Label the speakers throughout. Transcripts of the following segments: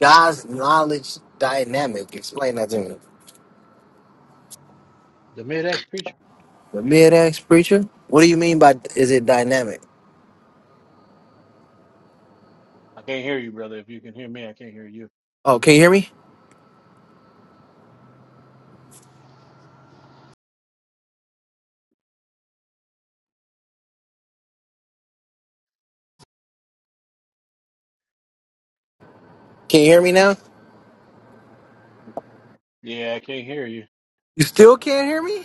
Speaker 1: God's knowledge dynamic. Explain that to me.
Speaker 2: The mid-X preacher?
Speaker 1: The mid axe preacher? What do you mean by is it dynamic?
Speaker 2: I can't hear you, brother. If you can hear me, I can't hear you.
Speaker 1: Oh, can you hear me? Can you hear me now?
Speaker 2: Yeah, I can't hear you.
Speaker 1: You still can't hear me?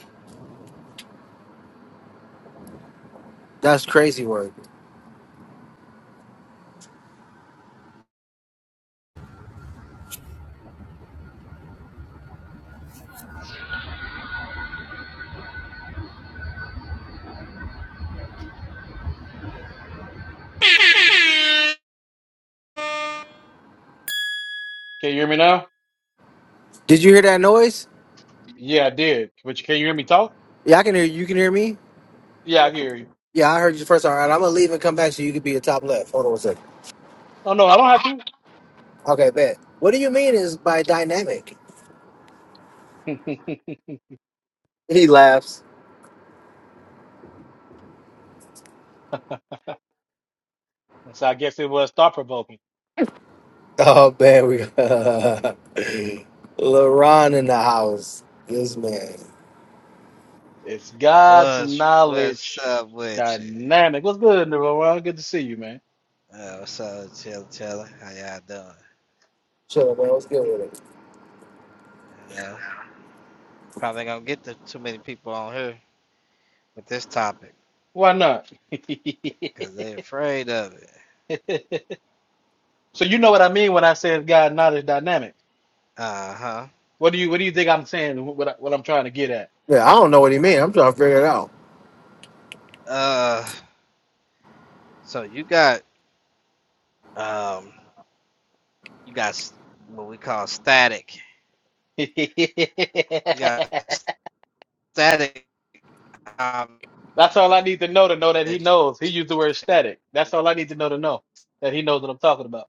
Speaker 1: That's crazy work.
Speaker 2: Can you hear me now?
Speaker 1: Did you hear that noise?
Speaker 2: Yeah, I did. But you can you hear me talk?
Speaker 1: Yeah, I can hear you. You can hear me?
Speaker 2: Yeah, I can hear you.
Speaker 1: Yeah, I heard you first. All right, I'm gonna leave and come back so you can be a top left. Hold on a second.
Speaker 2: Oh no, I don't
Speaker 1: Okay, bet. What do you mean is by dynamic?
Speaker 2: have to.
Speaker 1: He laughs.
Speaker 2: so I guess it was thought provoking.
Speaker 1: Oh man, we LaRon in the house. This man.
Speaker 2: It's God's
Speaker 3: What's what's
Speaker 2: knowledge
Speaker 3: up with you?
Speaker 2: dynamic. What's good, Nirvana? Good to see you, man.
Speaker 3: Uh, what's up, with Chilla Chilla? How y'all doing?
Speaker 1: Chill, man. What's good with it?
Speaker 3: You know, probably gonna get the, too many people on here with this topic
Speaker 2: Why not?
Speaker 3: because they afraid of it.
Speaker 2: so you know what I mean when I say it's God's knowledge dynamic.
Speaker 3: Uh huh.
Speaker 2: What do you what do you think I'm saying? What I, what I'm trying to get at?
Speaker 1: Yeah, I don't know what he mean. I'm trying to figure it out.
Speaker 3: Uh, so you got um, you got what we call static. You got static. Um,
Speaker 2: That's all I need to know to know that
Speaker 3: yeah,
Speaker 2: he knows. He used the word static. That's all I need to know to know that he knows what I'm talking about.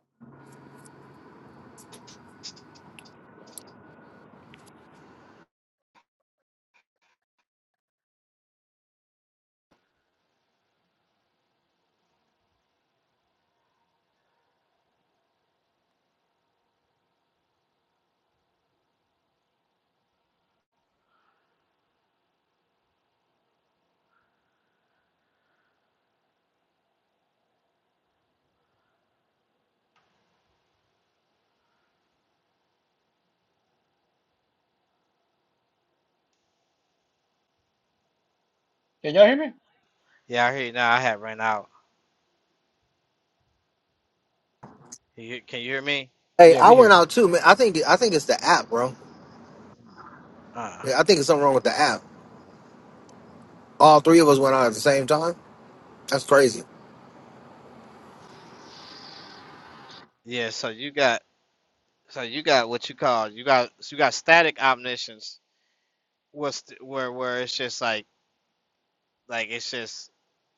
Speaker 2: Can y'all hear me?
Speaker 3: I hear you now. I have ran out. You, can you hear me?
Speaker 1: Hey,
Speaker 2: Yeah,
Speaker 1: I
Speaker 2: we hear
Speaker 1: went
Speaker 2: you.
Speaker 1: out too, man. I think I think it's the app, bro.
Speaker 3: Uh,
Speaker 1: Yeah, I think it's something wrong with the app. All three of us went out at the same time. That's crazy.
Speaker 3: yeah. So you got So you got what you call you got so you got static omniscience, what's th- where where it's just like like it's just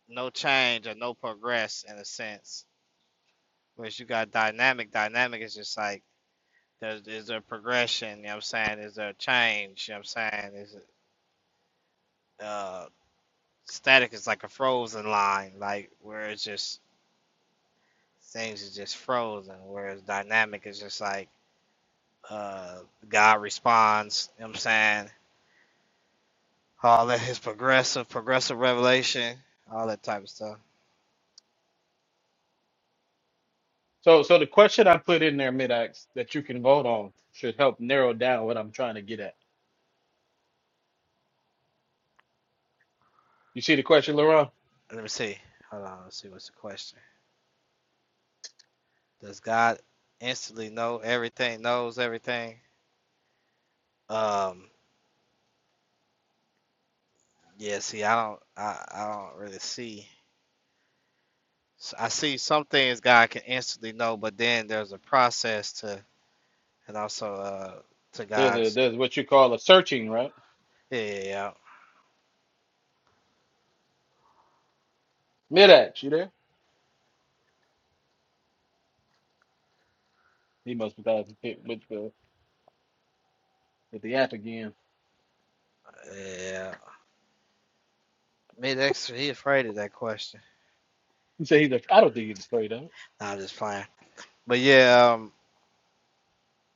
Speaker 3: no change or no progress in a sense. Whereas you got dynamic. Dynamic is just like there's is there progression. You know what I'm saying? Is there a change? You know what I'm saying? Is it uh static is like a frozen line, like where it's just things is just frozen. Whereas dynamic is just like uh God responds. You know what I'm saying? all that his progressive progressive revelation, all that type of stuff.
Speaker 2: So, so the question I put in there, mid that you can vote on should help narrow down what I'm trying to get at. You see the question, Laurent?
Speaker 3: Let me see. Hold on. Let's see what's the question. Does God instantly know everything? Knows everything? Um. Yeah. See, I don't. I, I don't really see. I see some things God can instantly know, but then there's a process to, and also uh to
Speaker 2: There's a
Speaker 3: God's.
Speaker 2: there's what you call a searching, right?
Speaker 3: Yeah. Yeah.
Speaker 2: mid you there? He must be with the with the app again.
Speaker 3: yeah, yeah. Me, that's he afraid of that question.
Speaker 2: He said he's like, I don't think he's afraid of it.
Speaker 3: Nah, I'm just playing. But yeah. Um.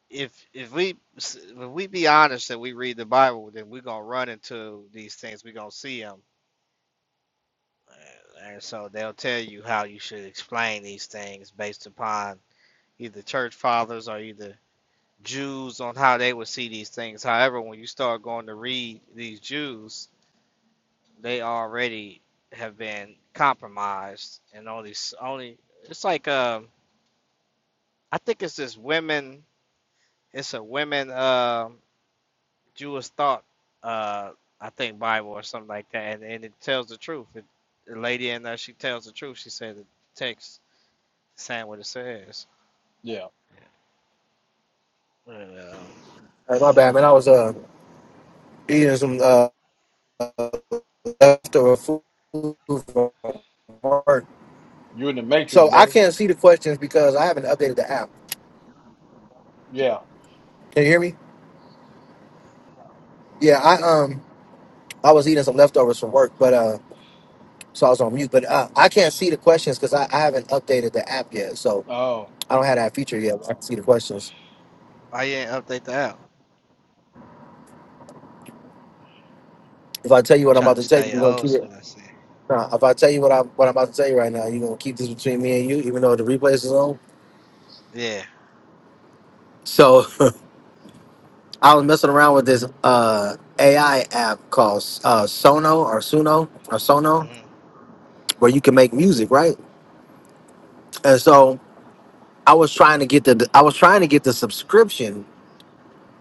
Speaker 3: if if we if we be honest and we read the Bible, then we're gonna run into these things. We're gonna see them, and so they'll tell you how you should explain these things based upon either church fathers or either Jews on how they would see these things. However, when you start going to read these Jews, they already have been compromised, and only only it's like um uh, I think it's this women. It's a women. um Jewish thought, uh, I think Bible or something like that, and, and it tells the truth. It, the lady in there, she tells the truth. She said the text saying what it says.
Speaker 2: Yeah.
Speaker 3: And, um,
Speaker 1: Hey, my bad, man. I was uh eating some uh leftover food from work,
Speaker 2: You in the Matrix,
Speaker 1: so I
Speaker 2: brother.
Speaker 1: can't see the questions because I haven't updated the app.
Speaker 2: Yeah.
Speaker 1: Can you hear me? Yeah, I um I was eating some leftovers from work, but uh so I was on mute. But uh, I can't see the questions because I, I haven't updated the app yet, so
Speaker 2: Oh,
Speaker 1: I don't have that feature yet. Where I can see the questions.
Speaker 3: I ain't update the app.
Speaker 1: If I tell you what I'm
Speaker 3: Trying
Speaker 1: about
Speaker 3: to
Speaker 1: to tell you,
Speaker 3: stay
Speaker 1: you're gonna
Speaker 3: old
Speaker 1: keep it.
Speaker 3: school, I see.
Speaker 1: Nah, if I tell you what I what I'm about to tell you right now, you're gonna keep this between me and you, even though the replays is on.
Speaker 3: Yeah.
Speaker 1: So I was messing around with this uh, AI app called uh, Sono or Suno or Sono,
Speaker 3: Mm-hmm.
Speaker 1: where you can make music, right? And so I was trying to get the I was trying to get the subscription,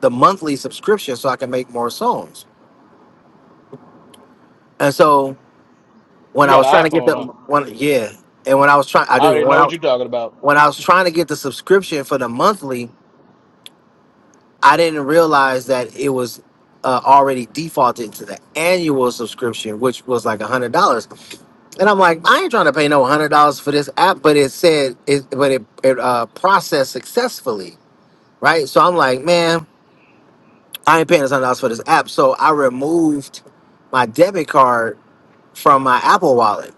Speaker 1: the monthly subscription, so I can make more songs. And so
Speaker 2: you
Speaker 1: when I
Speaker 2: got
Speaker 1: was trying
Speaker 2: an
Speaker 1: to get
Speaker 2: iPhone,
Speaker 1: the
Speaker 2: huh?
Speaker 1: one, yeah, and when I was trying, I
Speaker 2: I
Speaker 1: do
Speaker 2: already
Speaker 1: when
Speaker 2: know what
Speaker 1: I
Speaker 2: you're talking about.
Speaker 1: when I was trying to get the subscription for the monthly, I didn't realize that it was uh, already defaulted to the annual subscription, which was like a hundred dollars. And I'm like, I ain't trying to pay no hundred dollars for this app, but it said it, but it, it uh, processed successfully, right? So I'm like, man, I ain't paying this hundred dollars for this app. So I removed my debit card from my Apple Wallet.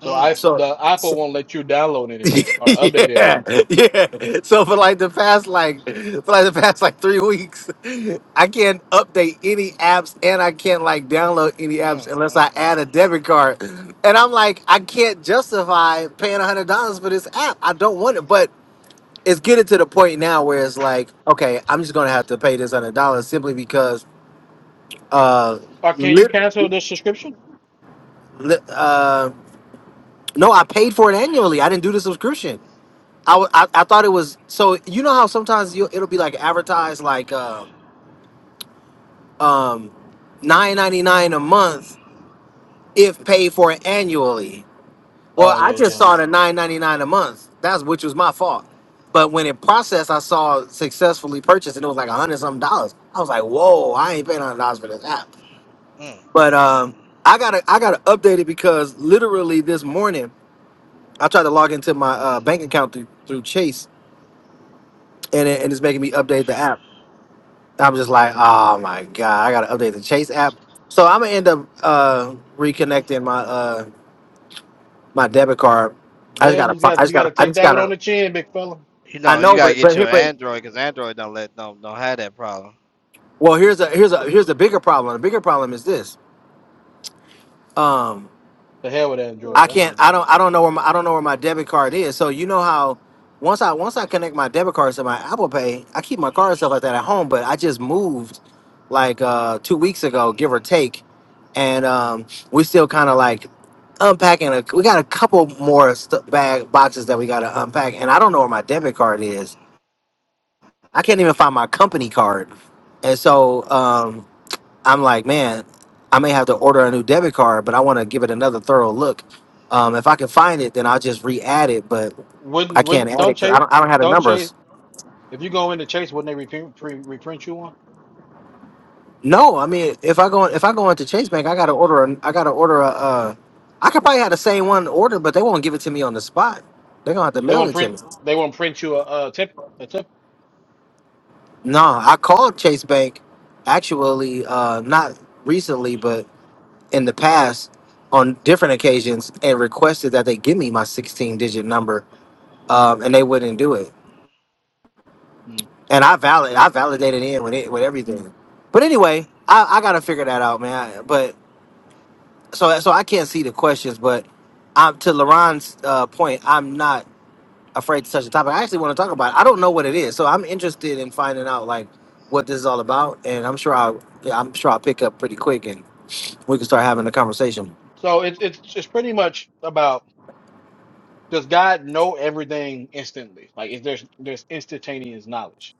Speaker 2: So I
Speaker 3: Mm,
Speaker 1: So.
Speaker 2: the iPhone won't let you download anything or update
Speaker 1: yeah,
Speaker 2: anything.
Speaker 1: yeah. So for like the past like for like the past like three weeks, I can't update any apps and I can't like download any
Speaker 3: mm, mm,
Speaker 1: apps unless I
Speaker 3: mm,
Speaker 1: add a debit card. And I'm like, I can't justify paying a hundred dollars for this app. I don't want it. But it's getting to the point now where it's like, okay, I'm just gonna have to pay this hundred dollars simply because uh
Speaker 2: Or can you
Speaker 1: lit,
Speaker 2: cancel the subscription?
Speaker 1: lit, uh no, I paid for it annually. I didn't do the subscription. I, w- I I thought it was so you know how sometimes you it'll be like advertised like um um nine ninety nine a month if paid for annually. Well,
Speaker 2: Oh
Speaker 1: I
Speaker 2: yeah,
Speaker 1: just
Speaker 2: yeah,
Speaker 1: saw
Speaker 3: mhm,
Speaker 1: the nine ninety nine a month. That's which was my fault. But when it processed, I saw successfully purchased, and it was like a hundred something dollars. I was like, whoa, I ain't paying hundred dollars for this app.
Speaker 3: mm, mm,
Speaker 1: But
Speaker 3: mm.
Speaker 1: um, I gotta I gotta update it because literally this morning I tried to log into my uh, bank account through through Chase, and it, and it's making me update the app. I'm just like, oh my god, I gotta update the Chase app. So I'm gonna end up uh, reconnecting my uh, my debit card. I just
Speaker 2: yeah.
Speaker 1: gotta,
Speaker 2: You
Speaker 1: fi- I
Speaker 2: got you
Speaker 1: just
Speaker 2: got
Speaker 1: gotta,
Speaker 2: to
Speaker 1: I
Speaker 2: take
Speaker 1: just
Speaker 2: that one on
Speaker 1: gotta.
Speaker 2: the chin, big fella.
Speaker 3: You
Speaker 1: I
Speaker 3: know, you
Speaker 1: know,
Speaker 3: gotta
Speaker 1: but
Speaker 3: get
Speaker 1: but
Speaker 3: your
Speaker 1: here, but
Speaker 3: Android because Android don't let don't don't have that problem.
Speaker 1: well, here's a here's a here's a bigger problem. The bigger problem is this. Um,
Speaker 2: The hell with Android.
Speaker 1: I
Speaker 2: That's
Speaker 1: can't.
Speaker 2: what it
Speaker 1: I
Speaker 2: means.
Speaker 1: don't. I don't know where my. I don't know where my debit card is. So you know how, once I once I connect my debit cards to my Apple Pay, I keep my card and stuff like that at home. But I just moved, like uh two weeks ago, give or take, and um we still kind of like unpacking. A, we got a couple more st- bag boxes that we got to unpack, and I don't know where my debit card is. I can't even find my
Speaker 3: Mm,
Speaker 1: company card, and so um I'm like, man, I may have to order a new debit card, but I want to give it another thorough look. Um, if I can find it, then I'll just re-add it. But I
Speaker 2: Wouldn't
Speaker 1: can't
Speaker 2: wouldn't
Speaker 1: add it
Speaker 2: don't
Speaker 1: because I
Speaker 2: chase
Speaker 1: don't, I don't have the
Speaker 2: don't chase.
Speaker 1: numbers.
Speaker 2: If you go into Chase, wouldn't they reprint pre, reprint you one?
Speaker 1: No, I mean, if I go if I go into Chase Bank, I gotta order a, I gotta order a. Uh, I could probably have the same one ordered, but they won't give it to me on the spot. They're gonna have to
Speaker 2: They
Speaker 1: mail
Speaker 2: won't
Speaker 1: it to
Speaker 2: print
Speaker 1: me.
Speaker 2: they won't print you a, a tip a tip.
Speaker 1: No, I called Chase Bank, actually, uh, not recently, but in the past, on different occasions, and requested that they give me my 16-digit number um, and they wouldn't do it.
Speaker 2: Hmm.
Speaker 1: And I valid, I
Speaker 3: mm.
Speaker 1: validated in with it with everything. But anyway, I, I gotta figure that out, man. But so so I can't see the questions, but um, to Laron's uh, point, I'm not afraid to touch the topic. I actually want to talk about. It. I don't know what it is, so I'm interested in finding out like what this is all about. And I'm sure I will I'm sure I'll pick up pretty quick, and we can start having a conversation.
Speaker 2: So it's it's it's pretty much about. does God know everything instantly? Like if there's there's instantaneous knowledge,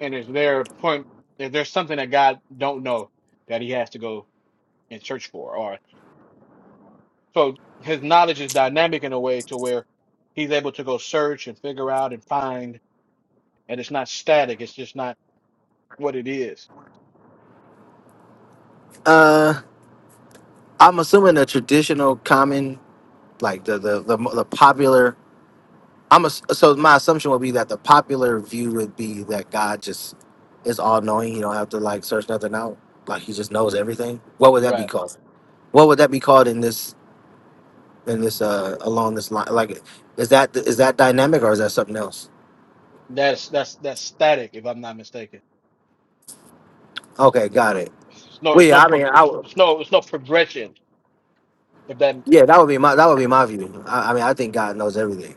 Speaker 2: and is there a point if there's something that God don't know that He has to go and search for, or so His knowledge is dynamic in a way to where He's able to go search and figure out and find, and it's not static. It's just not what it is.
Speaker 1: Uh, I'm assuming the traditional, common, like the the the, the popular I'm a, so my assumption would be that the popular view would be that God just is all knowing. You don't have to like search nothing out. Like he just knows everything. What would that be
Speaker 2: Right.
Speaker 1: called? What would that be called in this in this uh along this line? Like is that is that dynamic or is that something else?
Speaker 2: That's that's that's static, if I'm not mistaken.
Speaker 1: Okay, got it.
Speaker 2: It's no,
Speaker 1: Well,
Speaker 2: it's no,
Speaker 1: yeah, I
Speaker 2: pro-
Speaker 1: mean, I would,
Speaker 2: it's no, it's no progression. If that,
Speaker 1: yeah, that would be my that would be my view. I, I mean, I think God knows everything.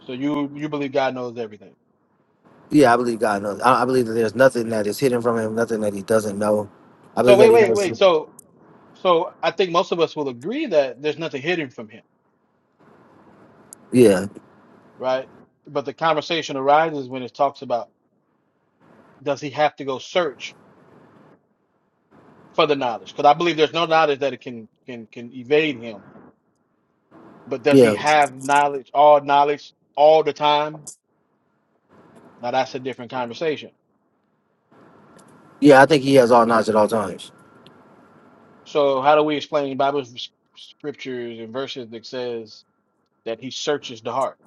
Speaker 2: so you you believe God knows everything.
Speaker 1: Yeah, I believe God knows. I, I believe that there's nothing that is hidden from him, nothing that he doesn't know. I
Speaker 2: So
Speaker 1: believe that
Speaker 2: wait,
Speaker 1: he
Speaker 2: wait,
Speaker 1: knows.
Speaker 2: wait. so. So I think most of us will agree that there's nothing hidden from him,
Speaker 1: Yeah,
Speaker 2: right? But the conversation arises when it talks about does he have to go search for the knowledge? Because I believe there's no knowledge that it can can can evade him. But does he
Speaker 1: yeah,
Speaker 2: have knowledge, all knowledge, all the time? Now that's a different conversation.
Speaker 1: yeah. I think he has all knowledge at all times.
Speaker 2: So how do we explain Bible scriptures and verses that says that he searches the heart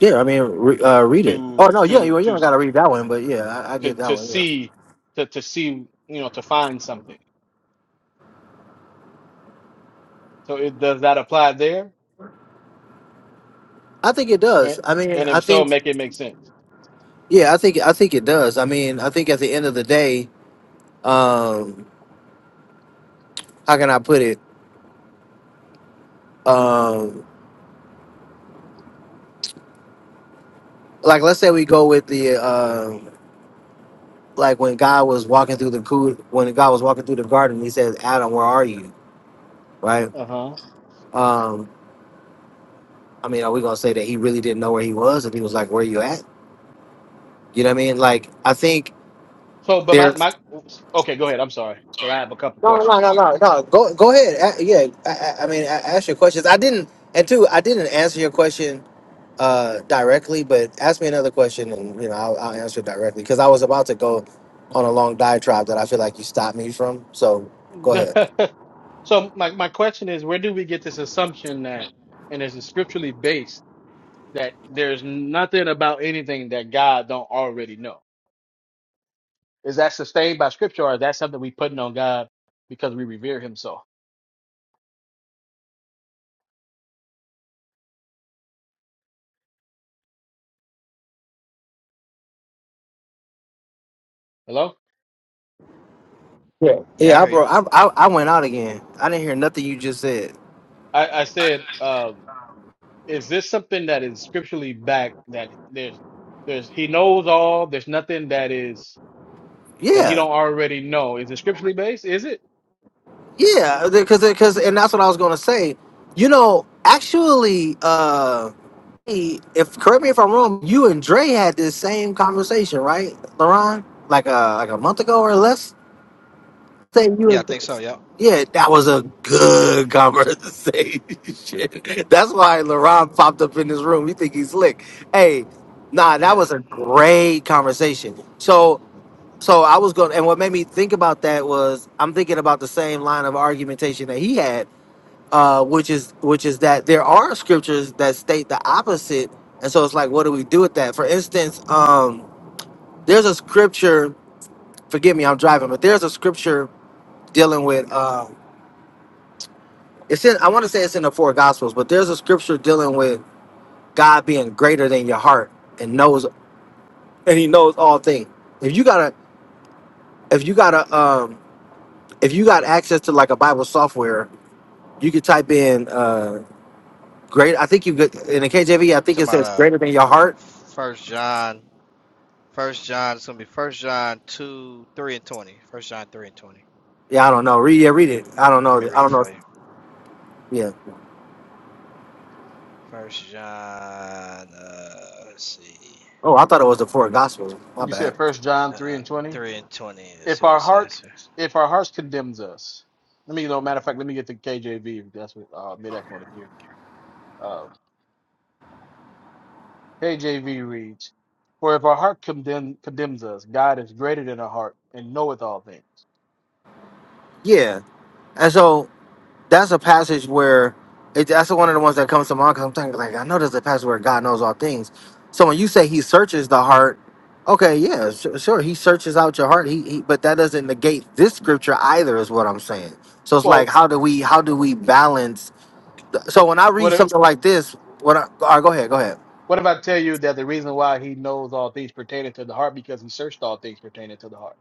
Speaker 1: Yeah, I mean, re- uh, read it. Oh
Speaker 2: to
Speaker 1: no, yeah,
Speaker 2: to
Speaker 1: you, you
Speaker 2: to
Speaker 1: don't gotta read that one, but yeah, I, I get
Speaker 2: to
Speaker 1: that
Speaker 2: to
Speaker 1: one. Yeah,
Speaker 2: see to to see you know to find something? So it, does that apply there?
Speaker 1: I think it
Speaker 2: And,
Speaker 1: does. I mean,
Speaker 2: and
Speaker 1: I
Speaker 2: if so,
Speaker 1: think,
Speaker 2: make it make sense.
Speaker 1: yeah, I think, I think it does. I mean, I think at the end of the day, um, how can I put it? Um, like, let's say we go with the, um, like when God was walking through the coo- when God was walking through the garden, He says, "Adam, where are you?" Right?
Speaker 2: Uh huh.
Speaker 1: Um, I mean, are we gonna say that He really didn't know where He was, and He was like, "Where you at?" You know what I mean? Like, I think
Speaker 2: So, but
Speaker 1: there.
Speaker 2: my, my, okay, go ahead. I'm sorry. Because I have a couple of
Speaker 1: No,
Speaker 2: questions.
Speaker 1: no, no, no, no. Go, go ahead. A- yeah, I, I I mean, a ask your questions. I didn't, and two, I didn't answer your question uh, directly, but ask me another question, and you know, I'll, I'll answer it directly because I was about to go on a long diatribe that I feel like you stopped me from. So go ahead.
Speaker 2: so, my, my question is where do we get this assumption that, and is it scripturally based, that there's nothing about anything that God don't already know? Is that sustained by scripture or is that something we putting on God because we revere him so? Hello?
Speaker 3: Yeah, I
Speaker 1: Yeah, I
Speaker 3: hear you.
Speaker 1: bro, I, I, I went out again. I didn't hear nothing you just said.
Speaker 2: I, I said, um, is this something that is scripturally backed that there's, there's, he knows all, there's nothing that is that he
Speaker 1: Yeah,
Speaker 2: don't already know. Is it scripturally based? Is it?
Speaker 1: yeah, because, because, and that's what I was gonna say. You know, actually. uh Hey, if correct me if I'm wrong, you and Dre had this same conversation, right, Laron? Like a like a month ago or less. Say you
Speaker 3: Yeah, I
Speaker 1: and
Speaker 3: think so. Yep.
Speaker 1: yeah, that was a good conversation. That's why
Speaker 3: Mm-hmm.
Speaker 1: Laron popped up in this room. You think he's slick? Hey, nah, that
Speaker 3: Talking
Speaker 1: was a great conversation. So so I was going, and what made me think about that was I'm thinking about the same line of argumentation that he had uh, which is which is that there are scriptures that state the opposite, and so it's like, what do we do with that? For instance, um, there's a scripture. Forgive me, I'm driving, but there's a scripture dealing with. Uh, it's in. I want to say it's in the four gospels, but there's a scripture dealing with God being greater than your heart and knows, and He knows all things. If you gotta, if you gotta, um, if you got access to like a Bible software, you could type in uh, great. I think you could in the KJV. I think it
Speaker 3: about
Speaker 1: says
Speaker 3: uh,
Speaker 1: greater than your heart
Speaker 3: First John. First John, it's gonna be First John two, three, and twenty. First John three and twenty.
Speaker 1: Yeah, I don't know. Read, yeah, read it. I don't
Speaker 3: Let me
Speaker 1: know. I
Speaker 3: read it
Speaker 1: don't know.
Speaker 3: for you.
Speaker 1: Yeah.
Speaker 3: First John, uh, let's see,
Speaker 1: Oh, I thought it was the four gospels. My
Speaker 2: You
Speaker 1: bad.
Speaker 2: said First John
Speaker 3: uh,
Speaker 2: three
Speaker 3: uh,
Speaker 2: and twenty.
Speaker 3: three and twenty. Let's
Speaker 2: If
Speaker 3: see what
Speaker 2: our
Speaker 3: it
Speaker 2: heart,
Speaker 3: says. here.
Speaker 2: if our hearts condemns us, let me. You know, matter of fact, let me get the KJV. if That's what uh, Midax want to hear. Uh, KJV reads, "For if our heart condemn, condemns us, God is greater than our heart and knoweth all things."
Speaker 1: Yeah, and so that's a passage where it, that's one of the ones that comes to mind because I'm thinking like I know there's a passage where God knows all things. So when you say He searches the heart, okay, yeah, su- sure, He searches out your heart. He, he, but that doesn't negate this scripture either, is what I'm saying. So it's
Speaker 2: Well,
Speaker 1: like, how do we, how do we balance? So when I read
Speaker 2: what if
Speaker 1: something like this, what? I, all right, go ahead, go ahead.
Speaker 2: what if I tell you that the reason why He knows all things pertaining to the heart because He searched all things pertaining to the heart?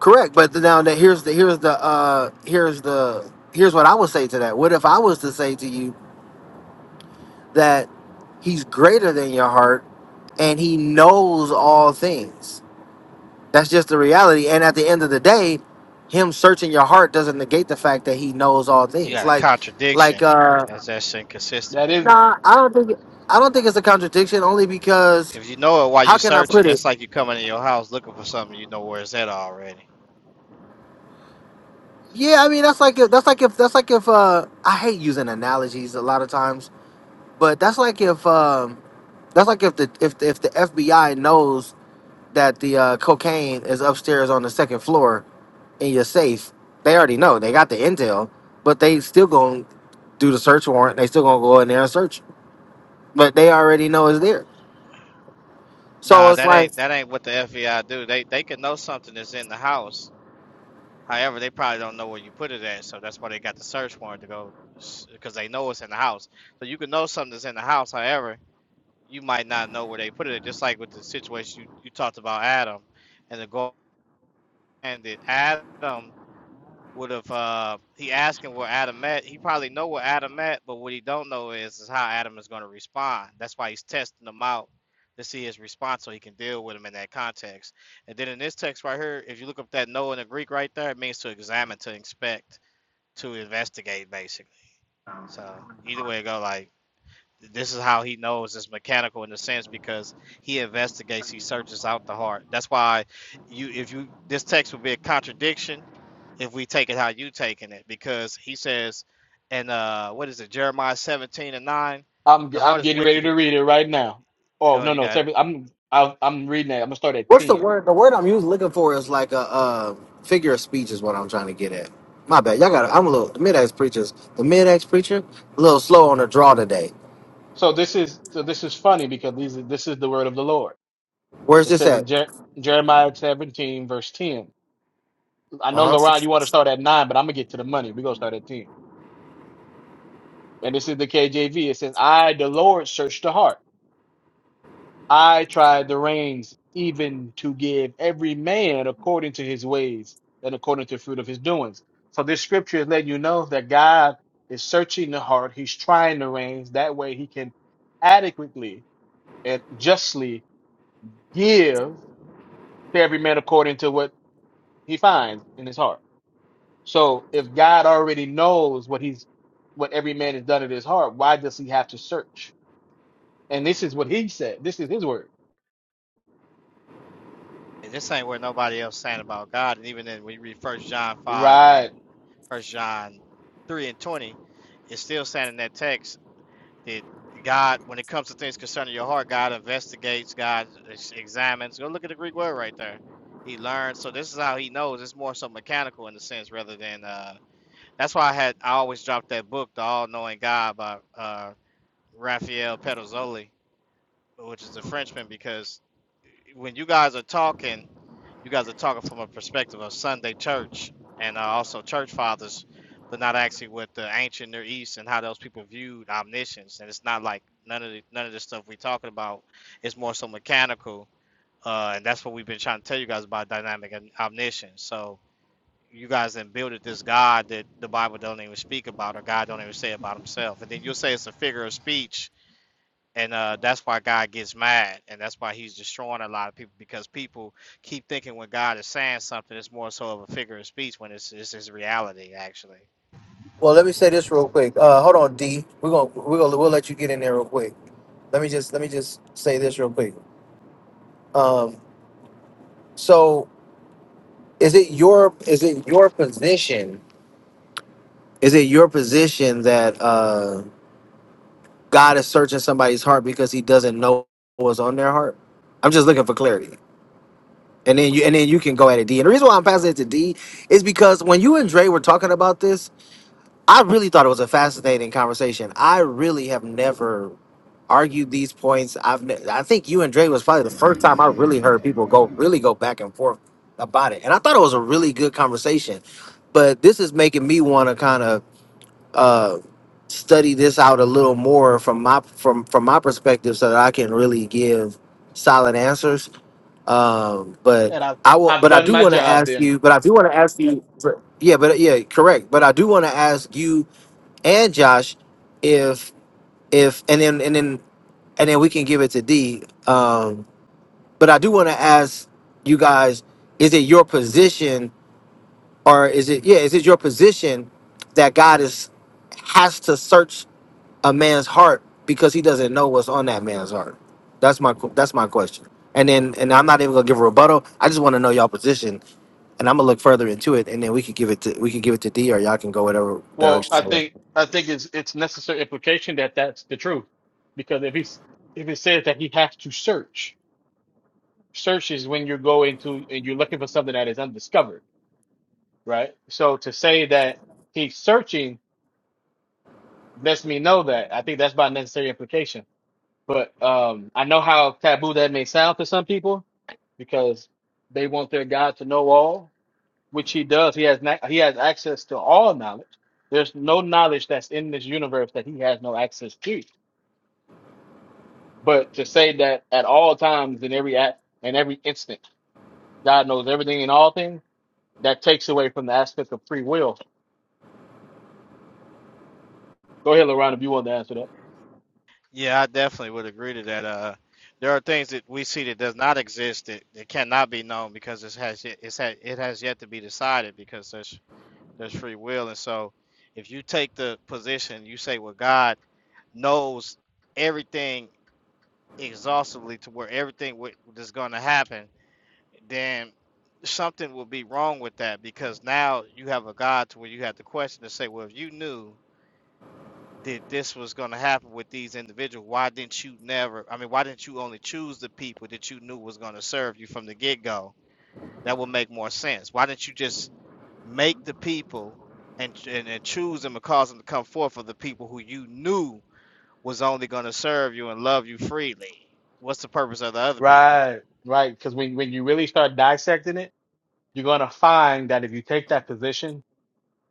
Speaker 1: Correct, but now that here's the here's the uh here's the here's what I would say to that. What if I was to say to you that he's greater than your heart and he knows all things? That's just the reality. And at the end of the day, him searching your heart doesn't negate the fact that he knows all
Speaker 3: You
Speaker 1: things.
Speaker 3: got a
Speaker 1: Like like
Speaker 3: contradiction,
Speaker 1: uh
Speaker 3: as that's inconsistent.
Speaker 1: nah, I don't think I don't think it's a contradiction only because
Speaker 3: If you know it while
Speaker 1: how
Speaker 3: you're
Speaker 1: can I put
Speaker 3: searching,
Speaker 1: it?
Speaker 3: that's like you coming in your house looking for something you know where it's at already.
Speaker 1: Yeah, I mean that's like if that's like if that's like if uh I hate using analogies a lot of times But that's like if um, that's like if the if if the FBI knows that the uh, cocaine is upstairs on the second floor in your safe, they already know. They got the intel, but they still gonna do the search warrant. They still gonna go in there and search, but they already know it's there. So
Speaker 3: Nah,
Speaker 1: it's
Speaker 3: that
Speaker 1: like,
Speaker 3: ain't that ain't what the FBI do. They they can know something that's in the house However, they probably don't know where you put it at, so that's why they got the search warrant to go, because they know it's in the house. So you can know something's in the house. However, you might not know where they put it. at. Just like with the situation you, you talked about, Adam, and the goal, and that Adam would have, uh, he asking where Adam at. He probably know where Adam at, but what he don't know is, is how Adam is going to respond. That's why he's testing him out to see his response, so he can deal with him in that context. And then in this text right here, if you look up that no in the Greek right there, it means to examine, to inspect to investigate basically. So either way it go, like this is how he knows it's mechanical in a sense because he investigates, he searches out the heart. That's why you if you this text would be a contradiction if we take it how you taking it, because he says and uh what is it, Jeremiah seventeen and nine,
Speaker 2: I'm
Speaker 3: the
Speaker 2: I'm
Speaker 3: heart is
Speaker 2: getting ready to
Speaker 3: wicked
Speaker 2: read it right now. Oh
Speaker 3: oh,
Speaker 2: no
Speaker 3: you
Speaker 2: no,
Speaker 3: got it.
Speaker 2: seven, I'm I'll, I'm reading it. I'm gonna start at
Speaker 1: what's the
Speaker 2: ten.
Speaker 1: word? The word I'm usually looking for is like a, uh figure of speech is what I'm trying to get at. My bad, y'all got. I'm a little the mid-ex preachers. The mid-ex preacher a little slow on the draw today.
Speaker 2: So this is so this is funny because these are- this is the word of the Lord.
Speaker 1: Where's
Speaker 2: It
Speaker 1: this
Speaker 2: says
Speaker 1: at?
Speaker 2: in Jer- Jeremiah 17 verse 10. I know
Speaker 1: Uh huh.
Speaker 2: Laron, you want to start at nine, but I'm gonna get to the money. We're gonna start at ten. And this is the KJV. It says, "I, the Lord, search the heart." I tried the reins even to give every man according to his ways and according to the fruit of his doings. So this scripture is letting you know that God is searching the heart. He's trying the reins. That way he can adequately and justly give to every man according to what he finds in his heart. So if God already knows what he's what every man has done in his heart, why does he have to search? And this is what he said. This is his word.
Speaker 3: And this ain't where nobody else saying about God. And even then when you read first John five
Speaker 2: Right
Speaker 3: and first John three and twenty, it's still saying in that text that God, when it comes to things concerning your heart, God investigates, God examines. Go look at the Greek word right there. He learns. So this is how he knows. It's more so mechanical in the sense rather than. Uh, that's why I had I always dropped that book, The All Knowing God by uh, Raphael Petrozzoli, which is a Frenchman, because when you guys are talking you guys are talking from a perspective of Sunday church and uh, also church fathers, but not actually what the ancient Near East and how those people viewed omniscience. And it's not like none of the, none of the stuff we're talking about is more so mechanical. Uh, and that's what we've been trying to tell you guys about dynamic and omniscience. So you guys then builded this God that the Bible don't even speak about or God don't even say about himself. And then you'll say it's a figure of speech and uh, that's why God gets mad, and that's why He's destroying a lot of people because people keep thinking when God is saying something, it's more so of a figure of speech when it's it's His reality actually.
Speaker 1: Well, let me say this real quick. Uh, hold on, D. We're gonna we're gonna we'll let you get in there real quick. Let me just let me just say this real quick. Um, so is it your is it your position? Is it your position that uh, God is searching somebody's heart because He doesn't know what's on their heart? I'm just looking for clarity. And then you and then you can go at it, D. And the reason why I'm passing it to D is because when you and Dre were talking about this, I really thought it was a fascinating conversation. I really have never argued these points. I've ne- I think you and Dre was probably the first time I really heard people go really go back and forth about it, and I thought it was a really good conversation. But this is making me want to kind of uh, study this out a little more from my from from my perspective, so that I can really give solid answers. Um, but
Speaker 2: and I've
Speaker 1: I will.
Speaker 2: I've
Speaker 1: But I
Speaker 2: done
Speaker 1: do
Speaker 2: my
Speaker 1: want to
Speaker 2: job.
Speaker 1: ask
Speaker 2: Then,
Speaker 1: you. But I do want to ask you. Yeah, but yeah, correct. But I do want to ask you and Josh if if and then and then and then we can give it to D. Um, but I do want to ask you guys: Is it your position, or is it yeah? Is it your position that God is has to search a man's heart because He doesn't know what's on that man's heart? That's my that's my question. And then and I'm not even gonna give a rebuttal. I just want to know y'all position, and I'm gonna look further into it, and then we could give it to we could give it to D, or y'all can go whatever
Speaker 2: well,
Speaker 1: direction.
Speaker 2: I think I think it's it's necessary implication that that's the truth, because if he's if it says that he has to search, search is when you're going to and you're looking for something that is undiscovered, right? So to say that he's searching lets me know that I think that's by necessary implication. But um, I know how taboo that may sound to some people because they want their God to know all, which he does. He has na- he has access to all knowledge. There's no knowledge that's in this universe that he has no access to. But to say that at all times, in every act, in every instant, God knows everything and all things, that takes away from the aspect of free will. Go ahead, LaRon, if you want to answer that.
Speaker 3: Yeah, I definitely would agree to that. Uh, there are things that we see that does not exist that, that cannot be known because it has yet- it's had, it has yet to be decided because there's there's free will, and so if you take the position you say, well, God knows everything exhaustively to where everything wi- that's going to happen then something will be wrong with that because now you have a God to where you have to question and say, well, if you knew that this was going to happen with these individuals, why didn't you never? I mean, why didn't you only choose the people that you knew was going to serve you from the get go? That would make more sense. Why didn't you just make the people and, and and choose them and cause them to come forth for the people who you knew was only going to serve you and love you freely? What's the purpose of the other people?
Speaker 2: Right. Right? Because when when you really start dissecting it, you're gonna find that if you take that position,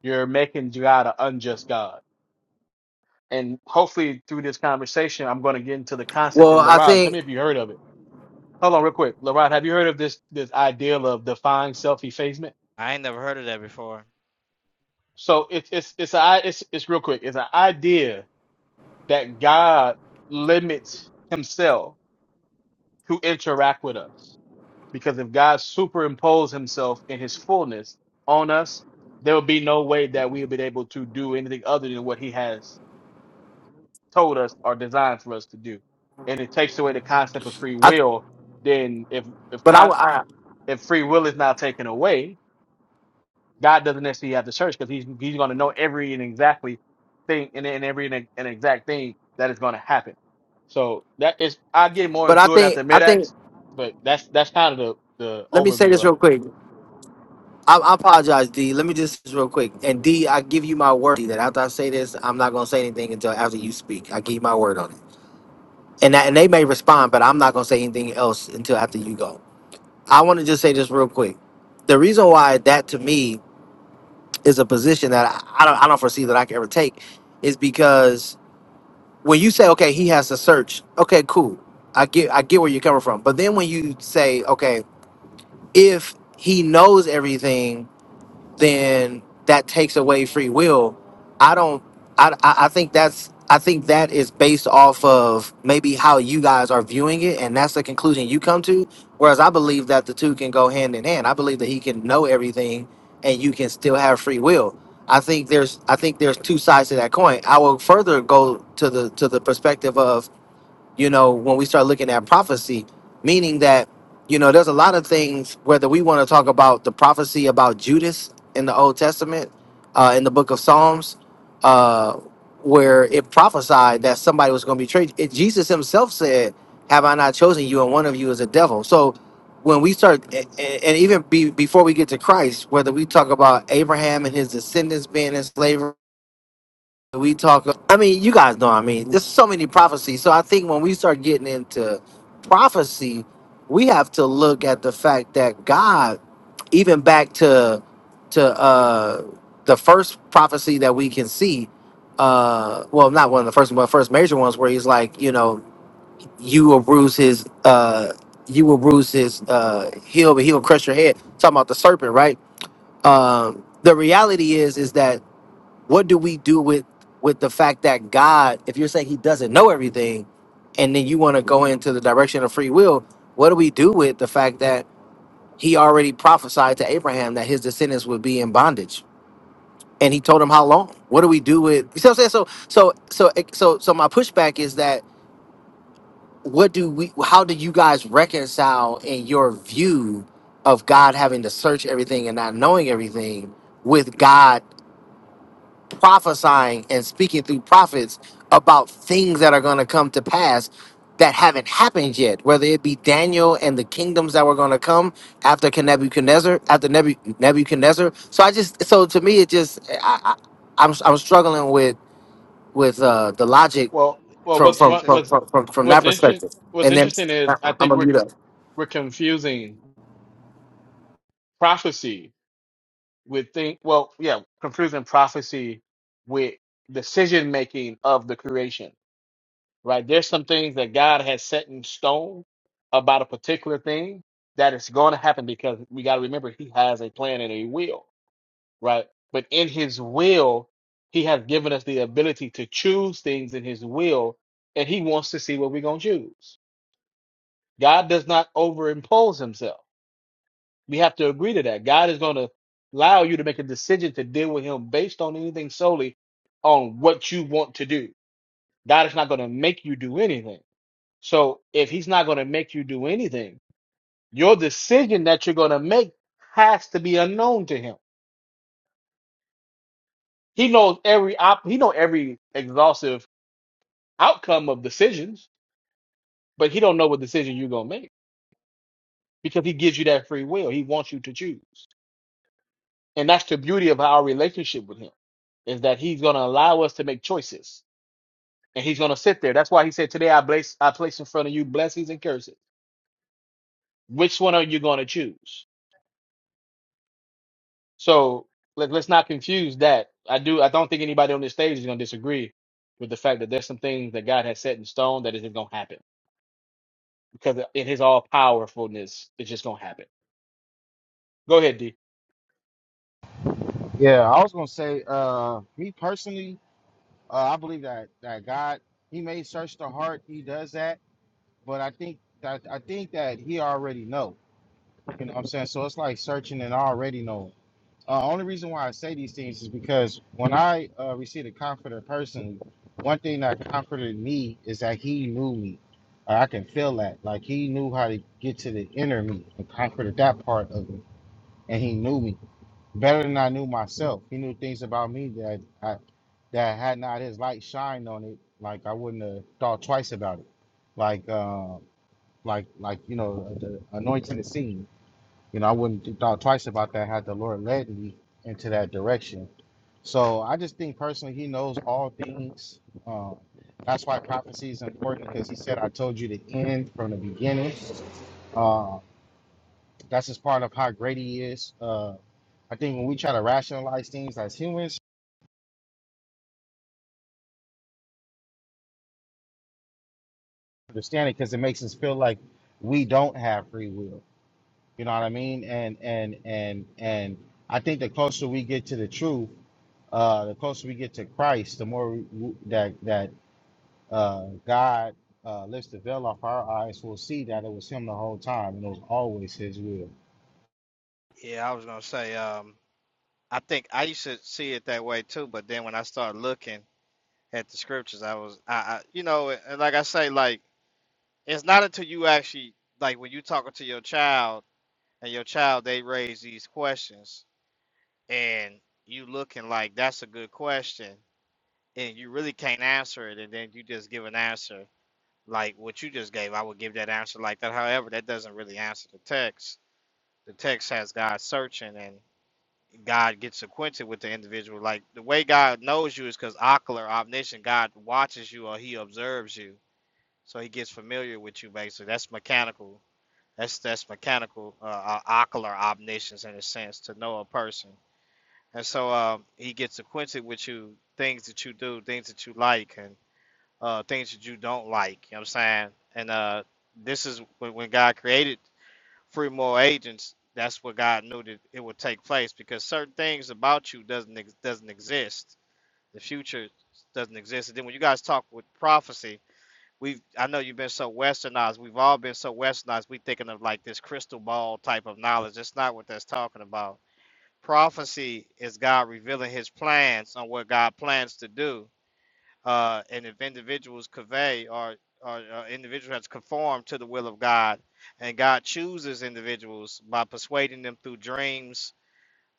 Speaker 2: you're making God an unjust God. And hopefully, through this conversation, I'm gonna get into the concept.
Speaker 1: Well,
Speaker 2: And
Speaker 1: I
Speaker 2: LaRon, tell
Speaker 1: think
Speaker 2: me if you heard of it Hold on, real quick, Laurent. Have you heard of this this idea of defined self effacement?
Speaker 3: I ain't never heard of that before.
Speaker 2: So it's it's it's a it's it's real quick. It's an idea that God limits Himself to interact with us because if God superimposed Himself in His fullness on us, there will be no way that we will be able to do anything other than what He has told us or designed for us to do. And it takes away the concept of free
Speaker 1: I
Speaker 2: will. Then if if
Speaker 1: but I,
Speaker 2: con-
Speaker 1: I
Speaker 2: if free will is now taken away, God doesn't necessarily have the church because he's he's going to know every and exactly thing and, and every and, e, and exact thing that is going to happen. So that is I get more
Speaker 1: but I
Speaker 2: into it
Speaker 1: think
Speaker 2: after
Speaker 1: I
Speaker 2: mid
Speaker 1: think
Speaker 2: acts, but that's that's kind of the the
Speaker 1: let me say this
Speaker 2: overview of
Speaker 1: real
Speaker 2: it.
Speaker 1: quick. I, I apologize, D. Let me just real quick. And D, I give you my word D, that after I say this, I'm not gonna say anything until after you speak. I give you my word on it. And that, and they may respond, but I'm not gonna say anything else until after you go. I want to just say this real quick. The reason why that to me is a position that I, I don't I don't foresee that I can ever take is because when you say okay, he has to search. Okay, cool. I get I get where you're coming from. But then when you say okay, if he knows everything then that takes away free will. I don't. I, I I think that's. I think that is based off of maybe how you guys are viewing it, and that's the conclusion you come to. Whereas I believe that the two can go hand in hand. I believe that he can know everything, and you can still have free will. I think there's. I think there's two sides to that coin. I will further go to the to the perspective of you know, when we start looking at prophecy, meaning that, you know, there's a lot of things, whether we want to talk about the prophecy about Judas in the Old Testament, uh, in the book of Psalms, uh, where it prophesied that somebody was going to betray. It, Jesus himself said, Have I not chosen you? And one of you is a devil. So when we start, a- a- and even be, before we get to Christ, whether we talk about Abraham and his descendants being in slavery, we talk i mean you guys know i mean there's so many prophecies so i think when we start getting into prophecy we have to look at the fact that god even back to to uh the first prophecy that we can see uh well not one of the first but first major ones where he's like you know you will bruise his uh you will bruise his uh heel but he'll crush your head talking about the serpent right um the reality is is that what do we do with with the fact that god if you're saying he doesn't know everything and then you want to go into the direction of free will what do we do with the fact that he already prophesied to abraham that his descendants would be in bondage and he told him how long what do we do with you see what i'm saying so so so so so my pushback is that what do we how do you guys reconcile in your view of god having to search everything and not knowing everything with god prophesying and speaking through prophets about things that are going to come to pass that haven't happened yet, whether it be Daniel and the kingdoms that were going to come after Ken- Nebuchadnezzar, after Nebu- Nebuchadnezzar. So I just, so to me, it just, I, I, I'm, I'm struggling with with uh, the logic
Speaker 2: Well, well,
Speaker 1: from
Speaker 2: what's
Speaker 1: from,
Speaker 3: It's
Speaker 2: one-
Speaker 1: from
Speaker 3: just
Speaker 2: what's
Speaker 1: from from from
Speaker 2: what's
Speaker 1: that
Speaker 2: interest
Speaker 1: perspective.
Speaker 2: what's
Speaker 1: And then
Speaker 2: interesting is I
Speaker 1: I'm
Speaker 2: think
Speaker 1: gonna
Speaker 2: we're
Speaker 1: mute up.
Speaker 2: we're confusing prophecy with think well yeah confusing prophecy with decision making of the creation right? There's some things that God has set in stone about a particular thing that is going to happen because we got to remember He has a plan and a will, right? But in His will, He has given us the ability to choose things in His will, and He wants to see what we're going to choose. God does not overimpose Himself. We have to agree to that. God is going to allow you to make a decision to deal with Him based on anything solely on what you want to do. God is not going to make you do anything so if he's not going to make you do anything, your decision that you're going to make has to be unknown to him. He knows every op- he know every exhaustive outcome of decisions, but he don't know what decision you're going to make because he gives you that free will. He wants you to choose. And that's the beauty of our relationship with him is that he's going to allow us to make choices and he's going to sit there. That's why he said today I place I place in front of you blessings and curses. Which one are you going to choose? So let, let's not confuse that. I do. I don't think anybody on this stage is going to disagree with the fact that there's some things that God has set in stone that isn't going to happen because in His all powerfulness, it's just going to happen. Go ahead, D.
Speaker 4: Yeah, I was gonna say, uh, me personally, uh, I believe that that God, He may search the heart, He does that, but I think that I think that He already know. You know what I'm saying? So it's like searching and already know. Uh, only reason why I say these things is because when I uh, received a comforter personally, one thing that comforted me is that He knew me. Uh, I can feel that, like He knew how to get to the inner me and comforted that part of me, and He knew me better than I knew myself. He knew things about me that I, that had not his light shined on it, like I wouldn't have thought twice about it. Like, uh, like, like you know, the anointing the scene. You know, I wouldn't have thought twice about that had the Lord led me into that direction. So I just think personally, He knows all things. Um, that's why prophecy is important because He said, "I told you the end from the beginning." Uh, that's just part of how great He is. Uh, I think when we try to rationalize things as humans, understand it because it makes us feel like we don't have free will. You know what I mean? And and and and I think the closer we get to the truth, uh, the closer we get to Christ, the more we, we- that that uh, God uh, lifts the veil off our eyes, we'll see that it was Him the whole time, and it was always His will.
Speaker 3: Yeah, I was gonna say, um, I think I used to see it that way too, but then when I started looking at the scriptures, I was, I, I you know, and like I say, like it's not until you actually, like when you talking to your child and your child, they raise these questions and you looking like that's a good question and you really can't answer it, and then you just give an answer like what you just gave. I would give that answer like that. However, that doesn't really answer the text. The text has God searching and. God gets acquainted with the individual. Like the way God knows you is because ocular, omniscient, God watches you or he observes you. So he gets familiar with you basically. That's mechanical. That's that's mechanical uh, uh, ocular omniscience in a sense to know a person. And so um, he gets acquainted with you, things that you do, things that you like, and uh, things that you don't like. You know what I'm saying? And uh, this is when, when God created free moral agents, that's what God knew that it would take place because certain things about you doesn't ex- doesn't exist. The future doesn't exist. And then when you guys talk with prophecy, we've I know you've been so westernized. We've all been so westernized. We thinking of like this crystal ball type of knowledge. That's not what that's talking about. Prophecy is God revealing His plans on what God plans to do uh, and if individuals convey or, or, or individual has conformed to the will of God, and God chooses individuals by persuading them through dreams.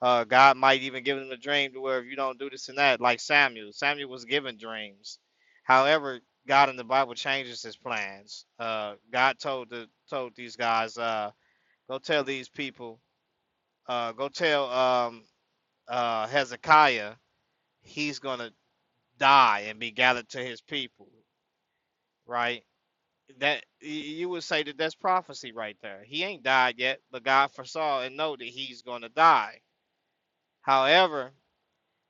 Speaker 3: Uh, God might even give them a dream to where if you don't do this and that, like Samuel. Samuel was given dreams. However, God in the Bible changes his plans. Uh, God told the told these guys, uh, go tell these people, uh, go tell um, uh, Hezekiah he's gonna die and be gathered to his people, right? that y- you would say that that's prophecy right there. He ain't died yet, but God foresaw and know that he's going to die. However,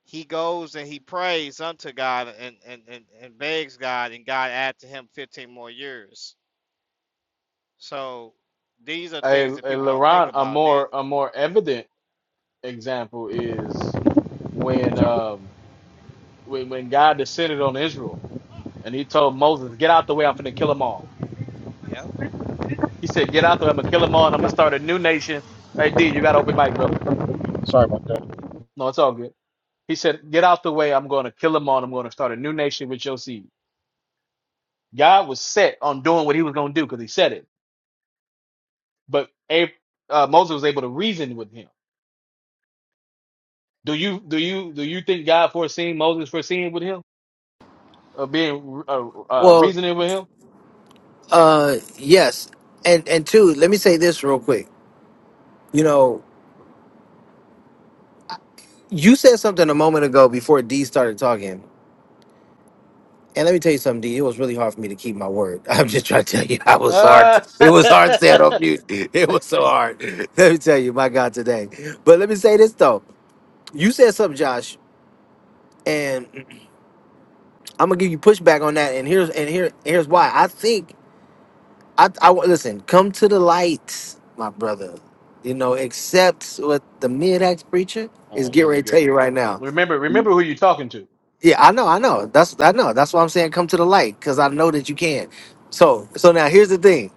Speaker 3: he goes and he prays unto God and, and, and, and begs God, and God add to him 15 more years. So these are
Speaker 2: A,
Speaker 3: things that
Speaker 2: a
Speaker 3: people don't think
Speaker 2: Laurent, a
Speaker 3: about. Then
Speaker 2: more a more evident example is when
Speaker 3: Jonah.
Speaker 2: um when when God descended on Israel and He told Moses, "Get out the way. I'm finna kill them all."
Speaker 3: Yep.
Speaker 2: He said, "Get out the way. I'm going to kill them all, and I'm going to start a new nation." Hey, D, you got to open mic, brother.
Speaker 4: Sorry about
Speaker 2: No, it's all good. He said, Get out the way. I'm going to kill them all. I'm going to start a new nation with your seed. God was set on doing what he was going to do because he said it. But Ab- uh, Moses was able to reason with him. Do you do you do you think God foreseen Moses foreseeing with him or being uh, uh,
Speaker 1: Well,
Speaker 2: reasoning with him?
Speaker 1: uh, yes, and and two, let me say this real quick. You know. You said something a moment ago before D started talking. And let me tell you something, D. It was really hard for me to keep my word. I'm just trying to tell you, I was hard.
Speaker 2: Ah.
Speaker 1: It was hard staying on mute. It was so hard. Let me tell you, my God, today. But let me say this though. You said something, Josh, and I'm gonna give you pushback on that. And here's and here here's why. I think I I listen. Come to the light, my brother. You know, accept what the mid-ax preacher is
Speaker 2: oh,
Speaker 1: getting
Speaker 2: here we
Speaker 1: ready to tell
Speaker 2: go.
Speaker 1: you right now.
Speaker 2: Remember, remember who you're talking to.
Speaker 1: Yeah, I know, I know. That's I know. That's why I'm saying come to the light because I know that you can. So, so now here's the thing.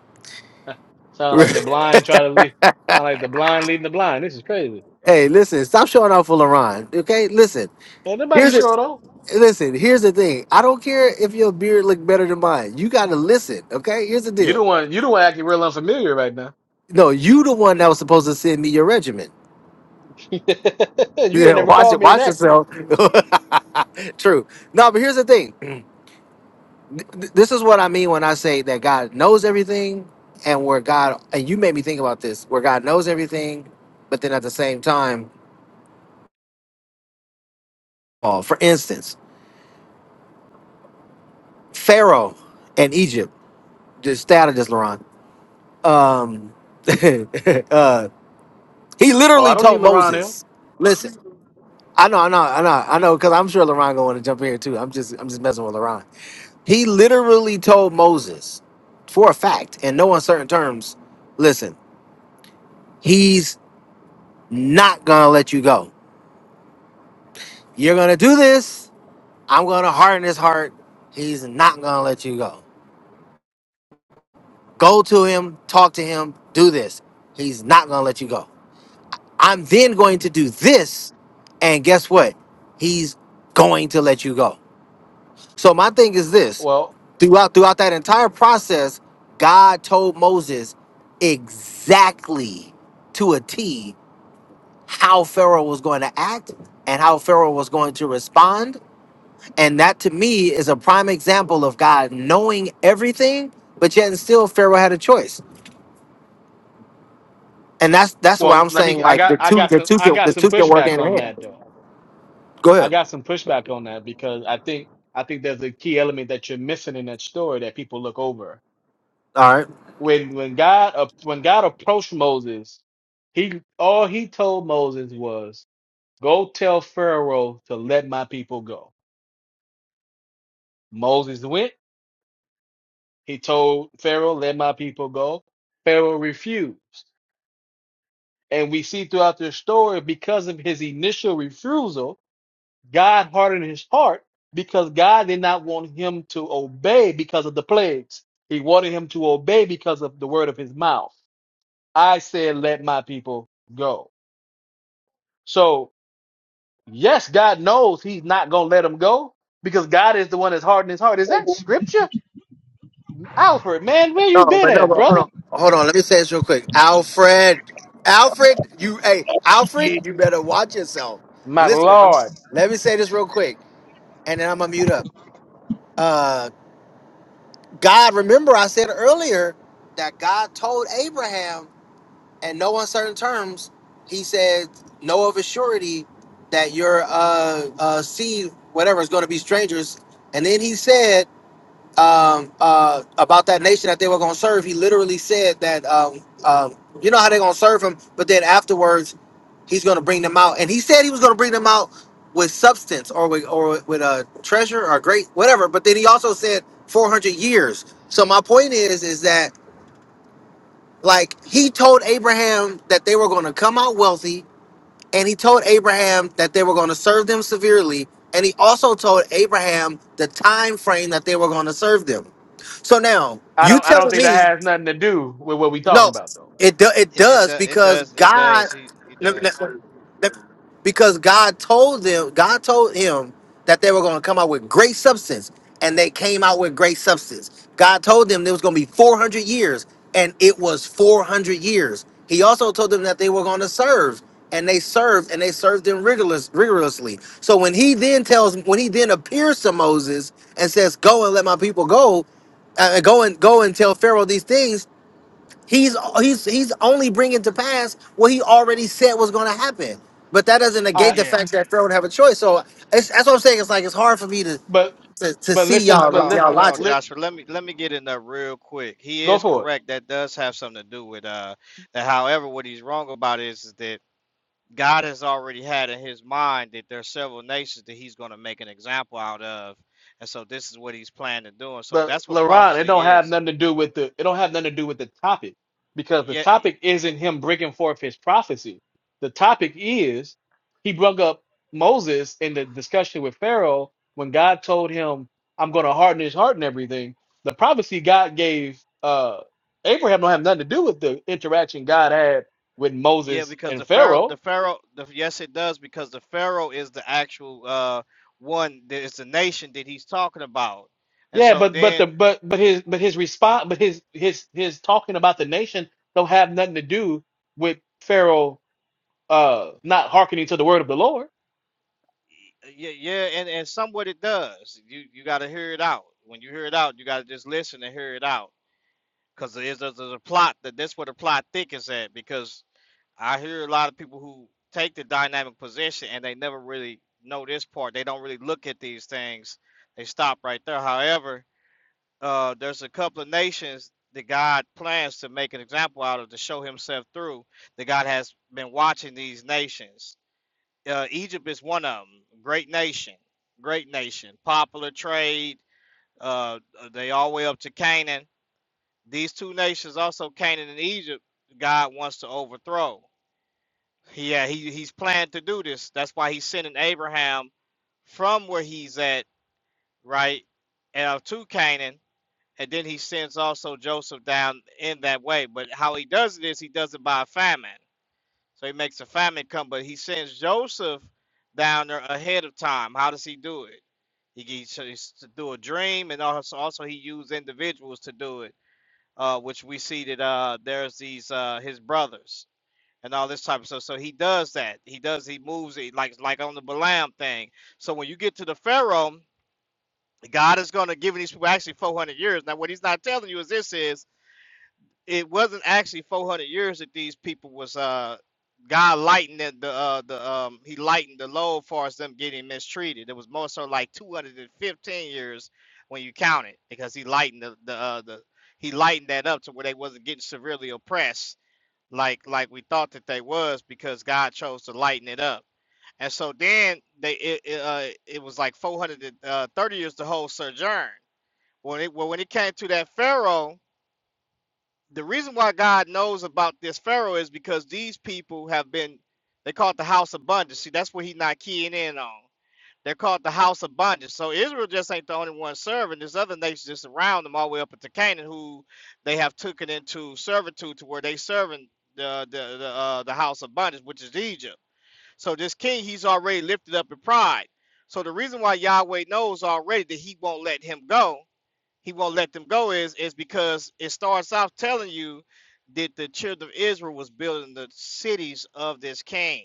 Speaker 2: Sound like the blind try to lead. Sound like the blind leading the blind. This is crazy.
Speaker 1: hey, listen, stop showing off for LaRon. Okay, listen.
Speaker 2: Ain't nobody
Speaker 1: Here's it.
Speaker 2: sure though.
Speaker 1: Listen, here's the thing. I don't care if your beard look better than mine. You got to listen. Okay, here's the
Speaker 2: You the
Speaker 1: deal.
Speaker 2: one. You the one acting real unfamiliar right now.
Speaker 1: No, you the one that was supposed to send me your regimen.
Speaker 2: you ain't
Speaker 1: Yeah,
Speaker 2: never
Speaker 1: watch
Speaker 2: called
Speaker 1: it.
Speaker 2: me and
Speaker 1: Watch
Speaker 2: asked me.
Speaker 1: yourself. True. No, but here's the thing. th- this is what I mean when I say that God knows everything, and where God and you made me think about this, where God knows everything, but then at the same time, oh, for instance, Pharaoh and Egypt, just stay out of this, Laron. Um, uh, he
Speaker 2: Oh, I
Speaker 1: literally
Speaker 2: don't need
Speaker 1: told
Speaker 2: LaRon L.
Speaker 1: Moses, "Listen, I know, I know, I know, I know," because I'm sure Laron going to jump in here too. I'm just, I'm just messing with Laron. He literally told Moses, for a fact, in no uncertain terms, "Listen, he's." not gonna let you go. You're gonna do this. I'm gonna harden his heart. He's not gonna let you go. Go to him, talk to him, do this. He's not gonna let you go. I'm then going to do this, and guess what? He's going to let you go. So my thing is this:
Speaker 2: Well,
Speaker 1: throughout throughout that entire process, God told Moses exactly to a T how Pharaoh was going to act and how Pharaoh was going to respond And that to me is a prime example of God knowing everything, but yet and still Pharaoh had a choice. And that's that's why
Speaker 2: well,
Speaker 1: I'm
Speaker 2: let me.
Speaker 1: saying
Speaker 2: I
Speaker 1: like
Speaker 2: got,
Speaker 1: the
Speaker 2: I
Speaker 1: two
Speaker 2: got
Speaker 1: the
Speaker 2: some,
Speaker 1: two
Speaker 2: I
Speaker 1: can
Speaker 2: got
Speaker 1: the
Speaker 2: some
Speaker 1: two can work
Speaker 2: pushback
Speaker 1: hand in
Speaker 2: on
Speaker 1: hand.
Speaker 2: that though.
Speaker 1: Go
Speaker 2: I
Speaker 1: ahead.
Speaker 2: got some pushback on that because I think, I think there's a key element that you're missing in that story that people look over.
Speaker 1: All right.
Speaker 2: When, when God, uh, when God approached Moses, he all he told Moses was, "Go tell Pharaoh to let my people go." Moses went. He told Pharaoh, "Let my people go." Pharaoh refused. And we see throughout this story, because of his initial refusal, God hardened his heart because God did not want him to obey because of the plagues. He wanted him to obey because of the word of his mouth. I said, let my people go. So, yes, God knows he's not going to let him go because God is the one that's hardened his heart. Is that scripture? Alfred, man, where you
Speaker 1: No,
Speaker 2: been
Speaker 1: but no,
Speaker 2: at,
Speaker 1: but hold
Speaker 2: brother?
Speaker 1: on, hold on. Let me say this real quick. Alfred, Alfred, you, hey, Alfred, you better watch yourself.
Speaker 2: My
Speaker 1: Listen,
Speaker 2: Lord.
Speaker 1: let me say this real quick, and then I'm gonna mute up. Uh, God, remember I said earlier that God told Abraham and no uncertain terms, he said, "Know of a surety that your uh, uh, seed, whatever, is going to be strangers." And then he said um, uh, about that nation that they were going to serve. He literally said that um, um, you know how they're going to serve him, but then afterwards, he's going to bring them out. And he said he was going to bring them out with substance or with or with a treasure or great whatever. But then he also said 400 years. So my point is, is that like he told Abraham that they were going to come out wealthy, and he told Abraham that they were going to serve them severely, and he also told Abraham the time frame that they were going to serve them. So now
Speaker 2: I
Speaker 1: you
Speaker 2: don't, I don't
Speaker 1: telling
Speaker 2: think
Speaker 1: me?
Speaker 2: that has nothing to do with what we're talking
Speaker 1: No,
Speaker 2: about, though.
Speaker 1: it do, it
Speaker 3: Yeah, it
Speaker 1: does
Speaker 3: does. It
Speaker 1: because
Speaker 3: does. It
Speaker 1: God,
Speaker 3: does. He he
Speaker 1: let- let-
Speaker 3: does.
Speaker 1: let- because God told them, God told him that they were going to come out with great substance, and they came out with great substance. God told them there was going to be four hundred years, and it was four hundred years. He also told them that they were going to serve, and they served, and they served them rigorous, rigorously. So when he then tells, when he then appears to Moses and says, "Go and let my people go," uh, go and go and tell Pharaoh these things. He's he's he's only bringing to pass what he already said was going to happen. But that doesn't negate the
Speaker 3: Yeah.
Speaker 1: fact that Pharaoh would have a choice. So it's, that's what I'm saying. It's like it's hard for me to
Speaker 2: But
Speaker 1: to, to
Speaker 2: but
Speaker 1: see
Speaker 2: listen,
Speaker 3: Hold
Speaker 1: y'all
Speaker 2: but
Speaker 3: on,
Speaker 1: y'all
Speaker 2: listen,
Speaker 3: hold on,
Speaker 1: logic.
Speaker 2: let
Speaker 3: Joshua. Let me let me get in there real quick. He
Speaker 2: go
Speaker 3: is
Speaker 2: for it.
Speaker 3: correct. That does have something to do with uh that. However, what he's wrong about is, is that God has already had in His mind that there are several nations that He's going to make an example out of, and so this is what He's planning to do. And so
Speaker 2: But
Speaker 3: that's what
Speaker 2: LaRon, it
Speaker 3: prophecy
Speaker 2: don't have
Speaker 3: is.
Speaker 2: nothing to do with the it don't have nothing to do with the topic because the
Speaker 3: Yeah, y-
Speaker 2: topic isn't him bringing forth his prophecy. The topic is he brought up Moses in the discussion with Pharaoh when God told him, "I'm going to harden his heart and everything." The prophecy God gave uh Abraham don't have nothing to do with the interaction God had with
Speaker 3: yeah.
Speaker 2: Moses
Speaker 3: Because
Speaker 2: and
Speaker 3: the Pharaoh,
Speaker 2: Pharaoh.
Speaker 3: the Pharaoh, the, yes, it does. Because the Pharaoh is the actual uh one that is the nation that He's talking about, and
Speaker 2: Yeah,
Speaker 3: so
Speaker 2: but but
Speaker 3: then
Speaker 2: the but but his but his response but his his his talking about the nation don't have nothing to do with Pharaoh uh not hearkening to the word of the Lord.
Speaker 3: yeah, yeah, and and somewhat it does. You you got to hear it out. When you hear it out, you got to just listen and hear it out. Cause there's, there's a plot that that's where the plot thickens at. Because I hear a lot of people who take the dynamic position and they never really know this part. They don't really look at these things. They stop right there. However, uh, there's a couple of nations that God plans to make an example out of to show Himself through. That God has been watching these nations uh, Egypt is one of them. Great nation, great nation, popular trade. Uh, they all the way up to Canaan. These two nations, also Canaan and Egypt, God wants to overthrow. Yeah, he he's planned to do this. That's why he's sending Abraham from where he's at, right, uh, to Canaan, and then he sends also Joseph down in that way. But how he does it is he does it by a famine. So he makes a famine come, but he sends Joseph down there ahead of time. How does he do it? He gets so to do a dream, and also also he used individuals to do it, uh, which we see that uh, there's these uh, his brothers and all this type of stuff. So he does that. He does. He moves it like like on the Balaam thing. So when you get to the Pharaoh, God is going to give these people actually 400 years. Now what he's not telling you is this is it wasn't actually 400 years that these people was uh God lightened the, the uh the um he lightened the load for us them getting mistreated. It was more so like 215 years when you count it because he lightened the the uh, the he lightened that up to where they wasn't getting severely oppressed like like we thought that they was because God chose to lighten it up. And so then they it it, uh, it was like 430 years the whole sojourn. When it well, when it came to that Pharaoh the reason why God knows about this Pharaoh is because these people have been they call it the house of bondage. See, that's what he's not keying in on. They're called the house of bondage. So Israel just ain't the only one serving. There's other nations just around them all the way up into Canaan who they have taken into servitude to where they serving the the the, uh, the house of bondage, which is Egypt. So this king, he's already lifted up in pride. So the reason why Yahweh knows already that he won't let him go he won't let them go is is because it starts off telling you that the children of Israel was building the cities of this king.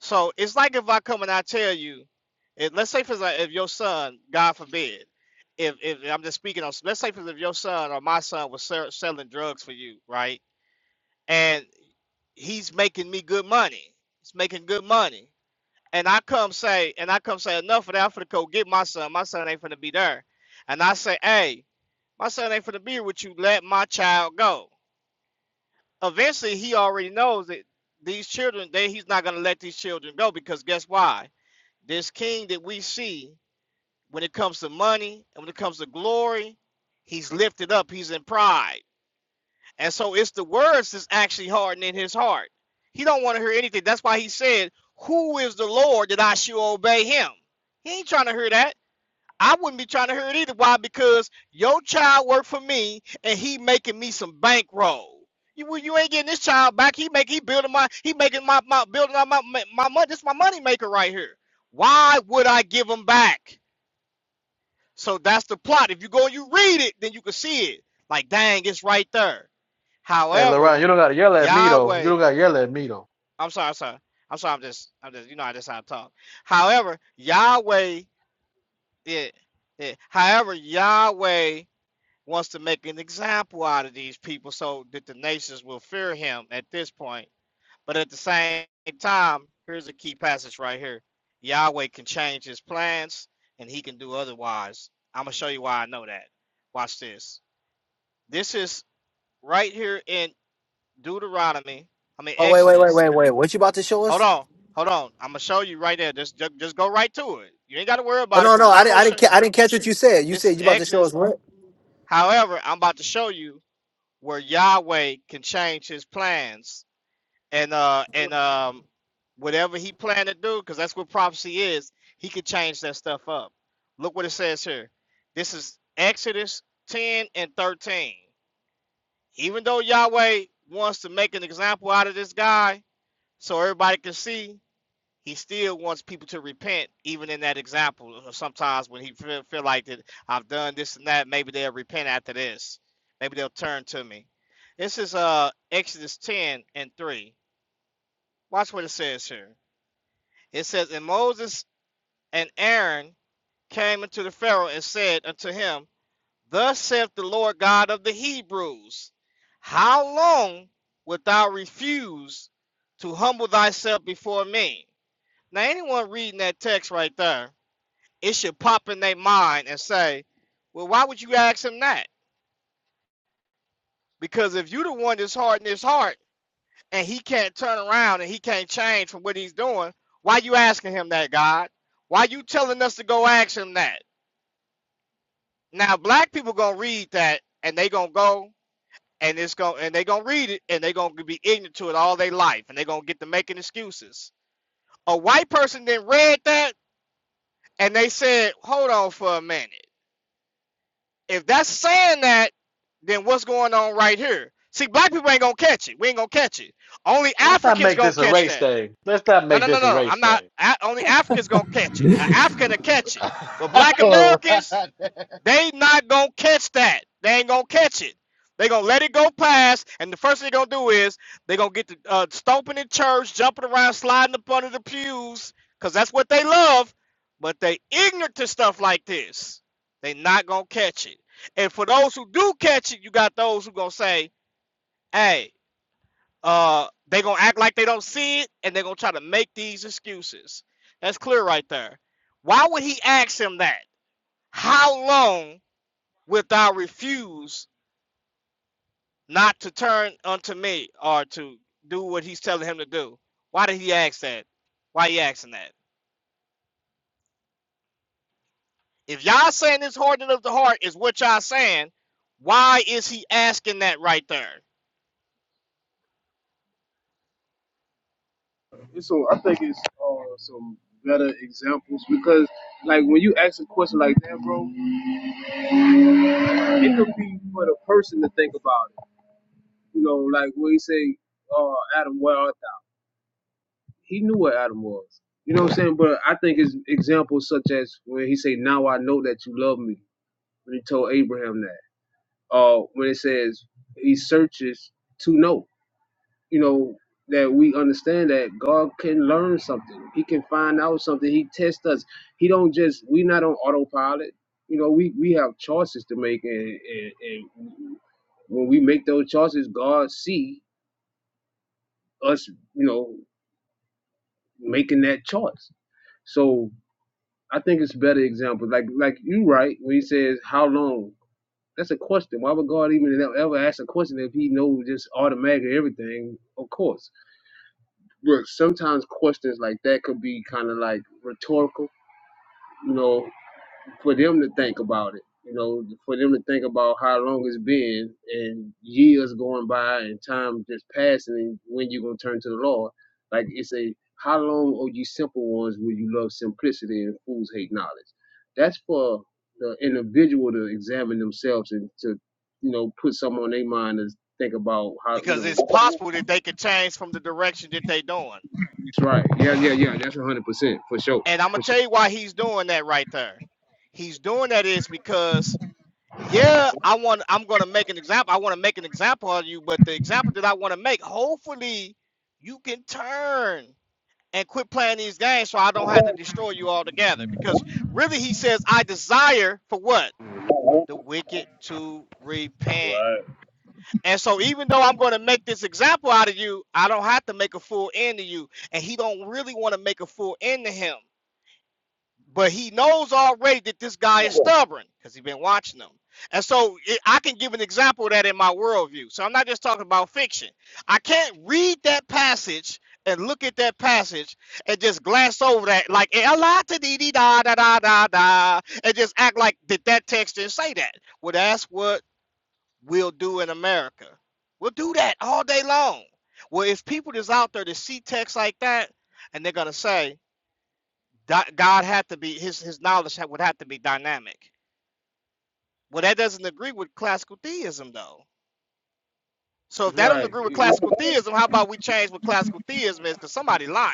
Speaker 3: So it's like if I come and I tell you, if, let's say for example, if your son, God forbid, if if I'm just speaking on, let's say for if your son or my son was sell, selling drugs for you, right? And he's making me good money. He's making good money and I come say, and I come say, enough of that. I'm finna go get my son. My son ain't finna be there. And I say, hey, my son ain't finna be here with you. Let my child go. Eventually, he already knows that these children, that he's not gonna let these children go because guess why? This king that we see, when it comes to money and when it comes to glory, he's lifted up. He's in pride. And so it's the words that's actually hardening his heart. He don't want to hear anything. That's why he said, Who is the Lord that I should obey him? He ain't trying to hear that. I wouldn't be trying to hear it either. Why? Because your child worked for me and he making me some bankroll. You, well, you ain't getting this child back. He make he building my he making my, my building my, my my money. This is my money maker right here. Why would I give him back? So that's the plot. If you go and you read it, then you can see it. Like, dang, it's right there.
Speaker 2: Hey, Laurent,
Speaker 3: However,
Speaker 2: you don't gotta yell at me though. You
Speaker 3: Yahweh,
Speaker 2: don't gotta yell at me though.
Speaker 3: I'm sorry, I'm sorry. I'm sorry, I'm just, I'm just, you know, I just how to talk. However, Yahweh, yeah, yeah. However, Yahweh wants to make an example out of these people so that the nations will fear him at this point but at the same time, here's a key passage right here. Yahweh can change his plans and he can do otherwise. I'm going to show you why I know that. Watch this. This is right here in Deuteronomy, I mean,
Speaker 1: Oh wait wait wait
Speaker 3: Exodus.
Speaker 1: wait wait. What you about to show
Speaker 3: Hold
Speaker 1: us?
Speaker 3: on. Hold on. I'm going to show you right there. Just, just, just go right to it. You ain't got to worry
Speaker 1: Oh
Speaker 3: about it
Speaker 1: no
Speaker 3: because
Speaker 1: no
Speaker 3: when
Speaker 1: I
Speaker 3: I'm
Speaker 1: didn't
Speaker 3: going to
Speaker 1: I didn't
Speaker 3: show
Speaker 1: ca- I didn't catch what you said. You
Speaker 3: this
Speaker 1: said
Speaker 3: is
Speaker 1: you about to show us
Speaker 3: Exodus.
Speaker 1: what?
Speaker 3: However, I'm about to show you where Yahweh can change his plans and uh and um whatever he planned to do because that's what prophecy is he could change that stuff up look what it says here this is exodus 10 and 13 even though yahweh wants to make an example out of this guy so everybody can see he still wants people to repent even in that example Uh, sometimes when he feel, feel like that i've done this and that maybe they'll repent after this maybe they'll turn to me this is uh exodus 10 and 3 watch what it says here It says, And Moses and Aaron came unto the Pharaoh and said unto him, Thus saith the Lord God of the Hebrews, How long wilt thou refuse to humble thyself before me? Now, anyone reading that text right there, it should pop in their mind and say, Well, why would you ask him that? Because if you are the one that's hard in his heart and he can't turn around and he can't change from what he's doing, why you asking him that, God? Why you telling us to go ask him that? Now black people gonna read that and they gonna go and it's going to and they gonna read it and they gonna be ignorant to it all their life and they gonna get to making excuses. A white person then read that and they said, "Hold on for a minute. If that's saying that, then what's going on right here?" See, black people ain't gonna catch it. We ain't gonna catch it. Only
Speaker 2: Let's not
Speaker 3: Africans
Speaker 2: make
Speaker 3: gonna
Speaker 2: this a
Speaker 3: catch
Speaker 2: race
Speaker 3: that.
Speaker 2: thing. Let's not
Speaker 3: No,
Speaker 2: make
Speaker 3: no, no,
Speaker 2: this a
Speaker 3: no, no.
Speaker 2: race
Speaker 3: I'm not.
Speaker 2: thing.
Speaker 3: A- only Africans gonna catch it.
Speaker 5: Yeah.
Speaker 3: An African to catch it, but
Speaker 4: that.
Speaker 3: black
Speaker 4: All
Speaker 3: Americans
Speaker 4: right.
Speaker 3: They not gonna catch that. They ain't gonna catch it. They gonna let it go past, and the first thing they gonna do is they gonna get the uh, stomping in church, jumping around, sliding up under the pews, cause that's what they love. But they ignorant to stuff like this. They not gonna catch it. And for those who do catch it, you got those who gonna say, "Hey, uh, they gonna act like they don't see it, and they are gonna try to make these excuses." That's clear right there. Why would he ask him that? How long wilt thou refuse not to turn unto me or to do what he's telling him to do? Why did he ask that? Why he asking that? If y'all saying this hardening of the heart is what y'all saying, why is he asking that right there?
Speaker 6: so I think it's uh, some better examples because like when you ask a question like that, bro, it could be for the person to think about it. You know, like when you say, uh, Adam, where art thou? He knew where Adam was. You know what I'm saying? But I think it's examples such as when he say, Now I know that you love me when he told Abraham that. Uh when it says he searches to know. you know, that we understand that God can learn something. He can find out something. He tests us. He don't just we not on autopilot. You know, we we have choices to make, and, and, and when we make those choices, God see us. You know, making that choice. So I think it's a better example. Like like you right when he says how long. That's a question. Why would God even ever ask a question if He knows just automatically everything? Of course. But sometimes questions like that could be kind of like rhetorical, you know, for them to think about it. You know, for them to think about how long it's been and years going by and time just passing and when you're going to turn to the Lord. Like it's a, how long, O you simple ones, will you love simplicity and fools hate knowledge? That's for the individual to examine themselves and to, you know, put something on their mind and think about how, you
Speaker 3: Because
Speaker 6: know,
Speaker 3: it's possible that they could change from the direction that they doing.
Speaker 6: it's right. Yeah, yeah, yeah. That's 100% for sure.
Speaker 3: And I'm gonna
Speaker 6: For sure.
Speaker 3: tell you why he's doing that right there. He's doing that is because yeah, I want I'm going to make an example. I want to make an example of you, but the example that I want to make, hopefully you can turn and quit playing these games so I don't have to destroy you altogether because really he says I desire for what? The wicked to repent. And so even though I'm going to make this example out of you, I don't have to make a full end of you. And he don't really want to make a full end to him but he knows already that this guy is stubborn because he's been watching them. And so it, I can give an example of that in my worldview. So I'm not just talking about fiction. I can't read that passage and look at that passage and just glance over that like "Eh, a lot to dee dee da da da da da and just act like that that text didn't say that. Well, that's what we'll do in America. We'll do that all day long. Well, if people is out there to see text like that and they're gonna say, God had to be his his knowledge would have to be dynamic. Well, that doesn't agree with classical theism though. So if
Speaker 6: That's
Speaker 3: that don't
Speaker 6: right.
Speaker 3: agree with
Speaker 6: You- you-
Speaker 3: classical theism, how about we change what classical theism is? Because somebody lying.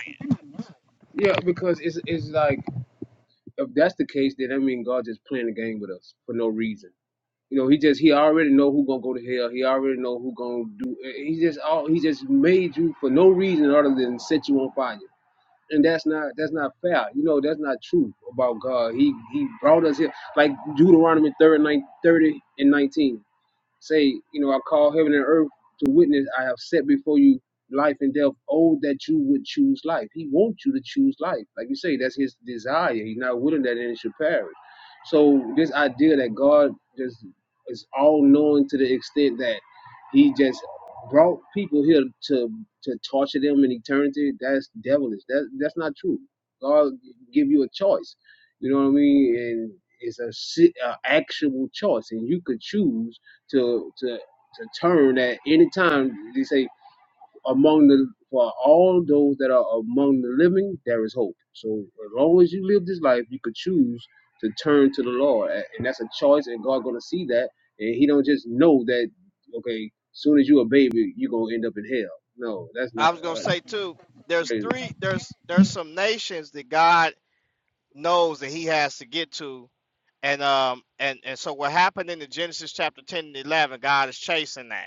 Speaker 6: yeah, because it's it's like if that's the case, then I mean God just playing a game with us for no reason. You know, he just he already know who gonna go to hell. He already know who gonna do. He just all he just made you for no reason other than set you on fire. And that's not that's not fair. You know, that's not true about God. He he brought us here like Deuteronomy 30, 30 and nineteen. Say, you know, I call heaven and earth to witness. I have set before you life and death. Oh, that you would choose life. He wants you to choose life. Like you say, that's his desire. He's not willing that any should perish. So this idea that God just is all knowing to the extent that he just brought people here to to torture them in eternity, that's devilish. That that's not true. God give you a choice. You know what I mean? And it's a, si- a actual choice, and you could choose to to to turn at any time. They say among the for all those that are among the living, there is hope. So as long as you live this life, you could choose to turn to the Lord, A- and that's a choice. And God gonna see that, and He don't just know that. Okay, soon as you a baby, you gonna end up in hell. No, that's not.
Speaker 3: I was gonna
Speaker 6: Uh,
Speaker 3: say too. There's
Speaker 6: crazy.
Speaker 3: three. There's there's some nations that God knows that He has to get to, and um and and so what happened in the Genesis chapter ten and eleven, God is chasing that.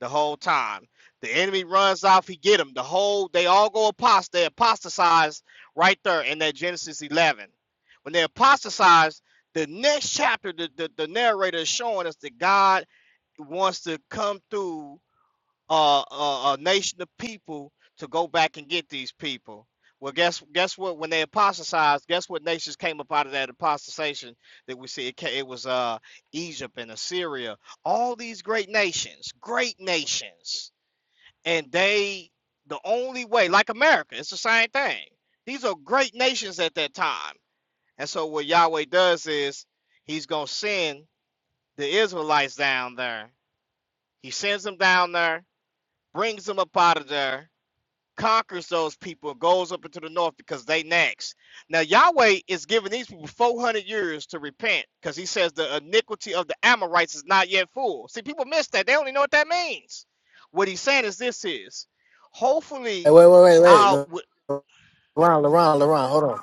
Speaker 3: the whole time. The enemy runs off, he get him. The whole they all go apost they apostatize right there in that Genesis 11. When they apostatize, the next chapter the, the, the narrator is showing us that God wants to come through uh, uh, a nation of people to go back and get these people. Well, guess guess what? When they apostatized, guess what nations came up out of that apostatization that we see? It, ca- it was uh, Egypt and Assyria, all these great nations, great nations, and they the only way, like America, it's the same thing. These are great nations at that time, and so what Yahweh does is He's gonna send the Israelites down there. He sends them down there, brings them up out of there, conquers those people goes up into the north because they next. Now Yahweh is giving these people 400 years to repent because he says the iniquity of the Amorites is not yet full. See, people miss that. They only know what that means. What he's saying is this is
Speaker 1: Hey
Speaker 3: hopefully
Speaker 1: wait wait wait wait.
Speaker 3: I'll
Speaker 1: Leron Leron Leron hold on.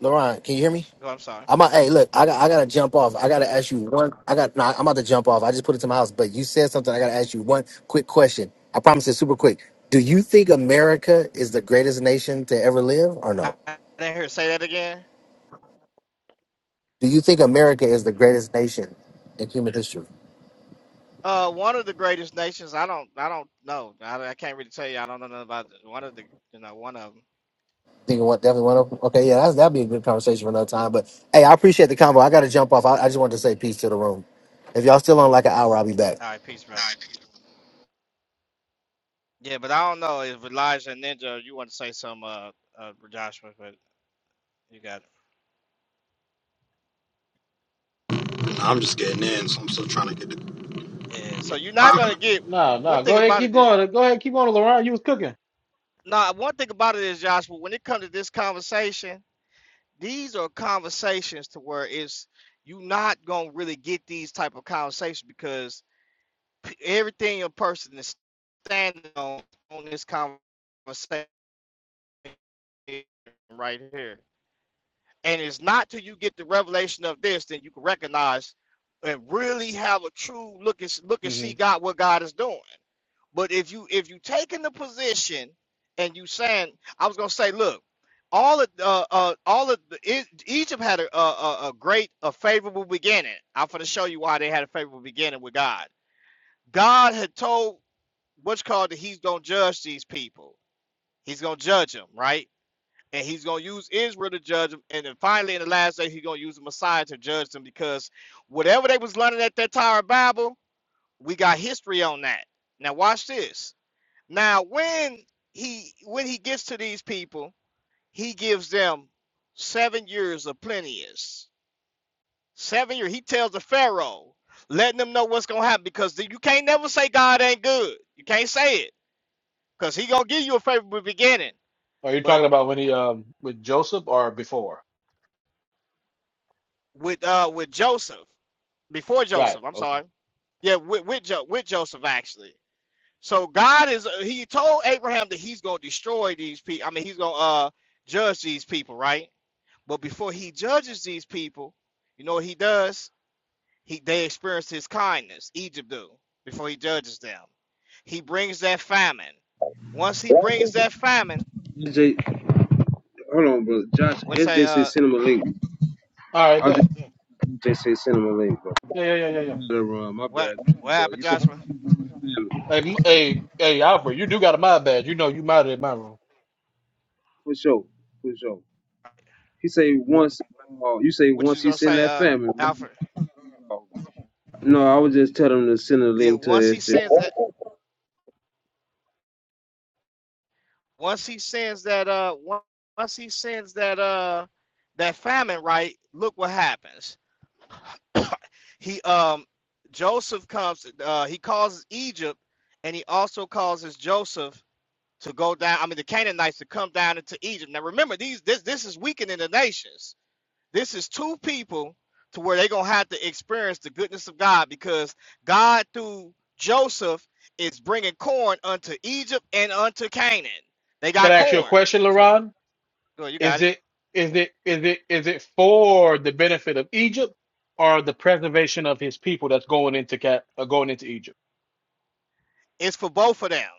Speaker 1: Leron can you hear me?
Speaker 3: oh, I'm sorry.
Speaker 1: I'm a, hey, look, I got I gotta jump off. I gotta ask you one. I got nah, I'm about to jump off. I just put it to my house, but you said something. I gotta ask you one quick question. I promise it's super quick. Do you think America is the greatest nation to ever live, or
Speaker 3: I
Speaker 1: no?
Speaker 3: didn't hear her say that again.
Speaker 1: Do you think America is the greatest nation in human history?
Speaker 3: Uh, one of the greatest nations. I don't. I don't know. I, I can't really tell you. I don't know nothing about one of the. You know, one of them.
Speaker 1: Think what definitely one of them? Okay, yeah, that's, that'd be a good conversation for another time. But hey, I appreciate the convo. I gotta jump off. I, I just wanted to say peace to the room. If y'all still on like an hour, I'll be back.
Speaker 3: All right, peace, brother. Yeah, but I don't know if Elijah and Ninja, you want to say some, uh, uh, Joshua, but you got it. Yeah, so you're not gonna get
Speaker 2: No,
Speaker 3: one
Speaker 2: no,
Speaker 3: thing
Speaker 2: go ahead,
Speaker 3: about
Speaker 2: keep
Speaker 3: it. is-
Speaker 2: going. Go ahead, keep going, Laurent. You was cooking.
Speaker 3: Nah, one thing about it is Joshua. When it comes to this conversation, these are conversations to where it's you not gonna really get these type of conversations because p- everything a person is standing on on this conversation right here. And it's not till you get the revelation of this that you can recognize and really have a true look and look and
Speaker 2: hmm
Speaker 3: see God what God is doing. But if you if you taking the position and you saying, I was gonna say, look, all of uh, uh all of the, E- Egypt had a, a a a great a favorable beginning. I'm gonna show you why they had a favorable beginning with God. God had told what's called that he's gonna judge these people. He's gonna judge them, right? and he's going to use Israel to judge them. And then finally, in the last day, he's going to use the Messiah to judge them because whatever they was learning at that Tower of Babel, we got history on that. Now watch this. Now when he when he gets to these people, he gives them seven years of plenteous. Seven years. He tells the Pharaoh, letting them know what's gonna happen because you can't never say God ain't good. You can't say it because he gonna give you a favorable beginning.
Speaker 2: Are you
Speaker 3: But
Speaker 2: talking about when he um with Joseph or before?
Speaker 3: with uh with Joseph. before
Speaker 2: Right.
Speaker 3: Joseph. I'm
Speaker 2: Okay.
Speaker 3: sorry. Yeah, with with, jo- with Joseph actually. So God is he told Abraham that he's going to destroy these people. I mean, he's going to uh judge these people, right? But before he judges these people, you know what he does? He they experience his kindness. Egypt do before he judges them. He brings that famine. Once he brings that famine,
Speaker 6: SJ, hold on, bro. Josh,
Speaker 3: what say
Speaker 6: SJ say
Speaker 3: uh
Speaker 6: send him a link.
Speaker 2: All right,
Speaker 6: I'll just
Speaker 2: bet. Yeah,
Speaker 6: SJ say send him a link, bro.
Speaker 2: yeah, yeah, yeah, yeah. yeah.
Speaker 6: Uh, my
Speaker 3: what
Speaker 6: bad,
Speaker 3: what
Speaker 6: bro.
Speaker 3: happened,
Speaker 6: You said.
Speaker 3: Joshua?
Speaker 2: Hey, m- hey, hey, Alfred, you do got a mod badge. You know you modded in my room.
Speaker 6: For sure, for sure. He say
Speaker 2: Can
Speaker 6: once, uh, you say
Speaker 3: What you
Speaker 6: once
Speaker 3: was
Speaker 6: he
Speaker 3: gonna
Speaker 6: send
Speaker 3: say,
Speaker 6: that
Speaker 3: uh
Speaker 6: family.
Speaker 3: Alfred?
Speaker 6: No, I would just tell him to send a
Speaker 3: Yeah,
Speaker 6: link to
Speaker 3: once
Speaker 6: his
Speaker 3: he
Speaker 6: shit.
Speaker 3: sends that once he sends that uh once he sends that uh that famine right look what happens he um joseph comes uh he causes egypt and he also causes joseph to go down i mean the canaanites to come down into egypt now remember these this this is weakening the nations this is two people to where they're gonna have to experience the goodness of God because God through Joseph is bringing corn unto Egypt and unto Canaan. They got
Speaker 2: I ask you a
Speaker 3: corn,
Speaker 2: question,
Speaker 3: so
Speaker 2: LaRon?
Speaker 3: no, you got
Speaker 2: Is
Speaker 3: it.
Speaker 2: it is it is it is it for the benefit of Egypt or the preservation of his people that's going into cat uh, going into Egypt?
Speaker 3: It's for both of them.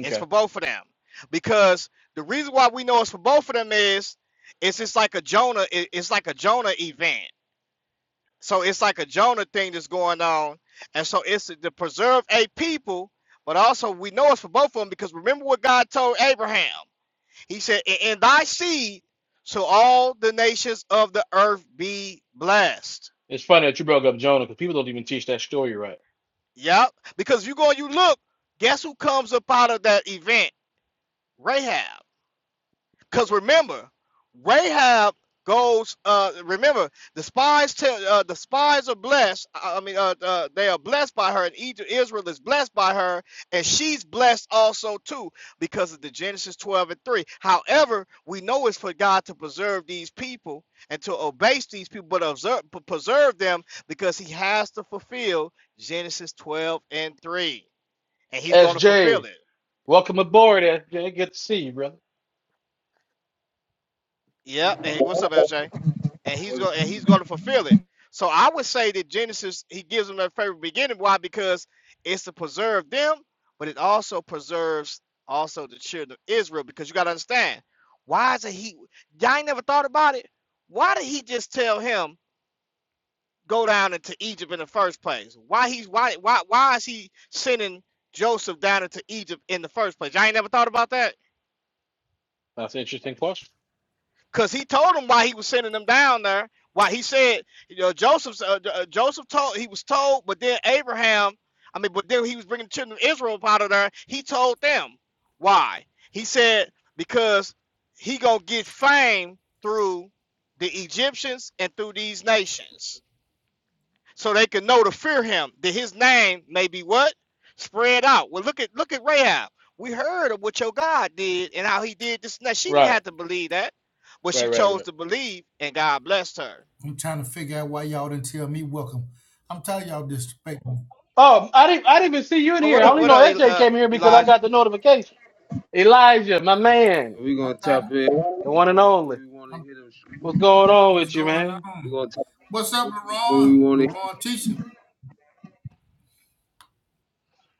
Speaker 3: It's for both of them because the reason why we know it's for both of them is it's just like a Jonah. it- It's like a Jonah event. So it's like a Jonah thing that's going on. And so it's to preserve a people, but also we know it's for both of them because remember what God told Abraham. He said, In in thy seed shall all the nations of the earth be blessed.
Speaker 2: It's funny that you broke up Jonah because people don't even teach that story right.
Speaker 3: Yep. Because you go and you look, guess who comes up out of that event? Rahab. Because remember, Rahab goes. Uh, remember, the spies tell uh, the spies are blessed. I mean, uh, uh, they are blessed by her, and Egypt, Israel is blessed by her, and she's blessed also too because of the Genesis twelve and three. However, we know it's for God to preserve these people and to obey these people, but observe, p- preserve them because He has to fulfill Genesis twelve and three, and He's going to fulfill
Speaker 2: SJ,
Speaker 3: it.
Speaker 2: welcome aboard, SJ. Good to see you, brother.
Speaker 3: Yep. Hey, what's up, LJ? and he's going and he's going to fulfill it. So I would say that Genesis he gives them that favorite beginning. Why? Because it's to preserve them, but it also preserves also the children of Israel. Because you got to understand, why is it he? Y'all ain't never thought about it. Why did he just tell him go down into Egypt in the first place? Why he's why why why is he sending Joseph down into Egypt in the first place? Y'all ain't never thought about that.
Speaker 2: That's an interesting question.
Speaker 3: because he told him why he was sending them down there. Why he said, you know, Joseph's uh, uh, Joseph told he was told, but then Abraham, I mean, but then he was bringing the children of Israel up out of there. He told them why. He said because he gonna get fame through the Egyptians and through these nations so they can know to fear him, that his name may be what? Spread out. Well, look at look at Rahab. We heard of what your God did and how he did this. Now she didn't
Speaker 2: Right,
Speaker 3: have to believe that, but
Speaker 2: right,
Speaker 3: she
Speaker 2: right,
Speaker 3: chose
Speaker 2: right.
Speaker 3: to believe and God blessed her.
Speaker 7: I'm trying to figure out why y'all didn't tell me welcome. I'm tired of y'all disrespecting.
Speaker 2: Oh, I didn't I didn't even see you in
Speaker 3: Oh,
Speaker 2: here.
Speaker 3: what
Speaker 2: I
Speaker 3: up,
Speaker 2: only
Speaker 3: what
Speaker 2: know
Speaker 3: up,
Speaker 2: SJ
Speaker 3: uh,
Speaker 2: came here because I
Speaker 3: Elijah?
Speaker 2: got the notification. Elijah, my man.
Speaker 6: We
Speaker 7: I'm
Speaker 6: gonna tap
Speaker 7: tired.
Speaker 6: in
Speaker 2: The one and
Speaker 6: when
Speaker 2: only.
Speaker 6: we wanna
Speaker 7: I'm,
Speaker 6: hit him.
Speaker 2: What's going on
Speaker 7: what's
Speaker 2: with you,
Speaker 7: going
Speaker 2: man?
Speaker 6: We
Speaker 7: on?
Speaker 6: gonna tap in
Speaker 7: What's up,
Speaker 6: when we
Speaker 7: LaRon?
Speaker 6: wanna.
Speaker 7: LaRon teacher?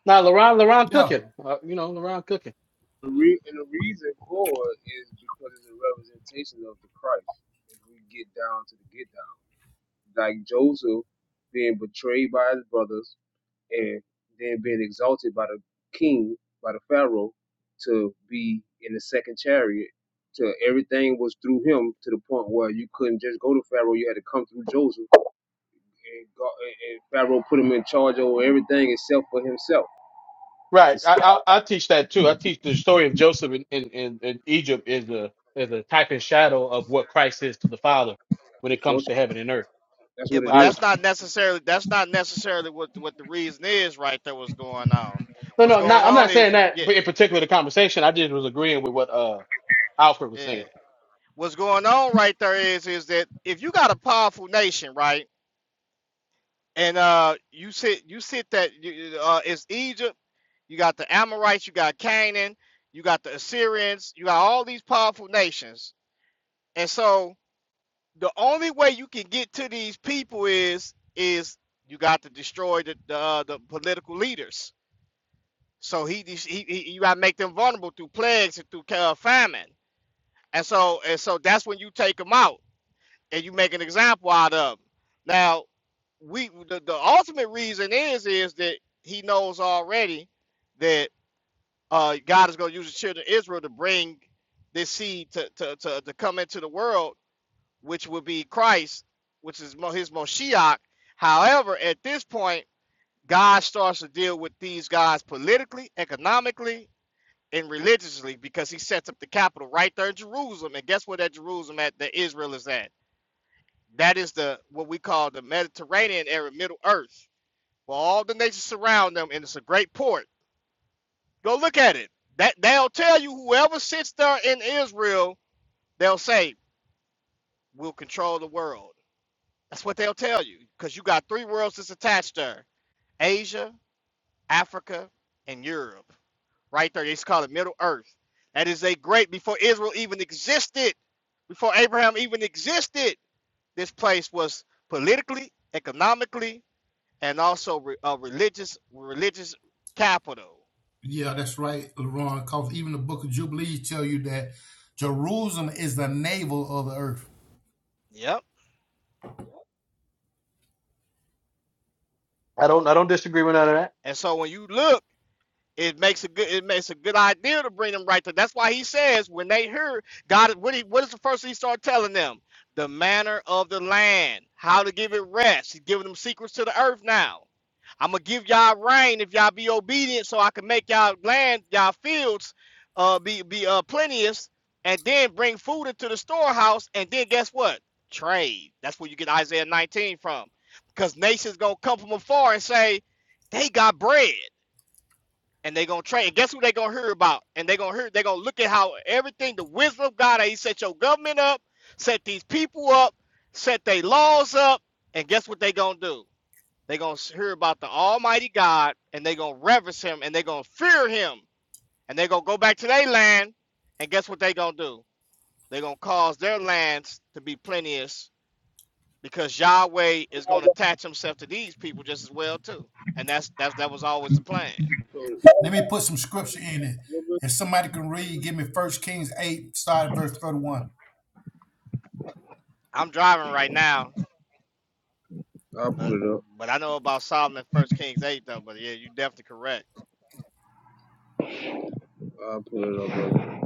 Speaker 2: Now, LaRon, LaRon
Speaker 7: Yeah.
Speaker 2: cooking. Uh, you know, LaRon cooking.
Speaker 6: The re- and the reason for it is because it's a representation of the Christ. If we get down to the get down, like Joseph being betrayed by his brothers, and then being exalted by the king, by the pharaoh, to be in the second chariot. To everything was through him to the point where you couldn't just go to Pharaoh; you had to come through Joseph, and, God, and Pharaoh put him in charge over everything except for himself. It's
Speaker 2: Right.
Speaker 6: just,
Speaker 2: I, I I teach that too. I teach the story of Joseph in, in, in, in Egypt is a is a type and shadow of what Christ is to the Father when it
Speaker 6: it's
Speaker 2: comes to
Speaker 6: fortunate.
Speaker 2: heaven and earth.
Speaker 6: That's
Speaker 3: Yeah,
Speaker 6: what it
Speaker 3: but
Speaker 2: I,
Speaker 6: is.
Speaker 3: that's not necessarily that's not necessarily what what the reason is right there what's going on.
Speaker 2: no,
Speaker 3: What's
Speaker 2: no, I'm
Speaker 3: going
Speaker 2: not, I'm
Speaker 3: on
Speaker 2: not saying
Speaker 3: is
Speaker 2: that
Speaker 3: yeah,
Speaker 2: but in particular the conversation. I just was agreeing with what uh Alfred was
Speaker 3: yeah.
Speaker 2: saying.
Speaker 3: What's going on right there is is that if you got a powerful nation, right? And uh, you said you said that you, uh, it's Egypt. You got the Amorites. You got Canaan. You got the Assyrians. You got all these powerful nations. And so the only way you can get to these people is is you got to destroy the the, uh, the political leaders. So he, he he you got to make them vulnerable through plagues and through uh, famine. And so and so that's when you take them out. and you make an example out of him. Now, we the, the ultimate reason is is that he knows already that uh, God is going to use the children of Israel to bring this seed to, to, to, to come into the world, which would be Christ, which is Mo- his Moshiach. However, at this point, God starts to deal with these guys politically, economically, and religiously because he sets up the capital right there in Jerusalem. And guess where that Jerusalem at that Israel is at? That is the what we call the Mediterranean area, Middle Earth, where all the nations surround them, and it's a great port. Go look at it. That they'll tell you whoever sits there in Israel, they'll say, We'll control the world. That's what they'll tell you. Because you got three worlds that's attached there. Asia, Africa, and Europe. Right there. It's called the Middle Earth. That is a great before Israel even existed, before Abraham even existed, this place was politically, economically, and also re, a religious religious capital.
Speaker 7: Yeah, that's right, LaRon. Because even the book of Jubilees tell you that Jerusalem is the navel of the earth.
Speaker 3: Yep.
Speaker 2: I don't I don't disagree with none of that.
Speaker 3: And so when you look it makes a good it makes a good idea to bring them right there. That's why he says when they hear God, what he what is the first thing he start telling them? The manner of the land, how to give it rest. He's giving them secrets to the earth now. I'm gonna give y'all rain if y'all be obedient, so I can make y'all land, y'all fields, uh, be be uh plenteous, and then bring food into the storehouse, and then guess what? Trade. That's where you get Isaiah 19 from, because nations gonna come from afar and say they got bread and they gonna train. And guess who they gonna hear about? And they gonna hear. They gonna look at how everything, the wisdom of God, He set your government up, set these people up, set their laws up, and guess what they gonna do? They gonna hear about the Almighty God, and they gonna reverence Him, and they gonna fear Him, and they gonna go back to their land, and guess what they gonna do? They gonna cause their lands to be plenteous because Yahweh is gonna attach Himself to these people just as well too. And that's that's that was always the plan.
Speaker 6: So,
Speaker 7: Let me put some scripture in it. If somebody can read, give me First Kings 8, start at verse 31.
Speaker 3: I'm driving right now,
Speaker 6: I'll put
Speaker 3: But
Speaker 6: it up.
Speaker 3: but I know about Solomon First Kings eight though. But yeah, you're definitely correct.
Speaker 6: I'll put it up, brother.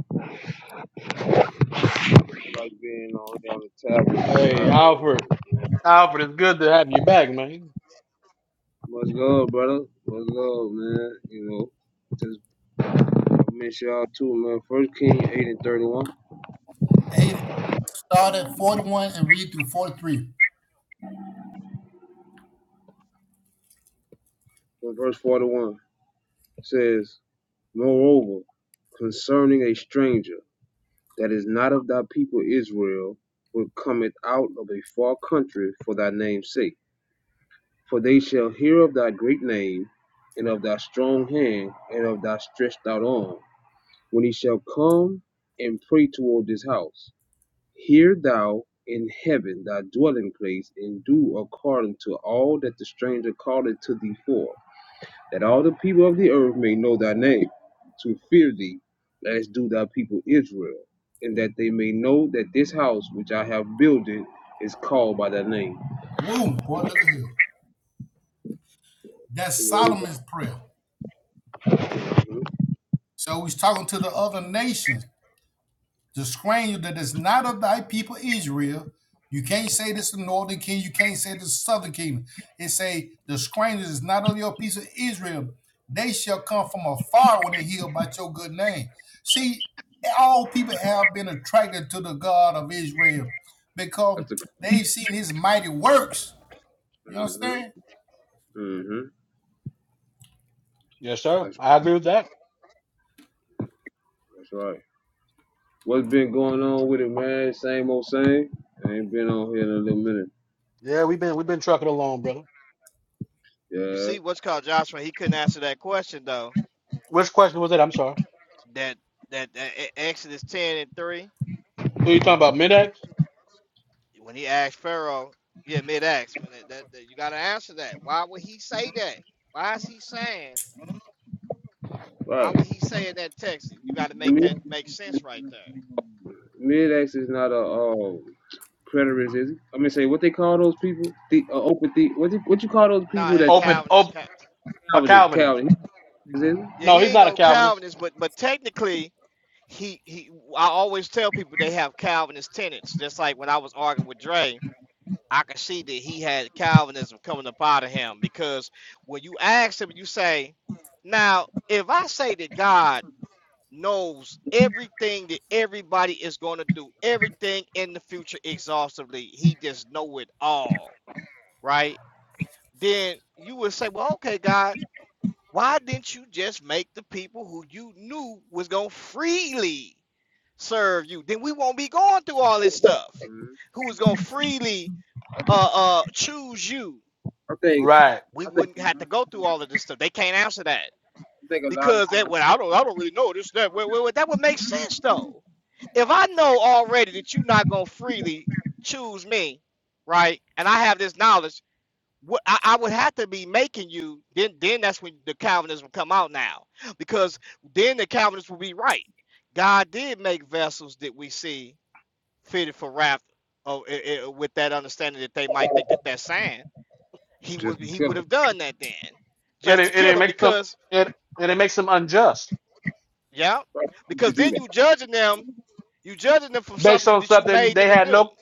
Speaker 6: Like being on down the tablet.
Speaker 2: Hey,
Speaker 6: man. I- it-
Speaker 2: Alfred.
Speaker 6: it-
Speaker 2: Alfred, it's good to have you back, man.
Speaker 6: Much love, brother. Much love, man. You know. just I mention y'all too, man. First King eight and thirty one,
Speaker 7: 8, start at 41 and read through 43.
Speaker 6: verse forty one says, Moreover, concerning a stranger that is not of thy people Israel, which cometh out of a far country for thy name's sake, for they shall hear of thy great name, and of thy strong hand, and of thy stretched out arm, when he shall come and pray toward this house. Hear thou in heaven thy dwelling place, and do according to all that the stranger calleth to thee for that all the people of the earth may know thy name, to fear thee, as do thy people Israel, and that they may know that this house which I have builded is called by thy name.
Speaker 7: Woo, boy, look at here. That's
Speaker 6: The word of God.
Speaker 7: Solomon's prayer.
Speaker 6: mhm.
Speaker 7: So he's talking to the other nations, the stranger that is not of thy people Israel. You can't say this to the northern kingdom. You can't say this to the southern kingdom. It say the stranger is not of your piece of Israel. They shall come from afar when they hear about your good name. See, all people have been attracted to the God of Israel because
Speaker 6: That's the.
Speaker 7: they've seen His mighty works. You
Speaker 6: hmm
Speaker 7: understand?
Speaker 6: hmm
Speaker 2: Yes, sir.
Speaker 6: That's
Speaker 2: I agree with that.
Speaker 6: that's right. What's been going on with it, man? Same old same. I ain't been on here in a little minute.
Speaker 2: Yeah, we've been we've been trucking along, brother.
Speaker 3: You
Speaker 6: Yeah.
Speaker 3: see, what's called Joshua, he couldn't answer that question though.
Speaker 2: Which question was it? I'm sorry.
Speaker 3: That that, that E- Exodus ten and three,
Speaker 2: Who you talking about? Midax?
Speaker 3: when he asked Pharaoh, yeah, mid acts when it, that, that you got to answer that. Why would he say that? Why is he saying? Why
Speaker 6: Right.
Speaker 3: would he say in that text? You got to make that
Speaker 6: Mid
Speaker 3: make sense right there.
Speaker 6: Mid-X is not a uh, preterist, is it? I mean, say what they call those people? The uh, open the what? you- What you call those
Speaker 3: Nah,
Speaker 6: people
Speaker 3: here,
Speaker 6: that
Speaker 2: Open,
Speaker 3: Calvinist.
Speaker 2: open,
Speaker 3: Cal-
Speaker 2: a
Speaker 6: Calvin
Speaker 2: Calvinist.
Speaker 6: Calvin. Is it?
Speaker 3: yeah,
Speaker 2: No,
Speaker 3: he
Speaker 2: he's
Speaker 3: ain't
Speaker 2: not a
Speaker 3: no
Speaker 2: Calvinist.
Speaker 3: Calvinist, but but technically. He, he I always tell people they have Calvinist tenets, just like when I was arguing with Dre I could see that he had Calvinism coming up out of him because when you ask him, you say, Now, if I say that God knows everything that everybody is going to do, everything in the future exhaustively, he just know it all, right? Then you would say, Well, okay, God, why didn't you just make the people who you knew was going to freely serve you? Then we won't be going through all this stuff. Who was going to freely uh, uh, choose you
Speaker 6: I think
Speaker 2: Right.
Speaker 3: we
Speaker 6: I think
Speaker 3: wouldn't have to go through all of this stuff. They can't answer that
Speaker 6: I think a lot of
Speaker 3: because that.
Speaker 6: times
Speaker 3: Well, I don't. I don't really know this. That. Well, well, well, that would make sense though. If I know already that you're not gonna freely choose me, right? And I have this knowledge. What I, I would have to be making you then. Then that's when the Calvinism will come out now, because then the Calvinists will be right. God did make vessels that we see fitted for wrath, oh, eh, eh, with that understanding that they might think that that's sand he
Speaker 6: just
Speaker 3: would
Speaker 6: to
Speaker 3: he
Speaker 6: kill
Speaker 3: would
Speaker 6: them.
Speaker 3: have done that then
Speaker 2: And
Speaker 3: just to
Speaker 2: it, and it
Speaker 3: kill him
Speaker 2: makes them,
Speaker 3: because
Speaker 2: it, and it makes them unjust
Speaker 3: yeah
Speaker 6: Why would you
Speaker 3: because
Speaker 6: do
Speaker 3: then
Speaker 6: that?
Speaker 3: you judging them you judging them for
Speaker 2: based
Speaker 3: something
Speaker 2: on
Speaker 3: that you
Speaker 2: something
Speaker 3: made
Speaker 2: they
Speaker 3: them to
Speaker 2: had
Speaker 3: do
Speaker 2: no,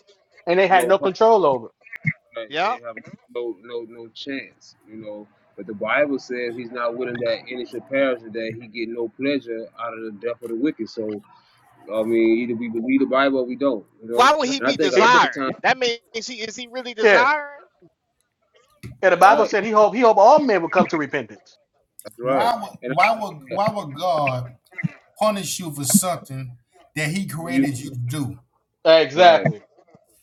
Speaker 2: and they had
Speaker 6: No,
Speaker 2: no
Speaker 6: pos-
Speaker 2: control over.
Speaker 6: like, they
Speaker 3: yeah
Speaker 6: have no no no chance. You know, but the Bible says he's not willing that any should perish, and that he get no pleasure out of the death of the wicked. So I mean, either we believe the Bible or we don't. You know,
Speaker 3: why would he
Speaker 6: and I
Speaker 3: be
Speaker 6: think a
Speaker 2: He,
Speaker 6: lot
Speaker 2: the,
Speaker 6: of
Speaker 3: desiring
Speaker 6: times,
Speaker 3: that means he is he really
Speaker 2: yeah.
Speaker 3: desiring
Speaker 2: yeah. the Bible
Speaker 6: right,
Speaker 2: said he hope, he hope all men will come to repentance.
Speaker 6: that's right,
Speaker 7: Why would
Speaker 6: and
Speaker 7: why would why would God punish you for something that He
Speaker 6: I- you
Speaker 7: created you to do?
Speaker 6: right.
Speaker 2: Exactly.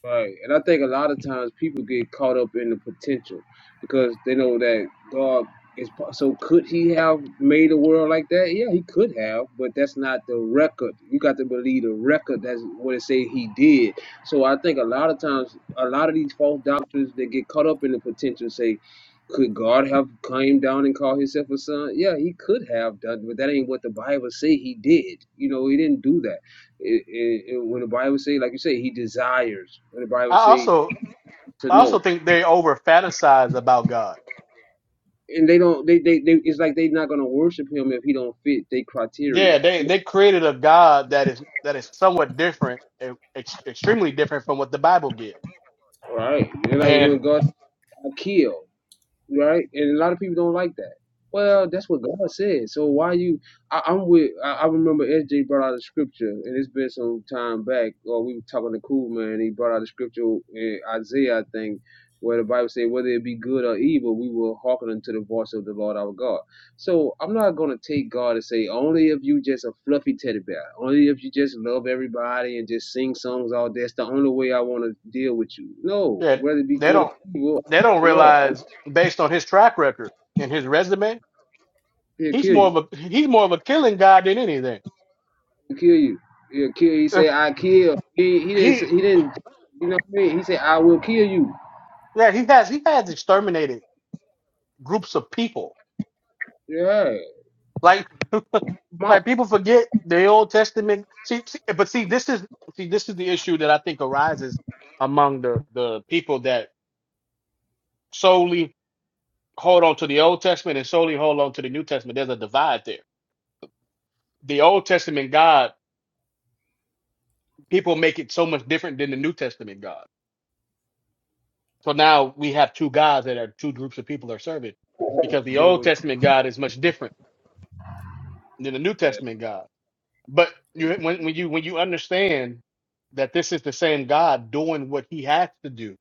Speaker 6: Right. And I think a lot of times people get caught up in the potential because they know that God is po- so could he have made a world like that? Yeah, he could have, but that's not the record. You got to believe the record that's what it say he did. So I think a lot of times a lot of these false doctrines they get caught up in the potential say could God have came down and called himself a son? Yeah, he could have done, but that ain't what the Bible say he did. You know, he didn't do that. It, it, it- when the Bible say, like you say, he desires. When the Bible
Speaker 2: I
Speaker 6: say
Speaker 2: also,
Speaker 6: to
Speaker 2: I also
Speaker 6: know,
Speaker 2: think they over fantasize about God.
Speaker 6: and they don't, they, they, they it's like they not gonna worship him if he don't fit their criteria.
Speaker 2: Yeah. They,
Speaker 6: You-
Speaker 2: they created a God that is, that is somewhat different, e- ex- extremely different from what the Bible gives.
Speaker 6: All right, they're like when God I kill. right? And a lot of people don't like that. Well, that's what God said. So why you? I, I'm with. I, I remember SJ brought out a scripture, and it's been some time back. Or we were talking to Cool Man, and he brought out a scripture in Isaiah, I think, where the Bible said, "Whether it be good or evil, we will hearken unto the voice of the Lord our God." So I'm not gonna take God and say, "Only if you just a fluffy teddy bear, only if you just love everybody and just sing songs all day, that's the only way I want to deal with you." No,
Speaker 2: that
Speaker 6: whether it be
Speaker 2: they
Speaker 6: good
Speaker 2: don't
Speaker 6: or evil,
Speaker 2: they don't
Speaker 6: the Lord.
Speaker 2: realize based on his track record and his resume,
Speaker 6: He'll
Speaker 2: he's
Speaker 6: kill
Speaker 2: more
Speaker 6: you.
Speaker 2: of a he's more of a killing god than anything.
Speaker 6: He'll kill you. He'll kill. He
Speaker 2: Uh,
Speaker 6: say, "I kill." He he didn't.
Speaker 2: He
Speaker 6: say- He didn't. You know what I mean? He said, "I will kill you."
Speaker 2: yeah, he has he has exterminated groups of people.
Speaker 6: Yeah,
Speaker 2: Like
Speaker 6: mouth
Speaker 2: like people forget the Old Testament. See, see, but see this is see this is the issue that I think arises among the the people that solely hold on to the Old Testament and solely hold on to the New Testament. There's a divide there. The Old Testament God people make it so much different than the New Testament God. So now we have two gods that are two groups of people are serving because the
Speaker 6: dealing
Speaker 2: Old
Speaker 6: with
Speaker 2: Testament God is much different than the New
Speaker 6: yeah,
Speaker 2: Testament God. But
Speaker 6: they
Speaker 2: you, when, when you when you understand that this is the same God doing what He has to do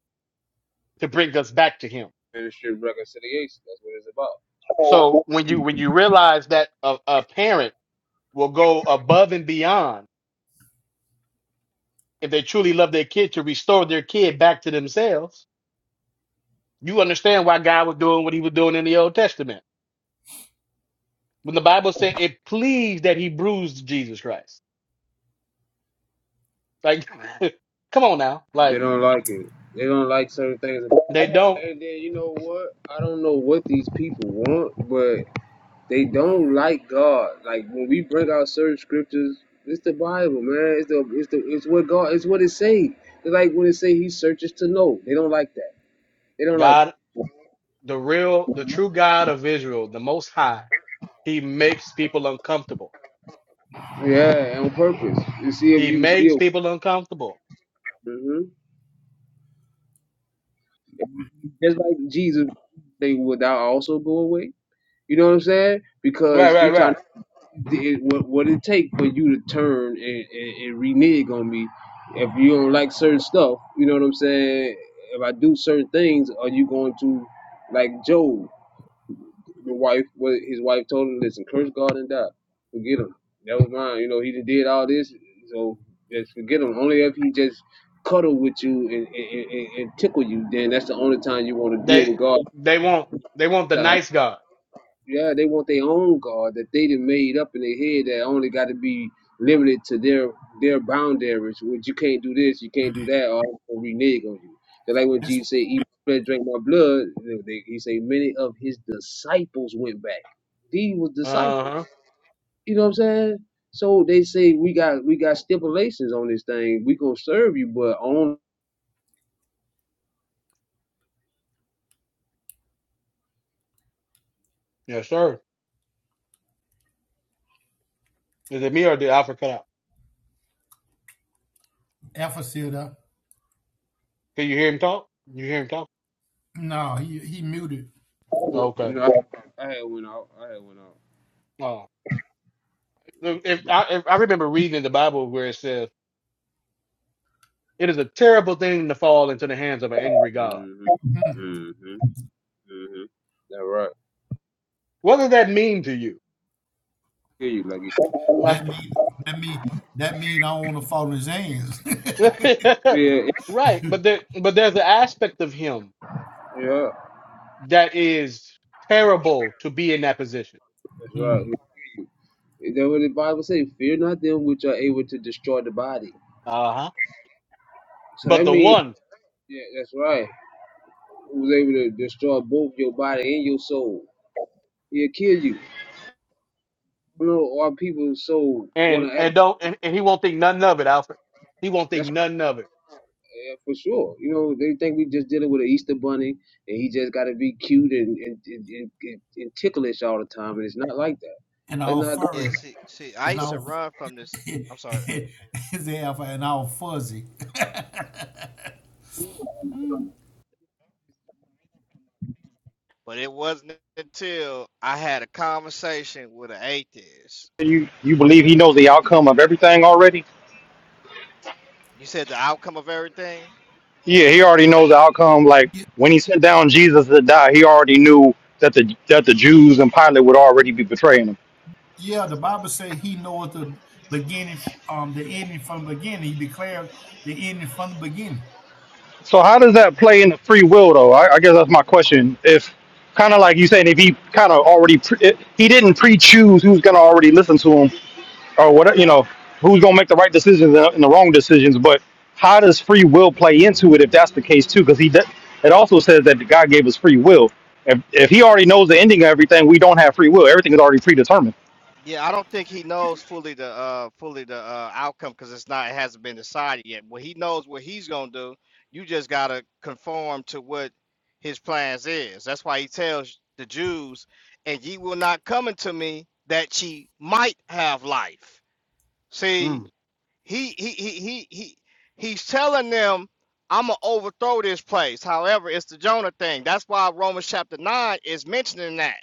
Speaker 2: to bring us back to Him.
Speaker 6: ministry of reconciliation. That's what it's about.
Speaker 2: So when you when you realize that a, a parent will go above and beyond if they truly love their kid to restore their kid back to themselves, you understand why God was doing what He was doing in the Old Testament When the Bible said it pleased that he bruised Jesus Christ. Like, come on now.
Speaker 6: They
Speaker 2: Like,
Speaker 6: don't like it. They don't like certain things.
Speaker 2: they don't.
Speaker 6: And then you know what? I don't know what these people want, but they don't like God. Like when we bring out certain scriptures, it's the Bible, man. It's the it's the it's what God. It's what it say. It's like when it say He searches to know. They don't like that. They don't like.
Speaker 2: God, the real, the true God of Israel, the Most High, he makes people uncomfortable.
Speaker 6: Yeah, on purpose to see if
Speaker 2: He
Speaker 6: you
Speaker 2: makes
Speaker 6: still.
Speaker 2: people uncomfortable.
Speaker 6: hmm Just like Jesus, they would thou also go away. You know what I'm saying?
Speaker 2: Right,
Speaker 6: Because he
Speaker 2: right,
Speaker 6: trying
Speaker 2: right.
Speaker 6: to it, what what it take for you to turn and, and, and renege on me if you don't like certain stuff. You know what I'm saying? If I do certain things, are you going to like Job? The wife, what his wife told him, listen, curse God and die. Forget him. That was mine. You know, he did all this, so just forget him. Only if he just cuddle with you and, and, and, and tickle you, then that's the only time you want to deal
Speaker 2: They,
Speaker 6: with God.
Speaker 2: they want, they want the nice God.
Speaker 6: Yeah, they want their own God that they done made up in their head that only got to be limited to their their boundaries. Which you can't do this, you can't do that, or I'm gonna renege on you. They're like when
Speaker 7: It's
Speaker 6: Jesus said, "Eat my flesh, drink my blood," they, they- he say many of his disciples went back. These was
Speaker 2: Uh
Speaker 6: disciples.
Speaker 2: huh.
Speaker 6: You know what I'm saying? So they say we got we got stipulations on this thing. We gonna serve you, but on
Speaker 2: Yes, sir. Is it me or did Alfred cut out?
Speaker 7: Alpha
Speaker 2: Can you hear him talk? You hear him talk?
Speaker 7: No, he he muted.
Speaker 6: you
Speaker 2: Okay.
Speaker 6: know I, I had went out. I had went out.
Speaker 2: Oh, if I, if I remember reading in the Bible where it says. It is a terrible thing to fall into the hands of an angry God.
Speaker 6: Mhm.
Speaker 7: Mm.
Speaker 6: Mhm. Mhm. That right.
Speaker 2: What does that mean to you?
Speaker 6: Hear you, Lucky.
Speaker 2: Like,
Speaker 7: That mean that mean that mean I don't want to fall in his hands.
Speaker 6: Fear, yeah,
Speaker 2: right? But there, but there's an aspect of him
Speaker 6: yeah,
Speaker 2: that is terrible to be in that position.
Speaker 6: that's right.
Speaker 7: Mm.
Speaker 6: Then what the Bible say, fear not them which are able to destroy the body.
Speaker 2: Uh huh.
Speaker 6: So that
Speaker 2: But the
Speaker 6: means,
Speaker 2: one,
Speaker 6: yeah, that's right. Who's able to destroy both your body and your soul? He'll kill you. You know, our people so want
Speaker 2: and
Speaker 6: to act.
Speaker 2: and don't, and, and he won't think nothing of it, Alfred. He won't think
Speaker 6: That's
Speaker 2: nothing of it.
Speaker 6: right, yeah, for sure. You know, they think we just dealing with an Easter bunny and he just got to be cute and and, and, and and ticklish all the time, and it's not like that.
Speaker 7: And all
Speaker 6: That's
Speaker 3: yeah
Speaker 7: furry.
Speaker 3: see see i
Speaker 7: And
Speaker 3: used to
Speaker 7: all
Speaker 3: run from this i'm sorry
Speaker 7: is alpha and all fuzzy.
Speaker 3: but it wasn't until i had a conversation with an atheist
Speaker 8: You you believe he knows the outcome of everything already?
Speaker 3: you said the outcome of everything
Speaker 8: Yeah, he already knows the outcome. Like when he sent down Jesus to die, he already knew that the that the Jews and Pilate would already be betraying him.
Speaker 7: yeah, the Bible say he knoweth the beginning um the ending from the beginning. He declared the ending from the beginning.
Speaker 8: So how does that play into free will, though? I, I guess that's my question. If kind of like you saying, if he kind of already pre- if he didn't pre-choose who's gonna already listen to him, or what you know who's going to make the right decisions and the and the wrong decisions but how does free will play into it if that's the case too because he does, it also says that god gave us free will if, if he already knows the ending of everything we don't have free will everything is already predetermined
Speaker 3: Yeah, I don't think he knows fully the uh fully the uh outcome because it's not it hasn't been decided yet. Well, he knows what he's gonna do. You just gotta conform to what his plans is. That's why he tells the Jews, "And ye will not come unto me that ye might have life." See,
Speaker 2: Mm.
Speaker 3: he he he he he he's telling them, "I'm gonna overthrow this place." However, it's the Jonah thing. That's why Romans chapter nine is mentioning that.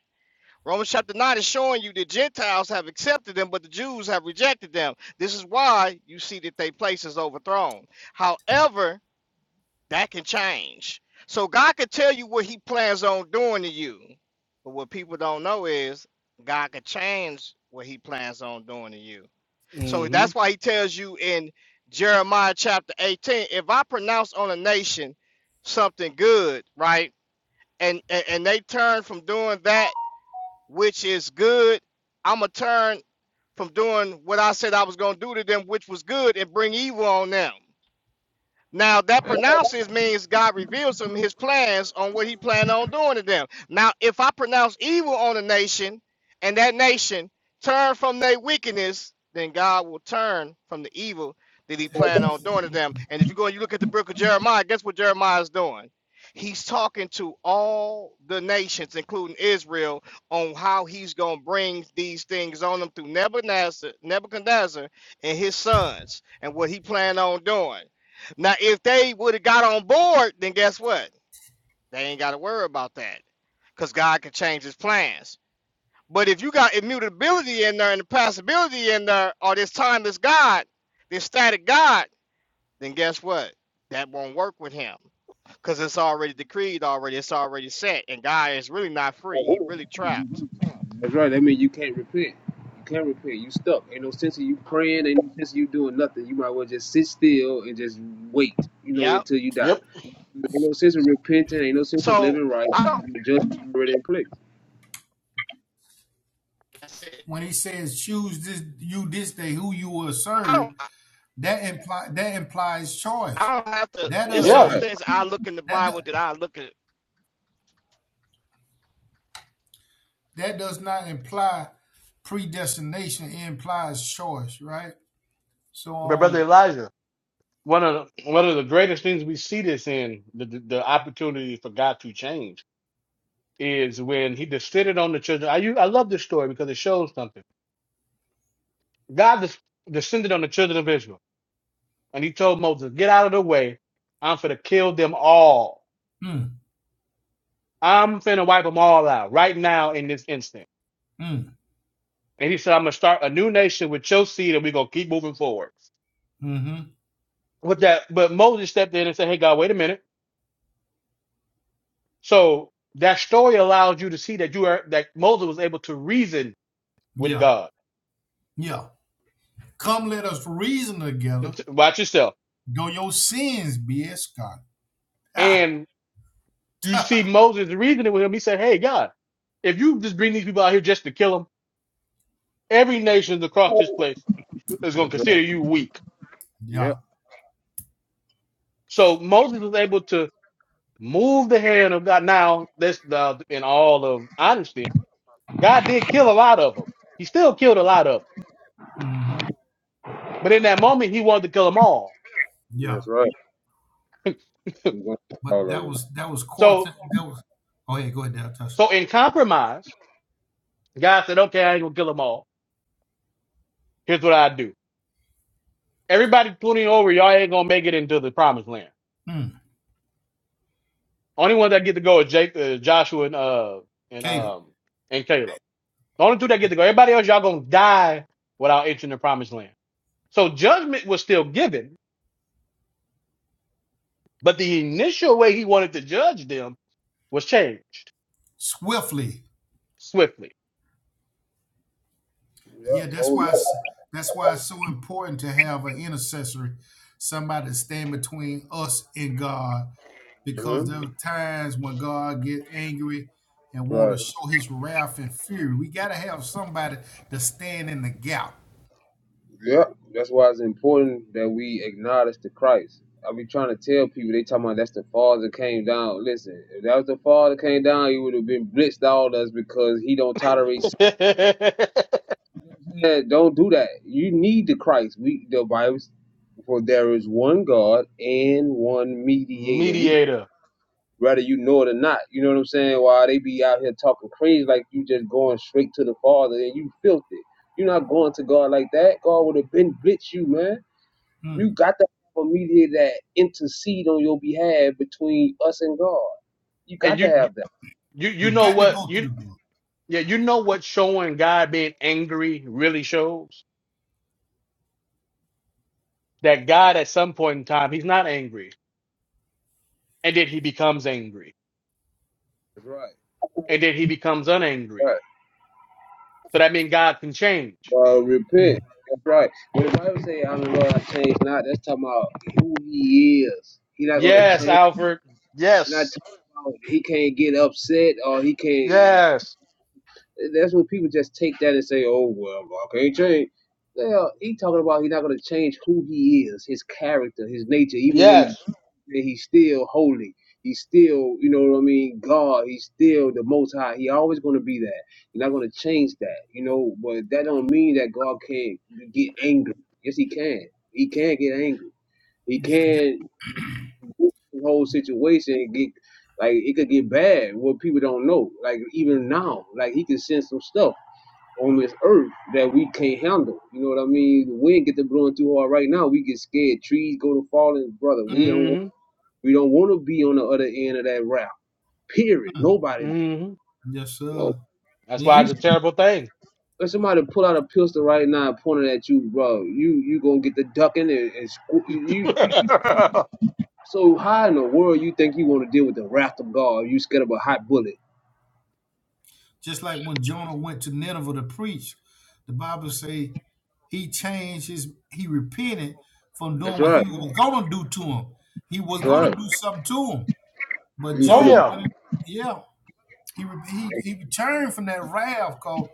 Speaker 3: Romans chapter 9 is showing you the Gentiles have accepted them, but the Jews have rejected them. This is why you see that their place is overthrown. However, that can change. So God can tell you what he plans on doing to you. But what people don't know is God can change what he plans on doing to you. So
Speaker 2: Hmm.
Speaker 3: that's why he tells you in Jeremiah chapter 18 if I pronounce on a nation something good, right? And, and, and they turn from doing that which is good. I'm going to turn from doing what I said I was going to do to them, which was good, and bring evil on them. Now that pronounces means God reveals to them his plans on what he planned on doing to them. Now, if I pronounce evil on a nation and that nation turn from their wickedness, then God will turn from the evil that he planned on doing to them. And if you go and you look at the book of Jeremiah, guess what Jeremiah is doing? He's talking to all the nations, including Israel, on how he's going to bring these things on them through Nebuchadnezzar, Nebuchadnezzar and his sons and what he planned on doing. Now, if they would have got on board, then guess what? They ain't got to worry about that because God can change his plans. But if you got immutability in there and the possibility in there, or this timeless God, this static God, then guess what? That won't work with him because it's already decreed, already, it's already set, and God is really not free. He
Speaker 6: not.
Speaker 3: really trapped.
Speaker 6: That's right. That means you can't repent. You can't repent. You stuck. Ain't no sense of you praying. Ain't no sense of you doing nothing. You might as well just sit still and just wait, you know,
Speaker 3: Yep.
Speaker 6: until you die.
Speaker 2: Yep.
Speaker 6: Ain't no sense of repenting. Ain't no sense of
Speaker 3: So
Speaker 6: living right.
Speaker 3: I don't,
Speaker 6: The judgment is already in place.
Speaker 7: when it says choose this you this day who you will
Speaker 3: I
Speaker 7: serve
Speaker 3: don't,
Speaker 7: that imply that implies choice
Speaker 3: I don't have to.
Speaker 7: that
Speaker 3: It's certain
Speaker 6: Right.
Speaker 2: Yes.
Speaker 7: doesn't
Speaker 3: things I look in the
Speaker 7: that
Speaker 3: Bible that I look at.
Speaker 7: that does not imply predestination it implies choice right so
Speaker 2: My brother
Speaker 7: um
Speaker 2: Elijah. One of the, one of the greatest things we see this in the the, the opportunity for God to change is when he descended on the children. I u- I love this story because it shows something. God des- descended on the children of Israel, and he told Moses, "Get out of the way. I'm finna kill them all.
Speaker 7: mm,
Speaker 2: I'm finna wipe them all out right now in this instant."
Speaker 7: mm,
Speaker 2: And he said, "I'm gonna start a new nation with your seed, and we're gonna keep moving forward."
Speaker 7: mm-hmm.
Speaker 2: With that, but Moses stepped in and said, "Hey God, wait a minute." So that story allows you to see that you are that Moses was able to reason with
Speaker 7: yeah
Speaker 2: God.
Speaker 7: yeah come let us reason together
Speaker 2: Watch yourself.
Speaker 7: though your sins be escorted ah,
Speaker 2: and. You see Moses reasoning with him. He said, Hey, God, if you just bring these people out here just to kill them, every nation across this place is going
Speaker 6: That's
Speaker 2: to
Speaker 6: right.
Speaker 2: consider you weak.
Speaker 6: Yep.
Speaker 7: yeah
Speaker 2: So Moses was able to move the hand of God. Now, that's uh, in all of honesty, God did kill a lot of them. He still killed a lot of them.
Speaker 7: mm-hmm.
Speaker 2: But in that moment, he wanted to kill them all.
Speaker 7: yeah
Speaker 6: That's right. You're going to
Speaker 7: but that
Speaker 6: all
Speaker 7: was that was core
Speaker 2: So,
Speaker 7: thing that was oh yeah go ahead Dad, touch
Speaker 2: so in compromise, God said, okay, I ain't going to kill them all. Here's what I do. Everybody 20 over, y'all ain't going to make it into the promised land.
Speaker 7: mm.
Speaker 2: Only one that get to go is Jake, uh, Joshua, and uh, and
Speaker 7: Caleb
Speaker 2: um, and Caleb. The only two that get to go. Everybody else, y'all gonna die without entering the promised land. So judgment was still given, but the initial way he wanted to judge them was changed
Speaker 7: swiftly
Speaker 2: swiftly.
Speaker 7: Yeah, that's why it's, that's why it's so important to have an intercessor, somebody to stand between us and God,
Speaker 6: of them. hmm
Speaker 7: because there are times when God get angry and want to show His wrath and fury. We got to have somebody to stand in the gap.
Speaker 6: Yep. That's why it's important that we acknowledge the Christ. I be trying to tell people they talking about that's the father came down. Listen, if that was the father came down, he would have been blitzed all us because he don't tolerate Yeah, don't do that. You need the Christ. We the Bible, for there is one God and one mediator. We
Speaker 2: Mediator,
Speaker 6: whether you know it or not. You know what I'm saying? Why they be out here talking crazy like you just going straight to the Father and you filthy. You're not going to God like that. God would have been blitz you, man.
Speaker 7: Mm.
Speaker 6: You got to have a mediator that intercede on your behalf between us and God. You
Speaker 2: and
Speaker 6: got
Speaker 2: you,
Speaker 6: to
Speaker 2: you,
Speaker 6: have that.
Speaker 2: you you
Speaker 7: You
Speaker 2: know
Speaker 7: got to
Speaker 2: what
Speaker 7: go
Speaker 2: you,
Speaker 7: through the book.
Speaker 2: yeah, you know what showing God being angry really shows that God at some point in time he's not angry, and then he becomes angry,
Speaker 6: Right.
Speaker 2: and then he becomes unangry
Speaker 6: Right.
Speaker 2: So that means God can change.
Speaker 6: Uh, repent.
Speaker 7: Mm.
Speaker 6: That's right. When the Bible say, "I'm the Lord, I change not," that's talking about who He is. He not gonna
Speaker 2: Yes,
Speaker 6: change.
Speaker 2: Alfred.
Speaker 6: He not
Speaker 2: Yes.
Speaker 6: talking about he can't get upset or he can't.
Speaker 2: Yes.
Speaker 6: That's when people just take that and say, "Oh well, I can't change." Well, he talking about he not gonna change who he is, his character, his nature, even when he
Speaker 2: Yes.
Speaker 6: that he's still holy. He's still, you know what I mean, God. He's still the Most High. He always going to be that. You're not going to change that, you know. But that don't mean that God can't get angry. Yes, He can. He can get angry. He
Speaker 7: Yeah,
Speaker 6: can the whole situation get like it could get bad. What people don't know, like even now, like He can send some stuff on this earth that we can't handle. You know what I mean? The wind get to blowing too hard right now. We get scared. Trees go to falling, brother. We don't.
Speaker 2: Mm-hmm.
Speaker 6: We don't want to be on the other end of that route. Period.
Speaker 7: yeah.
Speaker 6: Nobody.
Speaker 2: Mm-hmm.
Speaker 7: yes,
Speaker 6: No.
Speaker 7: sir.
Speaker 2: That's why
Speaker 7: Then.
Speaker 6: You
Speaker 2: it's a terrible thing.
Speaker 6: let somebody pull out a pistol right now and point it at you, bro. You you gonna get the ducking and, and squ- you. you-
Speaker 2: oh
Speaker 6: So how in the world you think you want to deal with the wrath of God? You scared of a hot bullet?
Speaker 7: Just like when Jonah went to Nineveh to preach, the Bible say he changed his he repented from
Speaker 6: That's
Speaker 7: doing what
Speaker 6: right.
Speaker 7: he was gonna do to him. He was
Speaker 6: That's right.
Speaker 7: gonna do something to him, but
Speaker 6: You finna.
Speaker 7: Jonah
Speaker 2: yeah.
Speaker 7: went. Yeah, he he he returned from that wrath, cause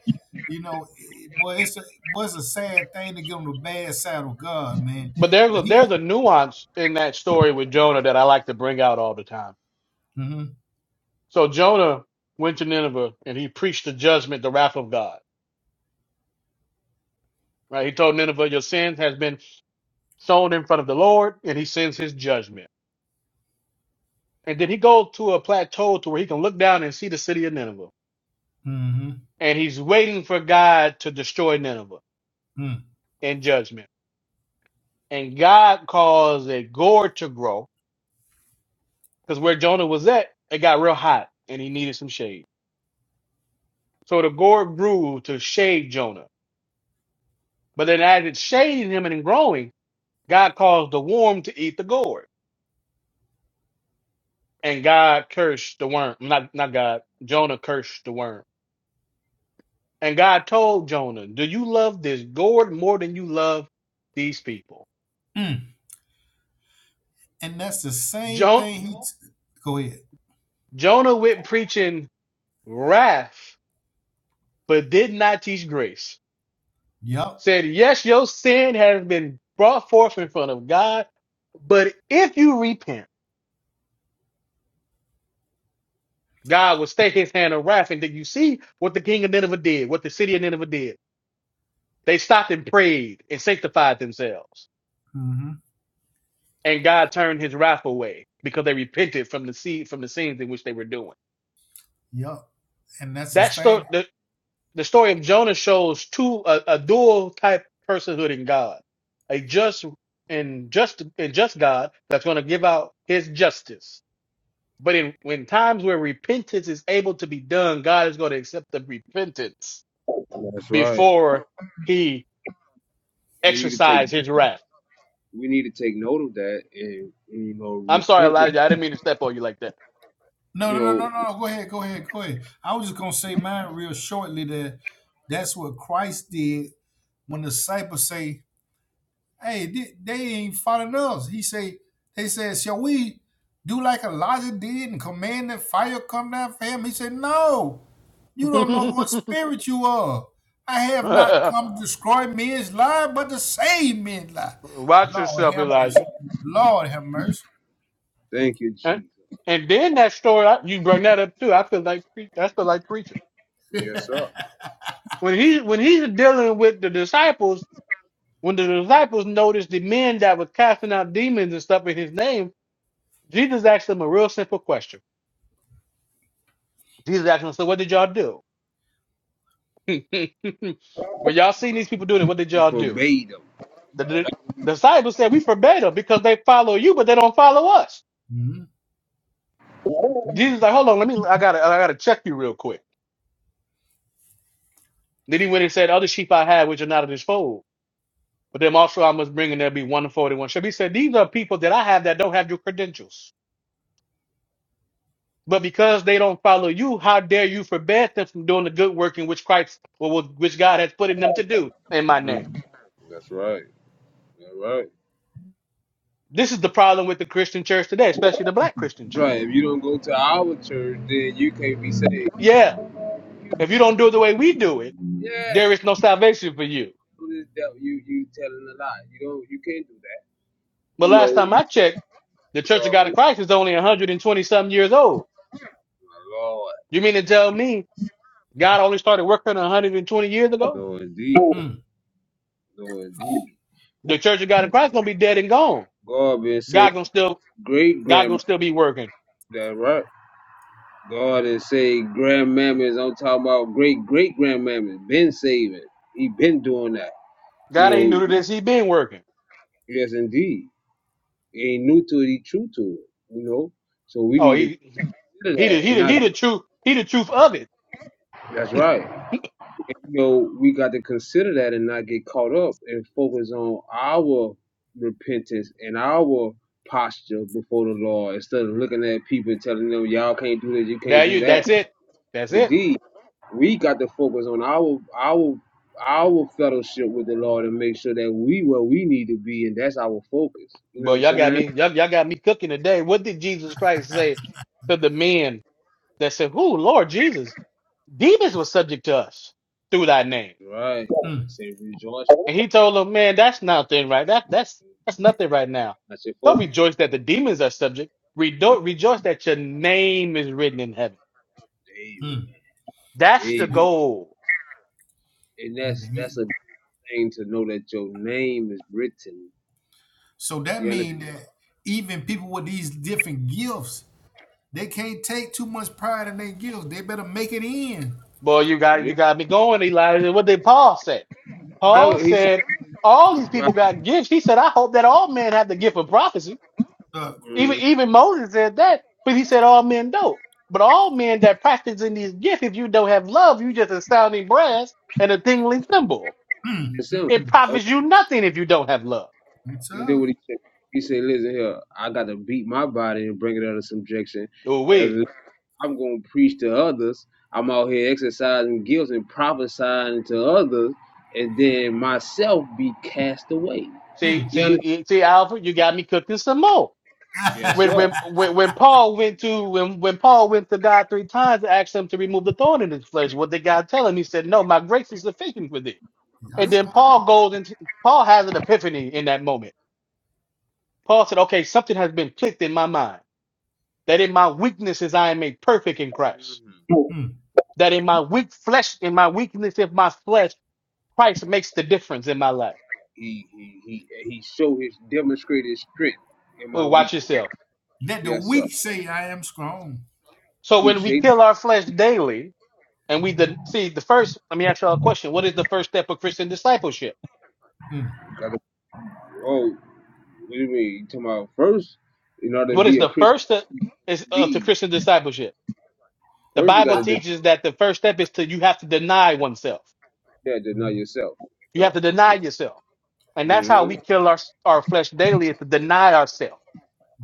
Speaker 7: you know, it, boy, it's a boy, it's a sad thing to get on the bad side of God, man.
Speaker 2: But there's a
Speaker 7: When he,
Speaker 2: there's a nuance in that story with Jonah that I like to bring out all the time.
Speaker 7: mm hmm
Speaker 2: So Jonah went to Nineveh and he preached the judgment, the wrath of God. Right? He told Nineveh, Your sins has been sown in front of the Lord, and he sends his judgment. And then he goes to a plateau to where he can look down and see the city of Nineveh.
Speaker 7: mm
Speaker 2: and he's waiting for God to destroy Nineveh
Speaker 7: hmm mm,
Speaker 2: in judgment. And God caused a gourd to grow because where Jonah was at, it got real hot and he needed some shade. So the gourd grew to shade Jonah. But then as it shaded him and growing, God caused the worm to eat the gourd. And God cursed the worm. Not, not God. Jonah cursed the worm. And God told Jonah, Do you love this gourd more than you love these people?
Speaker 7: hmm, and that's the same
Speaker 2: Jon-
Speaker 7: thing. He, t- go ahead.
Speaker 2: Jonah went preaching wrath but did not teach grace.
Speaker 7: Yup.
Speaker 2: Said, yes, your sin has been brought forth in front of God, but if you repent, God will stay his hand of wrath. And did you see what the king of Nineveh did, what the city of Nineveh did? They stopped and prayed and sanctified themselves.
Speaker 7: hmm
Speaker 2: And God turned his wrath away because they repented from the seed, from the sins in which they were doing.
Speaker 7: Yup. And that's the
Speaker 2: That story,
Speaker 7: same
Speaker 2: the story of Jonah shows two a, a dual type personhood in God, a just and just and just God that's going to give out His justice. But in when times where repentance is able to be done, God is going to accept the repentance
Speaker 6: That's right.
Speaker 2: before He
Speaker 6: We need to take
Speaker 2: exercise His wrath.
Speaker 6: we need to take note of that and and you know
Speaker 2: I'm sorry,
Speaker 6: repent. Before,
Speaker 2: Elijah. I didn't mean to step on you like that.
Speaker 7: No,
Speaker 6: you
Speaker 7: no, no, no,
Speaker 6: know,
Speaker 7: no. no. Go ahead, go ahead, go ahead. I was just gonna say mine real shortly. That that's what Christ did when the disciples say, "Hey, they, they ain't following us." He say, "They said, shall we do like Elijah did and command that fire come down for him?" He said, "No, you don't know what spirit you are. I have not come to destroy men's lives, but to save men's lives."
Speaker 2: Watch
Speaker 7: Lord
Speaker 2: yourself,
Speaker 7: have
Speaker 2: Elijah.
Speaker 7: mercy. Lord have mercy.
Speaker 6: thank you,
Speaker 2: And
Speaker 6: Jesus.
Speaker 2: and then that story, I- you bring that up too. I feel like pre- I feel like preaching
Speaker 6: Yes, sir.
Speaker 2: when he when he's dealing with the disciples, when the disciples noticed the men that was casting out demons and stuff in his name, Jesus asked them a real simple question. Jesus asked them, "So what did y'all do? when y'all seen these people doing it, what did y'all do?"
Speaker 6: Forbade them.
Speaker 2: The, the disciples said, "We forbade them because they follow you, but they don't follow us."
Speaker 7: Mm,
Speaker 2: Jesus like, "Hold on, let me. I gotta I gotta check you real quick." Then he went and said, "Other sheep I have, which are not of this fold." But them also I must bring, and there'll be one forty-one." So he said, "These are people that I have that don't have your credentials." But because they don't follow you, how dare you forbid them from doing the good work in which Christ or which God has put in them to do in my name?
Speaker 6: That's right. That's right.
Speaker 2: This is the problem with the Christian church today, especially the black Christian
Speaker 6: Right.
Speaker 2: church.
Speaker 6: If you don't go to our church, then you can't be saved.
Speaker 2: Yeah, if you don't do it the way we do it,
Speaker 6: Yeah,
Speaker 2: there is no salvation for you.
Speaker 6: who is that? You you telling a lie. You don't. You can't do that.
Speaker 2: But
Speaker 6: You
Speaker 2: last
Speaker 6: know.
Speaker 2: time
Speaker 6: You
Speaker 2: I checked, the Church of
Speaker 6: God
Speaker 2: God
Speaker 6: who
Speaker 2: in
Speaker 6: is
Speaker 2: Christ is only 120 some years old.
Speaker 6: my Lord.
Speaker 2: You mean to tell me God only started working 120 years ago?
Speaker 6: Lord indeed.
Speaker 7: mm,
Speaker 6: Lord indeed.
Speaker 2: The Church of God in Christ gonna be dead and gone.
Speaker 6: God been saying
Speaker 2: God gonna still
Speaker 6: great
Speaker 2: God
Speaker 6: grandma.
Speaker 2: gonna still be working.
Speaker 6: That right. God is saying grandmammas. I'm talking about great great grandmammas. Been saving. He been doing that. You
Speaker 2: God ain't new to
Speaker 6: know.
Speaker 2: this. He been working.
Speaker 6: Yes, indeed. He ain't new to it. He true to it. You know. So we
Speaker 2: Oh,
Speaker 6: need to
Speaker 2: he
Speaker 6: consider
Speaker 2: he the
Speaker 6: that
Speaker 2: he
Speaker 6: and
Speaker 2: the
Speaker 6: not.
Speaker 2: he the truth he the truth of it.
Speaker 6: That's right. you know, we got to consider that and not get caught up and focus on our repentance and our posture before the Lord instead of looking at people and telling them, y'all can't do this, you can't
Speaker 2: There
Speaker 6: do
Speaker 2: you
Speaker 6: that.
Speaker 2: that's it. That's it.
Speaker 6: Indeed, we got to focus on our our our fellowship with the Lord and make sure that we where we need to be, and that's our focus. You know what
Speaker 2: Well,
Speaker 6: I'm
Speaker 2: y'all got
Speaker 6: saying?
Speaker 2: me y'all, y'all got me cooking today. What did Jesus Christ say to the men that said, "Who, Lord Jesus, demons were subject to us through thy name."
Speaker 6: Right. Say rejoice.
Speaker 2: And he told them, "Man, that's nothing right. That that's that's nothing right now.
Speaker 6: That's your
Speaker 2: Don't
Speaker 6: focus.
Speaker 2: rejoice that the demons are subject.
Speaker 6: Mm,
Speaker 2: Redo- rejoice that your name is written in heaven.
Speaker 7: mm,
Speaker 6: Amen.
Speaker 2: That's the
Speaker 6: Amen.
Speaker 2: goal."
Speaker 6: And that's
Speaker 7: mm.
Speaker 6: that's a thing to know that your name is written.
Speaker 7: So that
Speaker 6: You
Speaker 7: means that even people with these different gifts, they can't take too much pride in their gifts. They better make it in.
Speaker 2: Boy, you got you
Speaker 6: understand?
Speaker 2: got me going, Elijah. What did Paul say?
Speaker 6: Why
Speaker 2: Paul
Speaker 6: would he said,
Speaker 2: said, all these
Speaker 6: right,
Speaker 2: people got gifts. He said, I hope that all men have the gift of prophecy.
Speaker 7: Look,
Speaker 2: Even
Speaker 6: mhm,
Speaker 2: even Moses said that, but he said all men don't. But all men that practice in these gifts, if you don't have love, you just a sounding brass and a tingling cymbal.
Speaker 7: mm,
Speaker 6: it's
Speaker 7: mm,
Speaker 6: him.
Speaker 2: It
Speaker 7: mm.
Speaker 2: profits you nothing if you don't have love.
Speaker 7: You
Speaker 6: You do
Speaker 7: tough.
Speaker 6: what he said. He said, listen here, I got to beat my body and bring it under subjection.
Speaker 2: Oh wait.
Speaker 6: And I'm going to preach to others. I'm out here exercising guilt and prophesying to others, and then myself be cast away.
Speaker 2: See,
Speaker 7: Mm,
Speaker 6: You
Speaker 2: see,
Speaker 6: understand?
Speaker 2: eh, see, Alfred, you got me cooking some more.
Speaker 7: mm.
Speaker 6: Yes,
Speaker 2: When
Speaker 6: sir.
Speaker 2: when when when Paul went to when when Paul went to God three times to ask him to remove the thorn in his flesh, what did God tell him? He said, No, my grace is sufficient for thee.
Speaker 7: you
Speaker 2: And then Paul goes into Paul has an epiphany in that moment. Paul said, Okay, something has been clicked in my mind. That in my weaknesses I am made perfect in Christ.
Speaker 7: Mm.
Speaker 2: That in my weak flesh, in my weakness of my flesh, Christ makes the difference in my life.
Speaker 6: He, he, he, he showed his demonstrated strength in my
Speaker 2: Oh, watch
Speaker 6: weakness.
Speaker 2: yourself.
Speaker 7: Let the
Speaker 6: Yes, sir.
Speaker 7: weak say, I am strong.
Speaker 2: So when we
Speaker 6: Appreciate it.
Speaker 2: kill our flesh daily, and we den- see the first, let me ask y'all a question. What is the first step of Christian discipleship?
Speaker 7: Mm.
Speaker 6: Gotta- Oh, What do you mean? You talking about first, in order to
Speaker 2: What is
Speaker 6: be a
Speaker 2: the
Speaker 6: Christian
Speaker 2: first step is uh, to
Speaker 6: lead,
Speaker 2: Christian discipleship? The
Speaker 6: first you
Speaker 2: Bible
Speaker 7: I-
Speaker 6: gotta deny
Speaker 2: teaches that the first step is to you have to deny oneself.
Speaker 6: that, deny
Speaker 7: mm,
Speaker 6: yourself.
Speaker 2: You have
Speaker 6: So
Speaker 2: to deny yourself. And that's how
Speaker 6: hmm
Speaker 2: we kill our, our flesh daily is to deny ourselves.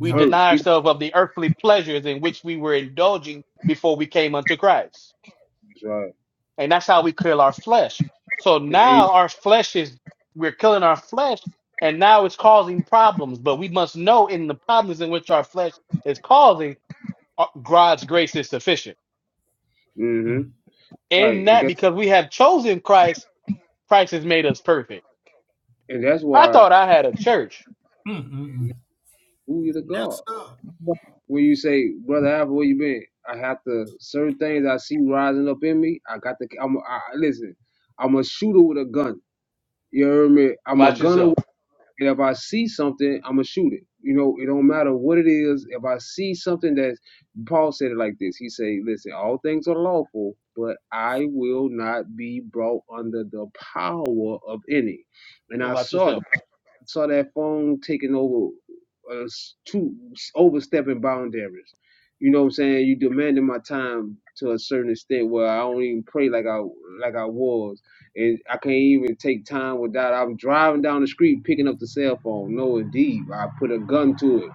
Speaker 2: We
Speaker 6: first
Speaker 2: deny
Speaker 6: he
Speaker 2: ourselves of the earthly pleasures in which we were indulging before we came unto Christ.
Speaker 6: that's right.
Speaker 2: And that's how we kill our flesh. So now our flesh is, we're killing our flesh and now it's causing problems. But we must know in the problems in which our flesh is causing, uh, God's grace is sufficient.
Speaker 6: Mm-hmm.
Speaker 7: Mm,
Speaker 6: Right.
Speaker 2: In
Speaker 6: And
Speaker 2: that,
Speaker 6: guess
Speaker 2: because we have chosen Christ, Christ has made us perfect.
Speaker 6: and that's
Speaker 2: I
Speaker 6: why
Speaker 2: thought I had a church.
Speaker 7: mm, mm, mm.
Speaker 6: who you the God.
Speaker 7: Yes, sir.
Speaker 6: When you say, Brother Alpha, where you been? I have to certain things I see rising up in me, I got to I'm I I- listen, I'm a shooter with a gun. You heard me? I'm a
Speaker 2: Watch
Speaker 6: gunner
Speaker 2: yourself.
Speaker 6: And if I see something, I'm gonna shoot it. You know, it don't matter what it is. If I see something that Paul said it like this. He say, "Listen, all things are lawful, but I will not be brought under the power of any." And I
Speaker 2: Watch
Speaker 6: saw that
Speaker 2: yourself.
Speaker 6: saw that phone taking over uh, two overstepping boundaries. You know what I'm saying? You demanding my time to a certain extent where I don't even pray like I like I was, and I can't even take time without. I'm driving down the street picking up the cell phone. No, indeed, I put a gun to it.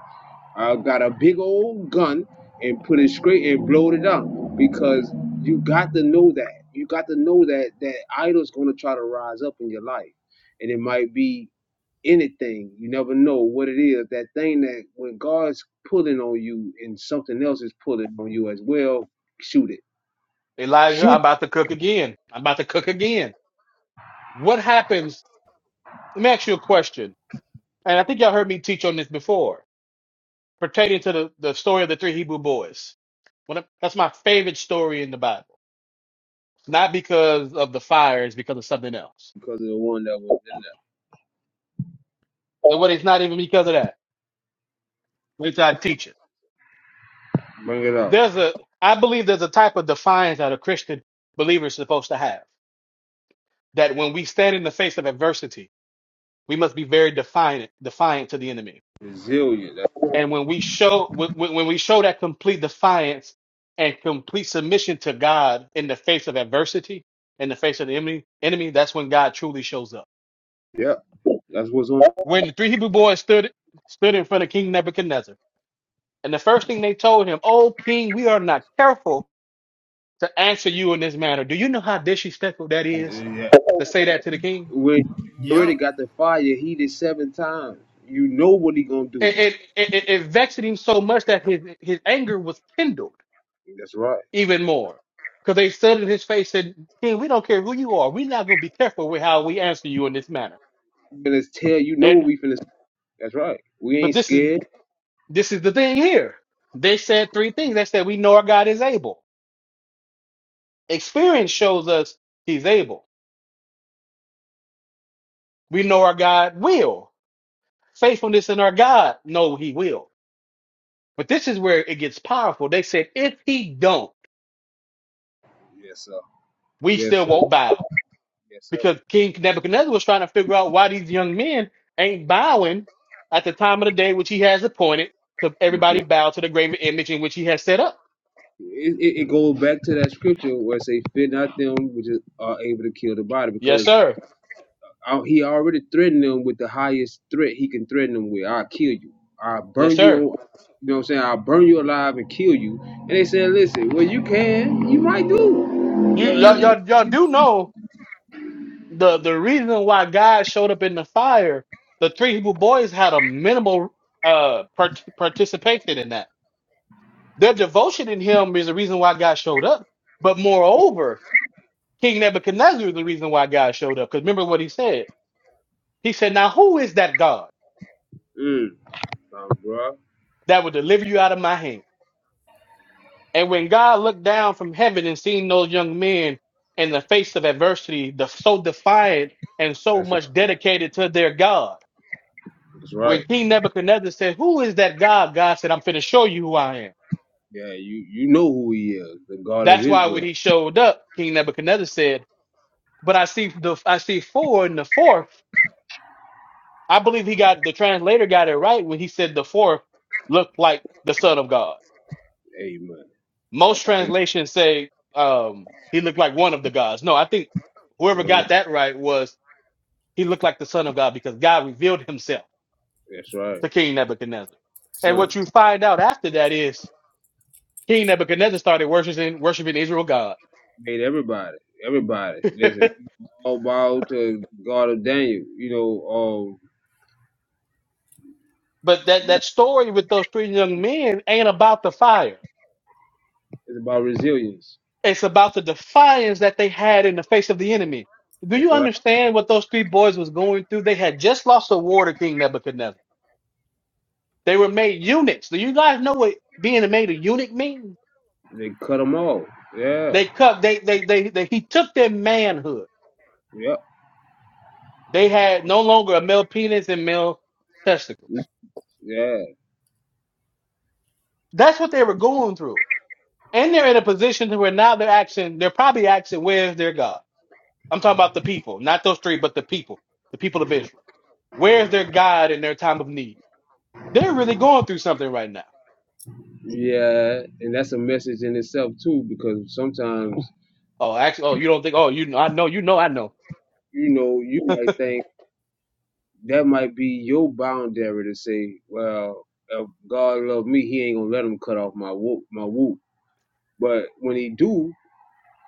Speaker 6: I got a big old gun and put it straight and blowed it up because you got to know that you got to know that that idol's gonna try to rise up in your life, and it might be anything. You never know what it is. That thing that when God's pulling on you and something else is pulling on you as well, shoot it.
Speaker 2: Elijah,
Speaker 6: Shoot
Speaker 2: I'm
Speaker 6: it
Speaker 2: about to cook again. I'm about to cook again. What happens? Let me ask you a question. And I think y'all heard me teach on this before, pertaining to the, the story of the three Hebrew boys. One of- that's my favorite story in the Bible. Not because of the fire, it's because of something else.
Speaker 6: because of the one that was in
Speaker 2: And what it's not even because of that. Which I teach it.
Speaker 6: there. Bring it up.
Speaker 2: There's a I believe there's a type of defiance that a Christian believer is supposed to have. That when we stand in the face of adversity, we must be very defiant defiant to the enemy
Speaker 6: Resilient. That,
Speaker 2: And when we show when, when we show that complete defiance and complete submission to God in the face of adversity, in the face of the enemy, enemy, that's when God truly shows up.
Speaker 6: yeah, that's what's on.
Speaker 2: When the three Hebrew boys stood stood in front of King Nebuchadnezzar, and the first thing they told him, "Oh King, we are not careful to answer you in this manner. Do you know how disrespectful that is to say that to the king?"
Speaker 6: When you already
Speaker 7: Yep.
Speaker 6: got the fire heated seven times, you know what he gonna do.
Speaker 2: It it it, it it vexed him so much that his his anger was kindled
Speaker 6: That's right.
Speaker 2: even more. Because they said in his face, said, King, we don't care who you are. We're not going to be careful with how we answer you in this manner.
Speaker 6: Finna tell you know what
Speaker 2: And
Speaker 6: we finna. That's right. We
Speaker 2: but
Speaker 6: ain't
Speaker 2: this is
Speaker 6: scared.
Speaker 2: this is the thing here. They said three things. They said, We know our God is able. Experience shows us he's able. We know our God will. Faithfulness in our God know he will. But this is where it gets powerful. They said, if he don't,
Speaker 6: Yes sir.
Speaker 2: we
Speaker 6: Yes
Speaker 2: still
Speaker 6: sir.
Speaker 2: won't bow.
Speaker 6: Yes sir.
Speaker 2: because King Nebuchadnezzar was trying to figure out why these young men ain't bowing at the time of the day which he has appointed to
Speaker 6: thank you.
Speaker 2: everybody bow to the graven image in which he has set up.
Speaker 6: it, it, it goes back to that scripture where it says, "Fear not them which is- are able to kill the body," because
Speaker 2: Yes, sir.
Speaker 6: uh, he already threatened them with the highest threat he can threaten them with. I'll kill you. I'll
Speaker 2: Yes,
Speaker 6: burn you. On,
Speaker 2: sir.
Speaker 6: you know what I'm saying? I'll burn you alive and kill you. And they said, "Listen, well, you can. You might do."
Speaker 2: You
Speaker 6: You know,
Speaker 2: y'all
Speaker 6: that's,
Speaker 2: y'all, y'all do know the the reason why God showed up in the fire. The three Hebrew boys had a minimal uh part- participation in that. Their devotion in Him is the reason why God showed up. But moreover, King Nebuchadnezzar is the reason why God showed up. Because remember what he said. He said, "Now who is that God?"
Speaker 6: mm, nah, bro.
Speaker 2: that will deliver you out of my hand. And when God looked down from heaven and seen those young men in the face of adversity, the so defiant and so
Speaker 6: That's
Speaker 2: much dedicated to their God,
Speaker 6: that's right.
Speaker 2: when King Nebuchadnezzar said, Who is that God? God said, I'm finna show you who I am.
Speaker 6: Yeah, you you know who he is, the God of
Speaker 2: That's why when
Speaker 6: Israel.
Speaker 2: he showed up, King Nebuchadnezzar said, But I see the I see four and the fourth. I believe he got the translator got it right when he said the fourth looked like the Son of God
Speaker 6: Amen.
Speaker 2: Most
Speaker 6: That's how he.
Speaker 2: translations say um, he looked like one of the gods. No, I think whoever
Speaker 6: You know,
Speaker 2: got that right was he looked like the son of God because God revealed himself
Speaker 6: that's right,
Speaker 2: to King Nebuchadnezzar. And
Speaker 6: son.
Speaker 2: what you find out after that is King Nebuchadnezzar started worshiping worshiping Israel God.
Speaker 6: Made everybody. Everybody. Listen.
Speaker 2: but
Speaker 6: all bow God of Daniel. You know, um,
Speaker 2: that, that story with those three young men ain't about the fire.
Speaker 6: it's about resilience.
Speaker 2: It's about the defiance that they had in the face of the enemy. Do
Speaker 6: That's
Speaker 2: you
Speaker 6: right.
Speaker 2: understand what those three boys was going through? They had just lost a war to King Nebuchadnezzar. They were made eunuchs. Do you guys know what being made a eunuch means?
Speaker 6: They cut them all. Yeah.
Speaker 2: They cut. They, they they they he took their manhood.
Speaker 6: Yep.
Speaker 2: They had no longer a male penis and male testicles.
Speaker 6: Yeah.
Speaker 2: That's what they were going through, and they're in a position to where now they're asking. They're probably asking, "Where's their God?" I'm talking about the people, not those three, but the people, the people of Israel. Where's their God in their time of need? They're really going through something right now.
Speaker 6: Yeah. And that's a message in itself too, because sometimes
Speaker 2: Oh, actually, oh, you don't think? Oh, you, I know, you know, I know.
Speaker 6: you know you might think that might be your boundary to say, well, if God love me, He ain't gonna let him cut off my whoop, my whoop. But when He do,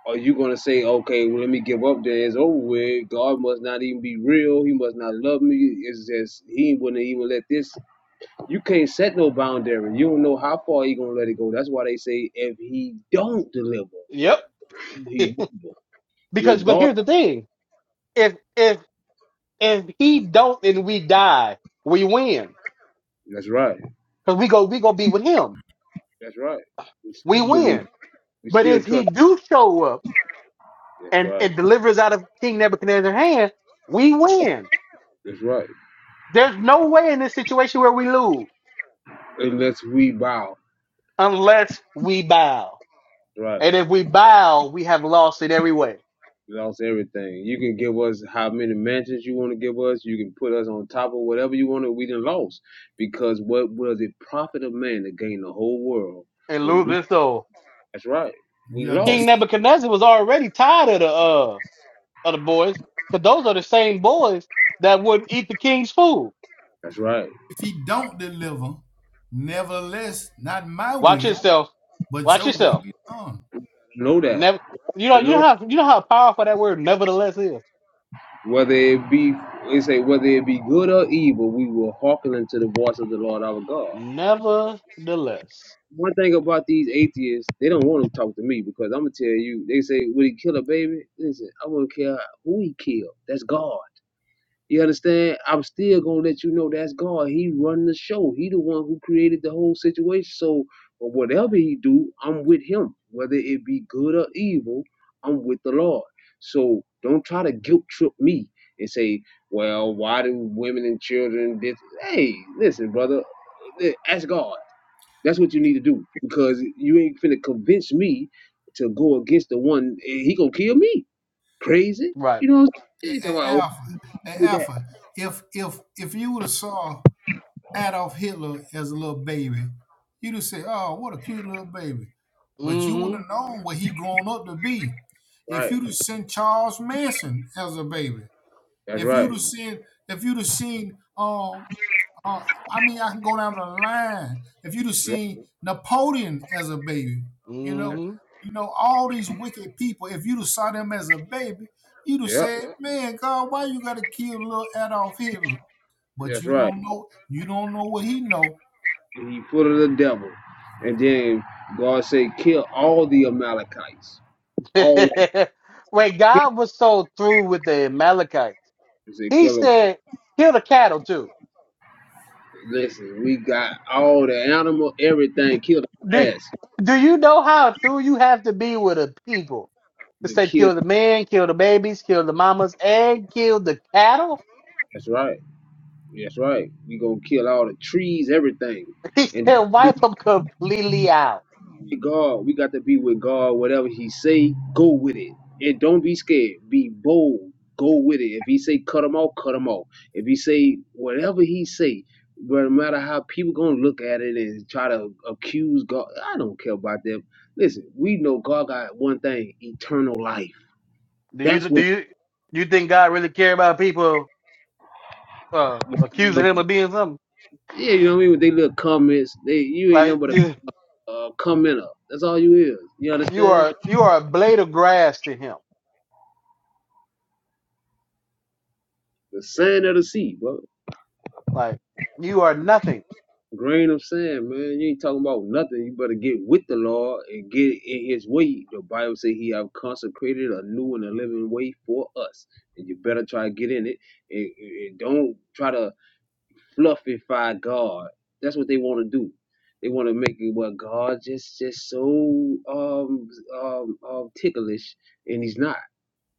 Speaker 6: Are you gonna say, okay, well, let me give up? Then it's over with. God must not even be real. He must not love me. It's just He wouldn't even let this. You can't set no boundary. You don't know how far He gonna let it go. That's why they say if He don't deliver,
Speaker 2: Yep.
Speaker 6: He will.
Speaker 2: because, but
Speaker 6: Regardless,
Speaker 2: here's the thing: if if If he don't and we die, we win.
Speaker 6: that's right.
Speaker 2: Because we go we go be with him.
Speaker 6: That's right. We
Speaker 2: We
Speaker 6: still believe.
Speaker 2: win.
Speaker 6: We
Speaker 2: But
Speaker 6: still
Speaker 2: if he
Speaker 6: trust.
Speaker 2: do show up
Speaker 6: That's
Speaker 2: and,
Speaker 6: right.
Speaker 2: and delivers out of King Nebuchadnezzar's hand, we win.
Speaker 6: That's right.
Speaker 2: There's no way in this situation where we lose
Speaker 6: Unless we bow.
Speaker 2: unless we bow.
Speaker 6: Right.
Speaker 2: And if we bow, we have lost in every way
Speaker 6: We lost everything. You can give us how many mansions you want to give us. You can put us on top of whatever you want to. We done lost because what was it profit of man to gain the whole world?
Speaker 2: and lose this soul.
Speaker 6: That's right. We
Speaker 7: Yeah,
Speaker 6: lost.
Speaker 2: King
Speaker 7: just
Speaker 2: Nebuchadnezzar was already tired of the uh of the boys, because those are the same boys that would eat the king's food.
Speaker 6: That's right.
Speaker 7: if he don't deliver, nevertheless, not my
Speaker 2: Watch
Speaker 7: will,
Speaker 2: yourself.
Speaker 7: but
Speaker 2: Watch
Speaker 7: your
Speaker 2: yourself.
Speaker 7: will be done.
Speaker 6: Know that.
Speaker 2: Never, you know, you
Speaker 6: Know
Speaker 2: know
Speaker 6: that.
Speaker 2: how you know how powerful that word "nevertheless" is.
Speaker 6: whether it be they say whether it be good or evil, we will hearken unto the voice of the Lord our God.
Speaker 2: Nevertheless,
Speaker 6: One thing about these atheists, they don't want to talk to me because I'm gonna tell you. They say, "Would he kill a baby?" Listen, I wouldn't care who he killed. That's God. You understand? I'm still gonna let you know that's God. He run the show. He the one who created the whole situation. So uh, whatever he do, I'm with him. Whether it be good or evil, I'm with the Lord. So don't try to guilt trip me and say, "Well, why do women and children?" This? Hey, listen, brother, ask God. That's what you need to do because you ain't finna convince me to go against the one. He gonna kill me. Crazy,
Speaker 2: right?
Speaker 6: you know? What I'm saying? He talking about, oh,
Speaker 7: Alpha,
Speaker 6: he did that,
Speaker 7: Alpha. If if if you would have saw Adolf Hitler as a little baby, you'd have said, "Oh, what a cute little baby," but you wouldn't
Speaker 2: Mm-hmm.
Speaker 7: have known what he grown up to be. If
Speaker 6: right?
Speaker 7: you'd have seen Charles Manson as a baby,
Speaker 6: That's
Speaker 7: if you'd
Speaker 6: right.
Speaker 7: have seen if you'd have seen um uh, I mean, I can go down the line. If you'd have
Speaker 6: That's right.
Speaker 7: seen Napoleon as a baby, you know, you know all these wicked people. If you'd have saw them as a baby, you'd have
Speaker 6: Yep.
Speaker 7: said, "Man, God, why you got to kill little Adolf Hitler?" But
Speaker 6: That's
Speaker 7: you
Speaker 6: right.
Speaker 7: don't know. You don't know what he know.
Speaker 6: And he put of the devil. And then God said, kill all the Amalekites. All of them.
Speaker 2: Mm-hmm. when God was so through with the Amalekites,
Speaker 6: He said,
Speaker 2: He
Speaker 6: kill them.
Speaker 2: said, "Kill the cattle too."
Speaker 6: Listen, we got all the animal, everything. Kill the
Speaker 2: Do
Speaker 6: grass.
Speaker 2: Do you know how through you have to be with a people to
Speaker 6: Then
Speaker 2: say,
Speaker 6: kill.
Speaker 2: "Kill the men, kill the babies, kill the mamas, and kill the cattle"?
Speaker 6: That's right. That's right. We gonna kill all the trees, everything.
Speaker 2: He said,
Speaker 6: And
Speaker 2: "Wipe them completely out."
Speaker 6: God. We got to be with God. Whatever He say, go with it, and don't be scared. Be bold. Go with it. If He say cut them off, cut them off. If He say whatever He say, but no matter how people gonna look at it and try to accuse God, I don't care about them. Listen, we know God got one thing: eternal life.
Speaker 2: Do you
Speaker 6: That's
Speaker 2: do
Speaker 6: what.
Speaker 2: you you think God really care about people uh, accusing him of being something.
Speaker 6: Yeah, you know what I mean. With they little comments, they you ain't
Speaker 2: Like
Speaker 6: nothing but
Speaker 2: you,
Speaker 6: a uh, commenter. That's all you is. You
Speaker 2: you
Speaker 6: understand?
Speaker 2: are you are a blade of grass to him.
Speaker 6: The sand of the sea, bro.
Speaker 2: Like you are nothing.
Speaker 6: Grain, I'm saying, man, you ain't talking about nothing. You better get with the Lord and get in His way. The Bible say He have consecrated a new and a living way for us, and you better try to get in it. And, and don't try to fluffify God. That's what they want to do. They want to make it well. God just just so um um um ticklish, and He's not.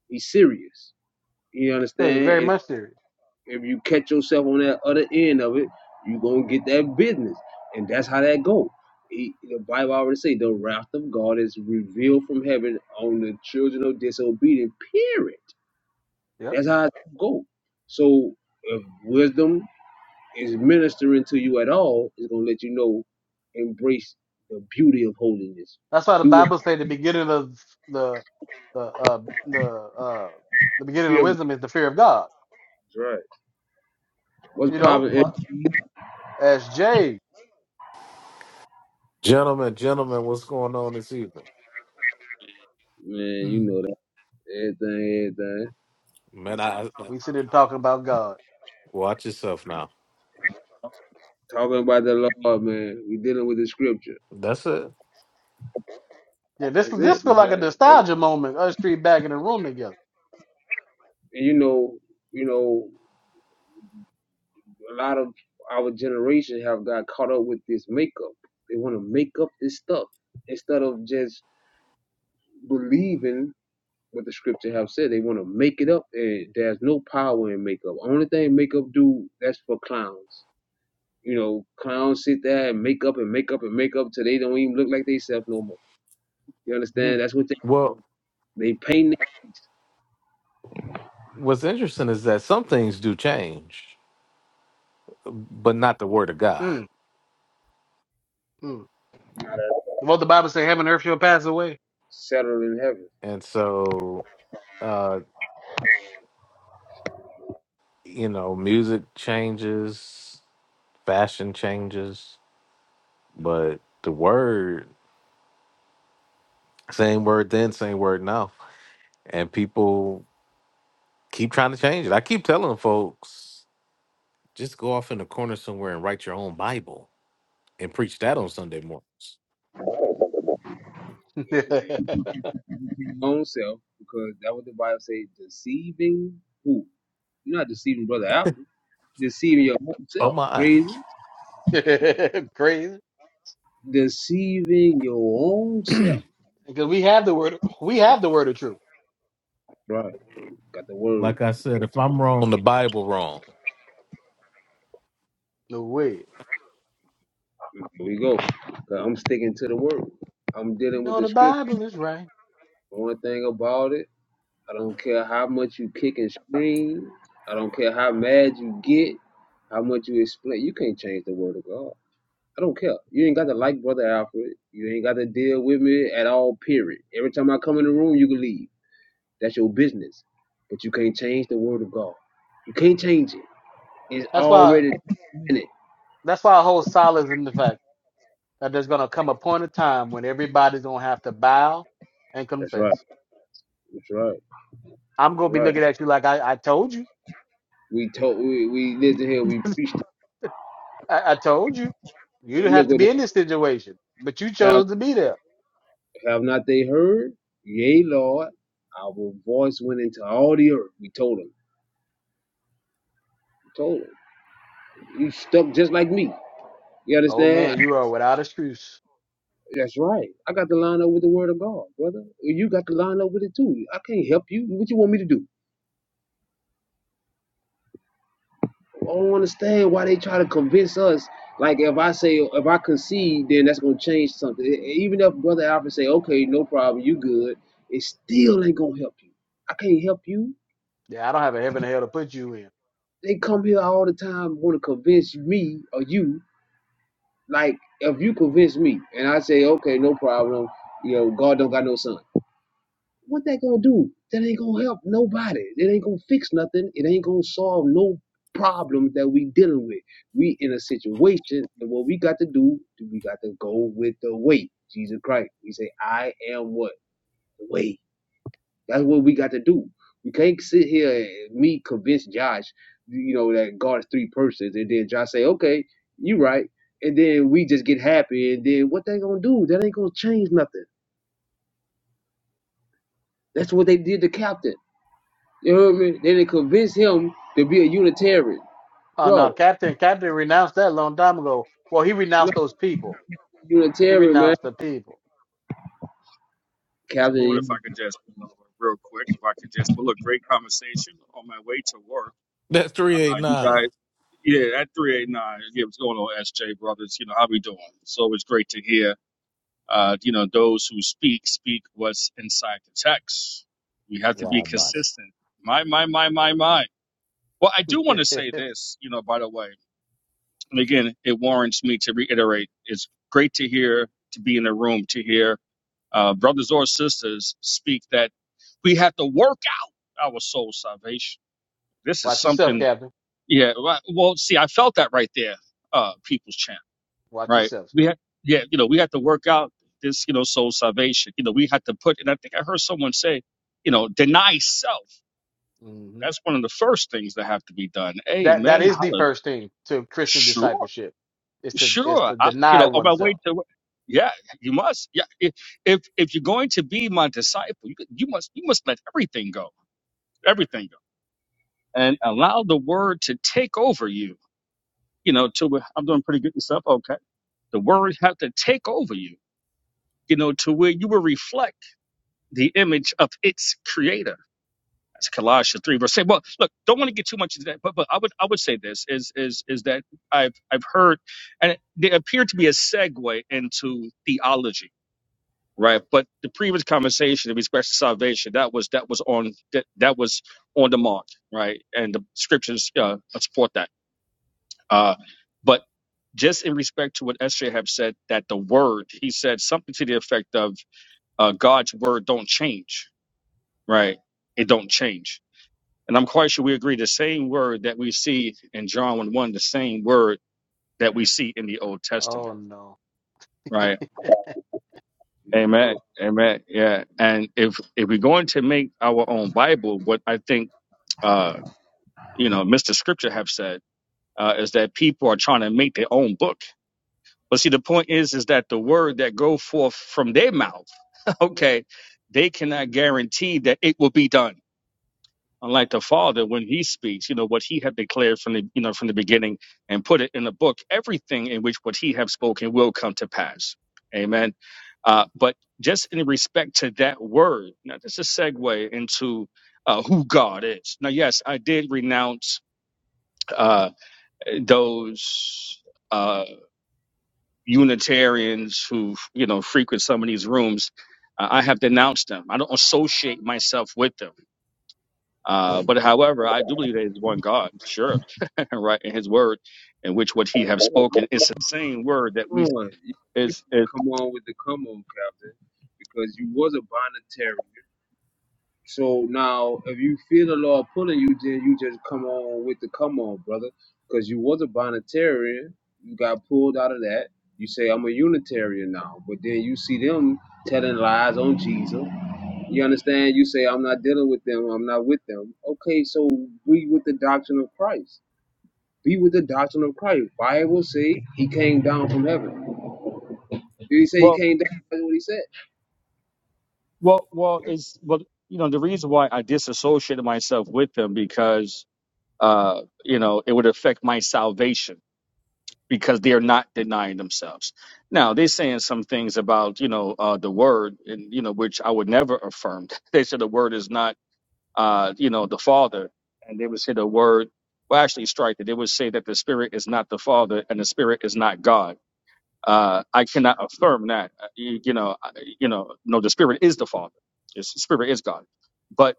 Speaker 6: He's serious. You
Speaker 2: Hey,
Speaker 6: understand?
Speaker 2: very
Speaker 6: And
Speaker 2: much serious.
Speaker 6: if you catch yourself on that other end of it, you gonna get that business, and that's how that go. E, the Bible already say the wrath of God is revealed from heaven on the children of disobedient. Period.
Speaker 2: Yep.
Speaker 6: That's how it go. So if wisdom is ministering to you at all, it's gonna let you know, embrace the beauty of holiness.
Speaker 2: That's why the
Speaker 6: Do what
Speaker 2: Bible say the beginning of the the uh, the uh, the
Speaker 6: you
Speaker 2: beginning of
Speaker 6: feel. That's
Speaker 2: wisdom is the fear of God.
Speaker 6: right. What's
Speaker 2: You know,
Speaker 6: popping?
Speaker 2: Like, as Jay,
Speaker 9: Gentlemen, gentlemen, what's going on this evening?
Speaker 6: Man, you
Speaker 7: Hmm.
Speaker 6: know that everything, everything.
Speaker 9: Man, I, I-
Speaker 2: we sit here talking about God.
Speaker 9: watch yourself now.
Speaker 6: talking about the Lord, man. We dealing with the scripture.
Speaker 9: That's it.
Speaker 2: Yeah, this
Speaker 6: That's
Speaker 2: this
Speaker 6: it,
Speaker 2: feel like a
Speaker 6: man. That's
Speaker 2: nostalgia moment. Us three back in the room together.
Speaker 6: and you know, you know, a lot of our generation have got caught up with this makeup. They want to make up this stuff instead of just believing what the scripture have said. They want to make it up, and there's no power in makeup. Only thing makeup do that's for clowns. You know, clowns sit there and make up and make up and make up till they don't even look like they self no more. You understand?
Speaker 2: Mm,
Speaker 6: That's what they want.
Speaker 9: Well,
Speaker 6: they paint their face,
Speaker 9: what's interesting is that some things do change, but not the word of God.
Speaker 2: mm, mm. What the Bible say, heaven and earth shall pass away.
Speaker 6: settled in heaven.
Speaker 9: And so, uh, you know, music changes, fashion changes, but the word, same word then, same word now. And people keep trying to change it. I keep telling folks, just go off in a corner somewhere and write your own Bible and preach that on Sunday mornings.
Speaker 6: and, and his own self, because that what the Bible say, deceiving who? You're not deceiving brother Alfred. Deceiving your own
Speaker 9: Oh
Speaker 6: self.
Speaker 9: my.
Speaker 6: Crazy.
Speaker 2: Crazy.
Speaker 6: Deceiving your own self.
Speaker 2: Because we have the word, we have the word of truth.
Speaker 6: Right. Got the word.
Speaker 9: Like I said, if I'm On wrong, the Bible wrong.
Speaker 2: No way.
Speaker 6: Here we go. 'Cause I'm sticking to the
Speaker 2: I
Speaker 6: word. I'm dealing with
Speaker 2: know
Speaker 6: the
Speaker 2: the
Speaker 6: scripture.
Speaker 2: Bible is right.
Speaker 6: One thing about it, I don't care how much you kick and scream. I don't care how mad you get, how much you explain. You can't change the word of God. I don't care. You ain't got to like Brother Alfred. You ain't got to deal with me at all, period. Every time I come in the room, you can leave. That's your business. But you can't change the word of God. You can't change it. It's
Speaker 2: That's why.
Speaker 6: already in it.
Speaker 2: That's why I hold solid in the fact that there's gonna come a point of time when everybody's gonna have to bow and
Speaker 6: That's right.
Speaker 2: confess.
Speaker 6: That's right.
Speaker 2: I'm gonna
Speaker 6: That's
Speaker 2: be
Speaker 6: right.
Speaker 2: looking at you like I, I told you.
Speaker 6: We told we, we lived in here, we preached. it.
Speaker 2: I, I told you. You didn't
Speaker 6: And look
Speaker 2: have to
Speaker 6: at
Speaker 2: be in this situation, but you
Speaker 6: the, have
Speaker 2: chose to be there.
Speaker 6: have not they heard? Yea, Lord. Our voice went into all the earth. We told them. We told them. You stuck just like me. You
Speaker 2: Oh
Speaker 6: understand?
Speaker 2: man, you are without excuse.
Speaker 6: That's right. I got to line up with the word of God, brother. You got to line up with it too. I can't help you. What you want me to do? I don't understand why they try to convince us. Like if I say if I concede, then that's gonna change something. E- e, Even if Brother Alfred say, okay, no problem, you good, it still ain't gonna help you. I can't help you.
Speaker 2: Yeah, I don't have a heaven or hell to put you in.
Speaker 6: They come here all the time want to convince me or you. Like if you convince me and I say, okay, no problem, you know, God don't got no son. what that gonna do? That ain't gonna help nobody. It ain't gonna fix nothing. It ain't gonna solve no problem that we dealing with. We in a situation, and what we got to do, we got to go with the way. Jesus Christ. We say, I am what? The way. That's what we got to do. We can't sit here and me convince Josh, you know, that God is three persons, and then Josh say, okay, you right. And then we just get happy, and then what they gonna do? That ain't gonna change nothing. That's what they did to Captain. You know what I mean? Then they convinced him to be a Unitarian.
Speaker 2: Oh no,
Speaker 6: Bro,
Speaker 2: Captain, Captain renounced that a long time ago. Well, he
Speaker 6: you know,
Speaker 2: renounced those people. He
Speaker 6: Unitarian, man.
Speaker 2: renounced the people.
Speaker 10: Praise the
Speaker 6: Captain,
Speaker 2: He
Speaker 10: Lord.
Speaker 2: re-
Speaker 10: If I
Speaker 6: you,
Speaker 10: could just, uh, real quick, if I could just, well, look, great conversation on my way to work.
Speaker 9: That's
Speaker 10: Uh, you guys,
Speaker 9: 389.
Speaker 10: yeah, at 389, yeah, what's going on, SJ brothers? You know, how we doing? So It's always great to hear, uh, you know, those who speak, speak what's inside the text. We have to be
Speaker 9: Wow, boss.
Speaker 10: consistent. My, my, my, my, my. Well, I do want to say this, you know, by the way, and again, it warrants me to reiterate. It's great to hear, to be in the room, to hear uh, brothers or sisters speak that we have to work out our soul salvation. This is
Speaker 2: Watch yourself,
Speaker 10: something,
Speaker 2: Captain.
Speaker 10: yeah. right- Well, see, I felt that right there, uh, people's champ,
Speaker 2: Watch
Speaker 10: right?
Speaker 2: yourself,
Speaker 10: We
Speaker 2: sir.
Speaker 10: had, yeah, you know, we had to work out this, you know, soul salvation. You know, we had to put, and I think I heard someone say, you know, deny self.
Speaker 2: hmm
Speaker 10: That's one of the first things that have to be done.
Speaker 2: That that
Speaker 10: Amen.
Speaker 2: is the first thing to Christian
Speaker 10: Hallelujah.
Speaker 2: discipleship is to is
Speaker 10: Sure,
Speaker 2: to
Speaker 10: I, you
Speaker 2: deny
Speaker 10: know, on my way
Speaker 2: oneself.
Speaker 10: to yeah, you must. Yeah, if if if you're going to be my disciple, you, you must you must let everything go, everything go, and allow the word to take over you. You know, to where- I'm doing pretty good yourself. Okay, the word have to take over you. You know, to where you will reflect the image of its creator. That's Colossians three verse eight. Well, look, don't want to get too much into that, but but I would I would say this is is is that I've I've heard, and there appeared to be a segue into theology right? But the previous conversation in respect to salvation that was that was on that, that was on the mark, right? And the scriptures uh, support that. Uh, but just in respect to what SJ have said, that the word he said something to the effect of uh, God's word don't change, right? It don't change. And I'm quite sure we agree the same word that we see in John 1 1, the same word that we see in the Old
Speaker 2: Oh
Speaker 10: Testament,
Speaker 2: no.
Speaker 10: right?
Speaker 6: you can go.
Speaker 10: Amen. Amen. Yeah. And if if we're going to make our own Bible, what I think uh you know Mr. Scripture have said uh, is that people are trying to make their own book. But see, the point is, is that the word that go forth from their mouth, okay, they cannot guarantee that it will be done unlike the father when he speaks you know what he had declared from the you know from the beginning and put it in the book everything in which what he have spoken will come to pass amen uh, but just in respect to that word now this is a segue into uh, who god is now yes i did renounce uh, those uh, unitarians who you know frequent some of these rooms uh, i have denounced them i don't associate myself with them uh, but however, I do believe there is one God, sure and right in his word in which what he have spoken it's the same word that we
Speaker 6: Come on. You, you
Speaker 10: is
Speaker 6: can
Speaker 10: is
Speaker 6: come on with the come on, Captain, because you was a Bonnetarian. So now, if you feel the law pulling you, then you just come on with the come on, brother, because you was a Bonnetarian. You got pulled out of that. You say, I'm a Unitarian now. But then you see them telling lies on Jesus. You understand? You say, I'm not dealing with them, I'm not with them. Okay, so be with the doctrine of Christ. Be with the doctrine of Christ. Bible say he came down from heaven. Did he say he
Speaker 10: well
Speaker 6: came down? That's what he said.
Speaker 10: well well is well you know the reason why i disassociated myself with them because uh you know it would affect my salvation because they're not denying themselves now they're saying some things about you know uh the word and you know which i would never affirm they said the word is not uh, you know, the Father, and they would say the word. Well, actually, strike it. They would say that the Spirit is not the Father and the Spirit is not God. Uh, I cannot affirm that. Uh, You, you know, I- you know, no, the Spirit is the Father. It's, the Spirit is God. But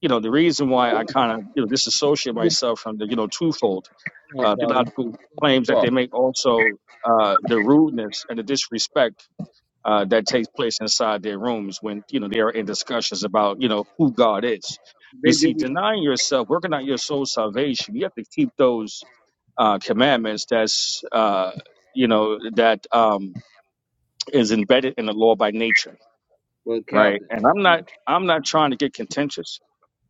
Speaker 10: you know, the reason why I kind of you know disassociate myself from the you know twofold
Speaker 6: Come on,
Speaker 10: uh,
Speaker 6: Calvin.
Speaker 10: theological claims that
Speaker 6: Well,
Speaker 10: they make also uh, the rudeness and the disrespect uh, that takes place inside their rooms when you know they are in discussions about you know who God is.
Speaker 6: they
Speaker 10: You see,
Speaker 6: different
Speaker 10: denying yourself, working out your soul salvation, you have to keep those uh, commandments. That's uh, you know that um, is embedded in the law by nature,
Speaker 6: well,
Speaker 10: right?
Speaker 6: Captain.
Speaker 10: And I'm not I'm not trying to get contentious.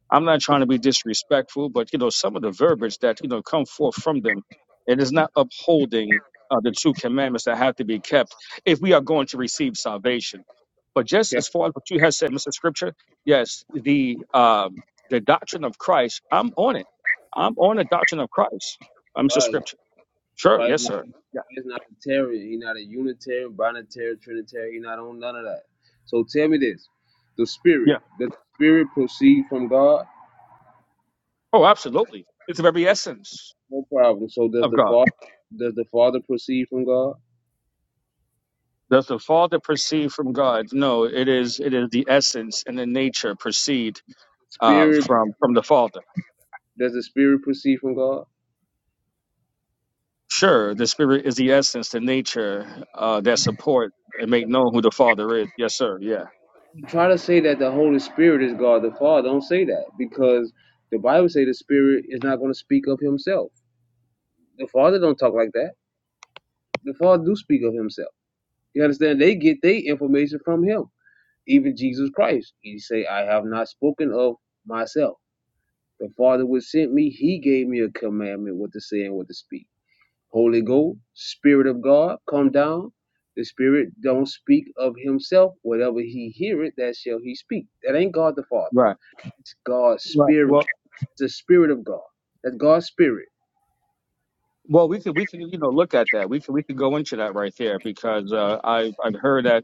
Speaker 10: I'm not trying to be disrespectful, but you know, some of the verbiage that you know come forth from them, it is not upholding uh, the two commandments that have to be kept if we are going to receive salvation. But just as
Speaker 6: Captain
Speaker 10: far as what you have said, Mr. Scripture, yes, the um, the doctrine of Christ, I'm on it. I'm on the doctrine of Christ, uh, Mr.
Speaker 6: Christ,
Speaker 10: Scripture. Sure,
Speaker 6: Christ
Speaker 10: yes,
Speaker 6: is
Speaker 10: sir. Yeah,
Speaker 6: not a Tarian. He's not a Unitarian, Binitarian, Trinitarian. He's not on none of that. So tell me this. The spirit.
Speaker 10: yeah.
Speaker 6: Does the spirit proceed from God?
Speaker 10: Oh, absolutely. It's the very essence
Speaker 6: No problem. So does
Speaker 10: of
Speaker 6: the
Speaker 10: God.
Speaker 6: Father does the Father proceed from God?
Speaker 10: Does the Father proceed from God? No, it is. It is the essence and the nature proceed uh,
Speaker 6: Spirit
Speaker 10: from from the Father.
Speaker 6: does the spirit proceed from God?
Speaker 10: Sure, the Spirit is the essence, the nature uh, that support and make known who the Father is. Yes, sir. Yeah.
Speaker 6: Try to say that the Holy Spirit is God the Father. Don't say that because the Bible say the Spirit is not going to speak of Himself. The Father don't talk like that. The Father do speak of Himself. You understand? They get their information from Him. Even Jesus Christ, He say, "I have not spoken of myself. The Father which sent me, He gave me a commandment what to say and what to speak." Holy Ghost, Spirit of God, come down. The Spirit don't speak of himself. Whatever he heareth, that shall he speak. That ain't God the Father.
Speaker 10: Right.
Speaker 6: It's God's
Speaker 10: Right.
Speaker 6: Spirit.
Speaker 10: Well.
Speaker 6: It's the Spirit of God. That's God's Spirit.
Speaker 10: Well, we could we can you know look at that. We could we could go into that right there because uh, I I've heard that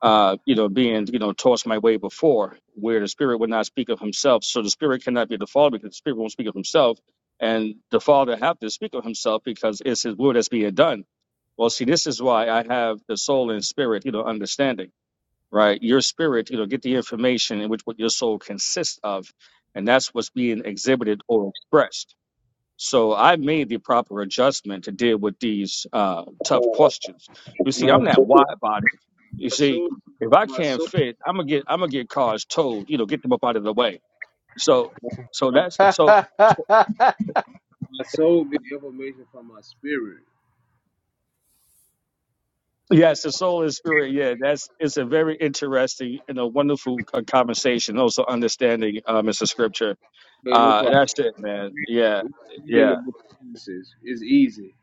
Speaker 10: uh, you know being you know tossed my way before where the Spirit would not speak of Himself. So the Spirit cannot be the Father because the Spirit won't speak of Himself, and the Father have to speak of Himself because it's His will that's being done. Well, see, this is why I have the soul and spirit, you know, understanding right? Your spirit, you know, get the information in which what your soul consists of, and that's what's being exhibited or expressed. So I made the proper adjustment to deal with these uh, tough questions. You see,
Speaker 6: My
Speaker 10: I'm not
Speaker 6: soul,
Speaker 10: wide bodied. You
Speaker 6: my
Speaker 10: see,
Speaker 6: soul,
Speaker 10: if I
Speaker 6: my
Speaker 10: can't
Speaker 6: soul,
Speaker 10: fit, I'm gonna get I'm gonna get cars towed. You know, get them up out of the way. So, so
Speaker 6: my,
Speaker 10: that's
Speaker 2: I,
Speaker 6: my
Speaker 10: so.
Speaker 6: soul get information from my spirit.
Speaker 10: Yes, the soul and spirit. Yeah, that's it's a very interesting and a wonderful uh, conversation. Also understanding, um, it's a scripture
Speaker 6: But no
Speaker 10: Uh,
Speaker 6: problem.
Speaker 10: that's it, man. Yeah,
Speaker 6: Reading the
Speaker 10: yeah,
Speaker 6: book of Genesis is easy.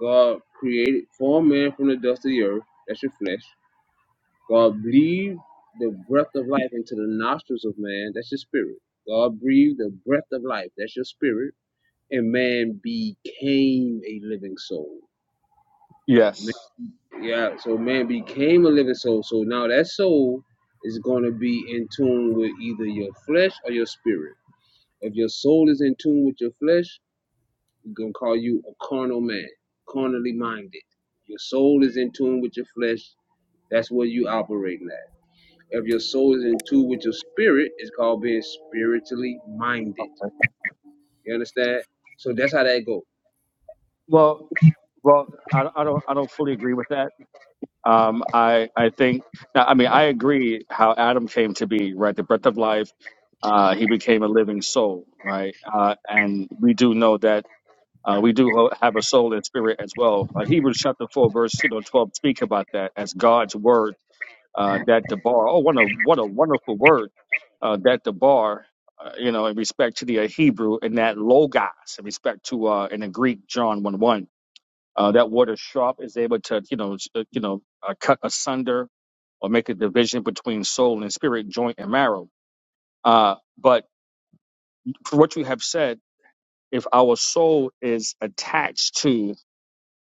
Speaker 6: God created form man from the dust of the earth. That's your flesh. God breathed the breath of life into the nostrils of man. That's your spirit. God breathed the breath of life. That's your spirit. And man became a living soul.
Speaker 10: yes.
Speaker 6: Man- yeah, so man became a living soul. So now that soul is going to be in tune with either your flesh or your spirit. If your soul is in tune with your flesh, we're going to call you a carnal man, carnally minded. Your soul is in tune with your flesh. That's where you operating at. If your soul is in tune with your spirit, it's called being spiritually minded. You understand? So that's how that goes.
Speaker 10: Well, well, I, I don't, I don't fully agree with that. Um, I, I think, now, I mean, I agree how Adam came to be, right? The breath of life. Uh, he became a living soul, right? Uh, and we do know that uh, we do ho- have a soul and spirit as well. Uh, Hebrews chapter four, verse you know twelve, speak about that as God's word uh, that the bar. Oh, what a what a wonderful word uh, that the bar. Uh, you know, in respect to the uh, Hebrew and that logos, in respect to uh, in the Greek John one one, uh, that word is sharp is able to you know s- uh, you know uh, cut asunder or make a division between soul and spirit, joint and marrow. Uh, but for what you have said, if our soul is attached to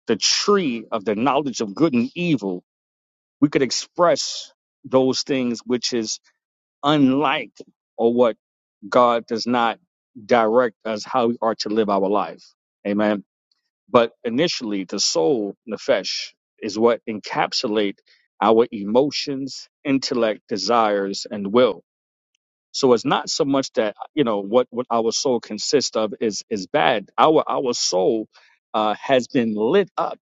Speaker 10: the tree of the knowledge of good and evil, we could express those things which is unliked or what God does not direct us how we are to live our life. Amen. But initially, the soul, nefesh, is what encapsulate our emotions, intellect, desires, and will. So it's not so much that you know what what our soul consists of is is bad. Our our soul uh, has been lit up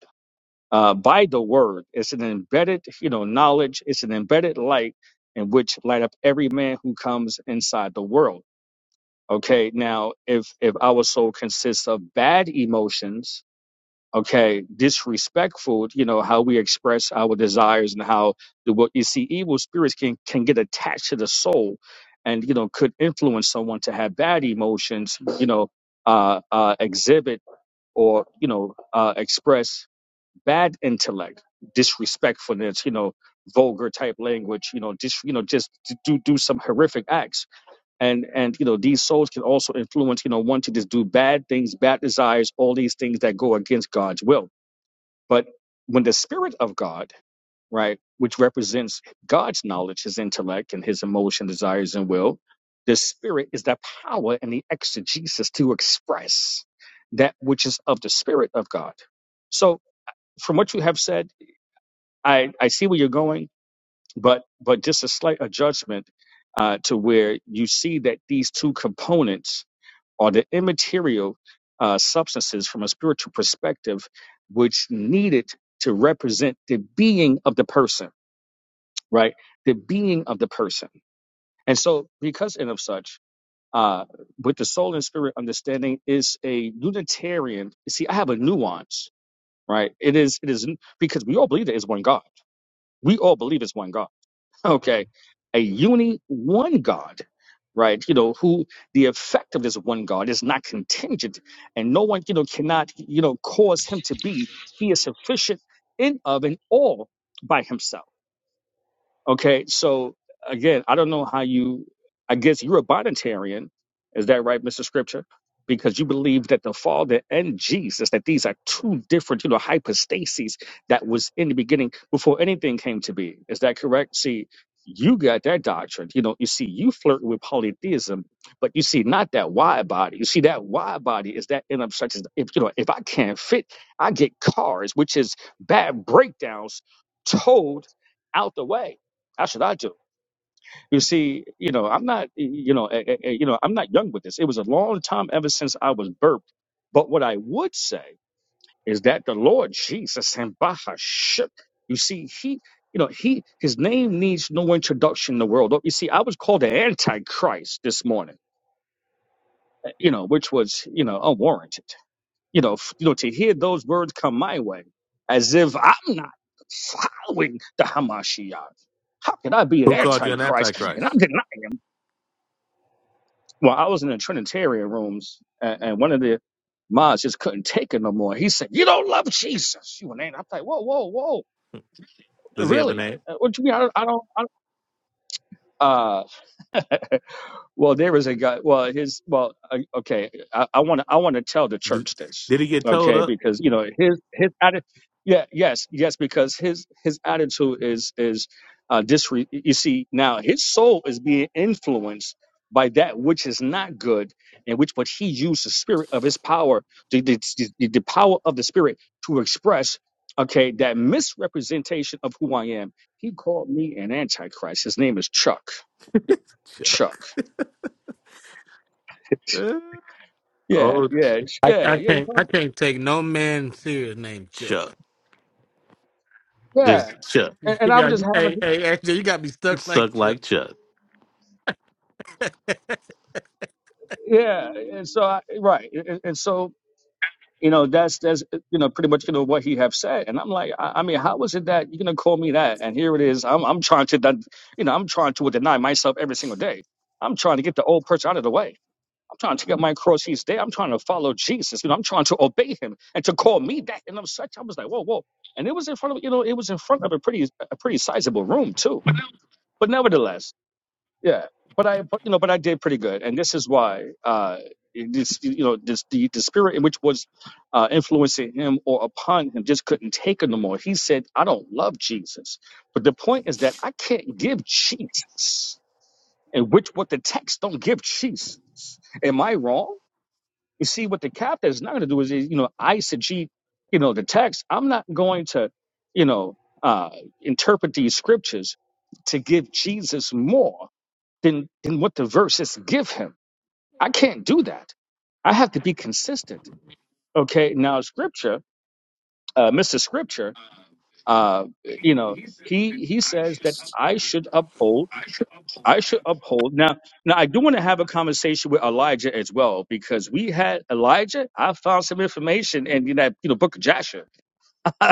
Speaker 10: uh, by the word. It's an embedded, you know, knowledge. It's an embedded light in which light up every man who comes inside the world. Okay. Now, if if our soul consists of bad emotions, okay, disrespectful, you know, how we express our desires and how the what you see, evil spirits can can get attached to the soul, and you know, could influence someone to have bad emotions. You know, uh, uh, exhibit or you know, uh, express bad intellect, disrespectfulness, you know, vulgar type language, you know, just you know, just to do do some horrific acts. And and you know, these souls can also influence, you know, want to just do bad things, bad desires, all these things that go against God's will. But when the spirit of God, right, which represents God's knowledge, his intellect and his emotion, desires, and will, the spirit is the power and the exegesis to express that which is of the spirit of God. So from what you have said, I, I see where you're going, but but just a slight adjustment uh, to where you see that these two components are the immaterial uh, substances from a spiritual perspective, which needed to represent the being of the person, right? The being of the person, and so because and of such. Uh, with the soul and spirit understanding is a Unitarian. See, I have a nuance, right? It is, it is because we all believe there is one God. We all believe it's one God okay, a uni one God, right? You know, who the effect of this one God is not contingent, and no one, you know, cannot, you know, cause him to be. He is sufficient in of and all by himself. Okay, so again, I don't know how you, I guess you're a Bonitarian. Is that right, Mr. Scripture? Because you believe that the Father and Jesus, that these are two different, you know, hypostases that was in the beginning before anything came to be. Is that correct? See, you got that doctrine. You know, you see, you flirt with polytheism, but you see, not that wide body. You see, that wide body is that in obstructions. If you know, if I can't fit, I get cars, which is bad breakdowns, towed out the way. How should I do? it? You see, you know, I'm not, you know, eh, eh, eh, you know, I'm not young with this. It was a long time ever since I was birthed. But what I would say is that the Lord Jesus and Bahashuk, you see, he, you know, he, his name needs no introduction in the world. You see, I was called the Antichrist this morning, eh, you know, which was, you know, unwarranted. You know, f- you know, to hear those words come my way, as if I'm not following the Hamashiach. How can I be an
Speaker 9: Who called you an
Speaker 10: antichrist and I'm
Speaker 9: antichrist?
Speaker 10: denying him? Well, I was in the Trinitarian rooms, and, and one of the mods just couldn't take it no more. He said, "You don't love Jesus, you an ain't." I'm like, "Whoa, whoa, whoa!
Speaker 9: Does he have a
Speaker 10: Really?
Speaker 9: name?
Speaker 10: Uh, What do you mean? I don't, I don't." I don't uh, Well, there was a guy. Well, his. Well, I- okay. I want to. I want to tell the
Speaker 9: Did,
Speaker 10: church this.
Speaker 9: did he get told
Speaker 10: Okay,
Speaker 9: up?
Speaker 10: because you know his his attitude. Yeah. Yes. Yes. Because his his attitude is is uh, disre. You see, now his soul is being influenced by that which is not good, and which but he used the spirit of his power, the the, the, the power of the spirit to express. Okay, that misrepresentation of who I am. He called me an antichrist. His name is Chuck. Chuck.
Speaker 9: Chuck. Eh,
Speaker 10: Yeah,
Speaker 9: Oh,
Speaker 10: yeah, ch- yeah,
Speaker 2: I
Speaker 10: yeah, you
Speaker 2: can't I
Speaker 10: come-
Speaker 2: can't take no man serious named Chuck.
Speaker 9: Chuck. Just
Speaker 10: yeah.
Speaker 9: Chuck.
Speaker 2: You
Speaker 10: And, and I would
Speaker 2: got
Speaker 10: just
Speaker 2: you,
Speaker 10: have a,
Speaker 2: hey hey actually you got me stuck like
Speaker 9: Stuck
Speaker 2: Chuck.
Speaker 9: like Chuck.
Speaker 10: yeah. And so, I, right. And, and so, you know, that's, that's, uh, you know, pretty much, you know, what he have said. And I'm like, I, I mean, how is it that you're going to call me that? And here it is. I'm, I'm trying to, den- you know, I'm trying to deny myself every single day. I'm trying to get the old person out of the way. I'm trying to get my cross each day. I'm trying to follow Jesus. You know, I'm trying to obey him and to call me that. And I'm such, I was like, whoa, whoa. And it was in front of, you know, it was in front of a pretty, a pretty sizable room too. But nevertheless, Yeah, but I, but you know, but I did pretty good, and this is why. Uh, this, you know, this the the spirit in which was uh, influencing him or upon him just couldn't take it no more. He said, "I don't love Jesus," but the point is that I can't give Jesus, and which what the text don't give Jesus. Am I wrong? You see, what the captain is not going to do is, is, you know, eisegete, you know, the text. I'm not going to, you know, uh, interpret these scriptures to give Jesus more than than what the verses give him. I can't do that. I have to be consistent. Okay. Now, Scripture, uh, Mr. Scripture, uh, you know, he he says that I should uphold. I should uphold. Now, now I do want to have a conversation with Elijah as well because we had Elijah. I found some information in that you know Book of Joshua,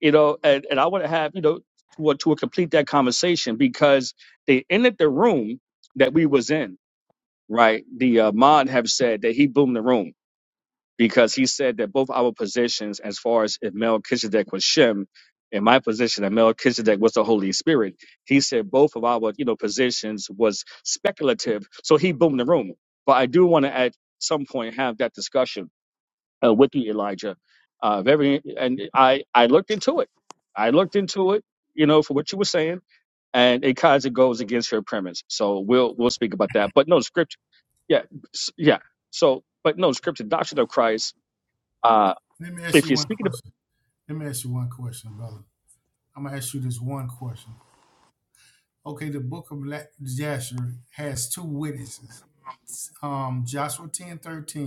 Speaker 10: you know, and, and I want to have you know to to complete that conversation because they ended the room that we was in right? The uh, mod have said that he boomed the room because he said that both our positions, as far as if Melchizedek was Shem, and my position that Melchizedek was the Holy Spirit, he said both of our you know positions was speculative. So he boomed the room. But I do want to at some point have that discussion uh, with you, Elijah. Uh, very, and I I looked into it. I looked into it, you know, for what you were saying and it kind of goes against her premise. So we'll we'll speak about that. But no, the scripture, yeah, s- yeah. So, but no, the scripture, doctrine of Christ. Uh,
Speaker 7: Let me ask
Speaker 10: if
Speaker 7: you
Speaker 10: you're
Speaker 7: one
Speaker 10: speaking about,
Speaker 7: question. Let me ask you one question, brother. I'm gonna ask you this one question. Okay, the book of Jasher has two witnesses. um, Joshua 10 13,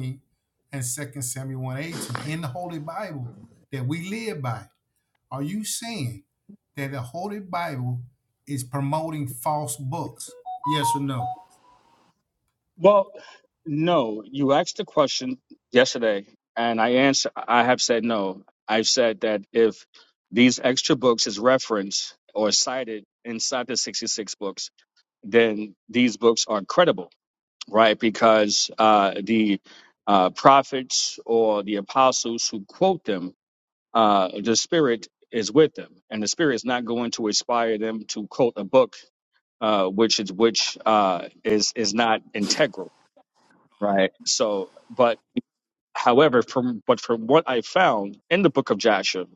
Speaker 7: and Second Samuel one 18 in the Holy Bible that we live by. Are you saying that the Holy Bible is promoting false books? Yes or no?
Speaker 10: well, no, you asked the question yesterday, and I answer. I have said no. I've said that if these extra books is referenced or cited inside the 66 books, then these books are credible, right? Because uh, the uh, prophets or the apostles who quote them uh, the spirit is with them, and the spirit is not going to inspire them to quote a book, uh, which is which uh, is is not integral, right? So, but however, from but from what I found in the book of Joshua,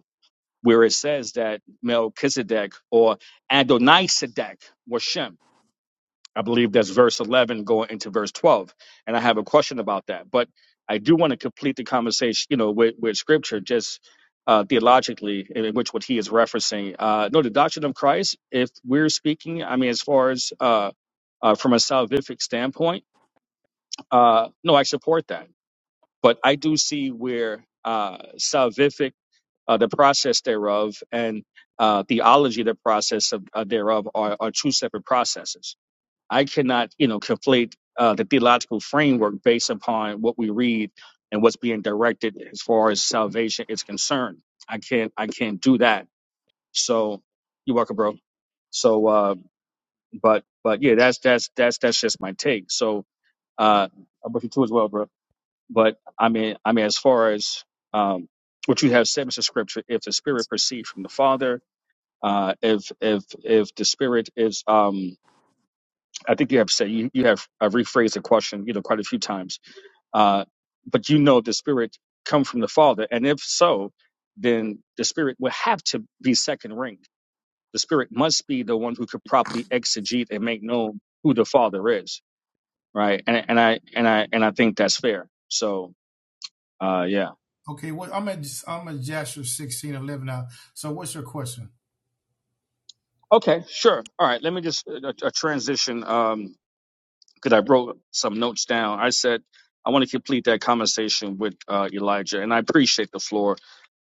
Speaker 10: where it says that Melchizedek or Adonisedek was Shem I believe that's verse 11 going into verse 12. And I have a question about that. But I do want to complete the conversation, you know, with, with scripture, just uh, theologically, in which what he is referencing. Uh, no, the doctrine of Christ, if we're speaking, I mean, as far as uh, uh, from a salvific standpoint, uh, no, I support that. But I do see where uh, salvific, uh, the process thereof, and uh, theology, the process of, uh, thereof, are, are two separate processes I cannot, you know, conflate uh, the theological framework based upon what we read and what's being directed as far as salvation is concerned. I can't, I can't do that. So you're welcome, bro. So, uh, but, but yeah, that's that's that's that's just my take. So, uh, I bet you too as well, bro. But I mean, I mean, as far as um, what you have said, Mr. Scripture, if the Spirit proceeds from the Father, uh, if if if the Spirit is um I think you have said you, you have uh, rephrased the question, you know, quite a few times. Uh, but you know the spirit come from the Father, and if so, then the spirit will have to be second ring. The spirit must be the one who could properly exegete and make known who the Father is, right? And and I and I and I think that's fair. So uh, yeah,
Speaker 7: Okay, Well, I'm at I'm at Joshua 16 11 now. So what's your question?
Speaker 10: okay, sure, all right. Let me just uh, uh, transition um, because I wrote some notes down. I said. I want to complete that conversation with uh, Elijah, and I appreciate the floor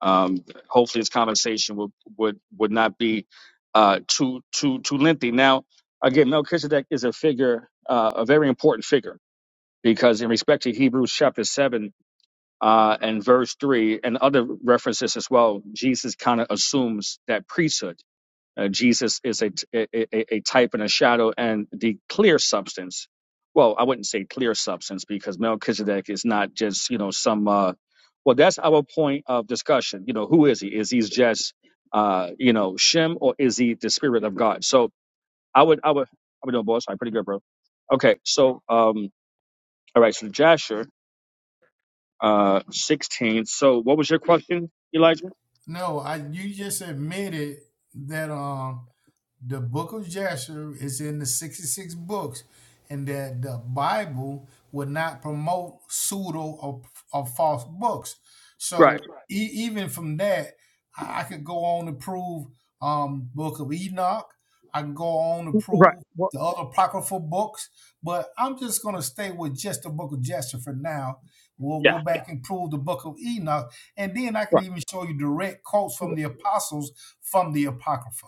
Speaker 10: Um, hopefully, this conversation would would would not be uh, too too too lengthy. Now, again, Melchizedek is a figure, uh, a very important figure, because in respect to Hebrews chapter seven uh, and verse three, and other references as well, Jesus kind of assumes that priesthood uh, Jesus is a, a, a type and a shadow and the clear substance. Well, I wouldn't say clear substance because Melchizedek is not just, you know, some, uh, well, that's our point of discussion. You know, who is he? Is he just, uh, you know, Shem or is he the spirit of God? So I would, I would, I would know, boss. I'm pretty good, bro. Okay. So, um, all right. So Jasher, uh, 16. So what was your question, Elijah?
Speaker 7: No, I you just admitted that um the book of Jasher is in the 66 books, and that the Bible would not promote pseudo or, or false books.
Speaker 10: Right.
Speaker 7: So Right. e- even from that, I, I could go on to prove um book of Enoch. I can go on to
Speaker 10: Right.
Speaker 7: prove
Speaker 10: Well,
Speaker 7: the other apocryphal books, but I'm just gonna stay with just the book of Jasher for now. We'll go
Speaker 10: Yeah.
Speaker 7: Yeah. back and prove the book of Enoch, and then I can
Speaker 10: right.
Speaker 7: even show you direct quotes from the apostles from the Apocrypha.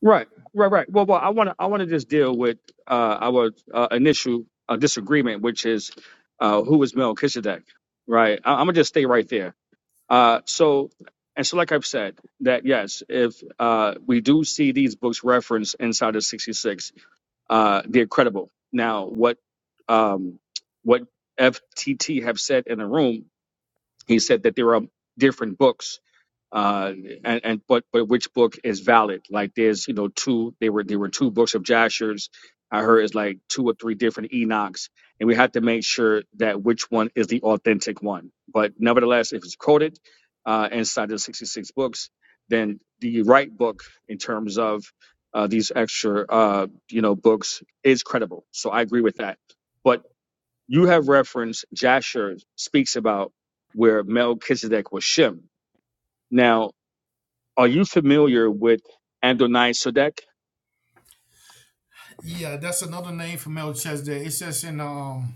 Speaker 10: Right, right, right. Well, well, I want to I want to just deal with uh, our uh, initial uh, disagreement, which is uh, who is Melchizedek, right? I- I'm gonna just stay right there. Uh, so, and so, like I've said, that yes, if uh, we do see these books referenced inside of 66, uh, they're credible. Now, what um, what FTT have said in the room, he said that there are different books uh, and, and but but which book is valid? Like there's you know two they were there were two books of Jasher's. I heard it's like two or three different Enochs, and we had to make sure that which one is the authentic one. But nevertheless, if it's quoted uh, inside the 66 books, then the right book in terms of uh, these extra uh, you know books is credible. So I agree with that. But you have referenced Jasher speaks about where Melchizedek was Shem. Now are you familiar with Adonai Sadek?
Speaker 7: Yeah, that's another name for Melchizedek. It says in um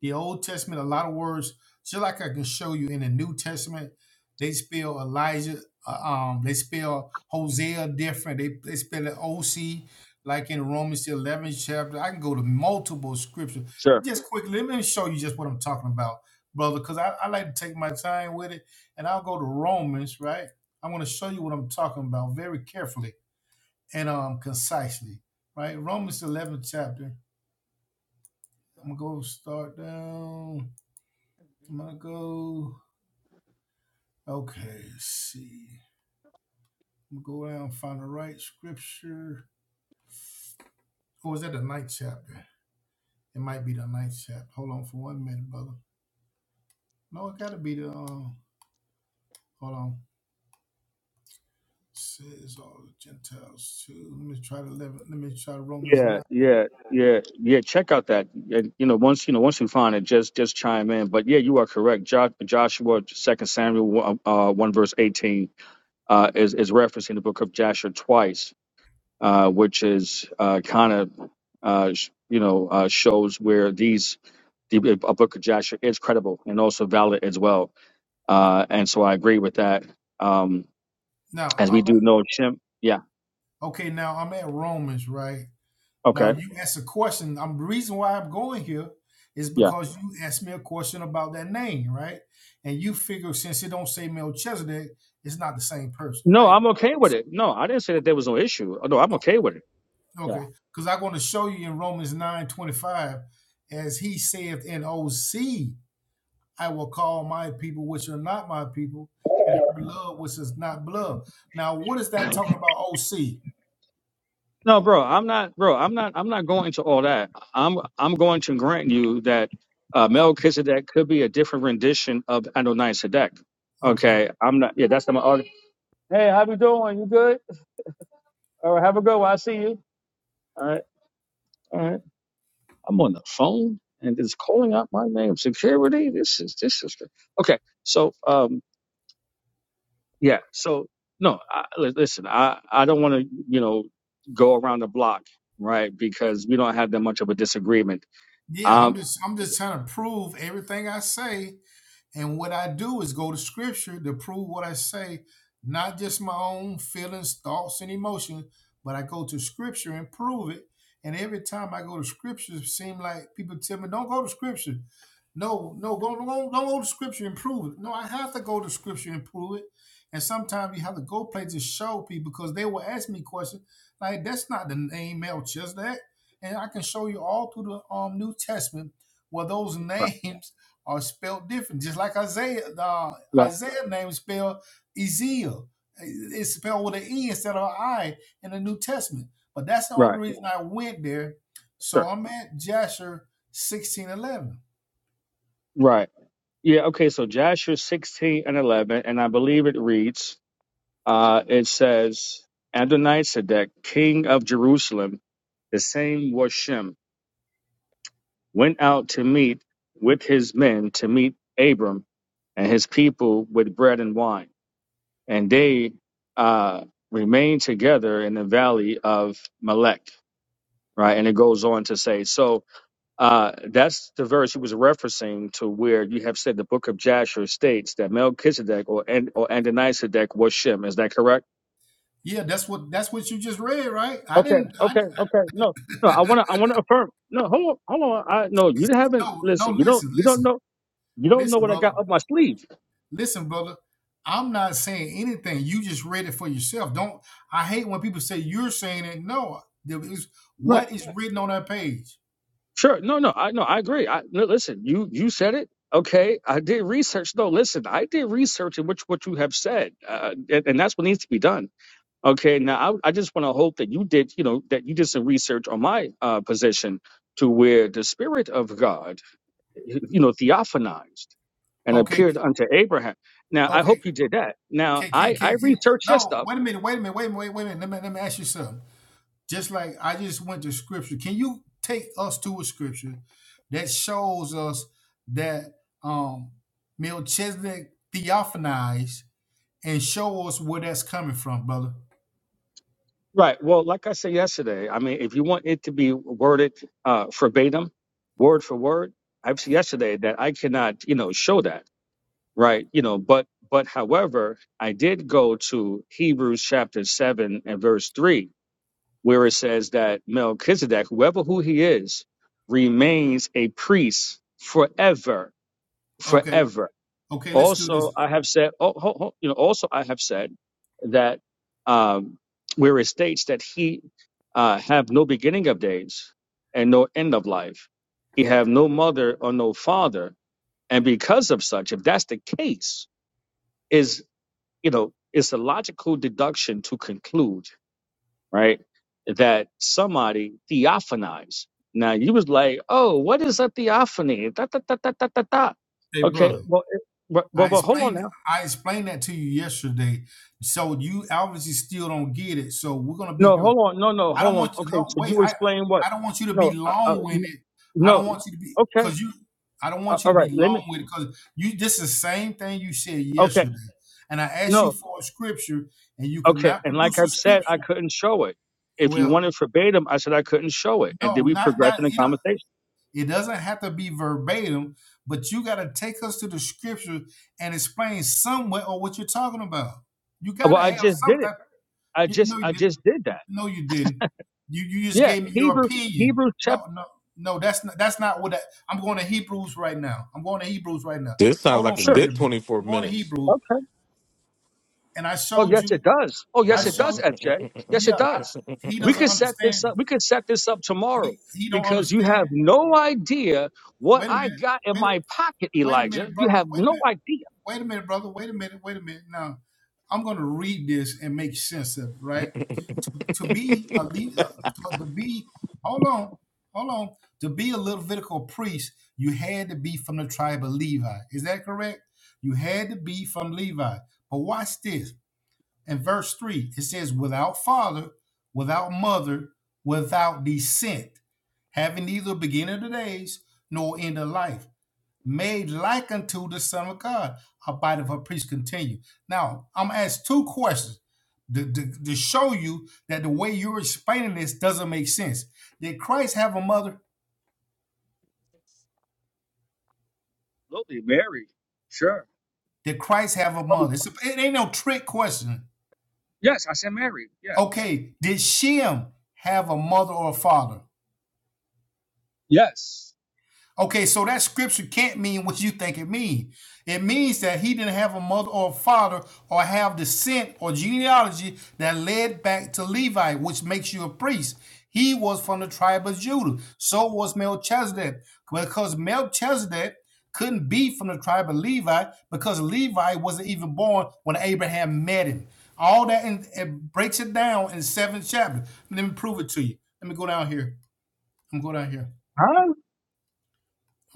Speaker 7: the Old Testament, a lot of words, just like I can show you in the New Testament, they spell Elijah, uh, um, they spell Hosea different. They they spell it OC, like in Romans the 11th chapter. I can go to multiple scriptures.
Speaker 10: Sure.
Speaker 7: Just quickly, let me show you just what I'm talking about, brother, because I, I like to take my time with it. And I'll go to Romans, right? I want to show you what I'm talking about very carefully and um concisely, right? Romans 11 chapter. I'm gonna go start down. I'm gonna go. Okay, let's see. I'm gonna go down and find the right scripture. Or is that the ninth chapter? It might be the ninth chapter. Hold on for one minute, brother. No, it gotta be the um. Hold on. It Says all the Gentiles too. Let me try the eleven. Let me try Romans
Speaker 10: Yeah,
Speaker 7: nine.
Speaker 10: yeah, yeah, yeah. Check out that. And, you know, once you know, once you find it, just just chime in. But yeah, you are correct. Jo- Joshua, Second Samuel, uh, uh, one verse eighteen, uh, is is referencing the book of Joshua twice, uh, which is uh, kind of, uh, sh- you know, uh, shows where these the uh, book of Joshua is credible and also valid as well. Uh, and so I agree with that. Um,
Speaker 7: Now
Speaker 10: as we
Speaker 7: I'm at,
Speaker 10: do know, Shem. Yeah.
Speaker 7: okay. Now I'm at Romans, right? Now
Speaker 10: Okay.
Speaker 7: you asked a question. I'm the reason why I'm going here is
Speaker 10: Yeah.
Speaker 7: because you asked me a question about that name, right? And you figure since it don't say Melchizedek, it's not the same person,
Speaker 10: No,
Speaker 7: right?
Speaker 10: I'm okay with it. No, I didn't say that there was no issue. Oh, No, I'm okay with it. Yeah.
Speaker 7: Okay. Because I'm going to show you in Romans 9 25, as he saith in O seed, I will call my people which are not my people, and her blood which is not blood. Now, what is that talking about OC?
Speaker 10: No, bro, I'm not, bro, I'm not, I'm not going into all that. I'm, I'm going to grant you that uh,
Speaker 7: Okay.
Speaker 10: Melchizedek could be a different rendition of Adonai Sedek.
Speaker 7: Okay.
Speaker 10: Okay, I'm not. Yeah, that's not my argument. Hey, how you doing? You good? All right, have a good one. I see you. All right, all right. I'm on the phone and it's calling out my name. Security. This is this is okay. So, um. Yeah. So no, I, li- listen, I I don't want to you know go around the block, right? Because we don't have that much of a disagreement.
Speaker 7: Yeah, I'm
Speaker 10: Um.
Speaker 7: just I'm just trying to prove everything I say And what I do is go to scripture to prove what I say, not just my own feelings, thoughts, and emotions, but I go to scripture and prove it. And every time I go to scripture, it seems like people tell me, don't go to scripture. No, no, go, don't, don't go to scripture and prove it. No, I have to go to scripture and prove it. And sometimes you have to go places to show people because they will ask me questions like, that's not the name Melchizedek. And I can show you all through the um, New Testament where those
Speaker 10: Right.
Speaker 7: names are spelled different. Just like Isaiah, uh,
Speaker 10: Right.
Speaker 7: Isaiah name is spelled Ezekiel. It's spelled with an E instead of an I in the New Testament. But that's the only
Speaker 10: Right.
Speaker 7: reason I went there. So
Speaker 10: Sure.
Speaker 7: I'm at Jasher sixteen eleven.
Speaker 10: Right. Yeah. Okay. So Joshua sixteen and eleven, and I believe it reads, uh, it says, Adonisedek, king of Jerusalem, the same was Shem, went out to meet with his men to meet Abram and his people with bread and wine. and they uh, remained together in the valley of Melech, right? And it goes on to say, so uh, that's the verse he was referencing to where you have said the book of Jasher states that Melchizedek or and or Adonisedek was Shem. Is that correct?
Speaker 7: Yeah, that's what that's what you just read, right? I
Speaker 10: Okay,
Speaker 7: didn't. I,
Speaker 10: okay,
Speaker 7: I
Speaker 10: okay. No, no, I want to, I want to affirm. No, hold on, hold on. I no, you haven't.
Speaker 7: no no.
Speaker 10: Listen, you don't,
Speaker 7: Listen,
Speaker 10: you don't
Speaker 7: listen,
Speaker 10: know, you don't know
Speaker 7: listen,
Speaker 10: what I
Speaker 7: brother.
Speaker 10: got up my sleeve.
Speaker 7: Listen, brother, I'm not saying anything. You just read it for yourself. Don't. I hate when people say you're saying it. No, there is what is written on that page.
Speaker 10: Sure. No, no, I no, I agree. I no, listen, you you said it. Okay, I did research. No, listen, I did research in which what you have said, uh, and, and that's what needs to be done. Okay, now I, I just want to hope that you did, you know, that you did some research on my uh, position to where the spirit of God, you know, theophanized and
Speaker 7: Okay,
Speaker 10: appeared unto Abraham. Now I
Speaker 7: okay.
Speaker 10: hope you did that. Now
Speaker 7: Can, can,
Speaker 10: I
Speaker 7: can,
Speaker 10: I
Speaker 7: can,
Speaker 10: researched your
Speaker 7: no,
Speaker 10: stuff.
Speaker 7: wait a minute. Wait a minute. Wait, wait, wait a minute. Let me let me ask you something. Just like I just went to scripture. Can you take us to a scripture that shows us that um Melchizedek theophanized and show us where that's coming from, brother?
Speaker 10: Right. Well, like I said yesterday, I mean, if you want it to be worded uh, verbatim, word for word, I've said yesterday that I cannot, you know, show that, right? You know, but but however, I did go to Hebrews chapter seven and verse three, where it says that Melchizedek, whoever who he is, remains a priest forever,
Speaker 7: Okay.
Speaker 10: forever.
Speaker 7: Okay, let's do
Speaker 10: Also,
Speaker 7: this.
Speaker 10: I have said, oh, ho- ho- you know, also I have said that um, where it states that he uh, have no beginning of days and no end of life, he have no mother or no father, and because of such, if that's the case, is you know, it's a logical deduction to conclude, right, that somebody theophanized. Now you was like, oh, what is a theophany? Da, da, da, da, da, da, da.
Speaker 7: Hey,
Speaker 10: Okay,
Speaker 7: brother.
Speaker 10: well, it- well,
Speaker 7: I
Speaker 10: well, well, hold on
Speaker 7: explained
Speaker 10: now
Speaker 7: I explained that to you yesterday. So you obviously still don't get it. So we're gonna be
Speaker 10: No,
Speaker 7: here
Speaker 10: hold on. No, no,
Speaker 7: I
Speaker 10: hold
Speaker 7: don't
Speaker 10: on.
Speaker 7: want you
Speaker 10: Okay,
Speaker 7: long.
Speaker 10: so
Speaker 7: Wait,
Speaker 10: you
Speaker 7: I
Speaker 10: explain what?
Speaker 7: I don't want you to be
Speaker 10: No, uh, uh,
Speaker 7: long
Speaker 10: n-
Speaker 7: winded. I don't
Speaker 10: no.
Speaker 7: want you to be
Speaker 10: Okay,
Speaker 7: because you. I don't
Speaker 10: uh,
Speaker 7: want you
Speaker 10: all
Speaker 7: to be
Speaker 10: right. Let me.
Speaker 7: long winded because you. This is the same thing you said
Speaker 10: Okay,
Speaker 7: yesterday, and I asked you
Speaker 10: no.
Speaker 7: for a scripture, and you could
Speaker 10: Okay,
Speaker 7: not
Speaker 10: and like
Speaker 7: produce a
Speaker 10: I've said, I
Speaker 7: scripture.
Speaker 10: couldn't show it. If you
Speaker 7: Well,
Speaker 10: wanted verbatim, I said I couldn't show it, and
Speaker 7: no,
Speaker 10: did we
Speaker 7: not
Speaker 10: progress
Speaker 7: not
Speaker 10: in the
Speaker 7: you know.
Speaker 10: conversation?
Speaker 7: It doesn't have to be verbatim, but you got to take us to the scripture and explain somewhere or what you're talking about. You got
Speaker 10: Well,
Speaker 7: to
Speaker 10: I
Speaker 7: have
Speaker 10: just
Speaker 7: some
Speaker 10: did it.
Speaker 7: type.
Speaker 10: I
Speaker 7: You,
Speaker 10: just,
Speaker 7: no, you
Speaker 10: I
Speaker 7: didn't.
Speaker 10: just did that.
Speaker 7: No, you didn't. You you just
Speaker 10: Yeah,
Speaker 7: gave me your
Speaker 10: Hebrews,
Speaker 7: opinion.
Speaker 10: Hebrews
Speaker 7: No,
Speaker 10: chapter.
Speaker 7: no, no. That's not that's not what I, I'm going to Hebrews right now. I'm going to Hebrews right now.
Speaker 9: This sounds
Speaker 7: Hold
Speaker 9: like
Speaker 7: on
Speaker 9: a
Speaker 7: for a
Speaker 10: Sure.
Speaker 7: minute,
Speaker 9: good
Speaker 7: bro.
Speaker 9: 24
Speaker 7: I'm going to
Speaker 9: minutes.
Speaker 7: Hebrews,
Speaker 10: okay.
Speaker 7: and I
Speaker 10: Oh
Speaker 7: showed
Speaker 10: yes,
Speaker 7: you.
Speaker 10: it does. Oh
Speaker 7: I
Speaker 10: yes, it does,
Speaker 7: showed.
Speaker 10: FJ. Yes,
Speaker 7: Yeah,
Speaker 10: it
Speaker 7: I,
Speaker 10: does.
Speaker 7: he
Speaker 10: We
Speaker 7: doesn't
Speaker 10: could set
Speaker 7: understand.
Speaker 10: this up. We could set this up tomorrow
Speaker 7: He he don't
Speaker 10: because you have
Speaker 7: understand.
Speaker 10: no idea what
Speaker 7: Wait a
Speaker 10: I
Speaker 7: minute.
Speaker 10: got in
Speaker 7: Wait a-
Speaker 10: my pocket,
Speaker 7: wait a minute,
Speaker 10: Elijah. You
Speaker 7: brother.
Speaker 10: have
Speaker 7: Wait a minute.
Speaker 10: no idea.
Speaker 7: wait a minute, brother. Wait a minute. Wait a minute. Now, I'm going to read this and make sense of it, right? To, to be a lead, to be, hold on, hold on. To be a Levitical priest, you had to be from the tribe of Levi. Is that correct? You had to be from Levi. But watch this. In verse 3, it says, without father, without mother, without descent, having neither beginning of the days nor end of life made like unto the Son of God, abide of her priest continue. Now, I'm going to ask two questions to, to, to show you that the way you're explaining this doesn't make sense. Did Christ have a mother?
Speaker 10: Absolutely, Mary. Sure.
Speaker 7: Did Christ have a
Speaker 10: Oh,
Speaker 7: mother? It's a, it ain't no trick question.
Speaker 10: Yes, I said Mary. Yeah.
Speaker 7: Okay, did Shem have a mother or a father?
Speaker 10: Yes.
Speaker 7: Okay, so that scripture can't mean what you think it means. It means that he didn't have a mother or a father or have descent or genealogy that led back to Levi, which makes you a priest. He was from the tribe of Judah. So was Melchizedek. Because Melchizedek couldn't be from the tribe of Levi because Levi wasn't even born when Abraham met him. All that and it breaks it down in seven chapters. Let me prove it to you. Let me go down here. Let me go down here.
Speaker 10: Huh?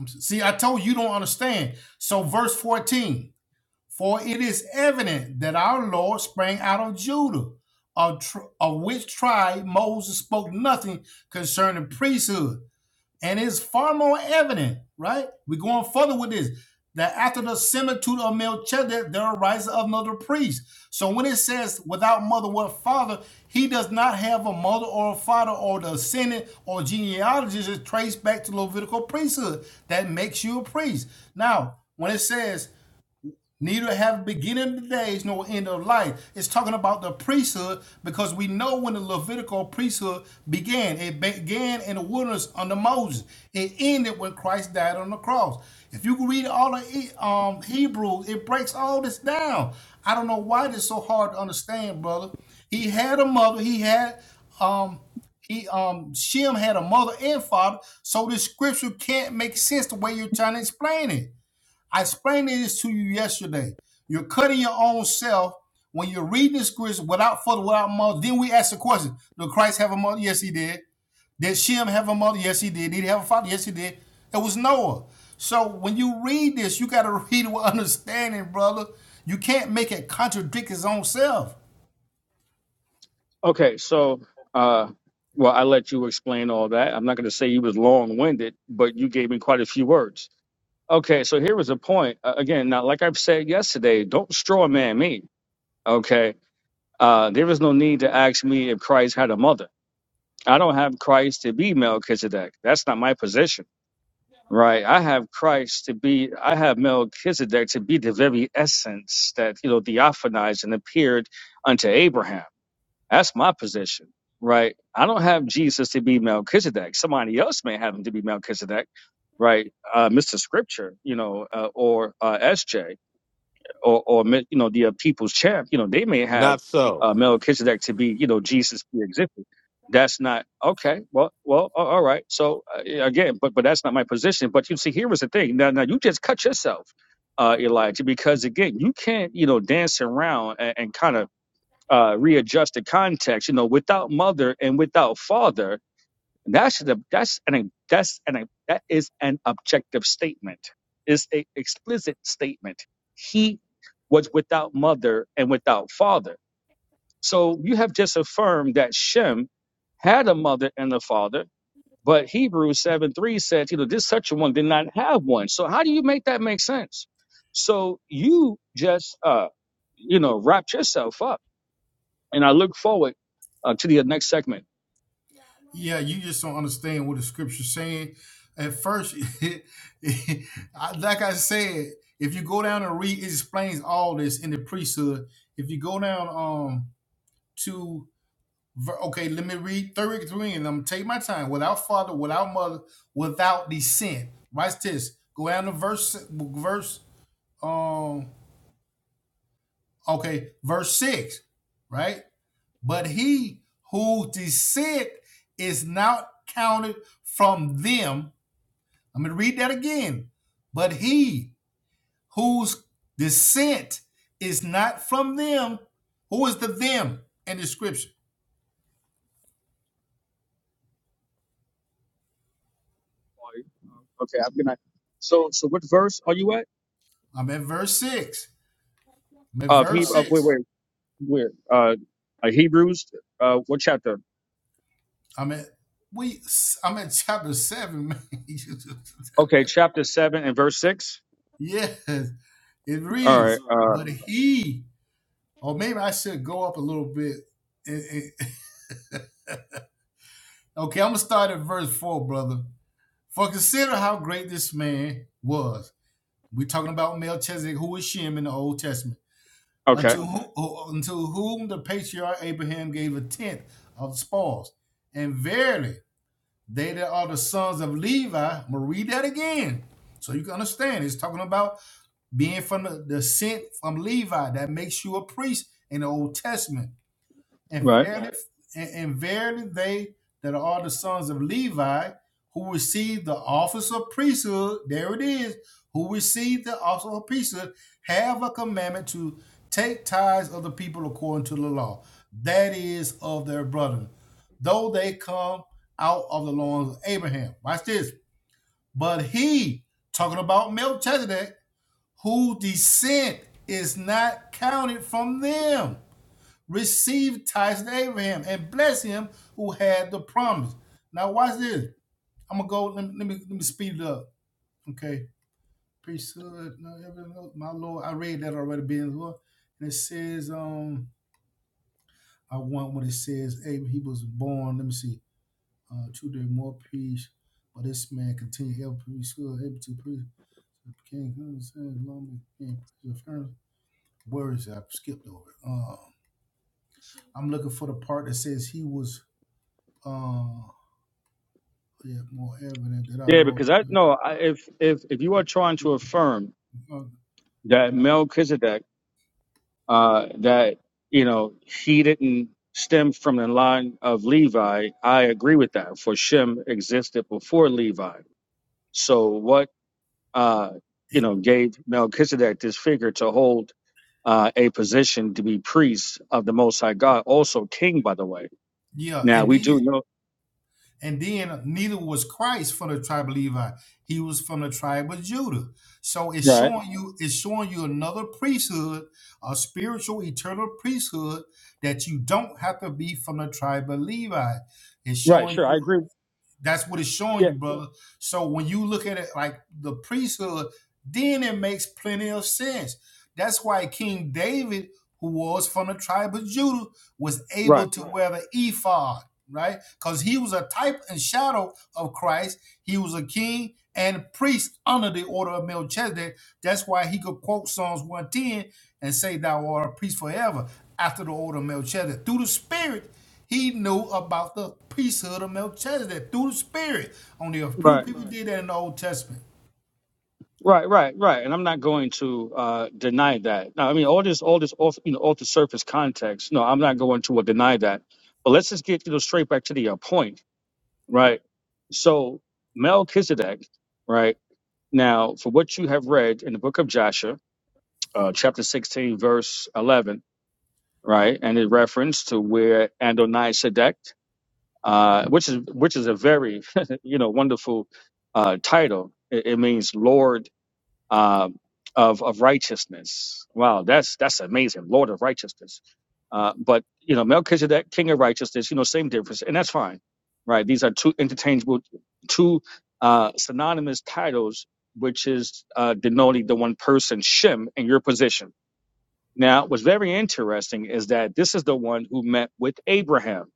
Speaker 7: See, I told you you don't understand. So, verse 14 For it is evident that our Lord sprang out of Judah, of, tr- of which tribe Moses spoke nothing concerning priesthood. And it's far more evident, right? We're going further with this. That after the similitude of Melchizedek, there arises another priest. So when it says without mother or father, he does not have a mother or a father or the descendant or genealogy is traced back to Levitical priesthood. That makes you a priest. Now, when it says neither have beginning of the days nor end of life. It's talking about the priesthood because we know when the Levitical priesthood began. It began in the wilderness under Moses. It ended when Christ died on the cross. If you can read all the um, Hebrews, it breaks all this down. I don't know why this is so hard to understand, brother. He had a mother. He had um he um Shem had a mother and father, so this scripture can't make sense the way you're trying to explain it. I explained this to you yesterday. You're cutting your own self when you're reading the scriptures without further, without mother. Then we ask the question: Did Christ have a mother? Yes, he did. Did Shem have a mother? Yes, he did. Did he have a father? Yes, he did. It was Noah. So when you read this, you got to read it with understanding, brother. You can't make it contradict his own self.
Speaker 10: Okay, so uh well, I let you explain all that. I'm not going to say you was long-winded, but you gave me quite a few words. Okay, so here was a point. Uh, again, now, like I've said yesterday, don't straw man me. Okay, Uh, there is no need to ask me if Christ had a mother. I don't have Christ to be Melchizedek. That's not my position, right? I have Christ to be, I have Melchizedek to be the very essence that, you know, theophanized and appeared unto Abraham. That's my position, right? I don't have Jesus to be Melchizedek. Somebody else may have him to be Melchizedek, right? Uh, Mr. Scripture, you know, uh, or uh, SJ or, or you know, the uh, people's champ, you know, they may have
Speaker 9: Not so.
Speaker 10: uh, Melchizedek to be, you know, Jesus pre-existed. That's not okay. Well, well, a- all right. So uh, again, but but that's not my position. But you see, here was the thing. Now, now you just cut yourself, uh, Elijah, because again, you can't, you know, dance around and, and kind of uh, readjust the context. You know, without mother and without father and That's the that's an that's an that is an objective statement. It's a explicit statement. He was without mother and without father. So you have just affirmed that Shem had a mother and a father, but Hebrews 7 3 says, you know, this such a one did not have one. So how do you make that make sense? So you just uh you know wrapped yourself up. And I look forward uh, to the next segment.
Speaker 7: Yeah, you just don't understand what the scripture's saying. At first, it, it, I- like I said, if you go down and read, it explains all this in the priesthood. If you go down um to ver- okay, let me read thirty three, and I'm gonna take my time. Without father, without mother, without descent. Right this. Go down to verse verse um okay verse six, right? But he whose descent is not counted from them I'm going to read that again. But he whose descent is not from them, who is the them in the scripture?
Speaker 10: Are you? Uh, Okay, I'm gonna. So, so what verse are you at?
Speaker 7: I'm at verse six. I'm at
Speaker 10: Of he,
Speaker 7: verse Um,
Speaker 10: of wait,
Speaker 7: six.
Speaker 10: wait, where? Uh, uh, Hebrews. Uh, what chapter?
Speaker 7: I'm at we. I'm at chapter seven, man.
Speaker 10: Okay, chapter seven and verse six.
Speaker 7: yes, it
Speaker 10: All
Speaker 7: reads.
Speaker 10: right. Uh,
Speaker 7: But he, or maybe I should go up a little bit. Eh, eh, Okay, I'm gonna start at verse four, brother. For consider how great this man was We're talking about Melchizedek, who is Shem in the Old Testament,
Speaker 10: okay.
Speaker 7: unto whom, unto whom the patriarch Abraham gave a tenth of the spoils. And verily, they that are the sons of Levi, I'm going to read that again so you can understand. It's talking about being from the descent from Levi that makes you a priest in the Old Testament. And
Speaker 10: Right.
Speaker 7: and, and verily they that are the sons of Levi who receive the office of priesthood, there it is, who receive the office of priesthood, have a commandment to take tithes of the people according to the law, that is, of their brethren, though they come out of the loins of Abraham. Watch this. But he, talking about Melchizedek, whose descent is not counted from them received tithes to Abraham and bless him who had the promise. Now watch this. I'm gonna go. Let me let me, let me speed it up. Okay. Priesthood. no, My Lord, I read that already. Being Lord, and it says, um, I want what it says. Abraham, he was born. Let me see. Uh, two days more peace. But this man continued ever priesthood, able to priest. King, uh, Where is it? I skipped over. Um, I'm looking for the part that says he was. Uh, yeah, more evident that our
Speaker 10: Yeah,
Speaker 7: Lord.
Speaker 10: because I no, I, if if if you are trying
Speaker 7: uh,
Speaker 10: to affirm that
Speaker 7: no.
Speaker 10: Melchizedek, uh, that you know he didn't stem from the line of Levi, I agree with that. For Shem existed before Levi. So what? uh,
Speaker 7: Eh,
Speaker 10: you know, gave Melchizedek this figure to hold uh, a position to be priest of the Most High God, also king, by the way.
Speaker 7: Yeah,
Speaker 10: Now
Speaker 7: and
Speaker 10: we
Speaker 7: then
Speaker 10: do know,
Speaker 7: and then neither was Christ from the tribe of Levi; he was from the tribe of Judah. So it's
Speaker 10: right,
Speaker 7: showing you it's showing you another priesthood, a spiritual eternal priesthood that you don't have to be from the tribe of Levi. It's
Speaker 10: right,
Speaker 7: showing
Speaker 10: sure, I
Speaker 7: you
Speaker 10: agree.
Speaker 7: that's what it's showing
Speaker 10: Yeah,
Speaker 7: you, brother. So when you look at it like the priesthood, then it makes plenty of sense That's why King David, who was from the tribe of Judah, was
Speaker 10: right,
Speaker 7: able to Right. wear the ephod, right? Because he was a type and shadow of Christ. He was a king and priest under the order of Melchizedek. That's why he could quote Psalms 110 and say, Thou art a priest forever after the order of Melchizedek. Through the Spirit, he knew about the priesthood of Melchizedek through the Spirit on the earth. True
Speaker 10: right,
Speaker 7: people Right. did that in the Old Testament.
Speaker 10: right, right, right. And I'm not going to uh, deny that. Now, I mean, all this, all this, off, you know, off the surface context. No, I'm not going to uh, deny that. But let's just get you know straight back to the uh, point, right? So Melchizedek, right now, for what you have read in the book of Joshua uh, chapter 16, verse 11, right? And it referenced to where Adonai Sedek, uh, which is which is a very you know wonderful uh, title. It, it means Lord um of of righteousness. Wow, that's that's amazing, Lord of righteousness. Uh, but you know Melchizedek, King of righteousness, you know same difference, and that's fine, right? These are two interchangeable, two uh, synonymous titles, which is uh, denoting the one person Shem in your position now, what's very interesting is that this is the one who met with Abraham.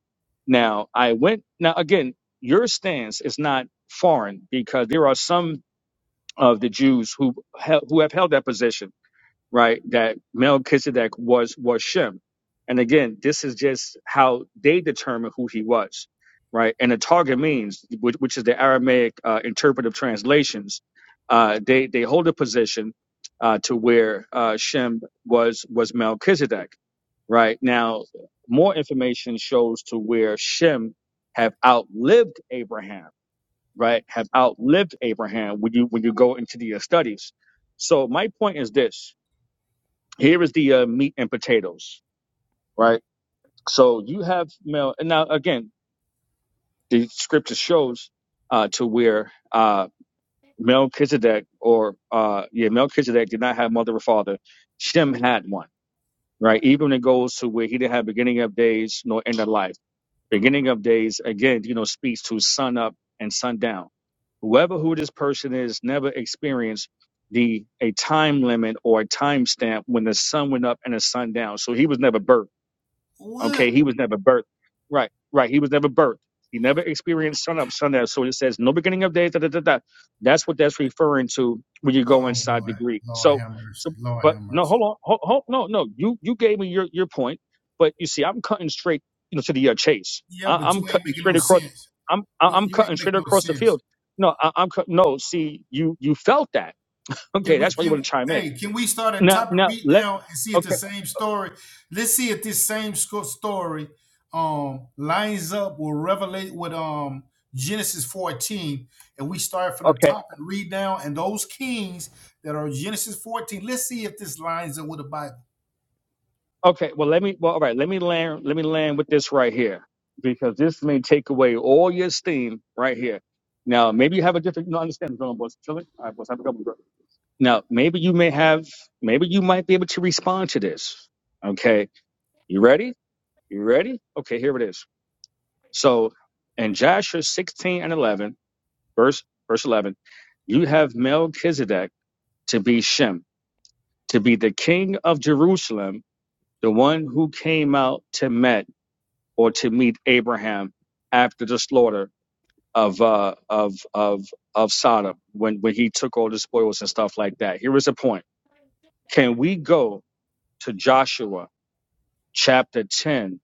Speaker 10: Now, I went, now again, your stance is not foreign because there are some of the Jews who, hel- who have held that position right? That Melchizedek was was Shem, and again, this is just how they determine who he was, right? And the target means, which, which is the Aramaic uh, interpretive translations, uh, they they hold a position uh, to where uh, Shem was was Melchizedek, right? Now, more information shows to where Shem have outlived Abraham, right? Have outlived Abraham when you when you go into the uh, studies. So my point is this, here is the uh, meat and potatoes, right? So you have Mel, and now again, the scripture shows uh, to where uh, Melchizedek or uh, yeah, Melchizedek did not have mother or father. Shem had one, right? Even it goes to where he didn't have beginning of days nor end of life. Beginning of days again, you know, speaks to sun up and sun down. Whoever who this person is never experienced the a time limit or a time stamp when the sun went up and the sun down. So he was never birthed Okay,
Speaker 7: What?
Speaker 10: he was never birthed. Right, right. He was never birthed. He never experienced sun up, sun down. So it says no beginning of days. Da, da, da, da. That's what that's referring to when you go
Speaker 7: Oh,
Speaker 10: inside
Speaker 7: my
Speaker 10: the Greek.
Speaker 7: Lord
Speaker 10: So,
Speaker 7: have mercy.
Speaker 10: so,
Speaker 7: Lord
Speaker 10: but
Speaker 7: have
Speaker 10: no,
Speaker 7: mercy.
Speaker 10: hold on, hold, hold, no, no. You you gave me your your point, but you see, I'm cutting straight, you know, to the uh, chase.
Speaker 7: Yeah,
Speaker 10: I,
Speaker 7: but
Speaker 10: I'm
Speaker 7: you ain't
Speaker 10: cutting
Speaker 7: making no
Speaker 10: straight across.
Speaker 7: sense.
Speaker 10: I'm I-
Speaker 7: You
Speaker 10: I'm
Speaker 7: you ain't
Speaker 10: cutting straight
Speaker 7: making no
Speaker 10: across the
Speaker 7: sense.
Speaker 10: field. No, I, I'm cut, no. See, you you felt that.
Speaker 7: Can
Speaker 10: Okay,
Speaker 7: we
Speaker 10: that's why you want
Speaker 7: can
Speaker 10: to chime in.
Speaker 7: hey can we start at the
Speaker 10: Now
Speaker 7: top and
Speaker 10: now
Speaker 7: read
Speaker 10: let.
Speaker 7: down and see if the
Speaker 10: Okay,
Speaker 7: same story? Let's see if this same sco- story um lines up or revelate with um Genesis 14 and we start from the
Speaker 10: okay.
Speaker 7: top and read down and those kings that are Genesis 14 let's see if this lines up with the Bible.
Speaker 10: Okay, well let me well all right, let me land let me land with this right here. Because this may take away all your steam right here. Now maybe you have a different you know understand going on boss Chill it. All right, boss, have a couple of Now maybe you may have maybe you might be able to respond to this. Okay. You ready? You ready? Okay, here it is. So in Joshua sixteen and eleven, verse verse eleven, you have Melchizedek to be Shem, to be the king of Jerusalem, the one who came out to Met or to meet Abraham after the slaughter of uh, of of of Sodom when when he took all the spoils and stuff like that. Here is a point: Can we go to Joshua chapter ten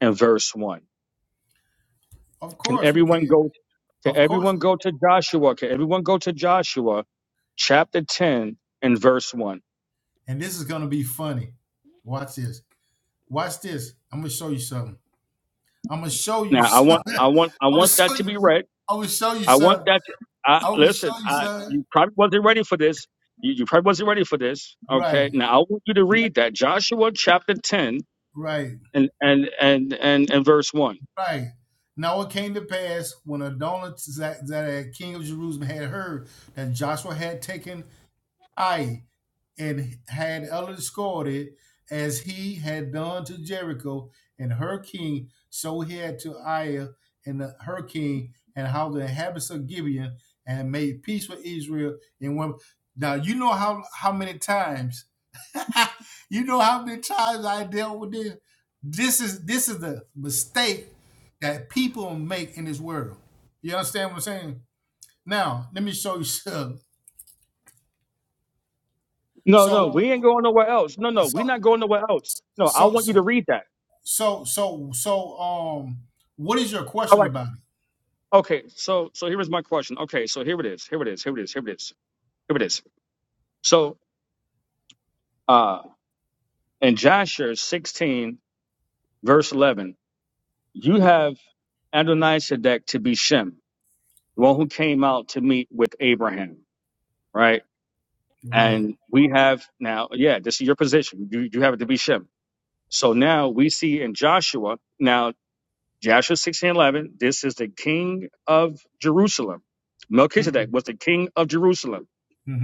Speaker 10: and verse one?
Speaker 7: Of
Speaker 10: Can
Speaker 7: course we
Speaker 10: everyone
Speaker 7: can.
Speaker 10: go? Can
Speaker 7: Of course.
Speaker 10: everyone
Speaker 7: we-
Speaker 10: go to Joshua? Can everyone go to Joshua chapter ten and verse one?
Speaker 7: And this is going to be funny. Watch this. Watch this. I'm going to show you something. I'm gonna show you
Speaker 10: Now I
Speaker 7: something.
Speaker 10: want I want I
Speaker 7: I'm
Speaker 10: want
Speaker 7: show
Speaker 10: that to
Speaker 7: you.
Speaker 10: be read.
Speaker 7: I'm show you
Speaker 10: I want
Speaker 7: something.
Speaker 10: that. To, I,
Speaker 7: I'm
Speaker 10: listen,
Speaker 7: show you
Speaker 10: I,
Speaker 7: something.
Speaker 10: you probably wasn't ready for this. You, you probably wasn't ready for this.
Speaker 7: Right,
Speaker 10: Okay. Now I want you to read that Joshua chapter ten
Speaker 7: right,
Speaker 10: and and and and, and verse one.
Speaker 7: right. Now it came to pass when Adonai Zadok, king of Jerusalem, had heard that Joshua had taken Ai and had escorted it as he had done to Jericho and her king, so he had to Ai and the- her king, and how the inhabitants of Gibeon and made peace with Israel. And when now you know how how many times you know how many times I dealt with this. This is this is the mistake that people make in this world. You understand what I'm saying? Now, let me show you some.
Speaker 10: No,
Speaker 7: So
Speaker 10: no, we ain't going nowhere else. No, no, we're
Speaker 7: so
Speaker 10: not going nowhere else. No, I
Speaker 7: so
Speaker 10: want you to read that.
Speaker 7: so so so um what is your
Speaker 10: All
Speaker 7: question
Speaker 10: right.
Speaker 7: about it?
Speaker 10: Okay. So so here is my question. Okay. So here it is. Here it is. Here it is. Here it is. Here it is. So uh, in Joshua sixteen verse eleven, you have Adonai Sedek to be Shem. the one who came out to meet with Abraham, right?
Speaker 7: Right.
Speaker 10: And we have now, yeah, this is your position. You you have it to be Shem. So now we see in Joshua, now Joshua 16 11. this is the king of Jerusalem. Melchizedek
Speaker 7: Mm-hmm.
Speaker 10: was the king of Jerusalem,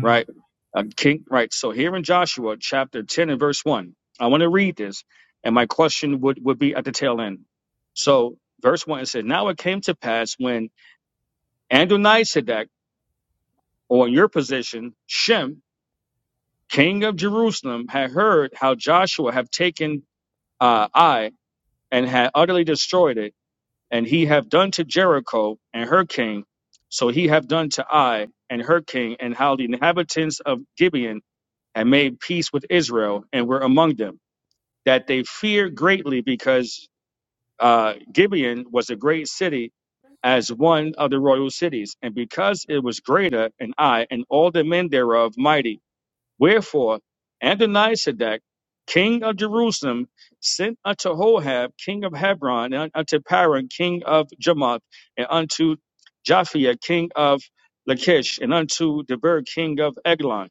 Speaker 10: right? A king, right? So here in Joshua chapter 10 and verse 1, I want to read this, and my question would, would be at the tail end. So verse 1 it said, Now it came to pass when Adonisedek or in your position, Shem, king of Jerusalem, had heard how Joshua have taken uh, Ai and had utterly destroyed it, and he have done to Jericho and her king, so he have done to Ai and her king, and how the inhabitants of Gibeon had made peace with Israel and were among them, that they feared greatly because uh, Gibeon was a great city as one of the royal cities, and because it was greater, and I and all the men thereof mighty Wherefore Adonisedek, king of Jerusalem, sent unto Hohab, king of Hebron, and unto Paran, king of Jarmuth, and unto Japhia, king of Lachish, and unto Debir, king of Eglon,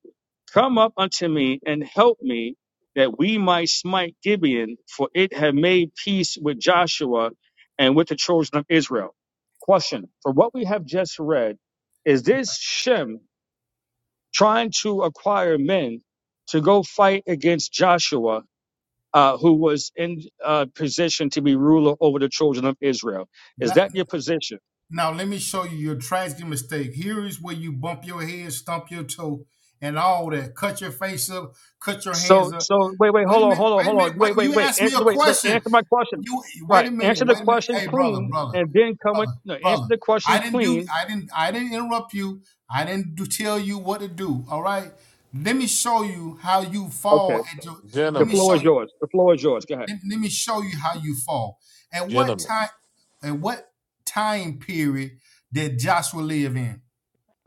Speaker 10: Come up unto me and help me, that we might smite Gibeon, for it had made peace with Joshua and with the children of Israel. Question: For what we have just read, is this Shem? trying to acquire men to go fight against Joshua, uh, who was in uh, position to be ruler over the children of Israel. Is
Speaker 7: Now,
Speaker 10: that your position?
Speaker 7: now let me show you your tragic mistake. Here is where you bump your head, stump your toe, and all that. Cut your face up, cut your hands
Speaker 10: So,
Speaker 7: up.
Speaker 10: so wait, wait,
Speaker 7: Wait
Speaker 10: hold
Speaker 7: a
Speaker 10: on,
Speaker 7: minute.
Speaker 10: hold on,
Speaker 7: Wait a
Speaker 10: hold on.
Speaker 7: minute. Wait.
Speaker 10: Wait, wait,
Speaker 7: You
Speaker 10: wait,
Speaker 7: asked
Speaker 10: An-
Speaker 7: me a
Speaker 10: wait, wait.
Speaker 7: question.
Speaker 10: Answer my question.
Speaker 7: You wait a
Speaker 10: Right.
Speaker 7: minute.
Speaker 10: Answer the
Speaker 7: Wait a minute.
Speaker 10: question
Speaker 7: Hey, brother,
Speaker 10: clean,
Speaker 7: brother,
Speaker 10: and then come with
Speaker 7: brother,
Speaker 10: no. Answer
Speaker 7: brother.
Speaker 10: the
Speaker 7: I
Speaker 10: question
Speaker 7: didn't do.
Speaker 10: clean.
Speaker 7: I didn't. I didn't interrupt you. I didn't do, tell you what to do. All right. Let me show you how you
Speaker 10: Okay.
Speaker 7: fall. At your, let
Speaker 10: The
Speaker 7: me
Speaker 9: Gentlemen,
Speaker 10: floor
Speaker 7: show
Speaker 10: is
Speaker 7: you.
Speaker 10: yours. The floor is yours. Go ahead.
Speaker 7: Let, let me show you how you fall. At what
Speaker 9: gentlemen.
Speaker 7: time? At what time period did Joshua live in?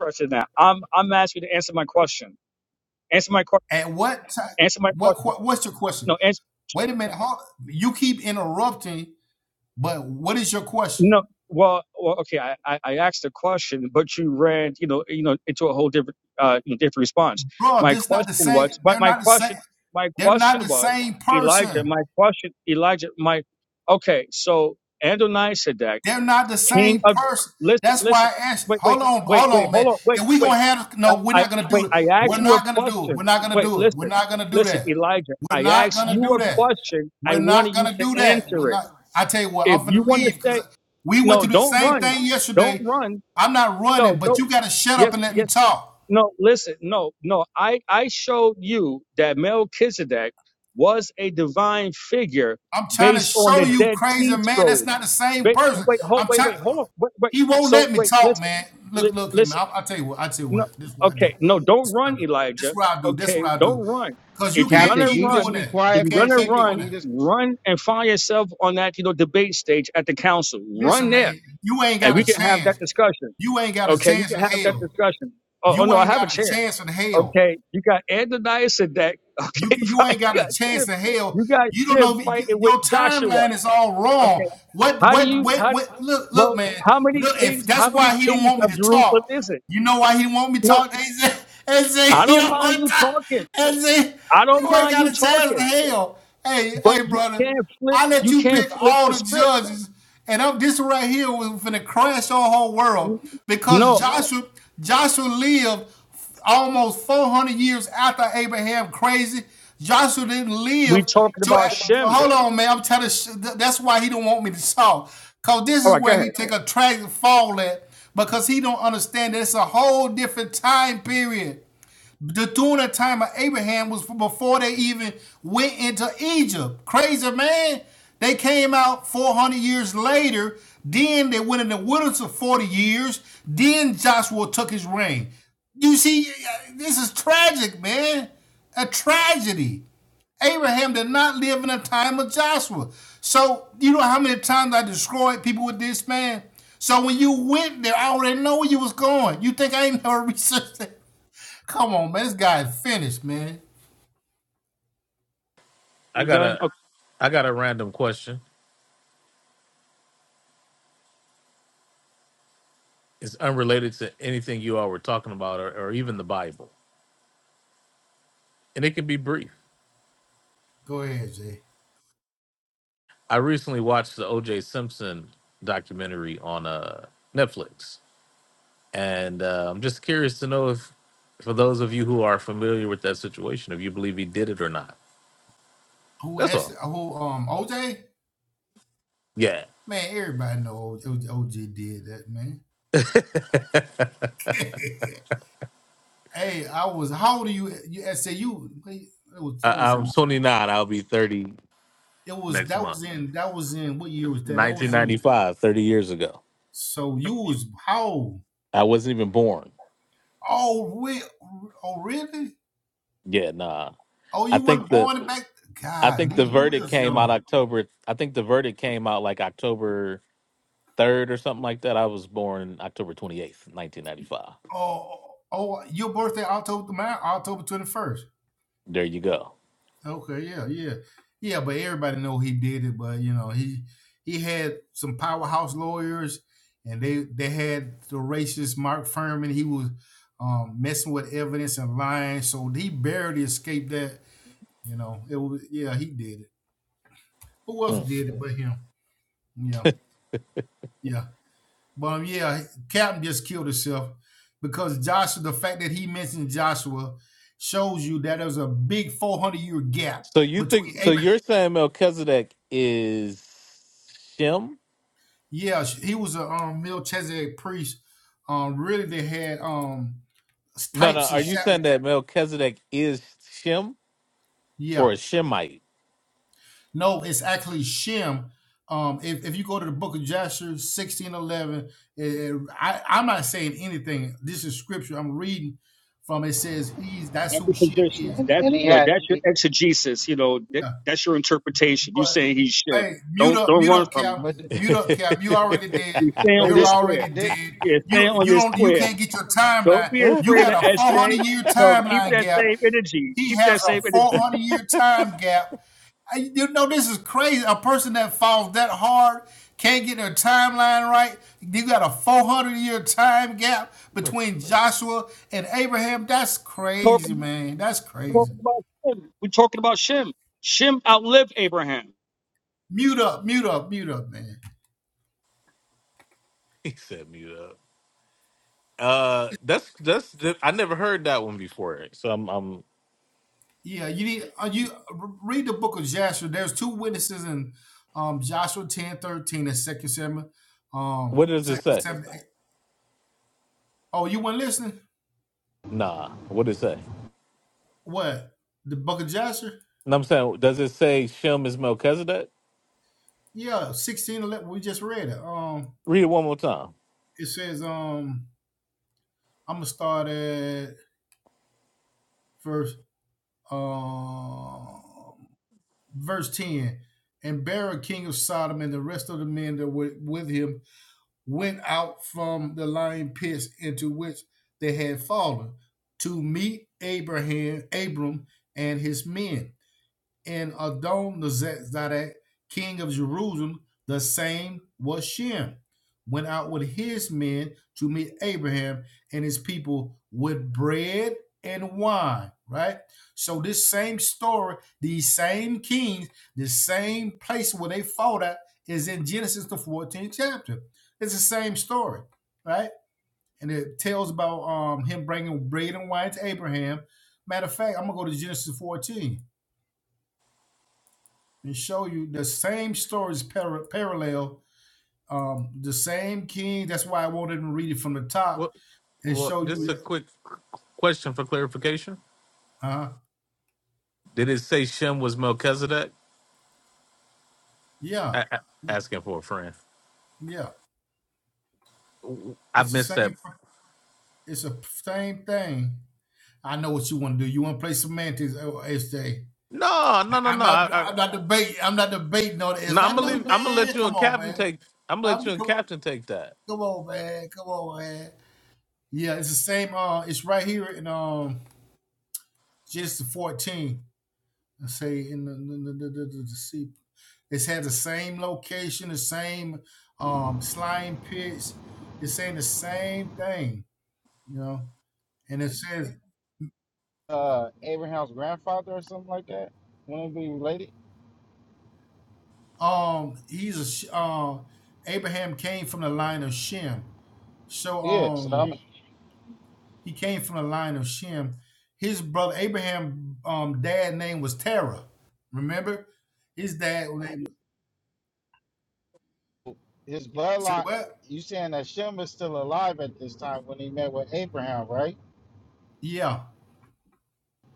Speaker 10: Question now. I'm I'm asking you to answer my question. Answer my question.
Speaker 7: At what time?
Speaker 10: Answer my
Speaker 7: What?
Speaker 10: question.
Speaker 7: que- What's your question?
Speaker 10: No. Answer.
Speaker 7: Wait a minute. Hold, you keep interrupting. But what is your question?
Speaker 10: No, well, well, okay. I, I, I asked a question, but you ran, you know, you know, into a whole different, uh, you know, different response.
Speaker 7: bro.
Speaker 10: My
Speaker 7: This not the
Speaker 10: question
Speaker 7: same.
Speaker 10: was, my,
Speaker 7: They're
Speaker 10: my
Speaker 7: not the same.
Speaker 10: question, my
Speaker 7: They're not
Speaker 10: question
Speaker 7: the
Speaker 10: was,
Speaker 7: same
Speaker 10: Elijah.
Speaker 7: person.
Speaker 10: My question, Elijah. My, okay. So Adonai said that
Speaker 7: They're not the
Speaker 10: King
Speaker 7: same
Speaker 10: of,
Speaker 7: person.
Speaker 10: listen,
Speaker 7: That's why
Speaker 10: listen,
Speaker 7: I asked.
Speaker 10: wait, wait,
Speaker 7: Hold on,
Speaker 10: wait,
Speaker 7: hold
Speaker 10: wait,
Speaker 7: on, man.
Speaker 10: hold on, wait,
Speaker 7: If we gonna
Speaker 10: wait.
Speaker 7: have no, we're
Speaker 10: I, I
Speaker 7: not gonna do
Speaker 10: wait.
Speaker 7: it.
Speaker 10: I
Speaker 7: We're
Speaker 10: asked you a
Speaker 7: not gonna do it. We're
Speaker 10: question.
Speaker 7: not gonna
Speaker 10: Wait,
Speaker 7: do it. We're
Speaker 10: listen,
Speaker 7: not gonna do
Speaker 10: listen,
Speaker 7: that.
Speaker 10: Elijah.
Speaker 7: We're
Speaker 10: I
Speaker 7: not
Speaker 10: asked
Speaker 7: gonna
Speaker 10: you
Speaker 7: do
Speaker 10: a
Speaker 7: that.
Speaker 10: question. I
Speaker 7: We're
Speaker 10: wanted
Speaker 7: not
Speaker 10: you
Speaker 7: gonna
Speaker 10: to
Speaker 7: do that. We're
Speaker 10: answer it.
Speaker 7: not. I tell you what, I'm
Speaker 10: If you
Speaker 7: finna
Speaker 10: want to
Speaker 7: leave because
Speaker 10: say
Speaker 7: we went
Speaker 10: no,
Speaker 7: through the
Speaker 10: don't
Speaker 7: same
Speaker 10: run.
Speaker 7: thing
Speaker 10: Don't
Speaker 7: yesterday.
Speaker 10: run.
Speaker 7: I'm not running,
Speaker 10: No,
Speaker 7: but
Speaker 10: don't.
Speaker 7: you gotta shut up
Speaker 10: Yes,
Speaker 7: and let me
Speaker 10: yes.
Speaker 7: talk.
Speaker 10: No, listen. No, no. I, I showed you that Melchizedek was a divine figure
Speaker 7: I'm trying to
Speaker 10: based on
Speaker 7: show
Speaker 10: the
Speaker 7: you,
Speaker 10: Dead
Speaker 7: crazy
Speaker 10: Sea
Speaker 7: man, that's
Speaker 10: Scrolls.
Speaker 7: not the same
Speaker 10: Ba-
Speaker 7: person.
Speaker 10: Wait, hold,
Speaker 7: I'm
Speaker 10: wait,
Speaker 7: trying.
Speaker 10: wait, hold on. Wait, wait.
Speaker 7: He won't
Speaker 10: So,
Speaker 7: let me
Speaker 10: wait,
Speaker 7: talk,
Speaker 10: listen.
Speaker 7: man. Look,
Speaker 10: Li-
Speaker 7: look him.
Speaker 10: listen.
Speaker 7: I'll, I'll tell you what. i tell you
Speaker 10: No,
Speaker 7: what. This is what I do.
Speaker 10: okay. No,
Speaker 7: This
Speaker 10: don't
Speaker 7: is what I
Speaker 10: run,
Speaker 7: do. This
Speaker 10: Elijah.
Speaker 7: is what I do. This is
Speaker 10: Okay,
Speaker 7: what I
Speaker 10: don't
Speaker 7: do.
Speaker 10: run.
Speaker 7: Cause you
Speaker 10: If you're
Speaker 7: can't
Speaker 10: going
Speaker 4: Captain,
Speaker 10: to
Speaker 4: can
Speaker 7: keep
Speaker 4: you just
Speaker 7: doing
Speaker 10: run,
Speaker 4: be
Speaker 7: that. You
Speaker 10: if
Speaker 4: quiet
Speaker 10: you're
Speaker 4: for a
Speaker 10: going
Speaker 7: can't
Speaker 10: to
Speaker 7: keep
Speaker 4: second?
Speaker 7: doing
Speaker 4: Can
Speaker 10: run,
Speaker 4: you
Speaker 7: that.
Speaker 4: just?
Speaker 10: run and find yourself on that, you know, debate stage at the council. Run
Speaker 7: Listen,
Speaker 10: there
Speaker 7: man, you ain't
Speaker 10: and
Speaker 7: got
Speaker 10: we
Speaker 7: a
Speaker 10: can have that
Speaker 7: chance.
Speaker 10: discussion.
Speaker 7: You ain't got a
Speaker 10: Okay, we
Speaker 7: chance in
Speaker 10: can have that
Speaker 7: hell.
Speaker 10: discussion. Oh, oh
Speaker 7: You
Speaker 10: no, I
Speaker 7: ain't
Speaker 10: have a
Speaker 7: got a
Speaker 10: chair.
Speaker 7: chance in hell.
Speaker 10: Okay, you got Ananias and that.
Speaker 7: You
Speaker 10: Okay,
Speaker 7: can, you
Speaker 10: fine.
Speaker 7: ain't got
Speaker 10: You got
Speaker 7: a chance
Speaker 10: Shib.
Speaker 7: in hell.
Speaker 10: You got
Speaker 7: You don't
Speaker 10: Shib
Speaker 7: know
Speaker 10: fighting with
Speaker 7: your
Speaker 10: Joshua.
Speaker 7: timeline is all wrong.
Speaker 10: Okay,
Speaker 7: What
Speaker 10: how do
Speaker 7: what
Speaker 10: you?
Speaker 7: what
Speaker 10: How
Speaker 7: what? Look look
Speaker 10: well?
Speaker 7: man.
Speaker 10: How many
Speaker 7: Look if
Speaker 10: kings?
Speaker 7: that's
Speaker 10: How many
Speaker 7: why he don't
Speaker 10: kings
Speaker 7: want me
Speaker 10: of
Speaker 7: to
Speaker 10: Jerusalem
Speaker 7: talk.
Speaker 10: is it?
Speaker 7: You know why he don't want me to
Speaker 10: No,
Speaker 7: talk? AJ, say
Speaker 10: I
Speaker 7: he
Speaker 10: don't
Speaker 7: don't
Speaker 10: mind
Speaker 7: want to
Speaker 10: you
Speaker 7: talk.
Speaker 10: talking.
Speaker 7: And say
Speaker 10: I don't
Speaker 7: you ain't
Speaker 10: mind
Speaker 7: got
Speaker 10: you
Speaker 7: a chance in
Speaker 10: talking,
Speaker 7: hell. Hey
Speaker 10: but
Speaker 7: hey
Speaker 10: you
Speaker 7: brother,
Speaker 10: can't flip.
Speaker 7: I let
Speaker 10: You
Speaker 7: you
Speaker 10: can't
Speaker 7: pick
Speaker 10: flip
Speaker 7: all
Speaker 10: the
Speaker 7: the
Speaker 10: script.
Speaker 7: judges, and I'm this right here was finna crash our whole world because
Speaker 10: No,
Speaker 7: Joshua Joshua lived almost 400 years after Abraham crazy. Joshua didn't
Speaker 10: we
Speaker 7: live
Speaker 10: talking
Speaker 7: to.
Speaker 10: about Shem.
Speaker 7: Hold on, man. I'm trying to. that's why he don't want me to talk. Cause this
Speaker 10: All
Speaker 7: is
Speaker 10: right, go
Speaker 7: where he
Speaker 10: ahead.
Speaker 7: take a tragic fall at because he don't understand that it's a whole different time period. The tuna time of Abraham was before they even went into Egypt. Crazy man. They came out 400 years later. Then they went in the wilderness for 40 years. Then Joshua took his reign. You see, this is tragic, man. A tragedy. Abraham did not live in the time of Joshua. So, you know how many times I destroyed people with this, man? So when you went there, I already know where you was going. You think I ain't never researched that? Come on, man. This guy is finished, man.
Speaker 9: I
Speaker 10: You
Speaker 9: got
Speaker 10: done?
Speaker 9: a I got a random question. It's unrelated to anything you all were talking about or, or even the Bible. And it can be brief.
Speaker 7: Go ahead, Jay.
Speaker 9: I recently watched the OJ Simpson documentary on uh, Netflix. And uh, I'm just curious to know if, for those of you who are familiar with that situation, if you believe he did it or not.
Speaker 7: Who
Speaker 9: That's
Speaker 7: asked?
Speaker 9: all.
Speaker 7: who um OJ?
Speaker 9: Yeah.
Speaker 7: Man, everybody know OJ, did that, man.
Speaker 9: I,
Speaker 7: hey, I was how old are you you SAU? Wait, It was that was
Speaker 9: I'm 29. I'll be 30
Speaker 7: it was
Speaker 9: next
Speaker 7: that
Speaker 9: month.
Speaker 7: was in that was in what year was that? That was in
Speaker 9: 1995, 30 years ago.
Speaker 7: so you was how old?
Speaker 9: I wasn't even born.
Speaker 7: Oh we. oh really?
Speaker 9: Yeah, nah.
Speaker 7: Oh
Speaker 9: I
Speaker 7: you weren't
Speaker 9: think the
Speaker 7: born back
Speaker 9: I
Speaker 7: God,
Speaker 9: think the
Speaker 7: you
Speaker 9: verdict
Speaker 7: was
Speaker 9: came out
Speaker 7: young.
Speaker 9: October. I think the verdict came out like October third or something like that. I was born October twenty eighth, nineteen ninety five.
Speaker 7: Oh oh your birthday October the October twenty first.
Speaker 9: There you go.
Speaker 7: Okay, yeah, yeah, yeah. But everybody know he did it. But you know, he he had some powerhouse lawyers, and they they had the racist Mark Furman. He was um, messing with evidence and lying, so he barely escaped that. You know, it was yeah, he did it. Who else
Speaker 9: Mm.
Speaker 7: did it Yeah. but him? Yeah, yeah. But um, yeah, Captain just killed himself because Joshua. The fact that he mentioned Joshua shows you that there's a big 400 year gap
Speaker 9: So you
Speaker 7: between
Speaker 9: think? So
Speaker 7: Abraham.
Speaker 9: you're saying Melchizedek is Shem?
Speaker 7: Yeah, he was a um, Melchizedek priest. Um, really, they had um,
Speaker 9: No, no.
Speaker 7: types and
Speaker 9: Are you
Speaker 7: shadows.
Speaker 9: saying that Melchizedek is Shem
Speaker 7: Yeah,
Speaker 9: or a Shemite?
Speaker 7: no, it's actually Shem. Um, if, if you go to the book of Joshua sixteen eleven, it, it, I, I'm not saying anything. This is scripture. I'm reading from. It says he's that's
Speaker 10: That's
Speaker 7: who
Speaker 10: your
Speaker 7: Shem is.
Speaker 10: position. That's
Speaker 4: And he
Speaker 10: you know,
Speaker 4: had,
Speaker 10: that's your
Speaker 4: he-
Speaker 10: exegesis. You know that,
Speaker 7: Yeah.
Speaker 10: that's your interpretation. You
Speaker 7: But
Speaker 10: saying he's
Speaker 7: hey,
Speaker 10: Shem.
Speaker 7: mute
Speaker 10: Don't
Speaker 7: up,
Speaker 10: don't
Speaker 7: mute
Speaker 10: run
Speaker 7: up,
Speaker 10: from
Speaker 7: Cap,
Speaker 4: but
Speaker 9: he
Speaker 7: mute up, Cap. You already
Speaker 10: it.
Speaker 7: dead.
Speaker 10: You stay
Speaker 4: but
Speaker 10: on
Speaker 7: You're
Speaker 10: your
Speaker 4: did
Speaker 10: square.
Speaker 7: already
Speaker 4: did
Speaker 7: dead.
Speaker 10: Yeah, stay
Speaker 7: You
Speaker 10: on
Speaker 7: you
Speaker 10: your
Speaker 7: don't you
Speaker 10: square.
Speaker 7: can't get your
Speaker 10: Don't
Speaker 7: timeline.
Speaker 10: be
Speaker 7: You
Speaker 10: afraid
Speaker 7: got
Speaker 10: of
Speaker 7: a 400
Speaker 10: SJ.
Speaker 7: year
Speaker 10: No, keep
Speaker 7: timeline
Speaker 10: that
Speaker 7: gap
Speaker 10: same energy.
Speaker 7: He
Speaker 10: Keep
Speaker 7: has
Speaker 10: that
Speaker 7: a
Speaker 10: same energy.
Speaker 7: 400 year time gap. you know, this is crazy. A person that falls that hard can't get their timeline right. You got a 400 year time gap between Joshua and Abraham. That's
Speaker 10: Talk
Speaker 7: crazy,
Speaker 10: about,
Speaker 7: man. That's
Speaker 10: talk
Speaker 7: crazy.
Speaker 10: about Shem. We're talking about Shem. Shem outlived Abraham.
Speaker 7: Mute up, mute up, mute up, man.
Speaker 9: set me up. Uh, that's that's. I never heard that one before. So I'm. I'm
Speaker 7: Yeah, you need uh, you read the book of Joshua. There's two witnesses in um, Joshua ten thirteen 13 and Second Samuel. Um,
Speaker 9: what does it
Speaker 7: Second
Speaker 9: say?
Speaker 7: Samuel. Oh, you weren't listening?
Speaker 9: Nah. What does it say?
Speaker 7: What? The book of Joshua?
Speaker 9: And I'm saying, does it say Shem is Melchizedek?
Speaker 7: Yeah, sixteen eleven. We just read it. Um,
Speaker 9: Read it one more time.
Speaker 7: it says um, I'm gonna start at verse um verse ten. And Barah, king of Sodom, and the rest of the men that were with him went out from the lion pits into which they had fallen to meet Abraham, Abram, and his men. and Adonizedek, king of Jerusalem, the same was Shem, went out with his men to meet Abraham and his people with bread and wine. Right? So this same story, these same kings, the same place where they fought at is in Genesis the 14th chapter. It's the same story, right? And it tells about um, him bringing bread and wine to Abraham. Matter of fact, I'm gonna go to Genesis 14 and show you the same stories par- parallel, um, the same king. That's why I won't even read it from the top
Speaker 9: Well,
Speaker 7: and
Speaker 9: well,
Speaker 7: show
Speaker 9: just
Speaker 7: you
Speaker 9: a
Speaker 7: that.
Speaker 9: quick question for clarification.
Speaker 7: Uh,
Speaker 9: Did it say Shem was Melchizedek?
Speaker 7: yeah,
Speaker 9: I, I, asking for a friend.
Speaker 7: yeah,
Speaker 9: I
Speaker 7: it's the
Speaker 9: missed that.
Speaker 7: same. It's the same thing. I know what you want to do. You want to play semantics, oh, SJ.
Speaker 9: No, no, no,
Speaker 7: I- am
Speaker 9: no. I,
Speaker 7: not.
Speaker 9: I,
Speaker 7: I'm not debating. I'm not debating on
Speaker 9: no,
Speaker 7: this.
Speaker 9: I'm
Speaker 7: I
Speaker 9: gonna
Speaker 7: know,
Speaker 9: leave. I'm gonna
Speaker 7: man.
Speaker 9: let you
Speaker 7: Come
Speaker 9: and
Speaker 7: on,
Speaker 9: Captain
Speaker 7: man.
Speaker 9: take. I'm gonna let
Speaker 7: I'm
Speaker 9: you and
Speaker 7: come,
Speaker 9: Captain take that.
Speaker 7: come on, man. Come on, man. Yeah, it's the same. Uh, it's right here in um Genesis 14. I say in the, the, the, the, the, the sea. It's had the same location, the same um, slime pits. It's saying the same thing, you know. And it says,
Speaker 4: uh Abraham's grandfather or something like that? Wouldn't it be related?
Speaker 7: um, he's a Sh- uh, Abraham came from the line of Shem. So
Speaker 4: Yeah, so that
Speaker 7: um,
Speaker 4: I'm
Speaker 7: he came from the line of Shem. His brother Abraham, um, dad name was Terah. Remember, his dad name.
Speaker 4: his
Speaker 7: Say
Speaker 4: bloodline.
Speaker 7: what?
Speaker 4: You saying that Shem is still alive at this time when he met with Abraham, right?
Speaker 7: Yeah,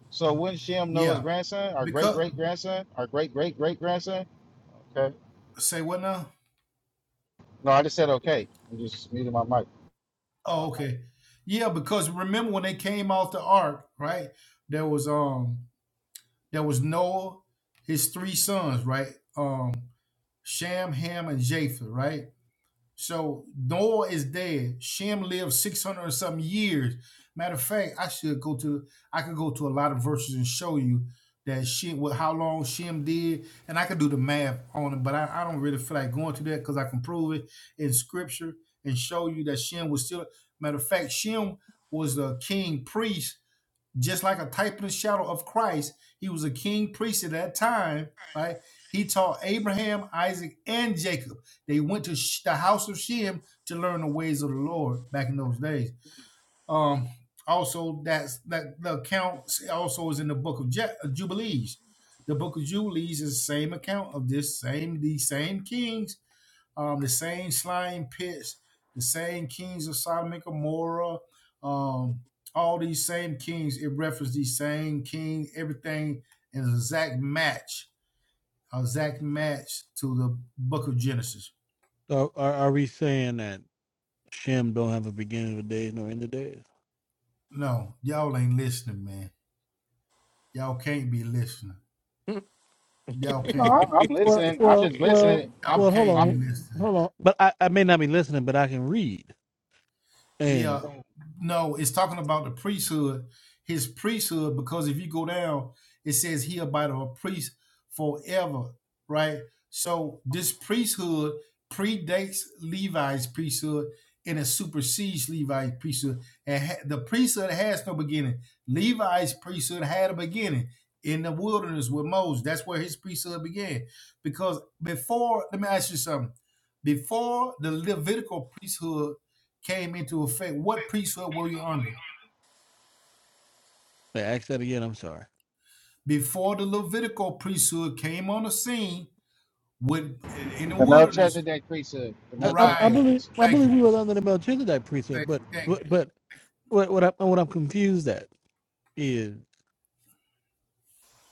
Speaker 4: So wouldn't Shem know his
Speaker 7: yeah.
Speaker 4: grandson, our great
Speaker 7: Because
Speaker 4: great grandson, our great great great grandson? Okay.
Speaker 7: say what now?
Speaker 4: No, I just said okay. I just muted my mic.
Speaker 7: Oh, okay. Yeah, because remember when they came off the ark, right? There was um there was Noah, his three sons, right? Um Sham, Ham, and Japheth, right? So Noah is dead. Shem lived six hundred and something years. Matter of fact, I should go to I could go to a lot of verses and show you that Shem what how long Shem did, and I could do the math on it, but I, I don't really feel like going to that because I can prove it in scripture and show you that Shem was still matter of fact, Shem was a king priest just like a type and shadow of Christ. He was a king priest at that time, right? He taught Abraham, Isaac, and Jacob. They went to Sh- the house of Shem to learn the ways of the Lord back in those days. Um, also, that's that the account also is in the book of Je- Jubilees. The book of Jubilees is the same account of this same these same kings um, the same slime pits, the same kings of Sodom and Gomorrah, um, all these same kings. It referenced these same kings. everything is an exact match, a exact match to the book of Genesis.
Speaker 2: So are, are we saying that Shem don't have a beginning of days nor end of days?
Speaker 7: No, y'all ain't listening, man. Y'all can't be listening. Y'all
Speaker 4: No,
Speaker 7: can't be.
Speaker 4: I- I'm
Speaker 2: Well
Speaker 4: listening. I'm
Speaker 2: well
Speaker 4: just
Speaker 2: well
Speaker 4: listening. I'm
Speaker 7: Y'all
Speaker 2: well hold
Speaker 7: can't be
Speaker 2: on
Speaker 4: I'm
Speaker 7: listening.
Speaker 2: hold on. But I, I may not be listening, but I can read.
Speaker 7: Yeah, No, it's talking about the priesthood, his priesthood, because if you go down, it says he abideth a priest forever, right? So this priesthood predates Levi's priesthood and it supersedes Levi's priesthood. And ha- the priesthood has no beginning. Levi's priesthood had a beginning in the wilderness with Moses. That's where his priesthood began. Because before, let me ask you something. Before the Levitical priesthood came into effect, what priesthood were we under?
Speaker 2: Wait, ask that again. I'm sorry.
Speaker 7: Before the Levitical priesthood came on the scene with in the
Speaker 4: the
Speaker 7: wilderness.
Speaker 4: Melchizedek priesthood. The
Speaker 2: I, I, I
Speaker 7: Right.
Speaker 4: Melchizedek
Speaker 2: believe
Speaker 4: priesthood.
Speaker 2: I
Speaker 7: Thank
Speaker 2: believe
Speaker 7: you.
Speaker 2: we were under the Melchizedek precept,
Speaker 7: Thank,
Speaker 2: but
Speaker 7: thank
Speaker 2: but, but what what, I, what I'm confused at is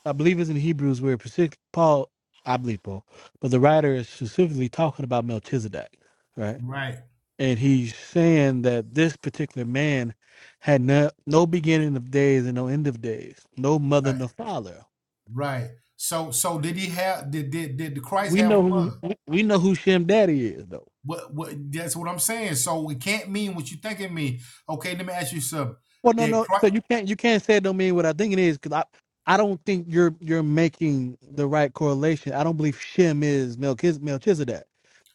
Speaker 2: I believe it's in Hebrews where partic- Paul I believe Paul, but the writer is specifically talking about Melchizedek, right?
Speaker 7: you. Right.
Speaker 2: And he's saying that this particular man had no, no beginning of days and no end of days, no mother,
Speaker 7: Right.
Speaker 2: no father.
Speaker 7: Right. So so did he have did did, did the Christ
Speaker 2: We
Speaker 7: have
Speaker 2: know
Speaker 7: a
Speaker 2: who
Speaker 7: mother?
Speaker 2: we we know who Shem Daddy is though.
Speaker 7: What what that's what I'm saying. So it can't mean what you think it means. Okay, let me ask you something.
Speaker 2: Well, no,
Speaker 7: Did
Speaker 2: no.
Speaker 7: Christ
Speaker 2: So you can't you can't say it don't mean what I think it is because I I don't think you're you're making the right correlation. I don't believe Shem is Melchiz- Melchizedek.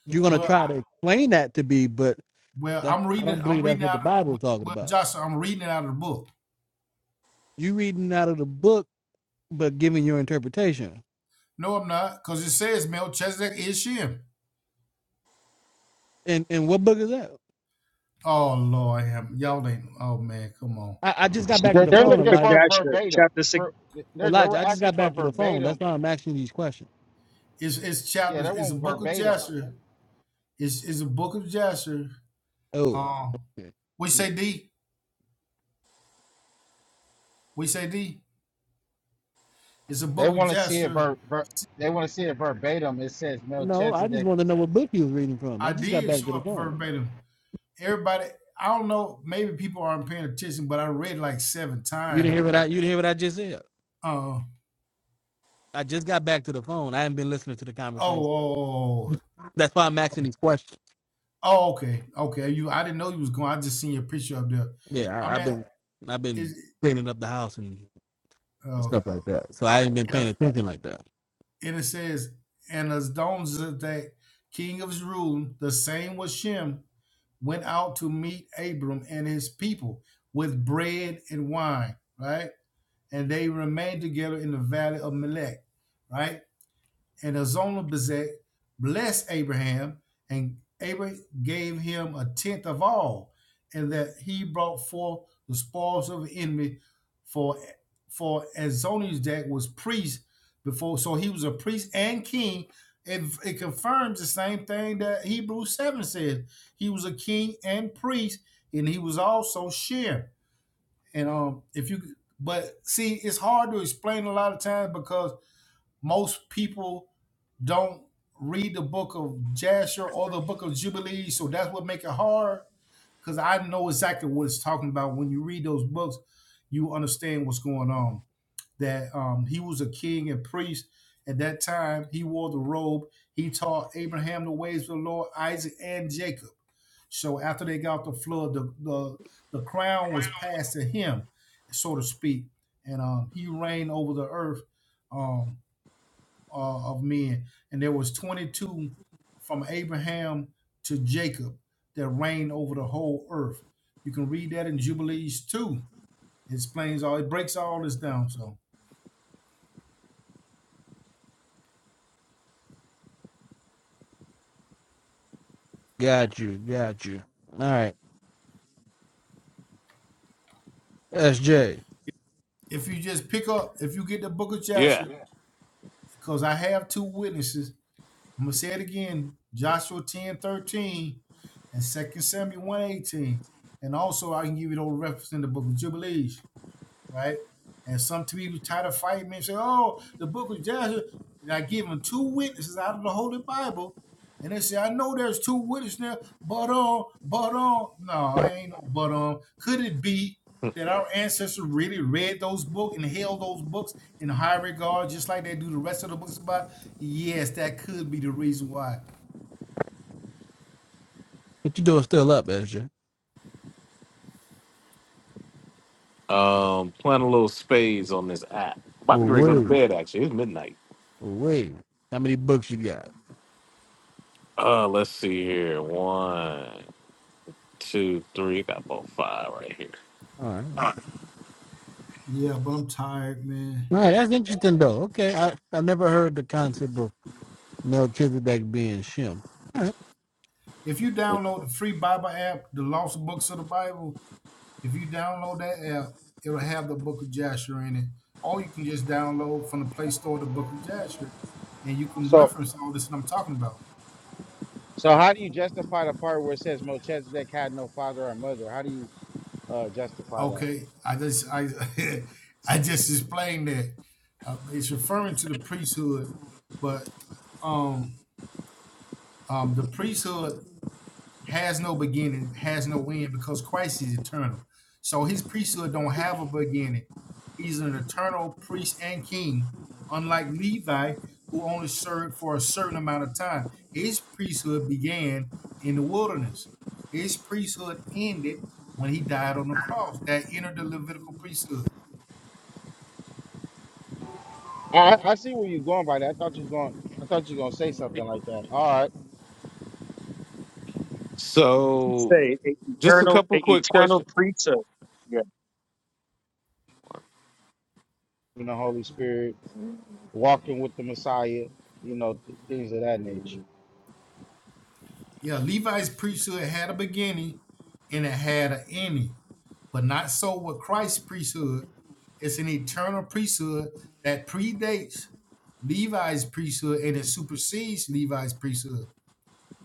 Speaker 2: You're gonna
Speaker 7: well
Speaker 2: try
Speaker 7: I,
Speaker 2: to explain that to be, but
Speaker 7: well
Speaker 2: that
Speaker 7: I'm
Speaker 2: I
Speaker 7: reading
Speaker 2: don't believe
Speaker 7: I'm
Speaker 2: that's
Speaker 7: reading
Speaker 2: what the
Speaker 7: out
Speaker 2: Bible
Speaker 7: well
Speaker 2: is talking
Speaker 7: well,
Speaker 2: about.
Speaker 7: Joshua, I'm reading it out of the book.
Speaker 2: You reading out of the book, but giving your interpretation.
Speaker 7: No, I'm not, because it says Melchizedek is Shem.
Speaker 2: And and what book is that?
Speaker 7: Oh Lord, have- y'all ain't. Oh man, come on.
Speaker 2: I, I just got
Speaker 10: Actually,
Speaker 2: back to
Speaker 4: They're,
Speaker 2: the
Speaker 10: it's
Speaker 4: they're
Speaker 10: The
Speaker 2: phone,
Speaker 10: book
Speaker 4: looking
Speaker 10: of
Speaker 4: for
Speaker 2: Elijah.
Speaker 10: Jasher,
Speaker 4: verbatim.
Speaker 10: chapter six,
Speaker 4: Ver- They're, they
Speaker 2: Elijah,
Speaker 4: were
Speaker 2: I just
Speaker 4: asking
Speaker 2: got
Speaker 4: for
Speaker 2: back to the phone. That's
Speaker 4: verbatim.
Speaker 2: why I'm asking these questions.
Speaker 7: It's it's
Speaker 4: Yeah,
Speaker 7: chapters.
Speaker 4: they
Speaker 7: It's a
Speaker 4: want
Speaker 7: book.
Speaker 4: verbatim.
Speaker 7: It's it's a book of Jasher.
Speaker 2: Oh,
Speaker 7: Um,
Speaker 2: okay.
Speaker 7: we
Speaker 2: Mm.
Speaker 7: say D. We say D. It's a
Speaker 4: They
Speaker 7: book of
Speaker 4: want to see it
Speaker 7: Jasher.
Speaker 4: ver, ver they want to see it verbatim. It says
Speaker 2: No, I just
Speaker 4: Melchizedek.
Speaker 2: want to know what book he was reading from. I
Speaker 7: I
Speaker 2: just got
Speaker 7: did
Speaker 2: back
Speaker 7: show
Speaker 2: to the
Speaker 7: up
Speaker 2: phone.
Speaker 7: verbatim. Everybody, I don't know. Maybe people aren't paying attention, but I read like seven
Speaker 2: You
Speaker 7: times.
Speaker 2: didn't hear what I you didn't hear what I just said.
Speaker 7: Uh,
Speaker 2: I just got back to the phone. I haven't been listening to the
Speaker 7: oh, oh,
Speaker 2: conversation.
Speaker 7: oh, oh,
Speaker 2: That's why I'm asking these questions.
Speaker 7: oh, okay, okay. You, I didn't know you was going. I just seen your picture up there.
Speaker 2: Yeah,
Speaker 7: I
Speaker 2: I, I've
Speaker 7: mean,
Speaker 2: been I've been
Speaker 7: is
Speaker 2: cleaning up the house and
Speaker 7: oh
Speaker 2: stuff like that. So I ain't been
Speaker 7: yeah.
Speaker 2: paying attention like that.
Speaker 7: and it says, and Adonizedek, king of Zerun, the same was Shem, went out to meet Abram and his people with bread and wine, right? And they remained together in the valley of Melech, right? and Azonabazek blessed Abraham, and Abraham gave him a tenth of all, and that he brought forth the spoils of the enemy for for Azonizdak was priest before, so he was a priest and king. It, it confirms the same thing that Hebrews 7 says. He was a king and priest, and he was also share. And um, if you but see, it's hard to explain a lot of times because most people don't read the book of Jasher or the book of Jubilee. So that's what make it hard because I know exactly what it's talking about. When you read those books, you understand what's going on. That um, he was a king and priest at that time. He wore the robe. He taught Abraham the ways of the Lord, Isaac and Jacob. So after they got the flood, the the, the crown was passed to him, so to speak, and um, he reigned over the earth. Um, uh, of men, and there was 22 from Abraham to Jacob that reigned over the whole earth. You can read that in Jubilees 2. It explains all, it breaks all this down. So
Speaker 2: Got you, got you. All right, SJ,
Speaker 7: if you just pick up, if you get the book of Joshua,
Speaker 9: yeah.
Speaker 7: because I have two witnesses, I'm going to say it again Joshua 10 13 and Second Samuel one 18. And also, I can give you those references in the book of Jubilees. right? And some people try to fight me and say, "Oh, the Book of Joshua." And I give them two witnesses out of the Holy Bible, and they say, "I know there's two witnesses there, but on, but on, no, it ain't no but on. Could it be that our ancestors really read those books and held those books in high regard, just like they do the rest of the books about? Yes, that could be the reason why.
Speaker 2: what you doing? Still up, SJ?
Speaker 9: Um, playing a little spades on this app. Might
Speaker 2: Oh,
Speaker 9: be ready to go to
Speaker 2: wait.
Speaker 9: bed. Actually, it's midnight.
Speaker 2: Well, Wait, how many books you got?
Speaker 9: Uh, let's see here. One. two, three. Got about five right here.
Speaker 2: All right, all
Speaker 7: Yeah, but I'm tired, man.
Speaker 2: right, that's interesting though. Okay, I I never heard the concept of Melchizedek being Shem. All right.
Speaker 7: If you download the free Bible app, the Lost Books of the Bible, If you download that app, it'll have the book of Jasher in it. Or you can just download from the Play Store the book of Jasher and you can
Speaker 4: So
Speaker 7: reference all this that I'm talking about.
Speaker 4: So how do you justify the part where it says Melchizedek had no father or mother? How do you uh, justify that?
Speaker 7: Okay, I just I I just explained that. Uh, it's referring to the priesthood, but um um the priesthood has no beginning, has no end, because Christ is eternal. So his priesthood don't have a beginning. He's an eternal priest and king, unlike Levi, who only served for a certain amount of time. His priesthood began in the wilderness. His priesthood ended when he died on the cross. That entered the Levitical priesthood.
Speaker 4: I, I I see where you're going by that. I thought you was going. I thought you were gonna say something like that. All right,
Speaker 9: So,
Speaker 10: say a
Speaker 9: just a
Speaker 10: eternal, a
Speaker 9: couple quick
Speaker 10: eternal
Speaker 9: questions.
Speaker 10: preacher. Yeah.
Speaker 4: in the Holy Spirit, walking with the Messiah, you know, th- things of that nature.
Speaker 7: Yeah, Levi's priesthood had a beginning and it had an ending. but not so with Christ's priesthood. It's an eternal priesthood that predates Levi's priesthood and it supersedes Levi's priesthood.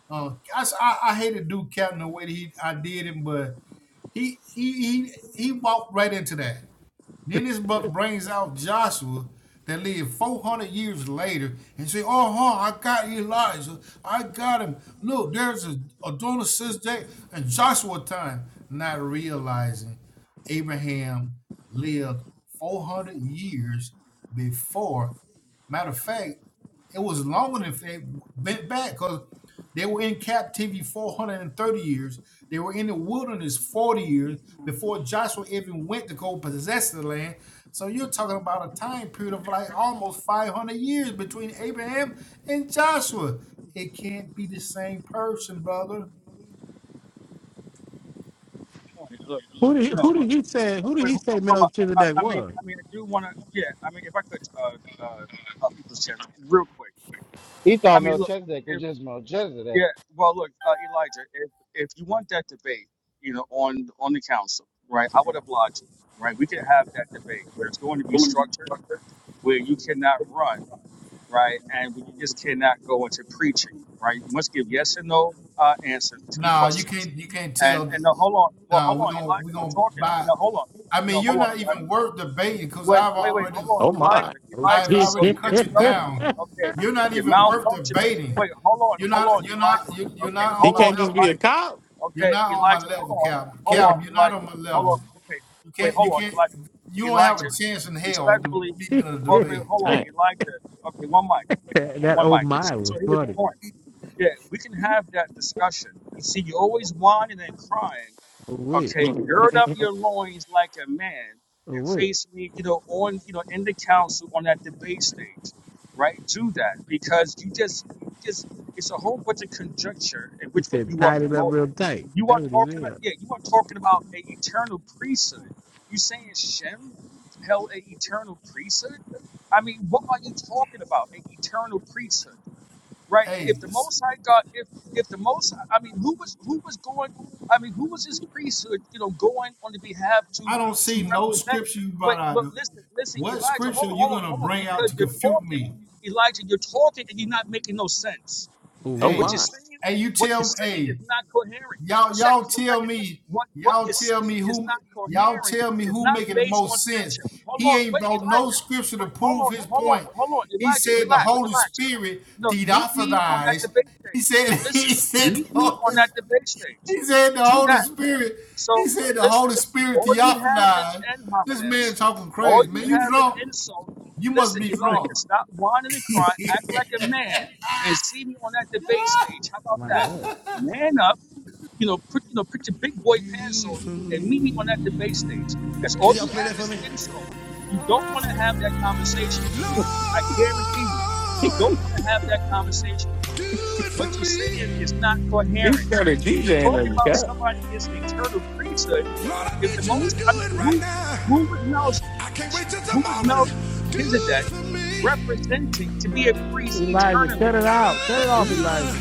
Speaker 7: Uh, I, s- I- I hate to do Captain the way that he I did him, but he he he he walked right into that. Then this book brings out Joshua that lived 400 years later and say, oh, huh, I got Elijah. I got him. Look, there's a Adonai says that and Joshua time, not realizing Abraham lived 400 years before. Matter of fact, it was longer than they bent back because they were in captivity 430 years. They were in the wilderness 40 years before Joshua even went to go possess the land. So you're talking about a time period of like almost 500 years between Abraham and Joshua. It can't be the same person, brother.
Speaker 10: Look,
Speaker 2: Who did he,
Speaker 10: you know,
Speaker 2: who
Speaker 10: look.
Speaker 2: did he say who did
Speaker 10: Wait,
Speaker 2: he
Speaker 10: hold on,
Speaker 2: say
Speaker 10: hold on. I,
Speaker 2: Melchizedek
Speaker 10: I mean,
Speaker 2: was?
Speaker 10: I mean, I do want to. Yeah, I mean, if I could, uh, uh, uh people's champ, real quick.
Speaker 4: He
Speaker 10: I
Speaker 4: thought
Speaker 10: mean, look,
Speaker 4: Melchizedek was
Speaker 10: if
Speaker 4: just Melchizedek.
Speaker 10: yeah, well, look, uh, Elijah, if if you want that debate, you know, on on the council, right? I would oblige you, right? We can have that debate where it's going to be structured, where you cannot run, right, and where you just cannot go into preaching, right? You must give yes and no uh, answers to the
Speaker 7: Nah, you
Speaker 10: questions.
Speaker 7: can't. You can't
Speaker 10: And
Speaker 7: tell.
Speaker 10: and no, hold on, well,
Speaker 7: Nah,
Speaker 10: hold
Speaker 7: we're
Speaker 10: on,
Speaker 7: gonna we're
Speaker 10: Elijah, I'm
Speaker 7: gonna
Speaker 10: talking.
Speaker 7: buy.
Speaker 10: No, hold on,
Speaker 7: I mean,
Speaker 10: no,
Speaker 7: you're
Speaker 10: hold on,
Speaker 7: not
Speaker 10: Elijah.
Speaker 7: even worth debating because
Speaker 10: Wait,
Speaker 7: I've
Speaker 10: wait, wait.
Speaker 7: already
Speaker 10: Hold
Speaker 9: Oh
Speaker 10: on,
Speaker 9: my,
Speaker 10: Elijah.
Speaker 7: I've
Speaker 10: Elijah.
Speaker 2: Okay.
Speaker 10: So
Speaker 7: already
Speaker 10: you
Speaker 7: cut you
Speaker 10: interrupted me.
Speaker 7: down.
Speaker 10: Okay.
Speaker 7: You're not
Speaker 10: You're
Speaker 7: even worth
Speaker 10: malfunctioning.
Speaker 7: debating.
Speaker 10: Wait, hold on.
Speaker 7: You're
Speaker 10: Hold
Speaker 7: not.
Speaker 10: on,
Speaker 7: You're not.
Speaker 10: Elijah.
Speaker 7: You, you're
Speaker 10: Okay.
Speaker 7: not on
Speaker 9: he
Speaker 10: Hold
Speaker 7: my
Speaker 10: on,
Speaker 9: can't just be
Speaker 7: level.
Speaker 9: a
Speaker 10: Elijah.
Speaker 9: cop.
Speaker 7: You're
Speaker 10: Okay,
Speaker 7: not on my
Speaker 10: Elijah. Hold
Speaker 7: level,
Speaker 10: on.
Speaker 7: Calvin.
Speaker 10: Hold on,
Speaker 7: Calvin, you're not on
Speaker 10: Elijah.
Speaker 7: my
Speaker 10: Hold on.
Speaker 7: level.
Speaker 10: Okay.
Speaker 7: You
Speaker 10: Wait,
Speaker 7: can't. You
Speaker 10: hold on,
Speaker 7: can't.
Speaker 10: Elijah.
Speaker 7: You will not have a
Speaker 10: Elijah.
Speaker 7: chance in hell to
Speaker 10: Respectfully.
Speaker 7: beat me in a
Speaker 10: Hold, wait,
Speaker 7: debate.
Speaker 10: hold on,
Speaker 9: Dang.
Speaker 10: Elijah. Okay, one mic.
Speaker 2: that
Speaker 10: One
Speaker 2: old
Speaker 10: mic. So,
Speaker 2: my was
Speaker 10: so here was the
Speaker 2: funny.
Speaker 10: point. Yeah, we can have that discussion. You see, you're always whining and crying
Speaker 2: Oh wait,
Speaker 10: Okay, gird up your loins like a man
Speaker 2: oh
Speaker 10: and
Speaker 2: wait.
Speaker 10: face me, you know, on, you know, in the council on that debate stage, right? Do that because you just, you just, it's a whole bunch of conjecture in
Speaker 2: He
Speaker 10: which what
Speaker 2: said
Speaker 10: you are
Speaker 2: tied it up
Speaker 10: promoting.
Speaker 2: real tight.
Speaker 10: You
Speaker 2: That
Speaker 10: are
Speaker 2: was his
Speaker 10: talking about,
Speaker 2: ear.
Speaker 10: yeah, you are talking about an eternal priesthood. You saying Shem held an eternal priesthood? I mean, what are you talking about? An eternal priesthood? right? If
Speaker 7: Hey,
Speaker 10: the Most High God, if if the Most, High- I mean, who was who was going? I mean, who was his priesthood? You know, going on the behalf
Speaker 7: I
Speaker 10: to
Speaker 7: I don't see
Speaker 10: to
Speaker 7: no
Speaker 10: represent.
Speaker 7: scripture you
Speaker 10: Wait,
Speaker 7: brought out.
Speaker 10: look, listen, listen,
Speaker 7: What
Speaker 10: Elijah,
Speaker 7: scripture
Speaker 10: hold
Speaker 7: are
Speaker 10: on,
Speaker 7: you
Speaker 10: hold on,
Speaker 7: gonna
Speaker 10: hold on,
Speaker 7: bring out
Speaker 10: because
Speaker 7: to
Speaker 10: you're
Speaker 7: confute
Speaker 10: talking,
Speaker 7: me?
Speaker 10: Elijah, you're talking, and you're not making no sense.
Speaker 2: Oh
Speaker 9: Oh
Speaker 7: Hey,
Speaker 2: wait,
Speaker 10: What you're
Speaker 9: my,
Speaker 10: saying,
Speaker 7: hey, you
Speaker 10: what you're
Speaker 7: tell me.
Speaker 10: saying is
Speaker 7: Hey,
Speaker 10: not coherent. One
Speaker 7: y'all y'all
Speaker 10: second, one
Speaker 7: tell
Speaker 10: second.
Speaker 7: me
Speaker 10: What what
Speaker 7: y'all
Speaker 10: you're
Speaker 7: tell me
Speaker 10: saying is
Speaker 7: who
Speaker 10: not
Speaker 7: y'all
Speaker 10: coherent.
Speaker 7: tell me
Speaker 10: It's
Speaker 7: who
Speaker 10: not
Speaker 7: making the
Speaker 10: based on
Speaker 7: most sense
Speaker 10: scripture. Hold
Speaker 7: he
Speaker 10: on,
Speaker 7: ain't
Speaker 10: wait,
Speaker 7: brought no
Speaker 10: Elijah.
Speaker 7: scripture to
Speaker 10: Wait, hold
Speaker 7: prove
Speaker 10: on,
Speaker 7: his
Speaker 10: hold on,
Speaker 7: point
Speaker 10: hold on,
Speaker 7: he
Speaker 10: Elijah.
Speaker 7: said the
Speaker 10: Relax,
Speaker 7: holy
Speaker 10: relax
Speaker 7: spirit
Speaker 10: no, meet me on that
Speaker 7: theophilized
Speaker 10: debate
Speaker 7: he
Speaker 10: stage.
Speaker 7: said he
Speaker 10: Listen,
Speaker 7: said the
Speaker 10: meet me on
Speaker 7: holy,
Speaker 10: that debate stage.
Speaker 7: he said the
Speaker 10: Do
Speaker 7: holy
Speaker 10: that.
Speaker 7: spirit he
Speaker 10: So,
Speaker 7: said the
Speaker 10: listen,
Speaker 7: holy spirit
Speaker 10: all you have is
Speaker 7: theophilized
Speaker 10: ad
Speaker 7: this man
Speaker 10: hominems.
Speaker 7: talking
Speaker 10: All
Speaker 7: crazy
Speaker 10: you
Speaker 7: man you
Speaker 10: have is
Speaker 7: drunk
Speaker 10: insults.
Speaker 7: you must
Speaker 10: Listen,
Speaker 7: be drunk
Speaker 10: Elijah, stop whining and crying. Act like a man and see me on that debate stage. How about
Speaker 2: my
Speaker 10: that?
Speaker 2: God.
Speaker 10: Man up you know, put you know, put your big boy
Speaker 7: Do
Speaker 10: pants
Speaker 7: it
Speaker 10: on
Speaker 7: for
Speaker 10: and meet me
Speaker 7: me.
Speaker 10: on that debate stage. That's all you have is insults. You don't want to have that conversation with me. I guarantee you, you
Speaker 7: Lord.
Speaker 10: don't want to have that conversation with me.
Speaker 7: Do it for
Speaker 10: What you're saying
Speaker 7: me.
Speaker 10: is not
Speaker 9: he
Speaker 10: coherent.
Speaker 9: started
Speaker 10: You're
Speaker 9: DJing
Speaker 10: talking
Speaker 9: as a
Speaker 10: about
Speaker 9: cop.
Speaker 10: somebody is an eternal priesthood.
Speaker 7: Lord, I
Speaker 10: If
Speaker 7: need
Speaker 10: the
Speaker 7: you to
Speaker 10: most,
Speaker 7: do
Speaker 10: I mean,
Speaker 7: it right
Speaker 10: who
Speaker 7: now.
Speaker 10: who was Mel's
Speaker 7: I can't wait till
Speaker 10: who was
Speaker 7: tomorrow. Do it
Speaker 10: Melchizedek
Speaker 7: for me.
Speaker 10: representing to be a priest
Speaker 2: Elijah, cut
Speaker 10: eternally?
Speaker 2: it out, cut it off,
Speaker 7: Ah,
Speaker 2: Elijah.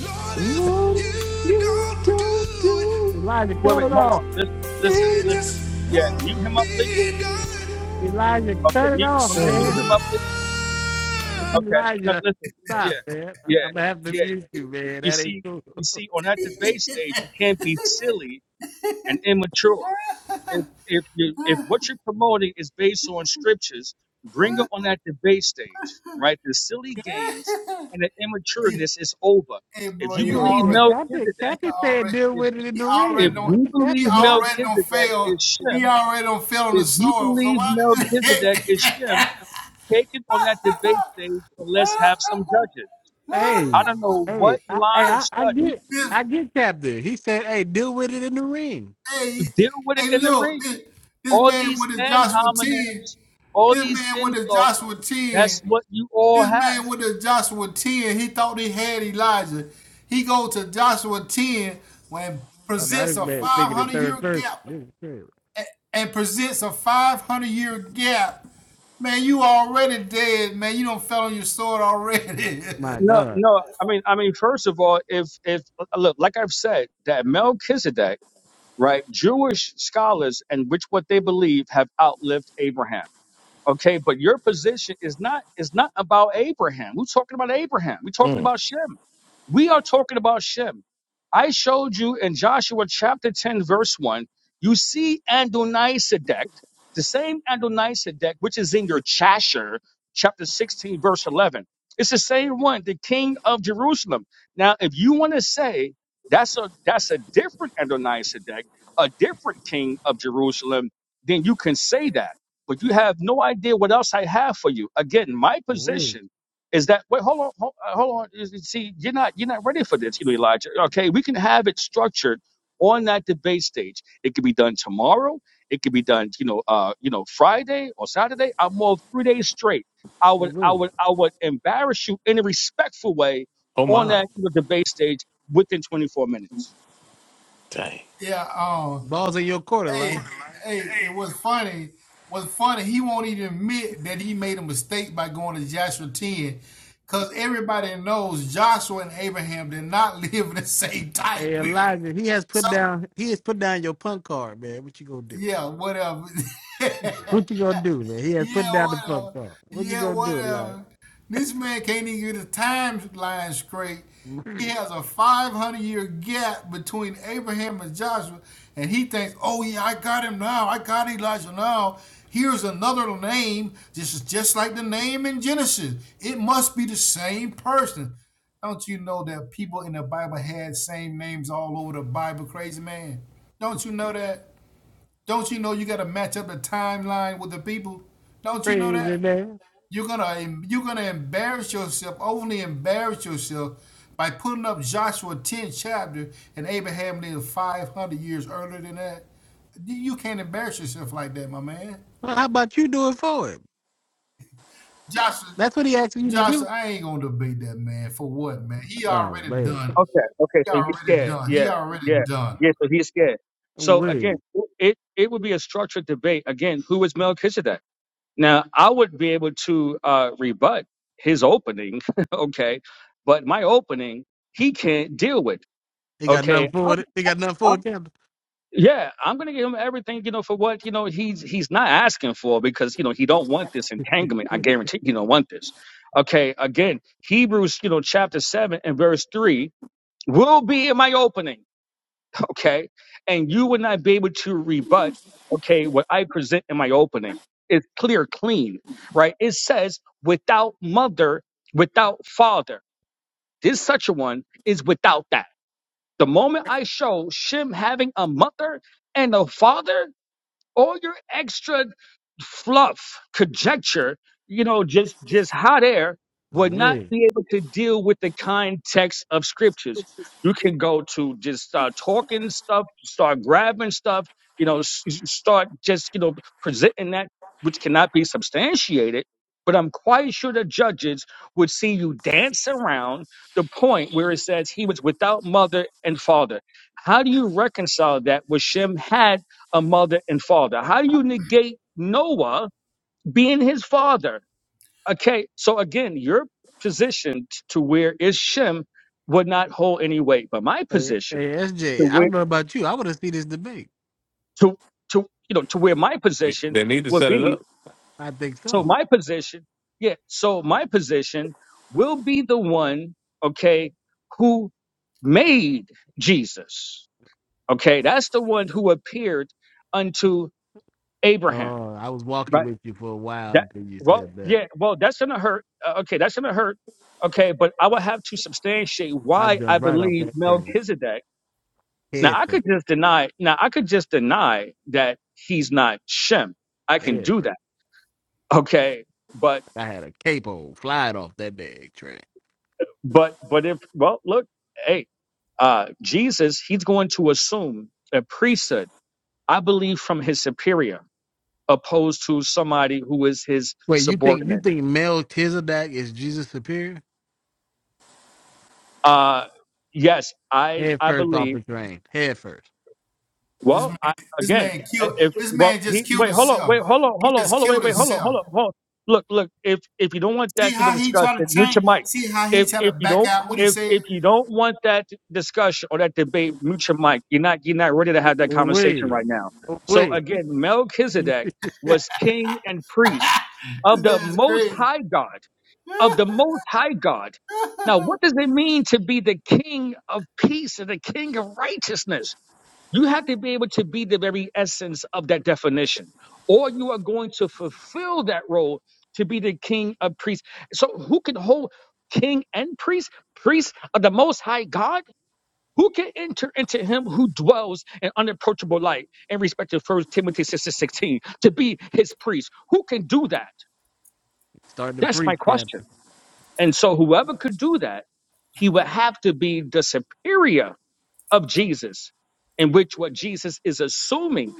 Speaker 7: Lord, if
Speaker 9: What if
Speaker 7: you
Speaker 9: you
Speaker 7: don't
Speaker 9: don't
Speaker 7: do it,
Speaker 9: do
Speaker 2: Elijah,
Speaker 10: Wait,
Speaker 2: cut
Speaker 10: wait,
Speaker 2: it
Speaker 10: hold
Speaker 9: it?
Speaker 10: on.
Speaker 2: off.
Speaker 10: Listen, listen,
Speaker 7: it
Speaker 10: listen.
Speaker 9: You
Speaker 7: just
Speaker 9: got
Speaker 10: Yeah,
Speaker 7: won't
Speaker 10: mute him
Speaker 9: what
Speaker 10: up, please.
Speaker 7: be
Speaker 9: you
Speaker 7: done.
Speaker 2: Elijah,
Speaker 10: Okay,
Speaker 2: cut it
Speaker 10: mute.
Speaker 2: off,
Speaker 7: So
Speaker 10: Okay, mute
Speaker 2: man.
Speaker 10: him up,
Speaker 9: done.
Speaker 10: please. Okay, no,
Speaker 2: Elijah,
Speaker 10: listen.
Speaker 2: stop,
Speaker 10: Yeah,
Speaker 2: man.
Speaker 10: yeah,
Speaker 2: I'm gonna have to
Speaker 10: yeah.
Speaker 2: mute you, man.
Speaker 10: You
Speaker 2: That ain't
Speaker 10: see,
Speaker 2: cool.
Speaker 10: you see, on that debate stage, you can't be silly and immature.
Speaker 7: Lord,
Speaker 10: If if you if what you're promoting is based on scriptures, bring it on that debate stage, right? The silly games and the
Speaker 7: You,
Speaker 10: immatureness is over.
Speaker 7: hey,
Speaker 10: If
Speaker 7: bro,
Speaker 10: you
Speaker 7: you
Speaker 2: Yeah,
Speaker 10: believe
Speaker 2: yeah.
Speaker 7: already,
Speaker 2: Captain,
Speaker 7: you
Speaker 10: Melchizedek,
Speaker 2: Captain said
Speaker 7: already,
Speaker 2: deal
Speaker 10: if
Speaker 2: with it in
Speaker 7: he
Speaker 2: the
Speaker 7: already
Speaker 10: if
Speaker 2: ring.
Speaker 7: don't,
Speaker 2: That's
Speaker 10: you
Speaker 2: what
Speaker 7: he
Speaker 10: believe
Speaker 2: Captain said.
Speaker 7: already don't
Speaker 10: Melchizedek
Speaker 7: fail.
Speaker 10: is
Speaker 7: He
Speaker 10: Shem,
Speaker 7: already don't fail on the
Speaker 10: if you
Speaker 7: soil. So
Speaker 10: believe
Speaker 7: why did you?
Speaker 10: Melchizedek is Shem Take it on that debate stage and let's have some judges. I
Speaker 2: Hey,
Speaker 10: don't know
Speaker 2: hey,
Speaker 10: what
Speaker 2: I,
Speaker 10: line
Speaker 2: hey,
Speaker 10: of
Speaker 2: I, I
Speaker 10: study
Speaker 2: get,
Speaker 7: this,
Speaker 2: I get Captain. He said, hey, deal with it in the ring.
Speaker 7: hey,
Speaker 10: to deal with it
Speaker 7: hey,
Speaker 10: in the
Speaker 7: look,
Speaker 10: ring.
Speaker 7: this, this
Speaker 10: All
Speaker 7: man
Speaker 10: these
Speaker 7: with his
Speaker 10: ad
Speaker 7: Joshua 10,
Speaker 10: hominems, all
Speaker 7: this
Speaker 10: these
Speaker 7: man with his
Speaker 10: insults.
Speaker 7: Joshua 10,
Speaker 10: That's what you all
Speaker 7: this
Speaker 10: have.
Speaker 7: man with his Joshua 10, he thought he had Elijah. He goes to Joshua 10 when
Speaker 2: I mean, I
Speaker 7: presents
Speaker 2: just
Speaker 7: a
Speaker 2: man thinking in
Speaker 7: 500
Speaker 2: third
Speaker 7: year
Speaker 2: person.
Speaker 7: gap
Speaker 2: This is crazy.
Speaker 7: and presents a 500 year gap. Man, you already dead, man. You don't fell on your sword already.
Speaker 2: My
Speaker 10: No,
Speaker 2: God,
Speaker 10: no. I mean, I mean. First of all, if if look, like I've said, that Melchizedek, right? Jewish scholars and which what they believe have outlived Abraham. Okay, but your position is not is not about Abraham. We're talking about Abraham. We're talking
Speaker 9: Mm.
Speaker 10: about Shem. We are talking about Shem. I showed you in Joshua chapter 10, verse 1. You see Adonisedek, the same Adonisedek, which is in your Chasher, chapter 16, verse 11. It's the same one, the king of Jerusalem. Now, if you want to say that's a that's a different Adonisedek, a different king of Jerusalem, then you can say that but you have no idea what else I have for you. Again, my
Speaker 2: Oh, wait,
Speaker 10: position is that wait, hold on, hold, uh, hold on. You See, you're not you're not ready for this, you know, Elijah. Okay, we can have it structured on that debate stage. It could be done tomorrow. It could be done, you know, uh, you know, Friday or Saturday. I'm off three days straight. I
Speaker 2: oh,
Speaker 10: would, I would,
Speaker 2: wait.
Speaker 10: I would embarrass you in a respectful way
Speaker 9: Oh
Speaker 10: on
Speaker 9: my,
Speaker 10: that you know, debate stage within 24 minutes.
Speaker 9: dang.
Speaker 7: yeah, um,
Speaker 2: Balls in your court, Elijah.
Speaker 7: hey, hey, it was funny. What's funny, he won't even admit that he made a mistake by going to Joshua 10. Because everybody knows Joshua and Abraham did not live in the same time
Speaker 2: Hey
Speaker 7: period.
Speaker 2: Elijah, he has put
Speaker 7: So,
Speaker 2: down he has put down your punk card, man. What you gonna do?
Speaker 7: yeah, whatever.
Speaker 2: What you gonna do, man? He has put
Speaker 7: Yeah,
Speaker 2: down the punk
Speaker 7: whatever.
Speaker 2: card. What you
Speaker 7: Yeah,
Speaker 2: gonna do, Elijah?
Speaker 7: whatever. This man can't even get the timeline straight. He has a 500 year gap between Abraham and Joshua, and he thinks, oh, yeah, I got him now. I got Elijah now. Here's another name. This is just like the name in Genesis. It must be the same person. Don't you know that people in the Bible had same names all over the Bible, crazy man? Don't you know that? Don't you know you got to match up the timeline with the people? Don't you know
Speaker 2: Crazy
Speaker 7: that
Speaker 2: man.
Speaker 7: you're gonna you're gonna embarrass yourself, only embarrass yourself by putting up Joshua 10 chapter and Abraham lived 500 years earlier than that? You you can't embarrass yourself like that, my man.
Speaker 2: Well, how about you do it for him?
Speaker 7: Joshua,
Speaker 2: That's what he asked you to do.
Speaker 7: Joshua, I ain't gonna debate that man for what, man. He
Speaker 2: Oh
Speaker 7: already
Speaker 2: man.
Speaker 7: done.
Speaker 10: Okay, okay,
Speaker 7: He
Speaker 10: so he's
Speaker 7: already
Speaker 10: scared.
Speaker 7: done.
Speaker 10: Yeah,
Speaker 7: He already
Speaker 10: yeah,
Speaker 7: done.
Speaker 10: yeah. So he's scared. So again,
Speaker 2: Weird.
Speaker 10: it it would be a structured debate. Again, who is Melchizedek? Now, I would be able to uh, rebut his opening, okay, but my opening he can't deal with.
Speaker 2: He got nothing
Speaker 10: Okay, I'm,
Speaker 2: for it. He got nothing for
Speaker 10: I'm,
Speaker 2: it, Captain.
Speaker 10: yeah, I'm gonna give him everything, you know, for what you know he's he's not asking for because you know he don't want this entanglement. I guarantee he don't want this. Okay, again, Hebrews, you know, chapter seven and verse three will be in my opening okay? And you would not be able to rebut, okay, what I present in my opening. It's clear, clean, right? It says without mother, without father. This such a one is without that. The moment I show Shem having a mother and a father, all your extra fluff, conjecture, you know, just just hot air would not
Speaker 2: Weird.
Speaker 10: be able to deal with the context of scriptures. You can go to just start talking stuff, start grabbing stuff, you know, s- s- start just you know presenting that which cannot be substantiated. But I'm quite sure the judges would see you dance around the point where it says he was without mother and father. How do you reconcile that with Shem had? a mother and father. How do you negate Noah being his father? Okay, so again, your position t- to where is Shem would not hold any weight, but my
Speaker 2: Hey,
Speaker 10: position
Speaker 2: hey S
Speaker 10: to
Speaker 2: J, I don't
Speaker 10: where
Speaker 2: know about you. I wanna see this debate.
Speaker 10: to to you know to where my position
Speaker 9: They need to
Speaker 10: would
Speaker 9: set it
Speaker 10: be.
Speaker 2: I think
Speaker 10: So
Speaker 2: so.
Speaker 10: my position, yeah. So my position will be the one, okay, who made Jesus. Okay, that's the one who appeared unto Abraham.
Speaker 2: Oh, I was walking
Speaker 10: right?
Speaker 2: with you for a while
Speaker 10: That
Speaker 2: until you
Speaker 10: well,
Speaker 2: said that.
Speaker 10: yeah, well, that's gonna hurt. Uh, okay, that's gonna hurt. Okay, but I would have to substantiate
Speaker 2: I
Speaker 10: why I
Speaker 2: jumped right off
Speaker 10: believe
Speaker 2: that train.
Speaker 10: Melchizedek.
Speaker 2: Head
Speaker 10: Now I
Speaker 2: first.
Speaker 10: could just deny. Now I could just deny that he's not Shem. I can
Speaker 2: Head
Speaker 10: do
Speaker 2: first.
Speaker 10: that. Okay, but
Speaker 2: I had a capo flying off that bag train.
Speaker 10: but but if well, look, hey, uh, Jesus, he's going to assume a priesthood. I believe from his superior, opposed to somebody who is his
Speaker 2: Wait, you think you
Speaker 10: subordinate.
Speaker 2: think Melchizedek is Jesus superior?
Speaker 10: Uh, yes, I
Speaker 2: Head
Speaker 10: I
Speaker 2: first off
Speaker 10: believe.
Speaker 2: the train. Head first.
Speaker 7: This
Speaker 10: Well,
Speaker 7: man,
Speaker 10: I,
Speaker 7: this
Speaker 10: again,
Speaker 7: man killed.
Speaker 10: if
Speaker 7: This
Speaker 10: well,
Speaker 7: man
Speaker 10: he
Speaker 7: just killed
Speaker 10: wait, hold on, wait,
Speaker 7: himself.
Speaker 10: hold on,
Speaker 7: He
Speaker 10: hold on,
Speaker 7: just
Speaker 10: hold on, wait,
Speaker 7: killed
Speaker 10: wait,
Speaker 2: Oh
Speaker 10: hold on, hold
Speaker 7: himself.
Speaker 10: on, hold on. Look, look. If if you don't want
Speaker 7: See
Speaker 10: that to be
Speaker 7: how he
Speaker 10: discussed,
Speaker 7: try to
Speaker 10: then mute
Speaker 7: change.
Speaker 10: your mic.
Speaker 7: See how he
Speaker 10: If
Speaker 7: try to
Speaker 10: if you
Speaker 7: back
Speaker 10: don't
Speaker 7: out what he
Speaker 10: if
Speaker 7: said.
Speaker 10: if you don't want that discussion or that debate, mute your mic. You're not you're not ready to have that conversation
Speaker 2: wait.
Speaker 10: right now.
Speaker 2: Oh
Speaker 10: So
Speaker 2: wait.
Speaker 10: again, Melchizedek was king and priest
Speaker 7: This
Speaker 10: of the
Speaker 7: guy's
Speaker 10: Most
Speaker 7: crazy.
Speaker 10: High God of the Most High God. Now, what does it mean to be the king of peace and the king of righteousness? You have to be able to be the very essence of that definition, or you are going to fulfill that role to be the king of priests. So, who can hold king and priest, priest of the Most High God? Who can enter into him who dwells in unapproachable light in respect to First Timothy 6 and 16 to be his priest? Who can do that?
Speaker 2: Start to
Speaker 10: That's my
Speaker 2: preach, Captain.
Speaker 10: question. And so, whoever could do that, he would have to be the superior of Jesus, in which what Jesus is assuming,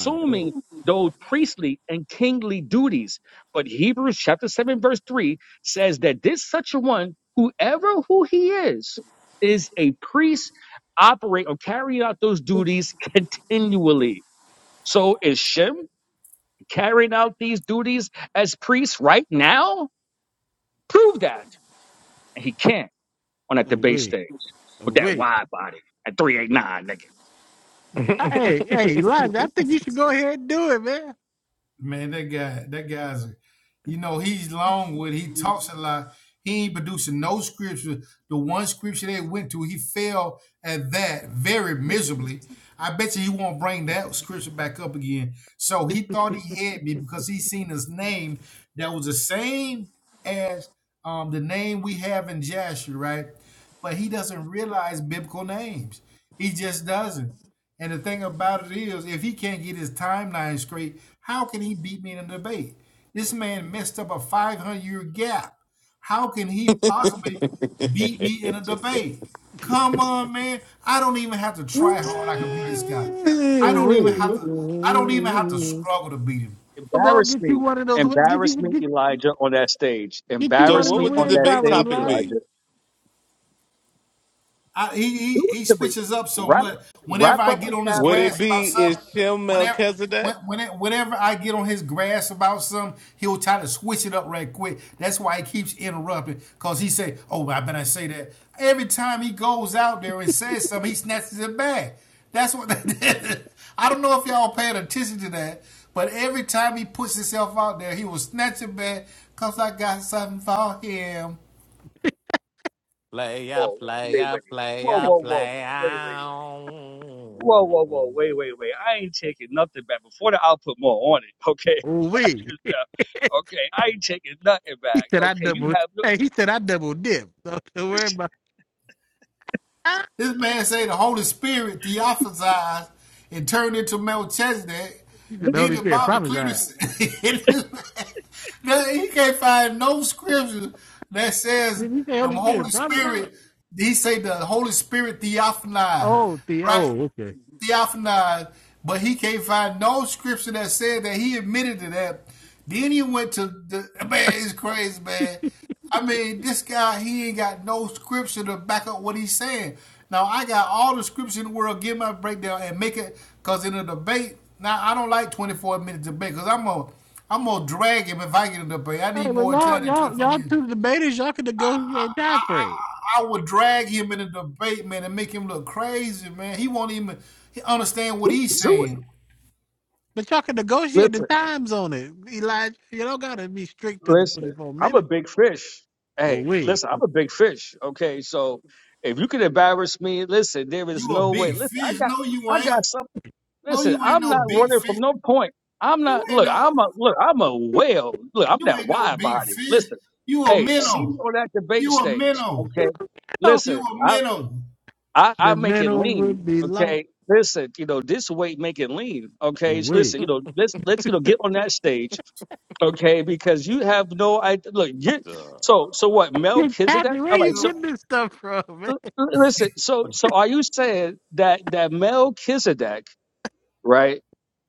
Speaker 2: All right. Oh.
Speaker 10: those priestly and kingly duties. But Hebrews chapter 7, verse 3 says that this such a one, whoever who he is, is a priest, operate or carry out those duties continually. So is Shem carrying out these duties as priest right now? Prove that. And he can't on that
Speaker 2: Oh
Speaker 10: debate
Speaker 2: wait.
Speaker 10: stage
Speaker 2: Oh
Speaker 10: with that
Speaker 2: wait.
Speaker 10: wide body at 389.
Speaker 2: Hey, hey, Elijah, I think you should go ahead and do it, man.
Speaker 7: Man, that guy, that guy's, you know, he's long with. He talks a lot. He ain't producing no scripture. The one scripture they went to, he fell at that very miserably. I bet you he won't bring that scripture back up again. So he thought he had me because he seen his name that was the same as um, the name we have in Joshua, right? But he doesn't realize biblical names. He just doesn't. And the thing about it is, if he can't get his timeline straight, how can he beat me in a debate? This man messed up a 500 year gap. How can he possibly
Speaker 9: up.
Speaker 7: beat me in a debate? Come on, man. I don't even have to
Speaker 9: So,
Speaker 7: try hard. I can beat this guy.
Speaker 2: Oh
Speaker 7: I don't even
Speaker 2: wait.
Speaker 7: have to. I don't even have to struggle to beat him.
Speaker 2: I'm gonna
Speaker 10: Embarrass
Speaker 2: get you
Speaker 10: me.
Speaker 2: one of those win- get
Speaker 10: Embarrass
Speaker 2: you
Speaker 10: me,
Speaker 2: get,
Speaker 10: Elijah, on that stage.
Speaker 2: get you one in
Speaker 10: Embarrass
Speaker 2: the
Speaker 9: what
Speaker 10: me
Speaker 9: would the
Speaker 10: on
Speaker 2: wind
Speaker 10: that
Speaker 9: debate
Speaker 2: column,
Speaker 10: stage,
Speaker 9: topic be?
Speaker 2: Elijah.
Speaker 10: Elijah.
Speaker 7: I, he, he
Speaker 10: Do
Speaker 7: he
Speaker 10: it to me.
Speaker 7: switches up so
Speaker 10: Wrap
Speaker 7: much. Whenever
Speaker 10: wrap
Speaker 7: I
Speaker 10: up
Speaker 7: get
Speaker 10: the
Speaker 7: on his
Speaker 9: Would
Speaker 10: captain.
Speaker 9: it
Speaker 7: grass about
Speaker 9: be
Speaker 7: something,
Speaker 9: is Shem
Speaker 7: whenever when,
Speaker 9: Melchizedek?
Speaker 7: when it, whenever I get on his grass about something, he'll try to switch it up right quick. That's why he keeps interrupting because he say, "Oh, I better say that." Every time he goes out there and says something, he snatches it back. That's what I don't know if y'all paying attention to that, but every time he puts himself out there, he will snatch it back because I got something for him.
Speaker 9: Play out,
Speaker 10: Whoa,
Speaker 9: play
Speaker 10: wait,
Speaker 9: out,
Speaker 10: wait.
Speaker 9: play
Speaker 10: Whoa, whoa, whoa. Wait, wait, wait. Whoa, whoa, whoa, wait, wait, wait. I ain't taking nothing back. Before the I'll put more on it. Okay.
Speaker 2: Oh wait.
Speaker 10: okay, I ain't taking nothing
Speaker 2: He
Speaker 10: back.
Speaker 2: said I
Speaker 10: Okay, you
Speaker 2: double
Speaker 10: have no
Speaker 2: hey, he said I double dip. So Don't worry about
Speaker 7: This man say the Holy Spirit theophazized and turned into Melchizedek.
Speaker 2: He said the
Speaker 7: Then
Speaker 2: Holy
Speaker 7: the
Speaker 2: Spirit
Speaker 7: Bible clearly
Speaker 2: prophesied.
Speaker 7: says he can't find no scripture that says
Speaker 2: Did he say
Speaker 7: the
Speaker 2: Holy
Speaker 7: Holy
Speaker 2: Spirit prophesied?
Speaker 7: Spirit. He say the Holy Spirit theophanized,
Speaker 2: Oh, the
Speaker 7: right?
Speaker 2: oh, okay.
Speaker 7: theophanized, but he can't find no scripture that said that he admitted to that. Then he went to the man. It's crazy, man. I mean, this guy, he ain't got no scripture to back up what he's saying. Now, I got all the scripture in the world, give my breakdown and make it, because in a debate, now I don't like 24 minute debate, because I'm going to I'm gonna drag him if I get a debate. I
Speaker 2: Hey,
Speaker 7: need
Speaker 2: well,
Speaker 7: more
Speaker 2: y'all,
Speaker 7: time than
Speaker 2: y'all,
Speaker 7: 24
Speaker 2: y'all
Speaker 7: minutes.
Speaker 2: two debaters, y'all can negotiate time frame,
Speaker 7: I, I, I would drag him in a debate, man, and make him look crazy, man. He won't even he understand what
Speaker 10: do,
Speaker 7: he's
Speaker 10: do it.
Speaker 7: saying.
Speaker 2: but y'all can negotiate the
Speaker 10: Listen.
Speaker 2: times on it. Elijah, you don't gotta be strict to the
Speaker 10: Listen,
Speaker 2: twenty-four
Speaker 10: I'm a
Speaker 2: minutes.
Speaker 10: big fish.
Speaker 2: Oh
Speaker 10: Hey,
Speaker 2: Wait,
Speaker 10: listen, I'm a big fish. Okay, so if you can embarrass me, listen, there is
Speaker 7: You a
Speaker 10: no way.
Speaker 7: big
Speaker 10: Listen, I
Speaker 7: fish.
Speaker 10: got,
Speaker 7: No, you
Speaker 10: I
Speaker 7: ain't.
Speaker 10: got some.
Speaker 7: No,
Speaker 10: Listen,
Speaker 7: you ain't
Speaker 10: I'm
Speaker 7: no
Speaker 10: not
Speaker 7: big
Speaker 10: running from
Speaker 7: fish.
Speaker 10: no point. I'm
Speaker 7: You
Speaker 10: not.
Speaker 7: ain't
Speaker 10: Look,
Speaker 7: no
Speaker 10: I'm a look. I'm a whale. Look, I'm
Speaker 7: you
Speaker 10: that
Speaker 7: ain't no
Speaker 10: wide
Speaker 7: big
Speaker 10: body.
Speaker 7: fish.
Speaker 10: Listen,
Speaker 7: You a
Speaker 10: hey, see
Speaker 7: minnow.
Speaker 10: me on that debate
Speaker 7: You a
Speaker 10: stage.
Speaker 7: minnow.
Speaker 10: Okay,
Speaker 2: oh,
Speaker 7: You
Speaker 10: listen,
Speaker 7: a
Speaker 10: I,
Speaker 7: minnow.
Speaker 10: I,
Speaker 2: the
Speaker 10: I make it
Speaker 2: mental
Speaker 10: lean.
Speaker 2: would be lost.
Speaker 10: Okay, listen, you know this weight make it lean.
Speaker 2: Oh
Speaker 10: Okay, listen,
Speaker 2: Wait,
Speaker 10: you know let's let's you know get on that stage okay? Because you have no idea. Look, you so so what?
Speaker 2: Hey,
Speaker 10: Melchizedek.
Speaker 2: Captain,
Speaker 10: All
Speaker 2: where you
Speaker 10: right. So
Speaker 7: So,
Speaker 2: getting this stuff from, man?
Speaker 10: l- l- listen. So so are you saying that that Melchizedek, right,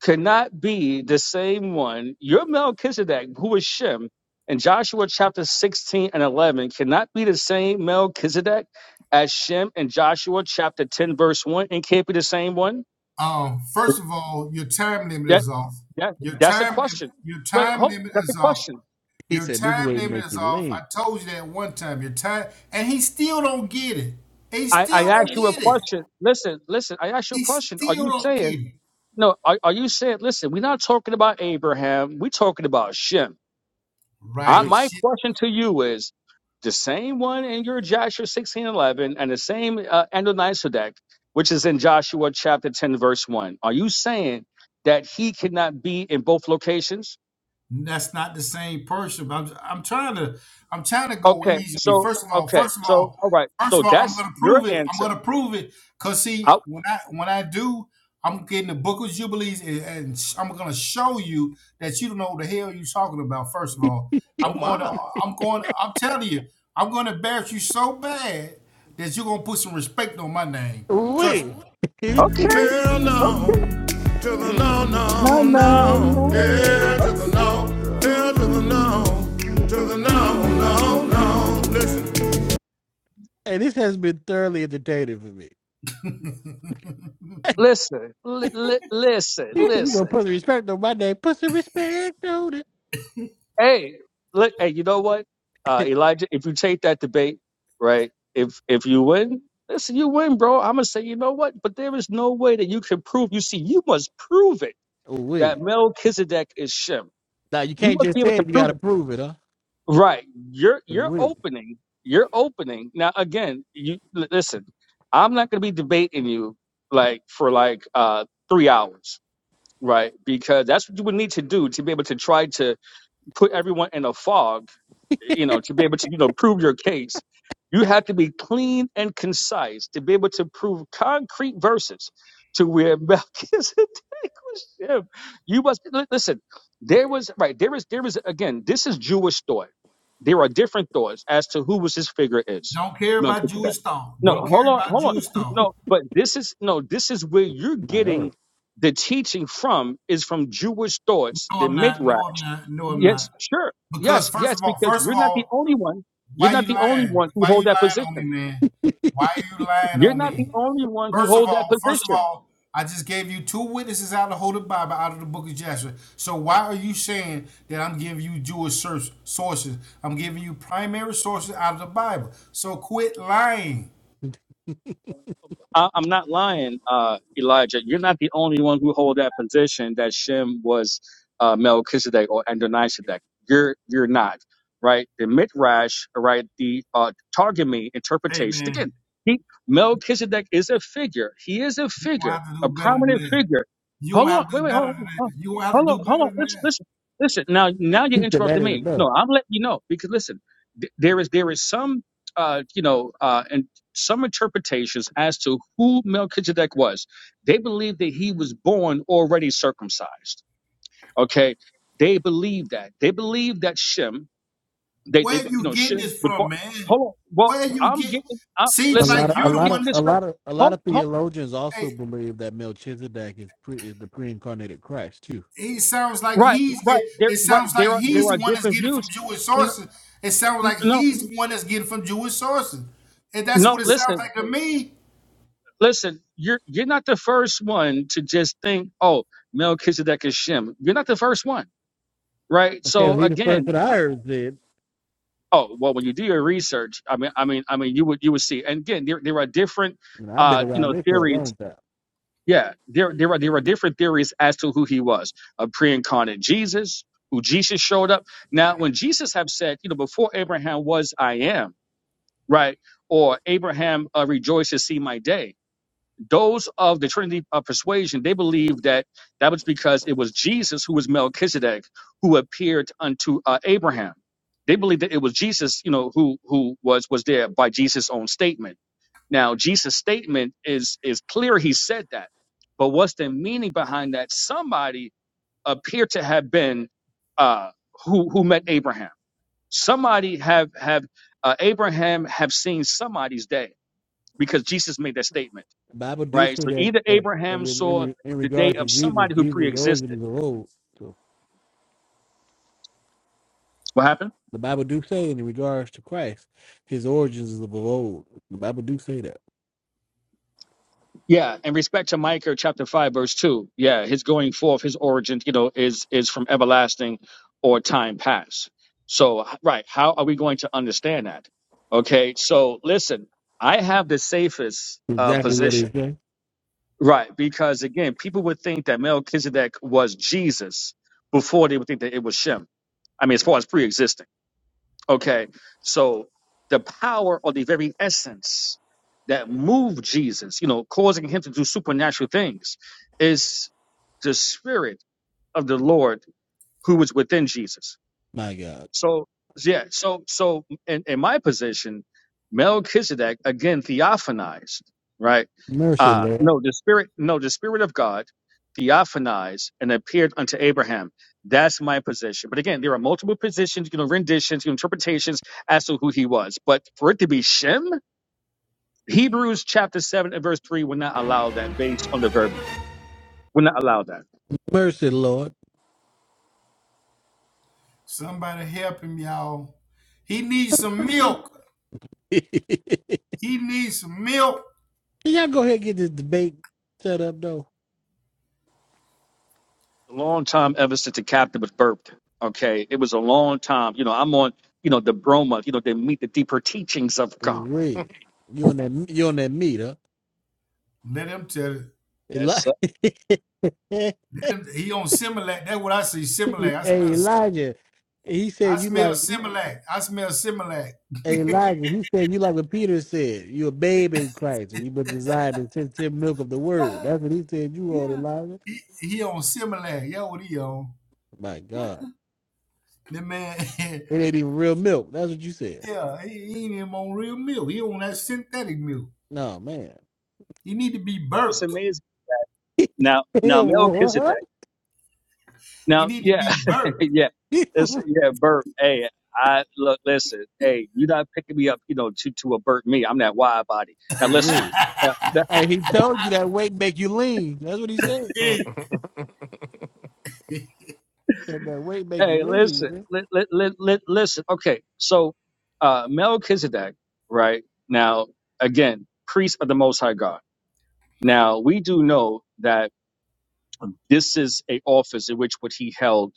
Speaker 10: could not be the same one? Your Melchizedek, who is Shem, in Joshua chapter sixteen and eleven, cannot be the same Melchizedek as Shem in Joshua chapter ten verse one, and can't be the same one.
Speaker 7: um, first of all, your time limit
Speaker 10: That,
Speaker 7: is off.
Speaker 10: that
Speaker 7: Your
Speaker 10: that's a
Speaker 7: time limit.
Speaker 10: question.
Speaker 7: Your
Speaker 10: Wait,
Speaker 7: time
Speaker 10: hold.
Speaker 7: limit
Speaker 10: That's a
Speaker 7: is off.
Speaker 10: question.
Speaker 2: He
Speaker 7: Your
Speaker 2: said this
Speaker 7: time
Speaker 2: way
Speaker 7: limit
Speaker 2: make
Speaker 7: is
Speaker 2: you
Speaker 7: off. I
Speaker 2: lean.
Speaker 7: told you that one time. Your time, and he still don't get it. He
Speaker 10: I, I
Speaker 7: still don't
Speaker 10: asked you a
Speaker 7: get it.
Speaker 10: question. Listen, listen, I asked you a
Speaker 7: He
Speaker 10: question. Are
Speaker 7: still
Speaker 10: you
Speaker 7: don't get
Speaker 10: saying,
Speaker 7: it.
Speaker 10: no, are, are you saying, listen, we're not talking about Abraham. We're talking about Shem. I,
Speaker 2: Wait,
Speaker 7: Right.
Speaker 10: my question to you is the same one in your Joshua 16 11 and the same uh, Adonisedek, which is in Joshua chapter 10, verse 1. Are you saying that he cannot be in both locations?
Speaker 7: That's not the same person. But I'm I'm trying to I'm trying to go
Speaker 10: Okay,
Speaker 7: easy.
Speaker 10: so,
Speaker 7: First of all,
Speaker 10: okay,
Speaker 7: first of
Speaker 10: so,
Speaker 7: all,
Speaker 10: all right.
Speaker 7: first
Speaker 10: So
Speaker 7: of all, I'm
Speaker 10: that's
Speaker 7: gonna
Speaker 10: your
Speaker 7: prove it. I'm
Speaker 10: answer.
Speaker 7: gonna prove it. Cause see,
Speaker 10: Out.
Speaker 7: when I when I do, I'm getting the Book of Jubilees, and, and sh- I'm gonna show you that you don't know what the hell you're talking about. First of all,
Speaker 9: Oh
Speaker 7: I'm going to
Speaker 9: my!
Speaker 7: I'm going. I'm telling you, I'm gonna embarrass you so bad that you're gonna put some respect on my name.
Speaker 2: Oh,
Speaker 7: Trust me.
Speaker 2: wait, and
Speaker 10: Okay,
Speaker 7: Girl, no.
Speaker 10: okay.
Speaker 7: To the no,
Speaker 10: No,
Speaker 7: no,
Speaker 10: no,
Speaker 7: no.
Speaker 10: no.
Speaker 7: Yeah, to the
Speaker 10: Okay.
Speaker 7: no.
Speaker 9: Duh.
Speaker 7: Yeah, to the no. To the no, no, no. Listen.
Speaker 2: this has been thoroughly entertaining for me.
Speaker 10: listen, li- li- listen,
Speaker 2: He said, you gonna
Speaker 10: listen.
Speaker 2: put the respect on my name. Put some respect on it.
Speaker 10: Hey, look, hey, you know what, uh, Elijah? If you take that debate, right? If if you win, listen, you win, bro. I'm gonna say, you know what? But there is no way that you can prove. You see, you must prove it
Speaker 2: Oh
Speaker 10: that
Speaker 2: wait.
Speaker 10: Melchizedek is Shem.
Speaker 2: Now you
Speaker 10: You
Speaker 2: can't
Speaker 10: must
Speaker 2: just
Speaker 10: be able
Speaker 2: say
Speaker 10: to
Speaker 2: it, you
Speaker 10: prove
Speaker 2: gotta
Speaker 10: it,
Speaker 2: prove it, huh?
Speaker 10: right? You're you're
Speaker 2: Wait.
Speaker 10: opening, you're opening. Now again, you li- listen. I'm not gonna be debating you like for like uh three hours right? Because that's what you would need to do to be able to try to put everyone in a fog you know, to be able to, you know, prove your case, you have to be clean and concise to be able to prove concrete verses to where Melchizedek was him. You must li- listen. There was right. There is there is again. This is Jewish thought. There are different thoughts as to who was his figure is
Speaker 7: Don't care about
Speaker 10: Melchizedek.
Speaker 7: Jewish thought.
Speaker 10: No,
Speaker 7: Don't
Speaker 10: hold
Speaker 7: care
Speaker 10: on,
Speaker 7: about
Speaker 10: hold on.
Speaker 7: Jewish thought.
Speaker 10: No, but this is no. This is where you're
Speaker 2: My oh.
Speaker 10: getting the teaching from is from Jewish thoughts,
Speaker 7: No,
Speaker 10: the
Speaker 7: I'm not. No, I'm
Speaker 10: midrash.
Speaker 7: not. No, I'm
Speaker 10: Yes,
Speaker 7: not.
Speaker 10: sure.
Speaker 7: Because
Speaker 10: Yes,
Speaker 7: first
Speaker 10: yes,
Speaker 7: of all,
Speaker 10: because
Speaker 7: first of
Speaker 10: you're not the
Speaker 7: all,
Speaker 10: only one. You're
Speaker 7: why you
Speaker 10: not the only
Speaker 7: lying?
Speaker 10: one who
Speaker 7: Why
Speaker 10: hold
Speaker 7: you
Speaker 10: that
Speaker 7: lying on me,
Speaker 10: position.
Speaker 7: man?
Speaker 2: he
Speaker 7: Why are you lying
Speaker 10: You're
Speaker 7: on
Speaker 10: not the
Speaker 7: me?
Speaker 10: only one who
Speaker 7: First of
Speaker 10: hold that
Speaker 7: all, first of
Speaker 10: position.
Speaker 7: all, I just gave you two witnesses out of the Holy Bible, out of the Book of Joshua. So why are you saying that I'm giving you Jewish sources? I'm giving you primary sources out of the Bible. So quit lying.
Speaker 10: I, I'm not lying, uh, Elijah. You're not the only one who hold that position that Shem was uh, Melchizedek or Adonisedek. You're you're not right. The midrash, right? The uh, Targumim
Speaker 7: Hey
Speaker 10: interpretation.
Speaker 7: man,
Speaker 10: Again, he, Melchizedek is a figure. He is a
Speaker 7: you gonna
Speaker 10: figure,
Speaker 7: have to
Speaker 10: a
Speaker 7: do better than
Speaker 10: prominent
Speaker 7: that.
Speaker 10: figure.
Speaker 7: You gonna
Speaker 10: Hold on,
Speaker 7: have to
Speaker 10: wait,
Speaker 7: do
Speaker 10: wait,
Speaker 7: better
Speaker 10: hold
Speaker 7: than
Speaker 10: on,
Speaker 7: that. You gonna have to
Speaker 10: hold on, hold on.
Speaker 7: do
Speaker 10: hold on.
Speaker 7: better than
Speaker 10: Listen,
Speaker 7: that.
Speaker 10: listen, listen. Now, now you're
Speaker 2: said that
Speaker 10: interrupting
Speaker 2: ain't
Speaker 10: me.
Speaker 2: enough.
Speaker 10: No, I'm letting you know because listen, th- there is there is some uh, you know, uh, in- some interpretations as to who Melchizedek was. They believe that he was born already circumcised. Okay, they believe that. They believe that Shem, they, they
Speaker 7: Where
Speaker 10: you
Speaker 7: you
Speaker 10: know,
Speaker 7: getting
Speaker 10: Shem
Speaker 7: this
Speaker 10: would
Speaker 7: from,
Speaker 10: born.
Speaker 7: man?
Speaker 10: Hold on. Well,
Speaker 7: Where you
Speaker 10: I'm
Speaker 7: get?
Speaker 10: getting. I,
Speaker 2: A
Speaker 7: Seems
Speaker 10: listen,
Speaker 2: lot
Speaker 7: like
Speaker 2: of a
Speaker 7: you're
Speaker 10: I'm
Speaker 7: the
Speaker 2: lot of
Speaker 10: getting
Speaker 7: one.
Speaker 2: a
Speaker 10: this from.
Speaker 2: lot of a lot
Speaker 10: Hold,
Speaker 2: of
Speaker 10: hold,
Speaker 2: theologians
Speaker 7: Hey,
Speaker 2: also believe that Melchizedek is pre, is the pre incarnated Christ too.
Speaker 7: he sounds like
Speaker 10: right,
Speaker 7: he's get.
Speaker 10: right. There,
Speaker 7: It
Speaker 10: right.
Speaker 7: sounds like
Speaker 10: There are there
Speaker 7: he's the
Speaker 10: are
Speaker 7: one that's
Speaker 10: different
Speaker 7: getting from
Speaker 10: views.
Speaker 7: Jewish
Speaker 10: No,
Speaker 7: sources. It sounds like
Speaker 10: no,
Speaker 7: he's the one that's getting from Jewish sources, and that's what
Speaker 10: no.
Speaker 7: it sounds
Speaker 10: Listen,
Speaker 7: like to me.
Speaker 10: listen. You're you're not the first one to just think. Oh, Melchizedek is Shem. You're not the first one, right?
Speaker 2: Hell,
Speaker 10: So
Speaker 2: he the first
Speaker 10: again,
Speaker 2: that I heard said,
Speaker 10: Oh well, when you do your research, I mean, I mean, I mean, you would you would see. And again, there there are different,
Speaker 2: and I've been
Speaker 10: uh, you
Speaker 2: around
Speaker 10: know,
Speaker 2: this for a
Speaker 10: theories.
Speaker 2: long time.
Speaker 10: Yeah, there there are there are different theories as to who he was, a pre-incarnate Jesus, who Jesus showed up. Now, when Jesus have said, you know, before Abraham was, I am, right, or Abraham uh, rejoiced to see my day those of the Trinity of persuasion, they believe that that was because it was Jesus who was Melchizedek who appeared unto uh, Abraham. They believe that it was Jesus, you know, who who was was there by Jesus' own statement. Now, Jesus' statement is is clear; he said that. But what's the meaning behind that? Somebody appeared to have been uh, who who met Abraham. Somebody have have uh, Abraham have seen somebody's day because Jesus made that statement
Speaker 2: Bible do
Speaker 10: right?
Speaker 2: say
Speaker 10: So
Speaker 2: that
Speaker 10: either
Speaker 2: that, that in,
Speaker 10: Abraham
Speaker 2: in,
Speaker 10: saw
Speaker 2: re- in
Speaker 10: the day
Speaker 2: regard to
Speaker 10: of
Speaker 2: Jesus,
Speaker 10: somebody who
Speaker 2: Jesus' origin
Speaker 10: pre-existed.
Speaker 2: is of old. so
Speaker 10: What happened?
Speaker 2: The Bible do say in regards to Christ, his origins is of old. The Bible do say that.
Speaker 10: Yeah, in respect to Micah chapter five, verse two. Yeah, his going forth, his origin, you know, is is from everlasting or time past. So h- right, how are we going to understand that? Okay, so listen, I have the safest uh,
Speaker 2: Exactly what he
Speaker 10: position,
Speaker 2: said.
Speaker 10: right? Because again, people would think that Melchizedek was Jesus before they would think that it was Shem. I mean, as far as pre-existing. Okay, so the power or the very essence that moved Jesus, you know, causing him to do supernatural things, is the spirit of the Lord who was within Jesus.
Speaker 2: My God.
Speaker 10: So yeah, so so in, in my position, Melchizedek again theophanized, right?
Speaker 2: Mercy,
Speaker 10: Uh
Speaker 2: Lord.
Speaker 10: no, the spirit no, the spirit of God theophanized and appeared unto Abraham. That's my position. But again, there are multiple positions, you know, renditions, you know, interpretations as to who he was. But for it to be Shem, Hebrews chapter seven and verse three would not allow that based on the verbiage. Would not allow that.
Speaker 2: Mercy, Lord.
Speaker 7: Somebody help him, y'all. He needs some
Speaker 2: Can
Speaker 7: milk. He needs some milk.
Speaker 2: y'all go ahead and get this debate set up though?
Speaker 10: a long time ever since the captain was burped. Okay, it was a long time. You know, I'm on, you know, the Broma. You know, they meet the deeper teachings of God.
Speaker 2: Real. You on that you on that meter.
Speaker 7: Let him tell it.
Speaker 10: That's uh,
Speaker 7: Let him, he on Similac. That's what I see. Similac. I
Speaker 2: Hey
Speaker 7: smell.
Speaker 2: Elijah, he
Speaker 7: I
Speaker 2: said you
Speaker 7: smell
Speaker 2: like
Speaker 7: Similac. I smell Similac.
Speaker 2: hey, Elijah. He said you like what Peter said. You a babe in Christ, and you but desire the sensitive milk of the word. That's what he said. You are
Speaker 7: yeah.
Speaker 2: Elijah.
Speaker 7: He, he on Similac. Yeah, what he on?
Speaker 2: My God,
Speaker 7: That man.
Speaker 2: it ain't even real milk. That's what you said.
Speaker 7: Yeah, he, he ain't even on real milk. He on that synthetic milk.
Speaker 2: No man.
Speaker 7: He need to be
Speaker 10: what's
Speaker 7: burped.
Speaker 10: amazing. Now, now Melchizedek.
Speaker 2: what?
Speaker 7: He
Speaker 10: Now,
Speaker 7: need to
Speaker 10: yeah,
Speaker 7: be burped.
Speaker 10: yeah, this, yeah, burp. Hey, I look, listen. Hey, you're not picking me up. You know, to to a burp me. I'm that wide body. Now listen.
Speaker 2: Wait.
Speaker 10: Now, now,
Speaker 2: Hey, he told you that weight make you lean. That's what he said.
Speaker 7: Hey,
Speaker 2: Said that weight make you
Speaker 10: hey,
Speaker 2: lean.
Speaker 10: listen.
Speaker 2: Man.
Speaker 10: Li, li, li, li, listen. Okay, so uh Melchizedek, right now, again, priest of the Most High God Now, we do know that this is a office in which what he held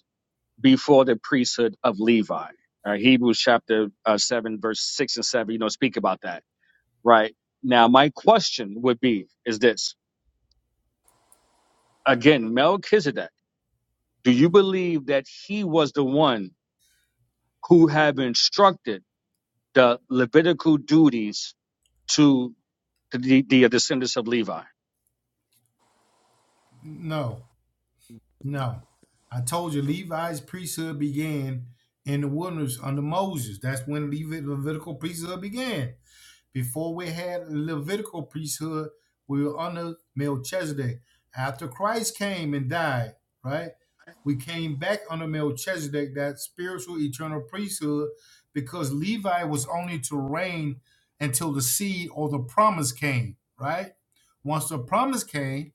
Speaker 10: before the priesthood of Levi. Uh, Hebrews chapter uh, 7, verse 6 and 7, you know, speak about that, right? Now, my question would be is this. Again, Melchizedek, do you believe that he was the one who have instructed the Levitical duties to the, the descendants of Levi?
Speaker 7: no, no. I told you Levi's priesthood began in the wilderness under Moses. That's when Levi- Levitical priesthood began. Before we had Levitical priesthood, we were under Melchizedek. After Christ came and died, right? We came back under Melchizedek, that spiritual eternal priesthood, because Levi was only to reign until the seed or the promise came, right? Once the promise came,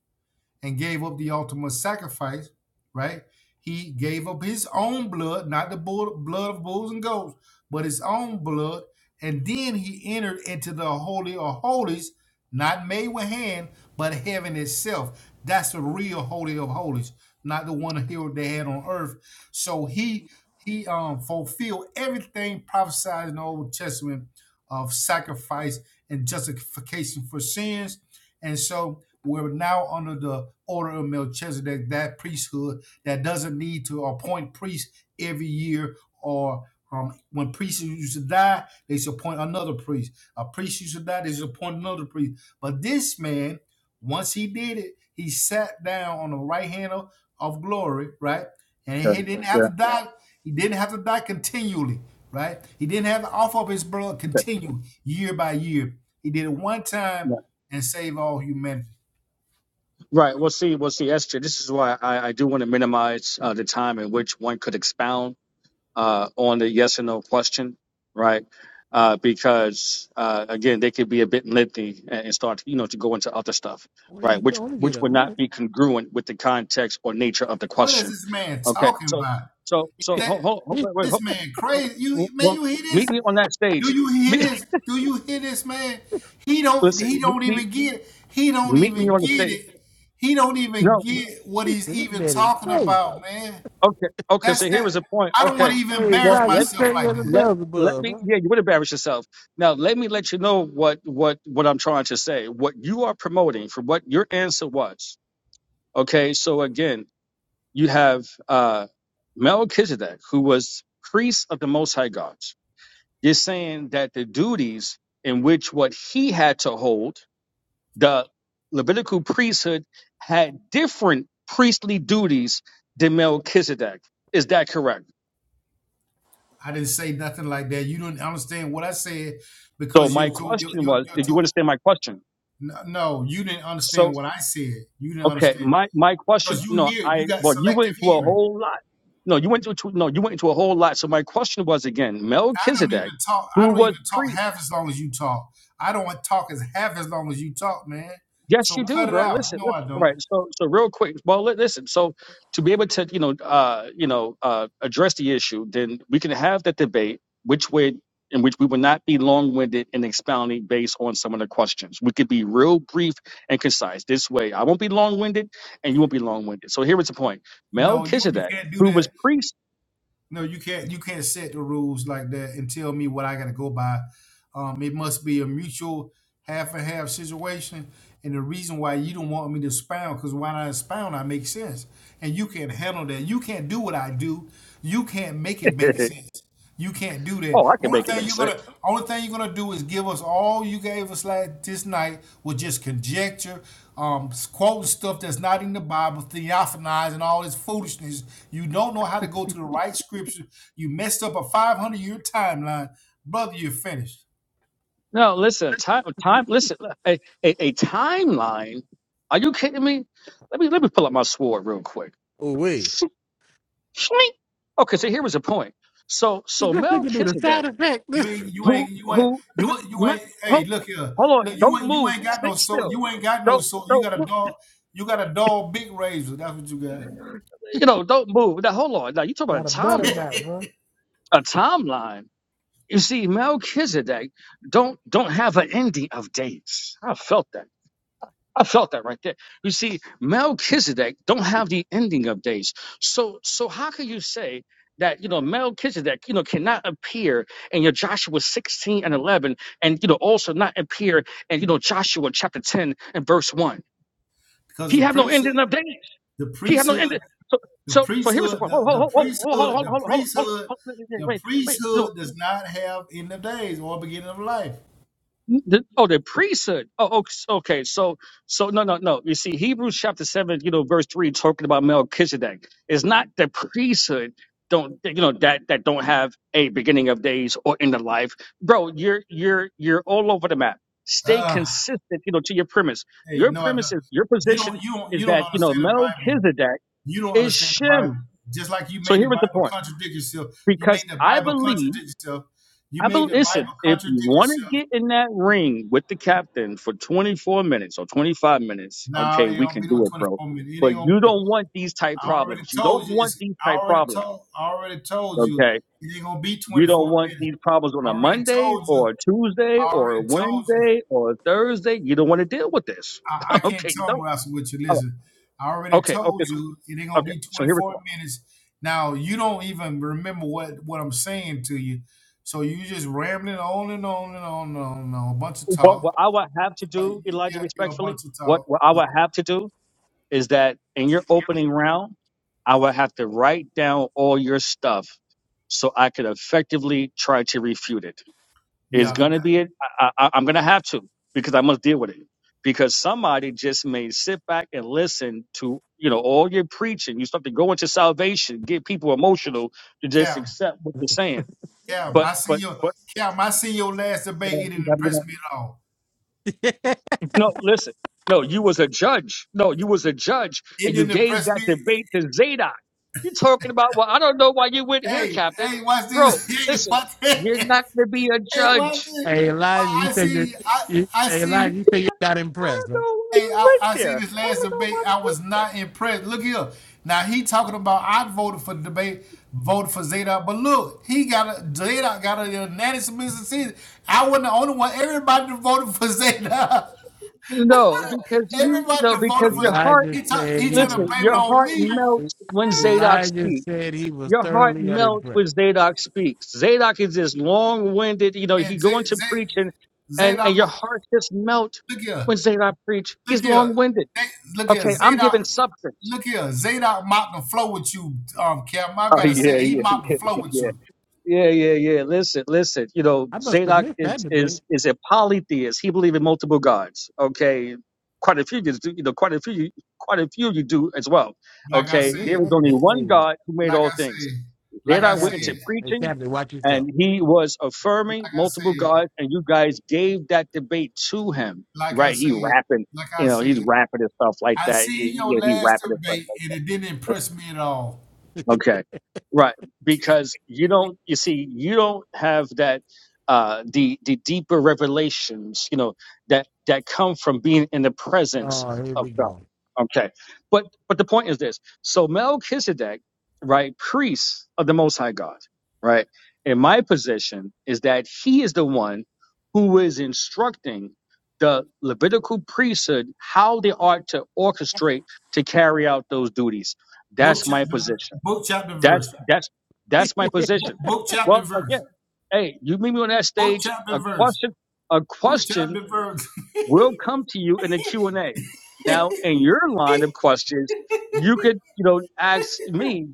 Speaker 7: and gave up the ultimate sacrifice, right? He gave up his own blood, not the bull, blood of bulls and goats, but his own blood. And then he entered into the Holy of Holies, not made with hand, but heaven itself. That's the real Holy of Holies, not the one here they had on earth. So he he um fulfilled everything prophesied in the Old Testament of sacrifice and justification for sins and so we're now under the order of Melchizedek, that priesthood that doesn't need to appoint priests every year or um, when priests used to die, they used to appoint another priest. A priest used to die, they used to appoint another priest. But this man, once he did it, he sat down on the right hand of, of glory, right? And
Speaker 10: Yeah,
Speaker 7: he didn't have
Speaker 10: yeah.
Speaker 7: to die. He didn't have to die continually, right? He didn't have to offer up his blood
Speaker 10: Okay.
Speaker 7: continue year by year. He did it one time and save all humanity.
Speaker 10: Right. We'll see, We'll see, Esther. this is why I, I do want to minimize uh, the time in which one could expound uh, on the yes or no question, right? Uh, because uh, again, they could be a bit lengthy and, and start, you know, to go into other stuff,
Speaker 2: Well,
Speaker 10: right?
Speaker 2: you
Speaker 10: Which
Speaker 2: only get
Speaker 10: which
Speaker 2: a
Speaker 10: would not
Speaker 2: minute.
Speaker 10: be congruent with the context or nature of the
Speaker 7: What is
Speaker 10: question.
Speaker 7: this man
Speaker 10: Okay.
Speaker 7: talking
Speaker 10: So,
Speaker 7: about?
Speaker 10: so,
Speaker 7: Is
Speaker 10: so,
Speaker 7: that
Speaker 10: hold, hold, hold
Speaker 2: this
Speaker 10: wait, wait,
Speaker 7: this
Speaker 10: hold,
Speaker 7: man
Speaker 10: wait.
Speaker 7: crazy?
Speaker 10: well,
Speaker 7: You man,
Speaker 10: well,
Speaker 7: you hear
Speaker 10: meet
Speaker 7: this?
Speaker 10: me on that
Speaker 7: Do
Speaker 10: stage.
Speaker 7: you hear
Speaker 10: Me-
Speaker 7: this? Do you hear this man? He don't
Speaker 10: Listen,
Speaker 7: he
Speaker 10: meet
Speaker 7: don't
Speaker 10: me,
Speaker 7: even get it. He don't
Speaker 10: meet me
Speaker 7: even
Speaker 10: on the
Speaker 7: get
Speaker 10: stage.
Speaker 7: it. He don't even
Speaker 10: No.
Speaker 7: get what he's even
Speaker 2: man is
Speaker 7: talking
Speaker 2: crazy.
Speaker 7: about, man.
Speaker 10: Okay. Okay.
Speaker 7: That's
Speaker 10: So here
Speaker 7: that
Speaker 10: is the point.
Speaker 7: I don't want
Speaker 10: Okay.
Speaker 7: to even
Speaker 2: Hey,
Speaker 10: Well,
Speaker 7: embarrass
Speaker 2: like
Speaker 10: let
Speaker 2: you
Speaker 7: myself
Speaker 2: crazy
Speaker 7: like
Speaker 2: as a
Speaker 7: that.
Speaker 10: let let
Speaker 2: Beelzebub,
Speaker 10: me
Speaker 2: huh?
Speaker 10: yeah you would embarrass yourself now let me let you know what what what i'm trying to say what you are promoting for what your answer was okay so again you have uh melchizedek who was priest of the most high gods you're saying that the duties in which what he had to hold the levitical priesthood had different priestly duties than melchizedek is that correct
Speaker 7: I didn't say nothing like that. You do not understand what I said
Speaker 10: so
Speaker 7: because
Speaker 10: my
Speaker 7: you're too you're,
Speaker 10: question
Speaker 7: you're,
Speaker 10: was
Speaker 7: you're
Speaker 10: did you
Speaker 7: too
Speaker 10: understand my question
Speaker 7: no, no, you didn't
Speaker 10: so.
Speaker 7: understand what I said. You didn't
Speaker 10: Okay,
Speaker 7: understand.
Speaker 10: my my question,
Speaker 7: because you
Speaker 10: no,
Speaker 7: hear you
Speaker 10: I
Speaker 7: got
Speaker 10: well, you went
Speaker 7: selective
Speaker 10: into a
Speaker 7: hearing.
Speaker 10: whole lot. No, you went into no, you went into a whole lot. So my question was again,
Speaker 7: I don't even
Speaker 10: Melchizedek,
Speaker 7: talk. I
Speaker 10: who
Speaker 7: don't
Speaker 10: was
Speaker 7: even talk
Speaker 10: priest.
Speaker 7: half as long as you talk. I don't want to talk as half as long as you talk, man.
Speaker 10: Yes,
Speaker 7: So
Speaker 10: you do,
Speaker 7: cut it
Speaker 10: bro.
Speaker 7: out.
Speaker 10: Listen,
Speaker 7: No, I
Speaker 10: listen. All
Speaker 7: don't.
Speaker 10: right. So, so real quick. Well, li- listen. So, to be able to, you know, uh, you know, uh, address the issue, then we can have that debate, which would, in which we would not be long-winded in expounding based on some of the questions. We could be real brief and concise. This way, I won't be long-winded, and you won't be long-winded. So, here is the point:
Speaker 7: No, you you
Speaker 10: Melchizedek,
Speaker 7: can't do
Speaker 10: who was
Speaker 7: that.
Speaker 10: priest.
Speaker 7: No, you can't you can't set the rules like that and tell me what I got to go by. Um, it must be a mutual. half and half situation. And the reason why you don't want me to expound, because when I expound, I make sense. And you can't handle that. You can't do what I do. You can't make it make sense. You can't do that.
Speaker 10: oh, I can
Speaker 7: Only
Speaker 10: make it
Speaker 7: thing
Speaker 10: make
Speaker 7: you're
Speaker 10: sense.
Speaker 7: gonna only thing you're gonna do is give us all you gave us like this night with just conjecture, um, quoting stuff that's not in the Bible, theophanizing all this foolishness. You don't know how to go to the right scripture. You messed up a 500 year timeline, brother. You're finished.
Speaker 10: No, listen, time, time, listen, a, a, a timeline. Are you kidding me? Let me let me pull up my sword real quick.
Speaker 2: Oh wait.
Speaker 10: Shmink. Okay, so here was the point. So
Speaker 2: Did
Speaker 10: so
Speaker 2: this nigga do the
Speaker 10: Melchizedek,
Speaker 2: sound effect?
Speaker 7: You ain't, you
Speaker 10: who
Speaker 7: ain't, you ain't,
Speaker 10: who, me,
Speaker 7: you ain't, you
Speaker 10: me,
Speaker 7: ain't. Hey,
Speaker 10: ho-
Speaker 7: look here,
Speaker 10: hold
Speaker 7: look,
Speaker 10: on,
Speaker 7: you
Speaker 10: don't
Speaker 7: ain't, you
Speaker 10: move,
Speaker 7: ain't got no
Speaker 10: sit
Speaker 7: soul.
Speaker 10: still,
Speaker 7: You ain't got no
Speaker 10: don't
Speaker 7: soul. You
Speaker 10: don't
Speaker 7: got a
Speaker 10: mo-
Speaker 7: dog. You got a dog big razor. That's what you got.
Speaker 10: you know, don't move. Now hold on, now you talk about a
Speaker 2: Got a butter
Speaker 10: timeline,
Speaker 2: knife,
Speaker 10: a timeline. You see, Melchizedek don't don't have an ending of dates. I felt that. I felt that right there. You see, Melchizedek don't have the ending of days. So so how can you say that you know Melchizedek you know cannot appear in your Joshua 16 and 11 and you know also not appear in you know Joshua chapter 10 and verse 1.
Speaker 7: Because
Speaker 10: He
Speaker 7: the
Speaker 10: have no
Speaker 7: priesthood,
Speaker 10: ending of days.
Speaker 7: the
Speaker 10: He have no ending.
Speaker 7: priesthood, the
Speaker 10: So so here was the
Speaker 7: priesthood,
Speaker 10: point.
Speaker 7: the,
Speaker 10: Hold
Speaker 7: the
Speaker 10: hold hold hold
Speaker 7: priesthood,
Speaker 10: hold hold
Speaker 7: the
Speaker 10: hold hold hold hold-
Speaker 7: priesthood,
Speaker 10: hold,
Speaker 7: the
Speaker 10: wait wait wait.
Speaker 7: priesthood does not have end of days or beginning of life.
Speaker 10: The, oh, the priesthood. Oh, okay. okay, So, so no, no, no. You see, Hebrews chapter seven, you know, verse three, talking about Melchizedek. It's not the priesthood. Don't you know that that don't have a beginning of days or end of life, bro? You're you're you're all over the map. Stay
Speaker 7: Ah,
Speaker 10: consistent, you know, to your premise.
Speaker 7: hey,
Speaker 10: Your
Speaker 7: no, I
Speaker 10: premise
Speaker 7: don't.
Speaker 10: is your
Speaker 7: You
Speaker 10: position
Speaker 7: don't, you don't,
Speaker 10: is
Speaker 7: you don't
Speaker 10: that you know
Speaker 7: understand the Bible.
Speaker 10: Melchizedek
Speaker 7: You don't
Speaker 10: is
Speaker 7: understand the Bible.
Speaker 10: Shem.
Speaker 7: Just like you
Speaker 10: So
Speaker 7: made the
Speaker 10: here is the
Speaker 7: Bible
Speaker 10: point.
Speaker 7: contradict yourself. You
Speaker 10: Because
Speaker 7: made the
Speaker 10: I
Speaker 7: Bible
Speaker 10: believe.
Speaker 7: contradict yourself. You
Speaker 10: I
Speaker 7: made
Speaker 10: believe.
Speaker 7: the Bible
Speaker 10: Listen, if
Speaker 7: contradict
Speaker 10: you want
Speaker 7: yourself.
Speaker 10: to get in that ring with the captain for 24 minutes or 25 minutes,
Speaker 7: No,
Speaker 10: okay,
Speaker 7: it
Speaker 10: we
Speaker 7: don't
Speaker 10: can
Speaker 7: be no
Speaker 10: do it, bro.
Speaker 7: 24 minutes. It
Speaker 10: But
Speaker 7: ain't gonna
Speaker 10: you
Speaker 7: be.
Speaker 10: don't want these type
Speaker 7: I already
Speaker 10: problems. You don't
Speaker 7: told you.
Speaker 10: want
Speaker 7: It's.
Speaker 10: these
Speaker 7: I
Speaker 10: type
Speaker 7: already
Speaker 10: problems,
Speaker 7: told. I already told you.
Speaker 10: okay?
Speaker 7: It ain't gonna be
Speaker 10: You don't
Speaker 7: 24
Speaker 10: want
Speaker 7: minutes.
Speaker 10: these problems on
Speaker 7: I
Speaker 10: a
Speaker 7: already
Speaker 10: Monday
Speaker 7: told you.
Speaker 10: or a Tuesday
Speaker 7: I
Speaker 10: or a
Speaker 7: already told you.
Speaker 10: Wednesday or a Thursday. You don't want to deal with this,
Speaker 7: I, I can't
Speaker 10: okay? You
Speaker 7: tongue
Speaker 10: don't.
Speaker 7: wrestle with you.
Speaker 10: All
Speaker 7: Listen, I
Speaker 10: right.
Speaker 7: already
Speaker 10: Okay, okay,
Speaker 7: told you it ain't gonna
Speaker 10: okay.
Speaker 7: be
Speaker 10: So here we
Speaker 7: 24
Speaker 10: go.
Speaker 7: minutes. Now you don't even remember what what I'm saying to you, so you just rambling on and on and on and on and on. A bunch of
Speaker 10: What, what
Speaker 7: talk.
Speaker 10: I would have to
Speaker 7: Uh,
Speaker 10: do, Elijah,
Speaker 7: yeah, you're a
Speaker 10: respectfully,
Speaker 7: bunch of
Speaker 10: what,
Speaker 7: talk.
Speaker 10: what I
Speaker 7: Yeah,
Speaker 10: would have to do is that in your opening round, I would have to write down all your stuff so I could effectively try to refute it. It's
Speaker 7: yeah.
Speaker 10: gonna be, I, I, I'm gonna have to because I must deal with it because somebody just may sit back and listen to you know all your preaching. You start to go into salvation, get people emotional to
Speaker 7: Cam,
Speaker 10: just accept what you're saying.
Speaker 7: Cam,
Speaker 10: But
Speaker 7: I see
Speaker 10: but
Speaker 7: your
Speaker 10: but
Speaker 7: Cam. I see your last debate. It didn't impress me at all.
Speaker 2: huh?
Speaker 10: No, listen. No, you was a judge. No, you was a judge,
Speaker 7: It
Speaker 10: and you
Speaker 7: didn't
Speaker 10: gave
Speaker 7: impress
Speaker 10: that
Speaker 7: me.
Speaker 10: debate to Zadok. You're talking about, well, I don't know why you went here,
Speaker 7: Hey,
Speaker 10: Captain.
Speaker 7: hey, watch
Speaker 10: Bro,
Speaker 7: this. Hey,
Speaker 10: listen,
Speaker 7: watch this.
Speaker 10: you're not going to be a
Speaker 7: Hey, watch
Speaker 10: judge.
Speaker 7: this.
Speaker 2: Hey,
Speaker 7: Well,
Speaker 2: Elijah, you
Speaker 7: I
Speaker 2: said you,
Speaker 7: see. I
Speaker 2: you
Speaker 7: I
Speaker 2: hey, Elijah,
Speaker 7: see.
Speaker 2: you said you got
Speaker 10: I
Speaker 2: impressed,
Speaker 10: don't
Speaker 2: huh?
Speaker 10: know why
Speaker 7: Hey,
Speaker 10: you
Speaker 7: I,
Speaker 10: went
Speaker 7: I see
Speaker 10: there.
Speaker 7: this
Speaker 10: I
Speaker 7: last
Speaker 10: don't know
Speaker 7: debate.
Speaker 10: why you
Speaker 7: I was not impressed. Look here. Now he talking about I voted for the debate, voted for Zadok, but look, he got a Zadok got a unanimous submission season. I wasn't the only one. Everybody that voted for Zadok.
Speaker 10: went No, because you,
Speaker 7: Everybody
Speaker 10: no,
Speaker 7: that
Speaker 10: because
Speaker 7: voted
Speaker 10: your
Speaker 7: for
Speaker 10: heart,
Speaker 2: Elijah
Speaker 7: he ta-
Speaker 2: said
Speaker 7: he
Speaker 2: he
Speaker 7: trying to
Speaker 2: was.
Speaker 10: listen,
Speaker 7: blame it
Speaker 10: your
Speaker 7: on
Speaker 10: heart
Speaker 7: me
Speaker 10: melts when Zadok
Speaker 2: Elijah
Speaker 10: speaks.
Speaker 2: said he was
Speaker 10: Your heart
Speaker 2: thoroughly
Speaker 10: melts
Speaker 2: unimpressed.
Speaker 10: when Zadok speaks. Zadok is this long-winded, you know,
Speaker 7: and
Speaker 10: he go
Speaker 7: Z-
Speaker 10: into
Speaker 7: Z-
Speaker 10: preaching and,
Speaker 7: Zadok.
Speaker 10: and
Speaker 7: wa-
Speaker 10: your heart just melt
Speaker 7: Look here,
Speaker 10: when Zadok preach.
Speaker 7: look
Speaker 10: He's
Speaker 7: here,
Speaker 10: long-winded.
Speaker 7: Hey, look here,
Speaker 10: Okay, I'm
Speaker 7: Zadok.
Speaker 10: giving substance.
Speaker 7: Look here, Zadok mopped the flow with you, um, Cam. I
Speaker 10: Oh
Speaker 7: gotta
Speaker 10: yeah,
Speaker 7: say, he
Speaker 10: yeah,
Speaker 7: mopped the
Speaker 10: yeah,
Speaker 7: flow with
Speaker 10: yeah.
Speaker 7: you.
Speaker 10: Yeah, yeah, yeah. Listen, listen. You know,
Speaker 2: I must have
Speaker 10: Zadok
Speaker 2: missed that
Speaker 10: is
Speaker 2: debate.
Speaker 10: is is a polytheist. He believes in multiple gods. Okay. Quite a few you do, you know, quite a few quite a few you do as well.
Speaker 7: like I
Speaker 2: I
Speaker 10: Okay.
Speaker 2: missed
Speaker 10: There
Speaker 7: said,
Speaker 10: was
Speaker 2: that. de-
Speaker 10: only
Speaker 2: Hey,
Speaker 10: one
Speaker 2: hey,
Speaker 10: God who made
Speaker 7: like
Speaker 10: all
Speaker 7: I
Speaker 10: things.
Speaker 7: said, like
Speaker 2: hey
Speaker 7: I
Speaker 10: Zadok went
Speaker 7: said,
Speaker 2: Captain,
Speaker 10: into
Speaker 2: hey,
Speaker 10: preaching
Speaker 2: Captain, watch yourself.
Speaker 10: and he was affirming
Speaker 7: like I said,
Speaker 10: multiple gods, and you guys gave that debate to him,
Speaker 7: like I
Speaker 10: right?
Speaker 7: said,
Speaker 10: He rapping,
Speaker 7: like
Speaker 10: you
Speaker 7: I
Speaker 10: know, he's
Speaker 7: said,
Speaker 10: rapping and stuff like
Speaker 7: I
Speaker 10: that.
Speaker 7: seen
Speaker 10: He,
Speaker 7: your
Speaker 10: he, he
Speaker 7: last
Speaker 10: rapping and stuff
Speaker 7: debate
Speaker 10: like
Speaker 7: and
Speaker 10: that.
Speaker 7: it didn't impress me at all.
Speaker 10: Okay. Right. Because you don't you see, you don't have that uh the the deeper revelations, you know, that that come from being in the presence
Speaker 2: oh, here
Speaker 10: of
Speaker 2: we
Speaker 10: God.
Speaker 2: go.
Speaker 10: Okay. But but the point is this. So Melchizedek, right, priest of the most high God, right? In my position is that he is the one who is instructing the Levitical priesthood how they ought to orchestrate to carry out those duties.
Speaker 7: Book
Speaker 10: That's my
Speaker 7: chapter,
Speaker 10: position.
Speaker 7: book chapter
Speaker 10: That's
Speaker 7: verse,
Speaker 10: that's that's my
Speaker 2: and
Speaker 10: position.
Speaker 7: book chapter
Speaker 10: Well,
Speaker 7: verse,
Speaker 10: again, hey, you meet me on that
Speaker 7: book
Speaker 10: stage.
Speaker 7: chapter
Speaker 10: A
Speaker 7: verse,
Speaker 10: question, a
Speaker 7: book chapter
Speaker 10: question
Speaker 7: verse.
Speaker 10: will come to you in a Q and A. Now, in your line of questions, you could, you know, ask me,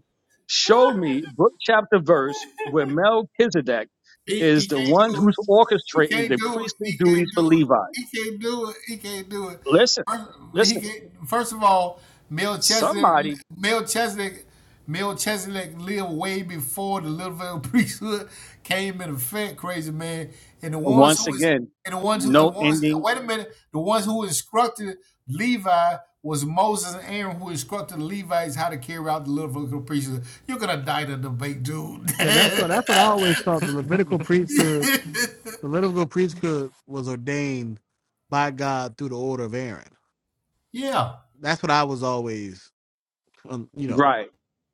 Speaker 10: show me book chapter verse where Melchizedek
Speaker 7: he,
Speaker 10: is
Speaker 7: he
Speaker 10: the
Speaker 7: can't
Speaker 10: one
Speaker 7: do it.
Speaker 10: who's
Speaker 7: He
Speaker 10: orchestrating
Speaker 7: can't
Speaker 10: the
Speaker 7: do it.
Speaker 10: priestly
Speaker 7: He
Speaker 10: duties
Speaker 7: can't do
Speaker 10: for
Speaker 7: it.
Speaker 10: Levi.
Speaker 7: He can't do it. He can't do it.
Speaker 10: Listen,
Speaker 7: First, he
Speaker 10: listen.
Speaker 7: can't, first of all, Melchizedek,
Speaker 10: Somebody,
Speaker 7: Melchizedek, Melchizedek lived way before the Little Vale priesthood came into effect. Crazy man, and the ones who
Speaker 10: once
Speaker 7: is
Speaker 10: again,
Speaker 7: and the ones who uh,
Speaker 10: no
Speaker 7: ones,
Speaker 10: ending
Speaker 7: wait a minute, the ones who instructed Levi was Moses and Aaron who instructed the Levites how to carry out the Levitical priesthood. You're gonna die to debate, dude.
Speaker 2: that's what that's what I always thought. The Levitical priesthood The Levitical priesthood was ordained by God through the order of Aaron.
Speaker 7: yeah.
Speaker 2: That's what I was always, um, you know.
Speaker 10: Right.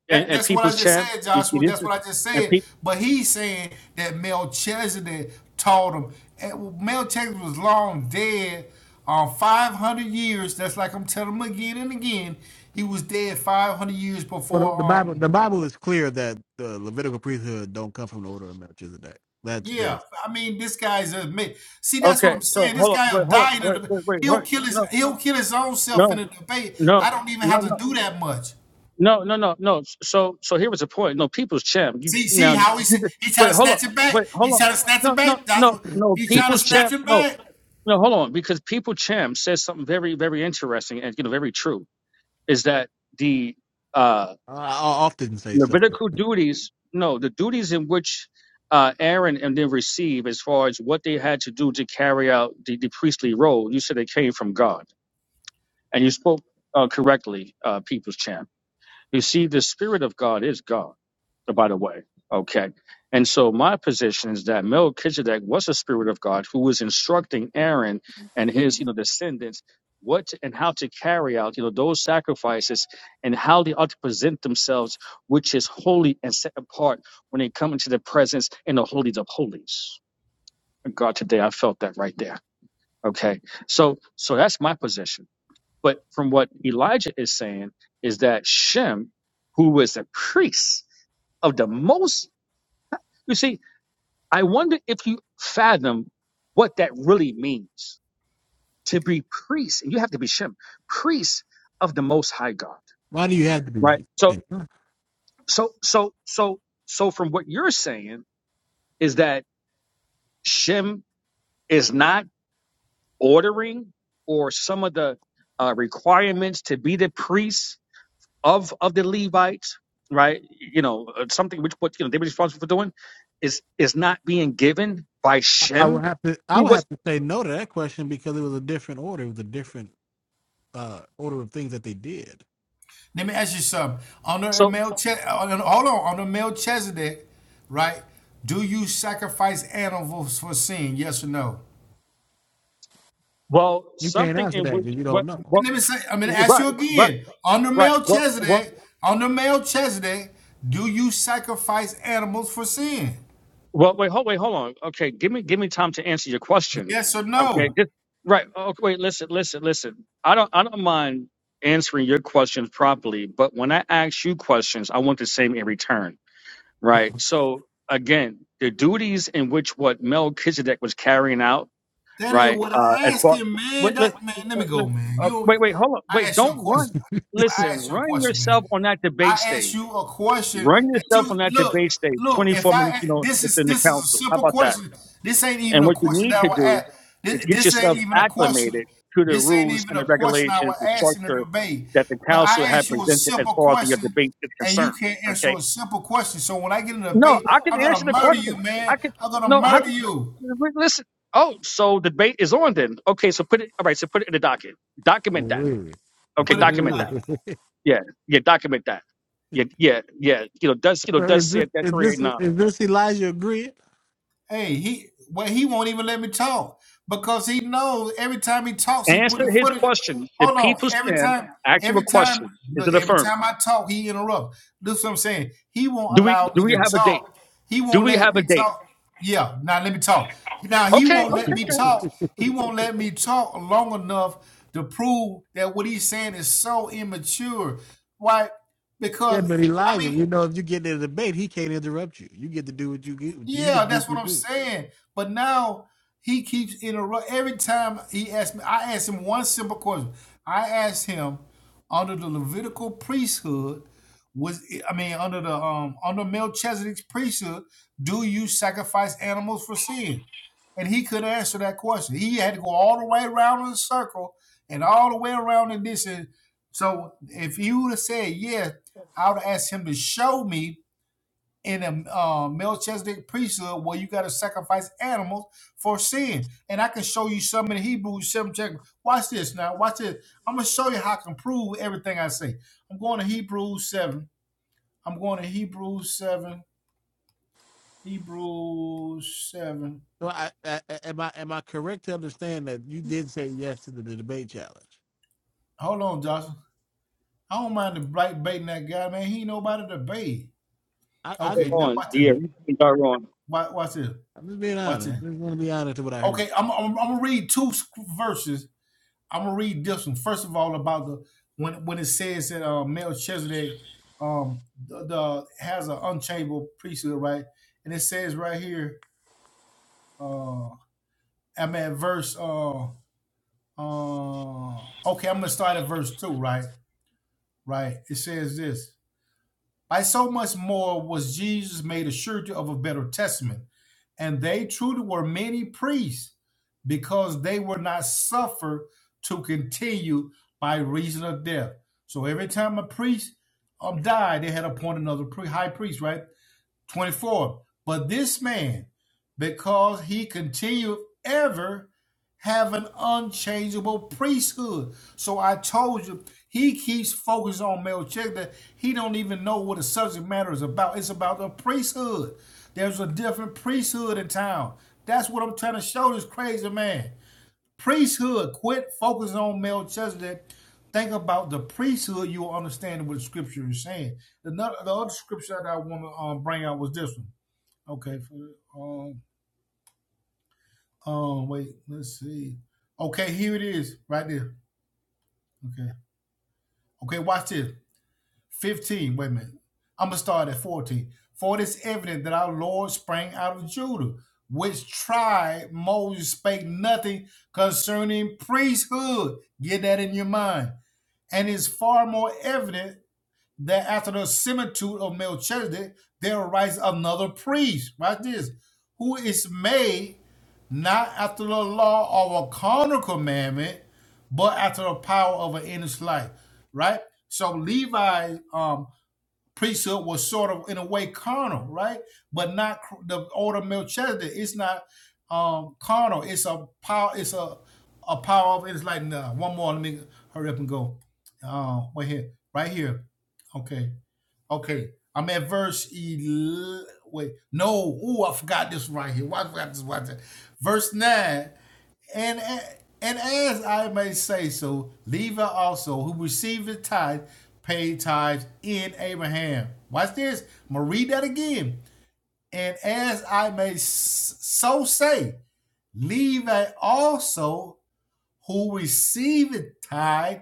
Speaker 10: And,
Speaker 7: That,
Speaker 10: and
Speaker 7: that's what I
Speaker 10: People's
Speaker 7: just
Speaker 10: Champ,
Speaker 7: said,
Speaker 10: you see,
Speaker 7: Joshua.
Speaker 10: this
Speaker 7: That's
Speaker 10: is,
Speaker 7: what I just
Speaker 10: and
Speaker 7: said.
Speaker 10: people,
Speaker 7: But he's saying that Melchizedek taught him. And Melchizedek was long dead on 500 years. That's like I'm telling him again and again. He was dead 500 years
Speaker 2: Well, the,
Speaker 7: before.
Speaker 2: the Bible, the
Speaker 7: Um,
Speaker 2: Bible is clear that the Levitical priesthood don't come from the order of Melchizedek. That's very.
Speaker 7: yeah, I mean, this guy's admit. see. That's what
Speaker 10: okay,
Speaker 7: I'm
Speaker 10: so
Speaker 7: saying. This
Speaker 10: hold up,
Speaker 7: guy
Speaker 10: wait,
Speaker 7: will
Speaker 10: hold up,
Speaker 7: die in a
Speaker 10: wait,
Speaker 7: debate.
Speaker 10: wait, wait,
Speaker 7: He'll
Speaker 10: wait.
Speaker 7: kill his.
Speaker 10: No,
Speaker 7: He'll kill his own self in
Speaker 10: no,
Speaker 7: a debate.
Speaker 10: no,
Speaker 7: I don't even
Speaker 10: no,
Speaker 7: have to
Speaker 10: no.
Speaker 7: do that much.
Speaker 10: No, no, no, no. So, so here was the point. No, People's Champ. You
Speaker 7: See, see
Speaker 10: now,
Speaker 7: how he s-
Speaker 10: you just,
Speaker 7: he try
Speaker 10: wait,
Speaker 7: to
Speaker 10: hold
Speaker 7: snatch
Speaker 10: up,
Speaker 7: it back.
Speaker 10: wait,
Speaker 7: He
Speaker 10: hold on.
Speaker 7: try to snatch it
Speaker 10: No, no,
Speaker 7: back. That's
Speaker 10: no,
Speaker 7: what
Speaker 2: I,
Speaker 10: no.
Speaker 7: he try to
Speaker 10: People's
Speaker 7: snatch
Speaker 10: Champ.
Speaker 7: it
Speaker 10: No,
Speaker 7: back.
Speaker 10: no, hold on. Because People Champ says something very, very interesting and you know very true. Is that the uh.
Speaker 2: I often say something.
Speaker 10: Levitical duties, no, the duties in which uh, Aaron and them receive as far as what they had to do to carry out the, the priestly role, you said it came from God. And you spoke uh, correctly, uh, People's Champ. You see, the Spirit of God is God, by the way. Okay. And so my position is that Melchizedek was a Spirit of God who was instructing Aaron and his, you know, descendants what to- and how to carry out, you know, those sacrifices and how they ought to present themselves, which is holy and set apart when they come into the presence in the holies of holies. God, today I felt that right there. Okay. So, so that's my position. But from what Elijah is saying is that Shem, who was a priest of the most, you see, I wonder if you fathom what that really means to be priest. And you have to be Shem, priest of the most high God,
Speaker 2: Why do you have to
Speaker 10: right?
Speaker 2: be?
Speaker 10: So, so, so, so, so from what you're saying is that Shem is not ordering or some of the uh, requirements to be the priest of of the Levites, right? You know, uh, something which what you know they were responsible for doing is is not being given by
Speaker 2: I
Speaker 10: Shem,
Speaker 2: would have to. I
Speaker 10: who
Speaker 2: would
Speaker 10: was
Speaker 2: have to say no to that question because it was a different order. It was a different uh, order of things that they did.
Speaker 7: Let me ask you something. On the
Speaker 10: so
Speaker 7: male chest, hold on. On the male Chesedek, right? Do you sacrifice animals for sin? Yes or no?
Speaker 10: well
Speaker 2: You can't
Speaker 10: something
Speaker 2: answer
Speaker 10: in
Speaker 2: that
Speaker 10: which
Speaker 2: because you don't
Speaker 10: what
Speaker 2: know.
Speaker 10: what
Speaker 7: Let me say. I'm gonna ask you
Speaker 10: right right
Speaker 7: again. On the
Speaker 10: right
Speaker 7: male
Speaker 10: what what
Speaker 7: Chesedek, on the male Chesedek, do you sacrifice animals for sin?
Speaker 10: well wait hold wait hold on okay give me give me time to answer your question
Speaker 7: Yes or
Speaker 10: okay
Speaker 7: no?
Speaker 10: just right okay wait listen listen listen I don't I don't mind answering your questions properly but when I ask you questions I want the same in return right? So again, the duties in which what Melchizedek was carrying out,
Speaker 7: That ain't
Speaker 10: right?
Speaker 7: what I
Speaker 10: Uh, as
Speaker 7: asked
Speaker 10: far
Speaker 7: him,
Speaker 10: wait,
Speaker 7: man.
Speaker 10: let,
Speaker 7: That man, let me
Speaker 10: let,
Speaker 7: go, man.
Speaker 10: uh,
Speaker 7: You,
Speaker 10: wait, wait, hold on,
Speaker 7: I
Speaker 10: wait,
Speaker 7: asked you a
Speaker 10: don't
Speaker 7: question.
Speaker 10: run. Listen,
Speaker 7: I asked you a
Speaker 10: run
Speaker 7: question, man.
Speaker 10: yourself on that
Speaker 7: I
Speaker 10: debate
Speaker 7: asked
Speaker 10: stage.
Speaker 7: you a question
Speaker 10: Run
Speaker 7: that
Speaker 10: yourself on
Speaker 7: you
Speaker 10: that
Speaker 7: look,
Speaker 10: debate stage.
Speaker 7: look. If
Speaker 10: Twenty-four minutes, you
Speaker 7: I
Speaker 10: know,
Speaker 7: this is
Speaker 10: within the
Speaker 7: this is a
Speaker 10: council. How
Speaker 7: simple
Speaker 10: about that?
Speaker 7: question. This ain't even
Speaker 10: And
Speaker 7: a
Speaker 10: what you
Speaker 7: question
Speaker 10: need
Speaker 7: that
Speaker 10: to
Speaker 7: I would
Speaker 10: do
Speaker 7: ask.
Speaker 10: is
Speaker 7: This,
Speaker 10: get
Speaker 7: this ain't
Speaker 10: yourself
Speaker 7: even a question.
Speaker 10: acclimated to the
Speaker 7: This ain't
Speaker 10: rules
Speaker 7: even
Speaker 10: and the
Speaker 7: a question I
Speaker 10: regulations,
Speaker 7: would
Speaker 10: the
Speaker 7: ask in the
Speaker 10: structure
Speaker 7: debate.
Speaker 10: that the
Speaker 7: But
Speaker 10: council
Speaker 7: I
Speaker 10: had
Speaker 7: asked you a
Speaker 10: presented as
Speaker 7: simple
Speaker 10: far as your
Speaker 7: question,
Speaker 10: debate is
Speaker 7: and you
Speaker 10: concerned.
Speaker 7: can't answer
Speaker 10: Okay
Speaker 7: a simple question. So when I get in a
Speaker 10: no,
Speaker 7: debate,
Speaker 10: I can
Speaker 7: I'm gonna
Speaker 10: answer the
Speaker 7: murder
Speaker 10: question.
Speaker 7: you,
Speaker 10: I
Speaker 7: man.
Speaker 10: can
Speaker 7: I'm gonna
Speaker 10: no. How
Speaker 7: murder
Speaker 10: can
Speaker 7: you.
Speaker 10: listen? Oh, so debate is on then. Okay, so put it. All right, so put it in the docket. Document that.
Speaker 2: Really?
Speaker 10: Okay,
Speaker 7: Put it in the
Speaker 10: document that.
Speaker 7: document.
Speaker 10: Yeah, yeah, document that. Yeah, yeah, yeah. You know, does you know
Speaker 2: So is
Speaker 10: does say
Speaker 2: this
Speaker 10: at that
Speaker 2: is
Speaker 10: three eight
Speaker 2: this
Speaker 10: nine.
Speaker 2: is this Elijah agreeing?
Speaker 7: Hey, he well, he won't even let me talk because he knows every time he talks, he put
Speaker 10: Answer
Speaker 7: his
Speaker 10: his
Speaker 7: foot. In,
Speaker 10: question. The
Speaker 7: hold on,
Speaker 10: people's
Speaker 7: every
Speaker 10: champ
Speaker 7: time,
Speaker 10: asked you a
Speaker 7: every time,
Speaker 10: question. Is
Speaker 7: look,
Speaker 10: it
Speaker 7: every
Speaker 10: affirmed?
Speaker 7: time I talk, he interrupts. This what I'm saying. He won't
Speaker 10: Do we
Speaker 7: allow
Speaker 10: do
Speaker 7: me
Speaker 10: we
Speaker 7: to
Speaker 10: have a date?
Speaker 7: talk. He
Speaker 10: Do
Speaker 7: won't
Speaker 10: we
Speaker 7: let
Speaker 10: have a
Speaker 7: me
Speaker 10: date?
Speaker 7: talk. Yeah, now let me talk. Now he
Speaker 10: Okay, okay,
Speaker 7: won't let me
Speaker 10: okay.
Speaker 7: talk. He won't let me talk long enough to prove that what he's saying is so immature. Why?
Speaker 2: Yeah,
Speaker 7: Because
Speaker 2: but
Speaker 7: I
Speaker 2: Elijah,
Speaker 7: mean.
Speaker 2: you know, if you get in a debate, he can't interrupt you. You get to do what you get. You
Speaker 7: Yeah,
Speaker 2: can do
Speaker 7: that's
Speaker 2: what you
Speaker 7: what I'm
Speaker 2: do.
Speaker 7: saying. But now he keeps interrupting every time he asks me. I asked him one simple question. I asked him under the Levitical priesthood was I mean under the um under Melchizedek's priesthood, do you sacrifice animals for sin? And he couldn't answer that question. He had to go all the way around in a circle and all the way around in this. And so if you would have said yes, I would have asked him to show me in a uh, Melchizedek priesthood where you got to sacrifice animals for sin. And I can show you some in Hebrews 7 chapter. Watch this now. Watch this. I'm going to show you how I can prove everything I say. I'm going to Hebrews 7. I'm going to Hebrews 7. Hebrews 7.
Speaker 2: So, I, I am I am I correct to understand that you did say yes to the, the debate challenge?
Speaker 7: Hold on, Joshua. I don't mind the black baiting that guy, man. He ain't nobody to bait.
Speaker 2: I, I
Speaker 10: Go
Speaker 7: Okay,
Speaker 2: think
Speaker 7: now
Speaker 2: I,
Speaker 10: on,
Speaker 7: watch this.
Speaker 10: yeah,
Speaker 2: did.
Speaker 10: you are on.
Speaker 7: Watch, watch this.
Speaker 2: I'm just being
Speaker 7: Watch
Speaker 2: honest. I
Speaker 7: this.
Speaker 2: just want to be honest to what I heard.
Speaker 7: Okay, I'm, I'm, I'm going to read two verses I'm gonna read this one first of all about the when when it says that uh, Melchizedek um the, the has an unchangeable priesthood, right? And it says right here, uh, I'm at verse uh, uh okay, I'm gonna start at verse two, right? Right. It says this. By so much more was Jesus made a surety of a better testament. And they truly were many priests because they were not suffered to continue by reason of death. So every time a priest um, died, they had appointed another pri- high priest, right? 24. But this man, because he continued ever, have an unchangeable priesthood. So I told you, he keeps focused on Melchizedek. that He don't even know what the subject matter is about. It's about the priesthood. There's a different priesthood in town. That's what I'm trying to show this crazy man priesthood. Quit focusing on Melchizedek. Think about the priesthood. You will understand what the scripture is saying. The, no, the other scripture that I want to um, bring out was this one. Okay. um, um, wait, let's see. Okay, here it is right there. Okay. Okay, watch this. 15. Wait a minute. I'm going to start at 14. For it is evident that our Lord sprang out of Judah, which tribe Moses spake nothing concerning priesthood. Get that in your mind and is far more evident that after the similitude of Melchizedek, there arises another priest. Right this, who is made not after the law of a carnal commandment, but after the power of an endless life. Right. So Levi, um, priesthood was sort of in a way carnal, right? But not the order of Melchizedek. It's not um, carnal. It's a power. It's a a power of. It's like nah, one more. Let me hurry up and go. Uh, wait here, right here. Okay, okay. I'm at verse eleven. Wait, no. Ooh, I forgot this right here. Why I forgot this right there? Verse nine. And and as I may say so, Levi also, who received the tithe, paid tithes in Abraham. Watch this. I'm gonna read that again. And as I may so say, Levi also, who received the tithe,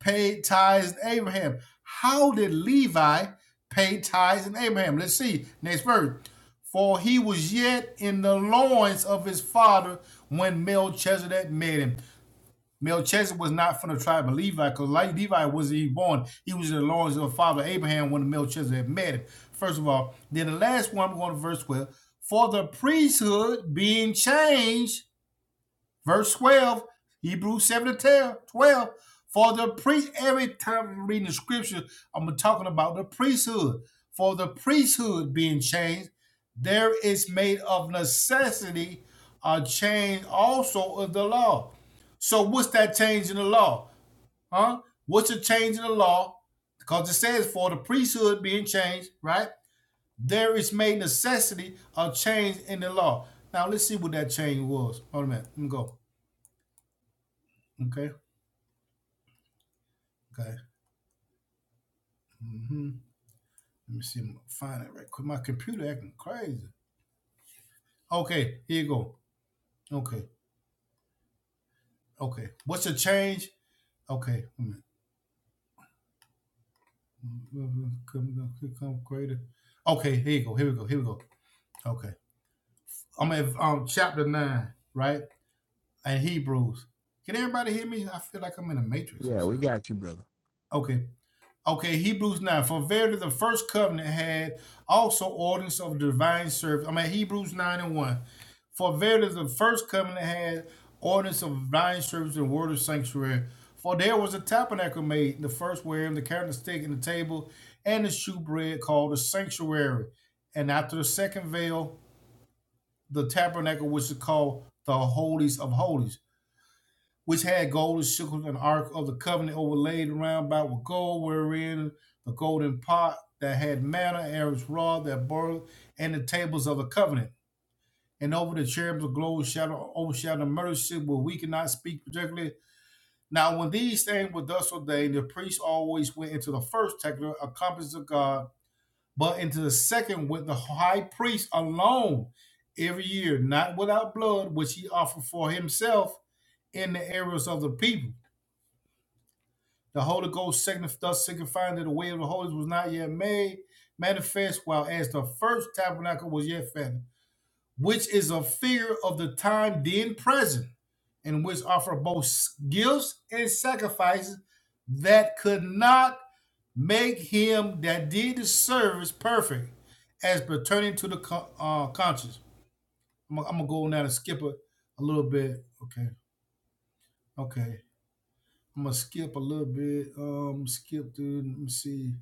Speaker 7: paid tithes in Abraham. How did Levi pay tithes in Abraham? Let's see. Next verse. For he was yet in the loins of his father when Melchizedek met him. Melchizedek was not from the tribe of Levi, because Levi wasn't even born. He was in the loins of father Abraham when Melchizedek had met him. First of all, then the last one, I'm going to verse 12. For the priesthood being changed Verse 12, Hebrews 7 to 10, 12. For the priest, every time I'm reading the scripture, I'm talking about the priesthood. For the priesthood being changed, there is made of necessity a change also of the law. So what's that change in the law? Huh? What's the change in the law? Because it says for the priesthood being changed, right? There is made necessity a change in the law. Now let's see what that change was. Hold a minute. Let me go. Okay. Okay. hmm Let me see. if I can Find it right quick. My computer acting crazy. Okay. Here you go. Okay. Okay. What's the change? Okay. wait a minute. Come, come, come greater. Okay. Here you go. Here we go. Here we go. Okay. I'm in um, chapter nine, right? And Hebrews. Can everybody hear me? I feel like I'm in a matrix or
Speaker 2: Yeah, we
Speaker 7: something.
Speaker 2: got you, brother.
Speaker 7: Okay. Okay, Hebrews 9. For verily the first covenant had also ordinance of divine service. I'm at Hebrews 9 and 1. For verily the first covenant had ordinance of dying service and word of sanctuary. For there was a tabernacle made, the first wherein the candlestick and the table and the shewbread called the sanctuary. And after the second veil, the tabernacle which is called the holies of holies, which had golden sickles and ark of the covenant overlaid round about with gold, wherein the golden pot that had manna, Aaron's rod that boiled, and the tables of the covenant and over the cherubs of glory shadow overshadow the murder seat where we cannot speak particularly. Now when these things were thus ordained, the priest always went into the first tabernacle, accomplices of God, but into the second with the high priest alone every year, not without blood, which he offered for himself in the areas of the people. The Holy Ghost thus signifying that the way of the holies was not yet made manifest, while as the first tabernacle was yet found which is a figure of the time then present, and which offer both gifts and sacrifices that could not make him that did the service perfect as pertaining to the co- uh, conscience. I'm, gonna- I'm gonna go on now and skip a, a little bit. Okay, okay. I'm gonna skip a little bit. Um, skip through. Let me see.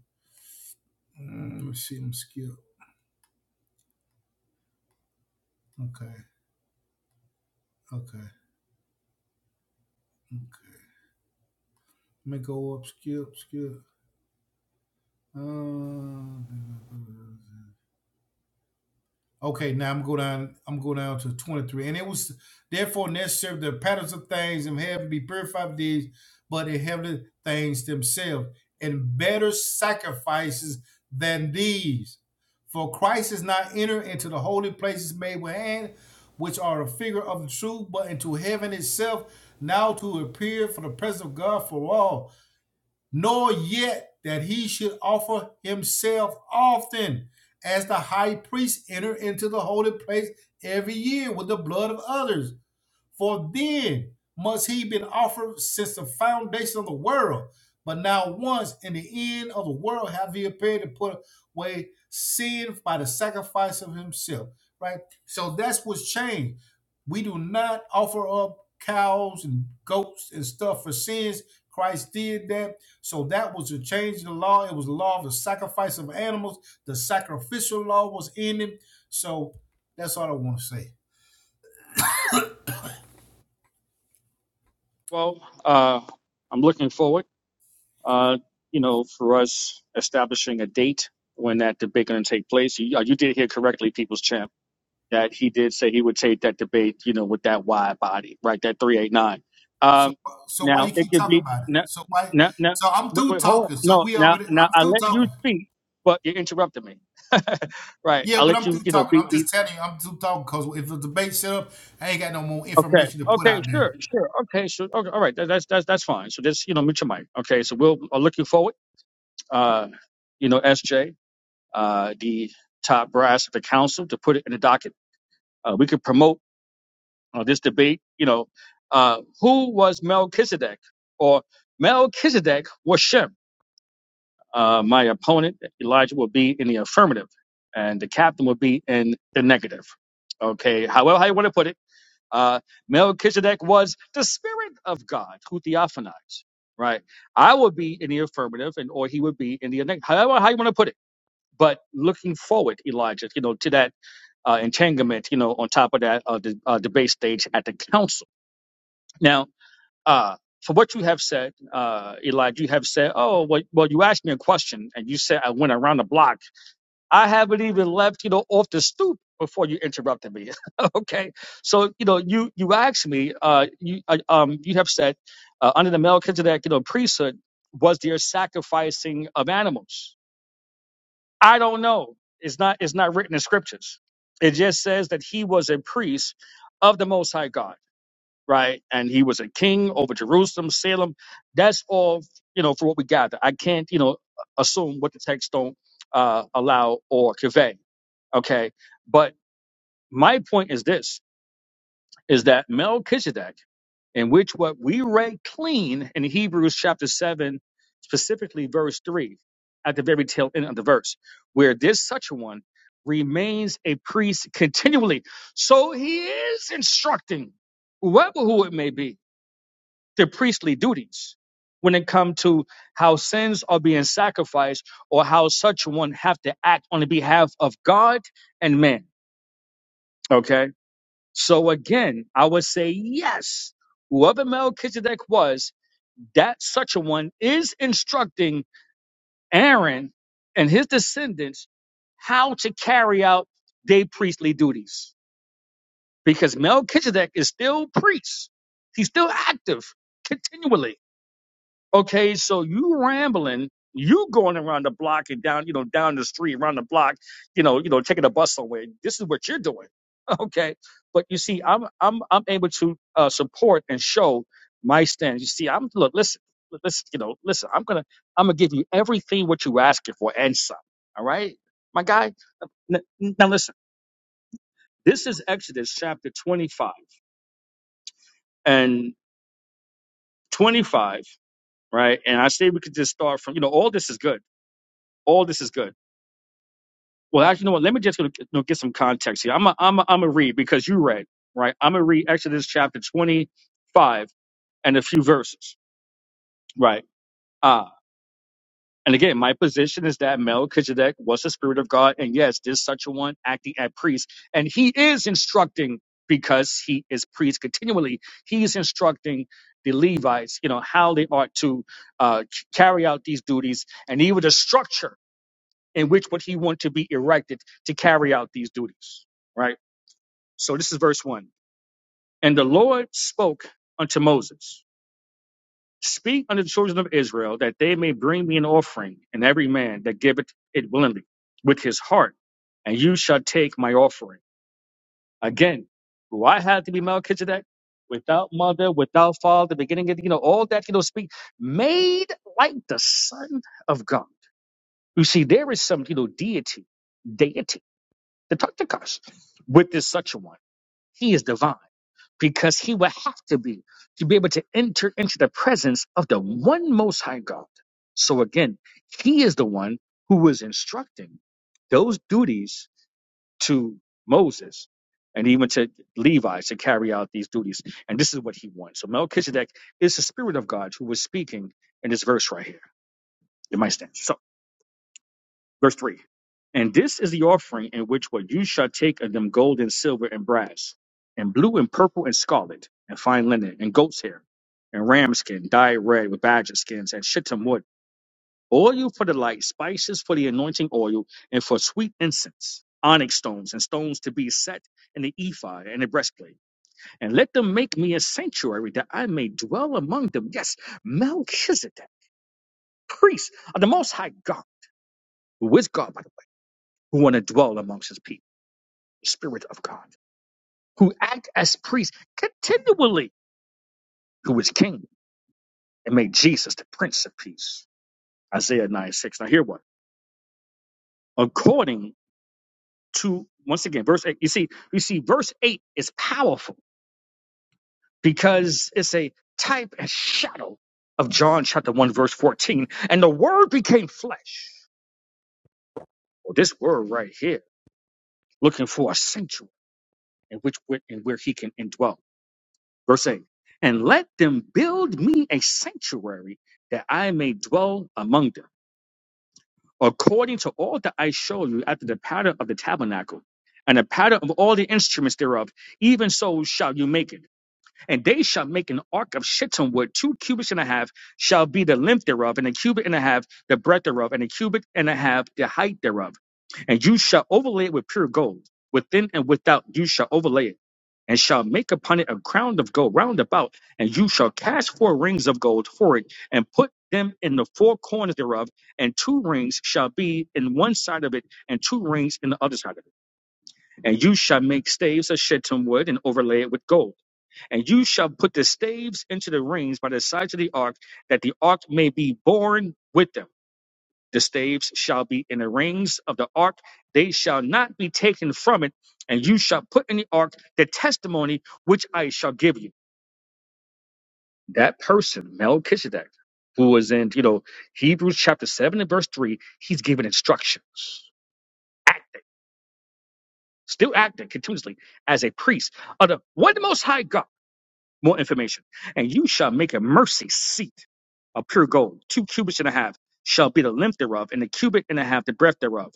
Speaker 7: Mm, let me see. I'm skip. Okay, okay, okay. Let me go up. Skip, skip. Uh, okay, now I'm go down. I'm go down to twenty three, and it was therefore necessary the patterns of things in heaven be purified with these, but in heavenly things themselves, and better sacrifices than these. For Christ is not entered into the holy places made with hand, which are a figure of the truth, but into heaven itself, now to appear for the presence of God for all nor yet that he should offer himself often, as the high priest enter into the holy place every year with the blood of others. For then must he been offered since the foundation of the world. But now once in the end of the world have he appeared to put away sin by the sacrifice of himself. Right? So that's what's changed. We do not offer up cows and goats and stuff for sins. Christ did that. So that was a change in the law. It was the law of the sacrifice of animals. The sacrificial law was in it. So that's all I want to say.
Speaker 10: Well, uh, I'm looking forward. uh, you know, for us establishing a date when that debate going to take place. You, uh, you did hear correctly, People's Champ, that he did say he would take that debate, you know, with that wide body, right? That 389.
Speaker 7: So
Speaker 10: Um,
Speaker 7: so why
Speaker 10: now,
Speaker 7: you
Speaker 10: it
Speaker 7: keep
Speaker 10: could
Speaker 7: talking
Speaker 10: be,
Speaker 7: about it?
Speaker 10: no,
Speaker 7: So why?
Speaker 10: no, no,
Speaker 7: So I'm
Speaker 10: wait,
Speaker 7: through
Speaker 10: wait, hold on.
Speaker 7: talking. So
Speaker 10: No,
Speaker 7: we
Speaker 10: now,
Speaker 7: already.
Speaker 10: now
Speaker 7: I'm
Speaker 10: I
Speaker 7: through
Speaker 10: let you
Speaker 7: talking.
Speaker 10: speak, but you interrupted me. right.
Speaker 7: Yeah,
Speaker 10: I
Speaker 7: but
Speaker 10: let
Speaker 7: I'm
Speaker 10: you,
Speaker 7: through
Speaker 10: you know,
Speaker 7: talking.
Speaker 10: be,
Speaker 7: I'm
Speaker 10: be,
Speaker 7: just telling you, I'm through talking because if the debate set up, I ain't got no more
Speaker 10: okay.
Speaker 7: information to put
Speaker 10: Okay,
Speaker 7: out there.
Speaker 10: sure, sure. Okay, sure. Okay, all right. That, that's, that's, that's fine. So just, you know, mute your mic. Okay. So we'll, I'll look you forward. Uh, you know, SJ. uh, the top brass of the council to put it in the docket. Uh, we could promote uh, this debate. You know, uh, who was Melchizedek, or Melchizedek was Shem? Uh, my opponent Elijah will be in the affirmative, and the captain will be in the negative. Okay, however how you want to put it, uh, Melchizedek was the spirit of God who theophanized. Right, I would be in the affirmative, and or he would be in the negative. However, how you want to put it. But looking forward, Elijah, you know, to that uh, entanglement, you know, on top of that uh, the uh, debate stage at the council. Now, uh, for what you have said, uh, Elijah, you have said, oh, well, well, you asked me a question and you said I went around the block. I haven't even left, you know, off the stoop before you interrupted me. okay, so you know, you you asked me, uh, you uh, um, you have said uh, under the Melchizedek, you know, priesthood was there sacrificing of animals I don't know. It's not it's not written in scriptures. It just says that he was a priest of the most high God, right? And he was a king over Jerusalem, Salem. That's all, you know, for what we gather. I can't, you know, assume what the text don't uh, allow or convey. Okay. But my point is this is that Melchizedek, in which what we read clean in Hebrews chapter 7, specifically verse 3, at the very tail end of the verse, where this such one remains a priest continually. So he is instructing whoever who it may be, their priestly duties when it comes to how sins are being sacrificed or how such one have to act on the behalf of God and man. Okay so again, I would say yes. Whoever Melchizedek was, that such a one is instructing Aaron and his descendants how to carry out their priestly duties. Because Melchizedek is still priest. He's still active continually. Okay, so you rambling, you going around the block and down, you know, down the street, around the block, you know, you know, taking a bus somewhere. This is what you're doing. Okay. But you see, I'm I'm I'm able to uh, support and show my stance. You see, I'm look, listen, li- listen, you know, listen, I'm gonna I'm gonna give you everything what you asking for and some. All right, my guy. N- Now listen, this is Exodus chapter 25 and 25, right? And I say we could just start from, you know, all this is good. All this is good Well, actually, you know what? Let me just you know, get some context here. I'm a, I'm a, I'm a read because you read, right? I'm gonna read Exodus chapter 25 and a few verses, right? Uh, and again, my position is that Melchizedek was the spirit of God, and yes, there's such a one acting as priest, and he is instructing because he is priest continually. He's instructing the Levites, you know, how they ought to uh, c- carry out these duties, and even the structure in which what he want to be erected to carry out these duties, right? So this is verse 1. And the Lord spoke unto Moses, Speak unto the children of Israel that they may bring me an offering, and every man that giveth it willingly with his heart, and you shall take my offering. Again, do I have to be Melchizedek? Without mother, without father, beginning of, you know, all that, you know, speak, made like the Son of God. You see, there is some, you know, deity, deity, the Tartakas, with this such a one. He is divine because he would have to be to be able to enter into the presence of the one most high God. So again, he is the one who was instructing those duties to Moses and even to Levi to carry out these duties. And this is what he wants. So Melchizedek is the spirit of God who was speaking in this verse right here. It might stand. So. Verse 3 And this is the offering in which what you shall take of them gold and silver and brass, and blue and purple and scarlet, and fine linen, and goat's hair, and ram skin, dyed red with badger skins, and shittim wood, oil for the light, spices for the anointing oil, and for sweet incense, onyx stones, and stones to be set in the ephod and the breastplate. And let them make me a sanctuary that I may dwell among them. Yes, Melchizedek, priest of the Most High God, who is God, by the way, who want to dwell amongst his people. Spirit of God, who act as priests continually, who is king, and made Jesus the Prince of Peace. Isaiah 9 6. Now here what? According to once again, verse 8. You see, you see, verse 8 is powerful because it's a type and shadow of John chapter 1, verse 14. And the word became flesh. Well, this word right here, looking for a sanctuary in which in where he can indwell. Verse 8 And let them build me a sanctuary that I may dwell among them, according to all that I show you after the pattern of the tabernacle and the pattern of all the instruments thereof, even so shall you make it. And they shall make an ark of shittim wood, two cubits and a half shall be the length thereof, and a cubit and a half the breadth thereof, and a cubit and a half the height thereof. And you shall overlay it with pure gold. Within and without you shall overlay it and shall make upon it a crown of gold round about, and you shall cast four rings of gold for it, and put them in the four corners thereof, and two rings shall be in one side of it, and two rings in the other side of it. And you shall make staves of shittim wood, and overlay it with gold. And you shall put the staves into the rings by the sides of the ark, that the ark may be borne with them the staves shall be in the rings of the ark, they shall not be taken from it, and you shall put in the ark the testimony which I shall give you. That person, Melchizedek, who was in, you know, Hebrews chapter 7 and verse 3, he's given instruction. Act, still acting continuously as a priest of the one most high God. More information. And you shall make a mercy seat of pure gold, two cubits and a half shall be the length thereof, and a cubit and a half the breadth thereof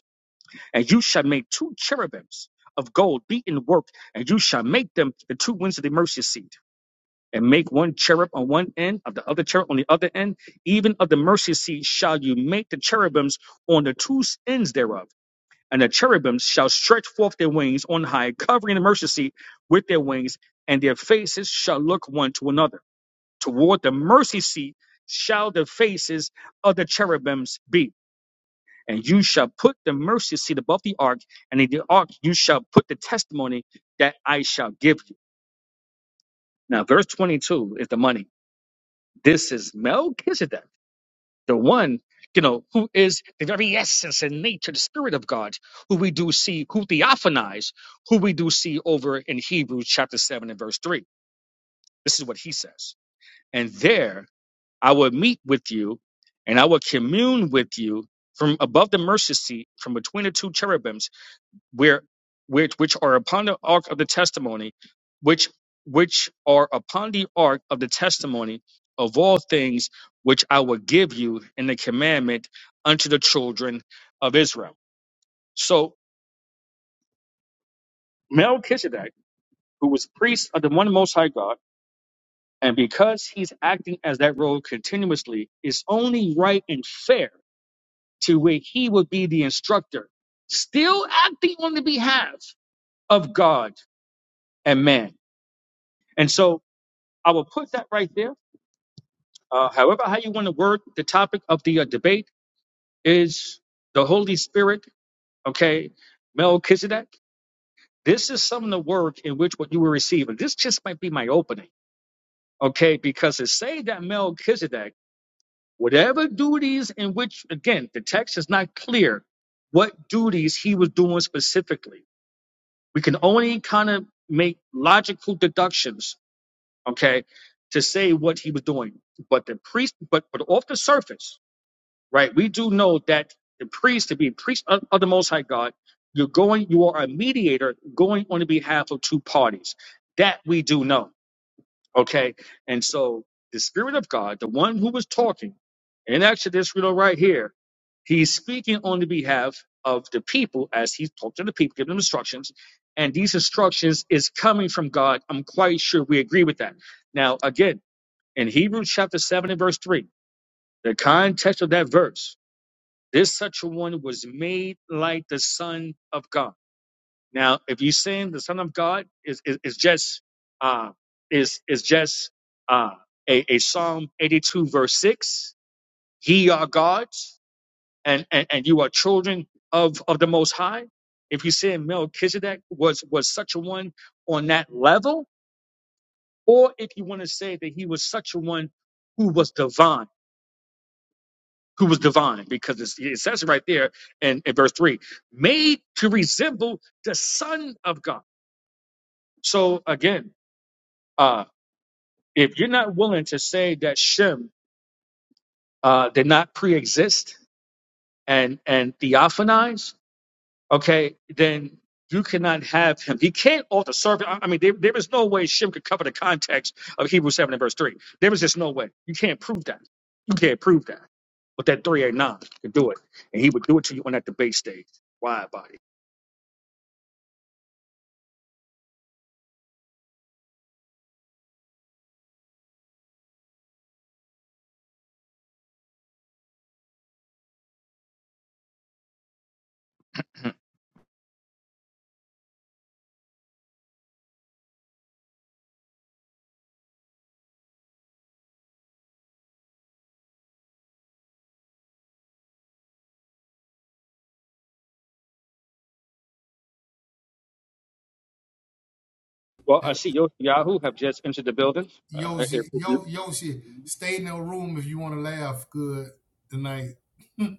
Speaker 10: And you shall make two cherubims of gold beaten work, and you shall make them the two wings of the mercy seat. And make one cherub on one end, of the other cherub on the other end. Even of the mercy seat shall you make the cherubims on the two ends thereof. And the cherubims shall stretch forth their wings on high, covering the mercy seat with their wings, and their faces shall look one to another. Toward the mercy seat shall the faces of the cherubims be and you shall put the mercy seat above the ark, and in the ark you shall put the testimony that I shall give you. Now, verse 22 is the money. This is Melchizedek, the one, you know, who is the very essence and nature, the spirit of God, who we do see, who theophanize, who we do see over in Hebrews chapter 7 and verse 3. This is what he says. And there I will meet with you, and I will commune with you from above the mercy seat, from between the two cherubims where which which are upon the ark of the testimony, which which are upon the ark of the testimony of all things which I will give you in the commandment unto the children of Israel. So Melchizedek, who was priest of the one most high God, and because he's acting as that role continuously, is only right and fair to where he would be the instructor, still acting on the behalf of God and man. And so I will put that right there. Uh, however, how you want to word the topic of the uh, debate is the Holy Spirit, okay, Melchizedek. This is some of the work in which what you will receive. And this just might be my opening, okay, because to say that Melchizedek, whatever duties in which, again, the text is not clear what duties he was doing specifically. We can only kind of make logical deductions, okay, to say what he was doing. But the priest, but, but off the surface, right? We do know that the priest, to be priest of, of the Most High God, you're going, you are a mediator going on the behalf of two parties. That we do know, okay? And so the Spirit of God, the one who was talking in Exodus, you know, right here, he's speaking on the behalf of the people as he talked to the people, giving them instructions. And these instructions is coming from God. I'm quite sure we agree with that. Now, again, in Hebrews chapter 7 and verse 3, the context of that verse, this such a one was made like the Son of God. Now, if you saying the Son of God is is, is just uh, is is just uh, a, a Psalm 82 verse 6, ye are gods and, and, and you are children of, of the most high. If you say Melchizedek was was such a one on that level, or if you want to say that he was such a one who was divine who was divine, because it's, it says it right there in, in verse 3 made to resemble the Son of God. So again, uh, if you're not willing to say that Shem uh, did not pre exist and, and theophanize, okay, then you cannot have him. He can't alter servant. I I mean, there, there is no way Shem could cover the context of Hebrews 7 and verse 3. There is just no way. You can't prove that. You can't prove that. But that 389 could do it. And he would do it to you on that debate stage. Why, body? Well, I
Speaker 7: Uh,
Speaker 10: see Yo- Yahoo have just entered the building.
Speaker 7: Yo,
Speaker 10: Uh,
Speaker 7: shit,
Speaker 10: if if you,
Speaker 7: yo, yo, shit. Stay in the room if you want to laugh good tonight.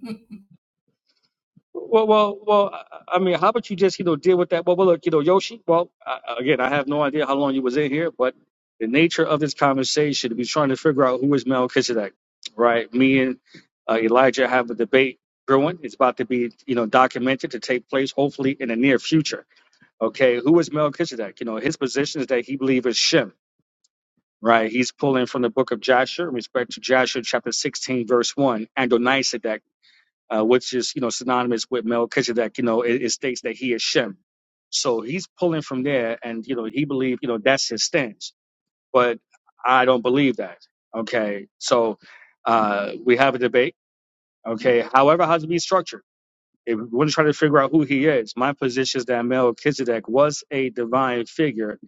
Speaker 10: well, well, well. I I mean, how about you just you know deal with that? Well, well, look, you know, Yoshi. Well, I, again, I have no idea how long you was in here, but the nature of this conversation, we're trying to figure out who is Melchizedek, right? Me and uh, Elijah have a debate brewing. It's about to be you know documented to take place hopefully in the near future. Okay, who is Melchizedek? You know, his position is that he believes Shem. right? He's pulling from the book of Joshua in respect to Joshua chapter 16, verse 1, Adonisedek, uh, which is, you know, synonymous with Melchizedek, you know, it, it states that he is Shem. So he's pulling from there and, you know, he believed, you know, that's his stance. But I don't believe that. Okay. So uh, we have a debate. Okay. However, how to be structured. If we want to try to figure out who he is, my position is that Melchizedek was a divine figure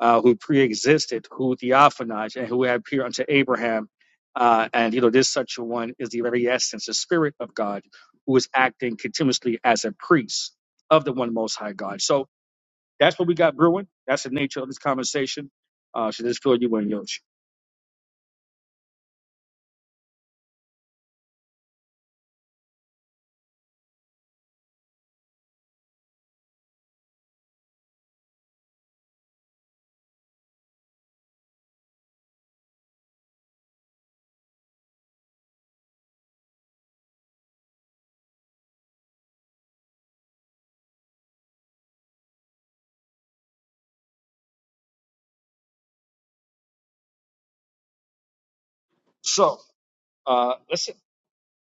Speaker 10: uh, who pre-existed, who theophanized, and who had appeared unto Abraham. Uh, and you know, this such a one is the very essence, the spirit of God, who is acting continuously as a priest of the one most high God. So that's what we got brewing. That's the nature of this conversation. Uh, should this fill you in, Yosh? So uh, listen,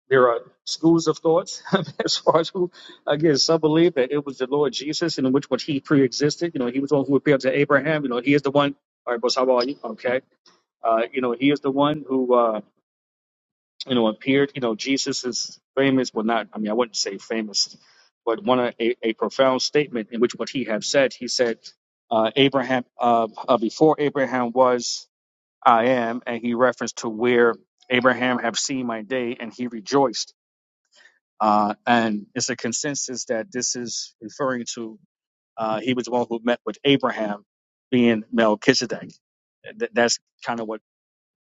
Speaker 10: there are schools of thoughts as far as who. Again, some believe that it was the Lord Jesus, in which one he pre-existed. You know, he was the one who appeared to Abraham. You know, he is the one. All right, boss, how are you? Okay Uh, you know, he is the one who, uh, you know, appeared. You know, Jesus is famous. Well, not, I mean, I wouldn't say famous, but one of a, a profound statement in which what he had said, he said, uh, Abraham, uh, uh, before Abraham was, I am. And he referenced to where Abraham have seen my day and he rejoiced. Uh, and it's a consensus that this is referring to, uh, he was the one who met with Abraham being Melchizedek. Th- that's kind of what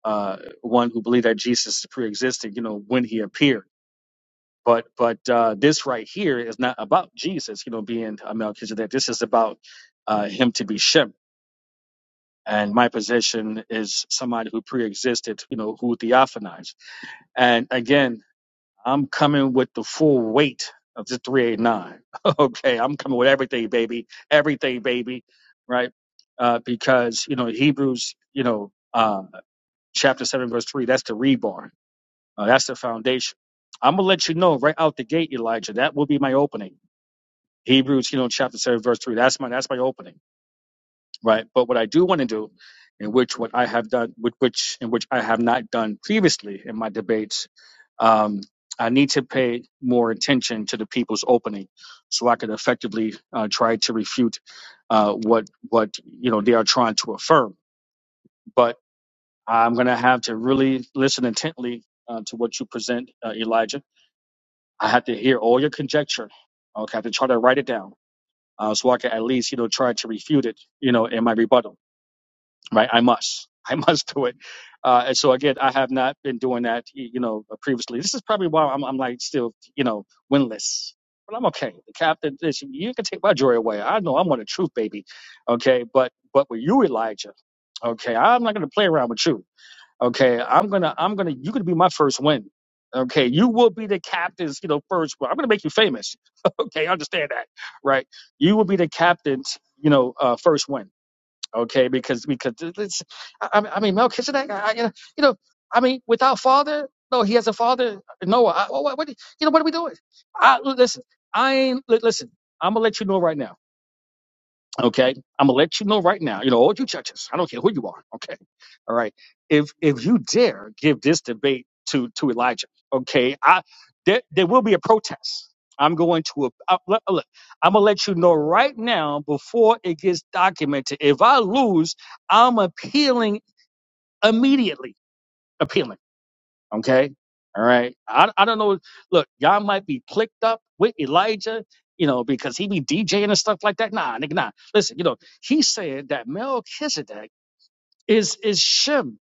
Speaker 10: uh, one who believed that Jesus pre-existed, you know, when he appeared. But but uh, this right here is not about Jesus, you know, being a Melchizedek. This is about uh, him to be Shem. And my position is somebody who pre-existed, you know, who theophanized. And again, I'm coming with the full weight of the 389. okay, I'm coming with everything, baby, everything, baby, right? Uh, because you know Hebrews, you know, uh, chapter seven, verse three, that's the reborn Uh, that's the foundation. I'm gonna let you know right out the gate, Elijah. That will be my opening. Hebrews, you know, chapter seven, verse three. That's my that's my opening, right? But what I do want to do, in which what I have done, with which in which I have not done previously in my debates, um, I need to pay more attention to the people's opening, so I could effectively uh, try to refute uh, what what you know they are trying to affirm. But I'm gonna have to really listen intently uh, to what you present, uh, Elijah I had to hear all your conjecture. Okay, I had to try to write it down uh, so I could at least, you know, try to refute it, you know, in my rebuttal. Right? I must. I must do it. Uh, and so again, I have not been doing that, you know, uh, previously. This is probably why I'm, I'm like still, you know, winless. But I'm okay. The captain, this, you can take my joy away. I know I'm on the truth, baby. Okay, but but with you, Elijah. Okay, I'm not gonna play around with you. Okay, I'm gonna, I'm gonna, you could be my first win. Okay, you will be the captain's, you know, first. Well, I'm gonna make you famous. okay, I understand that, right? You will be the captain's, you know, uh, first win. Okay, because because it- it's, I, I mean, I mean, Melchizedek, I, I, you know, you know, I mean, without father, no, he has a father, Noah. I, what, what, what, do- you know, what are we doing? I listen, I ain't li- listen. I'm gonna let you know right now. Okay. I'm gonna let you know right now, you know, all you judges, I don't care who you are, okay. All right. If if you dare give this debate to to Elijah, okay, I there there will be a protest. I'm going to a, I, look, look, I'm gonna let you know right now before it gets documented. If I lose, I'm appealing immediately. Appealing. Okay. All right. I, I don't know. Look, y'all might be clicked up with Elijah, you know, because he be DJing and stuff like that. Nah, nigga, nah. Listen, you know, he said that Melchizedek is is Shem,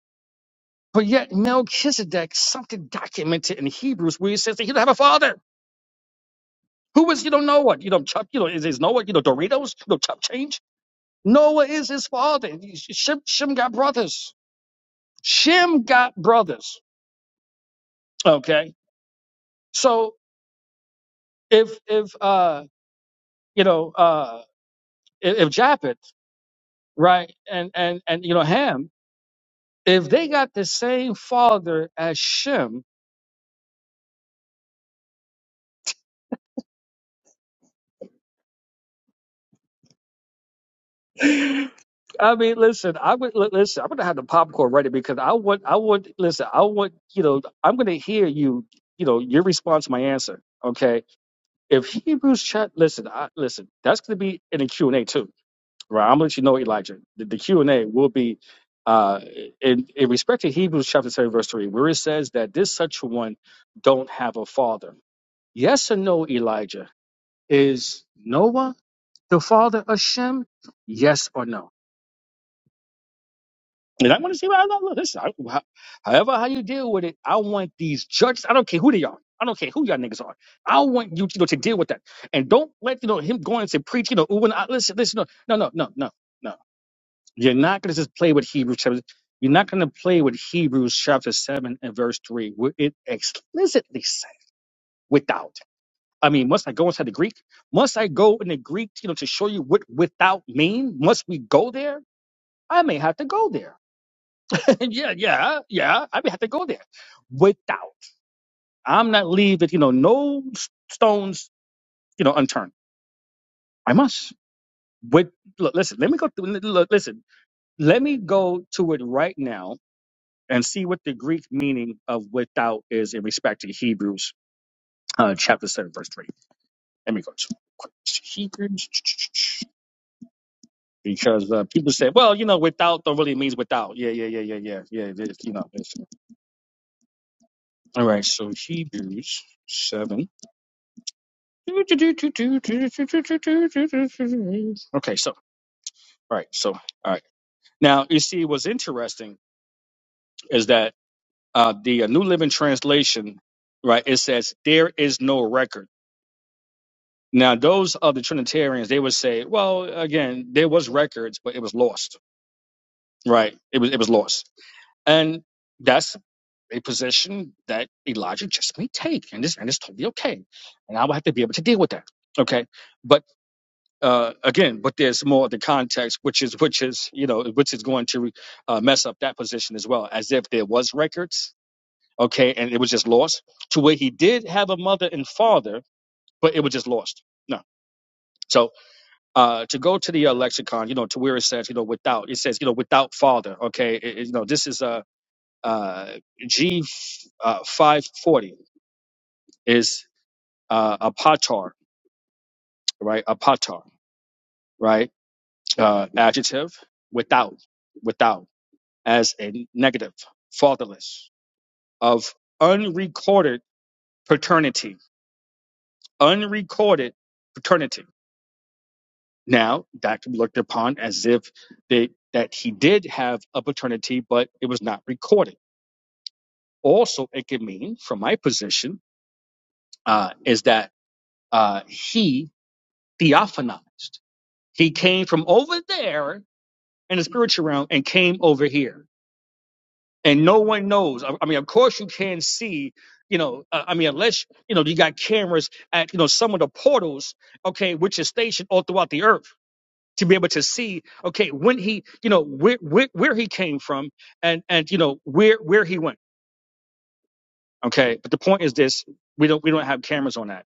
Speaker 10: but yet Melchizedek something documented in Hebrews where he says that he don't have a father. Who is you don't know what you know Chuck you know is is Noah you know Doritos you know Chuck change Noah is his father. Shem Shem got brothers. Shem got brothers. Okay, so if if uh you know uh if, Japhet, right, and and and you know Ham, if they got the same father as Shem, I mean, listen, I would li- listen. I'm gonna have the popcorn ready because I want, I want, listen, I want, you know, I'm gonna hear you, you know, your response, my answer. Okay, if Hebrews chat, listen, I, listen, that's gonna be in the Q and A too, right? I'm gonna let you know, Elijah, the, the Q and A will be. Uh, in, in respect to Hebrews chapter 7, verse 3, where it says that this such one don't have a father Yes or no, Elijah? Is Noah the father of Shem? Yes or no? And I want to see what I look. Listen, I, how- however how you deal with it, I want these judges. I don't care who they are. I don't care who y'all niggas are. I want you, you know, to deal with that. And don't let you know him going to preach. You know, ooh, and I, listen, listen. No, no, no, no, no. no. You're not gonna just play with Hebrews chapter. You're not gonna play with Hebrews chapter seven and verse three, where it explicitly said without. I mean, must I go inside the Greek? Must I go in the Greek, you know, to show you what without mean? Must we go there? I may have to go there. yeah, yeah, yeah. I may have to go there. Without, I'm not leaving, you know, no s- stones, you know, unturned. I must. With look, listen, let me go. Through, look, listen, let me go to it right now and see what the Greek meaning of without is in respect to Hebrews uh, chapter seven, verse three. Let me go to Hebrews. because uh, people say, well, you know, without don't really means without. Yeah, yeah, yeah, yeah, yeah, yeah. It is, you know. It's, all right, so Hebrews seven. Okay, so all right, so all right. Now you see, what's interesting is that uh, the uh, New Living Translation, right? It says there is no record. Now those other Trinitarians, they would say, well, again, there was records, but it was lost, right? It was it was lost, and that's a position that Elijah just may take, and it's and it's totally okay. And I will have to be able to deal with that. Okay, but uh, again, but there's more of the context, which is which is you know which is going to uh, mess up that position as well, as if there was records, okay, and it was just lost to where he did have a mother and father, but it was just lost. No, so uh, to go to the uh, lexicon, you know, to where it says you know without it says you know without father, okay, It- it- you know this is a uh, uh, G uh, five forty is uh, apatar, right? Apatar, right? Uh, adjective, without, without, as a negative, fatherless, of unrecorded paternity, unrecorded paternity. Now that could be looked upon as if they, that he did have a paternity, but it was not recorded. Also, it could mean, from my position, uh, is that uh, he theophanized. He came from over there in the spiritual realm and came over here. And no one knows. I, I mean, of course you can see, you know, uh, I mean, unless, you know, you got cameras at, you know, some of the portals, okay, which is stationed all throughout the earth to be able to see, okay, when he, you know, where, where, where he came from and, and, you know, where, where he went. Okay. But the point is this, we don't, we don't have cameras on that.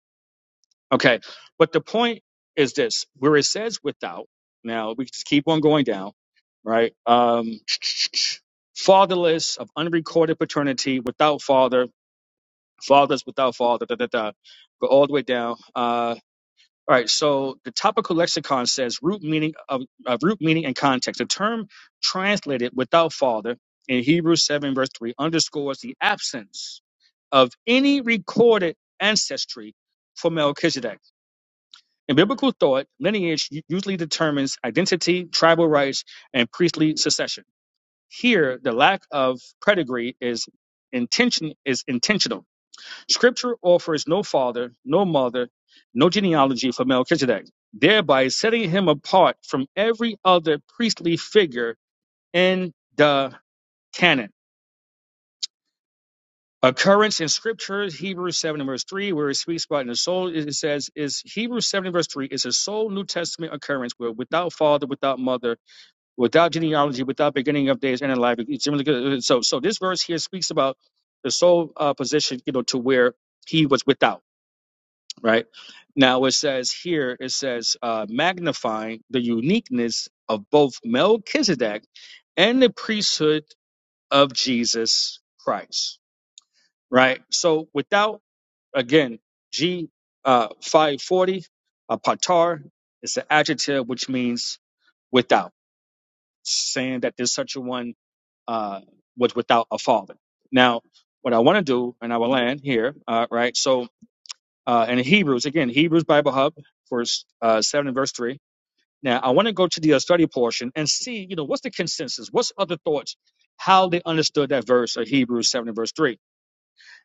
Speaker 10: Okay. But the point is this, where it says without, now we just keep on going down, right? Um. fatherless of unrecorded paternity without father fathers without father da, da, da. go all the way down uh, all right so the topical lexicon says root meaning of, of root meaning and context the term translated without father in hebrews 7 verse 3 underscores the absence of any recorded ancestry for melchizedek in biblical thought lineage u- usually determines identity tribal rights and priestly succession here, the lack of pedigree is intention is intentional. Scripture offers no father, no mother, no genealogy for Melchizedek, thereby setting him apart from every other priestly figure in the canon. Occurrence in Scripture, Hebrews 7 and verse 3, where it speaks about in the soul, it says, is Hebrews 7 and verse 3 is a sole New Testament occurrence where without father, without mother, without genealogy, without beginning of days, and in life. It's really So, so this verse here speaks about the sole uh, position, you know, to where he was without. Right now, it says here, it says uh, magnifying the uniqueness of both Melchizedek and the priesthood of Jesus Christ. Right. So, without again, G uh, five forty, uh, patar is an adjective which means without, saying that there's such a one uh, was without a father. Now, what I want to do, and I will land here, uh, right? So, uh, in Hebrews, again, Hebrews Bible Hub, verse uh, 7 and verse 3. Now, I want to go to the uh, study portion and see, you know, what's the consensus? What's other thoughts? How they understood that verse of Hebrews 7 and verse 3.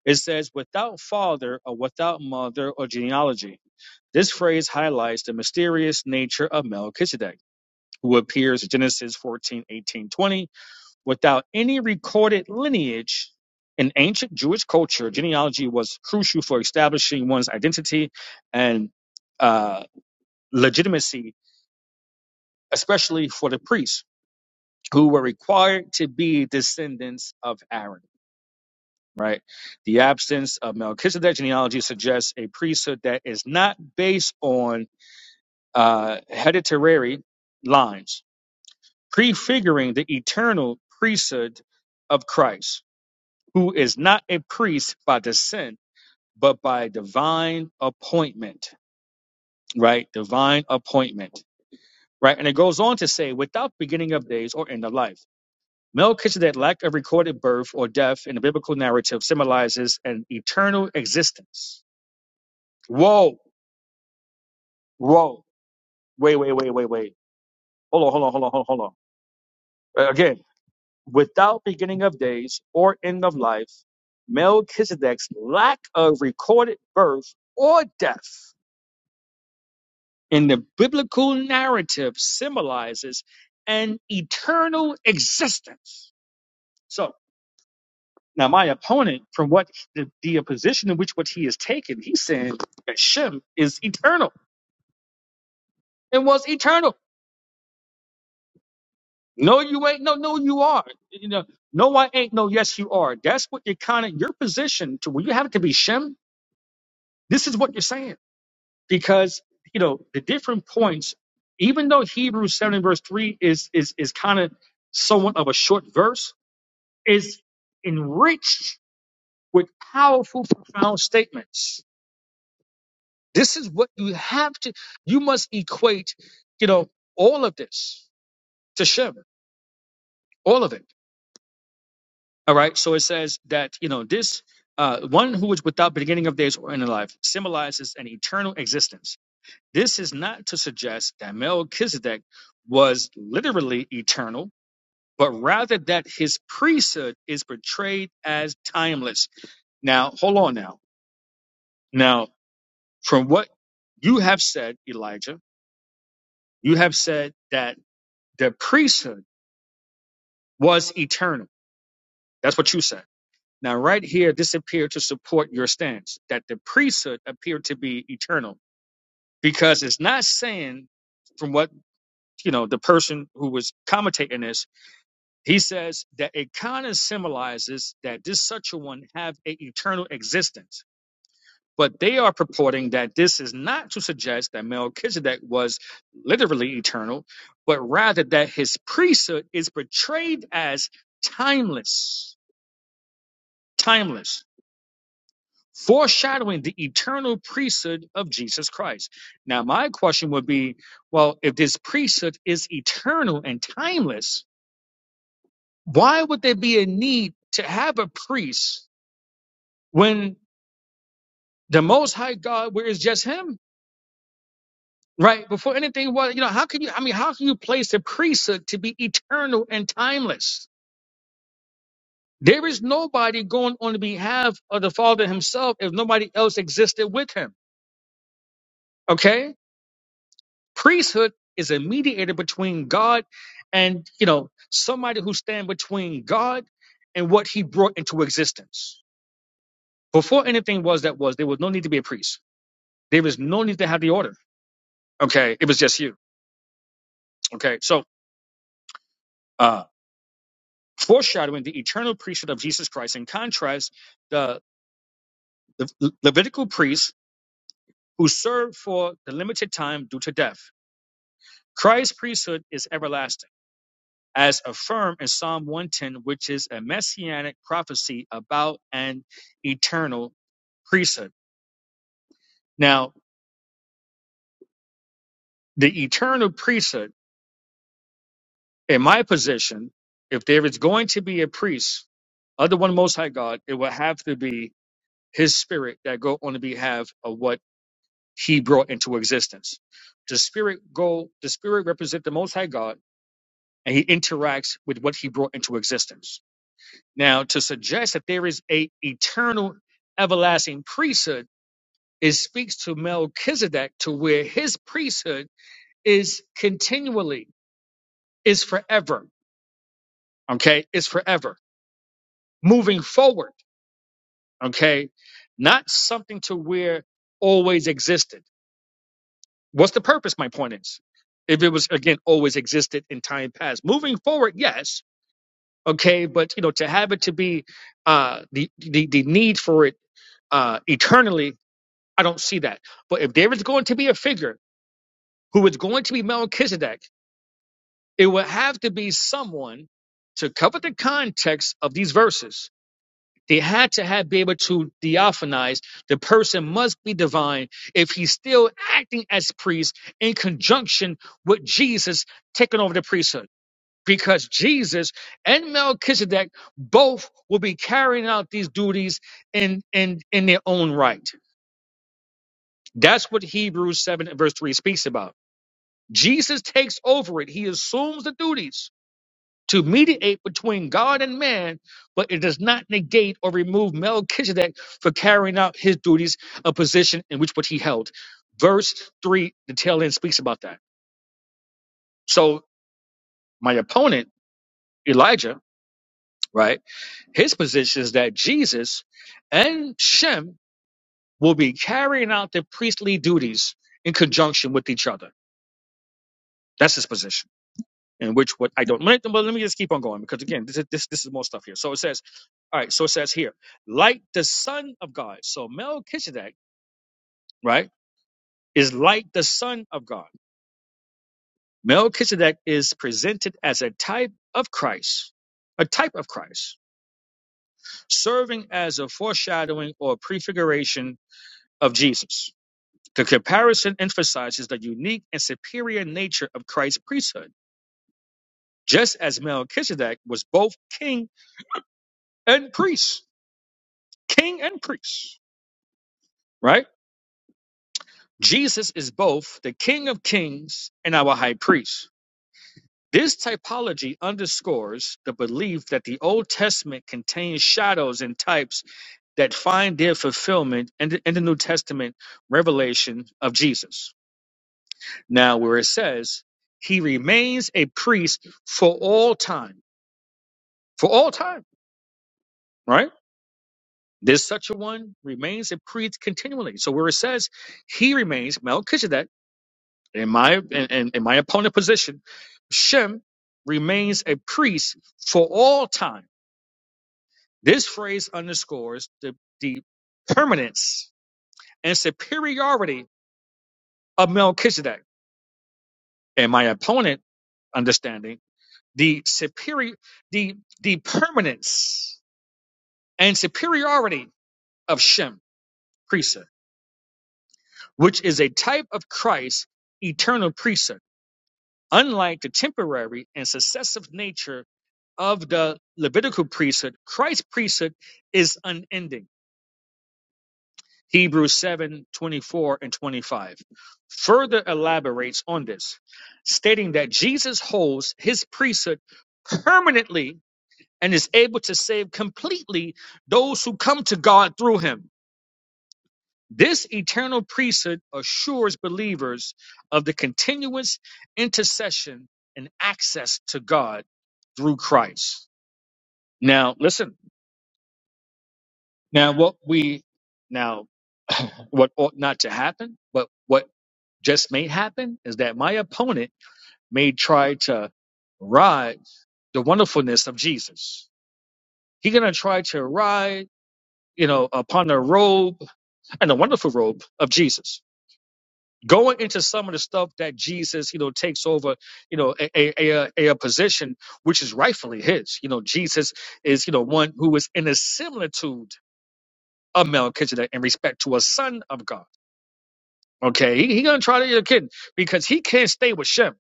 Speaker 10: It says, without father or without mother or genealogy. This phrase highlights the mysterious nature of Melchizedek, who appears in Genesis 14, 18, twenty. Without any recorded lineage in ancient Jewish culture, genealogy was crucial for establishing one's identity and uh, legitimacy, especially for the priests who were required to be descendants of Aaron. Right? The absence of Melchizedek genealogy suggests a priesthood that is not based on uh, hereditary lines, prefiguring the eternal priesthood of Christ who is not a priest by descent, but by divine appointment, right? Divine appointment, right? And it goes on to say, without beginning of days or end of life. Melchizedek's lack of recorded birth or death in the biblical narrative symbolizes an eternal existence. Whoa, whoa, wait, wait, wait, wait, wait. Hold on, hold on, hold on, hold on, hold on. Uh, Again, without beginning of days or end of life, Melchizedek's lack of recorded birth or death in the biblical narrative symbolizes an eternal existence. So now my opponent, from what the, the position in which what he is taking, he's saying that Shem is eternal and was eternal. No, you ain't. No, no, you are. You know, no, I ain't. No, yes, you are. That's what you're kind of your position to where you have to be Shem. This is what you're saying because you know the different points. Even though Hebrews seven verse three is is is kind of somewhat of a short verse, is enriched with powerful, profound statements. This is what you have to, you must equate, you know, all of this to Shem, all of it. All right. So it says that, you know, this uh, one who is without beginning of days or end of life symbolizes an eternal existence. This is not to suggest that Melchizedek was literally eternal, but rather that his priesthood is portrayed as timeless. Now, hold on now. Now, From what you have said, Elijah, you have said that the priesthood was eternal. That's what you said. Now, right here, this appeared to support your stance that the priesthood appeared to be eternal because it's not saying from what, you know, the person who was commentating this, he says that it kind of symbolizes that this such a one have a eternal existence But they are purporting that this is not to suggest that Melchizedek was literally eternal, but rather that his priesthood is portrayed as timeless, timeless, foreshadowing the eternal priesthood of Jesus Christ. Now, my question would be well, if this priesthood is eternal and timeless, why would there be a need to have a priest when the Most High God, where it's just Him? Right. Before anything was, you know, how can you, I mean, how can you place a priesthood to be eternal and timeless? There is nobody going on behalf of the Father himself if nobody else existed with him. Okay. Priesthood is a mediator between God and, you know, somebody who stand between God and what he brought into existence. Before anything was that was, there was no need to be a priest. There was no need to have the order. Okay. It was just you. Okay. So, uh, foreshadowing the eternal priesthood of Jesus Christ. In contrast, the Le- Levitical priests who served for the limited time due to death. Christ's priesthood is everlasting, as affirmed in Psalm 110, which is a messianic prophecy about an eternal priesthood. Now, the eternal priesthood, in my position, if there is going to be a priest of the one most high God, it will have to be his spirit that go on the behalf of what he brought into existence. The spirit go the spirit represents the most high God and he interacts with what he brought into existence. Now to suggest that there is a eternal everlasting priesthood, it speaks to Melchizedek to where his priesthood is continually, is forever. Okay, is forever. Moving forward. Okay. Not something to where always existed. What's the purpose? My point is, if it was again always existed in time past, moving forward, yes, okay, but you know, to have it to be uh, the, the the need for it uh, eternally, I don't see that. But if there is going to be a figure who is going to be Melchizedek, it would have to be someone to cover the context of these verses They had to have be able to theophanize. The person must be divine if he's still acting as priest in conjunction with Jesus taking over the priesthood. Because Jesus and Melchizedek both will be carrying out these duties in, in, in their own right. That's what Hebrews 7 and verse 3 speaks about. Jesus takes over it. He assumes the duties to mediate between God and man, but it does not negate or remove Melchizedek for carrying out his duties, a position in which what he held. Verse three, the tail end speaks about that. So my opponent, Elijah, right, his position is that Jesus and Shem will be carrying out their priestly duties in conjunction with each other. That's his position. In which what I don't, let, but let me just keep on going because again, this is, this this is more stuff here. So it says. All right, so it says here, like the Son of God. So Melchizedek, right, is like the Son of God. Melchizedek is presented as a type of Christ, a type of Christ, serving as a foreshadowing or prefiguration of Jesus. The comparison emphasizes the unique and superior nature of Christ's priesthood, just as Melchizedek was both king and priest, king and priest, right? Jesus is both the King of Kings and our High Priest. This typology underscores the belief that the Old Testament contains shadows and types that find their fulfillment in the, in the New Testament revelation of Jesus. Now, where it says, He remains a priest for all time, for all time, right? This such a one remains a priest continually. So, where it says, He remains Melchizedek in my in, in, in my opponent position, Shem remains a priest for all time. This phrase underscores the, the permanence and superiority of Melchizedek. In my opponent understanding the superior the the permanence and superiority of Shem priesthood, which is a type of Christ's eternal priesthood. Unlike the temporary and successive nature of the Levitical priesthood, Christ's priesthood is unending. Hebrews 7 24 and 25 further elaborates on this, stating that Jesus holds his priesthood permanently and is able to save completely those who come to God through him. This eternal priesthood assures believers of the continuous intercession and access to God through Christ. Now, listen Now, what we now what ought not to happen, but what just may happen is that my opponent may try to ride the wonderfulness of Jesus. He's gonna try to ride, you know, upon the robe and the wonderful robe of Jesus. Going into some of the stuff that Jesus, you know, takes over, you know, a, a, a, a a position which is rightfully his. You know, Jesus is, you know, one who is in a similitude of Melchizedek in respect to a son of God. Okay, he, he gonna try to get a kid because he can't stay with Shem.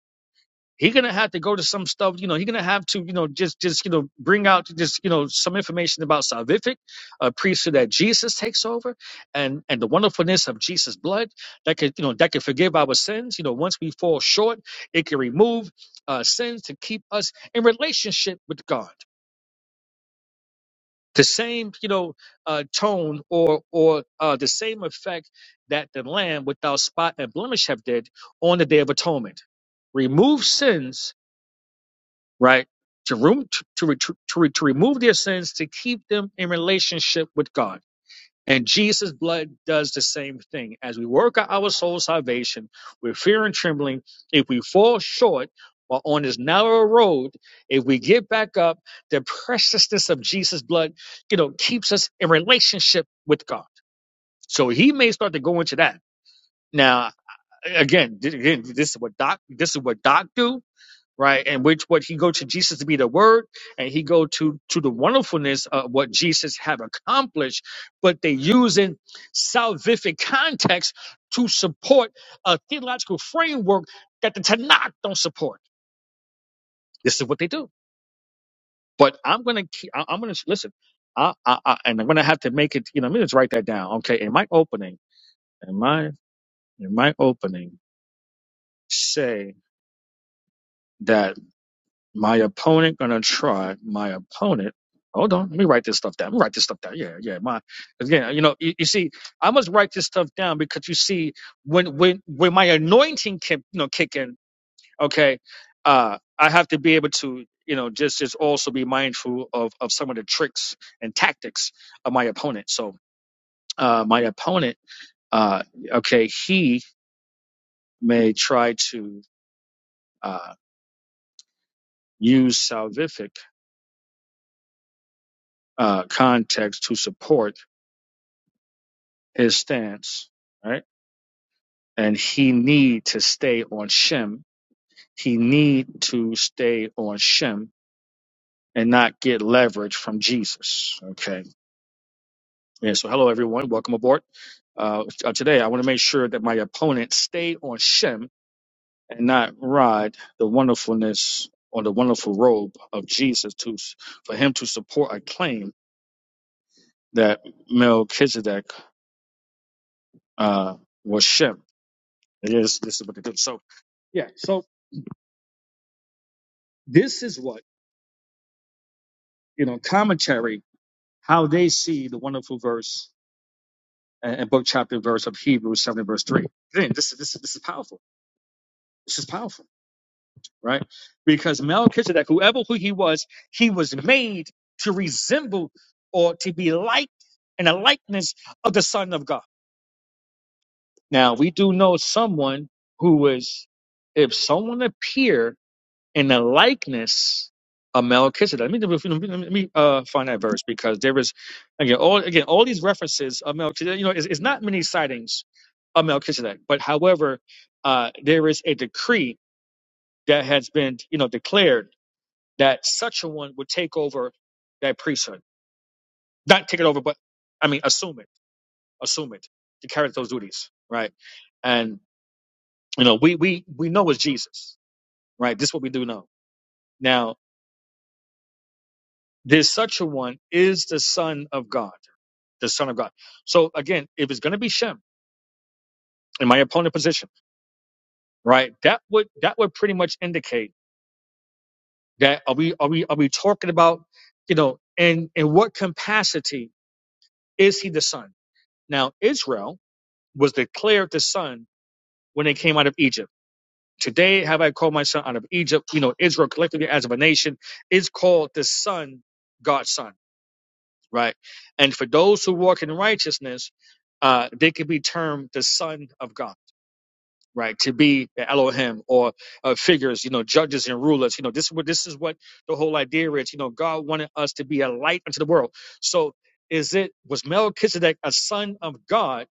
Speaker 10: He gonna have to go to some stuff. You know, he gonna have to you know just just you know bring out just you know some information about salvific, a priesthood that Jesus takes over, and and the wonderfulness of Jesus' blood that could you know that could forgive our sins. You know, once we fall short, it can remove uh, sins to keep us in relationship with God the same you know uh, tone or or uh, the same effect that the lamb without spot and blemish have did on the day of atonement remove sins right to room to, to, re- to, re- to remove their sins to keep them in relationship with god and Jesus' blood does the same thing. As we work out our soul salvation with fear and trembling, if we fall short while on this narrow road, if we get back up, the preciousness of Jesus' blood, you know, keeps us in relationship with God. So he may start to go into that. Now, again, th- again, this is what Doc, this is what Doc do right? And which what he go to Jesus to be the word, and he go to to the wonderfulness of what Jesus have accomplished, but they using salvific context to support a theological framework that the Tanakh don't support. This is what they do. But I'm gonna keep. I- I'm gonna listen. I, I, I and I'm gonna have to make it. You know, let me just write that down. Okay, in my opening, in my in my opening, say that. My opponent gonna try. My opponent. Hold on. Let me write this stuff down. Let me write this stuff down. Yeah, yeah. My again, you know, you, you see, I must write this stuff down because you see, when when when my anointing can you know kick in, okay, uh, I have to be able to you know just just also be mindful of of some of the tricks and tactics of my opponent. So uh, my opponent, uh, okay, he may try to uh, use salvific uh, context to support his stance, right? And he need to stay on Shem. He need to stay on Shem and not get leverage from Jesus. Okay. Yeah. So hello everyone. Welcome aboard. Uh, uh, today I want to make sure that my opponent stay on Shem and not ride the wonderfulness or the wonderful robe of Jesus to for him to support a claim that Melchizedek uh, was Shem. It is this is what they do. So yeah. So this is what you know, commentary, how they see the wonderful verse and, and book chapter and verse of Hebrews 7 verse 3. Again, this, is- this, is- this is powerful. This is powerful, right? Because Melchizedek, whoever who he was, he was made to resemble or to be like in a likeness of the Son of God. Now, we do know someone who was, if someone appeared in the likeness of Melchizedek. Let me, let me, uh, find that verse because there is again all again all these references of Melchizedek. You know, it's, it's not many sightings of Melchizedek, but however, uh, there is a decree that has been you know declared that such a one would take over that priesthood, not take it over, but I mean assume it, assume it to carry those duties, right? And you know, we we we know it's Jesus, right? This is what we do know now This such a one is the Son of God, the Son of God. So again, if it's going to be Shem in my opponent position, right? That would that would pretty much indicate that are we are we are we talking about you know in in what capacity is he the Son? Now Israel was declared the Son when they came out of Egypt. Today have I called my son out of Egypt. You know Israel collectively as of a nation is called the Son, God's Son. right? And for those who walk in righteousness, uh, they could be termed the son of God, right? To be Elohim or uh, figures, you know, judges and rulers. You know, this is what this is what the whole idea is. You know, God wanted us to be a light unto the world. So, is it was Melchizedek a son of God?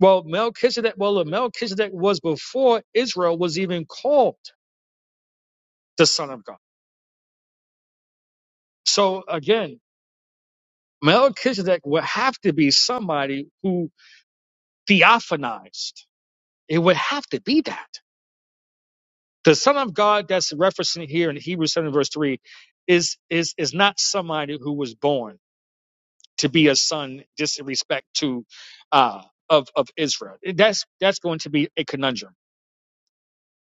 Speaker 10: Well, Melchizedek, well, Melchizedek was before Israel was even called the son of God. So again, Melchizedek would have to be somebody who theophanized It would have to be that. The Son of God that's referencing here in Hebrews 7 verse 3 is is is not somebody who was born to be a son just in respect to uh of, of Israel. That's that's going to be a conundrum.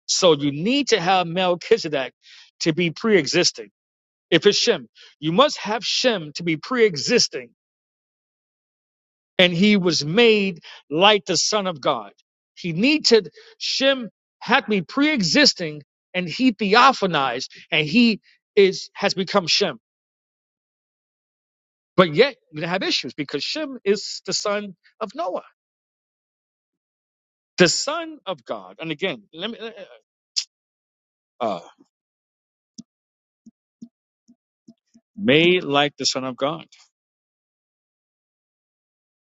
Speaker 10: So you need to have Melchizedek to be pre-existing. If it's Shem, you must have Shem to be pre-existing and he was made like the Son of God. He needed Shem had me pre-existing, and he theophanized, and he is has become Shem. But yet we are gonna have issues because Shem is the son of Noah, the son of God. And again, let me uh, uh, made like the son of God,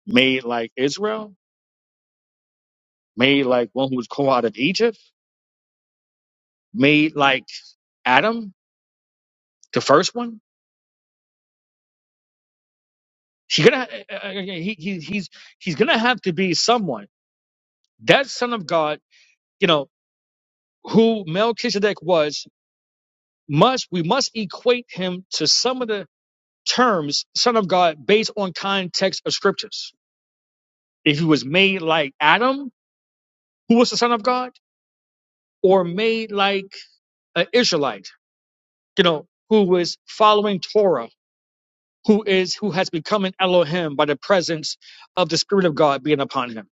Speaker 10: made like Israel, made like one who was called out of Egypt, made like Adam, the first one. He's gonna uh, uh, uh, he, he, he's he's gonna have to be someone that son of God, you know, who Melchizedek was, must we must equate him to some of the terms son of God based on context of scriptures. If he was made like Adam, who was the son of God, or made like an Israelite, you know, who was following Torah, who is who has become an Elohim by the presence of the Spirit of God being upon him.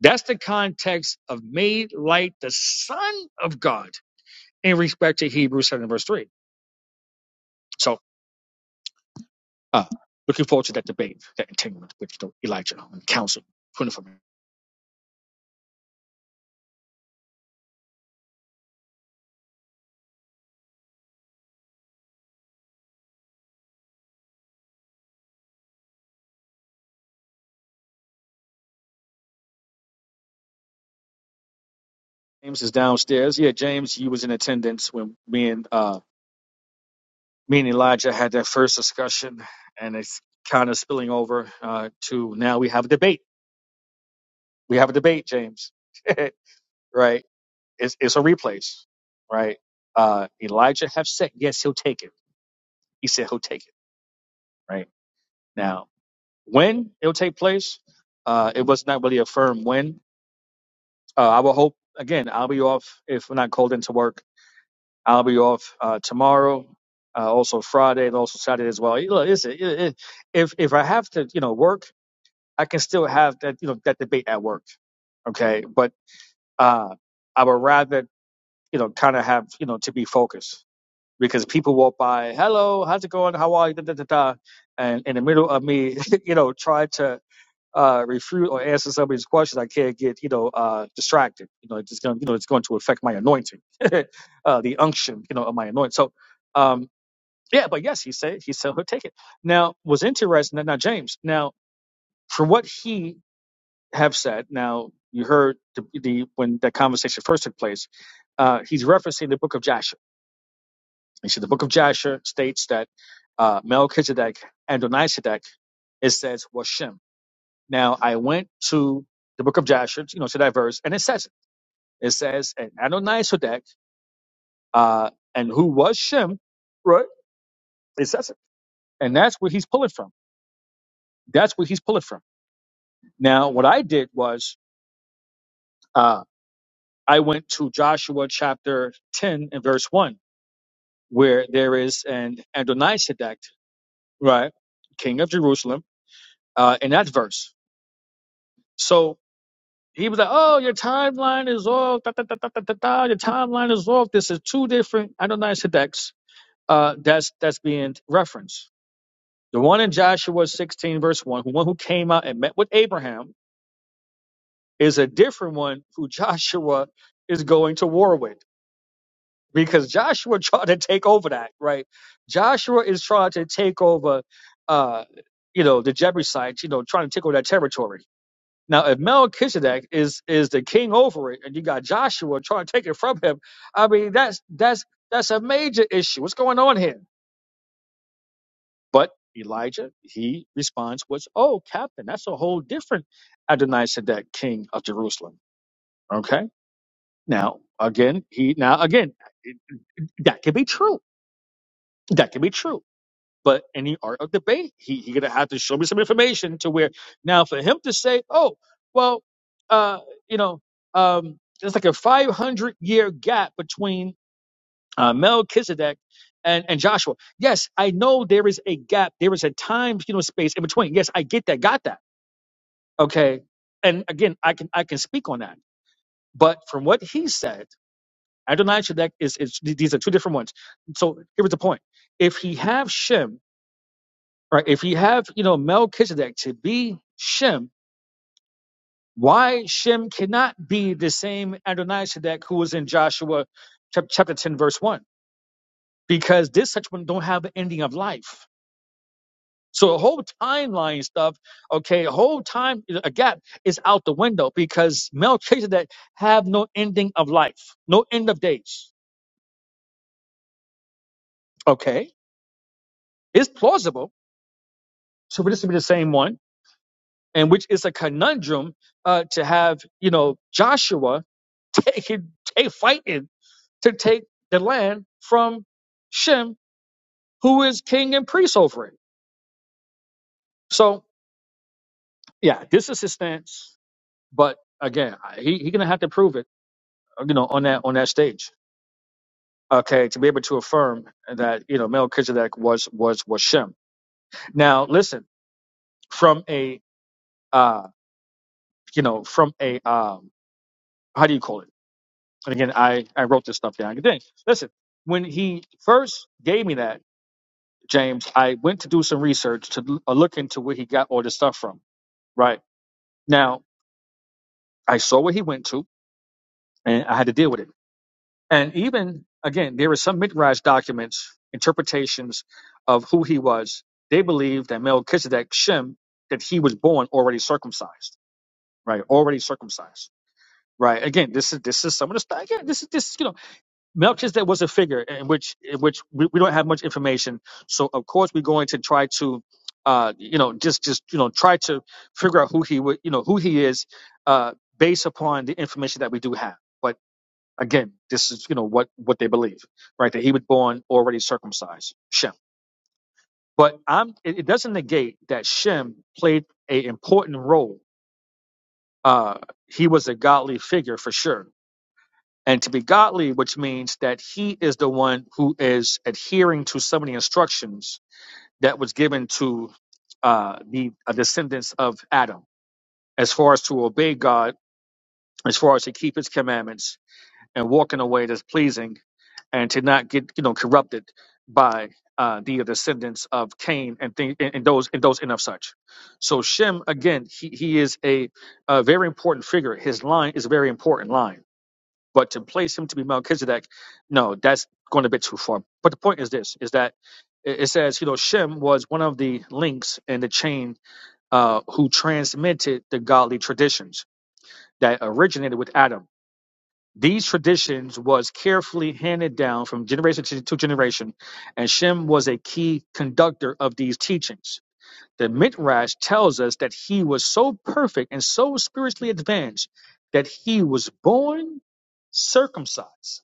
Speaker 10: That's the context of made like the Son of God in respect to Hebrews 7 verse 3. So Uh, looking forward to that debate, that entanglement with Elijah on council. Praying for me. James is downstairs. Yeah, James, you was in attendance when me and uh, me and Elijah had that first discussion, and it's kind of spilling over uh, to now we have a debate. We have a debate, James. right? It's it's a replays, right? Uh, Elijah have said yes, he'll take it. He said he'll take it. Right now, when it'll take place, uh, it was not really a firm when Uh, I will hope again. I'll be off if we're not called into work. I'll be off uh, tomorrow, uh, also Friday, and also Saturday as well. You know, it's- it- it- if if I have to, you know, work, I can still have that, you know, that debate at work. Okay, but uh, I would rather, you know, kind of have, you know, to be focused because people walk by, hello, how's it going, how are you, da da da da, and in the middle of me, you know, try to uh, refute or answer somebody's questions, I can't get you know uh, distracted. You know, it's just going to you know it's going to affect my anointing, uh, the unction you know of my anointing. So, um, yeah, but yes, he said he said he'll take it. Now, was interesting that now James. Now, from what he have said, now you heard the, the when that conversation first took place, uh, he's referencing the book of Jasher. You see, the book of Jasher states that uh, Melchizedek and Donisedek it says was Shem. Now, I went to the book of Jasher, you know, to that verse, and it says it. It says, and Adonaisedek, uh, and who was Shem, right? It says it. And that's where he's pulling from. That's where he's pulling from. Now, what I did was uh, I went to Joshua chapter 10 and verse 1, where there is an Adonaisedek, right? King of Jerusalem, uh, in that verse. So he was like, oh, your timeline is off. Da, da, da, da, da, da, da. Your timeline is off. This is two different Adonaisedeks uh, that's, that's being referenced The one in Joshua 16, verse 1, the one who came out and met with Abraham, is a different one who Joshua is going to war with because Joshua tried to take over that, right? Joshua is trying to take over, uh, you know, the Jebusites, you know, trying to take over that territory. Now, if Melchizedek is is the king over it, and you got Joshua trying to take it from him, I mean, that's that's that's a major issue. What's going on here? But Elijah, he responds was, Oh, captain, that's a whole different Adonai Sedek, king of Jerusalem. Okay. Now, again, he, now, again, it- that could be true. That could be true. But in the art of debate, he, he gonna have to show me some information to where now for him to say, oh, well, uh, you know, um, there's like a 500 year gap between uh, Melchizedek and, and Joshua. Yes, I know there is a gap. There is a time, you know, space in between. Yes, I get that. Got that. Okay. And again, I can I can speak on that. But from what he said, Adonai Shedek is, is these are two different ones. So here was the point. If he have Shem, right? If he have you know Melchizedek to be Shem, why Shem cannot be the same Adonai Shedek who was in Joshua chap- chapter ten verse one? Because this such one don't have the ending of life So the whole timeline stuff, okay, the whole time a gap is out the window because Melchizedek have no ending of life, no end of days. Okay, it's plausible. So this would be the same one, and which is a conundrum uh, to have you know Joshua taking, take fighting to take the land from Shem, who is king and priest over it. So yeah, this is his stance, but again, he he's gonna have to prove it, you know, on that on that stage. okay, to be able to affirm that you know Melchizedek was was was Shem. Now, listen, from a uh, you know, from a um, how do you call it? And again, I I wrote this stuff down. Dang, listen, when he first gave me that James, I went to do some research to l- uh, look into where he got all this stuff from. Right now, I saw where he went to, and I had to deal with it. And even again, there are some Midrash documents, interpretations of who he was. They believe that Melchizedek Shem, that he was born already circumcised, right? Already circumcised, right? Again, this is this is some of the stuff. Again, this is this you know Melchizedek was a figure in which in which we, we don't have much information. So of course we're going to try to. Uh, you know, just just you know, try to figure out who he would, you know, who he is, uh, based upon the information that we do have. but. Again, this is you know what what they believe, right? That he was born already circumcised, Shem. But I'm it, it doesn't negate that Shem played a important role. Uh, he was a godly figure for sure. And to be godly, which means that he is the one who is adhering to some of the instructions that was given to uh, the uh, descendants of Adam, as far as to obey God, as far as to keep His commandments and walk in a way that's pleasing and to not get you know corrupted by uh, the descendants of Cain and, thing, and and those and those and of such. So Shem again, he, he is a, a very important figure. His line is a very important line, but to place him to be Melchizedek, no, that's going a bit too far. But the point is this: is that it it says you know Shem was one of the links in the chain uh, who transmitted the godly traditions that originated with Adam these traditions was carefully handed down from generation to to generation, and Shem was a key conductor of these teachings. The Midrash tells us that he was so perfect and so spiritually advanced that he was born circumcised.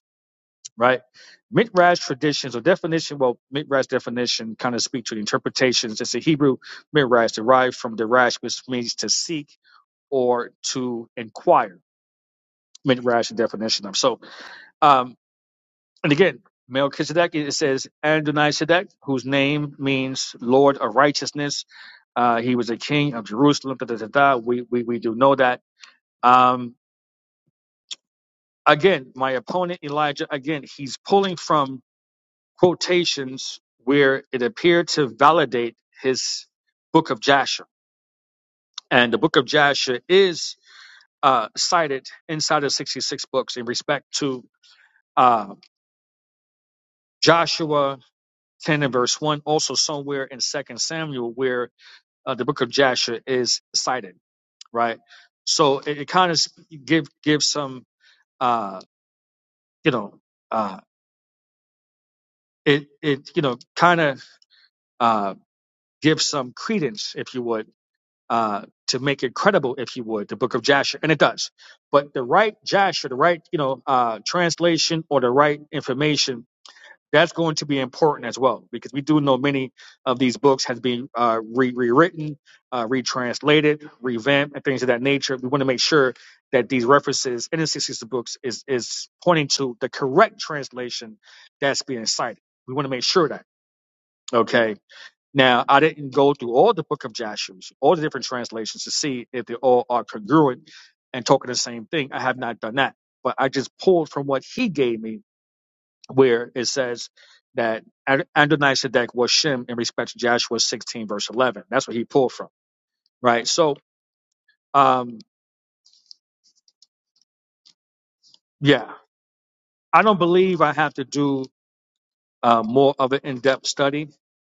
Speaker 10: Right? Midrash traditions or definition, well, Midrash definition kind of speak to the interpretations. It's a Hebrew Midrash derived from Dirash, which means to seek or to inquire. Midrash definition. of So, um, And again, Melchizedek, it says Adonai Sedek, whose name means Lord of Righteousness. Uh, he was a king of Jerusalem. Da, da, da, da. We, we, we do know that. Um, again, my opponent Elijah, again, he's pulling from quotations where it appeared to validate his book of Jasher. And the book of Jasher is uh, cited inside of 66 books in respect to uh, Joshua 10 and verse 1, also somewhere in Second Samuel, where uh, the book of Jasher is cited, right? So it, it kind of give gives some uh, you know uh, it it you know kind of uh, gives some credence, if you would, uh, to make it credible, if you would, the book of Jasher, and it does. But the right Jasher, the right you know uh, translation or the right information that's going to be important as well because we do know many of these books has been uh, re- rewritten, uh, retranslated, revamped, and things of that nature. We want to make sure that these references in the 60s books is, is pointing to the correct translation that's being cited. We want to make sure that. Okay. Now, I didn't go through all the book of Joshua's, all the different translations to see if they all are congruent and talking the same thing. I have not done that, but I just pulled from what he gave me where it says that Ad- Adonai Sedek was Shem in respect to Joshua 16, verse 11. That's what he pulled from, right? So, um, yeah, I don't believe I have to do uh, more of an in depth study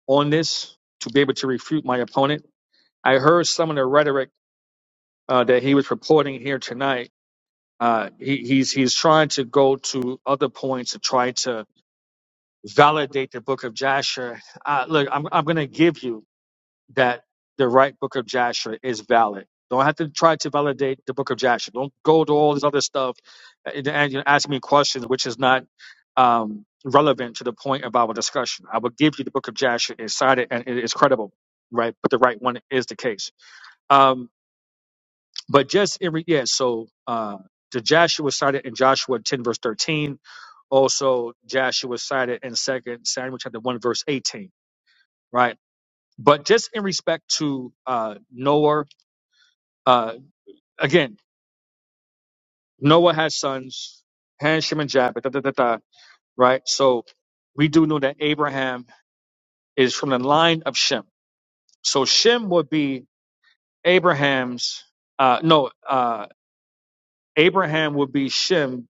Speaker 10: on this to be able to refute my opponent. I heard some of the rhetoric uh, that he was purporting here tonight. Uh, he, he's he's trying to go to other points to try to validate the book of Joshua. Uh, look, I'm I'm going to give you that the right book of Joshua is valid. Don't have to try to validate the book of Joshua. Don't go to all this other stuff and and you know, ask me questions which is not um, relevant to the point of our discussion. I will give you the book of Joshua is cited and it is credible, right? But the right one is the case. Um, but just in re- yeah, so uh, the Joshua was cited in Joshua 10 verse 13. Also, Joshua was cited in Second Samuel chapter 1 verse 18, right? But just in respect to uh, Noah Uh, again, Noah has sons, Ham, Shem, and Japheth, da, da, da, da, right? So we do know that Abraham is from the line of Shem. So Shem would be Abraham's, uh, no, uh, Abraham would be Shem,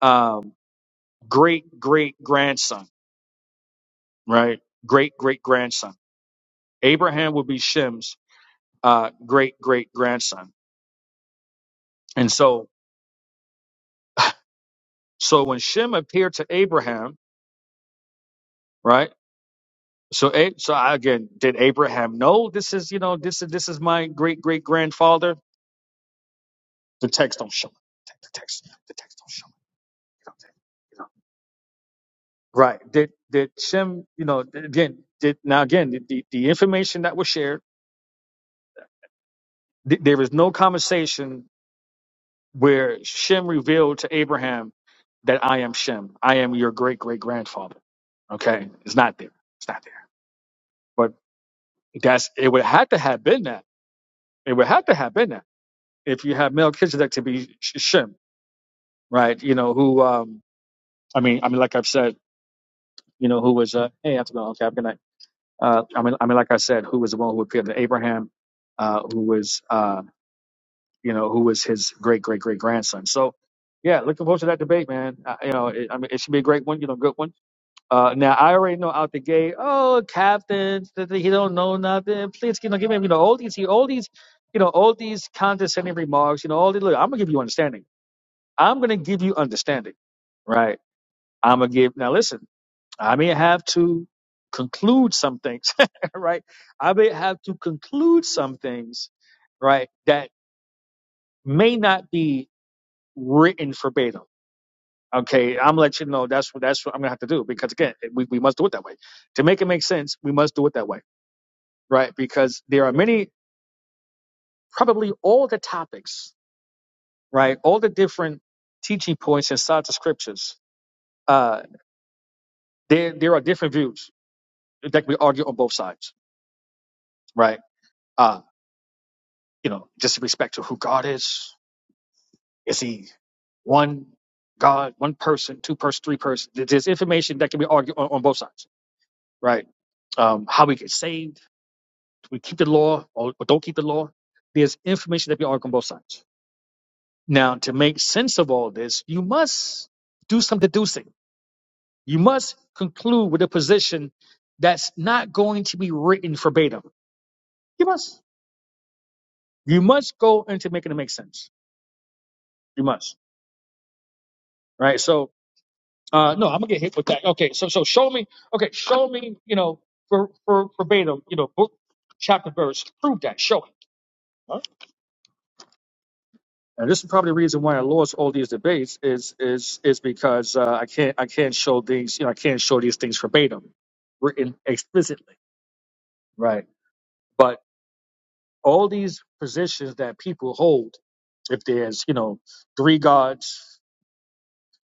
Speaker 10: um, great great grandson, right? Great great grandson. Abraham would be Shem's uh, great great grandson. And so, so when Shem appeared to Abraham, right? So, A- so I- again, did Abraham know this is you know this is this is my great great grandfather? The text don't show it. The text, the text don't show it. You know, you know. Right? Did did Shem? You know, again, did now again the the, the information that was shared. Th- there is no conversation where Shem revealed to Abraham that I am Shem. I am your great great grandfather. Okay, it's not there. It's not there. But that's it. Would have to have been that. It would have to have been that if you have Melchizedek to be Sh- Shem right? You know, who, um, I mean, I mean, like I've said, you know, who was, uh, hey, after okay, have a good night. Uh, I mean, I mean, like I said, who was the one who appeared to Abraham, uh, who was, uh, you know, who was his great, great, great grandson. So, yeah, looking forward to that debate, man. Uh, you know, it, I mean, it should be a great one, you know, good one. Uh, now I already know out the gate. Oh, Captain, th- th- he don't know nothing. Please, you know, give him, you know, all these, he, all these, you know, all these condescending remarks. You know, all these. Look, I'm gonna give you understanding. I'm gonna give you understanding, right? I'm gonna give. Now listen. I may have to conclude some things, right? I may have to conclude some things, right, that may not be written verbatim. Okay, I'm gonna let you know that's what that's what I'm gonna have to do because again, we, we must do it that way. To make it make sense, we must do it that way, right? Because there are many, probably all the topics, right, all the different teaching points inside the scriptures. Uh, there there are different views that we argue on both sides, right? Uh, you know, just in respect to who God is, Is he one God, one person, two person, three person? There- There's information that can be argued on, on both sides, right? Um, how we get saved, do we keep the law or, or don't keep the law? There's information that can be argued on both sides. Now, to make sense of all this, you must do some deducing. You must conclude with a position that's not going to be written verbatim. You must. You must go into making it make sense. You must, right? So Uh, no, I'm gonna get hit with that. Okay, so so show me. Okay, show me. You know, for for verbatim. You know, book, chapter, verse. Prove that. Show it. Huh? And this is probably the reason why I lost all these debates is is is because uh, I can't I can't show these you know I can't show these things verbatim written explicitly. Right. But all these positions that people hold, if there's you know three gods.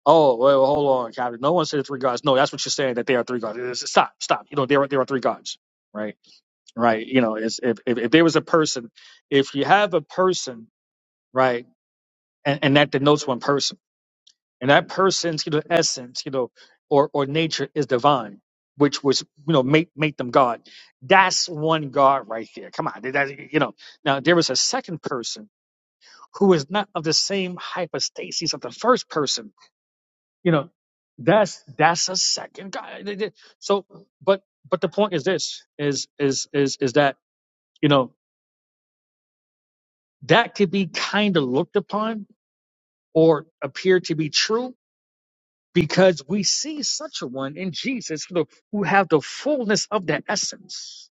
Speaker 10: Oh well, hold on, Captain. No one said three gods. No, that's what you're saying that there are three gods. Stop, stop. You know there are there are three gods, right? right? You know, is if, if if there was a person, if you have a person, right, and, and that denotes one person, and that person's you know essence, you know, or or nature is divine, which was you know make make them God. That's one God right there. Come on, that, you know. Now there was a second person who is not of the same hypostasis of the first person. You know, that's that's a second God. So, but but the point is this: is is is is that. You know, that could be kind of looked upon or appear to be true because we see such a one in Jesus who who have the fullness of the essence,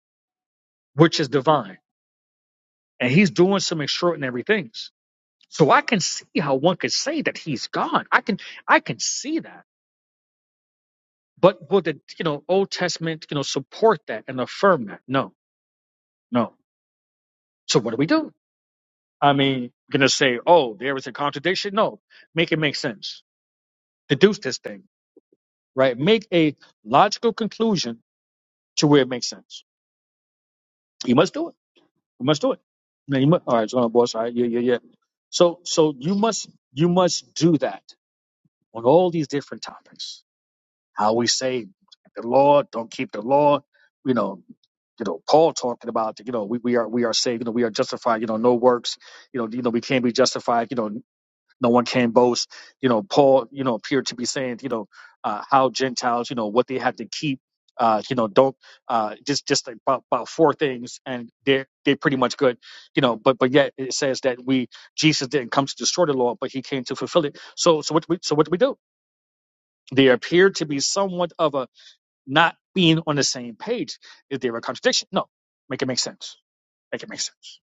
Speaker 10: which is divine, and he's doing some. ex- So I can see how one could say that he's God. I can I can see that, but will the you know Old Testament you know support that and affirm that? No, no. So what do we do? I mean, gonna say, oh, there is a contradiction? No, make it make sense. Deduce this thing, right? Make a logical conclusion to where it makes sense. You must do it. You must do it. Now you must, all right, John Boss. All right, yeah, yeah, yeah. So, so you must, you must do that on all these different topics. How we say the law, don't keep the law. You know, you know, Paul talking about, you know, we, we are, we are saved, you know, we are justified, you know, no works, you know, you know, we can't be justified, you know, no one can boast. You know, Paul, you know, appeared to be saying, you know, uh, how Gentiles, you know, what they had to keep. Uh, you know, don't uh, just just like about, about four things, and they're they're pretty much good. You know, but but yet it says that we Jesus didn't come to destroy the law, but he came to fulfill it. So so what do we so what do we do? There appeared to be somewhat of a not being on the same page. Is there a contradiction? No, make it make sense. Make it make sense.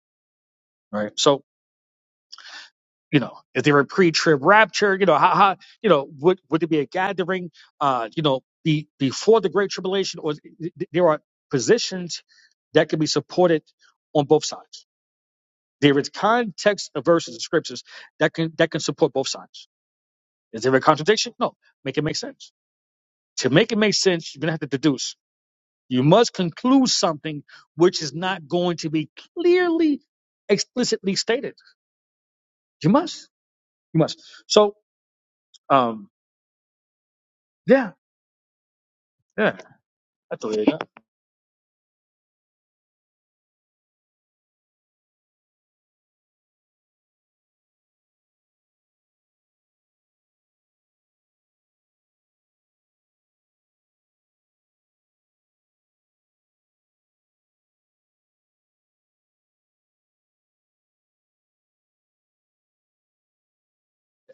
Speaker 10: Right. So you know, is there a pre? you know how, how you know would would it be a gathering uh you know be before the great tribulation or th- th- there are positions that can be supported on both sides there is context of verses and scriptures that can that can support both sides is there a contradiction no make it make sense to make it make sense you're gonna have to deduce you must conclude something which is not going to be clearly explicitly stated you must you must so um yeah yeah That's all.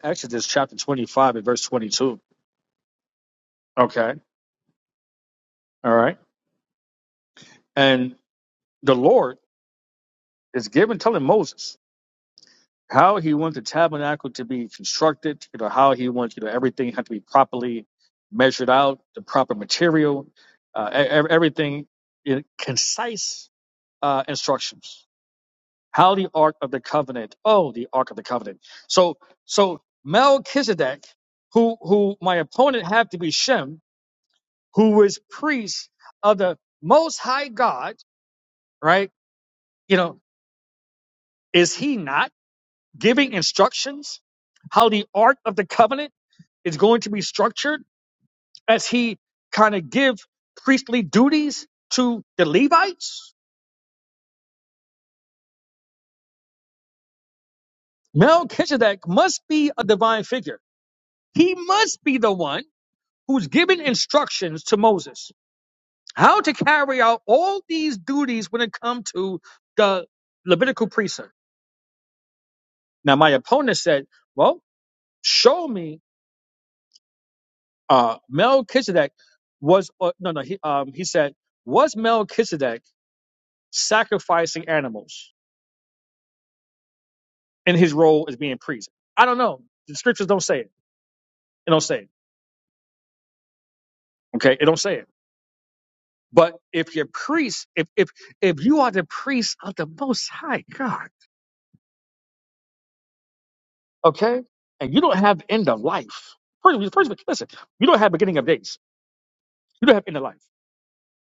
Speaker 10: Exodus chapter 25 and verse 22. Okay. All right. And the Lord is giving, telling Moses how he wants the tabernacle to be constructed, you know, how he wants, you know, everything had to be properly measured out, the proper material, uh, e- e- everything in concise uh, instructions. How the Ark of the Covenant, oh, the Ark of the Covenant. So, so Melchizedek, who, who my opponent had to be Shem, Who is priest of the most high God, right? You know, is he not giving instructions how the ark of the covenant is going to be structured as he kind of give priestly duties to the Levites? Melchizedek must be a divine figure. He must be the one who's giving instructions to Moses how to carry out all these duties when it comes to the Levitical priesthood. Now, my opponent said, well, show me uh Melchizedek was uh, no no he um he said was Melchizedek sacrificing animals in his role as being priest? I don't know. The scriptures don't say it. It don't say it. Okay, it don't say it. But if you're priest, if if if you are the priest of the Most High God, okay, and you don't have end of life. First, first listen, you don't have beginning of days. You don't have end of life.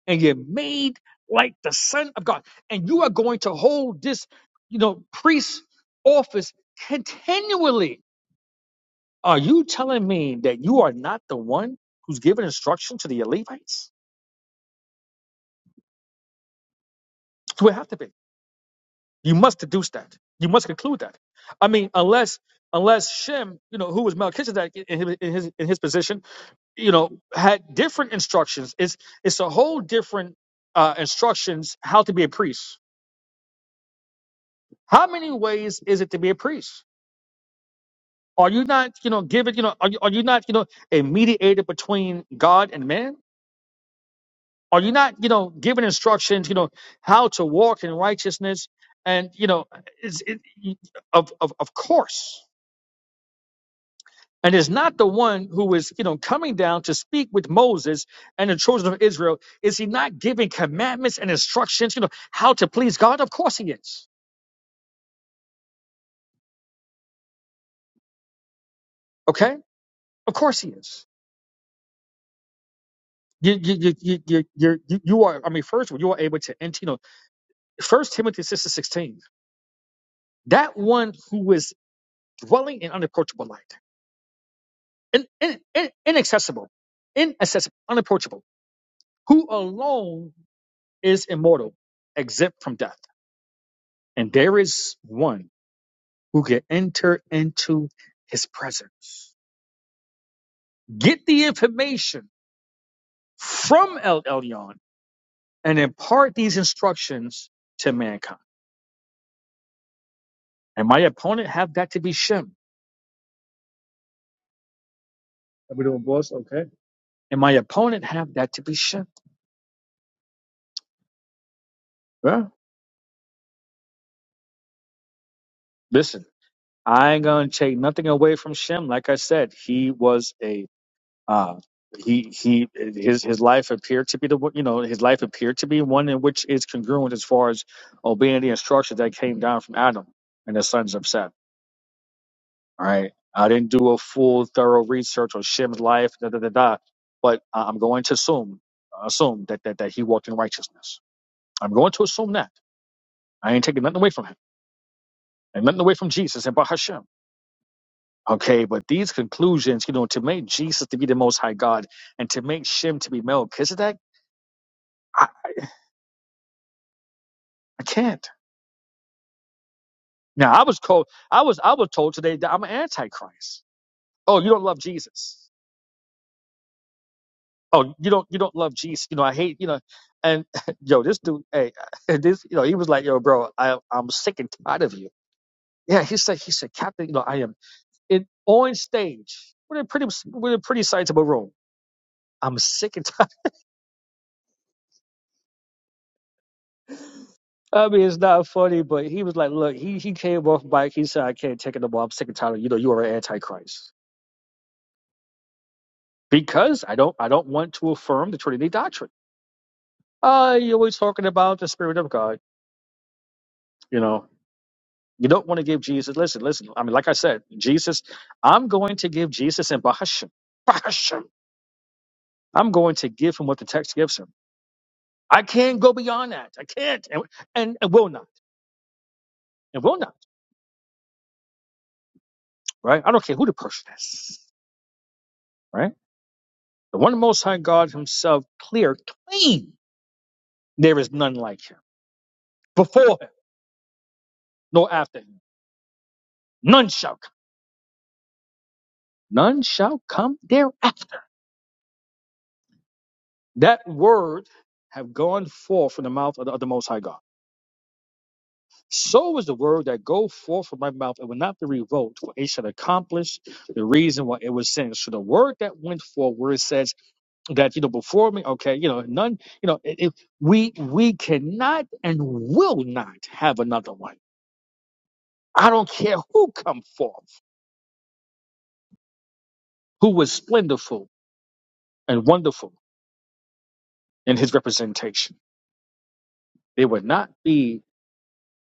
Speaker 10: and you're made like the Son of God. And you are going to hold this, you know, priest office continually. Are you telling me that you are not the one who's giving instruction to the Levites? You it have to be. You must deduce that. You must conclude that. I mean, unless unless Shem, you know, who was Melchizedek in his in his, in his position, you know, had different instructions. It's it's a whole different uh, instructions how to be a priest. How many ways is it to be a priest? Are you not, you know, giving, you know, are you, are you not, you know, a mediator between God and man? Are you not, you know, giving instructions, you know, how to walk in righteousness? And you know, is it, of of of course. And is not the one who is, you know, coming down to speak with Moses and the children of Israel. Is he not giving commandments and instructions, you know, how to please God? Of course he is. Okay, of course he is. You you you you you you you are. I mean, first of all, you are able to enter. You know, First Timothy six and sixteen. that one who is dwelling in unapproachable light, in, in, in, inaccessible, inaccessible, unapproachable, who alone is immortal, exempt from death. And there is one who can enter into his presence. Get the information from El Elyon and impart these instructions to mankind. And my opponent have that to be Shem. Are we doing boss? Okay. And my opponent have that to be Shem. Well, listen. I ain't gonna take nothing away from Shem. Like I said, he was a uh, he he his his life appeared to be the you know his life appeared to be one in which is congruent as far as obeying the instructions that came down from Adam and the sons of Seth. All right, I didn't do a full thorough research on Shem's life, da da da da, but I- I'm going to assume assume that that that he walked in righteousness. I'm going to assume that I ain't taking nothing away from him and nothing away from Jesus and Bahashem. Okay, but these conclusions, you know, to make Jesus to be the Most High God and to make Shem to be Melchizedek, I, I can't. Now, I was told, I was, I was told today that I'm an Antichrist. Oh, you don't love Jesus. Oh, you don't, you don't love Jesus. You know, I hate, you know, and yo, this dude, hey, this, you know, he was like, yo, bro, I, I'm sick and tired of you. Yeah, he said, he said, Captain, you know, I am in on stage with a pretty, with a pretty sizable room. I'm sick and I mean, it's not funny, but he was like, "Look, he he came off bike. He said, I can't take it no more. I'm sick and tired. of You know, you are an antichrist because I don't I don't want to affirm the Trinity doctrine. Uh, you're always talking about the Spirit of God. You know, you don't want to give Jesus. Listen, listen. I mean, like I said, Jesus. I'm going to give Jesus and Bahashim. Bahashim. I'm going to give him what the text gives him. I can't go beyond that. I can't and and, and will not and will not. Right? I don't care who the person is. Right? The one Most High God Himself, clear, clean There is none like him. Before him, nor after him. None shall come. None shall come thereafter. That word have gone forth from the mouth of the, of the Most High God. So is the word that go forth from my mouth. It will not be revoked, for it shall accomplish the reason why it was sent. So the word that went forth, where it says that, you know, before me, okay, you know, none, you know, it, it, we we cannot and will not have another one. I don't care who come forth, who was splendorful and wonderful in his representation. There would not be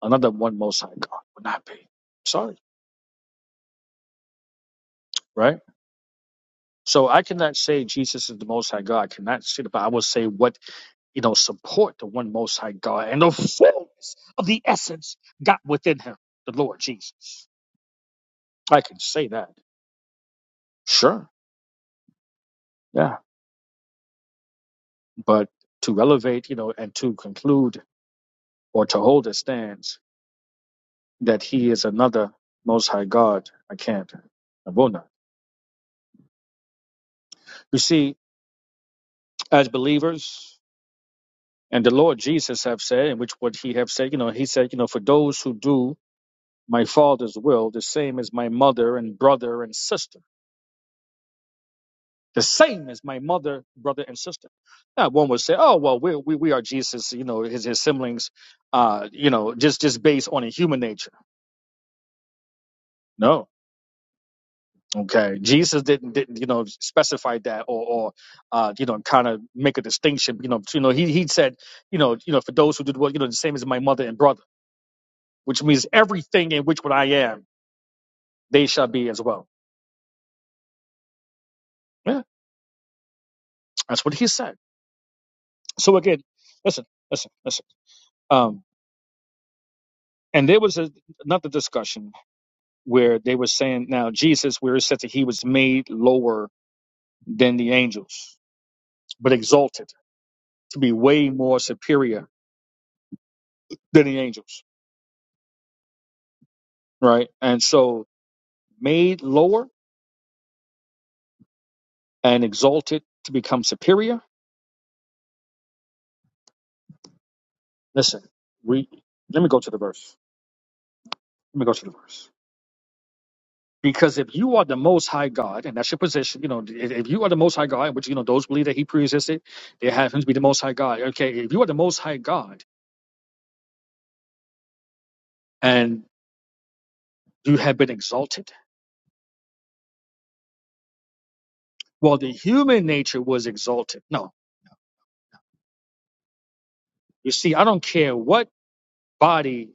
Speaker 10: another one most high God. Would not be. Sorry, right? So I cannot say Jesus is the most high God. I cannot say that, but I will say what, you know, support the one most high God and the fullness of the essence got within him, the Lord Jesus. I can say that. Sure. Yeah. But to elevate, you know, and to conclude or to hold a stance that he is another most high God, I can't. I will not. You see, as believers. And the Lord Jesus have said, and which what he have said, you know, he said, you know, for those who do my father's will, the same as my mother and brother and sister. The same as my mother, brother, and sister. Now, one would say, oh, well, we, we, we are Jesus, you know, his, his siblings, uh, you know, just, just based on a human nature. No. Okay. Jesus didn't, didn't you know, specify that or, or uh, you know, kind of make a distinction. You know, you know, he, he said, you know, you know, for those who did well, you know, the same as my mother and brother, which means everything in which what I am. they shall be as well. Yeah, that's what he said. So again, listen, listen, listen. Um, and there was a, another discussion where they were saying now Jesus, where it said that he was made lower than the angels, but exalted to be way more superior than the angels, right? And so made lower and exalted to become superior. Listen, we let me go to the verse. Let me go to the verse. Because if you are the most high God, and that's your position, you know, if if you are the most high God, which, you know, those believe that he pre-existed, they have him to be the most high God. Okay, if you are the most high God and you have been exalted, well, the human nature was exalted. No, you see, I don't care what body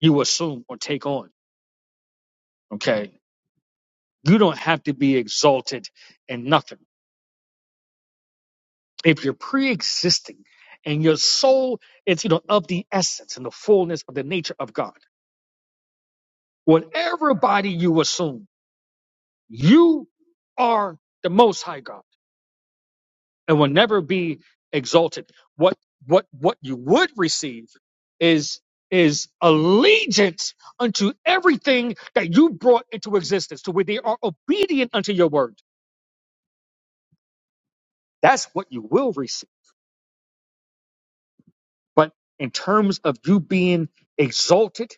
Speaker 10: you assume or take on. Okay, you don't have to be exalted in nothing. If you're pre existing and your soul is, you know, of the essence and the fullness of the nature of God, whatever body you assume, You are the most high God and will never be exalted. What what what you would receive is is allegiance unto everything that you brought into existence, to where they are obedient unto your word. That's what you will receive. But in terms of you being exalted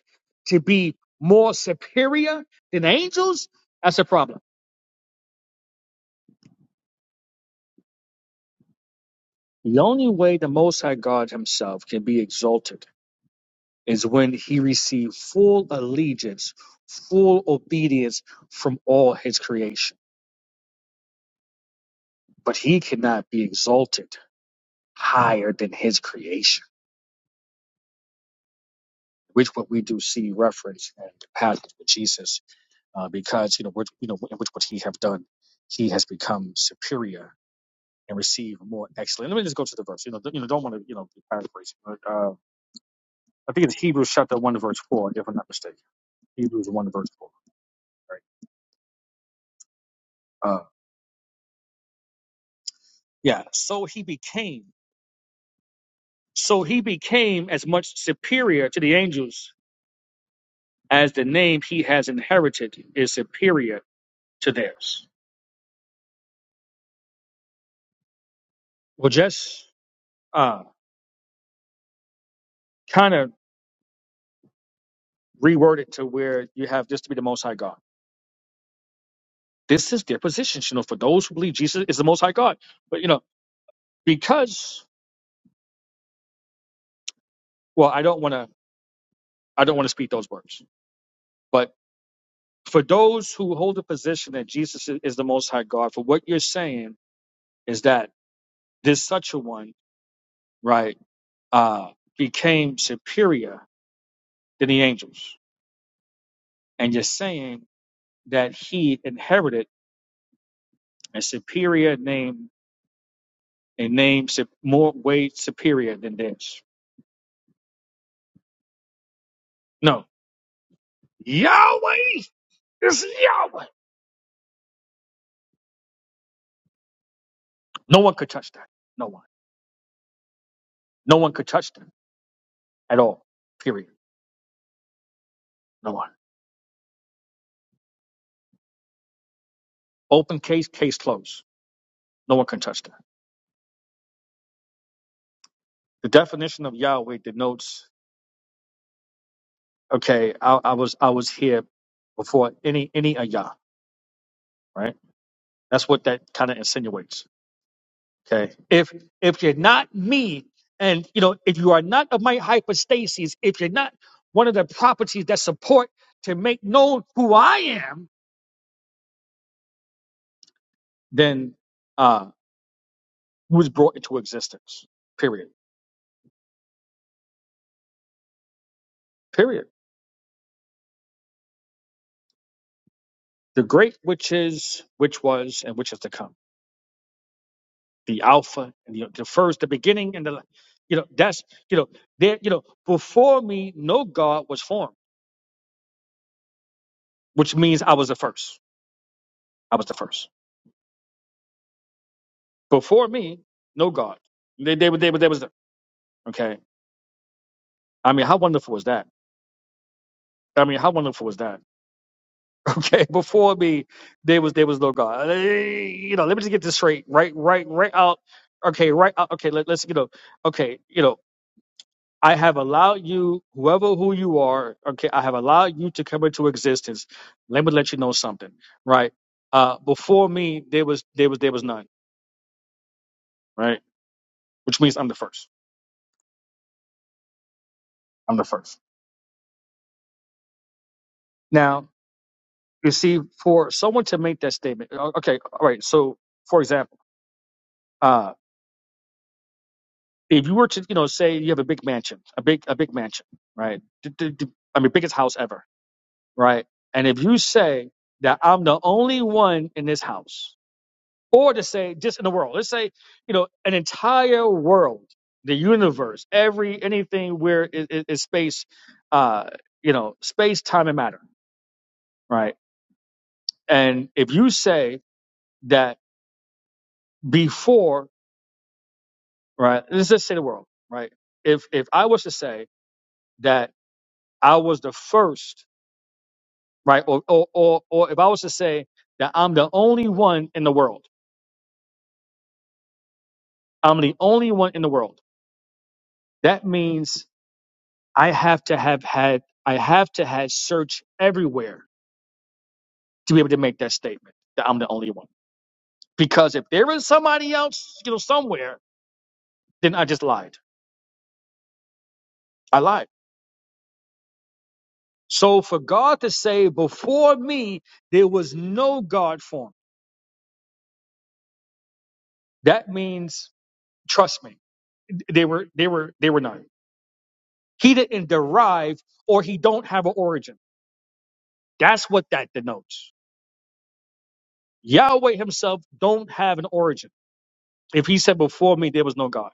Speaker 10: to be more superior than angels, that's a problem. The only way the Most High God Himself can be exalted is when he received full allegiance, full obedience from all his creation. But he cannot be exalted higher than his creation, which what we do see reference in the passage with Jesus, uh, because you know, which, you know, in which what he have done, he has become superior and received more excellent. Let me just go to the verse. You know, you know, don't want to you know be paraphrasing. But, uh, I think it's Hebrews chapter one verse four, if I'm not mistaken. Hebrews one verse four, right? Uh, yeah. So he became. So he became as much superior to the angels as the name he has inherited is superior to theirs. Well, just uh, kind of reword it to where you have this to be the Most High God. This is their position, you know, for those who believe Jesus is the Most High God. But you know, because well, I don't want to, I don't want to speak those words. But for those who hold the position that Jesus i- is the Most High God, for what you're saying is that this such a one, right, uh, became superior than the angels, and just saying that he inherited a superior name, a name sup- more way superior than theirs. No, Yahweh is Yahweh. No one could touch that. No one. No one could touch that at all. Period. No one. Open case, case closed. No one can touch that. The definition of Yahweh denotes. Okay, I, I was I was here before any any of Yah. Right. That's what that kind of insinuates Okay. If if you're not me, and you know, if you are not of my hypostases, if you're not one of the properties that support to make known who I am, then uh who was brought into existence. Period. Period. The great which is, which was, and which is to come. The Alpha and the, the first, the beginning, and the you know, that's you know, there, you know, before me, no God was formed, which means I was the first. I was the first. Before me, no God. They, they, were- they, were- they was Okay. I mean, how wonderful was that? I mean, how wonderful was that? Okay. Before me, there was there was no God. Eh, You know, let me just get this straight. Right, right, right out. Okay, right out. Okay, let, let's you know. Okay, you know, I have allowed you, whoever who you are. Okay, I have allowed you to come into existence. Let me let you know something. Right. Uh, before me, there was there was there was none. Right. Which means I'm the first. I'm the first. Now you see, for someone to make that statement. o- Okay. All right. So, for example. uh, if you were to you know say you have a big mansion a big a big mansion right D- d- d- i mean biggest house ever right and if you say that i'm the only one in this house or to say just in the world let's say you know an entire world the universe every anything where it is space uh you know space time and matter right and if you say that before right let's just say the world right if if i was to say that i was the first right? Or, or, or, or if I was to say that I'm the only one in the world, I'm the only one in the world. That means I have to have had, I have to have searched everywhere to be able to make that statement that I'm the only one. Because if there is somebody else, you know, somewhere, then I just lied. I lied. So for God to say, before me, there was no God form. That means, trust me, they were, they were, they were none. He didn't derive or he don't have an origin That's what that denotes. Yahweh himself don't have an origin. If he said before me there was no God,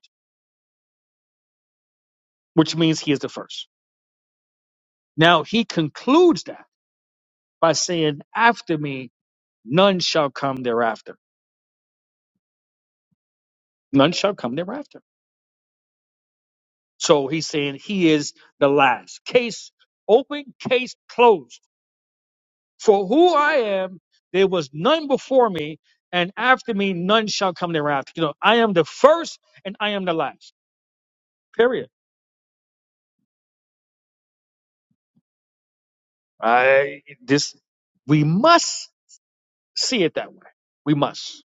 Speaker 10: which means he is the first. Now he concludes that by saying after me none shall come thereafter. None shall come thereafter. So he's saying he is the last. Case open, case closed. For who I am, there was none before me, and after me none shall come thereafter. You know, I am the first and I am the last. Period. I this we must see it that way. We must.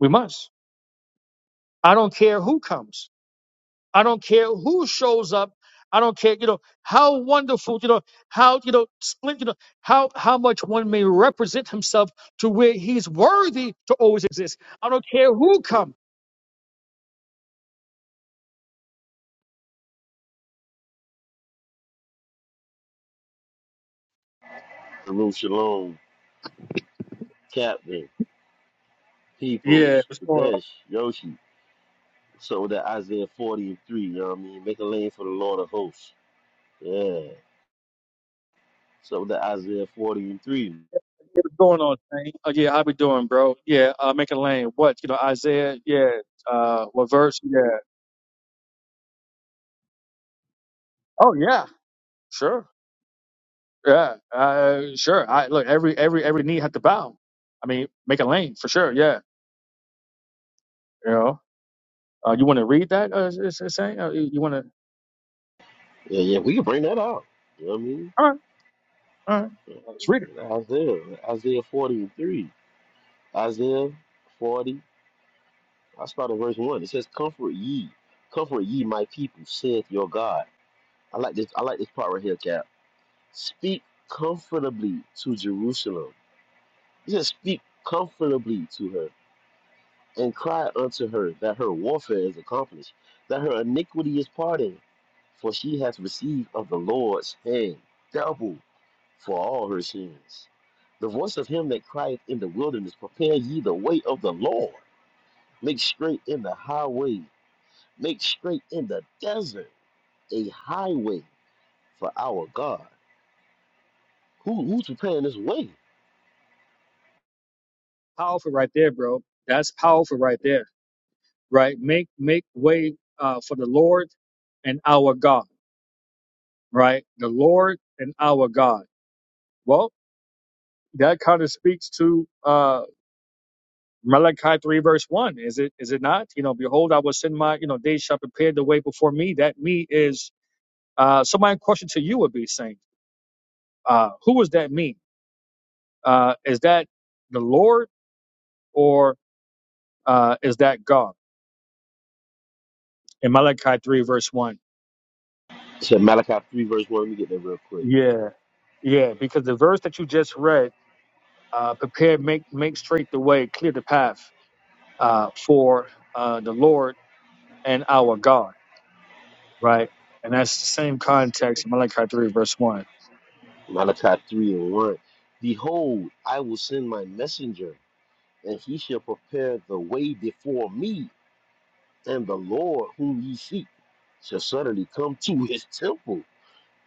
Speaker 10: We must. I don't care who comes. I don't care who shows up. I don't care, you know, how wonderful, you know, how, you know, splendid, you know, how, how much one may represent himself to where he's worthy to always exist. I don't care who comes.
Speaker 11: Jerusalem, Shalom, Captain,
Speaker 10: Yeah,
Speaker 11: Peoples,
Speaker 10: what's going on?
Speaker 11: Kadesh, Yoshi. So that Isaiah 40 and 3, you know what I mean? Make a lane for the Lord of hosts. Yeah. So that Isaiah 40 and 3.
Speaker 10: What's going on, Saint? Oh, yeah, how we doing, bro? Yeah, uh, make a lane. What, you know, Isaiah? Yeah, uh, what verse? Yeah. Oh, yeah, sure. Yeah, uh, sure. I look every every every knee had to bow. I mean, make a lane for sure. Yeah, you know. Uh, you want to read that? Uh, is, is it saying uh, you, want to?
Speaker 11: Yeah, yeah, we can bring that out. You know what I mean?
Speaker 10: All right, let's read it.
Speaker 11: Yeah, Isaiah, Isaiah 40 and 3. Isaiah 40, I start at verse 1. It says, Comfort ye, comfort ye, my people, saith your God. I like this, I like this part right here, Cap. Speak comfortably to Jerusalem Just speak comfortably to her and cry unto her that her warfare is accomplished, that her iniquity is pardoned, for she hath received of the Lord's hand double for all her sins. The voice of him that crieth in the wilderness, Prepare ye the way of the Lord. Make straight in the highway, make straight in the desert a highway for our God. Who, who's preparing this way?
Speaker 10: Powerful, right there, bro. That's powerful, right there. Right, make make way uh, for the Lord and our God. Right, the Lord and our God. Well, that kind of speaks to uh, Malachi three verse one. Is it is it not? You know, behold, I will send my you know they shall prepare the way before me. That me is Uh, so my question to you would be, Saint, uh, who is that me? Uh, is that the Lord or uh, is that God? In Malachi 3, verse 1.
Speaker 11: It said Malachi 3, verse 1. Let me get that real quick.
Speaker 10: Yeah, yeah, because the verse that you just read, uh, prepare, make, make straight the way, clear the path uh, for uh, the Lord and our God, right? And that's the same context in Malachi 3, verse 1.
Speaker 11: Malachi 3 and 1. Behold, I will send my messenger, and he shall prepare the way before me, and the Lord whom ye seek shall suddenly come to his temple,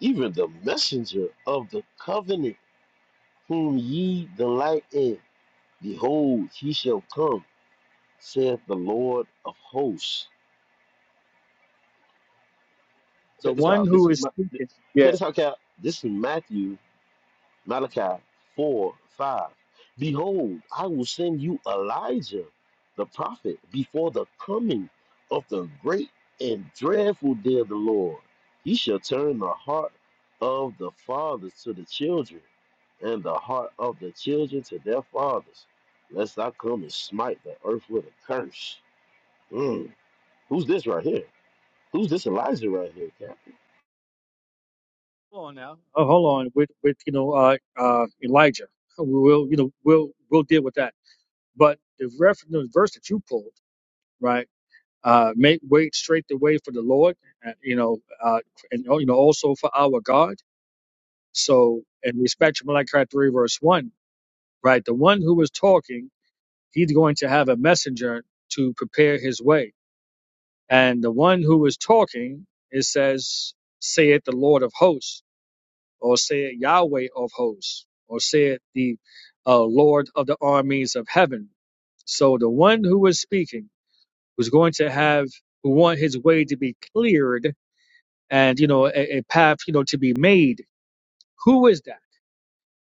Speaker 11: even the messenger of the covenant whom ye delight in. Behold, he shall come, saith the Lord of hosts.
Speaker 10: The
Speaker 11: Check this
Speaker 10: one
Speaker 11: out. This
Speaker 10: who
Speaker 11: is
Speaker 10: is
Speaker 11: my check
Speaker 10: speaking, yeah.
Speaker 11: this out, Cal. This is Matthew Malachi 4 5. Behold, I will send you Elijah the prophet before the coming of the great and dreadful day of the Lord. He shall turn the heart of the fathers to the children, and the heart of the children to their fathers, lest I come and smite the earth with a curse. Mm. Who's this right here? Who's this Elijah right here, Cap?
Speaker 10: Hold on now. Oh, hold on with, with you know, uh, uh, Elijah. We'll, you know, we'll, we'll deal with that But the, reference the verse that you pulled, right? Uh, make wait straight the way for the Lord, uh, you know, uh, and oh, you know also for our God. So, in respect to Malachi three verse one, right? The one who is talking, he's going to have a messenger to prepare his way, and the one who is talking, it says, "Say it, the Lord of hosts," or "Say it, Yahweh of hosts," or "Say it, the uh, Lord of the armies of heaven." So the one who is speaking who's going to have who want his way to be cleared and you know a, a path you know to be made who is that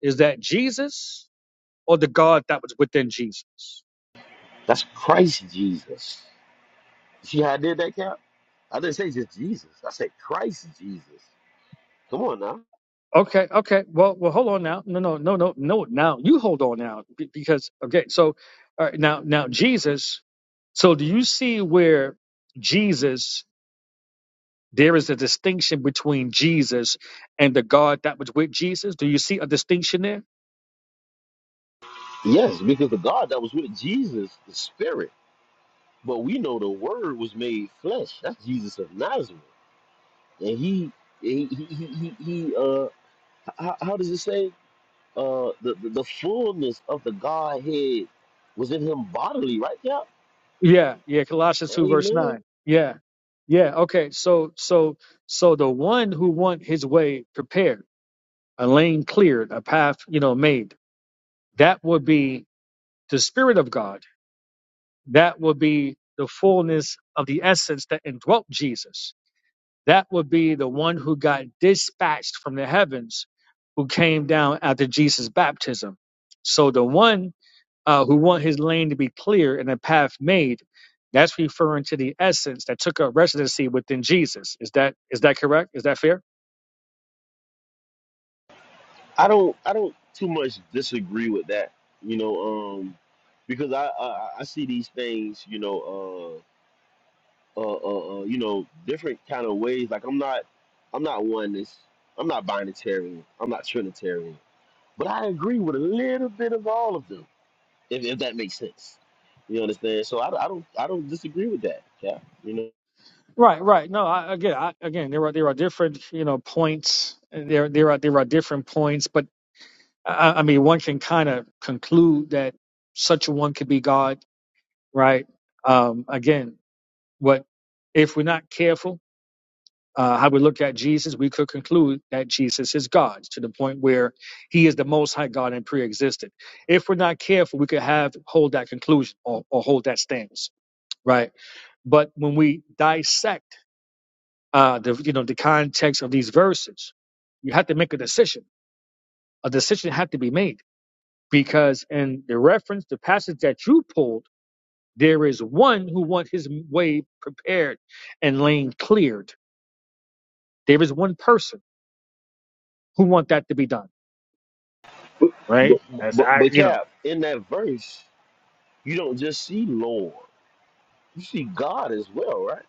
Speaker 10: is that jesus or the god that was within jesus
Speaker 11: That's Christ Jesus. See how I did that, Cap? I didn't say just Jesus. I said Christ Jesus. Come on now.
Speaker 10: okay okay well well hold on now no no no no no now you hold on now be- because okay so all right now now jesus so do you see where jesus there is a distinction between jesus and the god that was with jesus do you see a distinction there
Speaker 11: Yes, because the God that was with Jesus the spirit. But we know the word was made flesh. That's Jesus of Nazareth. And he he he he, he he, uh how, how does it say? Uh the, the, the fullness of the Godhead was in him bodily, right? Yeah.
Speaker 10: Yeah, yeah, Colossians 2 verse
Speaker 11: Amen.
Speaker 10: 9. Yeah. Yeah, okay. So so so the one who want his way prepared, a lane cleared, a path, you know, made. That would be the spirit of God. That would be the fullness of the essence that indwelt Jesus. That would be the one who got dispatched from the heavens, who came down after Jesus' baptism. So the one uh, who want his lane to be clear and a path made. That's referring to the essence that took up residency within Jesus. Is that is that correct? Is that fair?
Speaker 11: I don't I don't too much disagree with that, you know, um because I, I I see these things, you know, uh, uh, uh, uh, you know, different kind of ways. Like I'm not, I'm not oneness. I'm not binitarian. I'm not trinitarian. But I agree with a little bit of all of them, if, if that makes sense. You understand? So I, I don't, I don't disagree with that, Cap. You know,
Speaker 10: Right, right. No, I, again, I, again, there are there are different you know points. There there are there are different points, but I, I mean, one can kind of conclude that such a one could be God, right? Um, again, what if we're not careful? uh, how we look at Jesus, we could conclude that Jesus is God to the point where he is the most high God and pre-existed. If we're not careful, we could have hold that conclusion or, or hold that stance, right? But when we dissect uh, the you know the context of these verses, you have to make a decision. A decision had to be made because in the reference, the passage that you pulled, there is one who want his way prepared and lane cleared. There is one person who want that to be done
Speaker 11: but, but
Speaker 10: right? That's
Speaker 11: but
Speaker 10: I,
Speaker 11: but
Speaker 10: you know,
Speaker 11: Cap, in that verse, you don't just see Lord, you see God as well, right?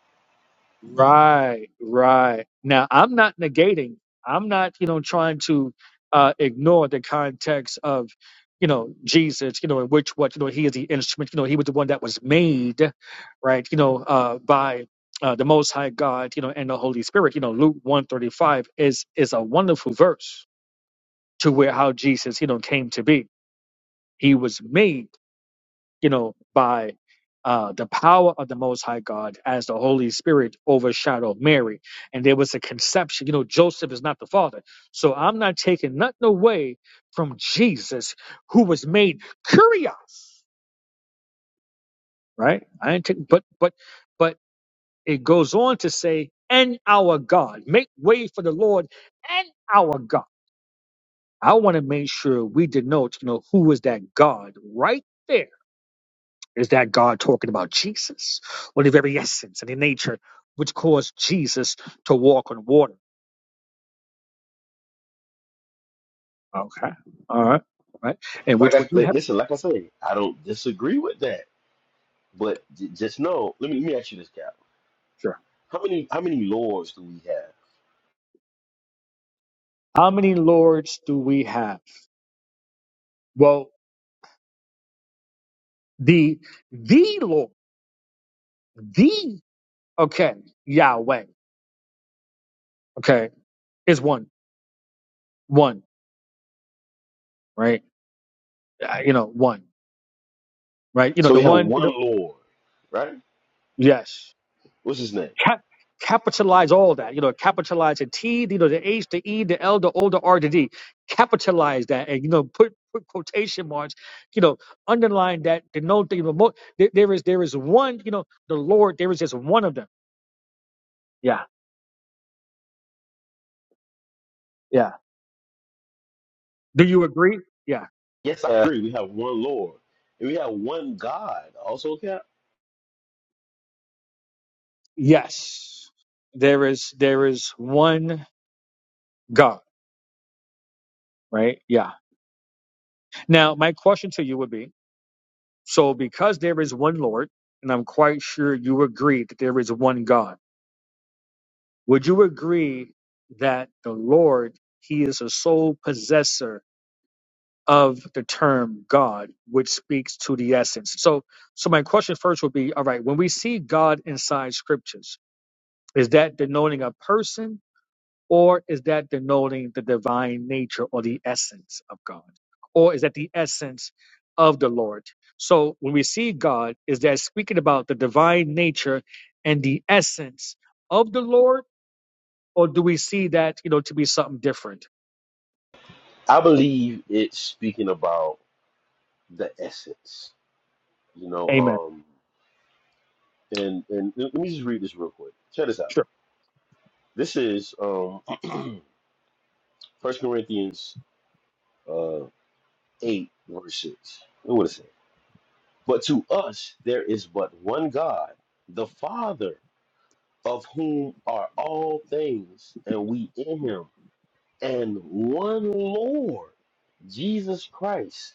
Speaker 10: right, right. Now I'm not negating. I'm not, you know, trying to uh, ignore the context of, you know, Jesus, you know, in which what you know he is the instrument. You know, he was the one that was made, right? You know, uh, by uh, the Most High God, you know, and the Holy Spirit. You know, Luke one thirty five is is a wonderful verse to where how Jesus, you know, came to be. He was made you know, by uh, the power of the Most High God as the Holy Spirit overshadowed Mary. And there was a conception, you know, Joseph is not the father. So I'm not taking nothing away from Jesus, who was made curious, right? I ain't taking, but, but, but it goes on to say, and our God, make way for the Lord and our God. I want to make sure we denote, you know, who is that God right there Is that God talking about Jesus or the very essence and the nature which caused Jesus to walk on water? Okay. All right. All right. And
Speaker 11: Like
Speaker 10: which would
Speaker 11: I
Speaker 10: you
Speaker 11: like,
Speaker 10: have?
Speaker 11: listen, like I say, I don't disagree with that, but j- just know. Let me let me ask you this, Cap.
Speaker 10: Sure.
Speaker 11: How many how many lords do we have?
Speaker 10: How many lords do we have? Well, the the Lord, the okay, Yahweh, okay, is one, one, right? Uh, you know, one, right? You know,
Speaker 11: So
Speaker 10: the
Speaker 11: we have
Speaker 10: one. You know,
Speaker 11: one Lord, right?
Speaker 10: yes.
Speaker 11: What's his name?
Speaker 10: Cap- capitalize all that. You know, capitalize the T, you know, the H, the E, the L, the O, the R, the D. Capitalize that, and you know, put put quotation marks. You know, underline that. Denote the you know, mo- there, there is there is one. You know, the Lord. There is just one of them. Yeah, yeah. Do you agree? Yeah.
Speaker 11: Yes, I agree. We have one Lord. And we have one God also, Cap.
Speaker 10: Yes. There is there is one God. Right. Yeah. Now, my question to you would be: So, because there is one Lord, and I'm quite sure you agree that there is one God Would you agree that the Lord, He is a sole possessor of the term God, which speaks to the essence? So, so my question first would be: All right, when we see God inside Scriptures, is that denoting a person, or is that denoting the divine nature or the essence of God, or is that the essence of the Lord? So, when we see God, is that speaking about the divine nature and the essence of the Lord? or do we see that you know to be something different?
Speaker 11: I believe it's speaking about the essence, you
Speaker 10: Amen.
Speaker 11: know. Um, and, and let me just read this real quick. Check this out.
Speaker 10: Sure.
Speaker 11: This is um, 1 Corinthians uh, 8, verse 6. Look what it says. But to us there is but one God, the Father, of whom are all things, and we in him and one Lord, Jesus Christ,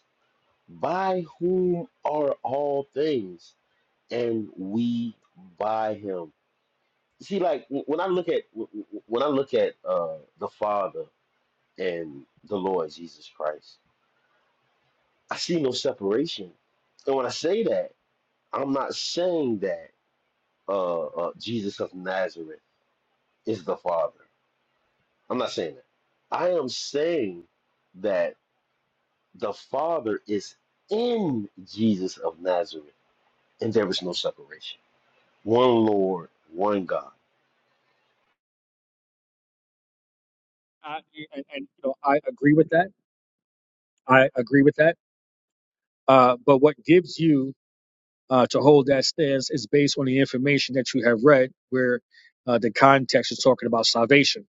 Speaker 11: by whom are all things, and we by him. See, like w- when I look at w- w- when I look at uh, the Father and the Lord Jesus Christ, I see no separation. And when I say that, I'm not saying that uh, uh, Jesus of Nazareth is the Father. I'm not saying that. I am saying that The Father is in Jesus of Nazareth, and there is no separation. One Lord, one God.
Speaker 10: I, and, and you know, I agree with that. I agree with that. Uh, but what gives you uh, to hold that stance is based on the information that you have read, where uh, the context is talking about salvation,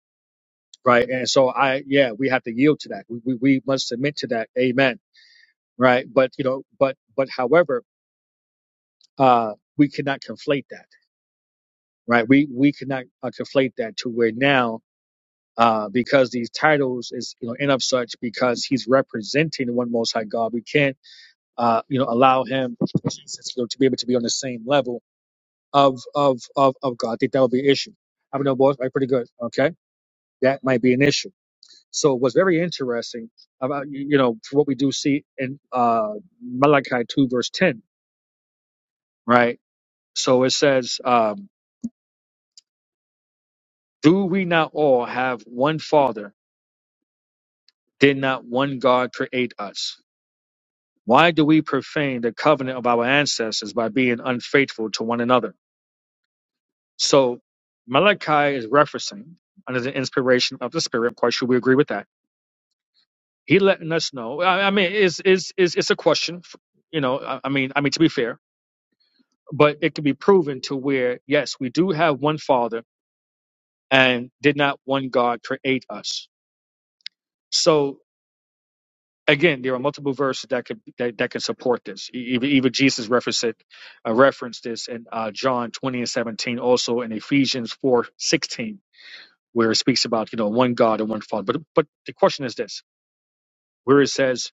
Speaker 10: right? And so, I yeah, we have to yield to that. We we, we must submit to that. Amen. Right. But you know, but but however, uh, we cannot conflate that. Right. We we cannot uh, conflate that to where now uh, because these titles is you know in of such because he's representing the one Most High God. We can't uh, you know allow him Jesus, you know, to be able to be on the same level of of of, of God. I think that would be an issue. I mean, no, boys, right, pretty good. Okay, that might be an issue. So what's very interesting about you you know for what we do see in uh, Malachi two verse ten, right? So it says, um, "Do we not all have one Father? Did not one God create us?" Why do we profane the covenant of our ancestors by being unfaithful to one another? So Malachi is referencing under the inspiration of the Spirit. Of course, should we agree with that? He letting us know. I, I mean, it's, it's it's it's a question. You know, I, I mean, I mean to be fair, but it's proven to where yes, we do have one Father, and did not one God create us? So again, there are multiple verses that could that, that can support this. E- Even even Jesus referenced it, uh, referenced this in uh, John twenty and seventeen, also in Ephesians four sixteen, where it speaks about you know one God and one Father. But but the question is this: where it says,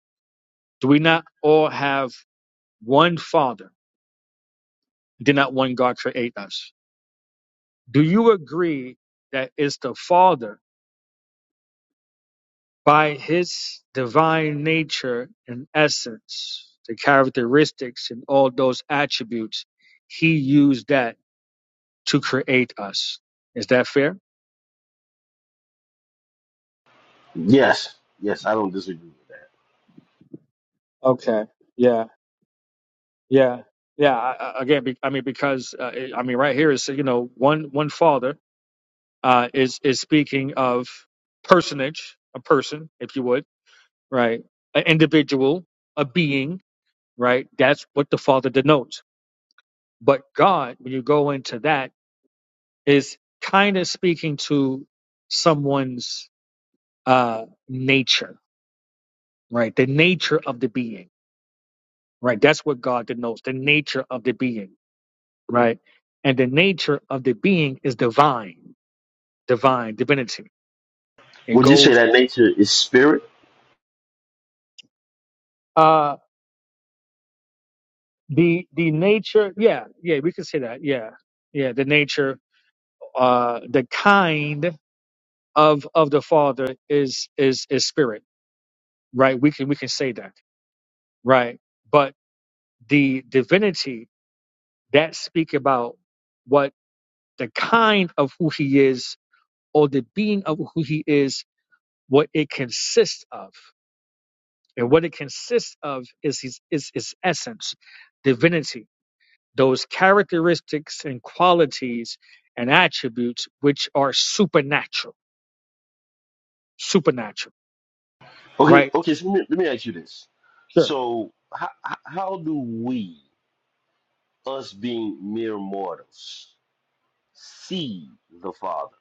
Speaker 10: "Do we not all have one Father? Did not one God create us?" Do you agree that it's the Father? By his divine nature and essence, the characteristics and all those attributes, he used that to create us. Is that fair?
Speaker 11: Yes, yes, I don't disagree with that.
Speaker 10: Okay. Yeah. Yeah. Yeah. I, I- again, be, I mean, because uh, it- I mean, right here is you know one one father uh, is is speaking of personage, a person, if you would, right, an individual, a being, right. That's what the father denotes. But God, when you go into that. is kind of speaking to someone's uh nature right the nature of the being right that's what god denotes the nature of the being right and the nature of the being is divine divine divinity it
Speaker 11: Would you say
Speaker 10: goes
Speaker 11: that nature is spirit?
Speaker 10: uh the the nature yeah yeah we can say that yeah yeah the nature uh the kind of of the father is is is spirit right we can we can say that right but the divinity that speak about what the kind of who he is or the being of who he is, what it consists of. And what it consists of is his, is his essence, divinity, those characteristics and qualities and attributes which are supernatural, supernatural,
Speaker 11: Okay,
Speaker 10: right?
Speaker 11: okay. So let me, let me ask you this.
Speaker 10: Sure.
Speaker 11: So how how do we, us being mere mortals, see the Father?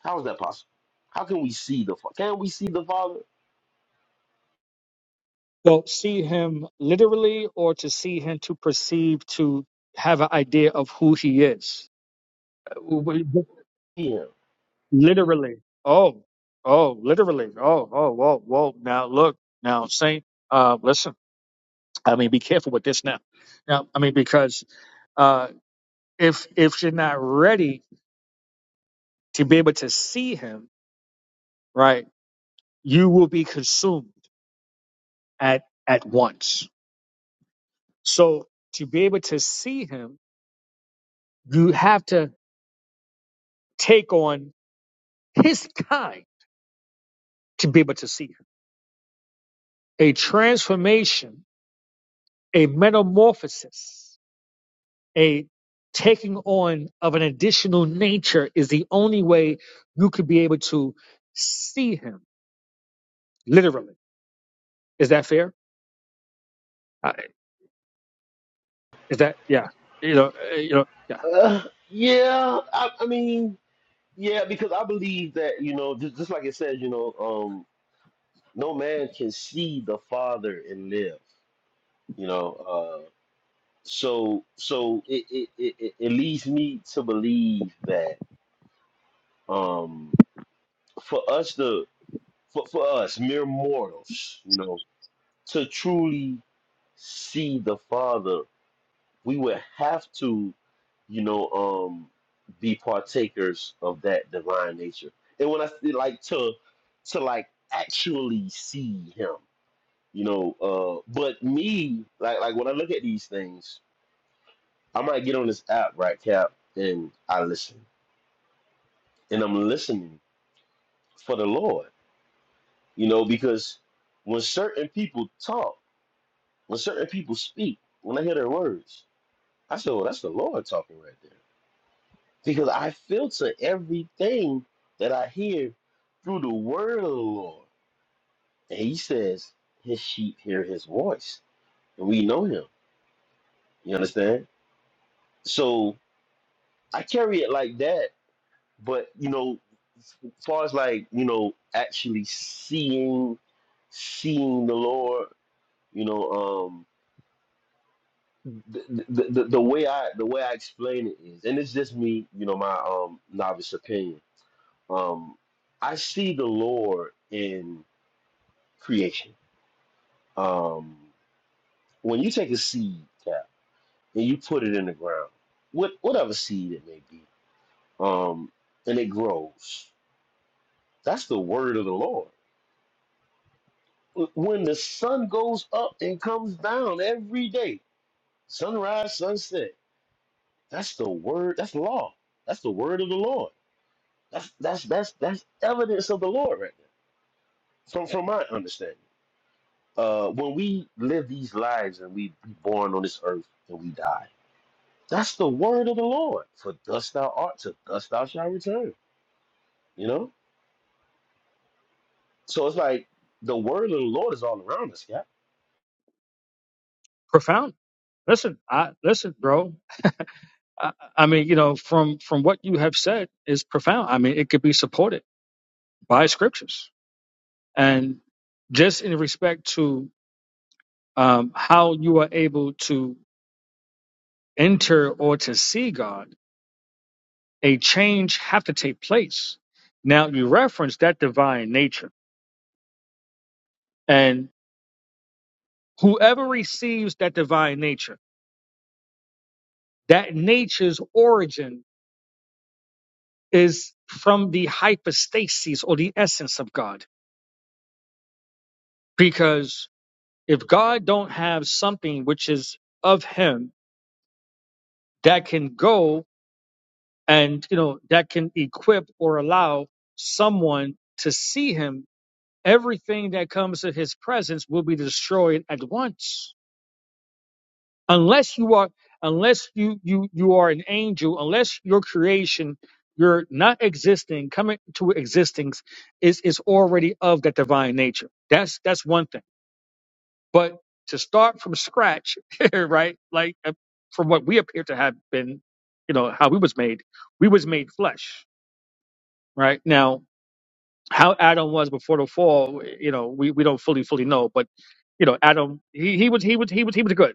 Speaker 11: How is that possible? How can we see the Father? Can we see the Father?
Speaker 10: So see him literally or to see him to perceive, to have an idea of who he is.
Speaker 11: Yeah.
Speaker 10: Literally. Oh, oh, literally. Oh, oh, whoa, whoa. Now look, now Saint, uh, listen. I mean, be careful with this now. Now, I mean, because uh, if if you're not ready to be able to see him, right, you will be consumed at at once. So to be able to see him, you have to take on his kind to be able to see him. A transformation, a metamorphosis a taking on of an additional nature is the only way you could be able to see him literally is that fair Uh, is that yeah you know uh, you know yeah
Speaker 11: Uh, yeah. I, I mean. Yeah, because I believe that, you know, just, just like it says, you know, um, no man can see the Father and live, you know. Uh, so so it, it, it, it it leads me to believe that um, for us, the for, for us, mere mortals, you know, to truly see the Father we would have to, you know, um, be partakers of that divine nature. And when I say like to, to like actually see Him, you know. Uh, but me, like, like when I look at these things, I might get on this app, right, Cap, and I listen, and I'm listening for the Lord, you know, because when certain people talk, when certain people speak, when I hear their words, I say, "Oh, that's the Lord talking right there." Because I filter everything that I hear through the word of the Lord. And he says his sheep hear his voice. And we know him. You understand? So I carry it like that, but you know, as far as like, you know, actually seeing seeing the Lord, you know, um the, the, the, the way I the way I explain it is, and it's just me, you know, my um novice opinion. Um I see the Lord in creation. Um, when you take a seed cap and you put it in the ground, what whatever seed it may be, um, and it grows. That's the word of the Lord. When the sun goes up and comes down every day, sunrise, sunset, that's the word. That's law. That's the word of the Lord. That's that's that's that's evidence of the Lord right there. From from my understanding, uh, when we live these lives and we be born on this earth and we die That's the word of the Lord. For thus thou art, to thus thou shalt return. You know? So it's like the word of the Lord is all around us, yeah.
Speaker 10: profound listen i listen bro I, I mean you know from from what you have said is profound i mean it could be supported by scriptures and just in respect to um, how you are able to enter or to see god a change have to take place. Now you reference that divine nature, and whoever receives that divine nature, that nature's origin is from the hypostasis or the essence of God. Because if God don't have something which is of Him that can go and you know that can equip or allow someone to see Him, everything that comes to His presence will be destroyed at once unless you are unless you you you are an angel unless your creation your not existing coming to existence is is already of that divine nature that's that's one thing but to start from scratch right like uh, from what we appear to have been you know how we was made we was made flesh right now how adam was before the fall you know we, we don't fully fully know but you know adam he, he was he was he was he was good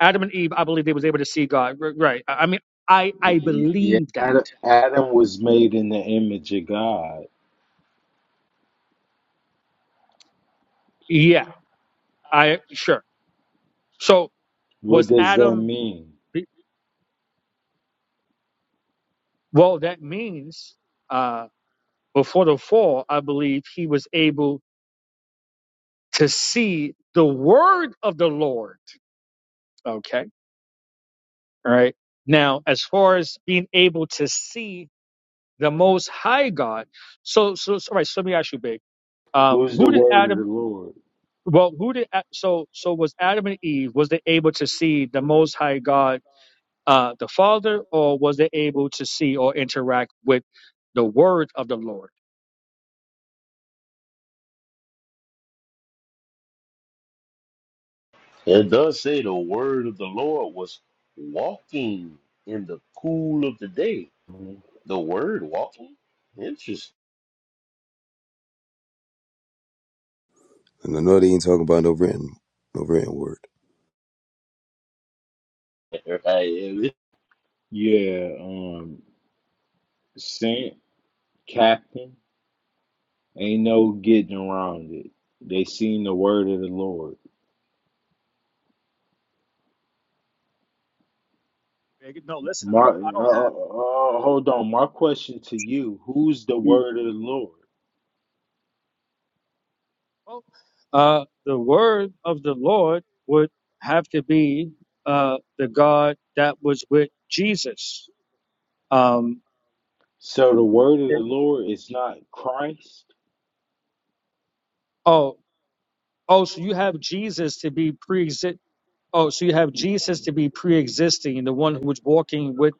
Speaker 10: Adam and Eve, I believe they was able to see God. R- Right. I I mean, I I
Speaker 12: Yeah,
Speaker 10: believe that.
Speaker 12: Ad- Adam was made in the image of God.
Speaker 10: Yeah. I sure. So
Speaker 12: What
Speaker 10: was
Speaker 12: does that
Speaker 10: Adam?
Speaker 12: mean?
Speaker 10: Well, that means uh, before the fall, I believe he was able to see the word of the Lord. Okay. All right. Now, as far as being able to see the Most High God, so so, so all right. So let me ask you, big. Um,
Speaker 12: Who's the
Speaker 10: who did
Speaker 12: word of
Speaker 10: Adam?
Speaker 12: the Lord?
Speaker 10: Well, who did A- so so was Adam and Eve? Was they able to see the Most High God? uh, the Father, or was they able to see or interact with the Word of the Lord?
Speaker 11: It does say the word of the Lord was walking in the cool of the day.
Speaker 12: Mhm.
Speaker 11: The word walking? Interesting.
Speaker 13: And I know they ain't talking about no written, no written word.
Speaker 11: Hey,
Speaker 12: Yeah, um, Saint Captain ain't no getting around it. They seen the word of the Lord.
Speaker 10: No, listen, I
Speaker 12: My, uh, uh,
Speaker 10: don't,
Speaker 12: uh,
Speaker 10: I don't have.
Speaker 12: uh, hold on. My question to you: Who's the word of the Lord?
Speaker 10: Well, Uh, the Word of the Lord would have to be uh, the God that was with Jesus. Um,
Speaker 12: So the word of the Lord is not Christ.
Speaker 10: oh, oh, so you have Jesus to be pre Oh, so you have Jesus to be pre-existing, the one who was walking with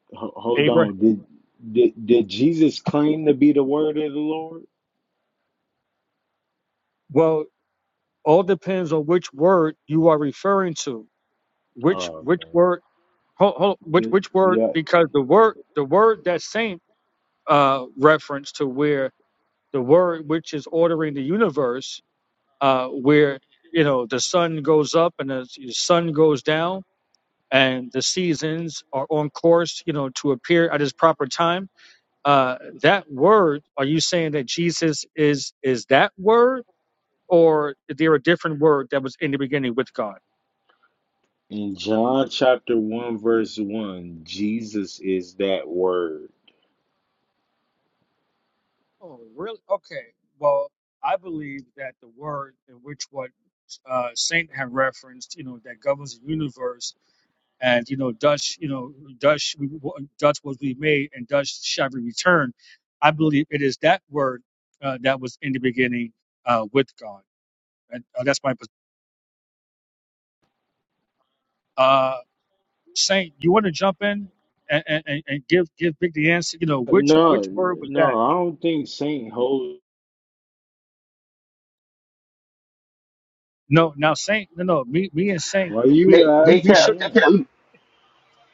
Speaker 12: Ho- hold
Speaker 10: Abraham.
Speaker 12: on. Did, did did Jesus claim to be the word of the Lord?
Speaker 10: Well, all depends on which word you are referring to. Which
Speaker 12: Oh
Speaker 10: which word?
Speaker 12: man.
Speaker 10: hold, hold which
Speaker 12: Good.
Speaker 10: which word
Speaker 12: Yeah.
Speaker 10: because the word the word that saint uh reference to where the word which is ordering the universe uh where you know the sun goes up and the, the sun goes down and the seasons are on course you know to appear at its proper time uh that word are you saying that jesus is is that word or is there a different word that was in the beginning with god
Speaker 12: In John chapter 1, verse 1, Jesus is that word.
Speaker 10: oh really okay well I believe that the word in which what uh, Saint had referenced, you know, that governs the universe, and you know, Dutch, you know, Dutch, we, Dutch was we made, and Dutch shall be returned. I believe it is that word uh, that was in the beginning uh, with God, and uh, that's my pos- uh, Saint. You want to jump in and, and, and and give give Big the answer? You know, which
Speaker 12: No,
Speaker 10: which word was that?
Speaker 12: no, I don't think Saint holds.
Speaker 10: No, now Saint, no, no, me me and Saint,
Speaker 12: Why
Speaker 10: we
Speaker 12: you
Speaker 11: hey,
Speaker 10: we
Speaker 11: hey,
Speaker 10: we
Speaker 12: asking
Speaker 10: shook
Speaker 11: Cap, hey,
Speaker 12: him?
Speaker 11: Cap,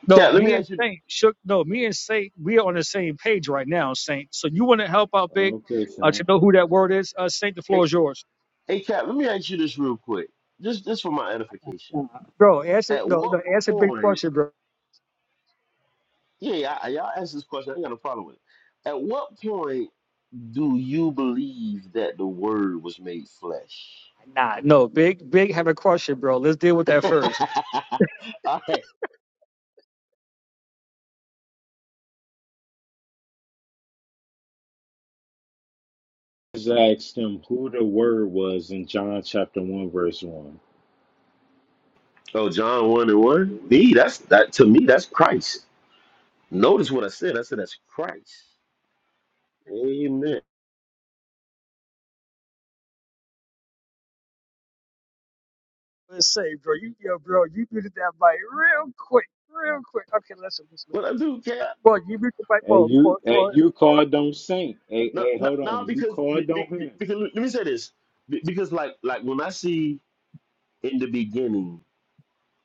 Speaker 10: No,
Speaker 11: Cap, let me
Speaker 10: me and
Speaker 11: ask you
Speaker 10: Saint shook. No, me and Saint, we are on the same page right now, Saint. So you want to help out, Big,
Speaker 12: Okay,
Speaker 10: uh, to
Speaker 12: Saint.
Speaker 10: know who that word is. Uh, Saint, the
Speaker 11: hey,
Speaker 10: floor is yours,
Speaker 11: hey Cap, let me ask you this real quick. Just this for my edification.
Speaker 10: Nah, bro. Answer,
Speaker 11: At
Speaker 10: no,
Speaker 11: what
Speaker 10: no, answer Big
Speaker 11: point
Speaker 10: question, bro.
Speaker 11: yeah, I, y'all ask this question, I ain't got no problem with it. At what point Do you believe that the word was made flesh?
Speaker 10: Nah, no, Big, Big have a question, bro. Let's deal with that first.
Speaker 11: All right.
Speaker 12: Just asked him who the word was in John chapter 1, verse 1.
Speaker 11: Oh, John 1 and 1? Me, that's that to me, that's Christ. Notice what I said. I said that's Christ. Amen.
Speaker 10: Let's say, bro, you, yo, bro, you muted that mic real quick, real quick. Okay, listen, listen.
Speaker 11: Well, I do care.
Speaker 10: Well, you muted the mic,
Speaker 12: And
Speaker 10: well, well,
Speaker 12: you
Speaker 10: well,
Speaker 12: and you
Speaker 10: well.
Speaker 12: called on Saint. Hey,
Speaker 11: No,
Speaker 12: hey,
Speaker 11: no,
Speaker 12: hold
Speaker 11: no,
Speaker 12: on. You
Speaker 11: because, be-
Speaker 12: called
Speaker 11: be-
Speaker 12: on
Speaker 11: be-
Speaker 12: him.
Speaker 11: because let me say this. Be- Because like like when I see in the beginning,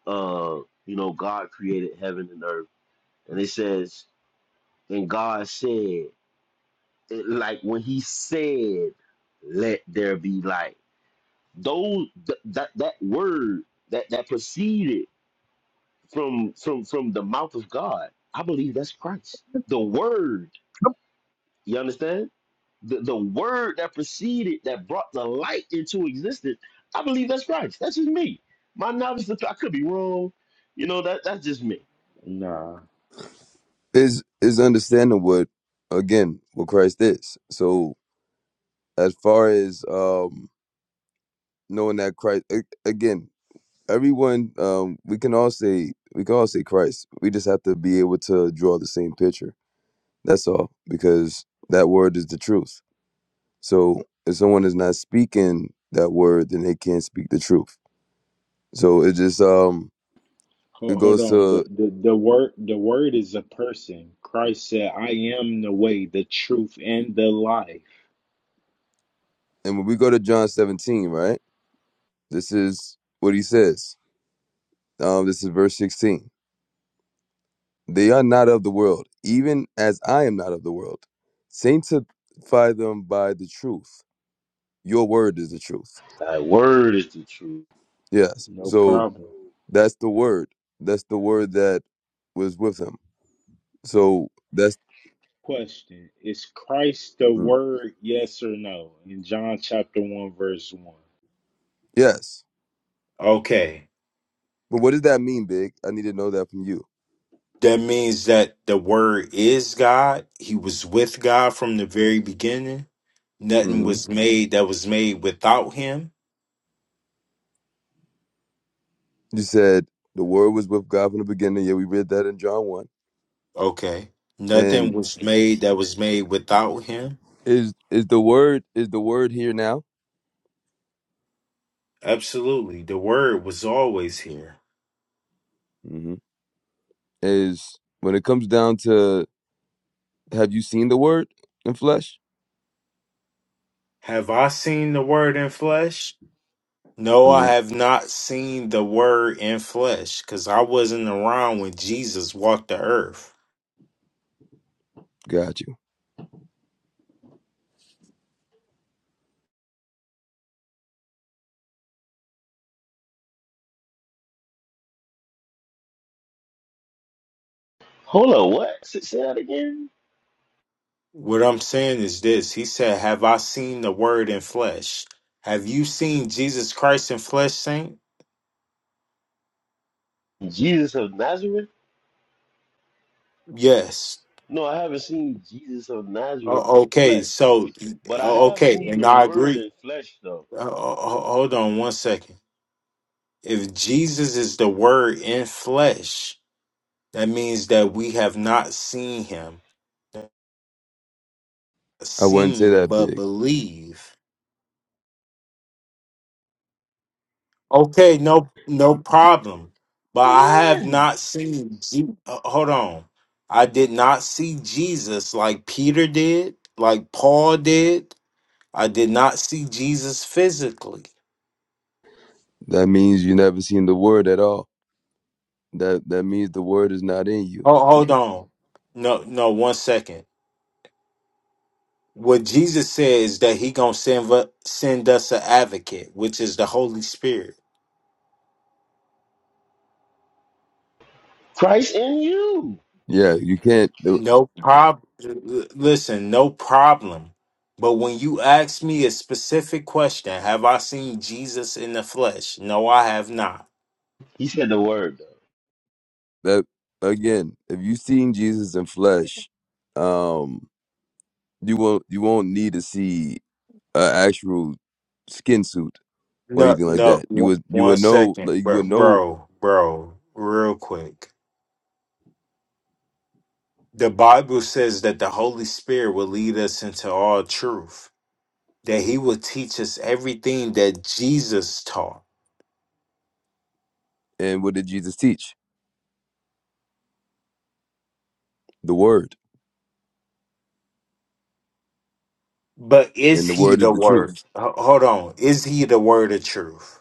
Speaker 11: uh, you know, God created heaven and earth, and it says, and God said. it- like when he said, "Let there be light." Those th- that that word that that proceeded from from from the mouth of God. I believe that's Christ. The word, you understand? The the word that proceeded that brought the light into existence. I believe that's Christ. That's just me. My knowledge, I could be wrong. You know that that's just me.
Speaker 12: Nah.
Speaker 13: Is is understanding what again what Christ is. So as far as um knowing that Christ a- again, everyone um we can all say we can all say Christ. We just have to be able to draw the same picture. That's all because that word is the truth. So if someone is not speaking that word, then they can't speak the truth. So it just um it
Speaker 12: Hold, hold
Speaker 13: goes
Speaker 12: on. The,
Speaker 13: to
Speaker 12: the the word the word is a person. Christ said, "I am the way, the truth, and the life."
Speaker 13: and when we go to John 17, right? This is what he says. Um, this is verse 16. They are not of the world, even as I am not of the world. Sanctify them by the truth. Your word is the truth.
Speaker 11: Thy word is the truth.
Speaker 13: Yes.
Speaker 12: No
Speaker 13: So
Speaker 12: problem.
Speaker 13: that's the word. That's the word that was with him. So that's,
Speaker 12: Question: Is Christ the
Speaker 13: mm.
Speaker 12: Word? Yes or no? In John chapter one, verse one.
Speaker 13: yes.
Speaker 12: Okay.
Speaker 13: But what does that mean, Big? I need to know that from you.
Speaker 12: That means that the word is God. He was with God from the very beginning. Nothing
Speaker 13: hmm
Speaker 12: was made that was made without him.
Speaker 13: You said the word was with God from the beginning. Yeah, we read that in John 1.
Speaker 12: Okay. Nothing
Speaker 13: And
Speaker 12: was made that was made without him.
Speaker 13: is is the word is the word here now?
Speaker 12: Absolutely. The word was always here.
Speaker 13: Mhm. is when it comes down to have you seen the word in flesh?
Speaker 12: Have I seen the word in flesh? No, I
Speaker 13: hmm
Speaker 12: have not seen the word in flesh because I wasn't around when Jesus walked the earth.
Speaker 13: Got you.
Speaker 11: Hold on, what? Say say that again.
Speaker 12: What I'm saying is this He said, Have I seen the word in flesh? Have you seen Jesus Christ in flesh, Saint?
Speaker 11: Jesus of Nazareth.
Speaker 12: Yes.
Speaker 11: No, I haven't seen Jesus of Nazareth
Speaker 12: O-
Speaker 11: in
Speaker 12: okay,
Speaker 11: flesh,
Speaker 12: so,
Speaker 11: but I
Speaker 12: o-
Speaker 11: have
Speaker 12: okay,
Speaker 11: seen
Speaker 12: and
Speaker 11: the
Speaker 12: I
Speaker 11: Word
Speaker 12: agree.
Speaker 11: in flesh, though.
Speaker 12: Uh, ho- ho- hold on one second. If Jesus is the word in flesh, That means that we have not seen him, not
Speaker 13: I wouldn't say
Speaker 12: seen
Speaker 13: that
Speaker 12: but
Speaker 13: big.
Speaker 12: believe. Okay, no, no problem. But I have
Speaker 11: Amen.
Speaker 12: not seen. Je- uh, hold on, I did not see Jesus like Peter did, like Paul did. I did not see Jesus physically.
Speaker 13: That means you never seen the word at all. That that means the word is not in you.
Speaker 12: Ho- hold on, no, no, one second. What Jesus said is that he gonna send va- send us an advocate, which is the Holy Spirit.
Speaker 11: Christ in you.
Speaker 13: Yeah, you can't. the-
Speaker 12: No problem. Listen, no problem. But when you ask me a specific question, have I seen Jesus in the flesh? No, I have not.
Speaker 11: He said the Word, though.
Speaker 13: That again, if you seen Jesus in flesh, um, you won't you won't need to see an actual skin suit. or
Speaker 12: No,
Speaker 13: anything like
Speaker 12: no.
Speaker 13: that. You
Speaker 12: One
Speaker 13: would you
Speaker 12: one
Speaker 13: would know
Speaker 12: second,
Speaker 13: like you
Speaker 12: bro,
Speaker 13: would know
Speaker 12: bro, bro. Real quick. The Bible says that the Holy Spirit will lead us into all truth. That He will teach us everything that Jesus taught.
Speaker 13: and what did Jesus teach? The word.
Speaker 12: But
Speaker 13: And
Speaker 12: is
Speaker 13: the
Speaker 12: He
Speaker 13: word is
Speaker 12: the
Speaker 13: the
Speaker 12: Word?
Speaker 13: truth.
Speaker 12: H- Hold on. Is He the Word of truth?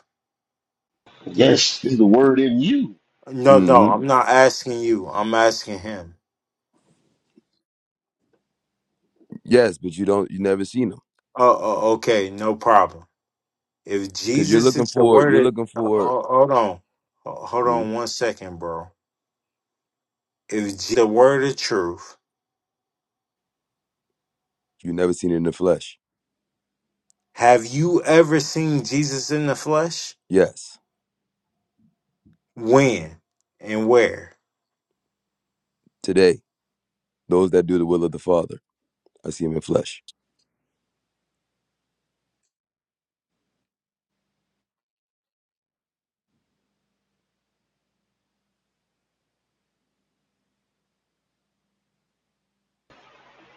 Speaker 11: Yes, He's the Word in you.
Speaker 12: No, no,
Speaker 13: hmm
Speaker 12: I'm not asking you. I'm asking him.
Speaker 13: Yes, but you don't you never seen him
Speaker 12: Oh, oh okay, no problem. If
Speaker 13: because you're
Speaker 12: Jesus
Speaker 13: looking
Speaker 12: is the
Speaker 13: for you're
Speaker 12: word,
Speaker 13: looking
Speaker 12: of, ho-
Speaker 13: for
Speaker 12: ho- hold on, Ho- hold
Speaker 13: mm,
Speaker 12: on one second, bro. If Je- the word of truth,
Speaker 13: you never seen it in the flesh.
Speaker 12: have you ever seen Jesus in the flesh?
Speaker 13: Yes,
Speaker 12: When and where?
Speaker 13: today those that do the will of the Father, I see him in flesh.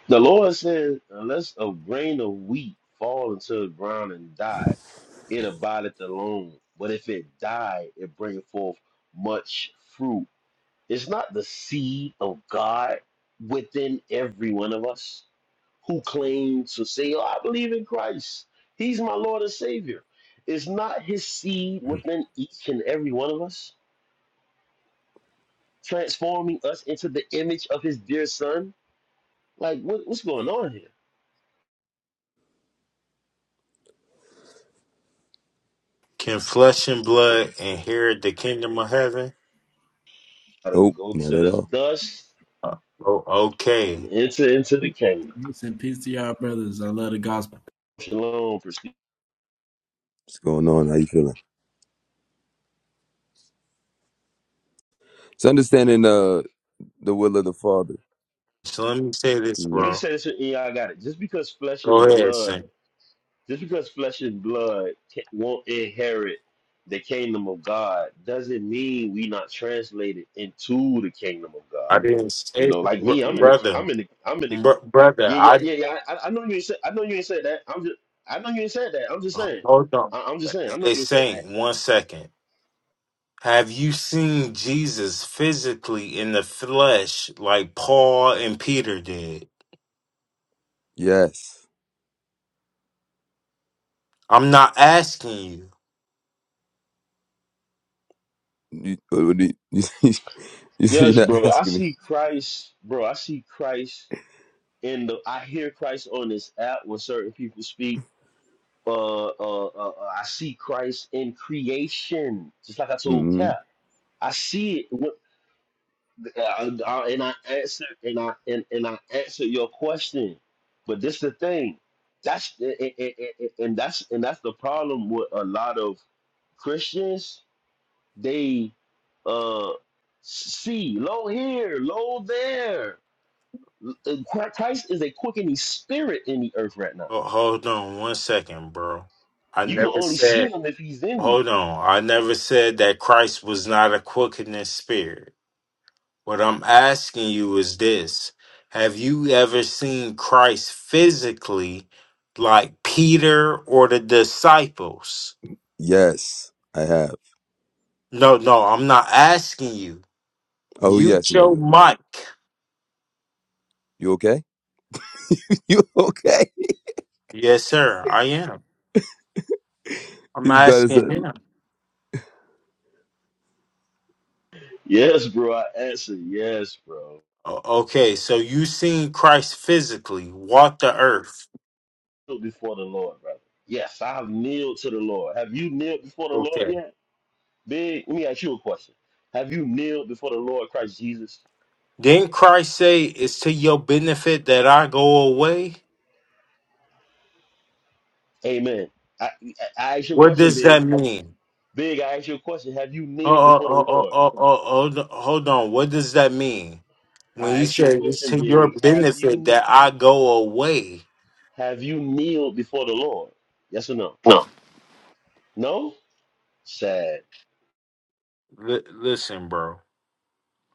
Speaker 11: The Lord said, unless a grain of wheat fall into the ground and die, it abideth alone. But if it die, it bringeth forth much fruit. It's not the seed of God within every one of us who claims to say, Oh, I believe in Christ. He's my Lord and Savior. Is not his seed within each and every one of us, transforming us into the image of his dear son? Like, what, what's going on here?
Speaker 12: Can flesh and blood inherit the kingdom of heaven?
Speaker 11: Gotta
Speaker 13: Nope,
Speaker 11: go
Speaker 13: not
Speaker 11: to
Speaker 13: at
Speaker 11: the
Speaker 13: all.
Speaker 11: dust
Speaker 12: Uh, oh, okay.
Speaker 11: and enter into the kingdom.
Speaker 14: Peace and peace to y'all, brothers. I love the gospel.
Speaker 11: Shalom, Christine.
Speaker 13: What's going on? How you feeling? It's understanding uh, the will of the Father.
Speaker 12: So let me say this,
Speaker 11: Let
Speaker 13: Mhm.
Speaker 11: me
Speaker 12: bro.
Speaker 11: say this, and yeah, I got it. Just because flesh
Speaker 12: Go
Speaker 11: and
Speaker 12: ahead,
Speaker 11: blood
Speaker 12: son.
Speaker 11: Just because flesh and blood ca- won't inherit the kingdom of God doesn't mean we not translated into the kingdom of
Speaker 12: I
Speaker 11: God.
Speaker 12: didn't
Speaker 11: You
Speaker 12: say,
Speaker 11: know, like
Speaker 12: br-
Speaker 11: me, I'm in the,
Speaker 12: brother.
Speaker 11: I'm in the, I'm in the,
Speaker 12: Br-
Speaker 11: yeah,
Speaker 12: brother,
Speaker 11: yeah,
Speaker 12: I
Speaker 11: yeah, yeah. I, I know you ain't said, I know you ain't said that. I'm just, I know you ain't said that. I'm just saying.
Speaker 12: Hold on.
Speaker 11: I, I'm just saying. I know
Speaker 12: They
Speaker 11: you ain't said that.
Speaker 12: saying one second. Have you seen Jesus physically in the flesh like Paul and Peter did?
Speaker 13: Yes,
Speaker 12: I'm not asking you.
Speaker 13: you, what do you, you, see, you're
Speaker 11: Yes,
Speaker 13: not
Speaker 11: bro. I
Speaker 13: asking me.
Speaker 11: see Christ, bro. I see Christ in the. I hear Christ on this app when certain people speak. Uh, uh, uh, uh, I see Christ in creation, just like I told
Speaker 13: hmm
Speaker 11: Cap. I see it, what- I- I- and I answer, and I and, and I answer your question. But this the thing, that's and, and and- and that's and that's the problem with a lot of Christians. They uh see low here, low there. Uh, Christ is a quickening spirit in the earth right now.
Speaker 12: Ho- Hold on one second, bro. I
Speaker 11: You can
Speaker 12: never
Speaker 11: only see
Speaker 12: said.
Speaker 11: him if he's in you.
Speaker 12: Hold on. I never said that Christ was not a quickening spirit. What I'm asking you is this Have you ever seen Christ physically like Peter or the disciples?
Speaker 13: Yes, I have.
Speaker 12: No, no, I'm not asking you.
Speaker 13: Oh yes,
Speaker 12: Mute your
Speaker 13: Nadu.
Speaker 12: mic.
Speaker 13: You okay? You okay?
Speaker 12: Yes, sir, I am. I'm
Speaker 13: He's better
Speaker 12: asking
Speaker 13: said.
Speaker 12: him.
Speaker 11: Yes, bro. I answer yes, bro.
Speaker 12: O- Okay, so you seen Christ physically walk the earth.
Speaker 11: kneel before the Lord, brother. Yes, I've kneeled to the Lord. Have you kneeled before the Lord
Speaker 12: Okay.
Speaker 11: yet? Big, let me ask you a question. Have you kneeled before the Lord Christ Jesus?
Speaker 12: Didn't Christ say it's to your benefit that I go away?
Speaker 11: Amen. I, I, I ask you a
Speaker 12: What
Speaker 11: question,
Speaker 12: does
Speaker 11: Big.
Speaker 12: that
Speaker 11: Have-
Speaker 12: mean?
Speaker 11: Big, I ask you a question. Have you
Speaker 12: Oh,
Speaker 11: kneeled before the
Speaker 12: oh, oh, oh,
Speaker 11: Lord?
Speaker 12: oh, oh, hold hold on. What does that mean? When
Speaker 11: I
Speaker 12: he
Speaker 11: ask you a
Speaker 12: said it's
Speaker 11: question,
Speaker 12: to your
Speaker 11: Big. Have
Speaker 12: benefit
Speaker 11: you
Speaker 12: that I go away.
Speaker 11: have you kneeled before the Lord? Yes or no?
Speaker 12: No.
Speaker 11: No? Sad.
Speaker 12: Li- listen, bro.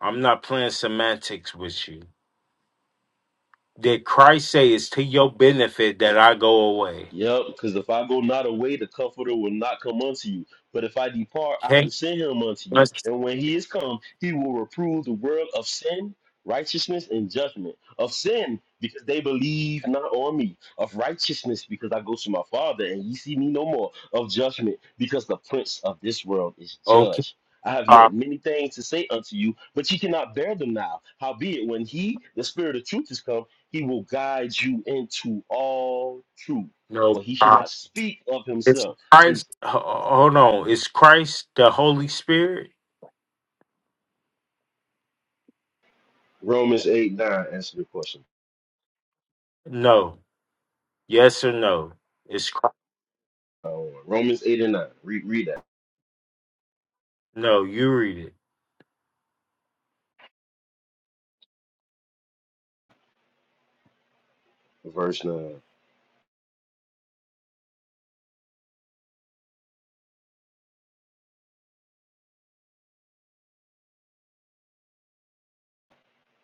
Speaker 12: I'm not playing semantics with you. Did Christ say it's to your benefit that I go away?
Speaker 11: Yep, because if I go not away, the comforter will not come unto you. But if I depart, I will
Speaker 12: Okay.
Speaker 11: send him unto you.
Speaker 12: Let's,
Speaker 11: And when he is come, he will reprove the world of sin, righteousness, and judgment. Of sin, because they believe not on me. Of righteousness, because I go to my Father, and ye see me no more. Of judgment, because the prince of this world is
Speaker 12: okay.
Speaker 11: judged. I have
Speaker 12: Pop.
Speaker 11: yet many things to say unto you, but ye cannot bear them now. Howbeit, when he, the Spirit of truth, is come, he will guide you into all truth
Speaker 12: No.
Speaker 11: for he should
Speaker 12: Pop.
Speaker 11: not speak of
Speaker 12: It's
Speaker 11: himself.
Speaker 12: Christ.
Speaker 11: Please.
Speaker 12: ho- Hold on. Is Christ the Holy Spirit?
Speaker 11: Romans 8 9, answer the question.
Speaker 12: No. Yes or no? It's Christ.
Speaker 11: Uh, Romans 8 and 9, read, read that.
Speaker 12: No. You read it.
Speaker 11: Verse 9.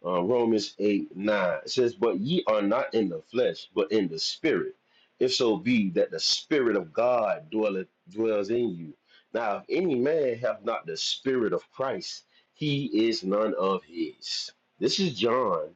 Speaker 11: Uh, Romans 8 9, it says, But ye are not in the flesh, but in the spirit. If so be that the spirit of God dwelleth, dwells in you. Now, if any man have not the spirit of Christ, he is none of his. This is John,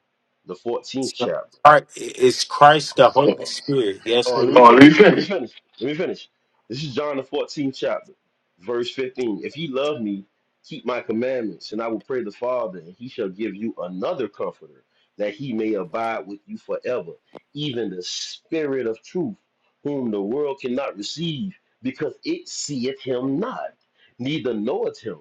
Speaker 11: the 14th chapter.
Speaker 12: All right. Is Christ the Holy Spirit?
Speaker 11: Oh,
Speaker 12: Yes or
Speaker 11: let
Speaker 12: no?
Speaker 11: me
Speaker 12: Oh, let me
Speaker 11: finish. Let me
Speaker 12: finish.
Speaker 11: finish. Let me finish. This is John the 14th chapter, verse 15. If ye love me, keep my commandments, and I will pray the Father, and he shall give you another comforter, that he may abide with you forever, even the spirit of truth, whom the world cannot receive, because it seeth him not, neither knoweth him.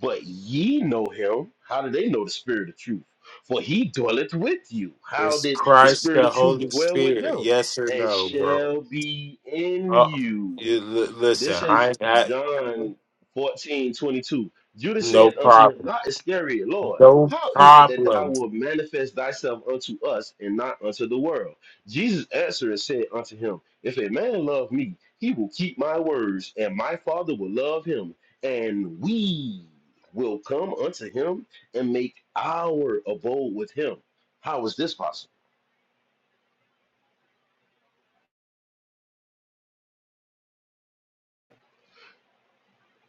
Speaker 11: But ye know him. How do they know the spirit of truth? For he dwelleth with you. How
Speaker 12: Is
Speaker 11: did the
Speaker 12: Christ
Speaker 11: spirit
Speaker 12: the
Speaker 11: of truth
Speaker 12: Holy
Speaker 11: dwell with
Speaker 12: Spirit?
Speaker 11: them?
Speaker 12: Yes or
Speaker 11: and
Speaker 12: no, bro?
Speaker 11: shall be in
Speaker 12: Uh,
Speaker 11: you.
Speaker 12: you l- listen.
Speaker 11: This
Speaker 12: I,
Speaker 11: is
Speaker 12: I
Speaker 11: John 14 22. Judas
Speaker 12: no
Speaker 11: said unto him,
Speaker 12: problem.
Speaker 11: Not Iscariot, Lord,
Speaker 12: No
Speaker 11: how is it that thou
Speaker 12: problem.
Speaker 11: wilt manifest thyself unto us and not unto the world? Jesus answered and said unto him, If a man love me, he will keep my words, and my Father will love him, and we will come unto him and make our abode with him. How is this possible?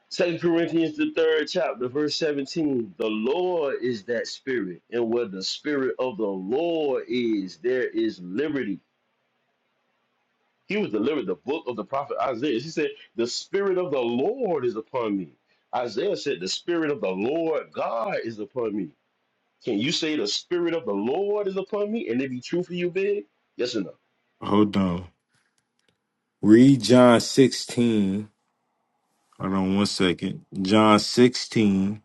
Speaker 11: Second Corinthians the third chapter, verse 17. The Lord is that spirit, and where the spirit of the Lord is, there is liberty. He was delivered the book of the prophet Isaiah. He said, The spirit of the Lord is upon me. Isaiah said, The spirit of the Lord God is upon me. Can you say the spirit of the Lord is upon me? And it be true for you, big? Yes or no?
Speaker 12: Hold on. Read John 16. Hold on one second. John 16.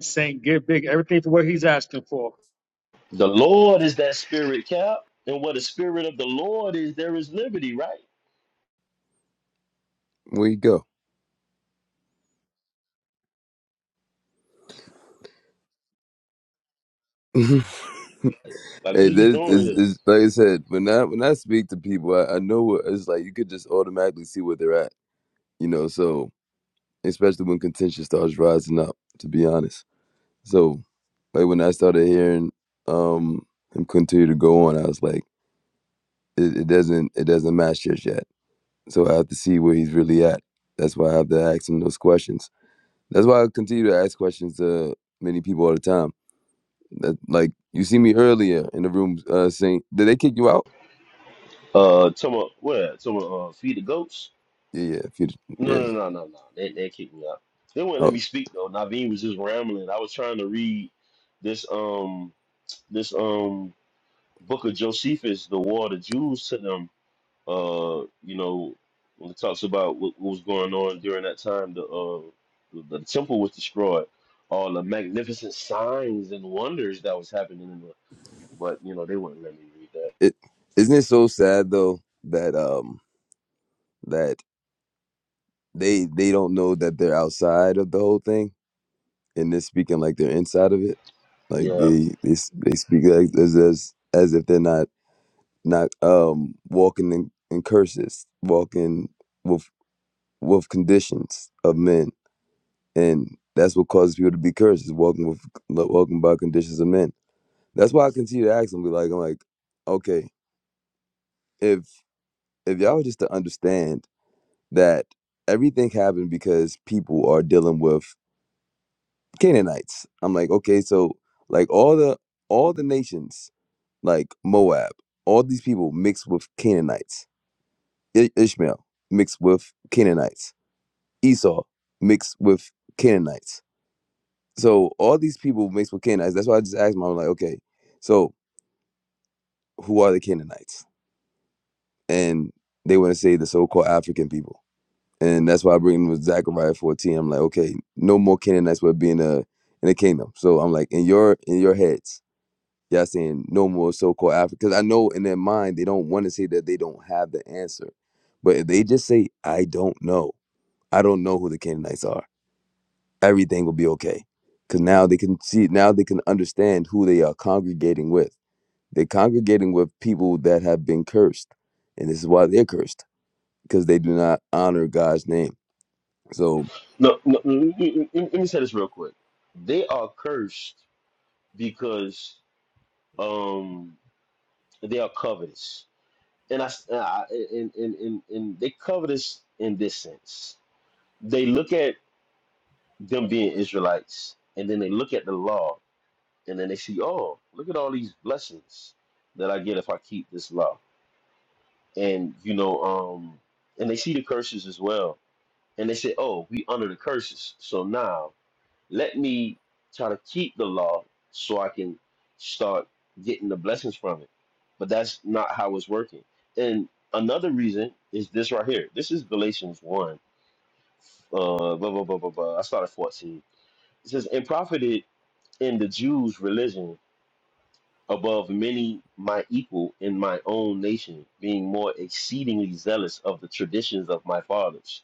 Speaker 10: Saint, give Big everything for what he's asking for.
Speaker 11: The Lord is that spirit, Cap. And where the spirit of the Lord is, there is liberty, right?
Speaker 13: Where you go? hey,
Speaker 11: Like, what is we
Speaker 13: this
Speaker 11: doing
Speaker 13: is,
Speaker 11: here?
Speaker 13: is like I said. When I when I speak to people, I, I know what- it's like. You could just automatically see where they're at. You know, so especially when contention starts rising up. To be honest, so like when I started hearing um him continue to go on, I was like, it, it doesn't it doesn't match just yet. So I have to see where he's really at. That's why I have to ask him those questions That's why I continue to ask questions to many people all the time. That like you see me earlier in the room uh, saying, "Did they kick you out?"
Speaker 11: Uh, talking about what? Talking about uh, feed the goats?
Speaker 13: Yeah, yeah, if you,
Speaker 11: No,
Speaker 13: yeah.
Speaker 11: no, no, no, no. That that kicked me out. They wouldn't
Speaker 13: Oh,
Speaker 11: let me speak though. Naveen was just rambling. I was trying to read this um this um book of Josephus, the War of the Jews to them. Uh, you know, when it talks about what, what was going on during that time, the uh the, the temple was destroyed, all the magnificent signs and wonders that was happening in the. But you know, they wouldn't let me read that.
Speaker 13: it, isn't it so sad though that um that they they don't know that they're outside of the whole thing and they're speaking like they're inside of it. Like
Speaker 11: Yeah.
Speaker 13: they they s- they speak like as as as if they're not not um walking in, in curses, walking with with conditions of men and that's what causes people to be cursed is walking with walking by conditions of men. That's why I continue to ask them. Be like, I'm like, okay, if if y'all were just to understand that everything happened because people are dealing with Canaanites. I'm like, okay, so like all the all the nations like Moab, all these people mixed with Canaanites. I- Ishmael mixed with Canaanites. Esau mixed with Canaanites So all these people mixed with Canaanites. That's why I just asked them. I am like, okay, so who are the Canaanites? And they want to say the so-called African people. And that's why I bring them with Zechariah 14. I'm like, okay, no more Canaanites will be in a in a kingdom. So I'm like, in your in your heads, y'all saying no more so-called African. Because I know in their mind they don't want to say that they don't have the answer. But if they just say, I don't know, I don't know who the Canaanites are, everything will be okay. Cause now they can see now they can understand who they are congregating with They're congregating with people that have been cursed. And this is why they're cursed, because they do not honor God's name. So
Speaker 11: No, no, no, let me let me say this real quick. They are cursed because um they are covetous, and I, s- and I and, and, and, and they covetous in this sense. They look at them being Israelites, and then they look at the law, and then they see, oh, look at all these blessings that I get if I keep this law, and you know, um, and they see the curses as well, and they say, oh, we under the curses, so now Let me try to keep the law so I can start getting the blessings from it. But that's not how it's working. And another reason is this right here. This is Galatians 1. Uh, blah, blah, blah, blah, blah. I started 14. It says, And profited in the Jews' religion above many my equal in my own nation, being more exceedingly zealous of the traditions of my fathers.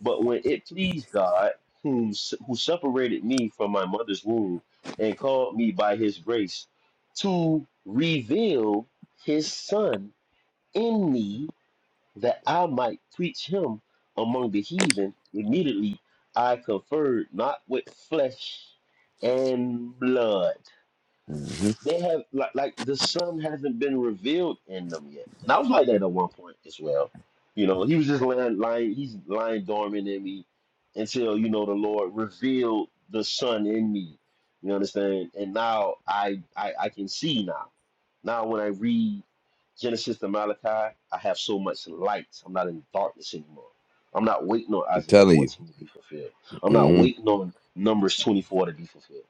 Speaker 11: But when it pleased God, whom, who separated me from my mother's womb and called me by his grace to reveal his son in me that I might preach him among the heathen, immediately I conferred not with flesh and blood.
Speaker 13: mhm,
Speaker 11: They have like like the sun hasn't been revealed in them yet. And I was like that at one point as well. You know, he was just lying, lying he's lying dormant in me until, you know, the Lord revealed the sun in me. You understand? And now I I, I can see now. Now when I read Genesis to Malachi, I have so much light. I'm not in darkness anymore. I'm not waiting on
Speaker 13: I'm
Speaker 11: Isaiah
Speaker 13: telling you,
Speaker 11: 14 to be fulfilled. I'm not
Speaker 13: hmm
Speaker 11: waiting on Numbers 24 to be fulfilled.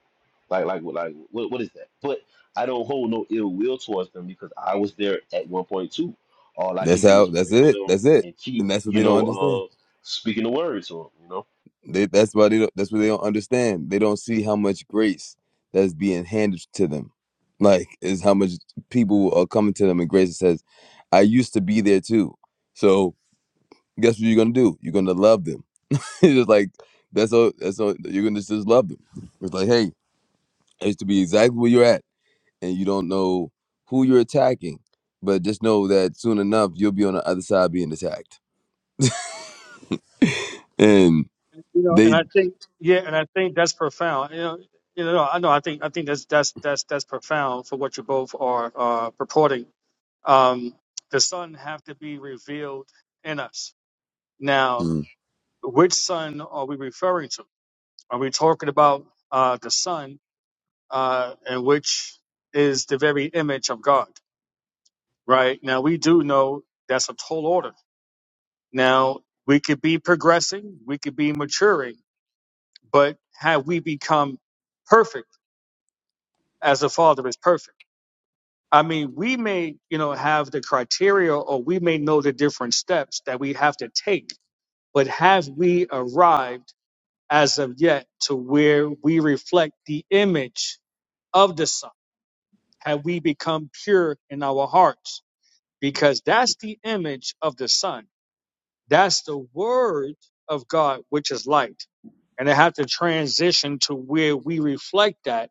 Speaker 11: Like, like, like, what, what is that? But I don't hold no ill will towards them because I was there at one point too. All I
Speaker 13: that's
Speaker 11: can do
Speaker 13: how,
Speaker 11: is
Speaker 13: that's
Speaker 11: pray for
Speaker 13: it.
Speaker 11: them
Speaker 13: That's it.
Speaker 11: and keep,
Speaker 13: And that's what
Speaker 11: you
Speaker 13: they don't
Speaker 11: know,
Speaker 13: understand.
Speaker 11: uh, speaking the word to them. You know.
Speaker 13: They, that's why they don't, that's what they don't understand. They don't see how much grace that's being handed to them. Like, is how much people are coming to them and grace says, I used to be there too. So guess what you're gonna do? You're gonna love them. it's just like that's all that's all you're gonna just love them. It's like, hey, is to be exactly where you're at and you don't know who you're attacking but just know that soon enough you'll be on the other side being attacked and
Speaker 10: you know,
Speaker 13: they
Speaker 10: and I think yeah, and I think that's profound. You know, you know, I know. I think I think that's that's that's that's profound for what you both are uh, purporting. Um, the sun have to be revealed in us. Now,
Speaker 13: Mm.
Speaker 10: which sun are we referring to? Are we talking about uh, the sun, uh, and which is the very image of God? Right now, we do know that's a tall order. Now, we could be progressing, we could be maturing, but have we become perfect? as the Father is perfect. I mean, we may, you know, have the criteria or we may know the different steps that we have to take, but have we arrived as of yet to where we reflect the image of the Son? Have we become pure in our hearts? Because that's the image of the Son. That's the word of God, which is light. And I have to transition to where we reflect that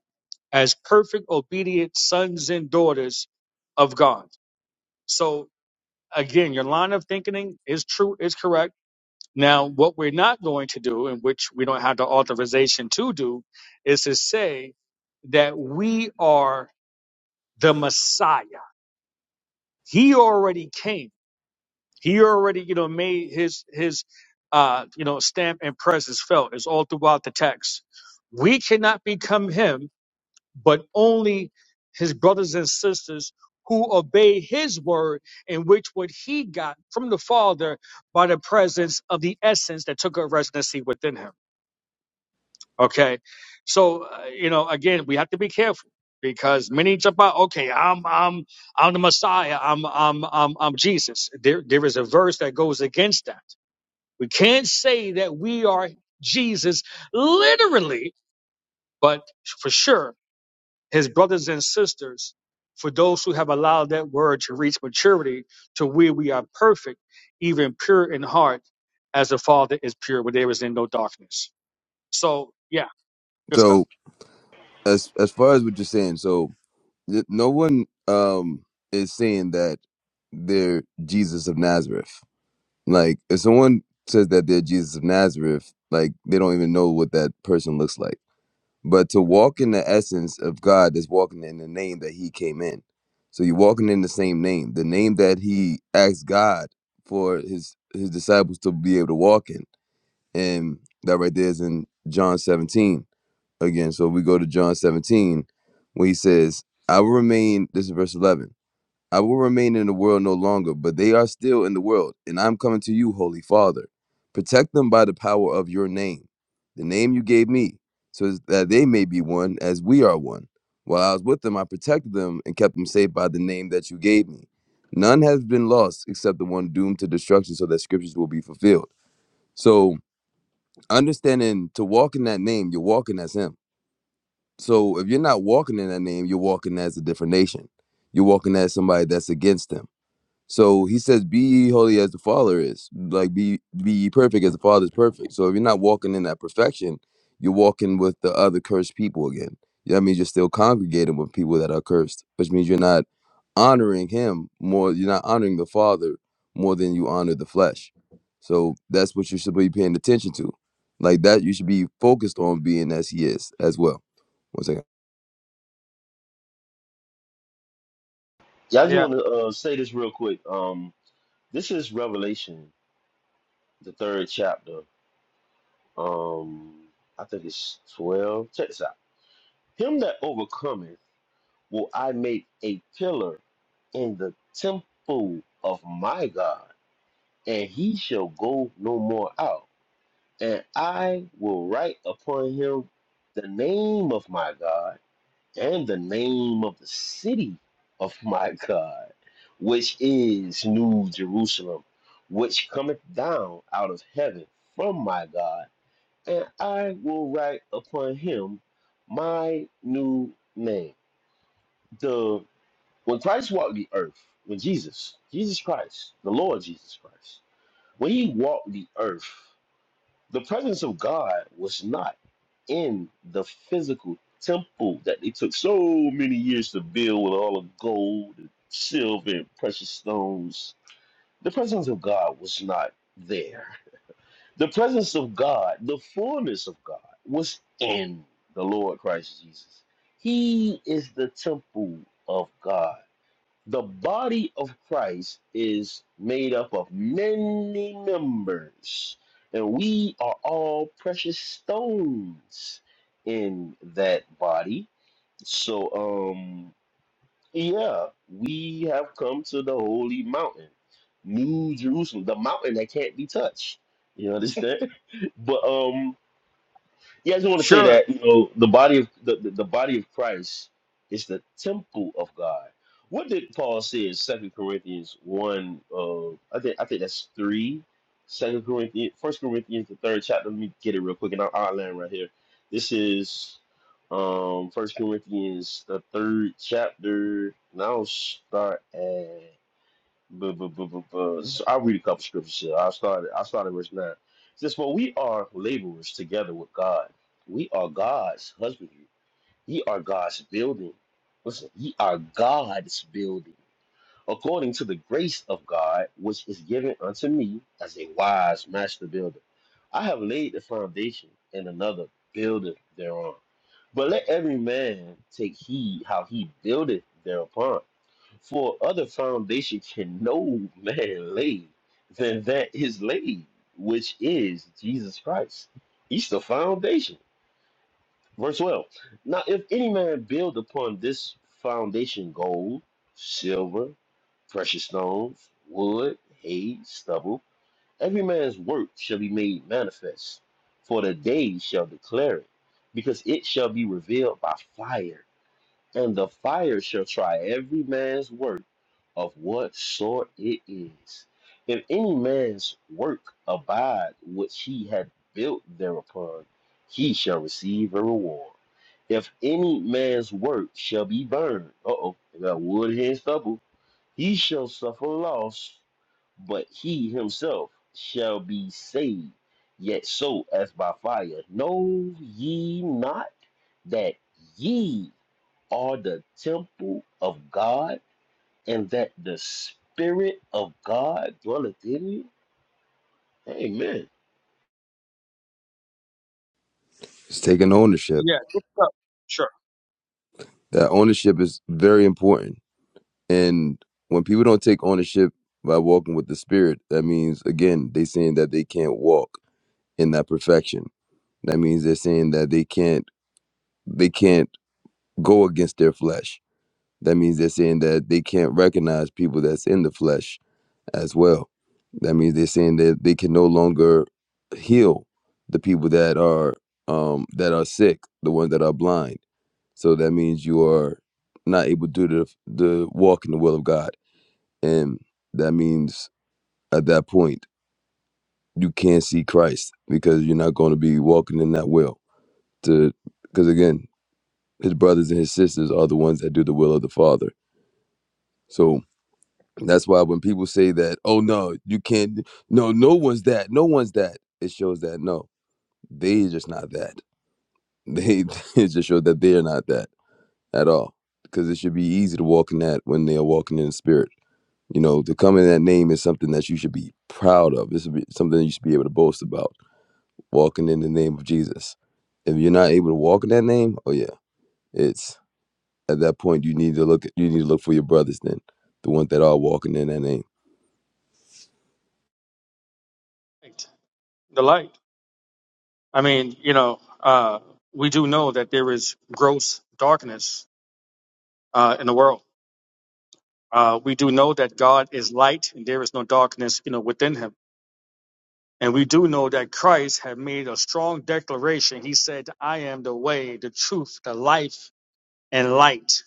Speaker 10: as perfect, obedient sons and daughters of God. So again, your line of thinking is true, is correct. Now, what we're not going to do, and which we don't have the authorization to do, is to say that we are the Messiah. He already came. He already, you know, made his his uh, you know stamp and presence felt. It's all throughout the text. We cannot become him but only his brothers and sisters who obey his word in which what he got from the father by the presence of the essence that took up residency within him okay so uh, you know again we have to be careful because many jump out okay i'm i'm i'm the messiah i'm i'm i'm, I'm jesus there, there is a verse that goes against that we can't say that we are jesus literally but for sure his brothers and sisters, for those who have allowed that word to reach maturity to where we are perfect, even pure in heart, as the Father is pure, where there is in no darkness. So, yeah, good stuff.
Speaker 13: so as as far as what you're saying so th- no one um is saying that they're jesus of nazareth like if someone says that they're jesus of nazareth like they don't even know what that person looks like But to walk in the essence of God is walking in the name that He came in. So you're walking in the same name, the name that He asked God for His His disciples to be able to walk in, and that right there is in John 17 again. So we go to John 17 where He says, "I will remain." This is verse 11. I will remain in the world no longer, but they are still in the world, and I am coming to you, Holy Father. Protect them by the power of your name, the name you gave me, so that they may be one as we are one. While I was with them, I protected them and kept them safe by the name that you gave me. None has been lost except the one doomed to destruction, so that scriptures will be fulfilled. So, understanding to walk in that name, you're walking as Him. So, if you're not walking in that name, you're walking as a different nation. You're walking as somebody that's against Him so he says, "Be ye holy as the Father is, like be be ye perfect as the Father is perfect." So if you're not walking in that perfection, you're walking with the other cursed people again. That means you're still congregating with people that are cursed, which means you're not honoring Him more. You're not honoring the Father more than you honor the flesh. So that's what you should be paying attention to, like that. You should be focused on being as He is as well. One second,
Speaker 11: Yeah, I
Speaker 10: Yeah,
Speaker 11: just
Speaker 10: yeah.
Speaker 11: want to uh, say this real quick. Um, this is Revelation, the third chapter. Um, I think it's twelve. Check this out. Him that overcometh will I make a pillar in the temple of my God, and he shall go no more out. and I will write upon him the name of my God and the name of the city of my God, which is New Jerusalem, which cometh down out of heaven from my God, and I will write upon him my new name. The when Christ walked the earth, when Jesus, Jesus Christ, the Lord Jesus Christ, when he walked the earth, the presence of God was not in the physical temple that they took so many years to build with all the gold and silver and precious stones. The presence of God was not there. The presence of God, the fullness of God, was in the Lord Christ Jesus. He is the temple of God. The body of Christ is made up of many members, and we are all precious stones in that body. So, um, yeah, we have come to the holy mountain, New Jerusalem, the mountain that can't be touched. You understand? but um, yeah, I just want to say
Speaker 10: Sure.
Speaker 11: that you know the body of the, the, the body of Christ is the temple of God. What did Paul say in Second Corinthians one? Uh, I think I think that's three. Second Corinthians, First Corinthians, the third chapter. Let me get it real quick, and I'll, i right here. This is um First Corinthians, the third chapter, and I'll start at. But, but, but, but, but so I'll read a couple scriptures here. I started I started verse nine. It says, For we are laborers together with God. We are God's husbandry. Ye are God's building. Listen, ye are God's building. According to the grace of God, which is given unto me as a wise master builder. I have laid the foundation, and another buildeth thereon. But let every man take heed how he buildeth thereupon. For other foundation can no man lay than that is laid, which is Jesus Christ. He's the foundation. Verse 12. Now, if any man build upon this foundation gold, silver, precious stones, wood, hay, stubble, every man's work shall be made manifest, for the day shall declare it, because it shall be revealed by fire and the fire shall try every man's work of what sort it is. If any man's work abide which he had built thereupon, he shall receive a reward. If any man's work shall be burned, uh oh, that wood here and stubble, he shall suffer loss, but he himself shall be saved, yet so as by fire. Know ye not that ye are the temple of God, and that the Spirit of God dwelleth in you? Amen.
Speaker 13: it's taking ownership.
Speaker 10: Yeah, good stuff. Sure.
Speaker 13: That ownership is very important And when people don't take ownership by walking with the spirit, that means again, they saying that they can't walk in that perfection. That means they're saying that they can't they can't go against their flesh. That means they're saying that they can't recognize people that's in the flesh as well. That means they're saying that they can no longer heal the people that are um that are sick, the ones that are blind. So that means you are not able to do the, the walk in the will of God and that means at that point, you can't see Christ because you're not going to be walking in that will. To because again, his brothers and his sisters are the ones that do the will of the Father. So that's why when people say that, oh no, you can't no, no one's that, no one's that, it shows that no, they just not that. They it just shows that they're not that at all. Because it should be easy to walk in that when they are walking in the spirit. You know, to come in that name is something that you should be proud of. This is something you should be able to boast about. Walking in the name of Jesus. If you're not able to walk in that name, oh yeah, it's at that point you need to look. at, You need to look for your brothers then, the ones that are walking in that name.
Speaker 10: Light. The light. I mean, you know, uh, we do know that there is gross darkness uh, in the world. Uh, we do know that God is light and there is no darkness, you know, within him And we do know that Christ had made a strong declaration. He said, I am the way, the truth, the life, and light.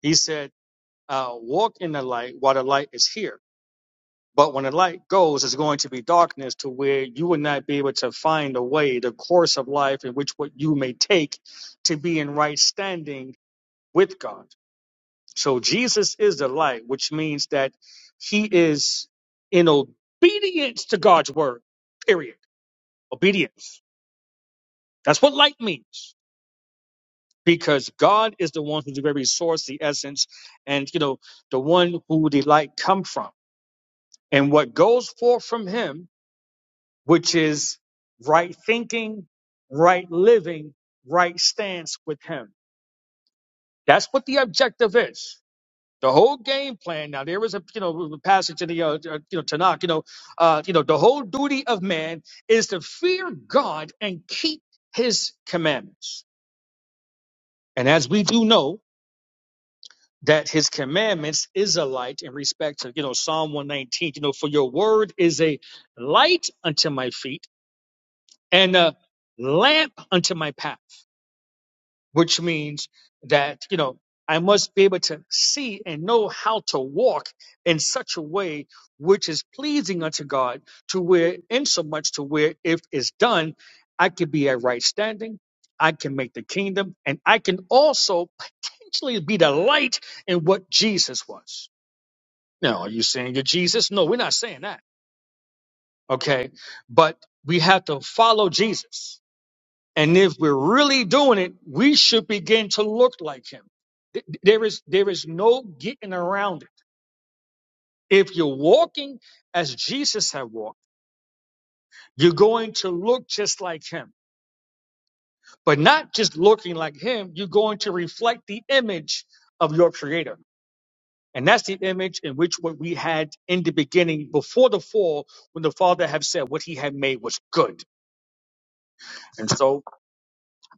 Speaker 10: He said, uh, Walk in the light while the light is here. But when the light goes, it's going to be darkness to where you will not be able to find the way, the course of life in which what you may take to be in right standing with God. So Jesus is the light, which means that he is in obedience to God's word, period. Obedience. That's what light means. because God is the one who's the very source, the essence, and you know, the one who the light come from. And what goes forth from him, which is right thinking, right living, right stance with him. That's what the objective is. The whole game plan. Now there is a you know a passage in the uh, uh, you know Tanakh. You know, uh, you know the whole duty of man is to fear God and keep His commandments. And as we do know, that his commandments is a light in respect to you know psalm 119 you know for your word is a light unto my feet and a lamp unto my path which means that you know i must be able to see and know how to walk in such a way which is pleasing unto god to where in so much to where if it's done i can be at right standing i can make the kingdom and i can also potentially be the light in what jesus was Now, are you saying you're Jesus? No, we're not saying that. Okay. But we have to follow Jesus. And if we're really doing it, we should begin to look like him. Th- There is, there is no getting around it. If you're walking as Jesus had walked, you're going to look just like him. But not just looking like him, you're going to reflect the image of your creator. And that's the image in which what we had in the beginning before the fall, when the Father had said what he had made was good. And so,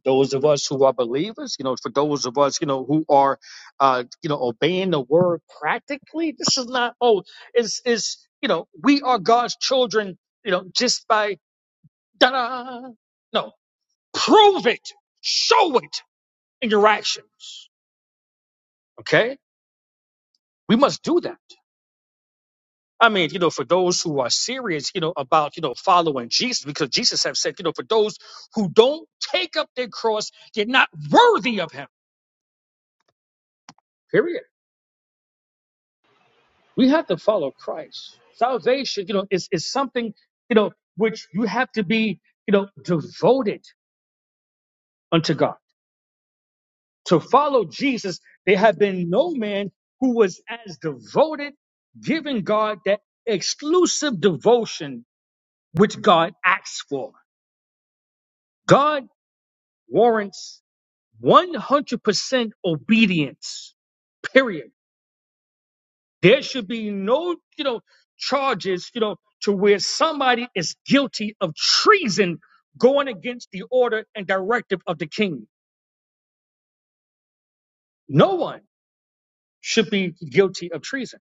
Speaker 10: those of us who are believers, you know, for those of us, you know, who are, uh, you know, obeying the word practically, this is not, oh, it's, it's, you know, we are God's children, you know, just by, da-da. No, prove it, show it in your actions. Okay. We must do that. I mean, you know, for those who are serious, you know, about, you know, following Jesus, because Jesus have said, you know, for those who don't take up their cross, you're not worthy of him. Period. We have to follow Christ. Salvation, you know, is, is something, you know, which you have to be, you know, devoted unto God. To follow Jesus, there have been no man who was as devoted, giving God that exclusive devotion which God asks for. God warrants 100% obedience, period. There should be no, you know, charges, you know, to where somebody is guilty of treason going against the order and directive of the king. No one should be guilty of treason.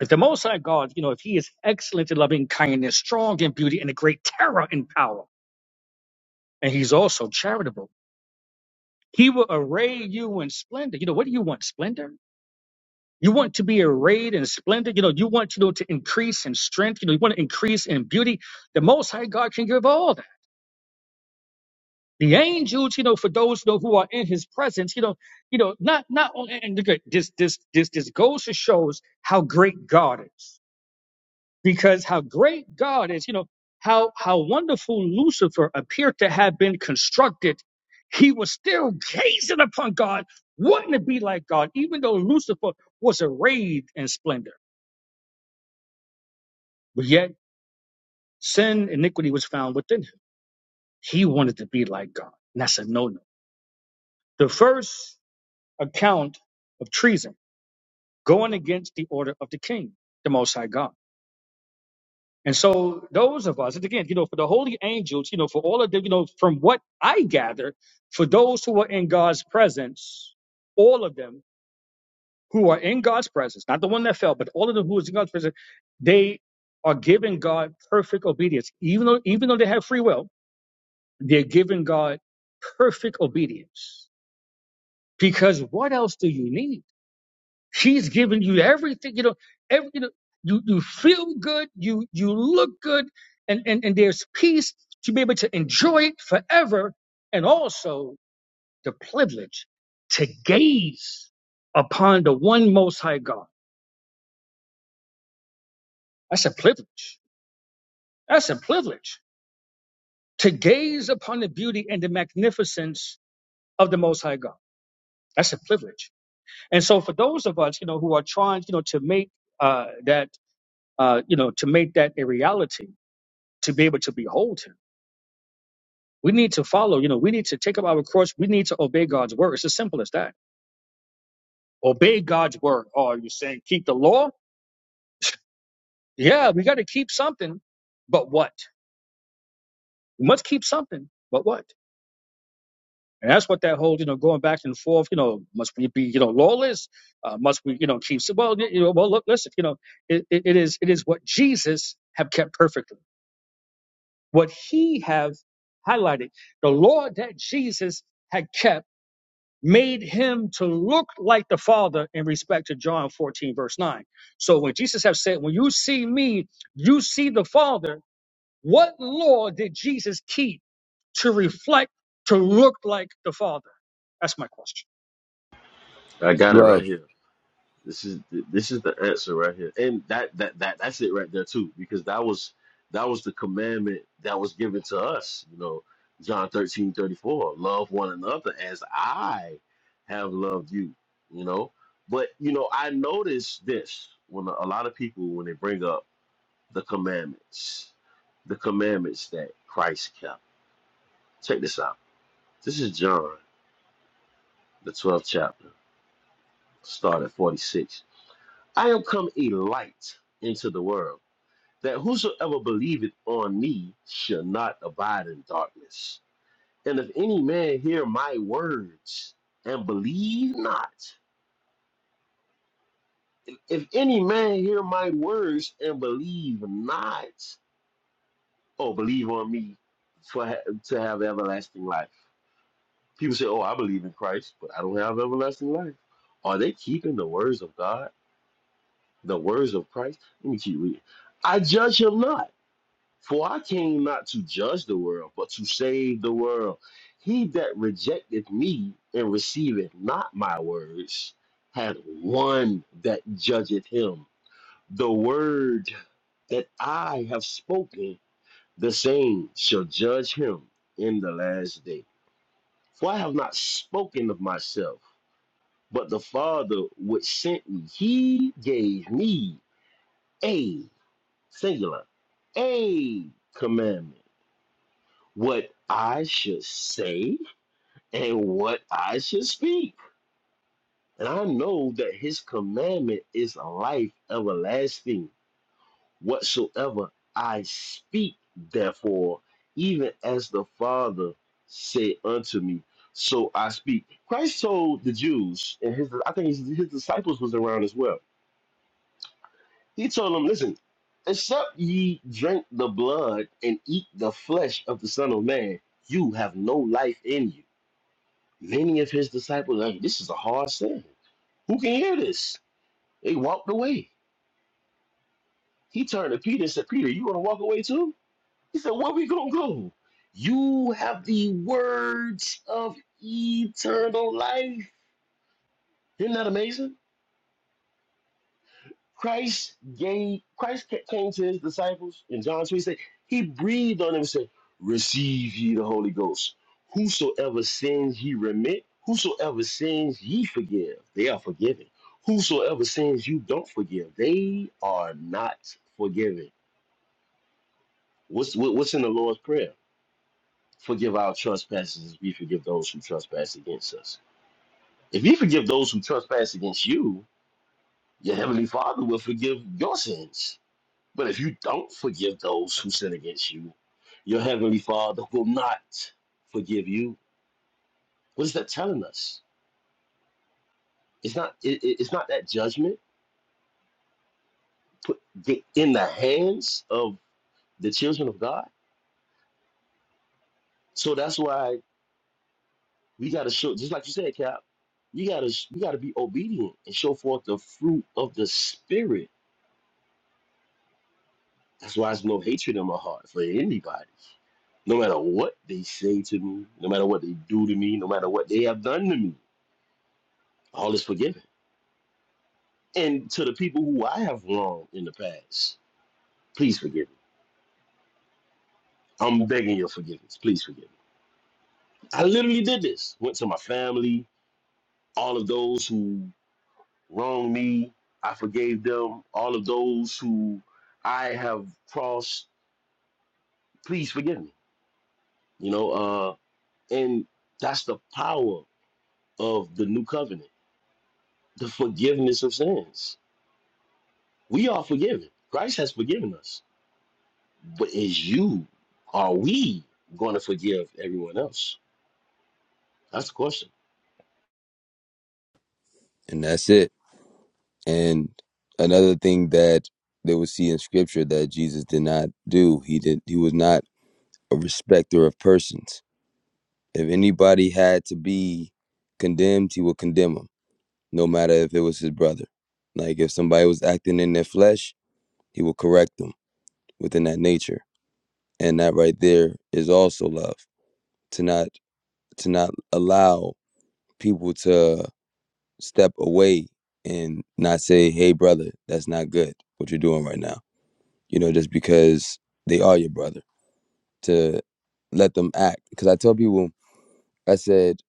Speaker 10: If the Most High God, you know, if he is excellent in loving kindness, strong in beauty, and a great terror in power, and he's also charitable, he will array you in splendor. You know, what do you want? Splendor? You want to be arrayed in splendor. You know, you want, you know, to increase in strength. You know, you want to increase in beauty. The Most High God can give all the angels, you know, for those you know who are in his presence, you know, you know, not not on and look at this this this this goes to shows how great God is. Because how great God is, you know, how how wonderful Lucifer appeared to have been constructed, he was still gazing upon God. Wouldn't it be like God, even though Lucifer was arrayed in splendor, but yet sin, iniquity was found within him. He wanted to be like God. And that's a no-no. The first account of treason going against the order of the king, the Most High God. And so those of us, and again, you know, for the holy angels, you know, for all of them, you know, from what I gather, for those who are in God's presence, all of them who are in God's presence, not the one that fell, but all of them who is in God's presence, they are giving God perfect obedience. Even though, even though they have free will, they're giving God perfect obedience. Because what else do you need? She's giving you everything, you know, every you know, you, you feel good, you you look good, and, and, and there's peace to be able to enjoy it forever, and also the privilege to gaze upon the one most high God. That's a privilege. That's a privilege. To gaze upon the beauty and the magnificence of the most high God. That's a privilege. And so for those of us, you know, who are trying, you know, to make uh, that uh, you know, to make that a reality to be able to behold him. We need to follow, you know, we need to take up our cross. We need to obey God's word. It's as simple as that. Obey God's word. Oh, you're saying keep the law? Yeah, we got to keep something, but what? We must keep something, but what? And that's what that whole, you know, going back and forth, you know, must we be, you know, lawless? Uh, must we, you know, keep, si-, well, you know, well, look, listen, you know, it, it, it is, it is what Jesus have kept perfectly. What he have highlighted, the law that Jesus had kept made him to look like the Father in respect to John 14, verse 9. So when Jesus have said, When you see me, you see the Father, what law did Jesus keep to reflect, to look like the Father? That's my question.
Speaker 11: I got it
Speaker 13: Love,
Speaker 11: right here. This is this is the answer right here, and that that that that's it right there too, because that was that was the commandment that was given to us. You know, John thirteen thirty four, love one another as I have loved you. You know, but you know, I noticed this when a lot of people when they bring up the commandments, the commandments that Christ kept. Check this out. This is John, the 12th chapter, start at 46. I am come a light into the world, that whosoever believeth on me shall not abide in darkness. And if any man hear my words and believe not, if any man hear my words and believe not, oh, believe on me for ha- to have everlasting life People say, "Oh, I believe in Christ, but I don't have everlasting life." Are they keeping the words of God, the words of Christ? Let me keep reading. I judge him not, for I came not to judge the world, but to save the world. He that rejecteth me and receiveth not my words hath one that judgeth him. The word that I have spoken, the same shall judge him in the last day. For I have not spoken of myself. But the Father which sent me, he gave me a singular, a commandment, what I should say and what I should speak. And I know that his commandment is life everlasting. Whatsoever I speak, therefore, even as the Father said unto me, so I speak. Christ told the Jews, and his I think his, his disciples was around as well He told them, listen, except ye drink the blood and eat the flesh of the Son of Man, you have no life in you. Many of his disciples, like, this is a hard saying. Who can hear this? They walked away. He turned to Peter and said, Peter, you going to walk away too? He said, where we going to go? You have the words of eternal life. Isn't that amazing? Christ gave Christ came to his disciples in John 3 said, He breathed on them and said, Receive ye the Holy Ghost. Whosoever sins ye remit, whosoever sins ye forgive, they are forgiven. Whosoever sins you don't forgive, they are not forgiven. What's what- what's in the Lord's Prayer? Forgive our trespasses as we forgive those who trespass against us. If you forgive those who trespass against you, your heavenly Father will forgive your sins But if you don't forgive those who sin against you, your heavenly Father will not forgive you. What is that telling us? It's not. It, it's not that judgment put in the hands of the children of God. So that's why we got to show, just like you said, Cap. You gotta you gotta be obedient and show forth the fruit of the spirit. That's why there's no hatred in my heart for anybody. No matter what they say to me, no matter what they do to me, no matter what they have done to me, all is forgiven And to the people who I have wronged in the past, please forgive me. I'm begging your forgiveness. Please forgive me. I literally did this. Went to my family, all of those who wronged me, I forgave them. All of those who I have crossed, please forgive me. You know, uh, and that's the power of the new covenant, the forgiveness of sins. We are forgiven. Christ has forgiven us. But is you, are we going to forgive everyone else? That's the question.
Speaker 13: and that's it. And another thing that they would see in Scripture that Jesus did not do. He did. He was not a respecter of persons. If anybody had to be condemned, he would condemn them no matter if it was his brother. Like if somebody was acting in their flesh, he will correct them within that nature. And that right there is also love. To not to not allow people to step away and not say, Hey brother, that's not good what you're doing right now. You know, just because they are your brother. To let them act. Because I tell people, I said,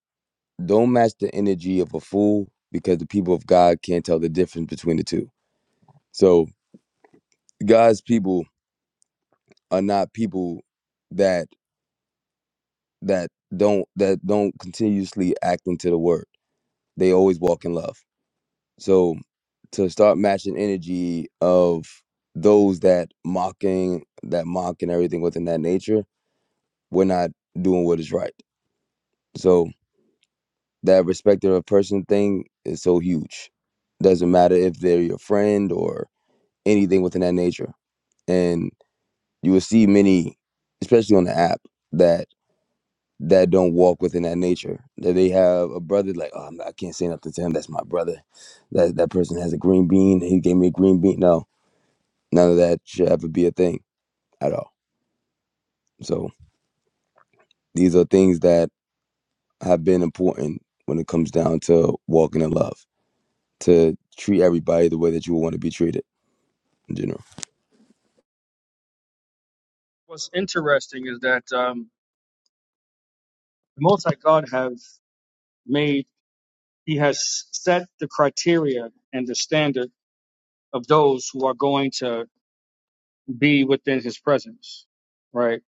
Speaker 13: don't match the energy of a fool because the people of God can't tell the difference between the two. So God's people are not people that that don't that don't continuously act into the word. They always walk in love. So to start matching energy of those that mocking that mock and everything within that nature, we're not doing what is right. So that respect of a person thing is so huge. Doesn't matter if they're your friend or anything within that nature. And you will see many, especially on the app, that. that don't walk within that nature. That they have a brother like, oh, I'm not- I can't say nothing to him. That's my brother. That that person has a green bean. He gave me a green bean. No, none of that should ever be a thing at all. So these are things that have been important when it comes down to walking in love. To treat everybody the way that you would want to be treated in general.
Speaker 10: What's interesting is that um, the Most High God have made, He has set the criteria and the standard of those who are going to be within His presence, right?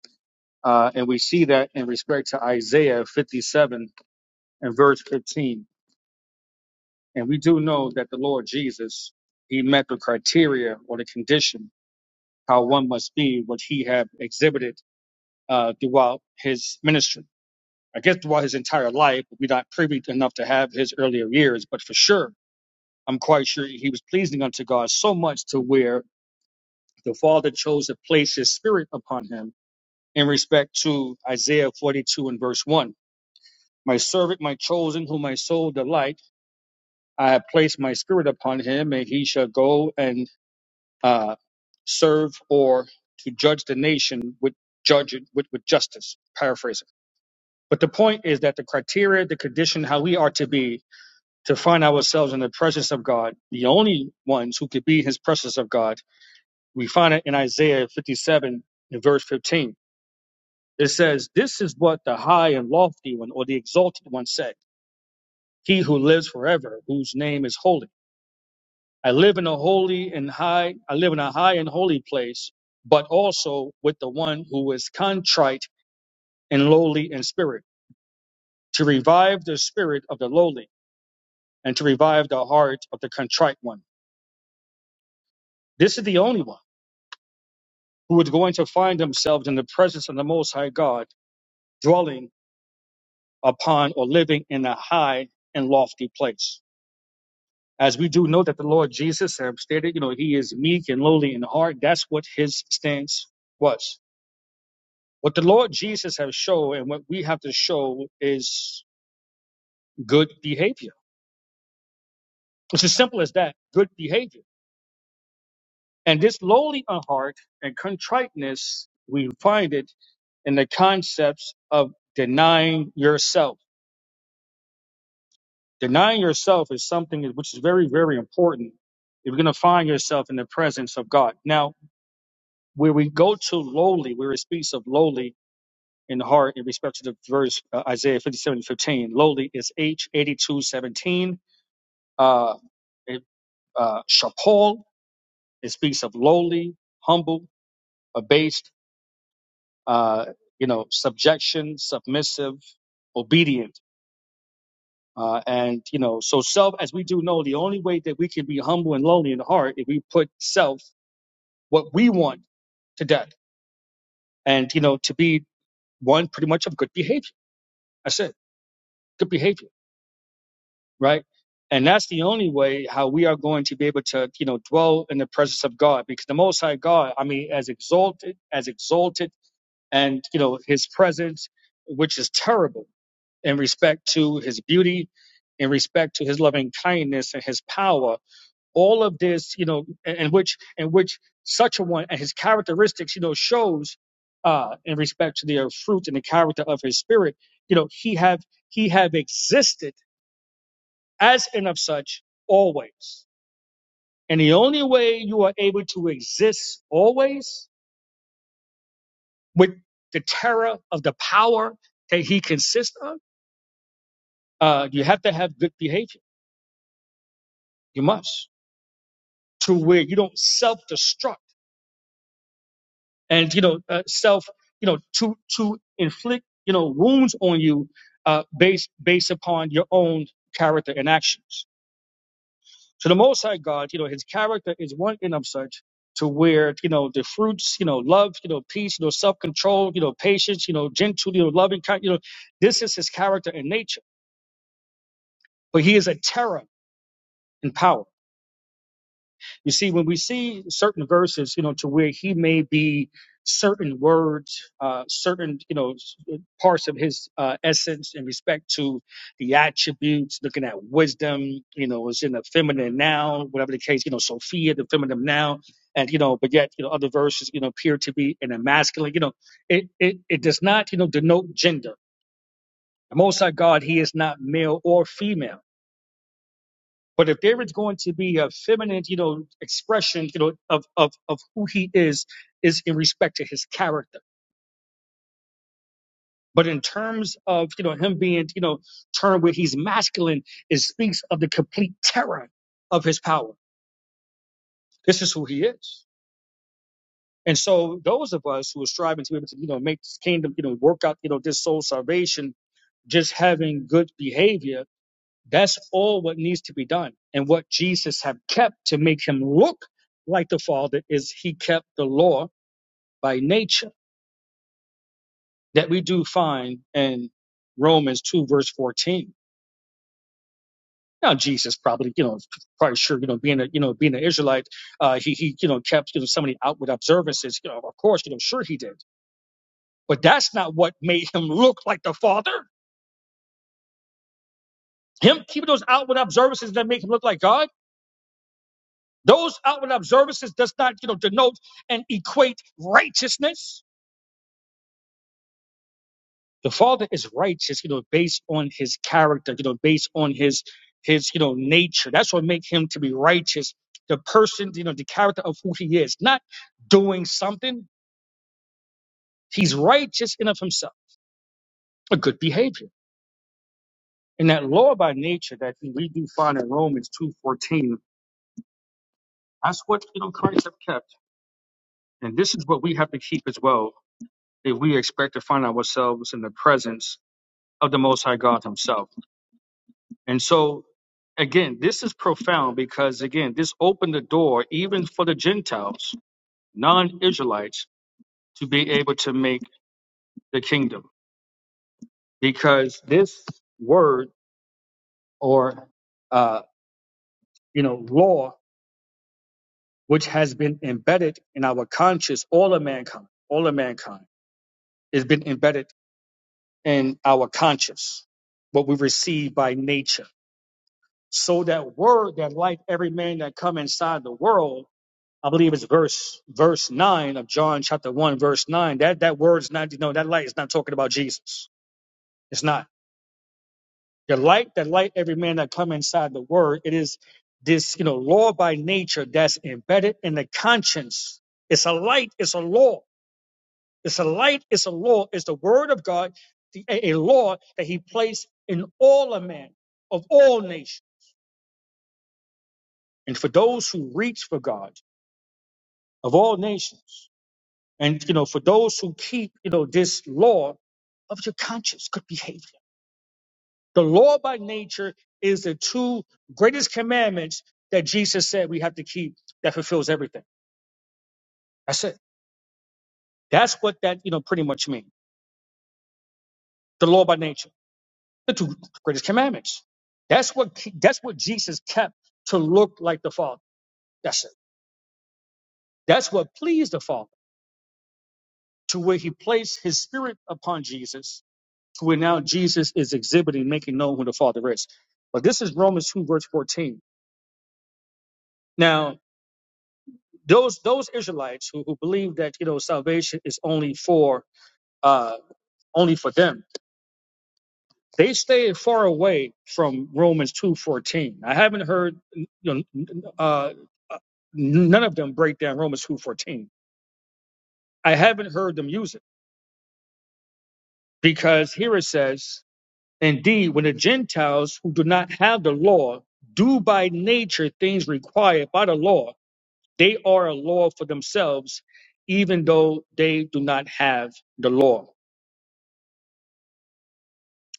Speaker 10: Uh, and we see that in respect to Isaiah 57 and verse 15. And we do know that the Lord Jesus, he met the criteria or the condition how one must be, which he had exhibited uh, throughout his ministry. I guess throughout his entire life, we're not privy enough to have his earlier years, but for sure, I'm quite sure he was pleasing unto God so much to where the Father chose to place his spirit upon him in respect to Isaiah 42 and verse 1. My servant, my chosen, whom my soul delights I have placed my spirit upon him, and he shall go and uh, serve or to judge the nation with judge it with, with justice. Paraphrasing. But the point is that the criteria, the condition, how we are to be to find ourselves in the presence of God, the only ones who could be in his presence of God, we find it in Isaiah 57 in verse 15. It says, This is what the high and lofty one or the exalted one said, He who lives forever, whose name is holy. I live in a holy and high, I live in a high and holy place, but also with the one who is contrite and lowly in spirit, to revive the spirit of the lowly and to revive the heart of the contrite one. This is the only one who is going to find themselves in the presence of the Most High God, dwelling upon or living in a high and lofty place. As we do know that the Lord Jesus have stated, you know, he is meek and lowly in heart. That's what his stance was. What the Lord Jesus has shown and what we have to show is good behavior. It's as simple as that, good behavior. And this lowly of heart and contriteness, we find it in the concepts of denying yourself. Denying yourself is something which is very, very important if you're going to find yourself in the presence of God. Now, where we go to lowly, where it speaks of lowly in heart in respect to the verse uh, Isaiah 57 15. lowly is H82:17. Uh, it, uh, Shapol, it speaks of lowly, humble, abased, uh, you know, subjection, submissive, obedient. Uh, and, you know, so self, as we do know, the only way that we can be humble and lowly in the heart is we put self, what we want, to death. And, you know, to be one pretty much of good behavior. That's it. Good behavior right? And that's the only way how we are going to be able to, you know, dwell in the presence of God, because the Most High God, I mean, as exalted, as exalted, and you know, His presence, which is terrible in respect to His beauty, in respect to His loving kindness and His power, all of this, you know, in in which, in which such a one and His characteristics, you know, shows, uh, in respect to the fruit and the character of His Spirit, you know, He have He have existed as and of such always. And the only way you are able to exist always with the terror of the power that he consists of, uh, you have to have good behavior. You must to where you don't self-destruct and you know uh, self you know to to inflict you know wounds on you uh, based based upon your own character and actions. So the Most High God, you know, His character is one in of such to where you know the fruits, you know, love, you know, peace, you know, self-control, you know, patience, you know, gentle, you know, loving kind, you know, this is His character and nature. But He is a terror in power. You see, when we see certain verses, you know, to where he may be certain words, uh, certain, you know, s- parts of his uh, essence in respect to the attributes, looking at wisdom, you know, is in the feminine noun, whatever the case, you know, Sophia, the feminine noun. And, you know, but yet, you know, other verses, you know, appear to be in a masculine, you know, it, it, it does not, you know, denote gender. The Most High God, he is not male or female but if there is going to be a feminine, you know, expression, you know, of of of who he is, is in respect to his character. But in terms of you know him being you know termed where he's masculine, it speaks of the complete terror of his power. This is who he is. And so those of us who are striving to be able to you know make this kingdom you know work out you know this soul salvation, just having good behavior That's all what needs to be done. And what Jesus have kept to make him look like the Father is he kept the law by nature that we do find in Romans 2 verse 14. Now Jesus probably, you know, probably sure, you know, being a, you know, being an Israelite, uh, he, he, you know, kept, you know, so many outward observances, you know, of course, you know, sure he did. But that's not what made him look like the Father. Him keeping those outward observances that make him look like God Those outward observances does not, you know, denote and equate righteousness. The Father is righteous, you know, based on his character, you know, based on his his, you know, nature. That's what makes him to be righteous. The person, you know, the character of who he is, not doing something. He's righteous in of himself, a good behavior. And that law by nature that we do find in Romans 2.14, that's what, you know, Christ have kept. And this is what we have to keep as well if we expect to find ourselves in the presence of the Most High God Himself. And so, again, this is profound because, again, this opened the door even for the Gentiles, non Israelites, to be able to make the kingdom because this word or, uh, you know, law, which has been embedded in our conscious, all of mankind, all of mankind, has been embedded in our conscious, what we receive by nature. So that word that light every man that come inside the world I believe it's verse verse nine of John chapter one, verse nine. That that word's not you know that light is not talking about Jesus. It's not the light that light every man that come inside the word. It is this you know law by nature that's embedded in the conscience. It's a light. It's a law. It's a light. It's a law. It's the word of God, the, a, a law that He placed in all a man of all nations, and for those who reach for God of all nations, and you know for those who keep you know this law of your conscience, good behavior. The law by nature is the two greatest commandments that Jesus said we have to keep that fulfills everything. That's it. That's what that, you know, pretty much means. The law by nature, the two greatest commandments. That's what, ke- that's what Jesus kept to look like the Father. That's it. That's what pleased the Father to where he placed his spirit upon Jesus to where now Jesus is exhibiting, making known who the Father is. But this is Romans 2 verse 14. Now, those those Israelites who, who believe that you know salvation is only for uh, only for them, they stay far away from Romans two fourteen. I haven't heard you know n- uh, uh, none of them break down Romans two fourteen. I haven't heard them use it because here it says, "Indeed, when the Gentiles who do not have the law do by nature things required by the law, they are a law for themselves, even though they do not have the law."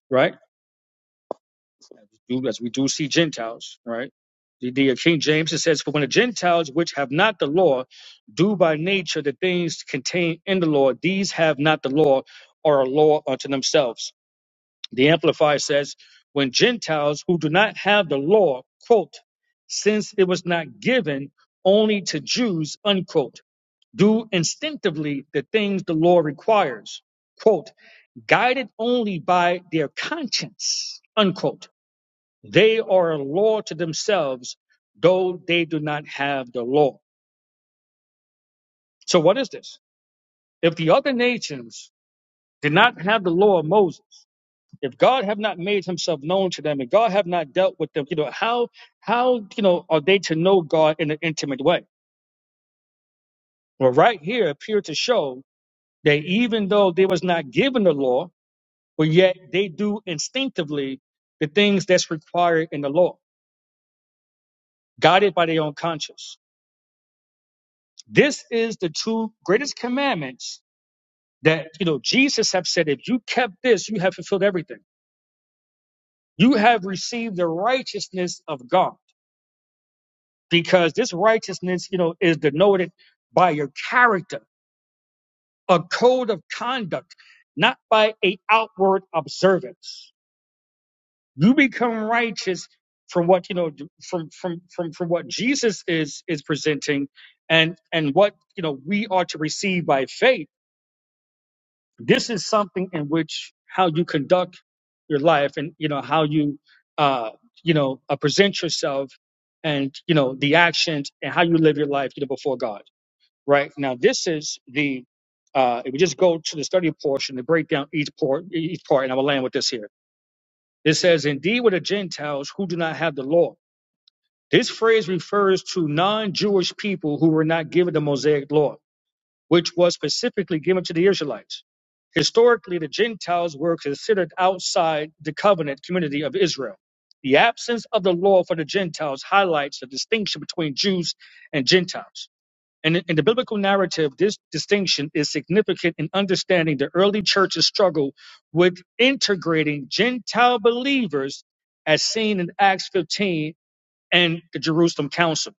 Speaker 10: Right do as we do see Gentiles, right? The, the King James it says, For when the Gentiles which have not the law do by nature the things contained in the law, these have not the law, or a law unto themselves. The Amplifier says, When Gentiles who do not have the law, quote, since it was not given only to Jews, unquote, do instinctively the things the law requires, quote, guided only by their conscience, unquote they are a law to themselves, though they do not have the law. So what is this? If the other nations did not have the law of Moses, if God have not made himself known to them and God have not dealt with them, you know, how how you know are they to know God in an intimate way? Well, right here appear to show that even though they was not given the law, but yet they do instinctively the things that's required in the law, guided by their own conscience. This is the two greatest commandments that you know Jesus have said, if you kept this, you have fulfilled everything. You have received the righteousness of God, because this righteousness, you know, is denoted by your character, a code of conduct, not by a outward observance. You become righteous from what you know from from from from what Jesus is is presenting and and what you know we are to receive by faith. This is something in which how you conduct your life and you know how you uh you know uh, present yourself and you know the actions and how you live your life you know before god right now this is the uh if we just go to the study portion to break down each part each part and i will land with this here it says indeed with the gentiles who do not have the law this phrase refers to non-jewish people who were not given the mosaic law which was specifically given to the israelites Historically, the Gentiles were considered outside the covenant community of Israel. The absence of the law for the Gentiles highlights the distinction between Jews and Gentiles. And in the biblical narrative, this distinction is significant in understanding the early church's struggle with integrating Gentile believers, as seen in Acts 15 and the Jerusalem Council,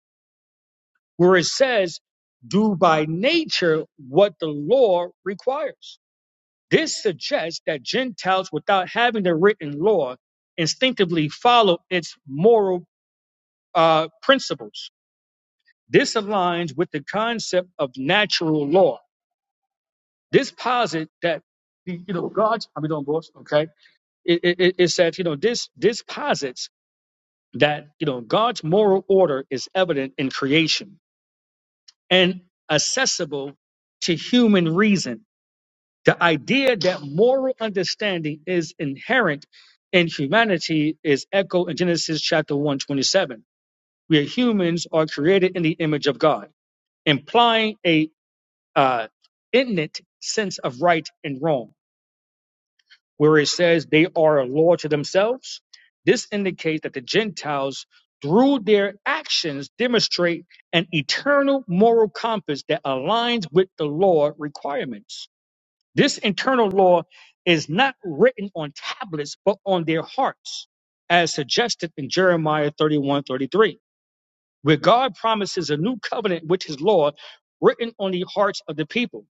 Speaker 10: where it says, do by nature what the law requires. This suggests that Gentiles, without having the written law, instinctively follow its moral uh, principles. This aligns with the concept of natural law. This posits that you know God's I mean, don't boss, okay? it, it it says you know this this posits that you know God's moral order is evident in creation and accessible to human reason The idea that moral understanding is inherent in humanity is echoed in Genesis chapter 127, where humans are created in the image of God, implying a uh, innate sense of right and wrong, where it says they are a law to themselves. This indicates that the Gentiles, through their actions, demonstrate an eternal moral compass that aligns with the law requirements this internal law is not written on tablets, but on their hearts, as suggested in Jeremiah 31:33, where God promises a new covenant, which is law, written on the hearts of the people.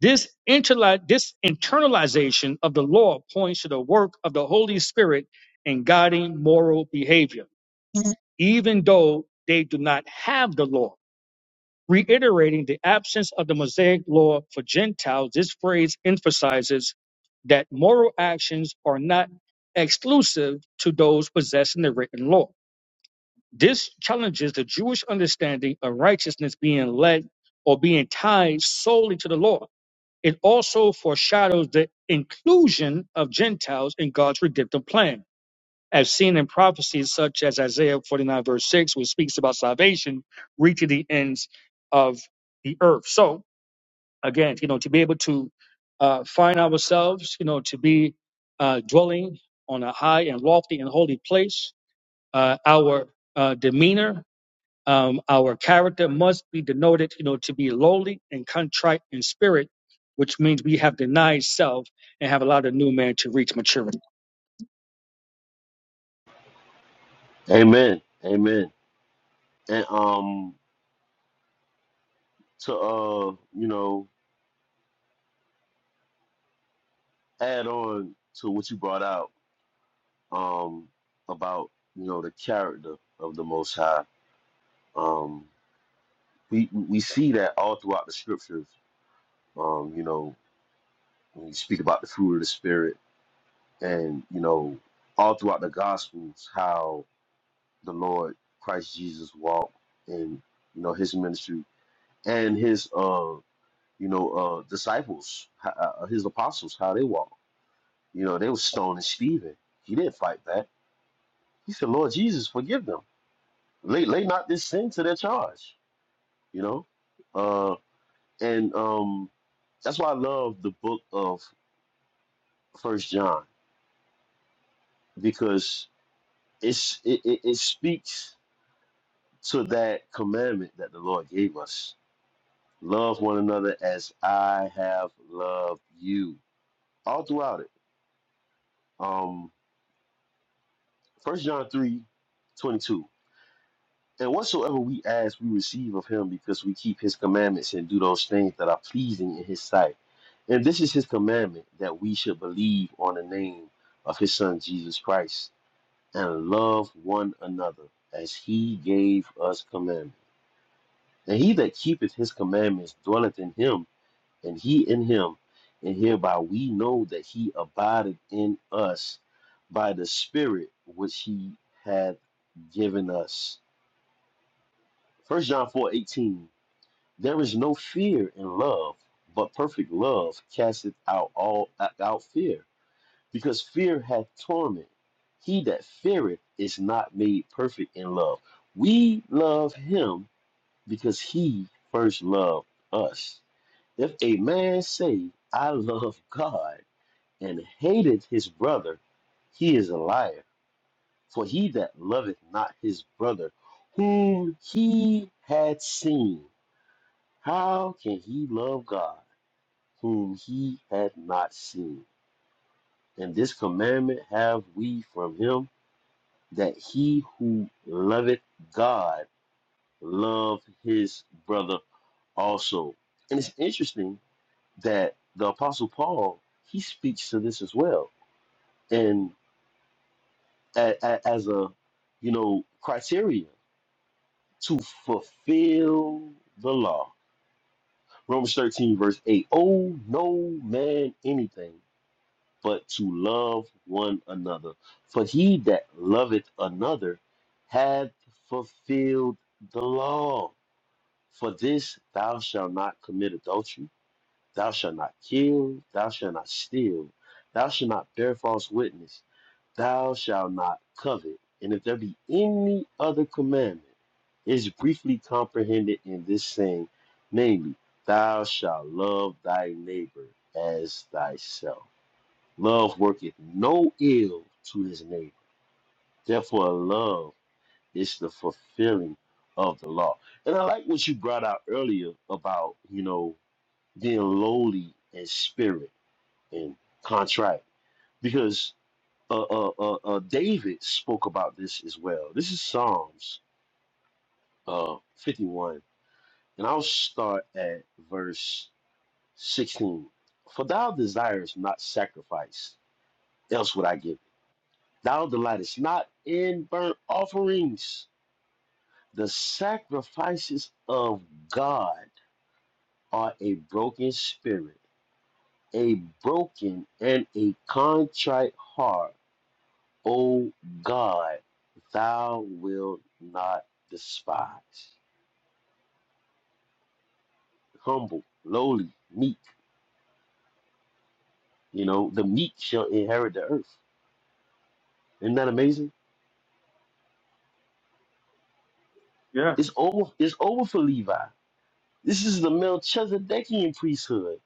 Speaker 10: This, interli- this internalization of the law points to the work of the Holy Spirit in guiding moral behavior, even though they do not have the law. Reiterating the absence of the Mosaic law for Gentiles, this phrase emphasizes that moral actions are not exclusive to those possessing the written law. This challenges the Jewish understanding of righteousness being led or being tied solely to the law. It also foreshadows the inclusion of Gentiles in God's redemptive plan as seen in prophecies such as Isaiah 49, verse 6, which speaks about salvation reaching the ends of the earth. So, again, you know, to be able to uh, find ourselves, you know, to be uh, dwelling on a high and lofty and holy place, uh, our uh, demeanor, um, our character must be denoted, you know, to be lowly and contrite in spirit, which means we have denied self and have allowed a new man to reach maturity.
Speaker 11: Amen. Amen. And um to uh, you know, add on to what you brought out um about, you know, the character of the most high. Um we we see that all throughout the scriptures. Um, you know, when you speak about the fruit of the spirit and, you know, all throughout the gospels how the Lord Christ Jesus walked and you know his ministry and his uh you know, uh, disciples, h- uh, his apostles, how they walked. You know, they were stoning Stephen. He didn't fight back. He said, Lord Jesus, forgive them. Lay, lay not this sin to their charge, you know? Uh, and um, that's why I love the book of First John because it's it, it, it speaks to that commandment that the Lord gave us. Love one another as I have loved you. All throughout it. Um, First John 3, 22. And whatsoever we ask, we receive of him because we keep his commandments and do those things that are pleasing in his sight. And this is his commandment that we should believe on the name of his son Jesus Christ and love one another as he gave us commandment. And he that keepeth his commandments dwelleth in him, and he in him. And hereby we know that he abideth in us by the Spirit which he hath given us. First John 4 18. There is no fear in love, but perfect love casteth out all out fear, because fear hath torment. He that feareth is not made perfect in love. We love him because he first loved us. If a man say, I love God, and hateth his brother, he is a liar. For he that loveth not his brother, whom he had seen, how can he love God? whom he had not seen. And this commandment have we from him, that he who loveth God love his brother also. And it's interesting that the Apostle Paul he speaks to this as well, and a- a- as a you know criteria to fulfill the law. Romans 13, verse 8. Oh, no man anything but to love one another. For he that loveth another hath fulfilled the law. For this thou shalt not commit adultery, thou shalt not kill, thou shalt not steal, thou shalt not bear false witness, thou shalt not covet. And if there be any other commandment, it is briefly comprehended in this saying, namely, thou shalt love thy neighbor as thyself. Love worketh no ill to his neighbor. Therefore, love is the fulfilling of the law. And I like what you brought out earlier about, you know, being lowly in spirit and contrite. Because uh, uh, uh, uh, David spoke about this as well. This is Psalms uh, 51. And I'll start at verse 16. For thou desirest not sacrifice, else would I give. it. Thou delightest not in burnt offerings. The sacrifices of God are a broken spirit, a broken and a contrite heart. O God, thou wilt not despise. Humble, lowly, meek, you know, the meek shall inherit the earth. Isn't that amazing?
Speaker 10: Yeah,
Speaker 11: It's over, it's over for Levi. This is the Melchizedekian priesthood.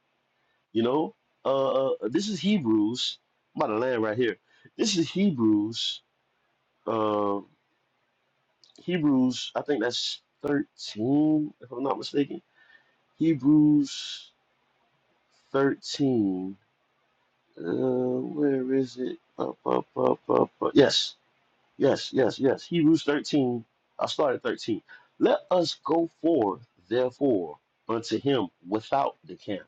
Speaker 11: You know, uh, uh, this is Hebrews. I'm about to land right here. This is Hebrews. Uh, Hebrews. I think that's thirteen, if I'm not mistaken. Hebrews thirteen. Uh, where is it? Up, up, up, up, up. Yes, yes, yes, yes. Hebrews thirteen. I started thirteen. Let us go forth, therefore, unto him without the camp.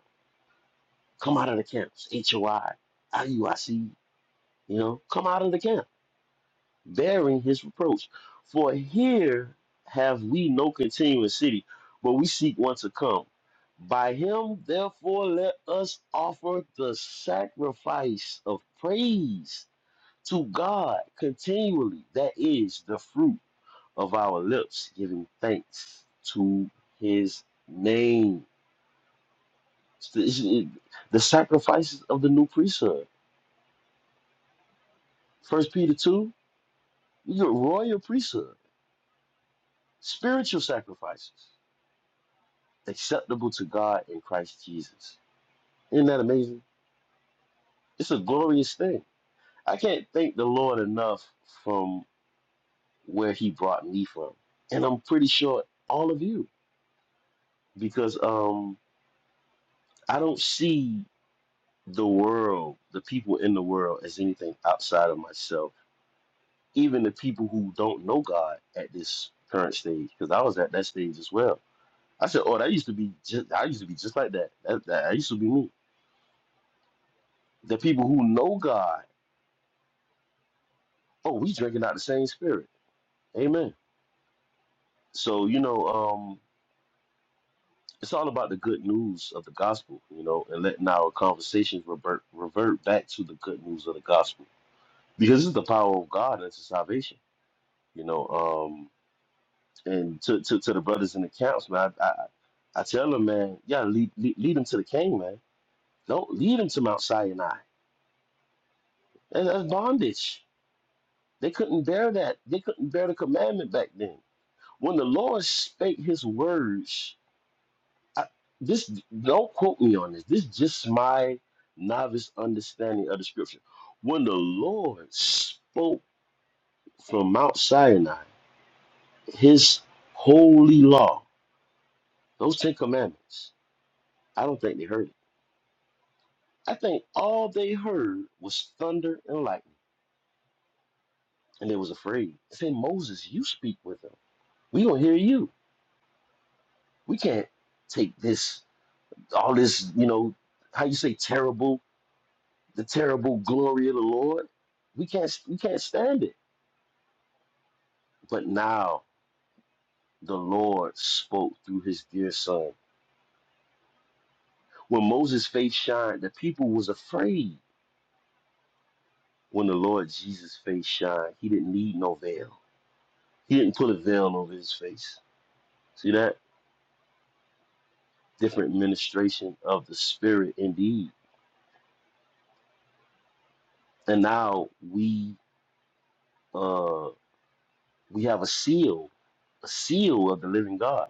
Speaker 11: Come out of the camps. H O I I U I C. You know, come out of the camp bearing his reproach. For here have we no continuous city, but we seek one to come. By him, therefore, let us offer the sacrifice of praise to God continually. That is the fruit of our lips, giving thanks to his name. It's The it's- it- the sacrifices of the new priesthood. First Peter 2, you're a royal priesthood, spiritual sacrifices. acceptable to God in Christ Jesus. Isn't that amazing? It's a glorious thing. I can't thank the Lord enough from where He brought me from. And I'm pretty sure all of you, because um, I don't see the world, the people in the world, as anything outside of myself, even the people who don't know God at this current stage, because I was at that stage as well. I said, "Oh, that used to be just. I used to be just like that. That, that, that used to be me." The people who know God Oh, we drinking out the same spirit. Amen. So, you know, um, it's all about the good news of the gospel, you know, and letting our conversations revert revert back to the good news of the gospel. Because it's the power of God unto salvation, you know. Um and to, to, to the brothers in the camps, man, I, I, I tell them, man, yeah, lead, lead, lead them to the king, man. Don't lead them to Mount Sinai. That- That's bondage. They couldn't bear that. They couldn't bear the commandment back then. When the Lord spake his words I, this don't quote me on this. This is just my novice understanding of the scripture. When the Lord spoke from Mount Sinai, His holy law, those Ten Commandments, I don't think they heard it. I think all they heard was thunder and lightning, and they was afraid. They said, "Moses, you speak with them. We don't hear you. We can't take this, all this, you know, how you say terrible, the terrible glory of the Lord. We can't, we can't stand it." But now the Lord spoke through his dear son. When Moses' face shined, the people was afraid. When the Lord Jesus' face shined, he didn't need no veil. He didn't put a veil over his face. See that? Different ministration of the spirit indeed. And now we uh we have a seal, a seal of the living God.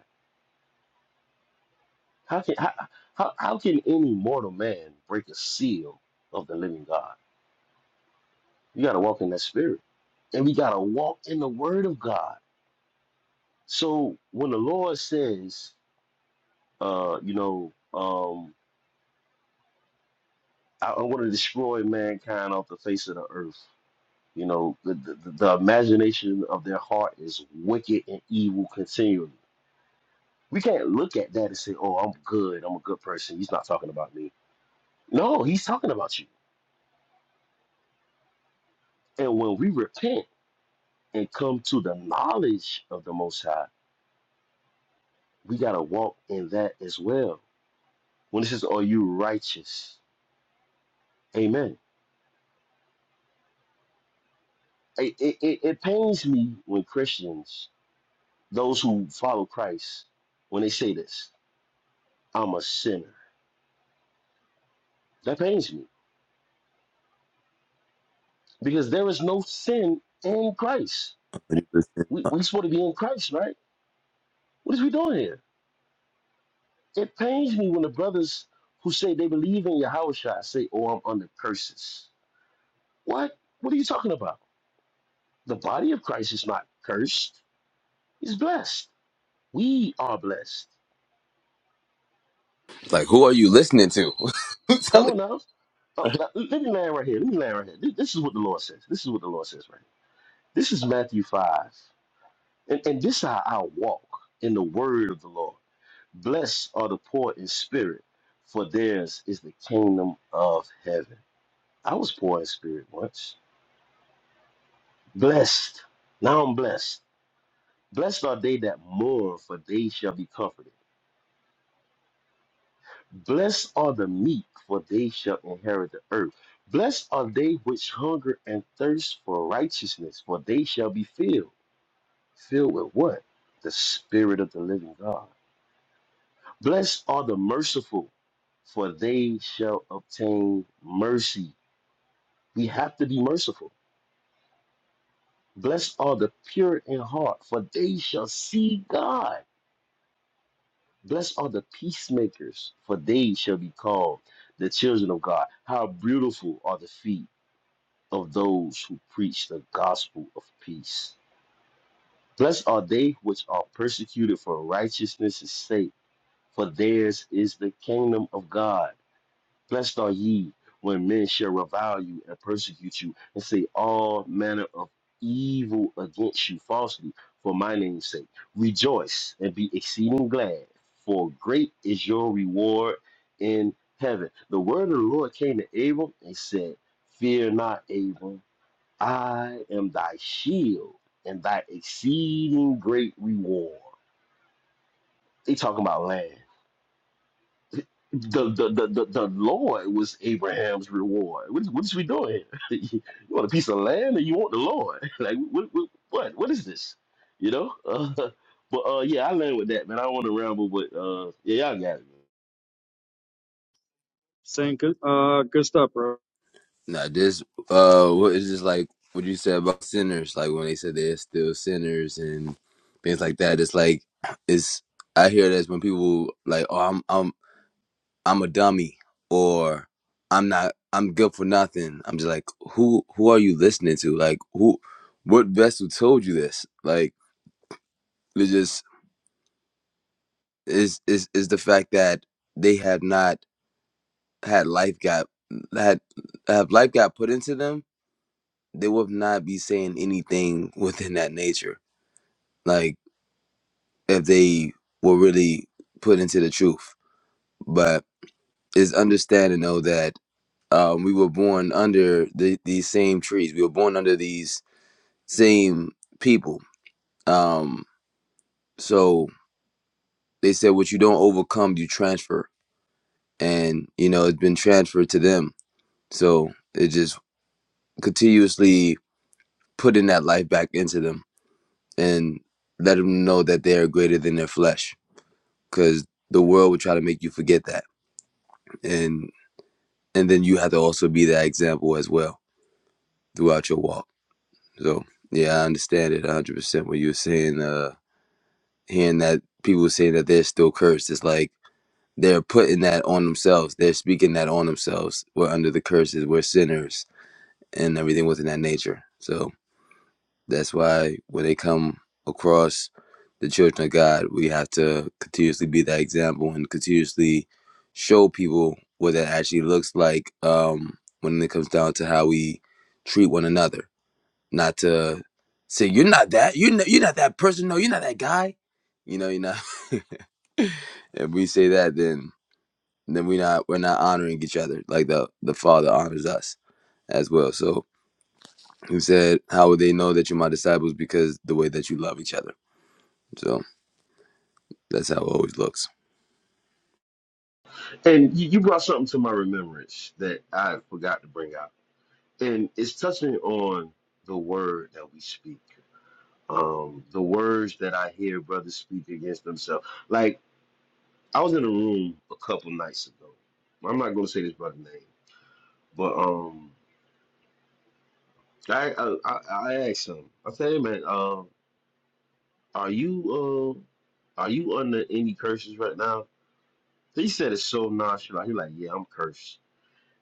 Speaker 11: How can how, how, how can any mortal man break a seal of the living God? You got to walk in that spirit. And we got to walk in the word of God. So when the Lord says, uh, you know, um, I, I want to destroy mankind off the face of the earth, you know, the, the, the imagination of their heart is wicked and evil continually. We can't look at that and say, oh, I'm good. I'm a good person. He's not talking about me. No, he's talking about you. And when we repent and come to the knowledge of the Most High, we got to walk in that as well When it says, Are you righteous? Amen. It, it, it it pains me when Christians, those who follow Christ, when they say this, I'm a sinner. That pains me because there is no sin in Christ. We, we supposed to be in Christ, right? What is we doing here? It pains me when the brothers who say they believe in Yahushua say, Oh, I'm under curses. What? What are you talking about? The body of Christ is not cursed, it's blessed. We are blessed.
Speaker 13: Like, who are you listening to? Who's
Speaker 11: Come
Speaker 13: telling?
Speaker 11: on now. Oh, let let me land right here. Let me land right here. This, this is what the Lord says. This is what the Lord says right here. This is Matthew 5. And, and this is how I walk in the word of the Lord. Blessed are the poor in spirit, for theirs is the kingdom of heaven. I was poor in spirit once. Blessed. Now I'm blessed. Blessed are they that mourn, for they shall be comforted. Blessed are the meek, for they shall inherit the earth. Blessed are they which hunger and thirst for righteousness, for they shall be filled. Filled with what? The Spirit of the living God. Blessed are the merciful, for they shall obtain mercy. We have to be merciful. Blessed are the pure in heart, for they shall see God. Blessed are the peacemakers, for they shall be called the children of God. How beautiful are the feet of those who preach the gospel of peace. Blessed are they which are persecuted for righteousness' sake, for theirs is the kingdom of God. Blessed are ye when men shall revile you and persecute you, and say all manner of evil against you falsely for my name's sake. Rejoice and be exceeding glad, for great is your reward in heaven. The word of the Lord came to Abram and said, Fear not, Abram." I am thy shield and thy exceeding great reward. They talking about land. The the, the, the the Lord was Abraham's reward. What is, what is we doing here? you want a piece of land or you want the Lord? Like what what what, what is this? You know? Uh, but uh, yeah, I land with that, man. I don't want to ramble, but uh, yeah, y'all got it.
Speaker 10: saying good, uh, good stuff, bro.
Speaker 13: Now this uh what is this like what you said about sinners, like when they said they're still sinners and things like that. It's like it's I hear this when people like, Oh, I'm I'm I'm a dummy or I'm not I'm good for nothing. I'm just like, who who are you listening to? Like who what vessel told you this? Like it's just is is is the fact that they have not had life got had have life got put into them they would not be saying anything within that nature. Like if they were really put into the truth. But it's understanding though that um, we were born under the, these same trees. We were born under these same people. Um, so they said what you don't overcome, you transfer. And you know, it's been transferred to them. So it just continuously putting that life back into them and let them know that they are greater than their flesh because the world will try to make you forget that and and then you have to also be that example as well throughout your walk so yeah i understand it 100% what you were saying uh hearing that people saying that they're still cursed it's like they're putting that on themselves they're speaking that on themselves we're under the curses we're sinners and everything within that nature so That's why when they come across the children of God, we have to continuously be that example and continuously show people what that actually looks like um, when it comes down to how we treat one another. Not to say you're not that, you're not, you're not that person. No, you're not that guy. You know, you're not. If we say that, then then we not we're not honoring each other like the the Father honors us as well. So he said, "How would they know that you're my disciples? Because the way that you love each other." So. That's how it always looks.
Speaker 11: Man. And you, you brought something to my remembrance that I forgot to bring out, and it's touching on the word that we speak. um, the words that I hear brothers speak against themselves. Like I was in a room a couple nights ago. I'm not going to say this brother's name, but um, I, I I I asked him. I said, "Hey man, um, are you uh, are you under any curses right now?" He said it's so nonchalant. He's like, "Yeah, I'm cursed."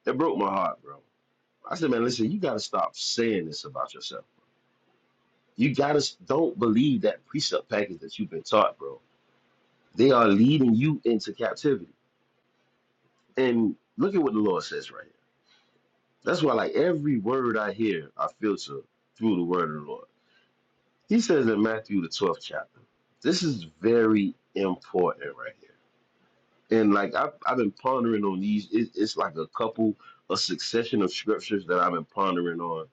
Speaker 11: That broke my heart, bro. I said, "Man, listen, you got to stop saying this about yourself. You got to don't believe that precept package that you've been taught, bro. They are leading you into captivity." And look at what the Lord says right here. That's why, like, every word I hear, I filter through the word of the Lord. He says in Matthew, the 12th chapter, this is very important right here. And, like, I've, I've been pondering on these. It, it's like a couple, a succession of scriptures that I've been pondering on.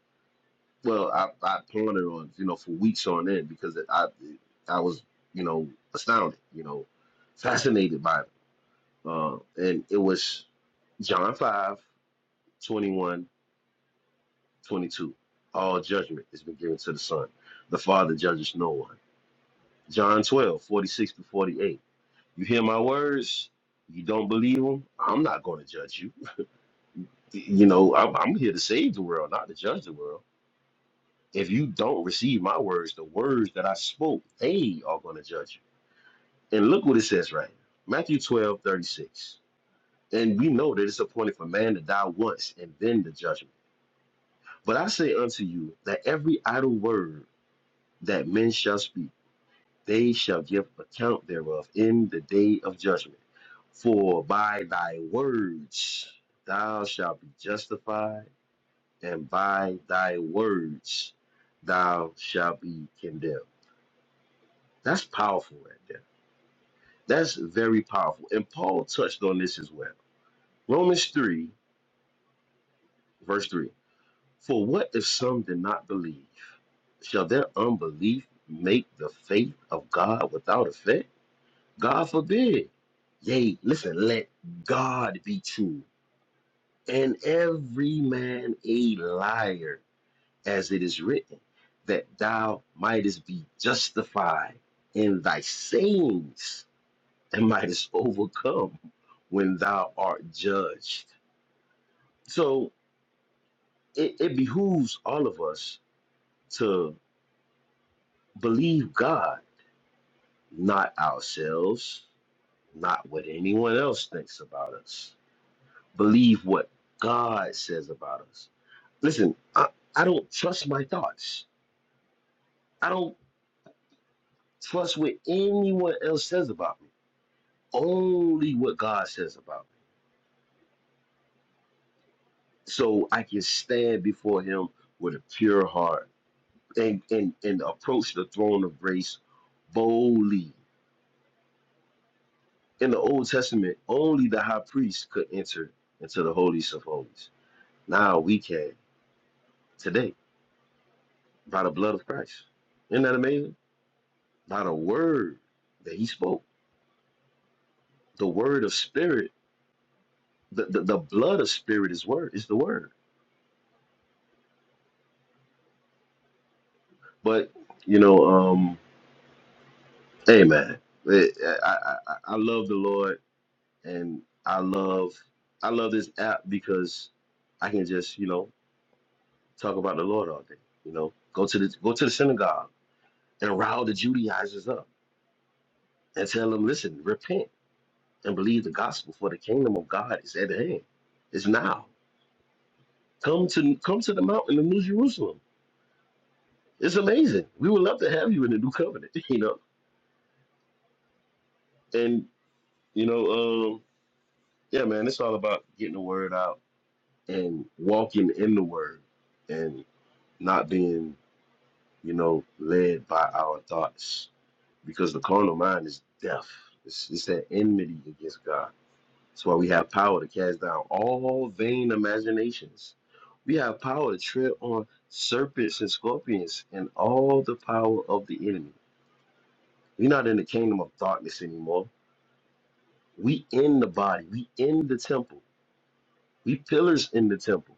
Speaker 11: Well, I, I pondered on, you know, for weeks on end because I, I was, you know, astounded, you know, fascinated by it. Uh, and it was John five twenty one. 22. All judgment has been given to the Son. The Father judges no one. John 12 46 to 48. You hear my words? You don't believe them? I'm not going to judge you. You know, I'm, I'm here to save the world, not to judge the world. If you don't receive my words, the words that I spoke, they are going to judge you. And look what it says right now Matthew 12 36. And we know that it's appointed for man to die once and then the judgment. But I say unto you that every idle word that men shall speak, They shall give account thereof in the day of judgment. For by thy words thou shalt be justified, and by thy words thou shalt be condemned. That's powerful right there. That's very powerful. And Paul touched on this as well. Romans 3, verse 3. For what if some did not believe? Shall their unbelief make the faith of God without effect? God forbid. Yea, listen, let God be true, and every man a liar, as it is written, that thou mightest be justified in thy sayings, and mightest overcome when thou art judged. So it, it behooves all of us to believe God, not ourselves, not what anyone else thinks about us Believe what God says about us. Listen, I, I don't trust my thoughts. I don't trust what anyone else says about me. Only what God says about me. So I can stand before Him with a pure heart and, and, and approach the throne of grace boldly. In the Old Testament, only the high priest could enter into the holiest of holies. Now we can today by the blood of Christ. Isn't that amazing? Not a word that he spoke. The word of spirit, the, the, the blood of spirit is word is the word. But you know, um, hey man, it- I, I I I love the Lord and I love I love this app because I can just you know talk about the Lord all day. You know, go to the go to the synagogue and rile the Judaizers up and tell them, listen, repent and believe the gospel, for the kingdom of God is at hand. It's now. Come to come to the mountain of New Jerusalem. It's amazing. We would love to have you in the new covenant, you know. And you know, um, yeah, man, it's all about getting the word out and walking in the word and not being, you know, led by our thoughts because the carnal mind is deaf. It's, it's that enmity against God. That's why we have power to cast down all vain imaginations. We have power to tread on serpents and scorpions and all the power of the enemy. We're not in the kingdom of darkness anymore We in the body. We in the temple. We pillars in the temple.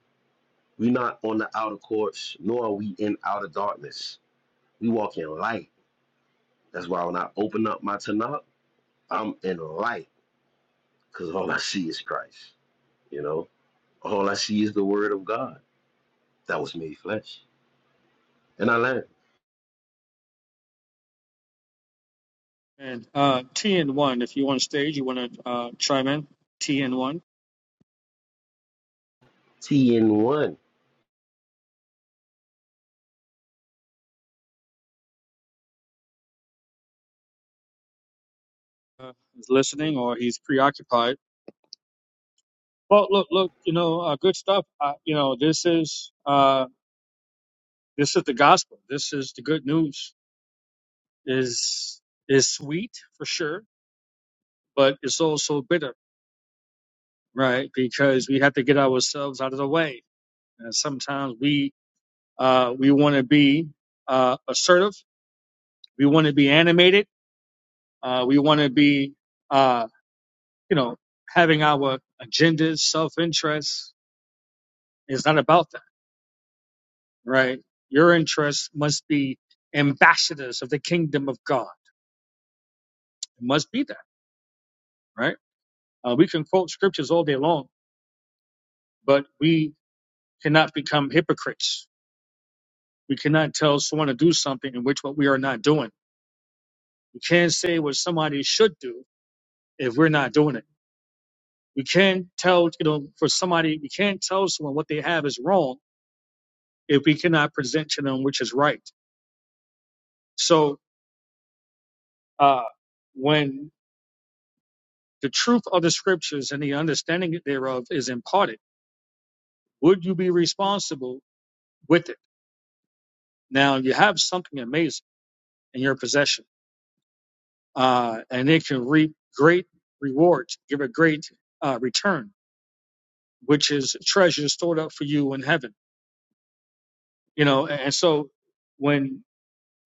Speaker 11: We not on the outer courts, nor are we in outer darkness. We walk in light. That's why when I open up my Tanakh, I'm in light, because all I see is Christ. You know, all I see is the Word of God that was made flesh. And I learned
Speaker 10: And uh, T and one, if you're on stage, you want to uh, chime in. T and one
Speaker 11: T in one.
Speaker 10: uh, is listening or he's preoccupied. Well, look, look, you know, uh, good stuff. Uh, you know, this is uh, this is the gospel. This is the good news. is is sweet for sure, but it's also bitter, right? Because we have to get ourselves out of the way. And sometimes we uh, we want to be uh, assertive. We want to be animated. Uh, we want to be uh, you know, having our agendas, self interest is not about that, right? Your interests must be ambassadors of the kingdom of God. It must be that, right? Uh, we can quote scriptures all day long, but we cannot become hypocrites. We cannot tell someone to do something in which what we are not doing. We can't say what somebody should do if we're not doing it. We can't tell, you know, for somebody, we can't tell someone what they have is wrong if we cannot present to them which is right. So uh, when the truth of the scriptures and the understanding thereof is imparted, would you be responsible with it? Now you have something amazing in your possession, uh, and it can reap great rewards, give a great uh, return, which is treasure stored up for you in heaven. You know, and so when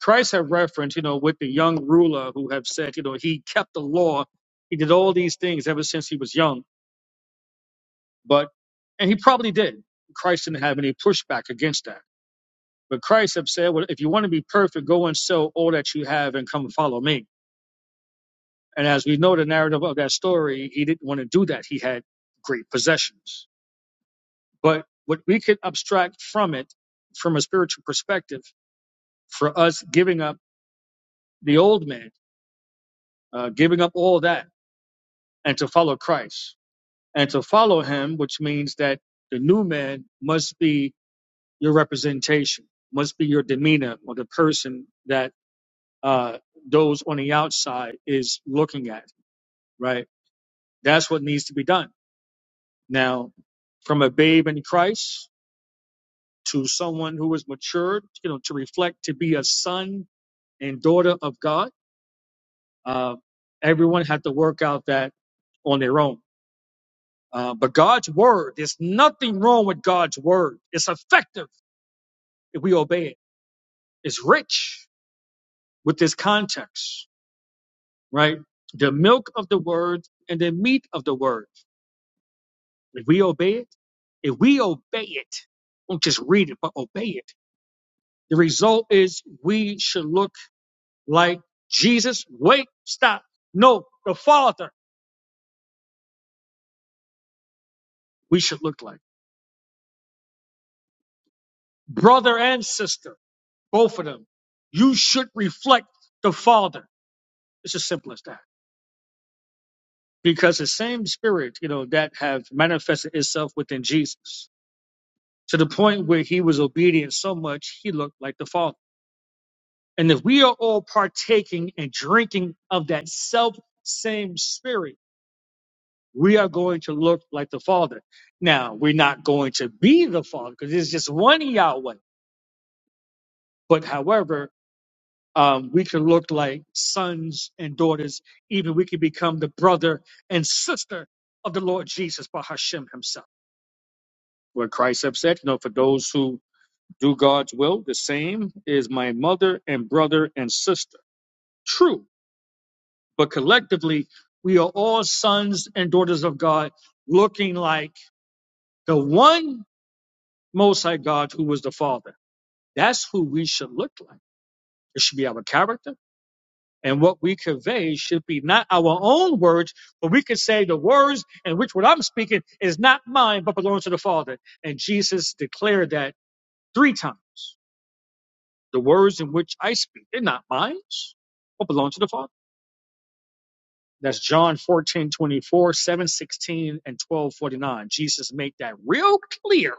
Speaker 10: Christ had referenced, you know, with the young ruler who have said, you know, he kept the law, he did all these things ever since he was young But and he probably did. Christ didn't have any pushback against that. But Christ have said, well, if you want to be perfect, go and sell all that you have and come follow me. And as we know the narrative of that story, he didn't want to do that. He had great possessions. But what we could abstract from it, from a spiritual perspective, for us giving up the old man, uh, giving up all that, and to follow Christ. And to follow him, which means that the new man must be your representation, must be your demeanor or the person that uh, those on the outside is looking at, right? That's what needs to be done. Now, from a babe in Christ to someone who is matured, you know, to reflect, to be a son and daughter of God, uh, everyone had to work out that on their own. Uh, but God's word, there's nothing wrong with God's word. It's effective if we obey it. It's rich with this context right? The milk of the word and the meat of the word. If we obey it, if we obey it, don't just read it, but obey it. The result is we should look like Jesus. Wait, stop. No, the Father we should look like. Brother and sister, both of them. You should reflect the Father. It's as simple as that. Because the same spirit, you know, that have manifested itself within Jesus to the point where he was obedient so much he looked like the Father And if we are all partaking and drinking of that self same spirit, we are going to look like the Father. Now, we're not going to be the Father because there's just one Yahweh. But however, um, we can look like sons and daughters. Even we can become the brother and sister of the Lord Jesus by Hashem himself. What Christ have said, you know, for those who do God's will, the same is my mother and brother and sister. True but collectively, we are all sons and daughters of God, looking like the one Most High God who was the Father. That's who we should look like. It should be our character. And what we convey should be not our own words, but we could say the words in which what I'm speaking is not mine, but belongs to the Father. And Jesus declared that three times. The words in which I speak, they're not mine, but belong to the Father. That's John 14 24 7 16 and twelve forty nine. Jesus made that real clear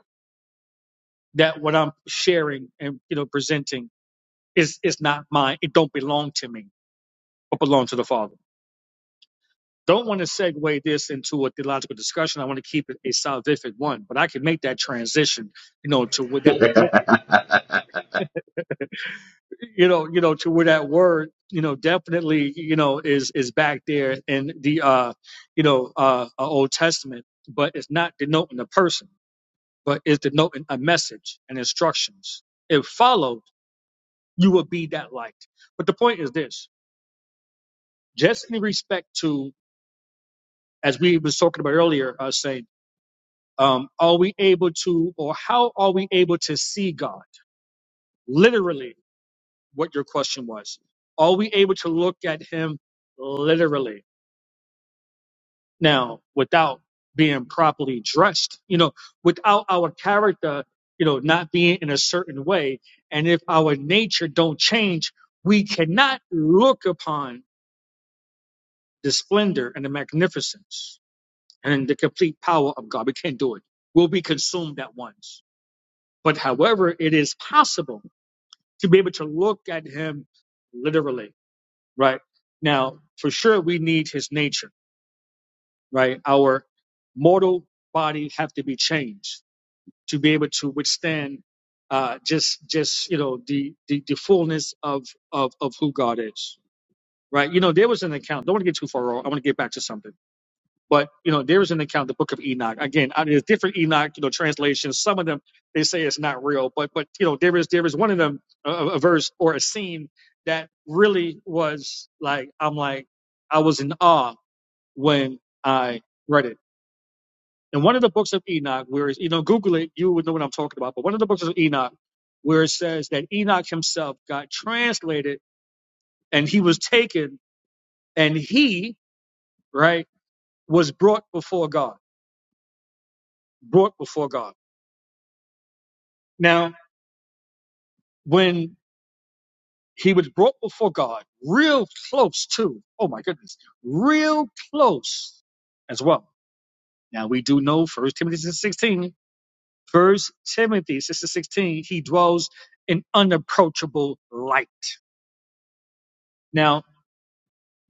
Speaker 10: that what I'm sharing and you know presenting is is not mine. It don't belong to me, but belong to the Father. Don't want to segue this into a theological discussion. I want to keep it a salvific one, but I can make that transition, you know, to where that you know, you know, to where that word, you know, definitely, you know, is is back there in the uh, you know, uh uh, Old Testament, but it's not denoting a person but is denoting a message and instructions. If followed, you will be that light. But the point is this: just in respect to, as we was talking about earlier, uh, saying, um, are we able to, or how are we able to see God? Literally, what your question was: Are we able to look at Him literally? Now, without being properly dressed, you know, without our character, you know, not being in a certain way, and if our nature don't change, we cannot look upon the splendor and the magnificence and the complete power of God. We can't do it. We'll be consumed at once. But however, it is possible to be able to look at Him literally, right? Now, for sure, we need His nature, right? Our mortal body have to be changed to be able to withstand uh, just just you know the, the the fullness of of of who God is, right? You know, there was an account. Don't want to get too far off. I want to get back to something, but you know, there was an account, the Book of Enoch. Again, I- mean, there's different Enoch, you know, translations. Some of them they say it's not real, but but you know, there is there is one of them a a verse or a scene that really was like I'm like I was in awe when I read it in one of the books of Enoch, where it's- you know, Google it, you would know what I'm talking about. But one of the books of Enoch, where it says that Enoch himself got translated and he was taken and he, right, was brought before God, brought before God. Now, when he was brought before God, real close to, oh my goodness, real close as well. Now we do know First Timothy 6, 16, First Timothy 6:16, he dwells in unapproachable light. Now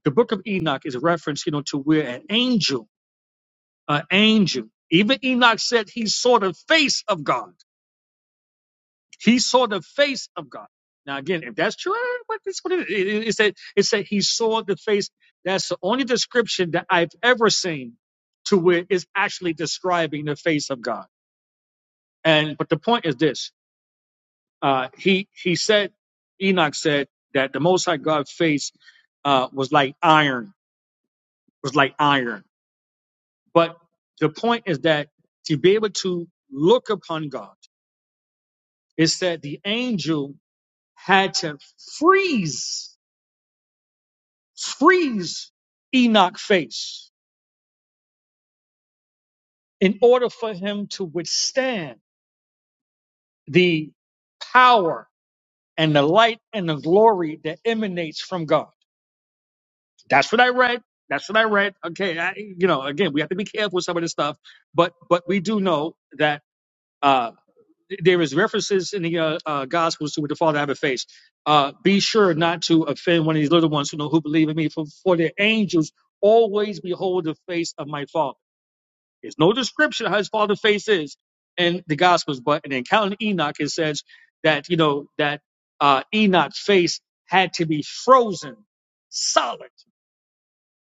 Speaker 10: the book of Enoch is a reference, you know, to where an angel, an angel, even Enoch said he saw the face of God. He saw the face of God. Now, again, if that's true, eh, what is what it, is? it, it it said it said he saw the face. That's the only description that I've ever seen to where it's actually describing the face of God. And but the point is this: uh, he he said, Enoch said that the Most High God's face uh, was like iron, was like iron But the point is that to be able to look upon God, it said the angel had to freeze, freeze Enoch's face in order for him to withstand the power and the light and the glory that emanates from God. That's what I read. That's what I read. Okay, I, you know, again, we have to be careful with some of this stuff, but but we do know that. uh, there is references in the uh, uh, Gospels to what the Father have a face. Uh, be sure not to offend one of these little ones who know who believe in me, for, for their angels always behold the face of my Father. There's no description of how his Father's face is in the Gospels, but in the account of Enoch, it says that you know that uh, Enoch's face had to be frozen solid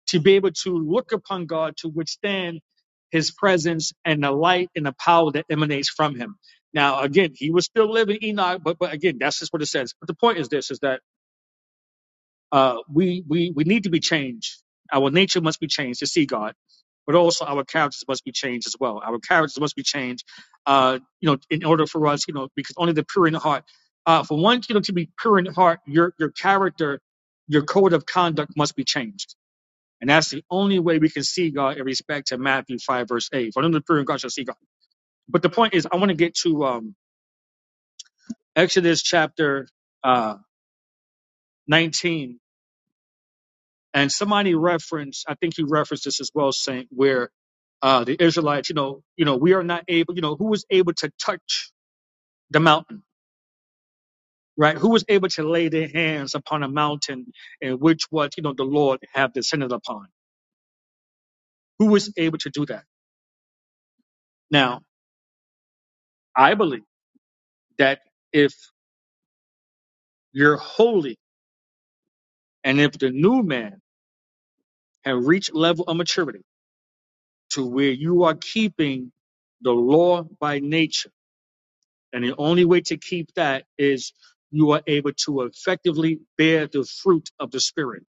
Speaker 10: to be able to look upon God to withstand his presence and the light and the power that emanates from him. Now, again, he was still living Enoch, but, but again, that's just what it says. But the point is this, is that uh, we, we, we need to be changed. Our nature must be changed to see God, but also our characters must be changed as well. Our characters must be changed, uh, you know, in order for us, you know, because only the pure in heart. Uh, for one, you know, to be pure in heart, your, your character, your code of conduct must be changed. And that's the only way we can see God in respect to Matthew 5, verse 8. For them to be pure in God shall see God but the point is, I want to get to um, Exodus chapter uh, 19, and somebody referenced, I think you referenced this as well, Saint, where uh, the Israelites, you know, you know, we are not able, you know, who was able to touch the mountain, right? Who was able to lay their hands upon a mountain in which what you know the Lord have descended upon? Who was able to do that? Now, I believe that if you're holy, and if the new man had reached level of maturity to where you are keeping the law by nature. And the only way to keep that is you are able to effectively bear the fruit of the Spirit.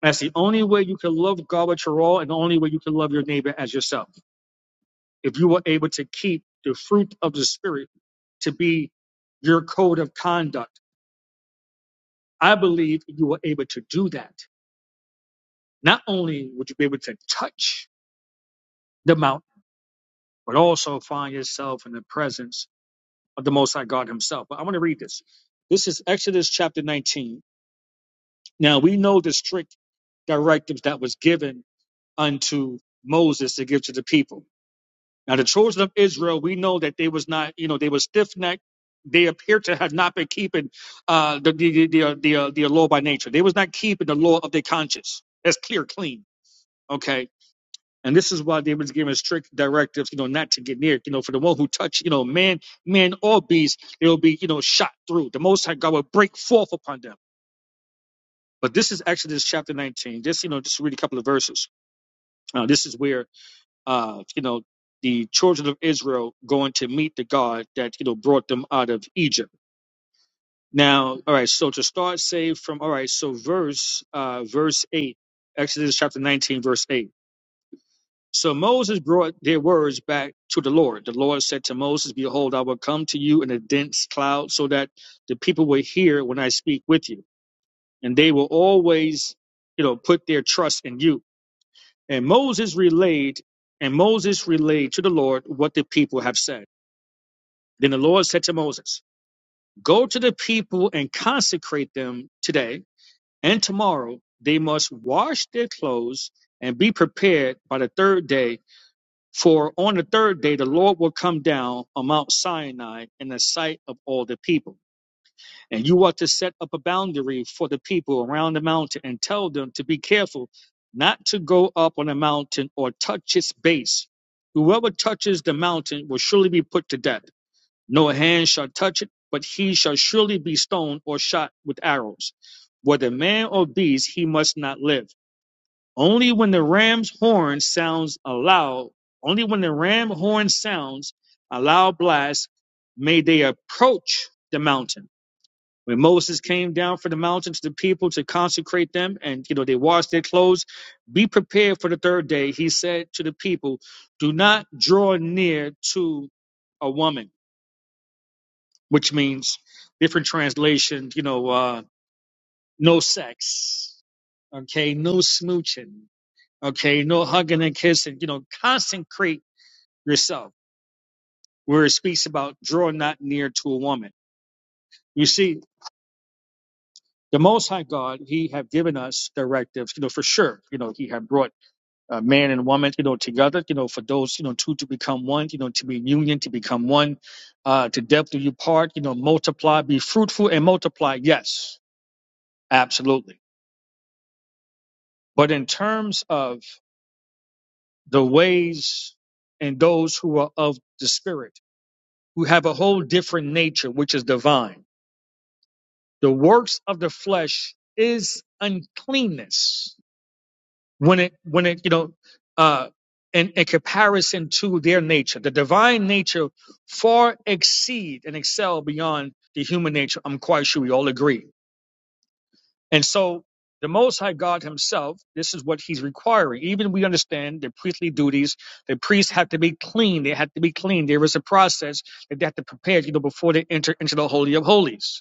Speaker 10: That's the only way you can love God with your all, and the only way you can love your neighbor as yourself. If you are able to keep the fruit of the Spirit to be your code of conduct, I believe you are able to do that. Not only would you be able to touch the mountain, but also find yourself in the presence of the Most High God Himself. But I want to read this. This is Exodus chapter 19. Now we know the strict directives that was given unto Moses to give to the people. Now the children of Israel, we know that they was not, you know, they were stiff necked. They appear to have not been keeping uh, the the the the, uh, the uh, law by nature. They was not keeping the law of their conscience. That's clear, clean. Okay and this is why David's giving strict directives, you know, not to get near. You know, for the one who touch, you know, man, man or beast, it'll be, you know, shot through. The Most High God will break forth upon them. But this is Exodus chapter 19. Just, you know, just read a couple of verses. Uh, this is where, uh, you know, the children of Israel going to meet the God that, you know, brought them out of Egypt. Now, all right, so to start, say from, all right, so verse, uh, verse 8, Exodus chapter 19, verse 8. So Moses brought their words back to the Lord. The Lord said to Moses, Behold, I will come to you in a dense cloud so that the people will hear when I speak with you. And they will always, you know, put their trust in you. And Moses relayed, and Moses relayed to the Lord what the people have said. Then the Lord said to Moses, Go to the people and consecrate them today and tomorrow. They must wash their clothes and be prepared by the third day For on the third day the Lord will come down on Mount Sinai in the sight of all the people. And you are to set up a boundary for the people around the mountain and tell them to be careful not to go up on the mountain or touch its base. Whoever touches the mountain will surely be put to death. No hand shall touch it, but he shall surely be stoned or shot with arrows. Whether man or beast, he must not live. Only when the ram's horn sounds a loud, only when the ram horn sounds a loud blast, may they approach the mountain. When Moses came down from the mountain to the people to consecrate them, and you know they washed their clothes, be prepared for the third day. He said to the people, "Do not draw near to a woman," which means different translation. You know, uh, no sex. Okay, no smooching. Okay, no hugging and kissing. You know, consecrate yourself. Where it speaks about draw not near to a woman. You see, the Most High God, He have given us directives. You know, for sure. You know, He have brought uh, man and woman. You know, together. You know, for those you know two to become one. You know, to be in union, to become one. Uh, to depth do you part. You know, multiply, be fruitful and multiply. Yes, absolutely. But in terms of the ways and those who are of the Spirit who have a whole different nature, which is divine. The works of the flesh is uncleanness when it when it you know uh in, in comparison to their nature. The divine nature far exceed and excel beyond the human nature. I'm quite sure we all agree. And so the Most High God Himself, this is what He's requiring. Even we understand the priestly duties. The priests have to be clean. They have to be clean. There is a process that they have to prepare, you know, before they enter into the Holy of Holies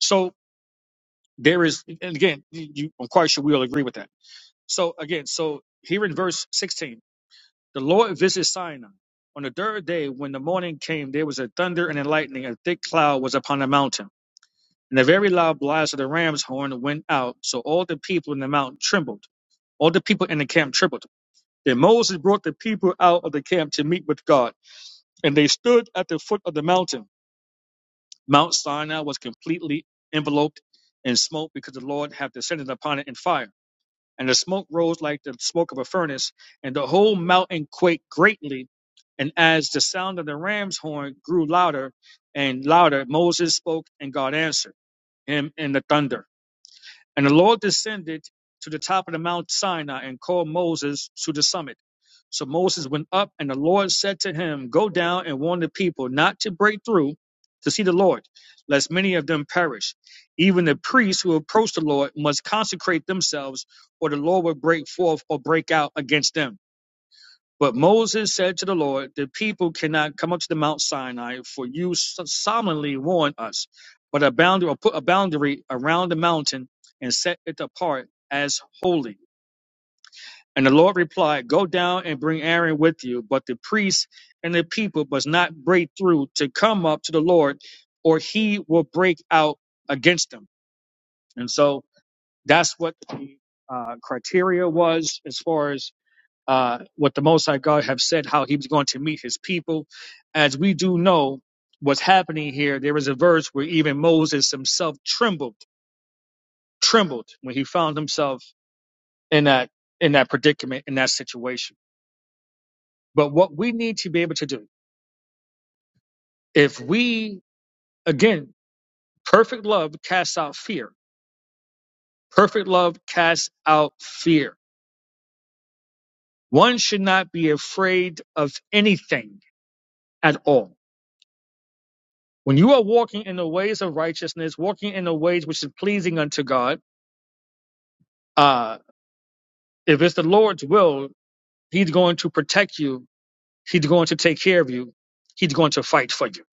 Speaker 10: So there is, and again, you, I'm quite sure we all agree with that. So again, so here in verse 16, the Lord visited Sinai. On the third day, when the morning came, there was a thunder and a lightning, a thick cloud was upon the mountain. And a very loud blast of the ram's horn went out, so all the people in the mountain trembled. All the people in the camp trembled. Then Moses brought the people out of the camp to meet with God, and they stood at the foot of the mountain. Mount Sinai was completely enveloped in smoke because the Lord had descended upon it in fire. and the smoke rose like the smoke of a furnace, and the whole mountain quaked greatly. And as the sound of the ram's horn grew louder and louder, Moses spoke, and God answered him in the thunder. And the Lord descended to the top of the Mount Sinai and called Moses to the summit. So Moses went up, and the Lord said to him, Go down and warn the people not to break through to see the Lord, lest many of them perish. Even the priests who approach the Lord must consecrate themselves, or the Lord will break forth or break out against them. But Moses said to the Lord, The people cannot come up to the Mount Sinai, for you so- solemnly warned us. But a boundary or put a boundary around the mountain and set it apart as holy. And the Lord replied, Go down and bring Aaron with you, but the priests and the people must not break through to come up to the Lord, or he will break out against them. And so that's what the uh, criteria was as far as uh, what the Most High God have said, how He was going to meet His people. As we do know what's happening here, there is a verse where even Moses himself trembled, trembled when he found himself in that in that predicament, in that situation. But what we need to be able to do, if we again, perfect love casts out fear. Perfect love casts out fear. One should not be afraid of anything at all When you are walking in the ways of righteousness, walking in the ways which is pleasing unto God, uh, if it's the Lord's will, He's going to protect you. He's going to take care of you. He's going to fight for you.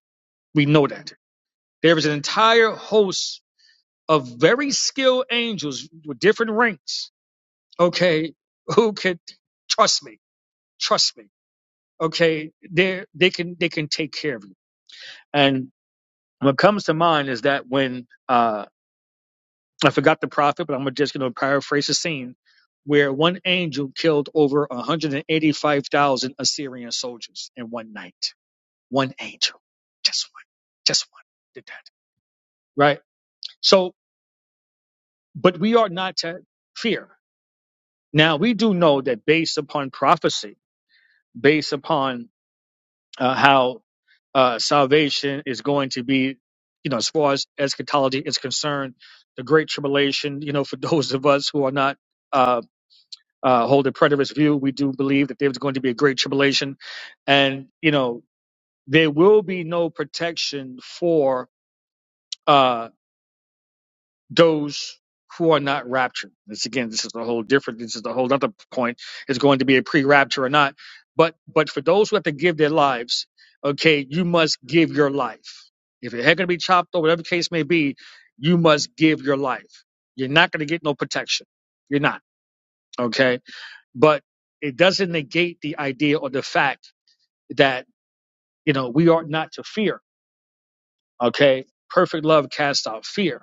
Speaker 10: We know that. There is an entire host of very skilled angels with different ranks, okay, who could trust me, trust me, okay, they they can they can take care of you. And what comes to mind is that when uh I forgot the prophet, but I'm just going to paraphrase the scene where one angel killed over 185,000 Assyrian soldiers in one night. One angel. Just one. Just one did that. Right? So, but we are not to fear. Now, we do know that based upon prophecy, based upon uh, how uh, salvation is going to be, you know, as far as eschatology is concerned, the Great Tribulation, you know, for those of us who are not. uh, uh, hold a preterist view. We do believe that there's going to be a great tribulation, and you know there will be no protection for uh, those who are not raptured. This again, this is a whole different. This is a whole other point. Is going to be a pre-rapture or not, but but for those who have to give their lives, okay, you must give your life. If your head going to be chopped or whatever the case may be, you must give your life. You're not going to get no protection. You're not. Okay but it doesn't negate the idea or the fact that you know we ought not to fear okay perfect love casts out fear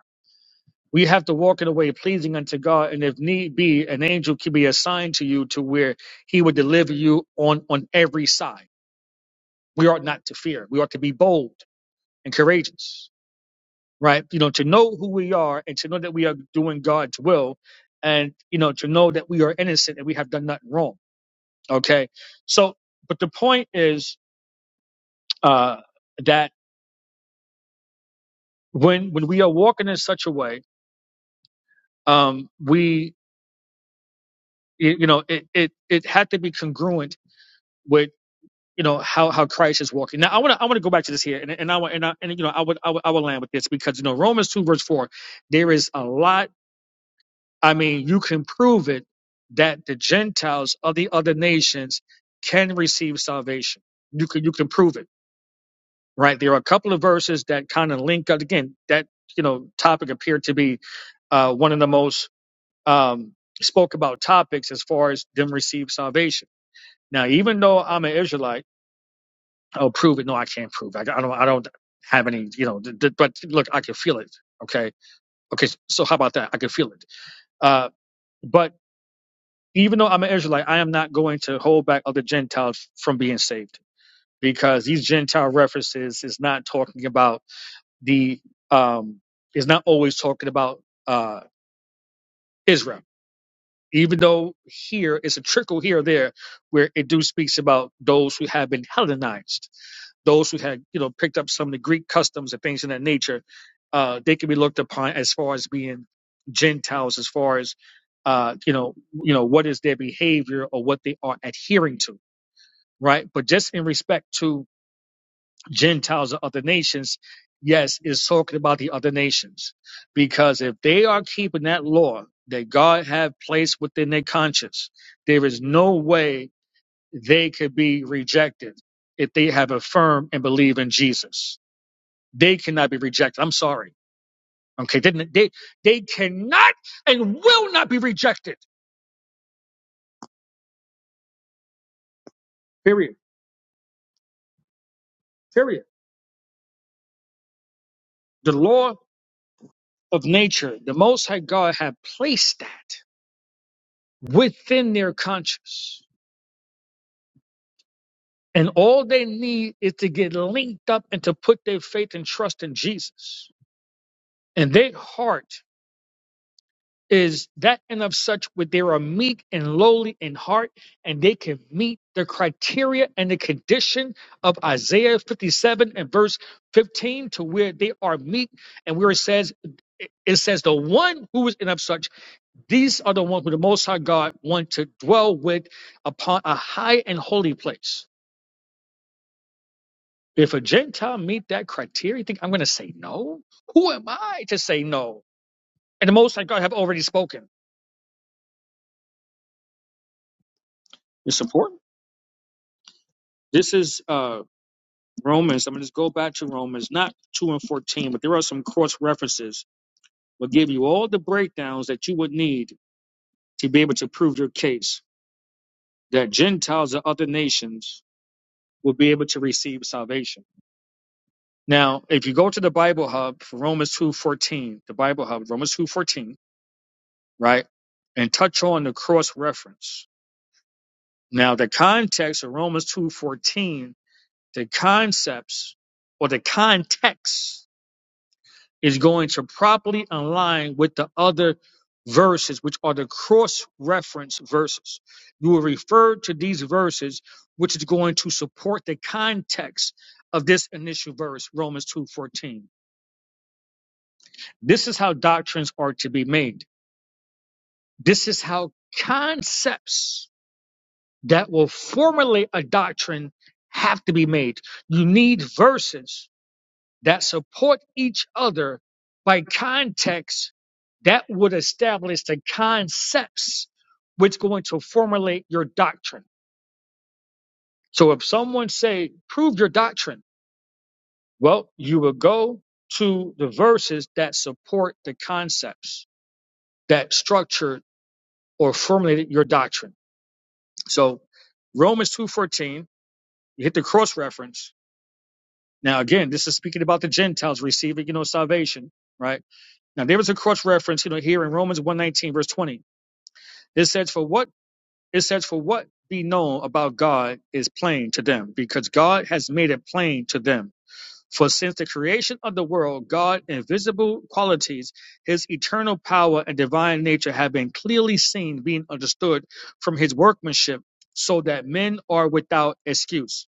Speaker 10: we have to walk in a way pleasing unto god and if need be an angel can be assigned to you to where he would deliver you on on every side we ought not to fear we ought to be bold and courageous right you know to know who we are and to know that we are doing god's will and you know to know that we are innocent and we have done nothing wrong okay so but the point is uh, that when when we are walking in such a way, um, we y- you know it it it had to be congruent with you know how how Christ is walking. Now I want to I want to go back to this here, and and I want and I, and you know I would, I would I would land with this because you know Romans two verse four, there is a lot. I mean, you can prove it that the Gentiles of the other nations can receive salvation. You can you can prove it, right? There are a couple of verses that kind of link up. Again, that you know topic appeared to be uh, one of the most um, spoke about topics as far as them receive salvation. Now, even though I'm an Israelite, I'll prove it. No, I can't prove. It. I, don't. I don't have any. You know, th- th- but look, I can feel it. Okay. Okay. So how about that? I can feel it. Uh, but even though I'm an Israelite, I am not going to hold back other Gentiles from being saved because these Gentile references is not talking about the. Um, is not always talking about uh, Israel even though here it's a trickle here or there where it do speaks about those who have been Hellenized, those who had you know picked up some of the Greek customs and things in that nature, uh, they can be looked upon as far as being Gentiles, as far as uh, you know, you know what is their behavior or what they are adhering to, right? But just in respect to Gentiles or other nations, yes, is talking about the other nations. Because if they are keeping that law that God had placed within their conscience, there is no way they could be rejected if they have affirmed and believe in Jesus. They cannot be rejected. I'm sorry. Okay. They, they, they cannot and will not be rejected. Period. Period. The law of nature, the Most High God had placed that within their conscience And all they need is to get linked up and to put their faith and trust in Jesus. And their heart is that and of such where they are meek and lowly in heart, and they can meet the criteria and the condition of Isaiah 57 and verse 15 to where they are meek and where it says, it says the one who is in of such, these are the ones who the Most High God want to dwell with upon a high and holy place. If a Gentile meet that criteria, you think I'm going to say no? Who am I to say no? And the Most High God have already spoken. It's important. This is uh, Romans. I'm going to just go back to Romans, not 2 and 14, but there are some cross references. we Will give you all the breakdowns that you would need to be able to prove your case that Gentiles of other nations will be able to receive salvation. Now, if you go to the Bible Hub, for Romans 2:14, the Bible Hub, Romans 2:14, right, and touch on the cross reference, Now, the context of Romans 2.14, the concepts or the context is going to properly align with the other verses, which are the cross-reference verses. You will refer to these verses, which is going to support the context of this initial verse, Romans 2.14. This is how doctrines are to be made. This is how concepts that will formulate a doctrine have to be made. You need verses that support each other by context that would establish the concepts which are going to formulate your doctrine. So if someone say, prove your doctrine, well, you will go to the verses that support the concepts that structured or formulated your doctrine. So Romans 2.14, you hit the cross reference Now, again, this is speaking about the Gentiles receiving, you know, salvation, right? Now, there is a cross reference, you know, here in Romans 119, verse 20. It says, for what, it says, for what be known about God is plain to them because God has made it plain to them. For since the creation of the world, God' invisible qualities, his eternal power and divine nature have been clearly seen, being understood from his workmanship so that men are without excuse.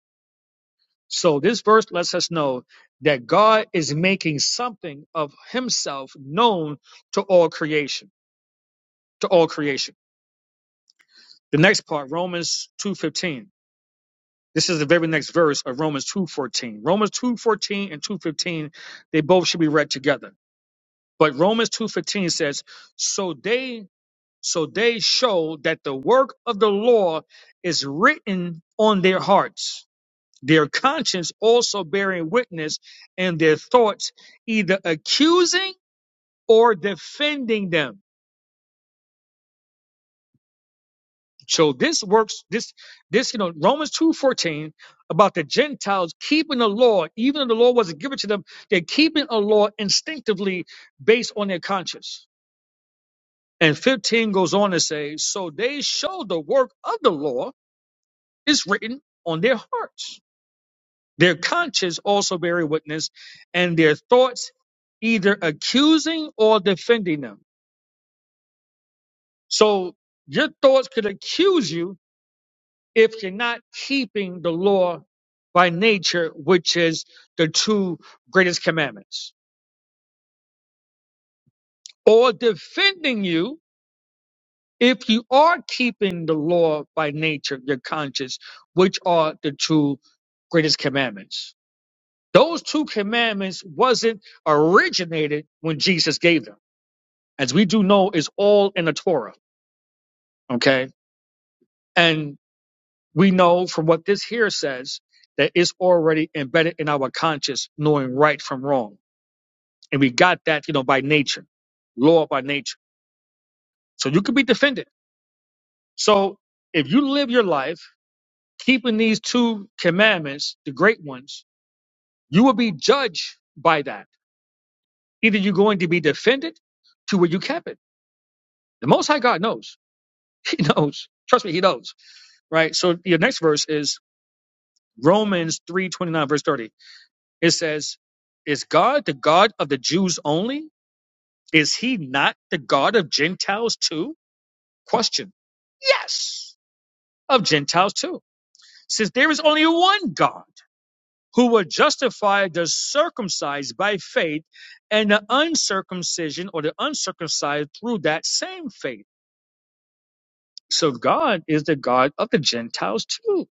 Speaker 10: So this verse lets us know that God is making something of himself known to all creation, to all creation. The next part, Romans 2:15. This is the very next verse of Romans 2:14. Romans 2:14 and 2:15, they both should be read together. But Romans 2:15 says, "So they so they show that the work of the law is written on their hearts." their conscience also bearing witness and their thoughts either accusing or defending them so this works this this you know romans 2.14 about the gentiles keeping the law even though the law wasn't given to them they're keeping a law instinctively based on their conscience and 15 goes on to say so they show the work of the law is written on their hearts their conscience also bearing witness and their thoughts either accusing or defending them. So your thoughts could accuse you if you're not keeping the law by nature, which is the two greatest commandments, or defending you if you are keeping the law by nature, your conscience, which are the two greatest commandments. Those two commandments wasn't originated when Jesus gave them. As we do know, is all in the Torah. Okay. and. We know from what this here says that it's already embedded in our conscious knowing right from wrong. And we got that, you know, by nature, law by nature. So you can be defended. So if you live your life keeping these two commandments, the great ones, you will be judged by that. Either you're going to be defended to where you kept it. The Most High God knows. He knows. Trust me, He knows. Right. So your next verse is Romans three twenty nine verse thirty. It says, Is God the God of the Jews only? Is he not the God of Gentiles too? Question. Yes, of Gentiles too. Since there is only one God who will justify the circumcised by faith and the uncircumcision or the uncircumcised through that same faith. So God is the God of the Gentiles too.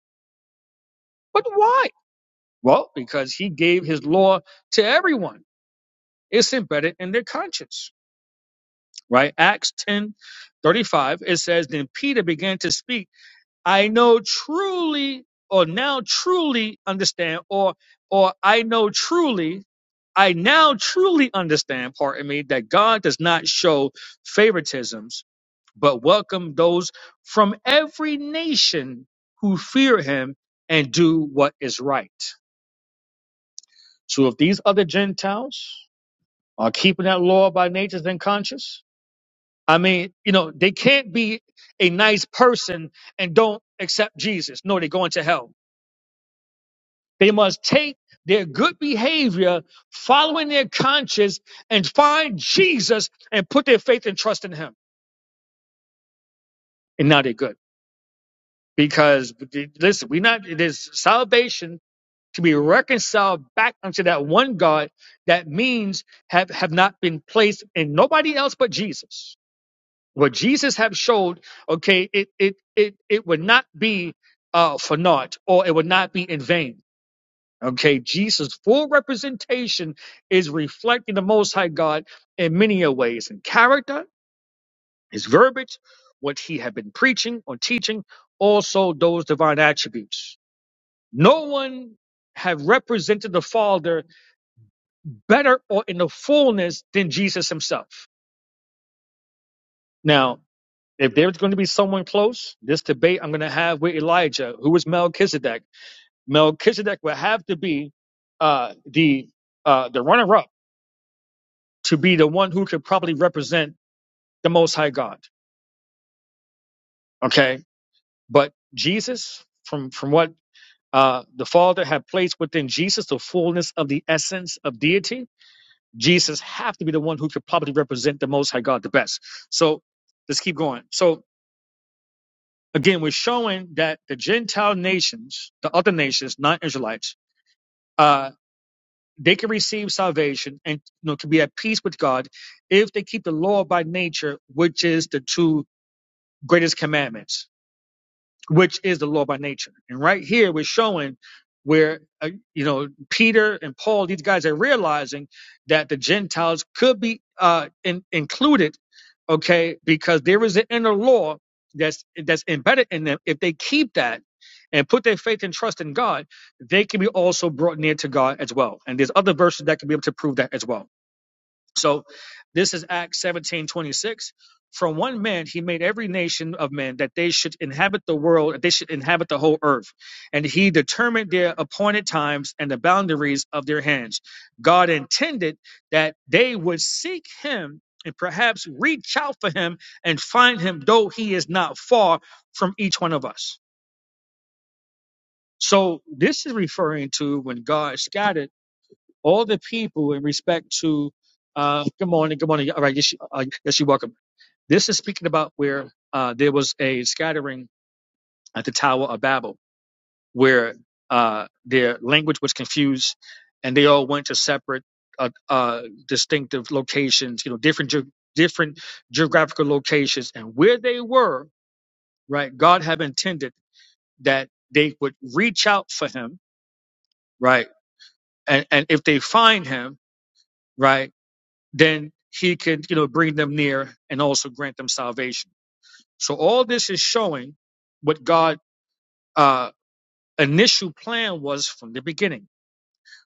Speaker 10: But why? Well, because he gave his law to everyone. It's embedded in their conscience. right? Acts 10 35. it says, Then Peter began to speak, I know truly, or now truly understand, or or I know truly, I now truly understand, pardon me, that God does not show favoritisms, but welcome those from every nation who fear him and do what is right. So if these other Gentiles are keeping that law by nature and conscience, I mean, you know, they can't be a nice person and don't accept Jesus. No, they're going to hell. They must take their good behavior, following their conscience, and find Jesus and put their faith and trust in Him. And now they're good. Because listen, we not it is salvation to be reconciled back unto that one God that means have, have not been placed in nobody else but Jesus. What Jesus have showed, okay, it it it it would not be uh, for naught, or it would not be in vain. Okay, Jesus' full representation is reflecting the Most High God in many a ways, in character, his verbiage, what he had been preaching or teaching, also those divine attributes. No one have represented the Father better or in the fullness than Jesus himself. Now, If there's going to be someone close, this debate I'm going to have with Elijah, who is Melchizedek, Melchizedek will have to be uh, the uh, the runner-up to be the one who could probably represent the Most High God. Okay, but Jesus, from from what uh, the Father had placed within Jesus, the fullness of the essence of deity, Jesus have to be the one who could probably represent the Most High God the best. So let's keep going. So Again, we're showing that the Gentile nations, the other nations, non-Israelites, uh, they can receive salvation and you know can be at peace with God if they keep the law by nature, which is the two greatest commandments, which is the law by nature. And right here, we're showing where uh, you know Peter and Paul, these guys are realizing that the Gentiles could be uh, in, included okay? Because there is an inner law that's that's embedded in them. If they keep that and put their faith and trust in God, they can be also brought near to God as well. And there's other verses that can be able to prove that as well. So this is Acts 17 26. From one man he made every nation of men that they should inhabit the world, that they should inhabit the whole earth. And he determined their appointed times and the boundaries of their hands. God intended that they would seek him and perhaps reach out for him and find him, though he is not far from each one of us. So this is referring to when God scattered all the people in respect to uh, good morning, good morning. All right, yes, you- uh, yes, you're welcome. This is speaking about where uh, there was a scattering at the Tower of Babel, where uh, their language was confused, and they all went to separate, uh, uh, distinctive locations. You know, different ge- different geographical locations, and where they were, right? God had intended that they would reach out for Him, right? And and if they find Him, right? then he can, you know, bring them near and also grant them salvation. So all this is showing what God's uh, initial plan was from the beginning,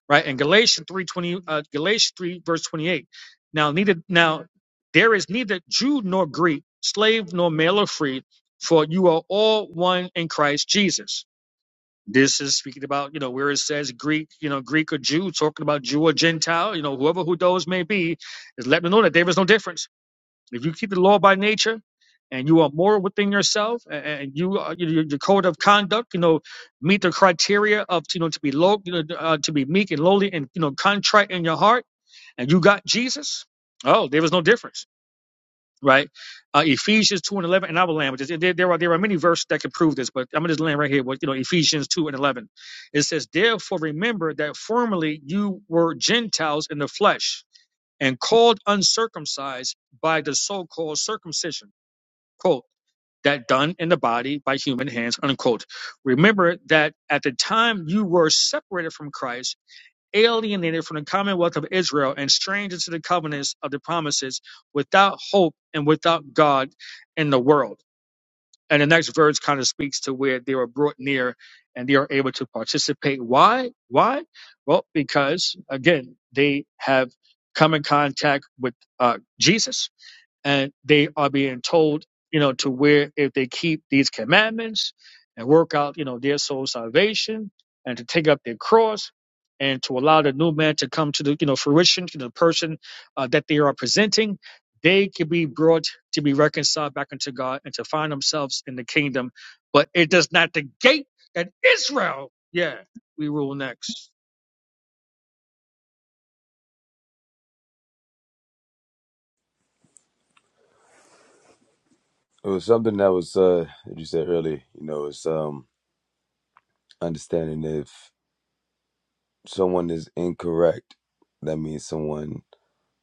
Speaker 10: right? In Galatians three twenty, uh, Galatians three verse twenty eight. Now neither now there is neither Jew nor Greek, slave nor male or free, for you are all one in Christ Jesus. This is speaking about, you know, where it says Greek, you know, Greek or Jew, talking about Jew or Gentile, you know, whoever who those may be, is letting them know that there is no difference If you keep the law by nature and you are moral within yourself and and you are, your, your code of conduct, you know, meet the criteria of, you know, to be low, you know, uh, to be meek and lowly and, you know, contrite in your heart and you got Jesus. Oh, there was no difference. Right. Uh, Ephesians 2 and 11 and I will land with this. There, there are, there are many verses that can prove this, but I'm going to just land right here with, you know, Ephesians 2 and 11. It says, therefore remember that formerly you were Gentiles in the flesh and called uncircumcised by the so-called circumcision, quote, that done in the body by human hands, unquote. Remember that at the time you were separated from Christ, alienated from the commonwealth of Israel, and strangers to the covenants of the promises, without hope and without God in the world. And the next verse kind of speaks to where they were brought near and they are able to participate. Why? Why? Well, because again, they have come in contact with uh, Jesus and they are being told, you know, to where if they keep these commandments and work out, you know, their soul salvation and to take up their cross and to allow the new man to come to the, you know, fruition to the person uh, that they are presenting, they can be brought to be reconciled back unto God and to find themselves in the kingdom. But it does not negate that Israel, yeah, we rule next.
Speaker 13: It was something that was uh that you said earlier, you know, it's um understanding if someone is incorrect, that means someone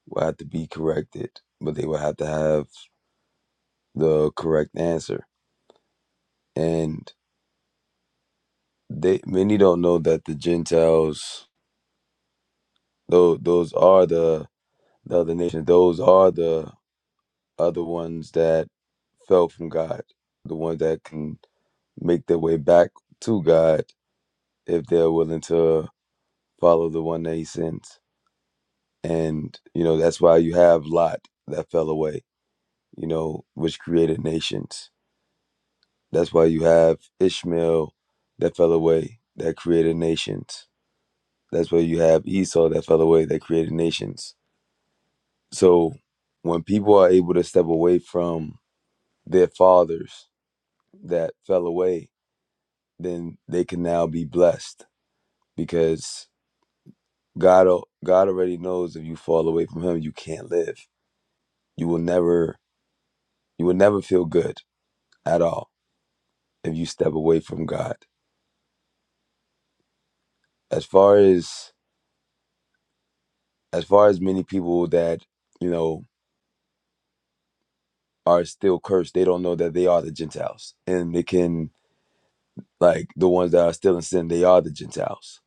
Speaker 13: will have to be corrected, but they will have to have the correct answer. And they many don't know that the Gentiles those those are the the other nations, those are the other ones that fell from God, the ones that can make their way back to God if they're willing to follow the one that he sends. And, you know, that's why you have Lot that fell away, you know, which created nations. That's why you have Ishmael that fell away, that created nations. That's why you have Esau that fell away, that created nations. So when people are able to step away from their fathers that fell away, then they can now be blessed because God, God already knows if you fall away from Him, you can't live. You will never You will never feel good at all if you step away from God. As far as as far as many people that, you know, are still cursed, they don't know that they are the Gentiles. And they can like the ones that are still in sin, they are the Gentiles.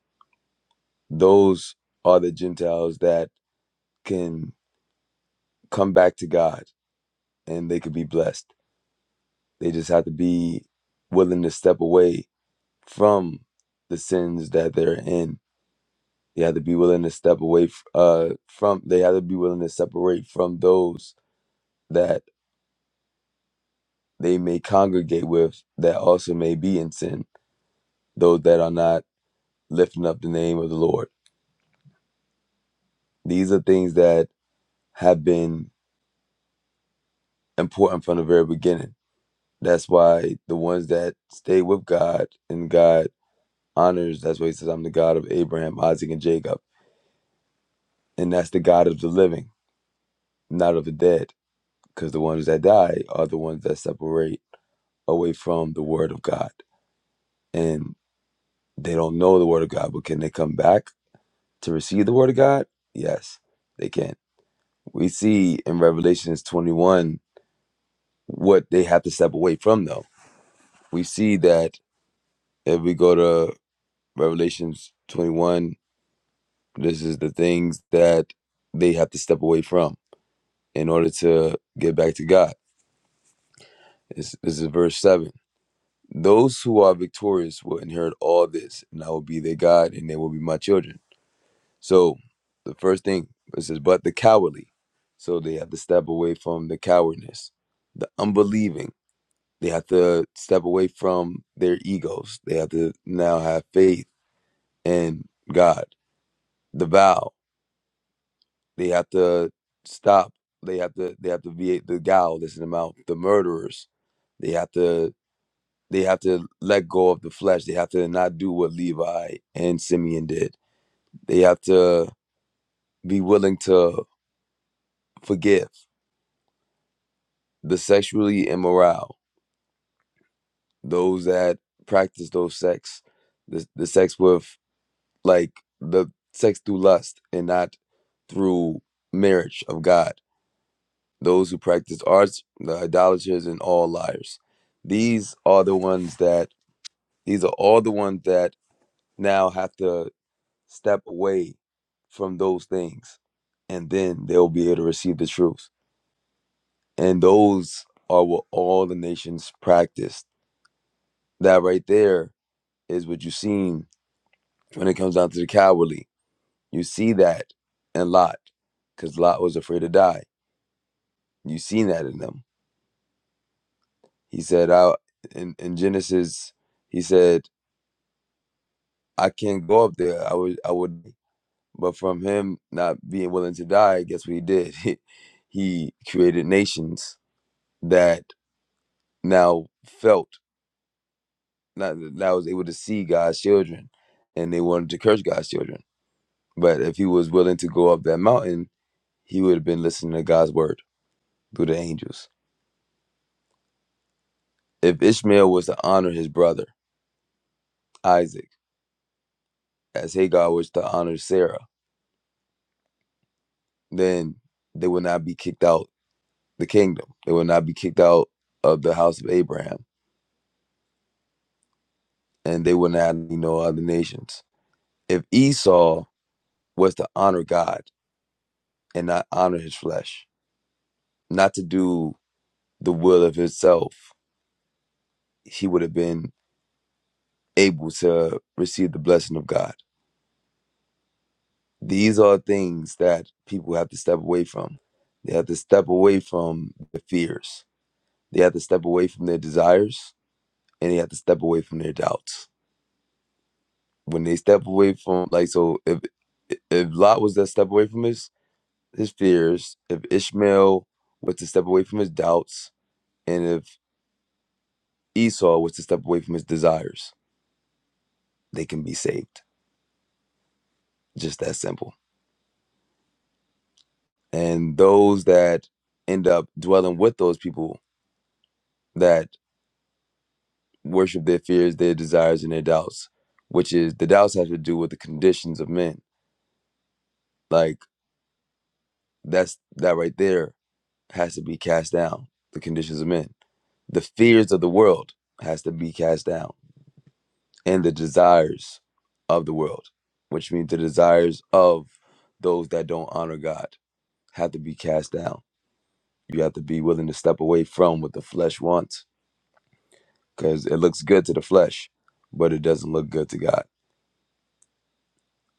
Speaker 13: Those are the Gentiles that can come back to God and they could be blessed. They just have to be willing to step away from the sins that they're in They had to be willing to step away f- uh, from. They had to be willing to separate from those that they may congregate with, that also may be in sin. Those that are not lifting up the name of the Lord. These are things that have been important from the very beginning. That's why the ones that stay with God and God honors. That's why He says, "I'm the God of Abraham, Isaac, and Jacob," and that's the God of the living, not of the dead, because the ones that die are the ones that separate away from the Word of God. and they don't know the word of God, but can they come back to receive the word of God? Yes, they can. We see in Revelations 21 what they have to step away from, though. We see that if we go to Revelations 21, this is the things that they have to step away from in order to get back to God. This, this is verse 7. Those who are victorious will inherit all this, and I will be their God, and they will be my children. So the first thing it says, but the cowardly. So they have to step away from the cowardness, the unbelieving. They have to step away from their egos. They have to now have faith in God. The vow. They have to stop. They have to they have to be the gal that's in the mouth. The murderers. They have to they have to let go of the flesh. They have to not do what Levi and Simeon did. They have to be willing to forgive the sexually immoral, those that practice those sex, the, the sex with like the sex through lust and not through marriage of God, those who practice arts, the idolaters, and all liars. These are the ones that, these are all the ones that now have to step away from those things and then they'll be able to receive the truth. And those are what all the nations practice. That right there is what you seen when it comes down to the cowardly. You see that in Lot, because Lot was afraid to die. You seen that in them. He said, "I in, in Genesis, he said, I can't go up there. I would, I would." But from him not being willing to die, guess what he did? He, he created nations that now felt not that was able to see God's children, and they wanted to curse God's children. But if he was willing to go up that mountain, he would have been listening to God's word. through the angels. If Ishmael was to honor his brother, Isaac, as Hagar was to honor Sarah, then they would not be kicked out the kingdom. They would not be kicked out of the house of Abraham, and they would not be no other nations. If Esau was to honor God and not honor his flesh, not to do the will of himself, he would have been able to receive the blessing of God. These are things that people have to step away from. They have to step away from their fears. They have to step away from their desires and they have to step away from their doubts. When they step away from like so if if Lot was to step away from his his fears, if Ishmael was to step away from his doubts, and if Esau was to step away from his desires, they can be saved. Just that simple. And those that end up dwelling with those people that. worship their fears, their desires, and their doubts, which is the doubts have to do with the conditions of men. Like that's that right there has to be cast down. The conditions of men, the fears of the world has to be cast down, and the desires of the world, which means the desires of those that don't honor God, have to be cast down. You have to be willing to step away from what the flesh wants, because it looks good to the flesh, but it doesn't look good to God.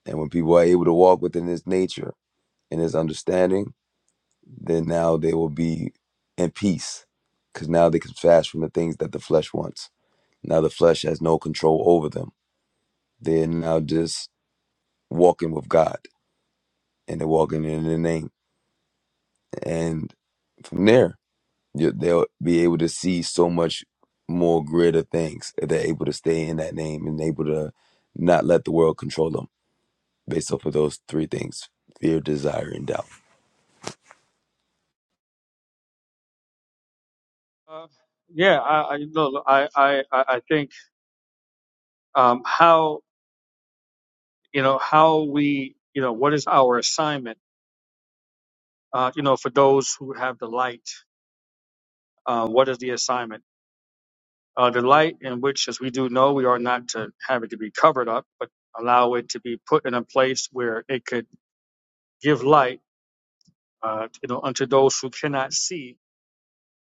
Speaker 13: And when people are able to walk within this nature and his understanding, then now they will be in peace because now they can fast from the things that the flesh wants. Now the flesh has no control over them. They're now just walking with God and they're walking in the name. And from there, you- they'll be able to see so much more greater things if they're able to stay in that name and able to not let the world control them based off of those three things fear, desire, and doubt.
Speaker 10: Uh, yeah, I, I, no, I, I, I I think um, how you know how we you know what is our assignment uh, you know for those who have the light uh, what is the assignment uh, the light in which as we do know we are not to have it to be covered up but allow it to be put in a place where it could give light uh, you know unto those who cannot see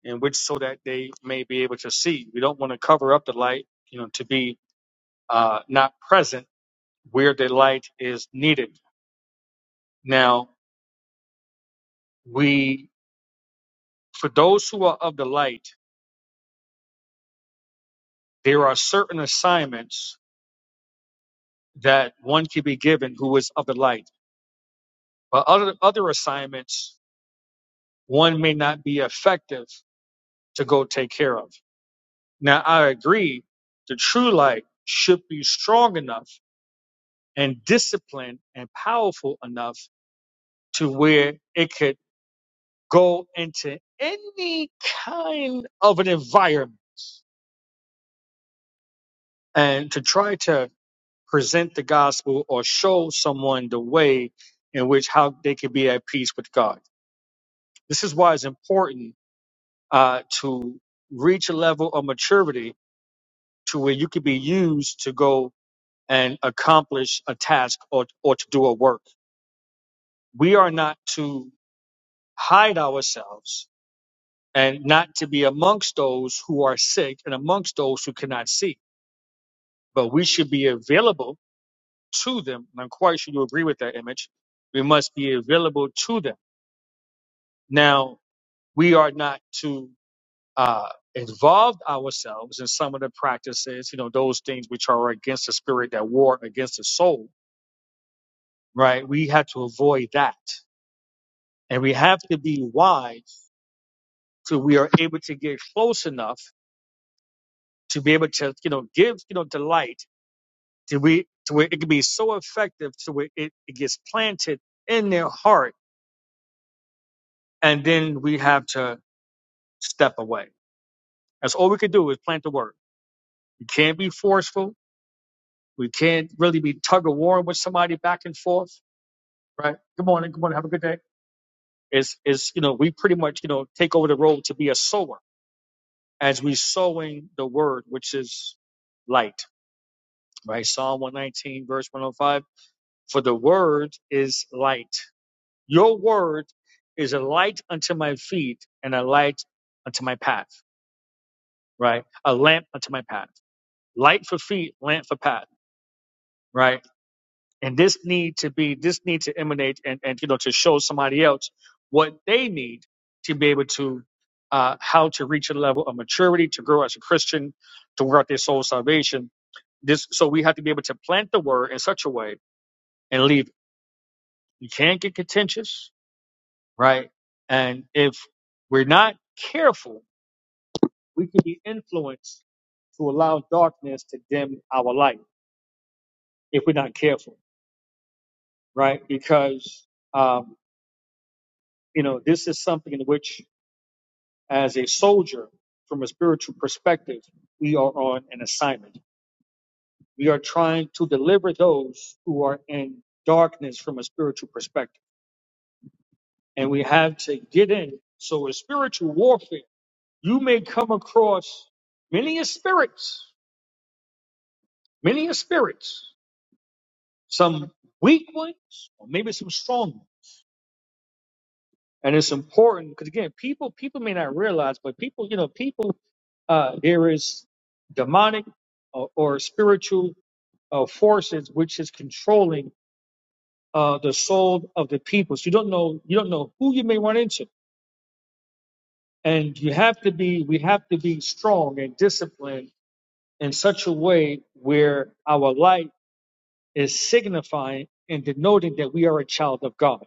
Speaker 10: and which so that they may be able to see we don't want to cover up the light you know to be uh, not present where the light is needed now we for those who are of the light there are certain assignments that one can be given who is of the light, but other other assignments one may not be effective to go take care of. Now I agree the true light should be strong enough and disciplined and powerful enough to where it could go into any kind of an environment and to try to present the gospel or show someone the way in which how they can be at peace with God This is why it's important uh, to reach a level of maturity to where you can be used to go and accomplish a task or, or to do a work. We are not to hide ourselves and not to be amongst those who are sick and amongst those who cannot see, but we should be available to them. And I'm quite sure you agree with that image. We must be available to them. Now, we are not to uh, involved ourselves in some of the practices, you know, those things which are against the spirit that war against the soul, right? We have to avoid that. And we have to be wise so we are able to get close enough to be able to, you know, give, you know, delight to we to where it can be so effective to where it, it gets planted in their heart. And then we have to step away. That's all we can do is plant the word. We can't be forceful. We can't really be tug of war with somebody back and forth right? Good morning. Good morning. Have a good day. Is is you know we pretty much you know take over the role to be a sower as we sowing the word, which is light, right? Psalm one nineteen verse one hundred five. For the word is light. Your word is a light unto my feet and a light unto my path, right? A lamp unto my path. Light for feet, lamp for path, right? and this need to be this need to emanate and, and you know to show somebody else what they need to be able to uh, how to reach a level of maturity to grow as a christian to work out their soul salvation this so we have to be able to plant the word in such a way and leave it. you can't get contentious right and if we're not careful we can be influenced to allow darkness to dim our light if we're not careful right because um, you know this is something in which as a soldier from a spiritual perspective, we are on an assignment. We are trying to deliver those who are in darkness from a spiritual perspective. And we have to get in. So in spiritual warfare, you may come across many a spirits, many a spirits, some weak ones, or maybe some strong ones. And it's important because again, people people may not realize, but people, you know, people uh there is demonic or, or spiritual uh, forces which is controlling uh, the soul of the people. So you don't know you don't know who you may run into, and you have to be we have to be strong and disciplined in such a way where our light is signifying and denoting that we are a child of God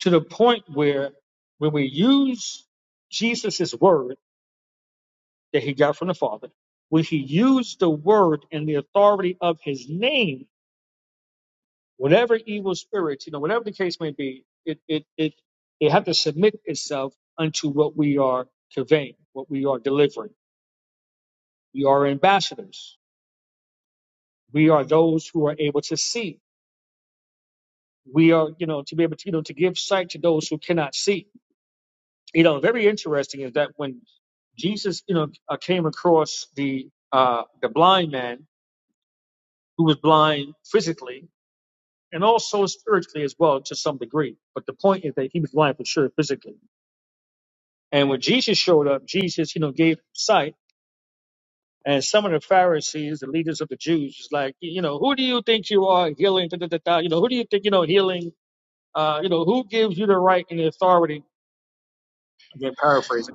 Speaker 10: to the point where when we use Jesus' word that he got from the Father, when he used the word and the authority of his name Whatever evil spirits, you know, whatever the case may be, it it it it have to submit itself unto what we are conveying, what we are delivering. We are ambassadors. We are those who are able to see. We are, you know, to be able to, you know, to give sight to those who cannot see. You know, very interesting is that when Jesus, you know, uh, came across the uh, the blind man who was blind physically and also spiritually as well to some degree. But the point is that he was blind for sure physically. And when Jesus showed up, Jesus, you know, gave sight. And some of the Pharisees, the leaders of the Jews, was like, you know, who do you think you are healing? Da, da, da, da. You know, who do you think, you know, healing? Uh, you know, who gives you the right and the authority? Again, paraphrasing.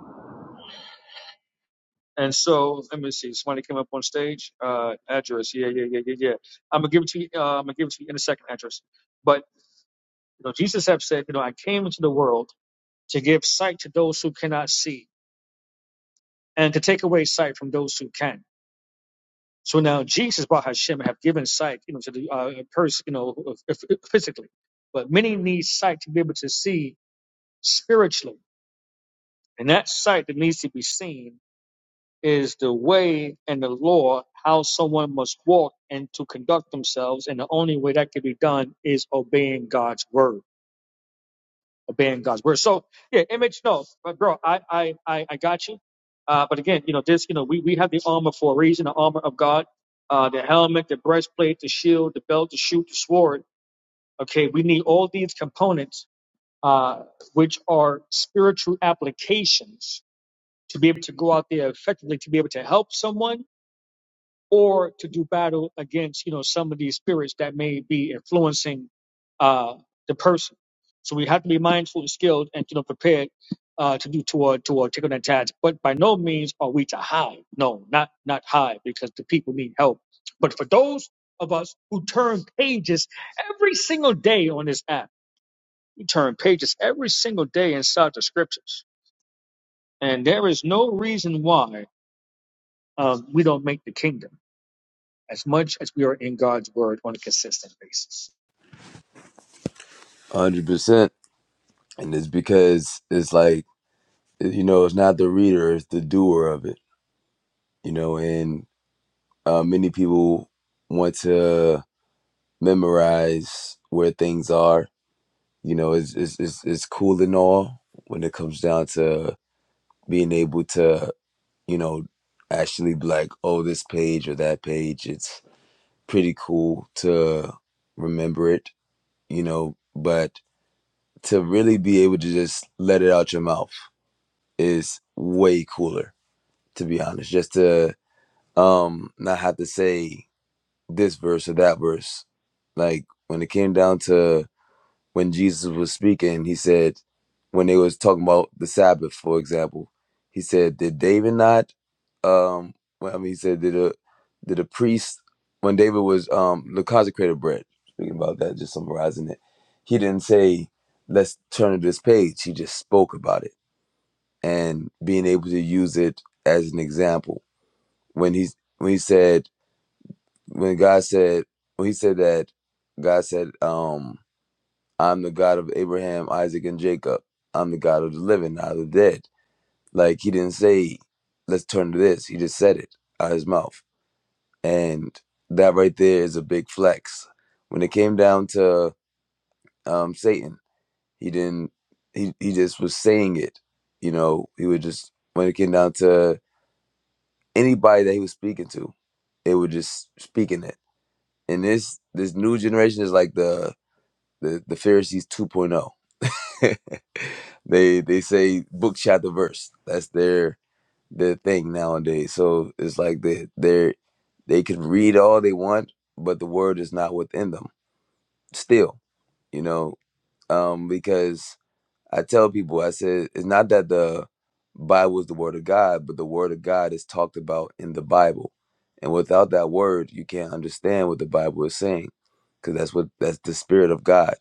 Speaker 10: And so, let me see. Somebody came up on stage. Uh, address. Yeah, yeah, yeah, yeah, yeah. I'm gonna give it to you. Uh, I'm gonna give it to you in a second. Address. But you know, Jesus have said, you know, I came into the world to give sight to those who cannot see, and to take away sight from those who can. So now Jesus, Baruch Hashem, have given sight, you know, to the uh, person, you know, physically. But many need sight to be able to see spiritually. And that sight that needs to be seen is the way and the law, how someone must walk and to conduct themselves. And the only way that can be done is obeying God's word. obeying God's word. So yeah, image no, but bro, I I I, I got you. Uh, but again, you know this, you know we we have the armor for a reason, the armor of God, uh, the helmet, the breastplate, the shield, the belt, the shoot, the sword. Okay, we need all these components, uh, which are spiritual applications to be able to go out there effectively, to be able to help someone or to do battle against you know some of these spirits that may be influencing uh, the person. So we have to be mindful and skilled and you know prepared uh, to do toward toward taking that task. But by no means are we to hide. No, not not hide because the people need help. But for those of us who turn pages every single day on this app, we turn pages every single day inside the scriptures, and there is no reason why um, we don't make the kingdom. as much as we are in God's word on a consistent basis.
Speaker 13: 100%. And it's because it's like, you know it's not the reader it's the doer of it you know and uh, many people want to memorize where things are you know it's, it's it's it's cool and all when it comes down to being able to you know actually be like oh this page or that page it's pretty cool to remember it you know but to really be able to just let it out your mouth is way cooler to be honest just to um not have to say this verse or that verse like when it came down to when jesus was speaking he said when they was talking about the sabbath for example he said did david not um well, i mean he said did a did a priest when david was um the consecrated bread speaking about that just summarizing it he didn't say let's turn to this page he just spoke about it and being able to use it as an example when he's when he said when God said when he said that God said, um, I'm the God of Abraham, Isaac, and Jacob. I'm the God of the living, not of the dead. Like he didn't say, let's turn to this. He just said it out of his mouth. And that right there is a big flex. When it came down to um, Satan, he didn't he, he just was saying it. You know, he would just when it came down to anybody that he was speaking to, it would just speaking it. And this this new generation is like the the the Pharisees 2.0. they they say book chapter verse. That's their their thing nowadays. So it's like they they they can read all they want, but the word is not within them still. You know, um, because I tell people I said it's not that the Bible is the word of God, but the word of God is talked about in the Bible. And without that word, you can't understand what the Bible is saying, because that's what that's the spirit of God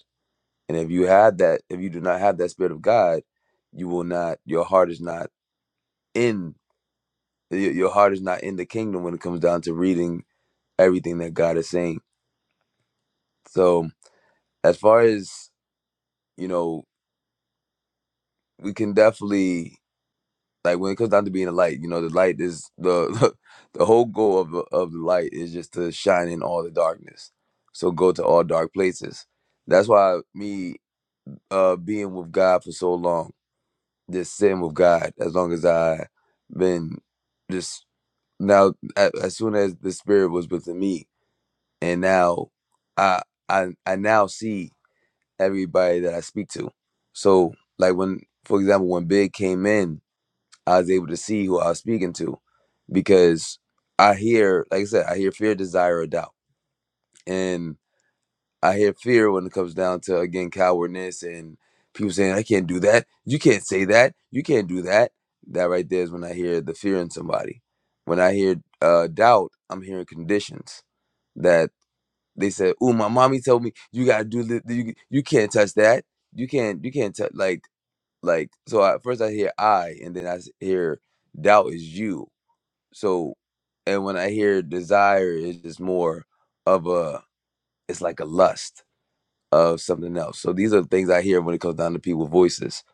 Speaker 13: and if you have that, if you do not have that spirit of God, you will not. Your heart is not in. y- Your heart is not in the kingdom when it comes down to reading everything that God is saying. So as far as you know, we can definitely like when it comes down to being a light. You know, the light is the the whole goal of the- of the light is just to shine in all the darkness. So go to all dark places. That's why me uh being with God for so long. this sin with God as long as I been just now a- as soon as the spirit was within me and now I I I now see everybody that I speak to. So like when for example when Big came in, I was able to see who I was speaking to because I hear like I said, I hear fear, desire, or doubt. and. I hear fear when it comes down to again cowardness and people saying I can't do that. You can't say that. You can't do that. That right there is when I hear the fear in somebody. When I hear uh, doubt, I'm hearing conditions that they said, "Ooh, my mommy told me you gotta do this. You you can't touch that. You can't you can't touch like like." So I, first I hear I, and then I s- hear doubt is you. So, and when I hear desire, it's just more of a it's like a lust of something else. So these are the things I hear when it comes down to people's voices.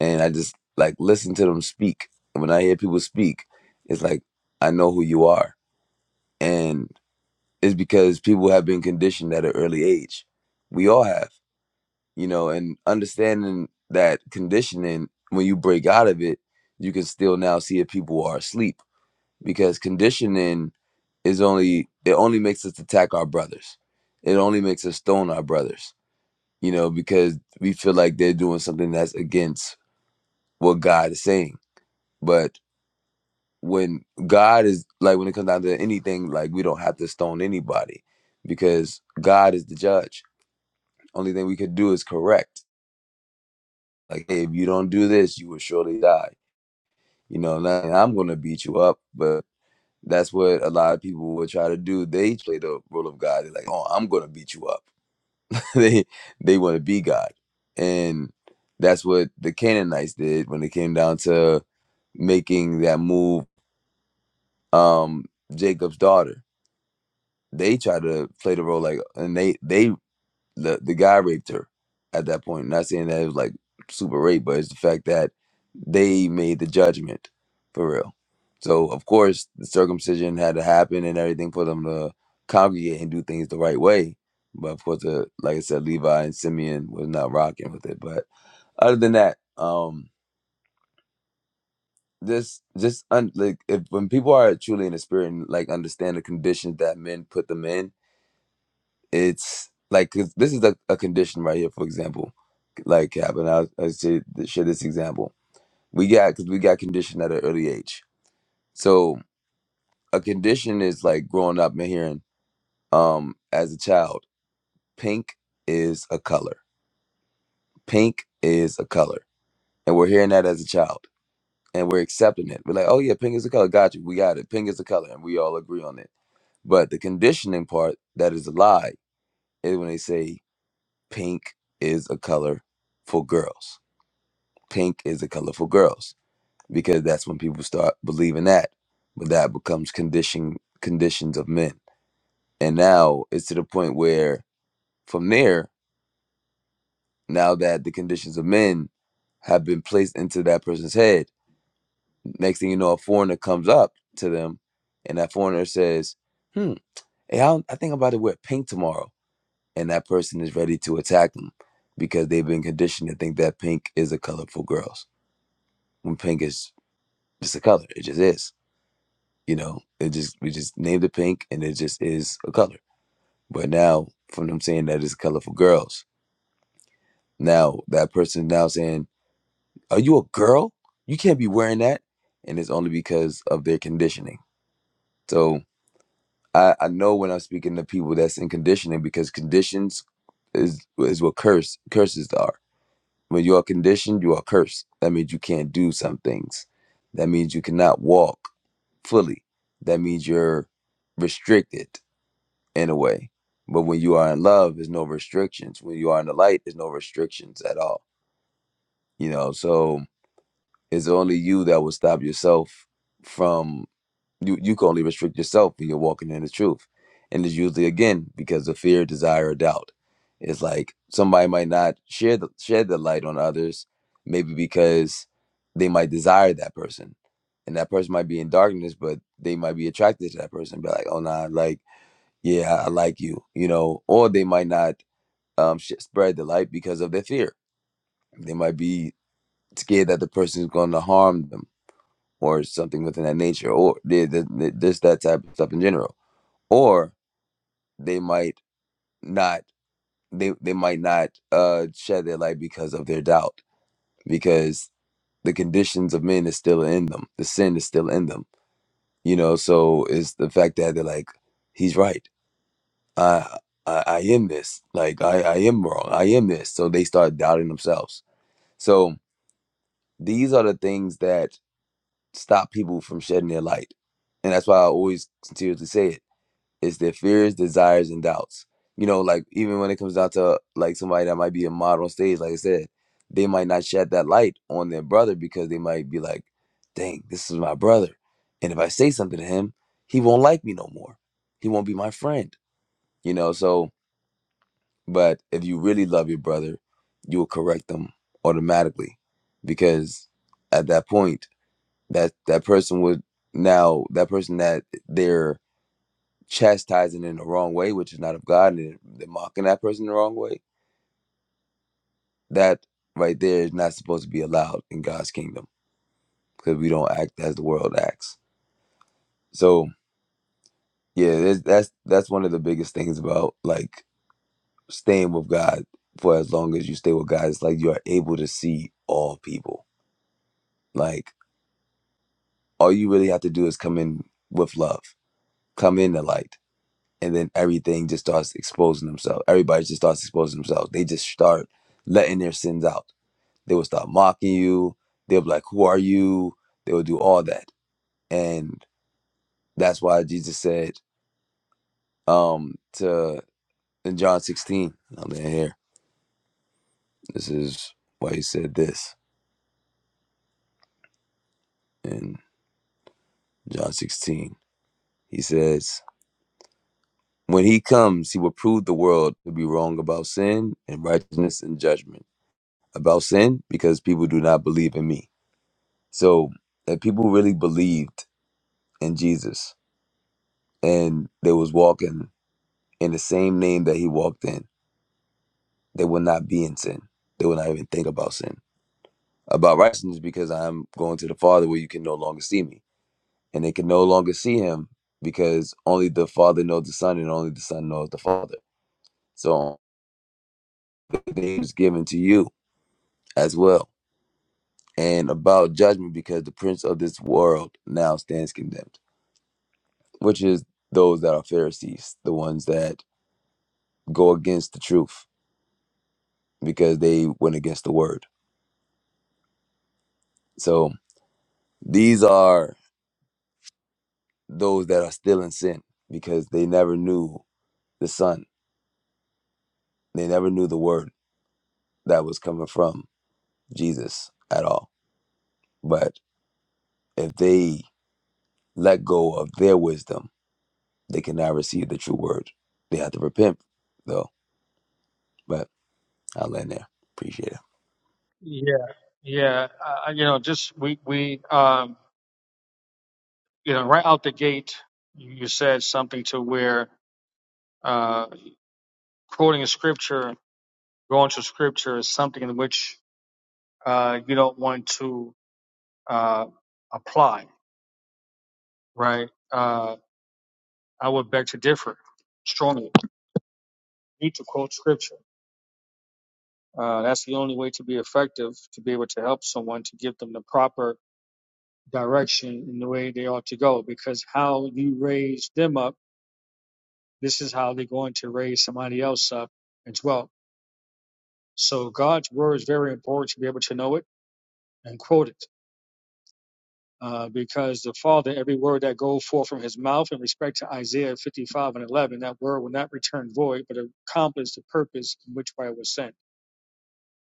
Speaker 13: And I just like listen to them speak. And when I hear people speak, it's like I know who you are. And it's because people have been conditioned at an early age. We all have, you know, and understanding that conditioning, when you break out of it, you can still now see if people are asleep. Because conditioning is only it only makes us attack our brothers. It only makes us stone our brothers you know, because we feel like they're doing something that's against what God is saying. But when God is like, when it comes down to anything, like we don't have to stone anybody because God is the judge. Only thing we could do is correct. Like, hey, if you don't do this, you will surely die. You know, not- and I'm going to beat you up, but that's what a lot of people will try to do. They play the role of God. They're like, oh, I'm going to beat you up they they want to be God, and that's what the Canaanites did when it came down to making that move. Um, Jacob's daughter, they tried to play the role like, and they they the the guy raped her at that point. Not saying that it was like super rape, but it's the fact that they made the judgment for real. So of course the circumcision had to happen and everything for them to congregate and do things the right way. But of course, the, like I said, Levi and Simeon was not rocking with it. But other than that, um, this just un, like if when people are truly in the spirit and like understand the conditions that men put them in, it's like 'cause this is a, a condition right here for example like Cap and I, I say, share this example we got because we got conditioned at an early age so a condition is like growing up and hearing um as a child pink is a color pink is a color and we're hearing that as a child and we're accepting it we're like oh yeah pink is a color got you we got it pink is a color and we all agree on it but the conditioning part that is a lie is when they say pink is a color for girls pink is the color for girls because that's when people start believing that but that becomes condition conditions of men and now it's to the point where from there now that the conditions of men have been placed into that person's head next thing you know a foreigner comes up to them and that foreigner says hmm hey, I, I think i'm about to wear pink tomorrow and that person is ready to attack them because they've been conditioned to think that pink is a color for girls when pink is just a color it just is You know, it just we just named it pink, and it just is a color. But now, from them saying that it's a color for girls, now that person now saying, "Are you a girl? You can't be wearing that," and it's only because of their conditioning. So I, I know when I'm speaking to people that's in conditioning because conditions is is what curse curses are. When you are conditioned, you are cursed. That means you can't do some things. That means you cannot walk fully. That means you're restricted in a way. But when you are in love, there's no restrictions. When you are in the light, there's no restrictions at all. You know, so it's only you that will stop yourself from you. You can only restrict yourself when you're walking in the truth, and it's usually again because of fear, desire, or doubt. It's like somebody might not share the share the light on others, maybe because they might desire that person, and that person might be in darkness, but they might be attracted to that person. Be like, oh nah, like yeah, I like you, you know, or they might not um, sh- spread the light because of their fear. They might be scared that the person is going to harm them or something within that nature, or they, they, they, just that type of stuff in general. Or they might not, they, they might not uh, shed their light because of their doubt, because the conditions of men is still in them, the sin is still in them, you know. So it's the fact that they're like, he's right I, I I am this. Like I, I am wrong. I am this. So they start doubting themselves. So these are the things that stop people from shedding their light. And that's why I always continuously say it. It's their fears, desires, and doubts. You know, like even when it comes down to like somebody that might be a model on stage, like I said, they might not shed that light on their brother because they might be like, dang, this is my brother. And if I say something to him, he won't like me no more. He won't be my friend. You know, so But if you really love your brother, you will correct them automatically because at that point that that person would now that person that they're chastising in the wrong way, which is not of God, and they're mocking that person the wrong way, that right there is not supposed to be allowed in God's kingdom because we don't act as the world acts. So yeah, that's that's that's one of the biggest things about like staying with God for as long as you stay with God. It's like you are able to see all people like all you really have to do is come in with love, come in the light, and then everything just starts exposing themselves. Everybody just starts exposing themselves. They just start letting their sins out. They will start mocking you. They'll be like, "Who are you?" They will do all that, and that's why Jesus said um, to in John 16. I'm in here. This is why he said this in John 16. He says, "When he comes, he will prove the world to be wrong about sin and righteousness and judgment." about sin because people do not believe in me. So if people really believed in Jesus and they was walking in the same name that he walked in, they would not be in sin. They would not even think about sin. About righteousness because I'm going to the Father where you can no longer see me. And they can no longer see him because only the Father knows the Son and only the Son knows the Father. So the name is given to you as well. And about judgment because the prince of this world now stands condemned. which is those that are Pharisees, the ones that go against the truth because they went against the word. So these are those that are still in sin because they never knew the Son. They never knew the word that was coming from Jesus at all. But if they let go of their wisdom, they can now receive the true word. They have to repent, though. But I'll land there. Appreciate it.
Speaker 10: Yeah, yeah. Uh, you know, just we we um, you know right out the gate, you said something to where uh, quoting a scripture, going to scripture is something in which uh, you don't want to uh, apply, right? Uh, I would beg to differ strongly. You need to quote scripture. Uh, that's the only way to be effective, to be able to help someone, to give them the proper direction in the way they ought to go because how you raise them up, this is how they're going to raise somebody else up as well. So God's word is very important to be able to know it and quote it. Uh, because the Father, every word that goes forth from his mouth in respect to Isaiah 55 and 11, that word will not return void, but accomplish the purpose in which way it was sent.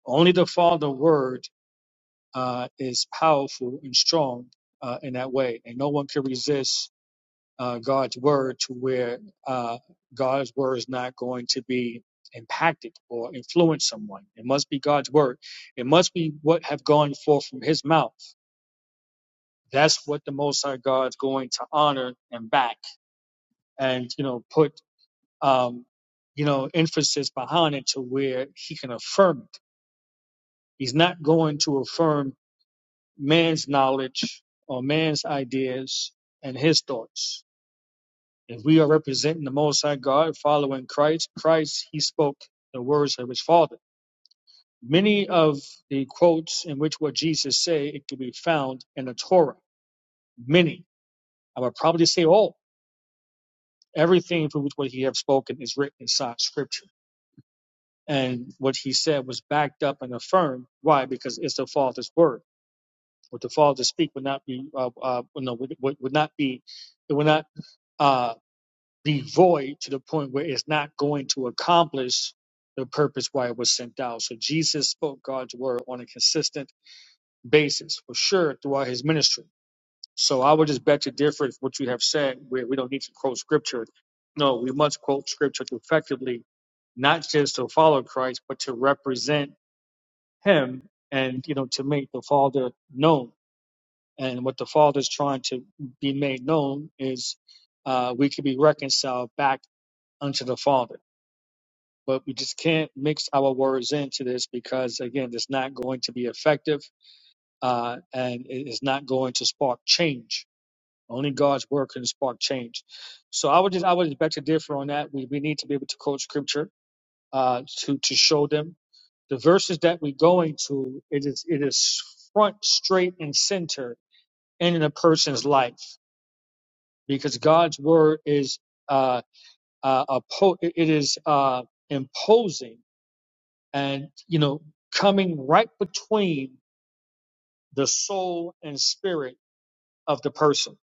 Speaker 10: Only the Father word uh, is powerful and strong uh, in that way, and no one can resist uh, God's word to where uh, God's word is not going to be impacted or influence someone. It must be God's word. It must be what have gone forth from His mouth. That's what the Most High God's going to honor and back, and you know put um, you know emphasis behind it to where He can affirm it. He's not going to affirm man's knowledge or man's ideas and his thoughts If we are representing the Most High God, following Christ, Christ, he spoke the words of his Father. Many of the quotes in which what Jesus say, it can be found in the Torah. Many. I would probably say all. Everything for which what he have spoken is written inside scripture. And what he said was backed up and affirmed. Why? Because it's the Father's word. What the Father speak would not be, uh, uh, no, would, would not be, it would not uh, be void to the point where it's not going to accomplish the purpose why it was sent out. So Jesus spoke God's word on a consistent basis, for sure, throughout his ministry. So I would just bet you different what you have said, where we don't need to quote scripture. No, we must quote scripture to effectively, not just to follow Christ, but to represent him and you know to make the Father known. And what the Father is trying to be made known is uh, we can be reconciled back unto the Father but we just can't mix our words into this because again it's not going to be effective uh, and it is not going to spark change only god's word can spark change so i would just i would beg to differ on that we, we need to be able to quote scripture uh, to to show them the verses that we're going to it is it is front straight and center in a person's life because god's word is uh, uh, a po- it is uh, imposing and you know coming right between the soul and spirit of the person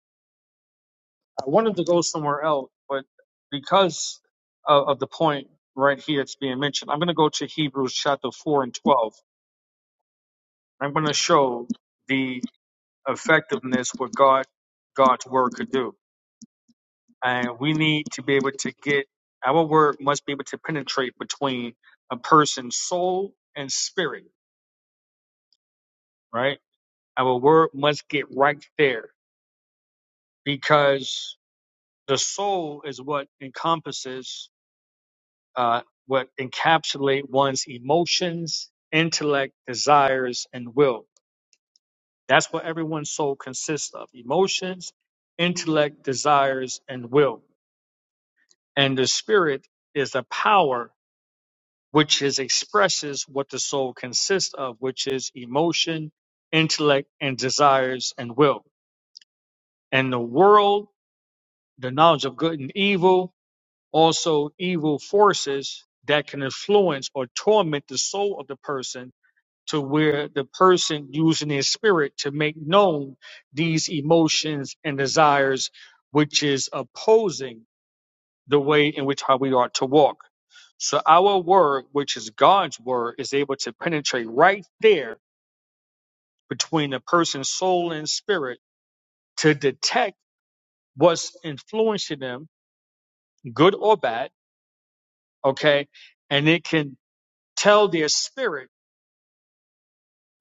Speaker 10: i wanted to go somewhere else but because of, of the point right here it's being mentioned i'm going to go to hebrews chapter 4 and 12 i'm going to show the effectiveness what god god's word could do and we need to be able to get our word must be able to penetrate between a person's soul and spirit right our word must get right there because the soul is what encompasses, uh, what encapsulate one's emotions, intellect, desires, and will. That's what everyone's soul consists of: emotions, intellect, desires, and will. And the spirit is a power which is expresses what the soul consists of, which is emotion, intellect, and desires and will. And the world, the knowledge of good and evil, also evil forces that can influence or torment the soul of the person to where the person using their spirit to make known these emotions and desires, which is opposing the way in which how we ought to walk. So our word, which is God's word, is able to penetrate right there between the person's soul and spirit to detect what's influencing them, good or bad, okay? And it can tell their spirit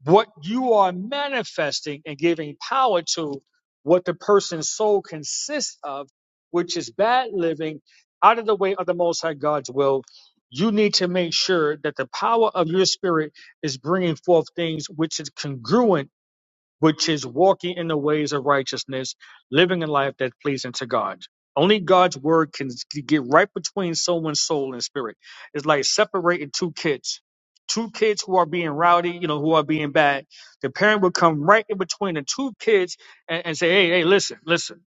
Speaker 10: what you are manifesting and giving power to what the person's soul consists of, which is bad living out of the way of the Most High God's will. You need to make sure that the power of your spirit is bringing forth things which is congruent which is walking in the ways of righteousness, living a life that's pleasing to God. Only God's word can get right between someone's soul and spirit. It's like separating two kids. Two kids who are being rowdy, you know, who are being bad. The parent would come right in between the two kids and, and say, hey, hey, listen, listen.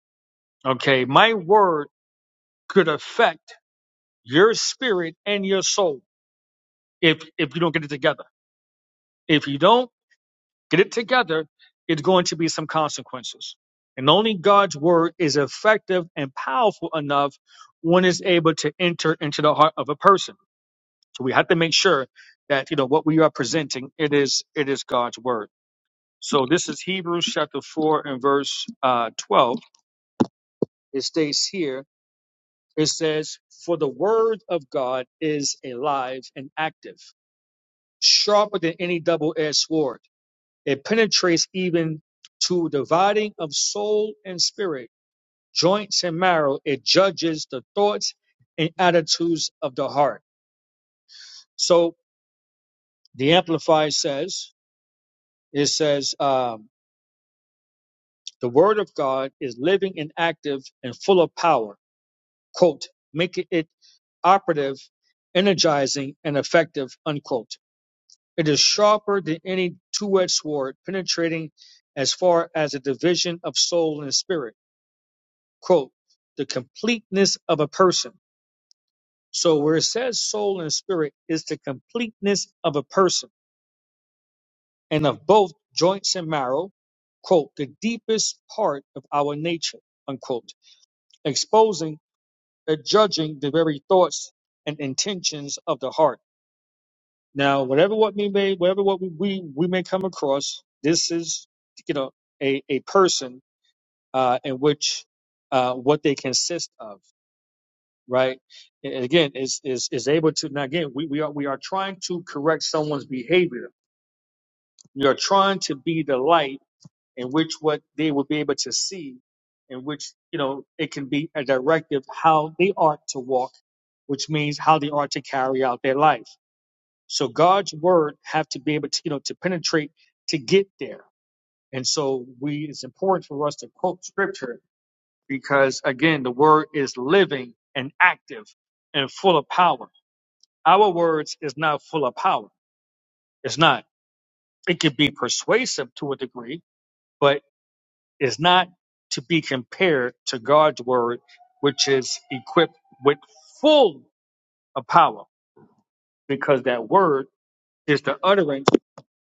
Speaker 10: Okay, my word could affect your spirit and your soul if if you don't get it together. If you don't, get it together, it's going to be some consequences. And only God's word is effective and powerful enough when it's able to enter into the heart of a person. So we have to make sure that you know what we are presenting. It is it is God's word. So this is Hebrews chapter four and verse uh, twelve. It states here. It says, "For the word of God is alive and active, sharper than any double-edged sword." It penetrates even to dividing of soul and spirit, joints and marrow. It judges the thoughts and attitudes of the heart. So the Amplified says, it says, um, the word of God is living and active and full of power. Quote, making it operative, energizing, and effective, unquote. It is sharper than any two-edged sword, penetrating as far as the division of soul and spirit quote, the completeness of a person. So where it says soul and spirit is the completeness of a person and of both joints and marrow, quote, the deepest part of our nature, unquote, exposing and judging the very thoughts and intentions of the heart. Now, whatever what we may, whatever what we, we, we may come across, this is, you know, a, a person, uh, in which, uh, what they consist of. right? And again, is is is able to now again we, we are we are trying to correct someone's behavior. We are trying to be the light in which what they will be able to see, in which you know it can be a directive how they are to walk, which means how they are to carry out their life. So God's word have to be able to you know to penetrate to get there. And so we it's important for us to quote scripture because again the word is living and active and full of power. Our words is not full of power. It's not. It can be persuasive to a degree, but it's not to be compared to God's word, which is equipped with full of power, because that word is the utterance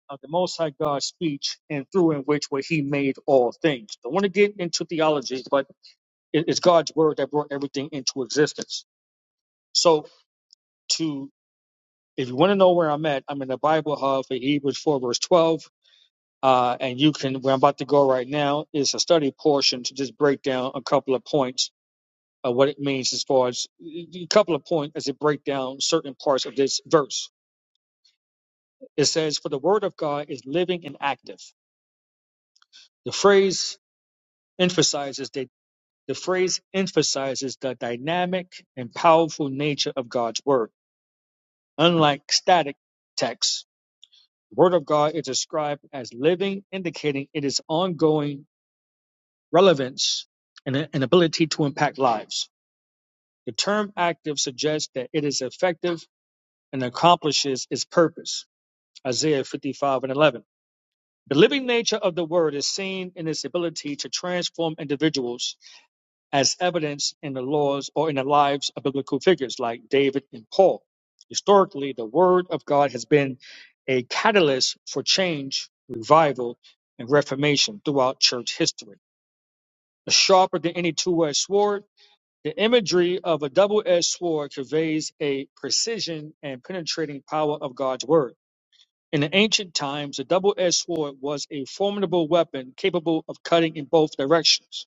Speaker 10: of the Most High God's speech, and through and which way He made all things. Don't want to get into theology, but it- it's God's word that brought everything into existence. So, to if you want to know where I'm at, I'm in the Bible Hub for Hebrews 4, verse 12. Uh, and you can, where I'm about to go right now is a study portion to just break down a couple of points of what it means as far as a couple of points as it break down certain parts of this verse. It says, For the word of God is living and active. The phrase emphasizes that the phrase emphasizes the dynamic and powerful nature of God's word. Unlike static texts, the word of God is described as living, indicating it is ongoing relevance and an ability to impact lives. The term active suggests that it is effective and accomplishes its purpose. Isaiah 55 and 11. The living nature of the word is seen in its ability to transform individuals as evidenced in the laws or in the lives of biblical figures like David and Paul. Historically, the word of God has been a catalyst for change, revival, and reformation throughout church history. Sharper than any two-edged sword, The imagery of a double edged sword conveys a precision and penetrating power of God's word. In the ancient times, a double edged sword was a formidable weapon capable of cutting in both directions.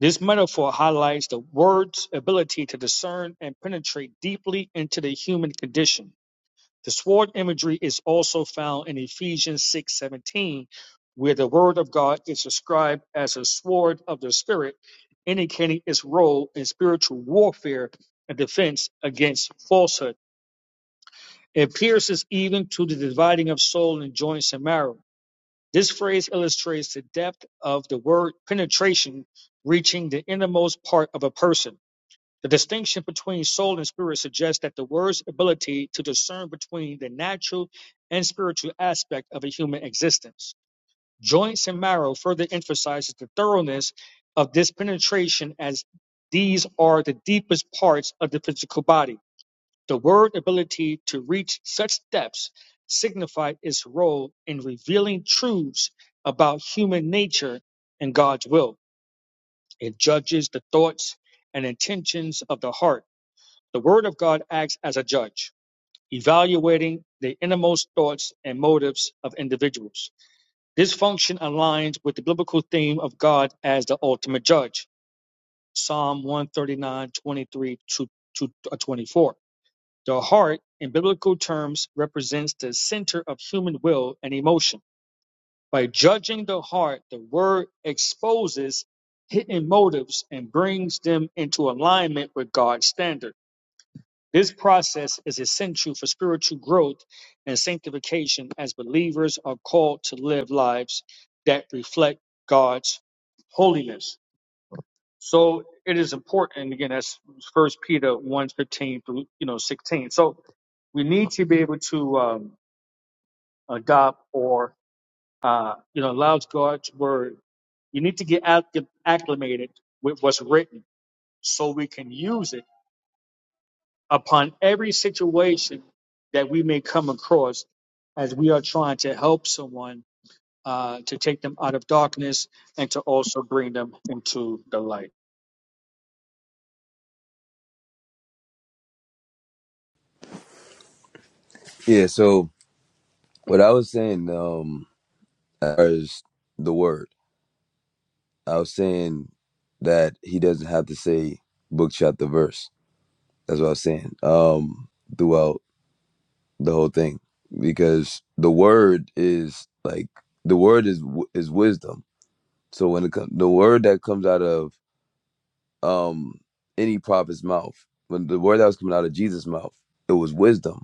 Speaker 10: This metaphor highlights the word's ability to discern and penetrate deeply into the human condition. The sword imagery is also found in Ephesians 6:17, where the word of God is described as a sword of the spirit, indicating its role in spiritual warfare and defense against falsehood. It pierces even to the dividing of soul and joints and marrow. This phrase illustrates the depth of the word penetration reaching the innermost part of a person the distinction between soul and spirit suggests that the word's ability to discern between the natural and spiritual aspect of a human existence. Joints and marrow further emphasizes the thoroughness of this penetration as these are the deepest parts of the physical body. The word ability to reach such depths signified its role in revealing truths about human nature and God's will. It judges the thoughts and intentions of the heart the Word of God acts as a judge, evaluating the innermost thoughts and motives of individuals. This function aligns with the biblical theme of God as the ultimate judge. Psalm one thirty nine twenty three to, to uh, 24. The heart, in biblical terms, represents the center of human will and emotion. By judging the heart, the Word exposes hidden motives and brings them into alignment with God's standard. This process is essential for spiritual growth and sanctification as believers are called to live lives that reflect God's holiness. So it is again that's first Peter one fifteen through you know 16. So we need to be able to um, adopt or uh, you know allow God's word. You need to get acc- acclimated with what's written so we can use it upon every situation that we may come across as we are trying to help someone uh, to take them out of darkness and to also bring them into the light.
Speaker 13: Yeah. So what I was saying um, as the word. I was saying that he doesn't have to say book, chapter, verse. That's what I was saying um, throughout the whole thing, because the word is like the word is is wisdom. So when it comes, the word that comes out of um, any prophet's mouth, when the word that was coming out of Jesus' mouth, it was wisdom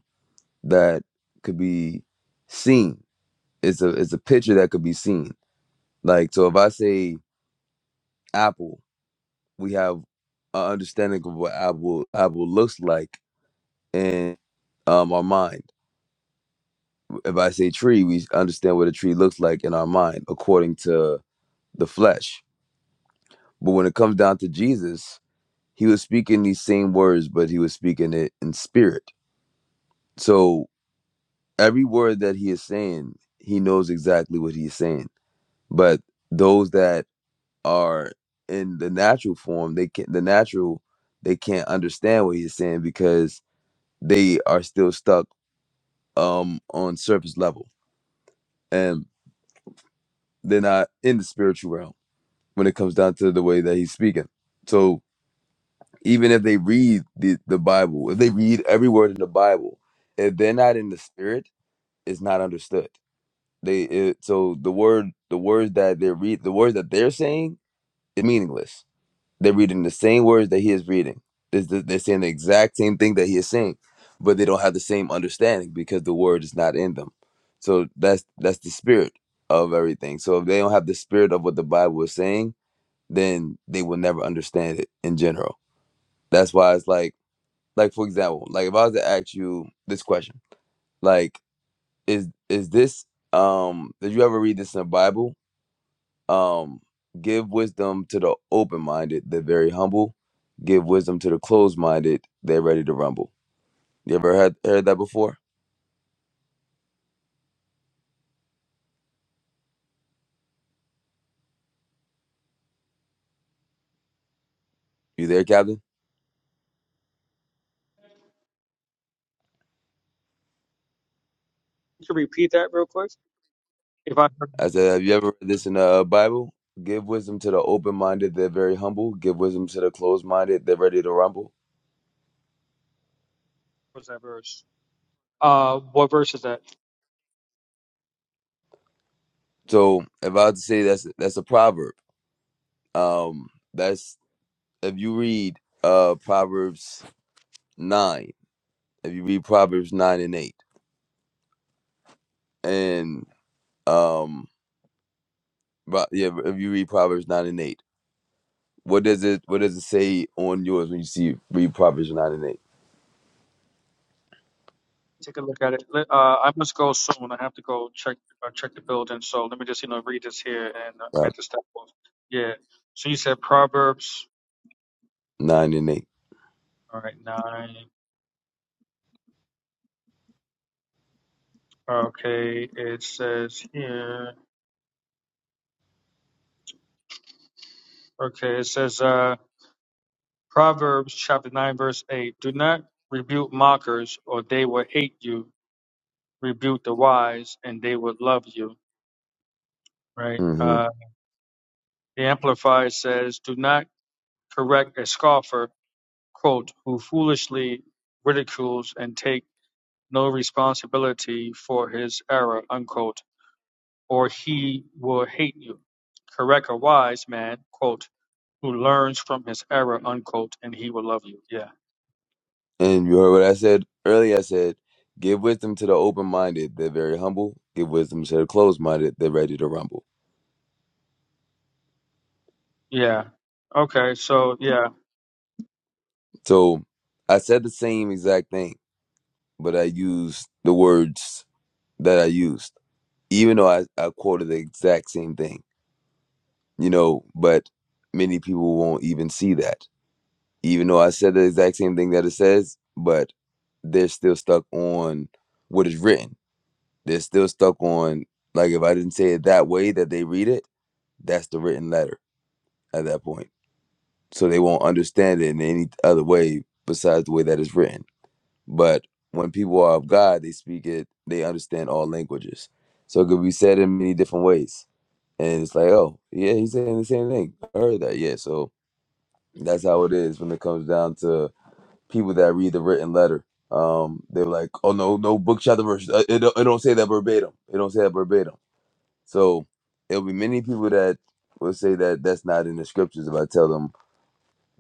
Speaker 13: that could be seen. It's a it's a picture that could be seen. Like so, if I say apple, we have an understanding of what apple apple looks like in um our mind. If I say tree, we understand what a tree looks like in our mind according to the flesh. But when it comes down to Jesus, he was speaking these same words, but he was speaking it in spirit. So every word that he is saying, he knows exactly what he's saying. But those that are in the natural form, they can't the natural they can't understand what he's saying because they are still stuck um on surface level and they're not in the spiritual realm when it comes down to the way that he's speaking so even if they read the, the bible if they read every word in the bible if they're not in the spirit it's not understood they it, so the word the words that they read the words that they're saying is meaningless They're reading the same words that he is reading. This- this- They're saying the exact same thing that he is saying, but they don't have the same understanding because the word is not in them. So that's that's the spirit of everything. So if they don't have the spirit of what the Bible is saying, then they will never understand it in general. That's why it's like like for example, like if I was to ask you this question, like is is this um did you ever read this in the Bible um, give wisdom to the open minded, they're very humble. Give wisdom to the closed minded, they're ready to rumble. You ever heard, heard that before? You there, Captain?
Speaker 10: You can repeat that real quick. If I
Speaker 13: I said, Have you ever read this in the uh, Bible? Give wisdom to the open minded, they're very humble. Give wisdom to the closed minded, they're ready to rumble.
Speaker 10: was that verse, uh, what verse is that?
Speaker 13: So if I had to say that's that's a proverb. Um that's if you read uh Proverbs nine, if you read Proverbs nine and eight, and um But yeah, if you read Proverbs nine and eight, what does it what does it say on yours when you see read Proverbs nine and eight?
Speaker 10: Take a look at it. Let- Uh, I must go soon. I have to go check uh, check the building. So let me just you know read this here, and uh, I'm
Speaker 13: Uh,
Speaker 10: at the step. Yeah. So you said Proverbs.
Speaker 13: nine and eight.
Speaker 10: All right, nine. Okay, it says here. Okay, it says. Uh, Proverbs chapter 9, verse 8 Do not rebuke mockers, or they will hate you. Rebuke the wise, and they will love you. Right?
Speaker 13: Mm-hmm.
Speaker 10: Uh, the Amplified says, Do not correct a scoffer, quote, who foolishly ridicules and take no responsibility for his error, unquote, or he will hate you. Correct a wise man, quote, who learns from his error, unquote, and he will love you. Yeah.
Speaker 13: And you heard what I said earlier. I said, "Give wisdom to the open minded; they're very humble. Give wisdom to the closed minded; they're ready to rumble."
Speaker 10: Yeah. Okay. So, yeah.
Speaker 13: So, I said the same exact thing, but I used the words that I used, even though I, I quoted the exact same thing. You know, but many people won't even see that even though I said the exact same thing that it says, but they're still stuck on what is written. They're still stuck on like if I didn't say it that way that they read it, that's the written letter at that point. So they won't understand it in any other way besides the way that it's written. But when people are of God, they speak it, they understand all languages. So it could be said in many different ways. And it's like, oh, yeah, he's saying the same thing. I heard that. Yeah. So that's how it is when it comes down to people that read the written letter. Um, they're like, oh no, no book chapter verse. uh, It don't, it don't say that verbatim. It don't say that verbatim. So it'll be many people that will say that that's not in the scriptures. If I tell them,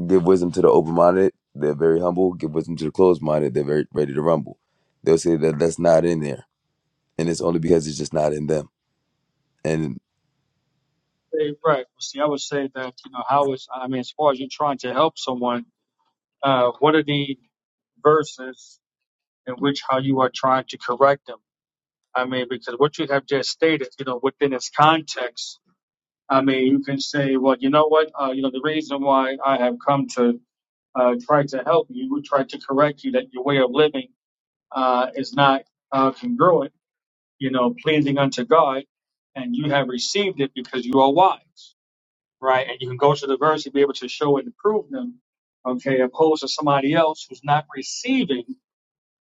Speaker 13: give wisdom to the open-minded, they're very humble. Give wisdom to the closed-minded, they're very ready to rumble. They'll say that that's not in there, and it's only because it's just not in them. And
Speaker 10: Hey, right. Well, see, I would say that, you know, how is, I mean, as far as you're trying to help someone, uh, what are the verses in which how you are trying to correct them? I mean, because what you have just stated, you know, within its context, I mean, you can say, well, you know what, uh, you know, the reason why I have come to uh, try to help you, try to correct you that your way of living uh, is not uh, congruent, you know, pleasing unto God, and you have received it because you are wise. right? And you can go to the verse and be able to show and prove them, okay, opposed to somebody else who's not receiving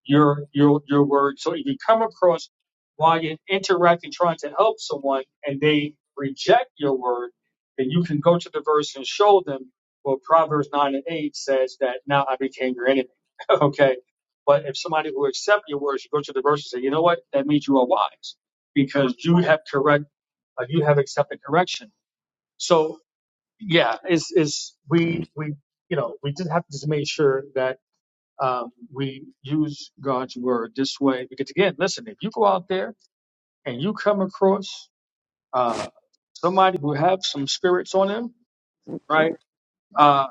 Speaker 10: your your your word. So if you come across while you're interacting, trying to help someone, and they reject your word, then you can go to the verse and show them. Well, Proverbs nine and eight says that now I became your enemy. okay. But if somebody will accept your words, you go to the verse and say, you know what? That means you are wise because you have correct, uh, you have accepted correction. So yeah is is we
Speaker 13: mm,
Speaker 10: we you know we just have to just make sure that um, we use God's word this way because again listen if you go out there and you come across uh, somebody who have some spirits on them right uh,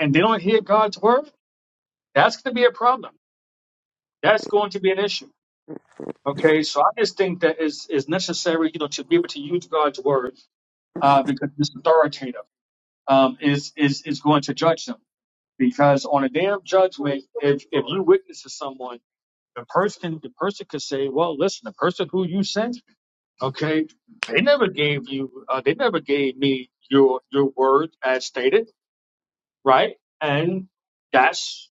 Speaker 10: and they don't hear God's word that's going to be a problem that's going to be an issue okay so I just think that is is necessary you know to be able to use God's word uh, because it's authoritative um, is is is going to judge them Because on a day of judgment, if if you witness to someone, the person the person could say, "Well, listen, the person who you sent, okay, they never gave you, uh, they never gave me your your word as stated, right?" And that's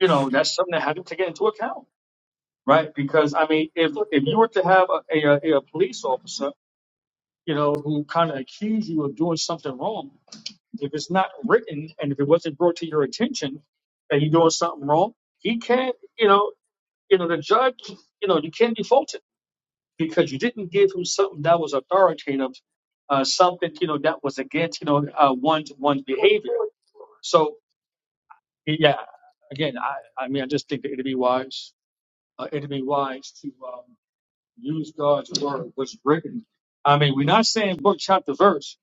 Speaker 10: you know that's something that had to take into account, right? Because I mean, if if you were to have a a, a police officer, you know, who kind of accused you of doing something wrong If it's not written and if it wasn't brought to your attention that you're doing something wrong, he can't, you know, you know, the judge, you know, you can't default it because you didn't give him something that was authoritative, uh, something, you know, that was against, you know, uh, one to one's behavior. So, yeah, again, I, I mean, I just think that it'd be wise, uh, it'd be wise to um, use God's word, what's written. I mean, we're not saying book, chapter, verse,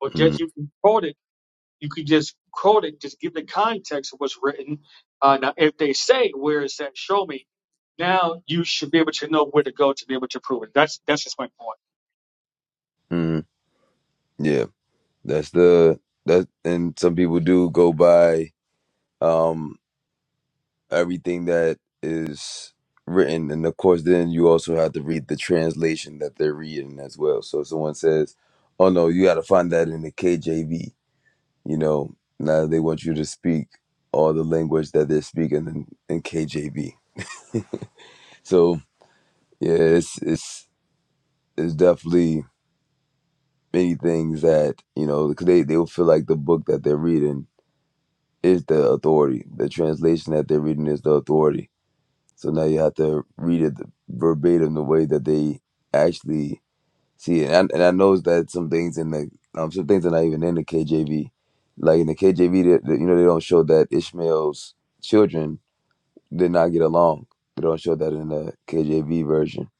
Speaker 10: but just
Speaker 13: mm,
Speaker 10: you can quote it you could just quote it, just give the context of what's written. Uh, now, if they say, "Where is that? Show me," now you should be able to know where to go to be able to prove it. That's that's just my point,
Speaker 13: mm, yeah, that's the that. And some people do go by. Um, everything that is written and of course then you also have to read the translation that they're reading as well so if someone says oh no you got to find that in the kjv you know now they want you to speak all the language that they're speaking in, in kjv so yeah it's it's it's definitely many things that you know because they, they will feel like the book that they're reading is the authority the translation that they're reading is the authority So now you have to read it verbatim the way that they actually see it. And I, and I know that some things in the um, some things are not even in the KJV. Like in the KJV, they, they- you know, they don't show that Ishmael's children did not get along. They don't show that in the KJV version.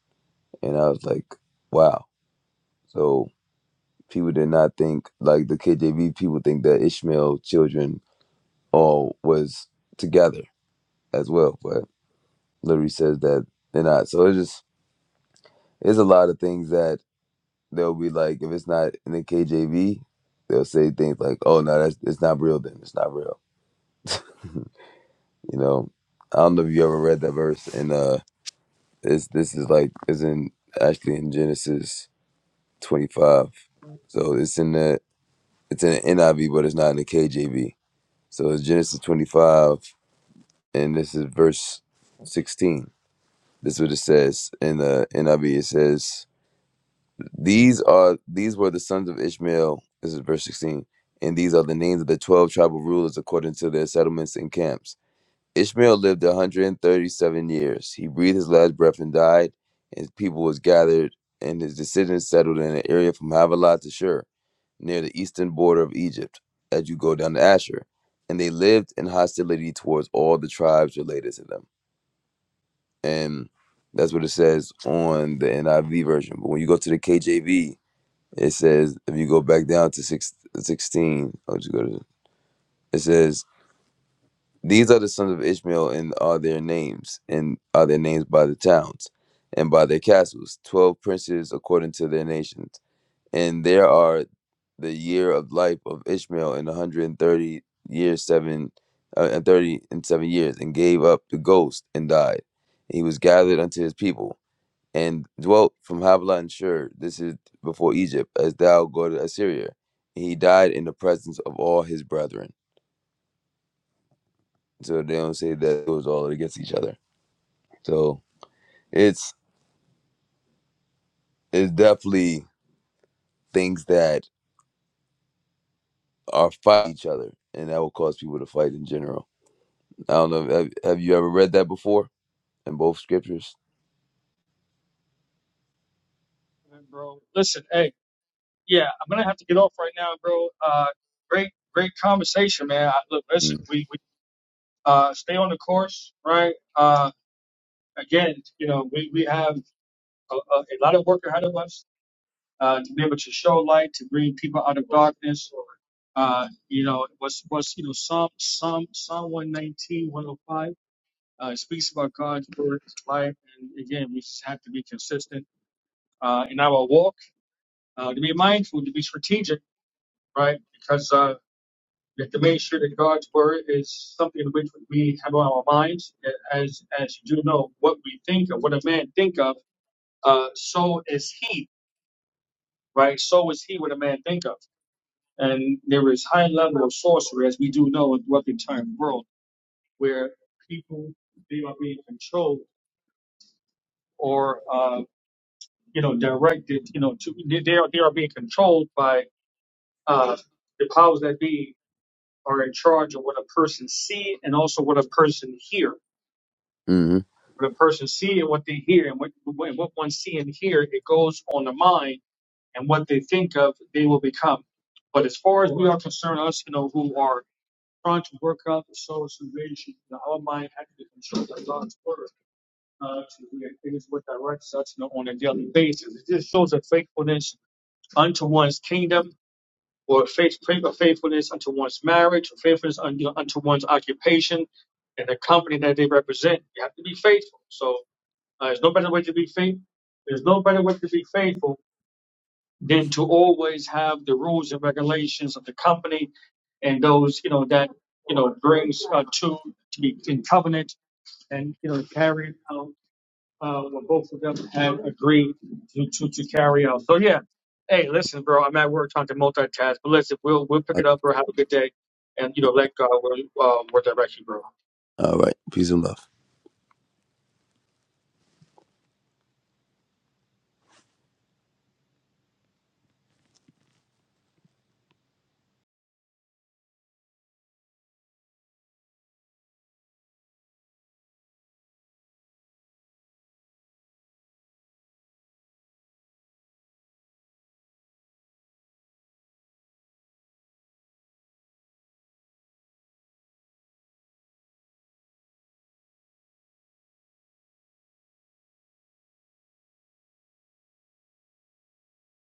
Speaker 13: And I was like, wow. So people did not think like the KJV people think that Ishmael's children all was together as well, but literally says that they're not. So it's just There's a lot of things that they'll be like, if it's not in the KJV, they'll say things like, "Oh no, that's it's not real. Then it's not real." You know, I don't know if you ever read that verse, and uh, this this is like is in actually in Genesis 25. So it's in the it's in the NIV, but it's not in the KJV. So it's Genesis 25, and this is verse 16. This is what it says in the NIV. It says. These are these were the sons of Ishmael. This is verse sixteen, and these are the names of the twelve tribal rulers according to their settlements and camps. Ishmael lived a hundred and thirty-seven years. He breathed his last breath and died. and His people was gathered, and his descendants settled in an area from Havilah to Shur, near the eastern border of Egypt, as you go down to Asher. And they lived in hostility towards all the tribes related to them. And that's what it says on the NIV version. But when you go to the KJV, it says, if you go back down to six sixteen, I'll just go to, it says, These are the sons of Ishmael, and are their names, and are their names by the towns, and by their castles, 12 princes according to their nations. And there are the year of life of Ishmael in 130 years, seven, uh, and 30 and seven years, and gave up the ghost and died. He was gathered unto his people and dwelt from Havilah and Shur. This is before Egypt, as thou go to Assyria. he died in the presence of all his brethren. So they don't say that it was all against each other. So it's it's definitely things that are fight each other, and that will cause people to fight in general. I don't know. Have, have you ever read that before in both scriptures?
Speaker 10: Uh, bro. Listen, hey, yeah, I'm gonna have to get off right now, bro. Uh, great, great conversation, man. I, look, listen, we we uh, stay on the course, right? Uh, again, you know, we we have a, a a lot of work ahead of us uh, to be able to show light, to bring people out of darkness. Uh, you know, it was was you know, Psalm Psalm Psalm 119, 105 uh, it speaks about God's word, His life, and again, we just have to be consistent uh, in our walk, uh, to be mindful, to be strategic, right? Because uh, we have to make sure that God's word is something in which we have on our minds, as as you do know, what we think of, what a man think of, uh, so is he, right? So is he what a man think of. And there is high level of sorcery, as we do know in the Western time world, where people they are being controlled or uh, you know directed, you know, to they they are they are being controlled by uh, the powers that be are in charge of what a person see and also what a person hear.
Speaker 13: Mm-hmm.
Speaker 10: What a person see and what they hear and what what what one see and hear, it goes on the mind and what they think of, they will become. But as far as we are concerned, us, you know, who are trying to work out the soul salvation, the how my actually controls the God's word uh, to be in things with directs us on a daily basis. It just shows a faithfulness unto one's kingdom or faith, a faithfulness unto one's marriage or faithfulness unto, unto one's occupation and the company that they represent. You have to be faithful. So uh, there's no better way to be faithful. There's no better way to be faithful than to always have the rules and regulations of the company and those you know that you know brings uh, two to be in covenant and you know carry out uh, what both of them have agreed to, to to carry out. So yeah, hey, listen, bro, I'm at work trying to multitask, but listen, we'll we'll pick it up, bro. Have a good day, and you know let God will um, will direct you, bro.
Speaker 13: All right. Peace and love.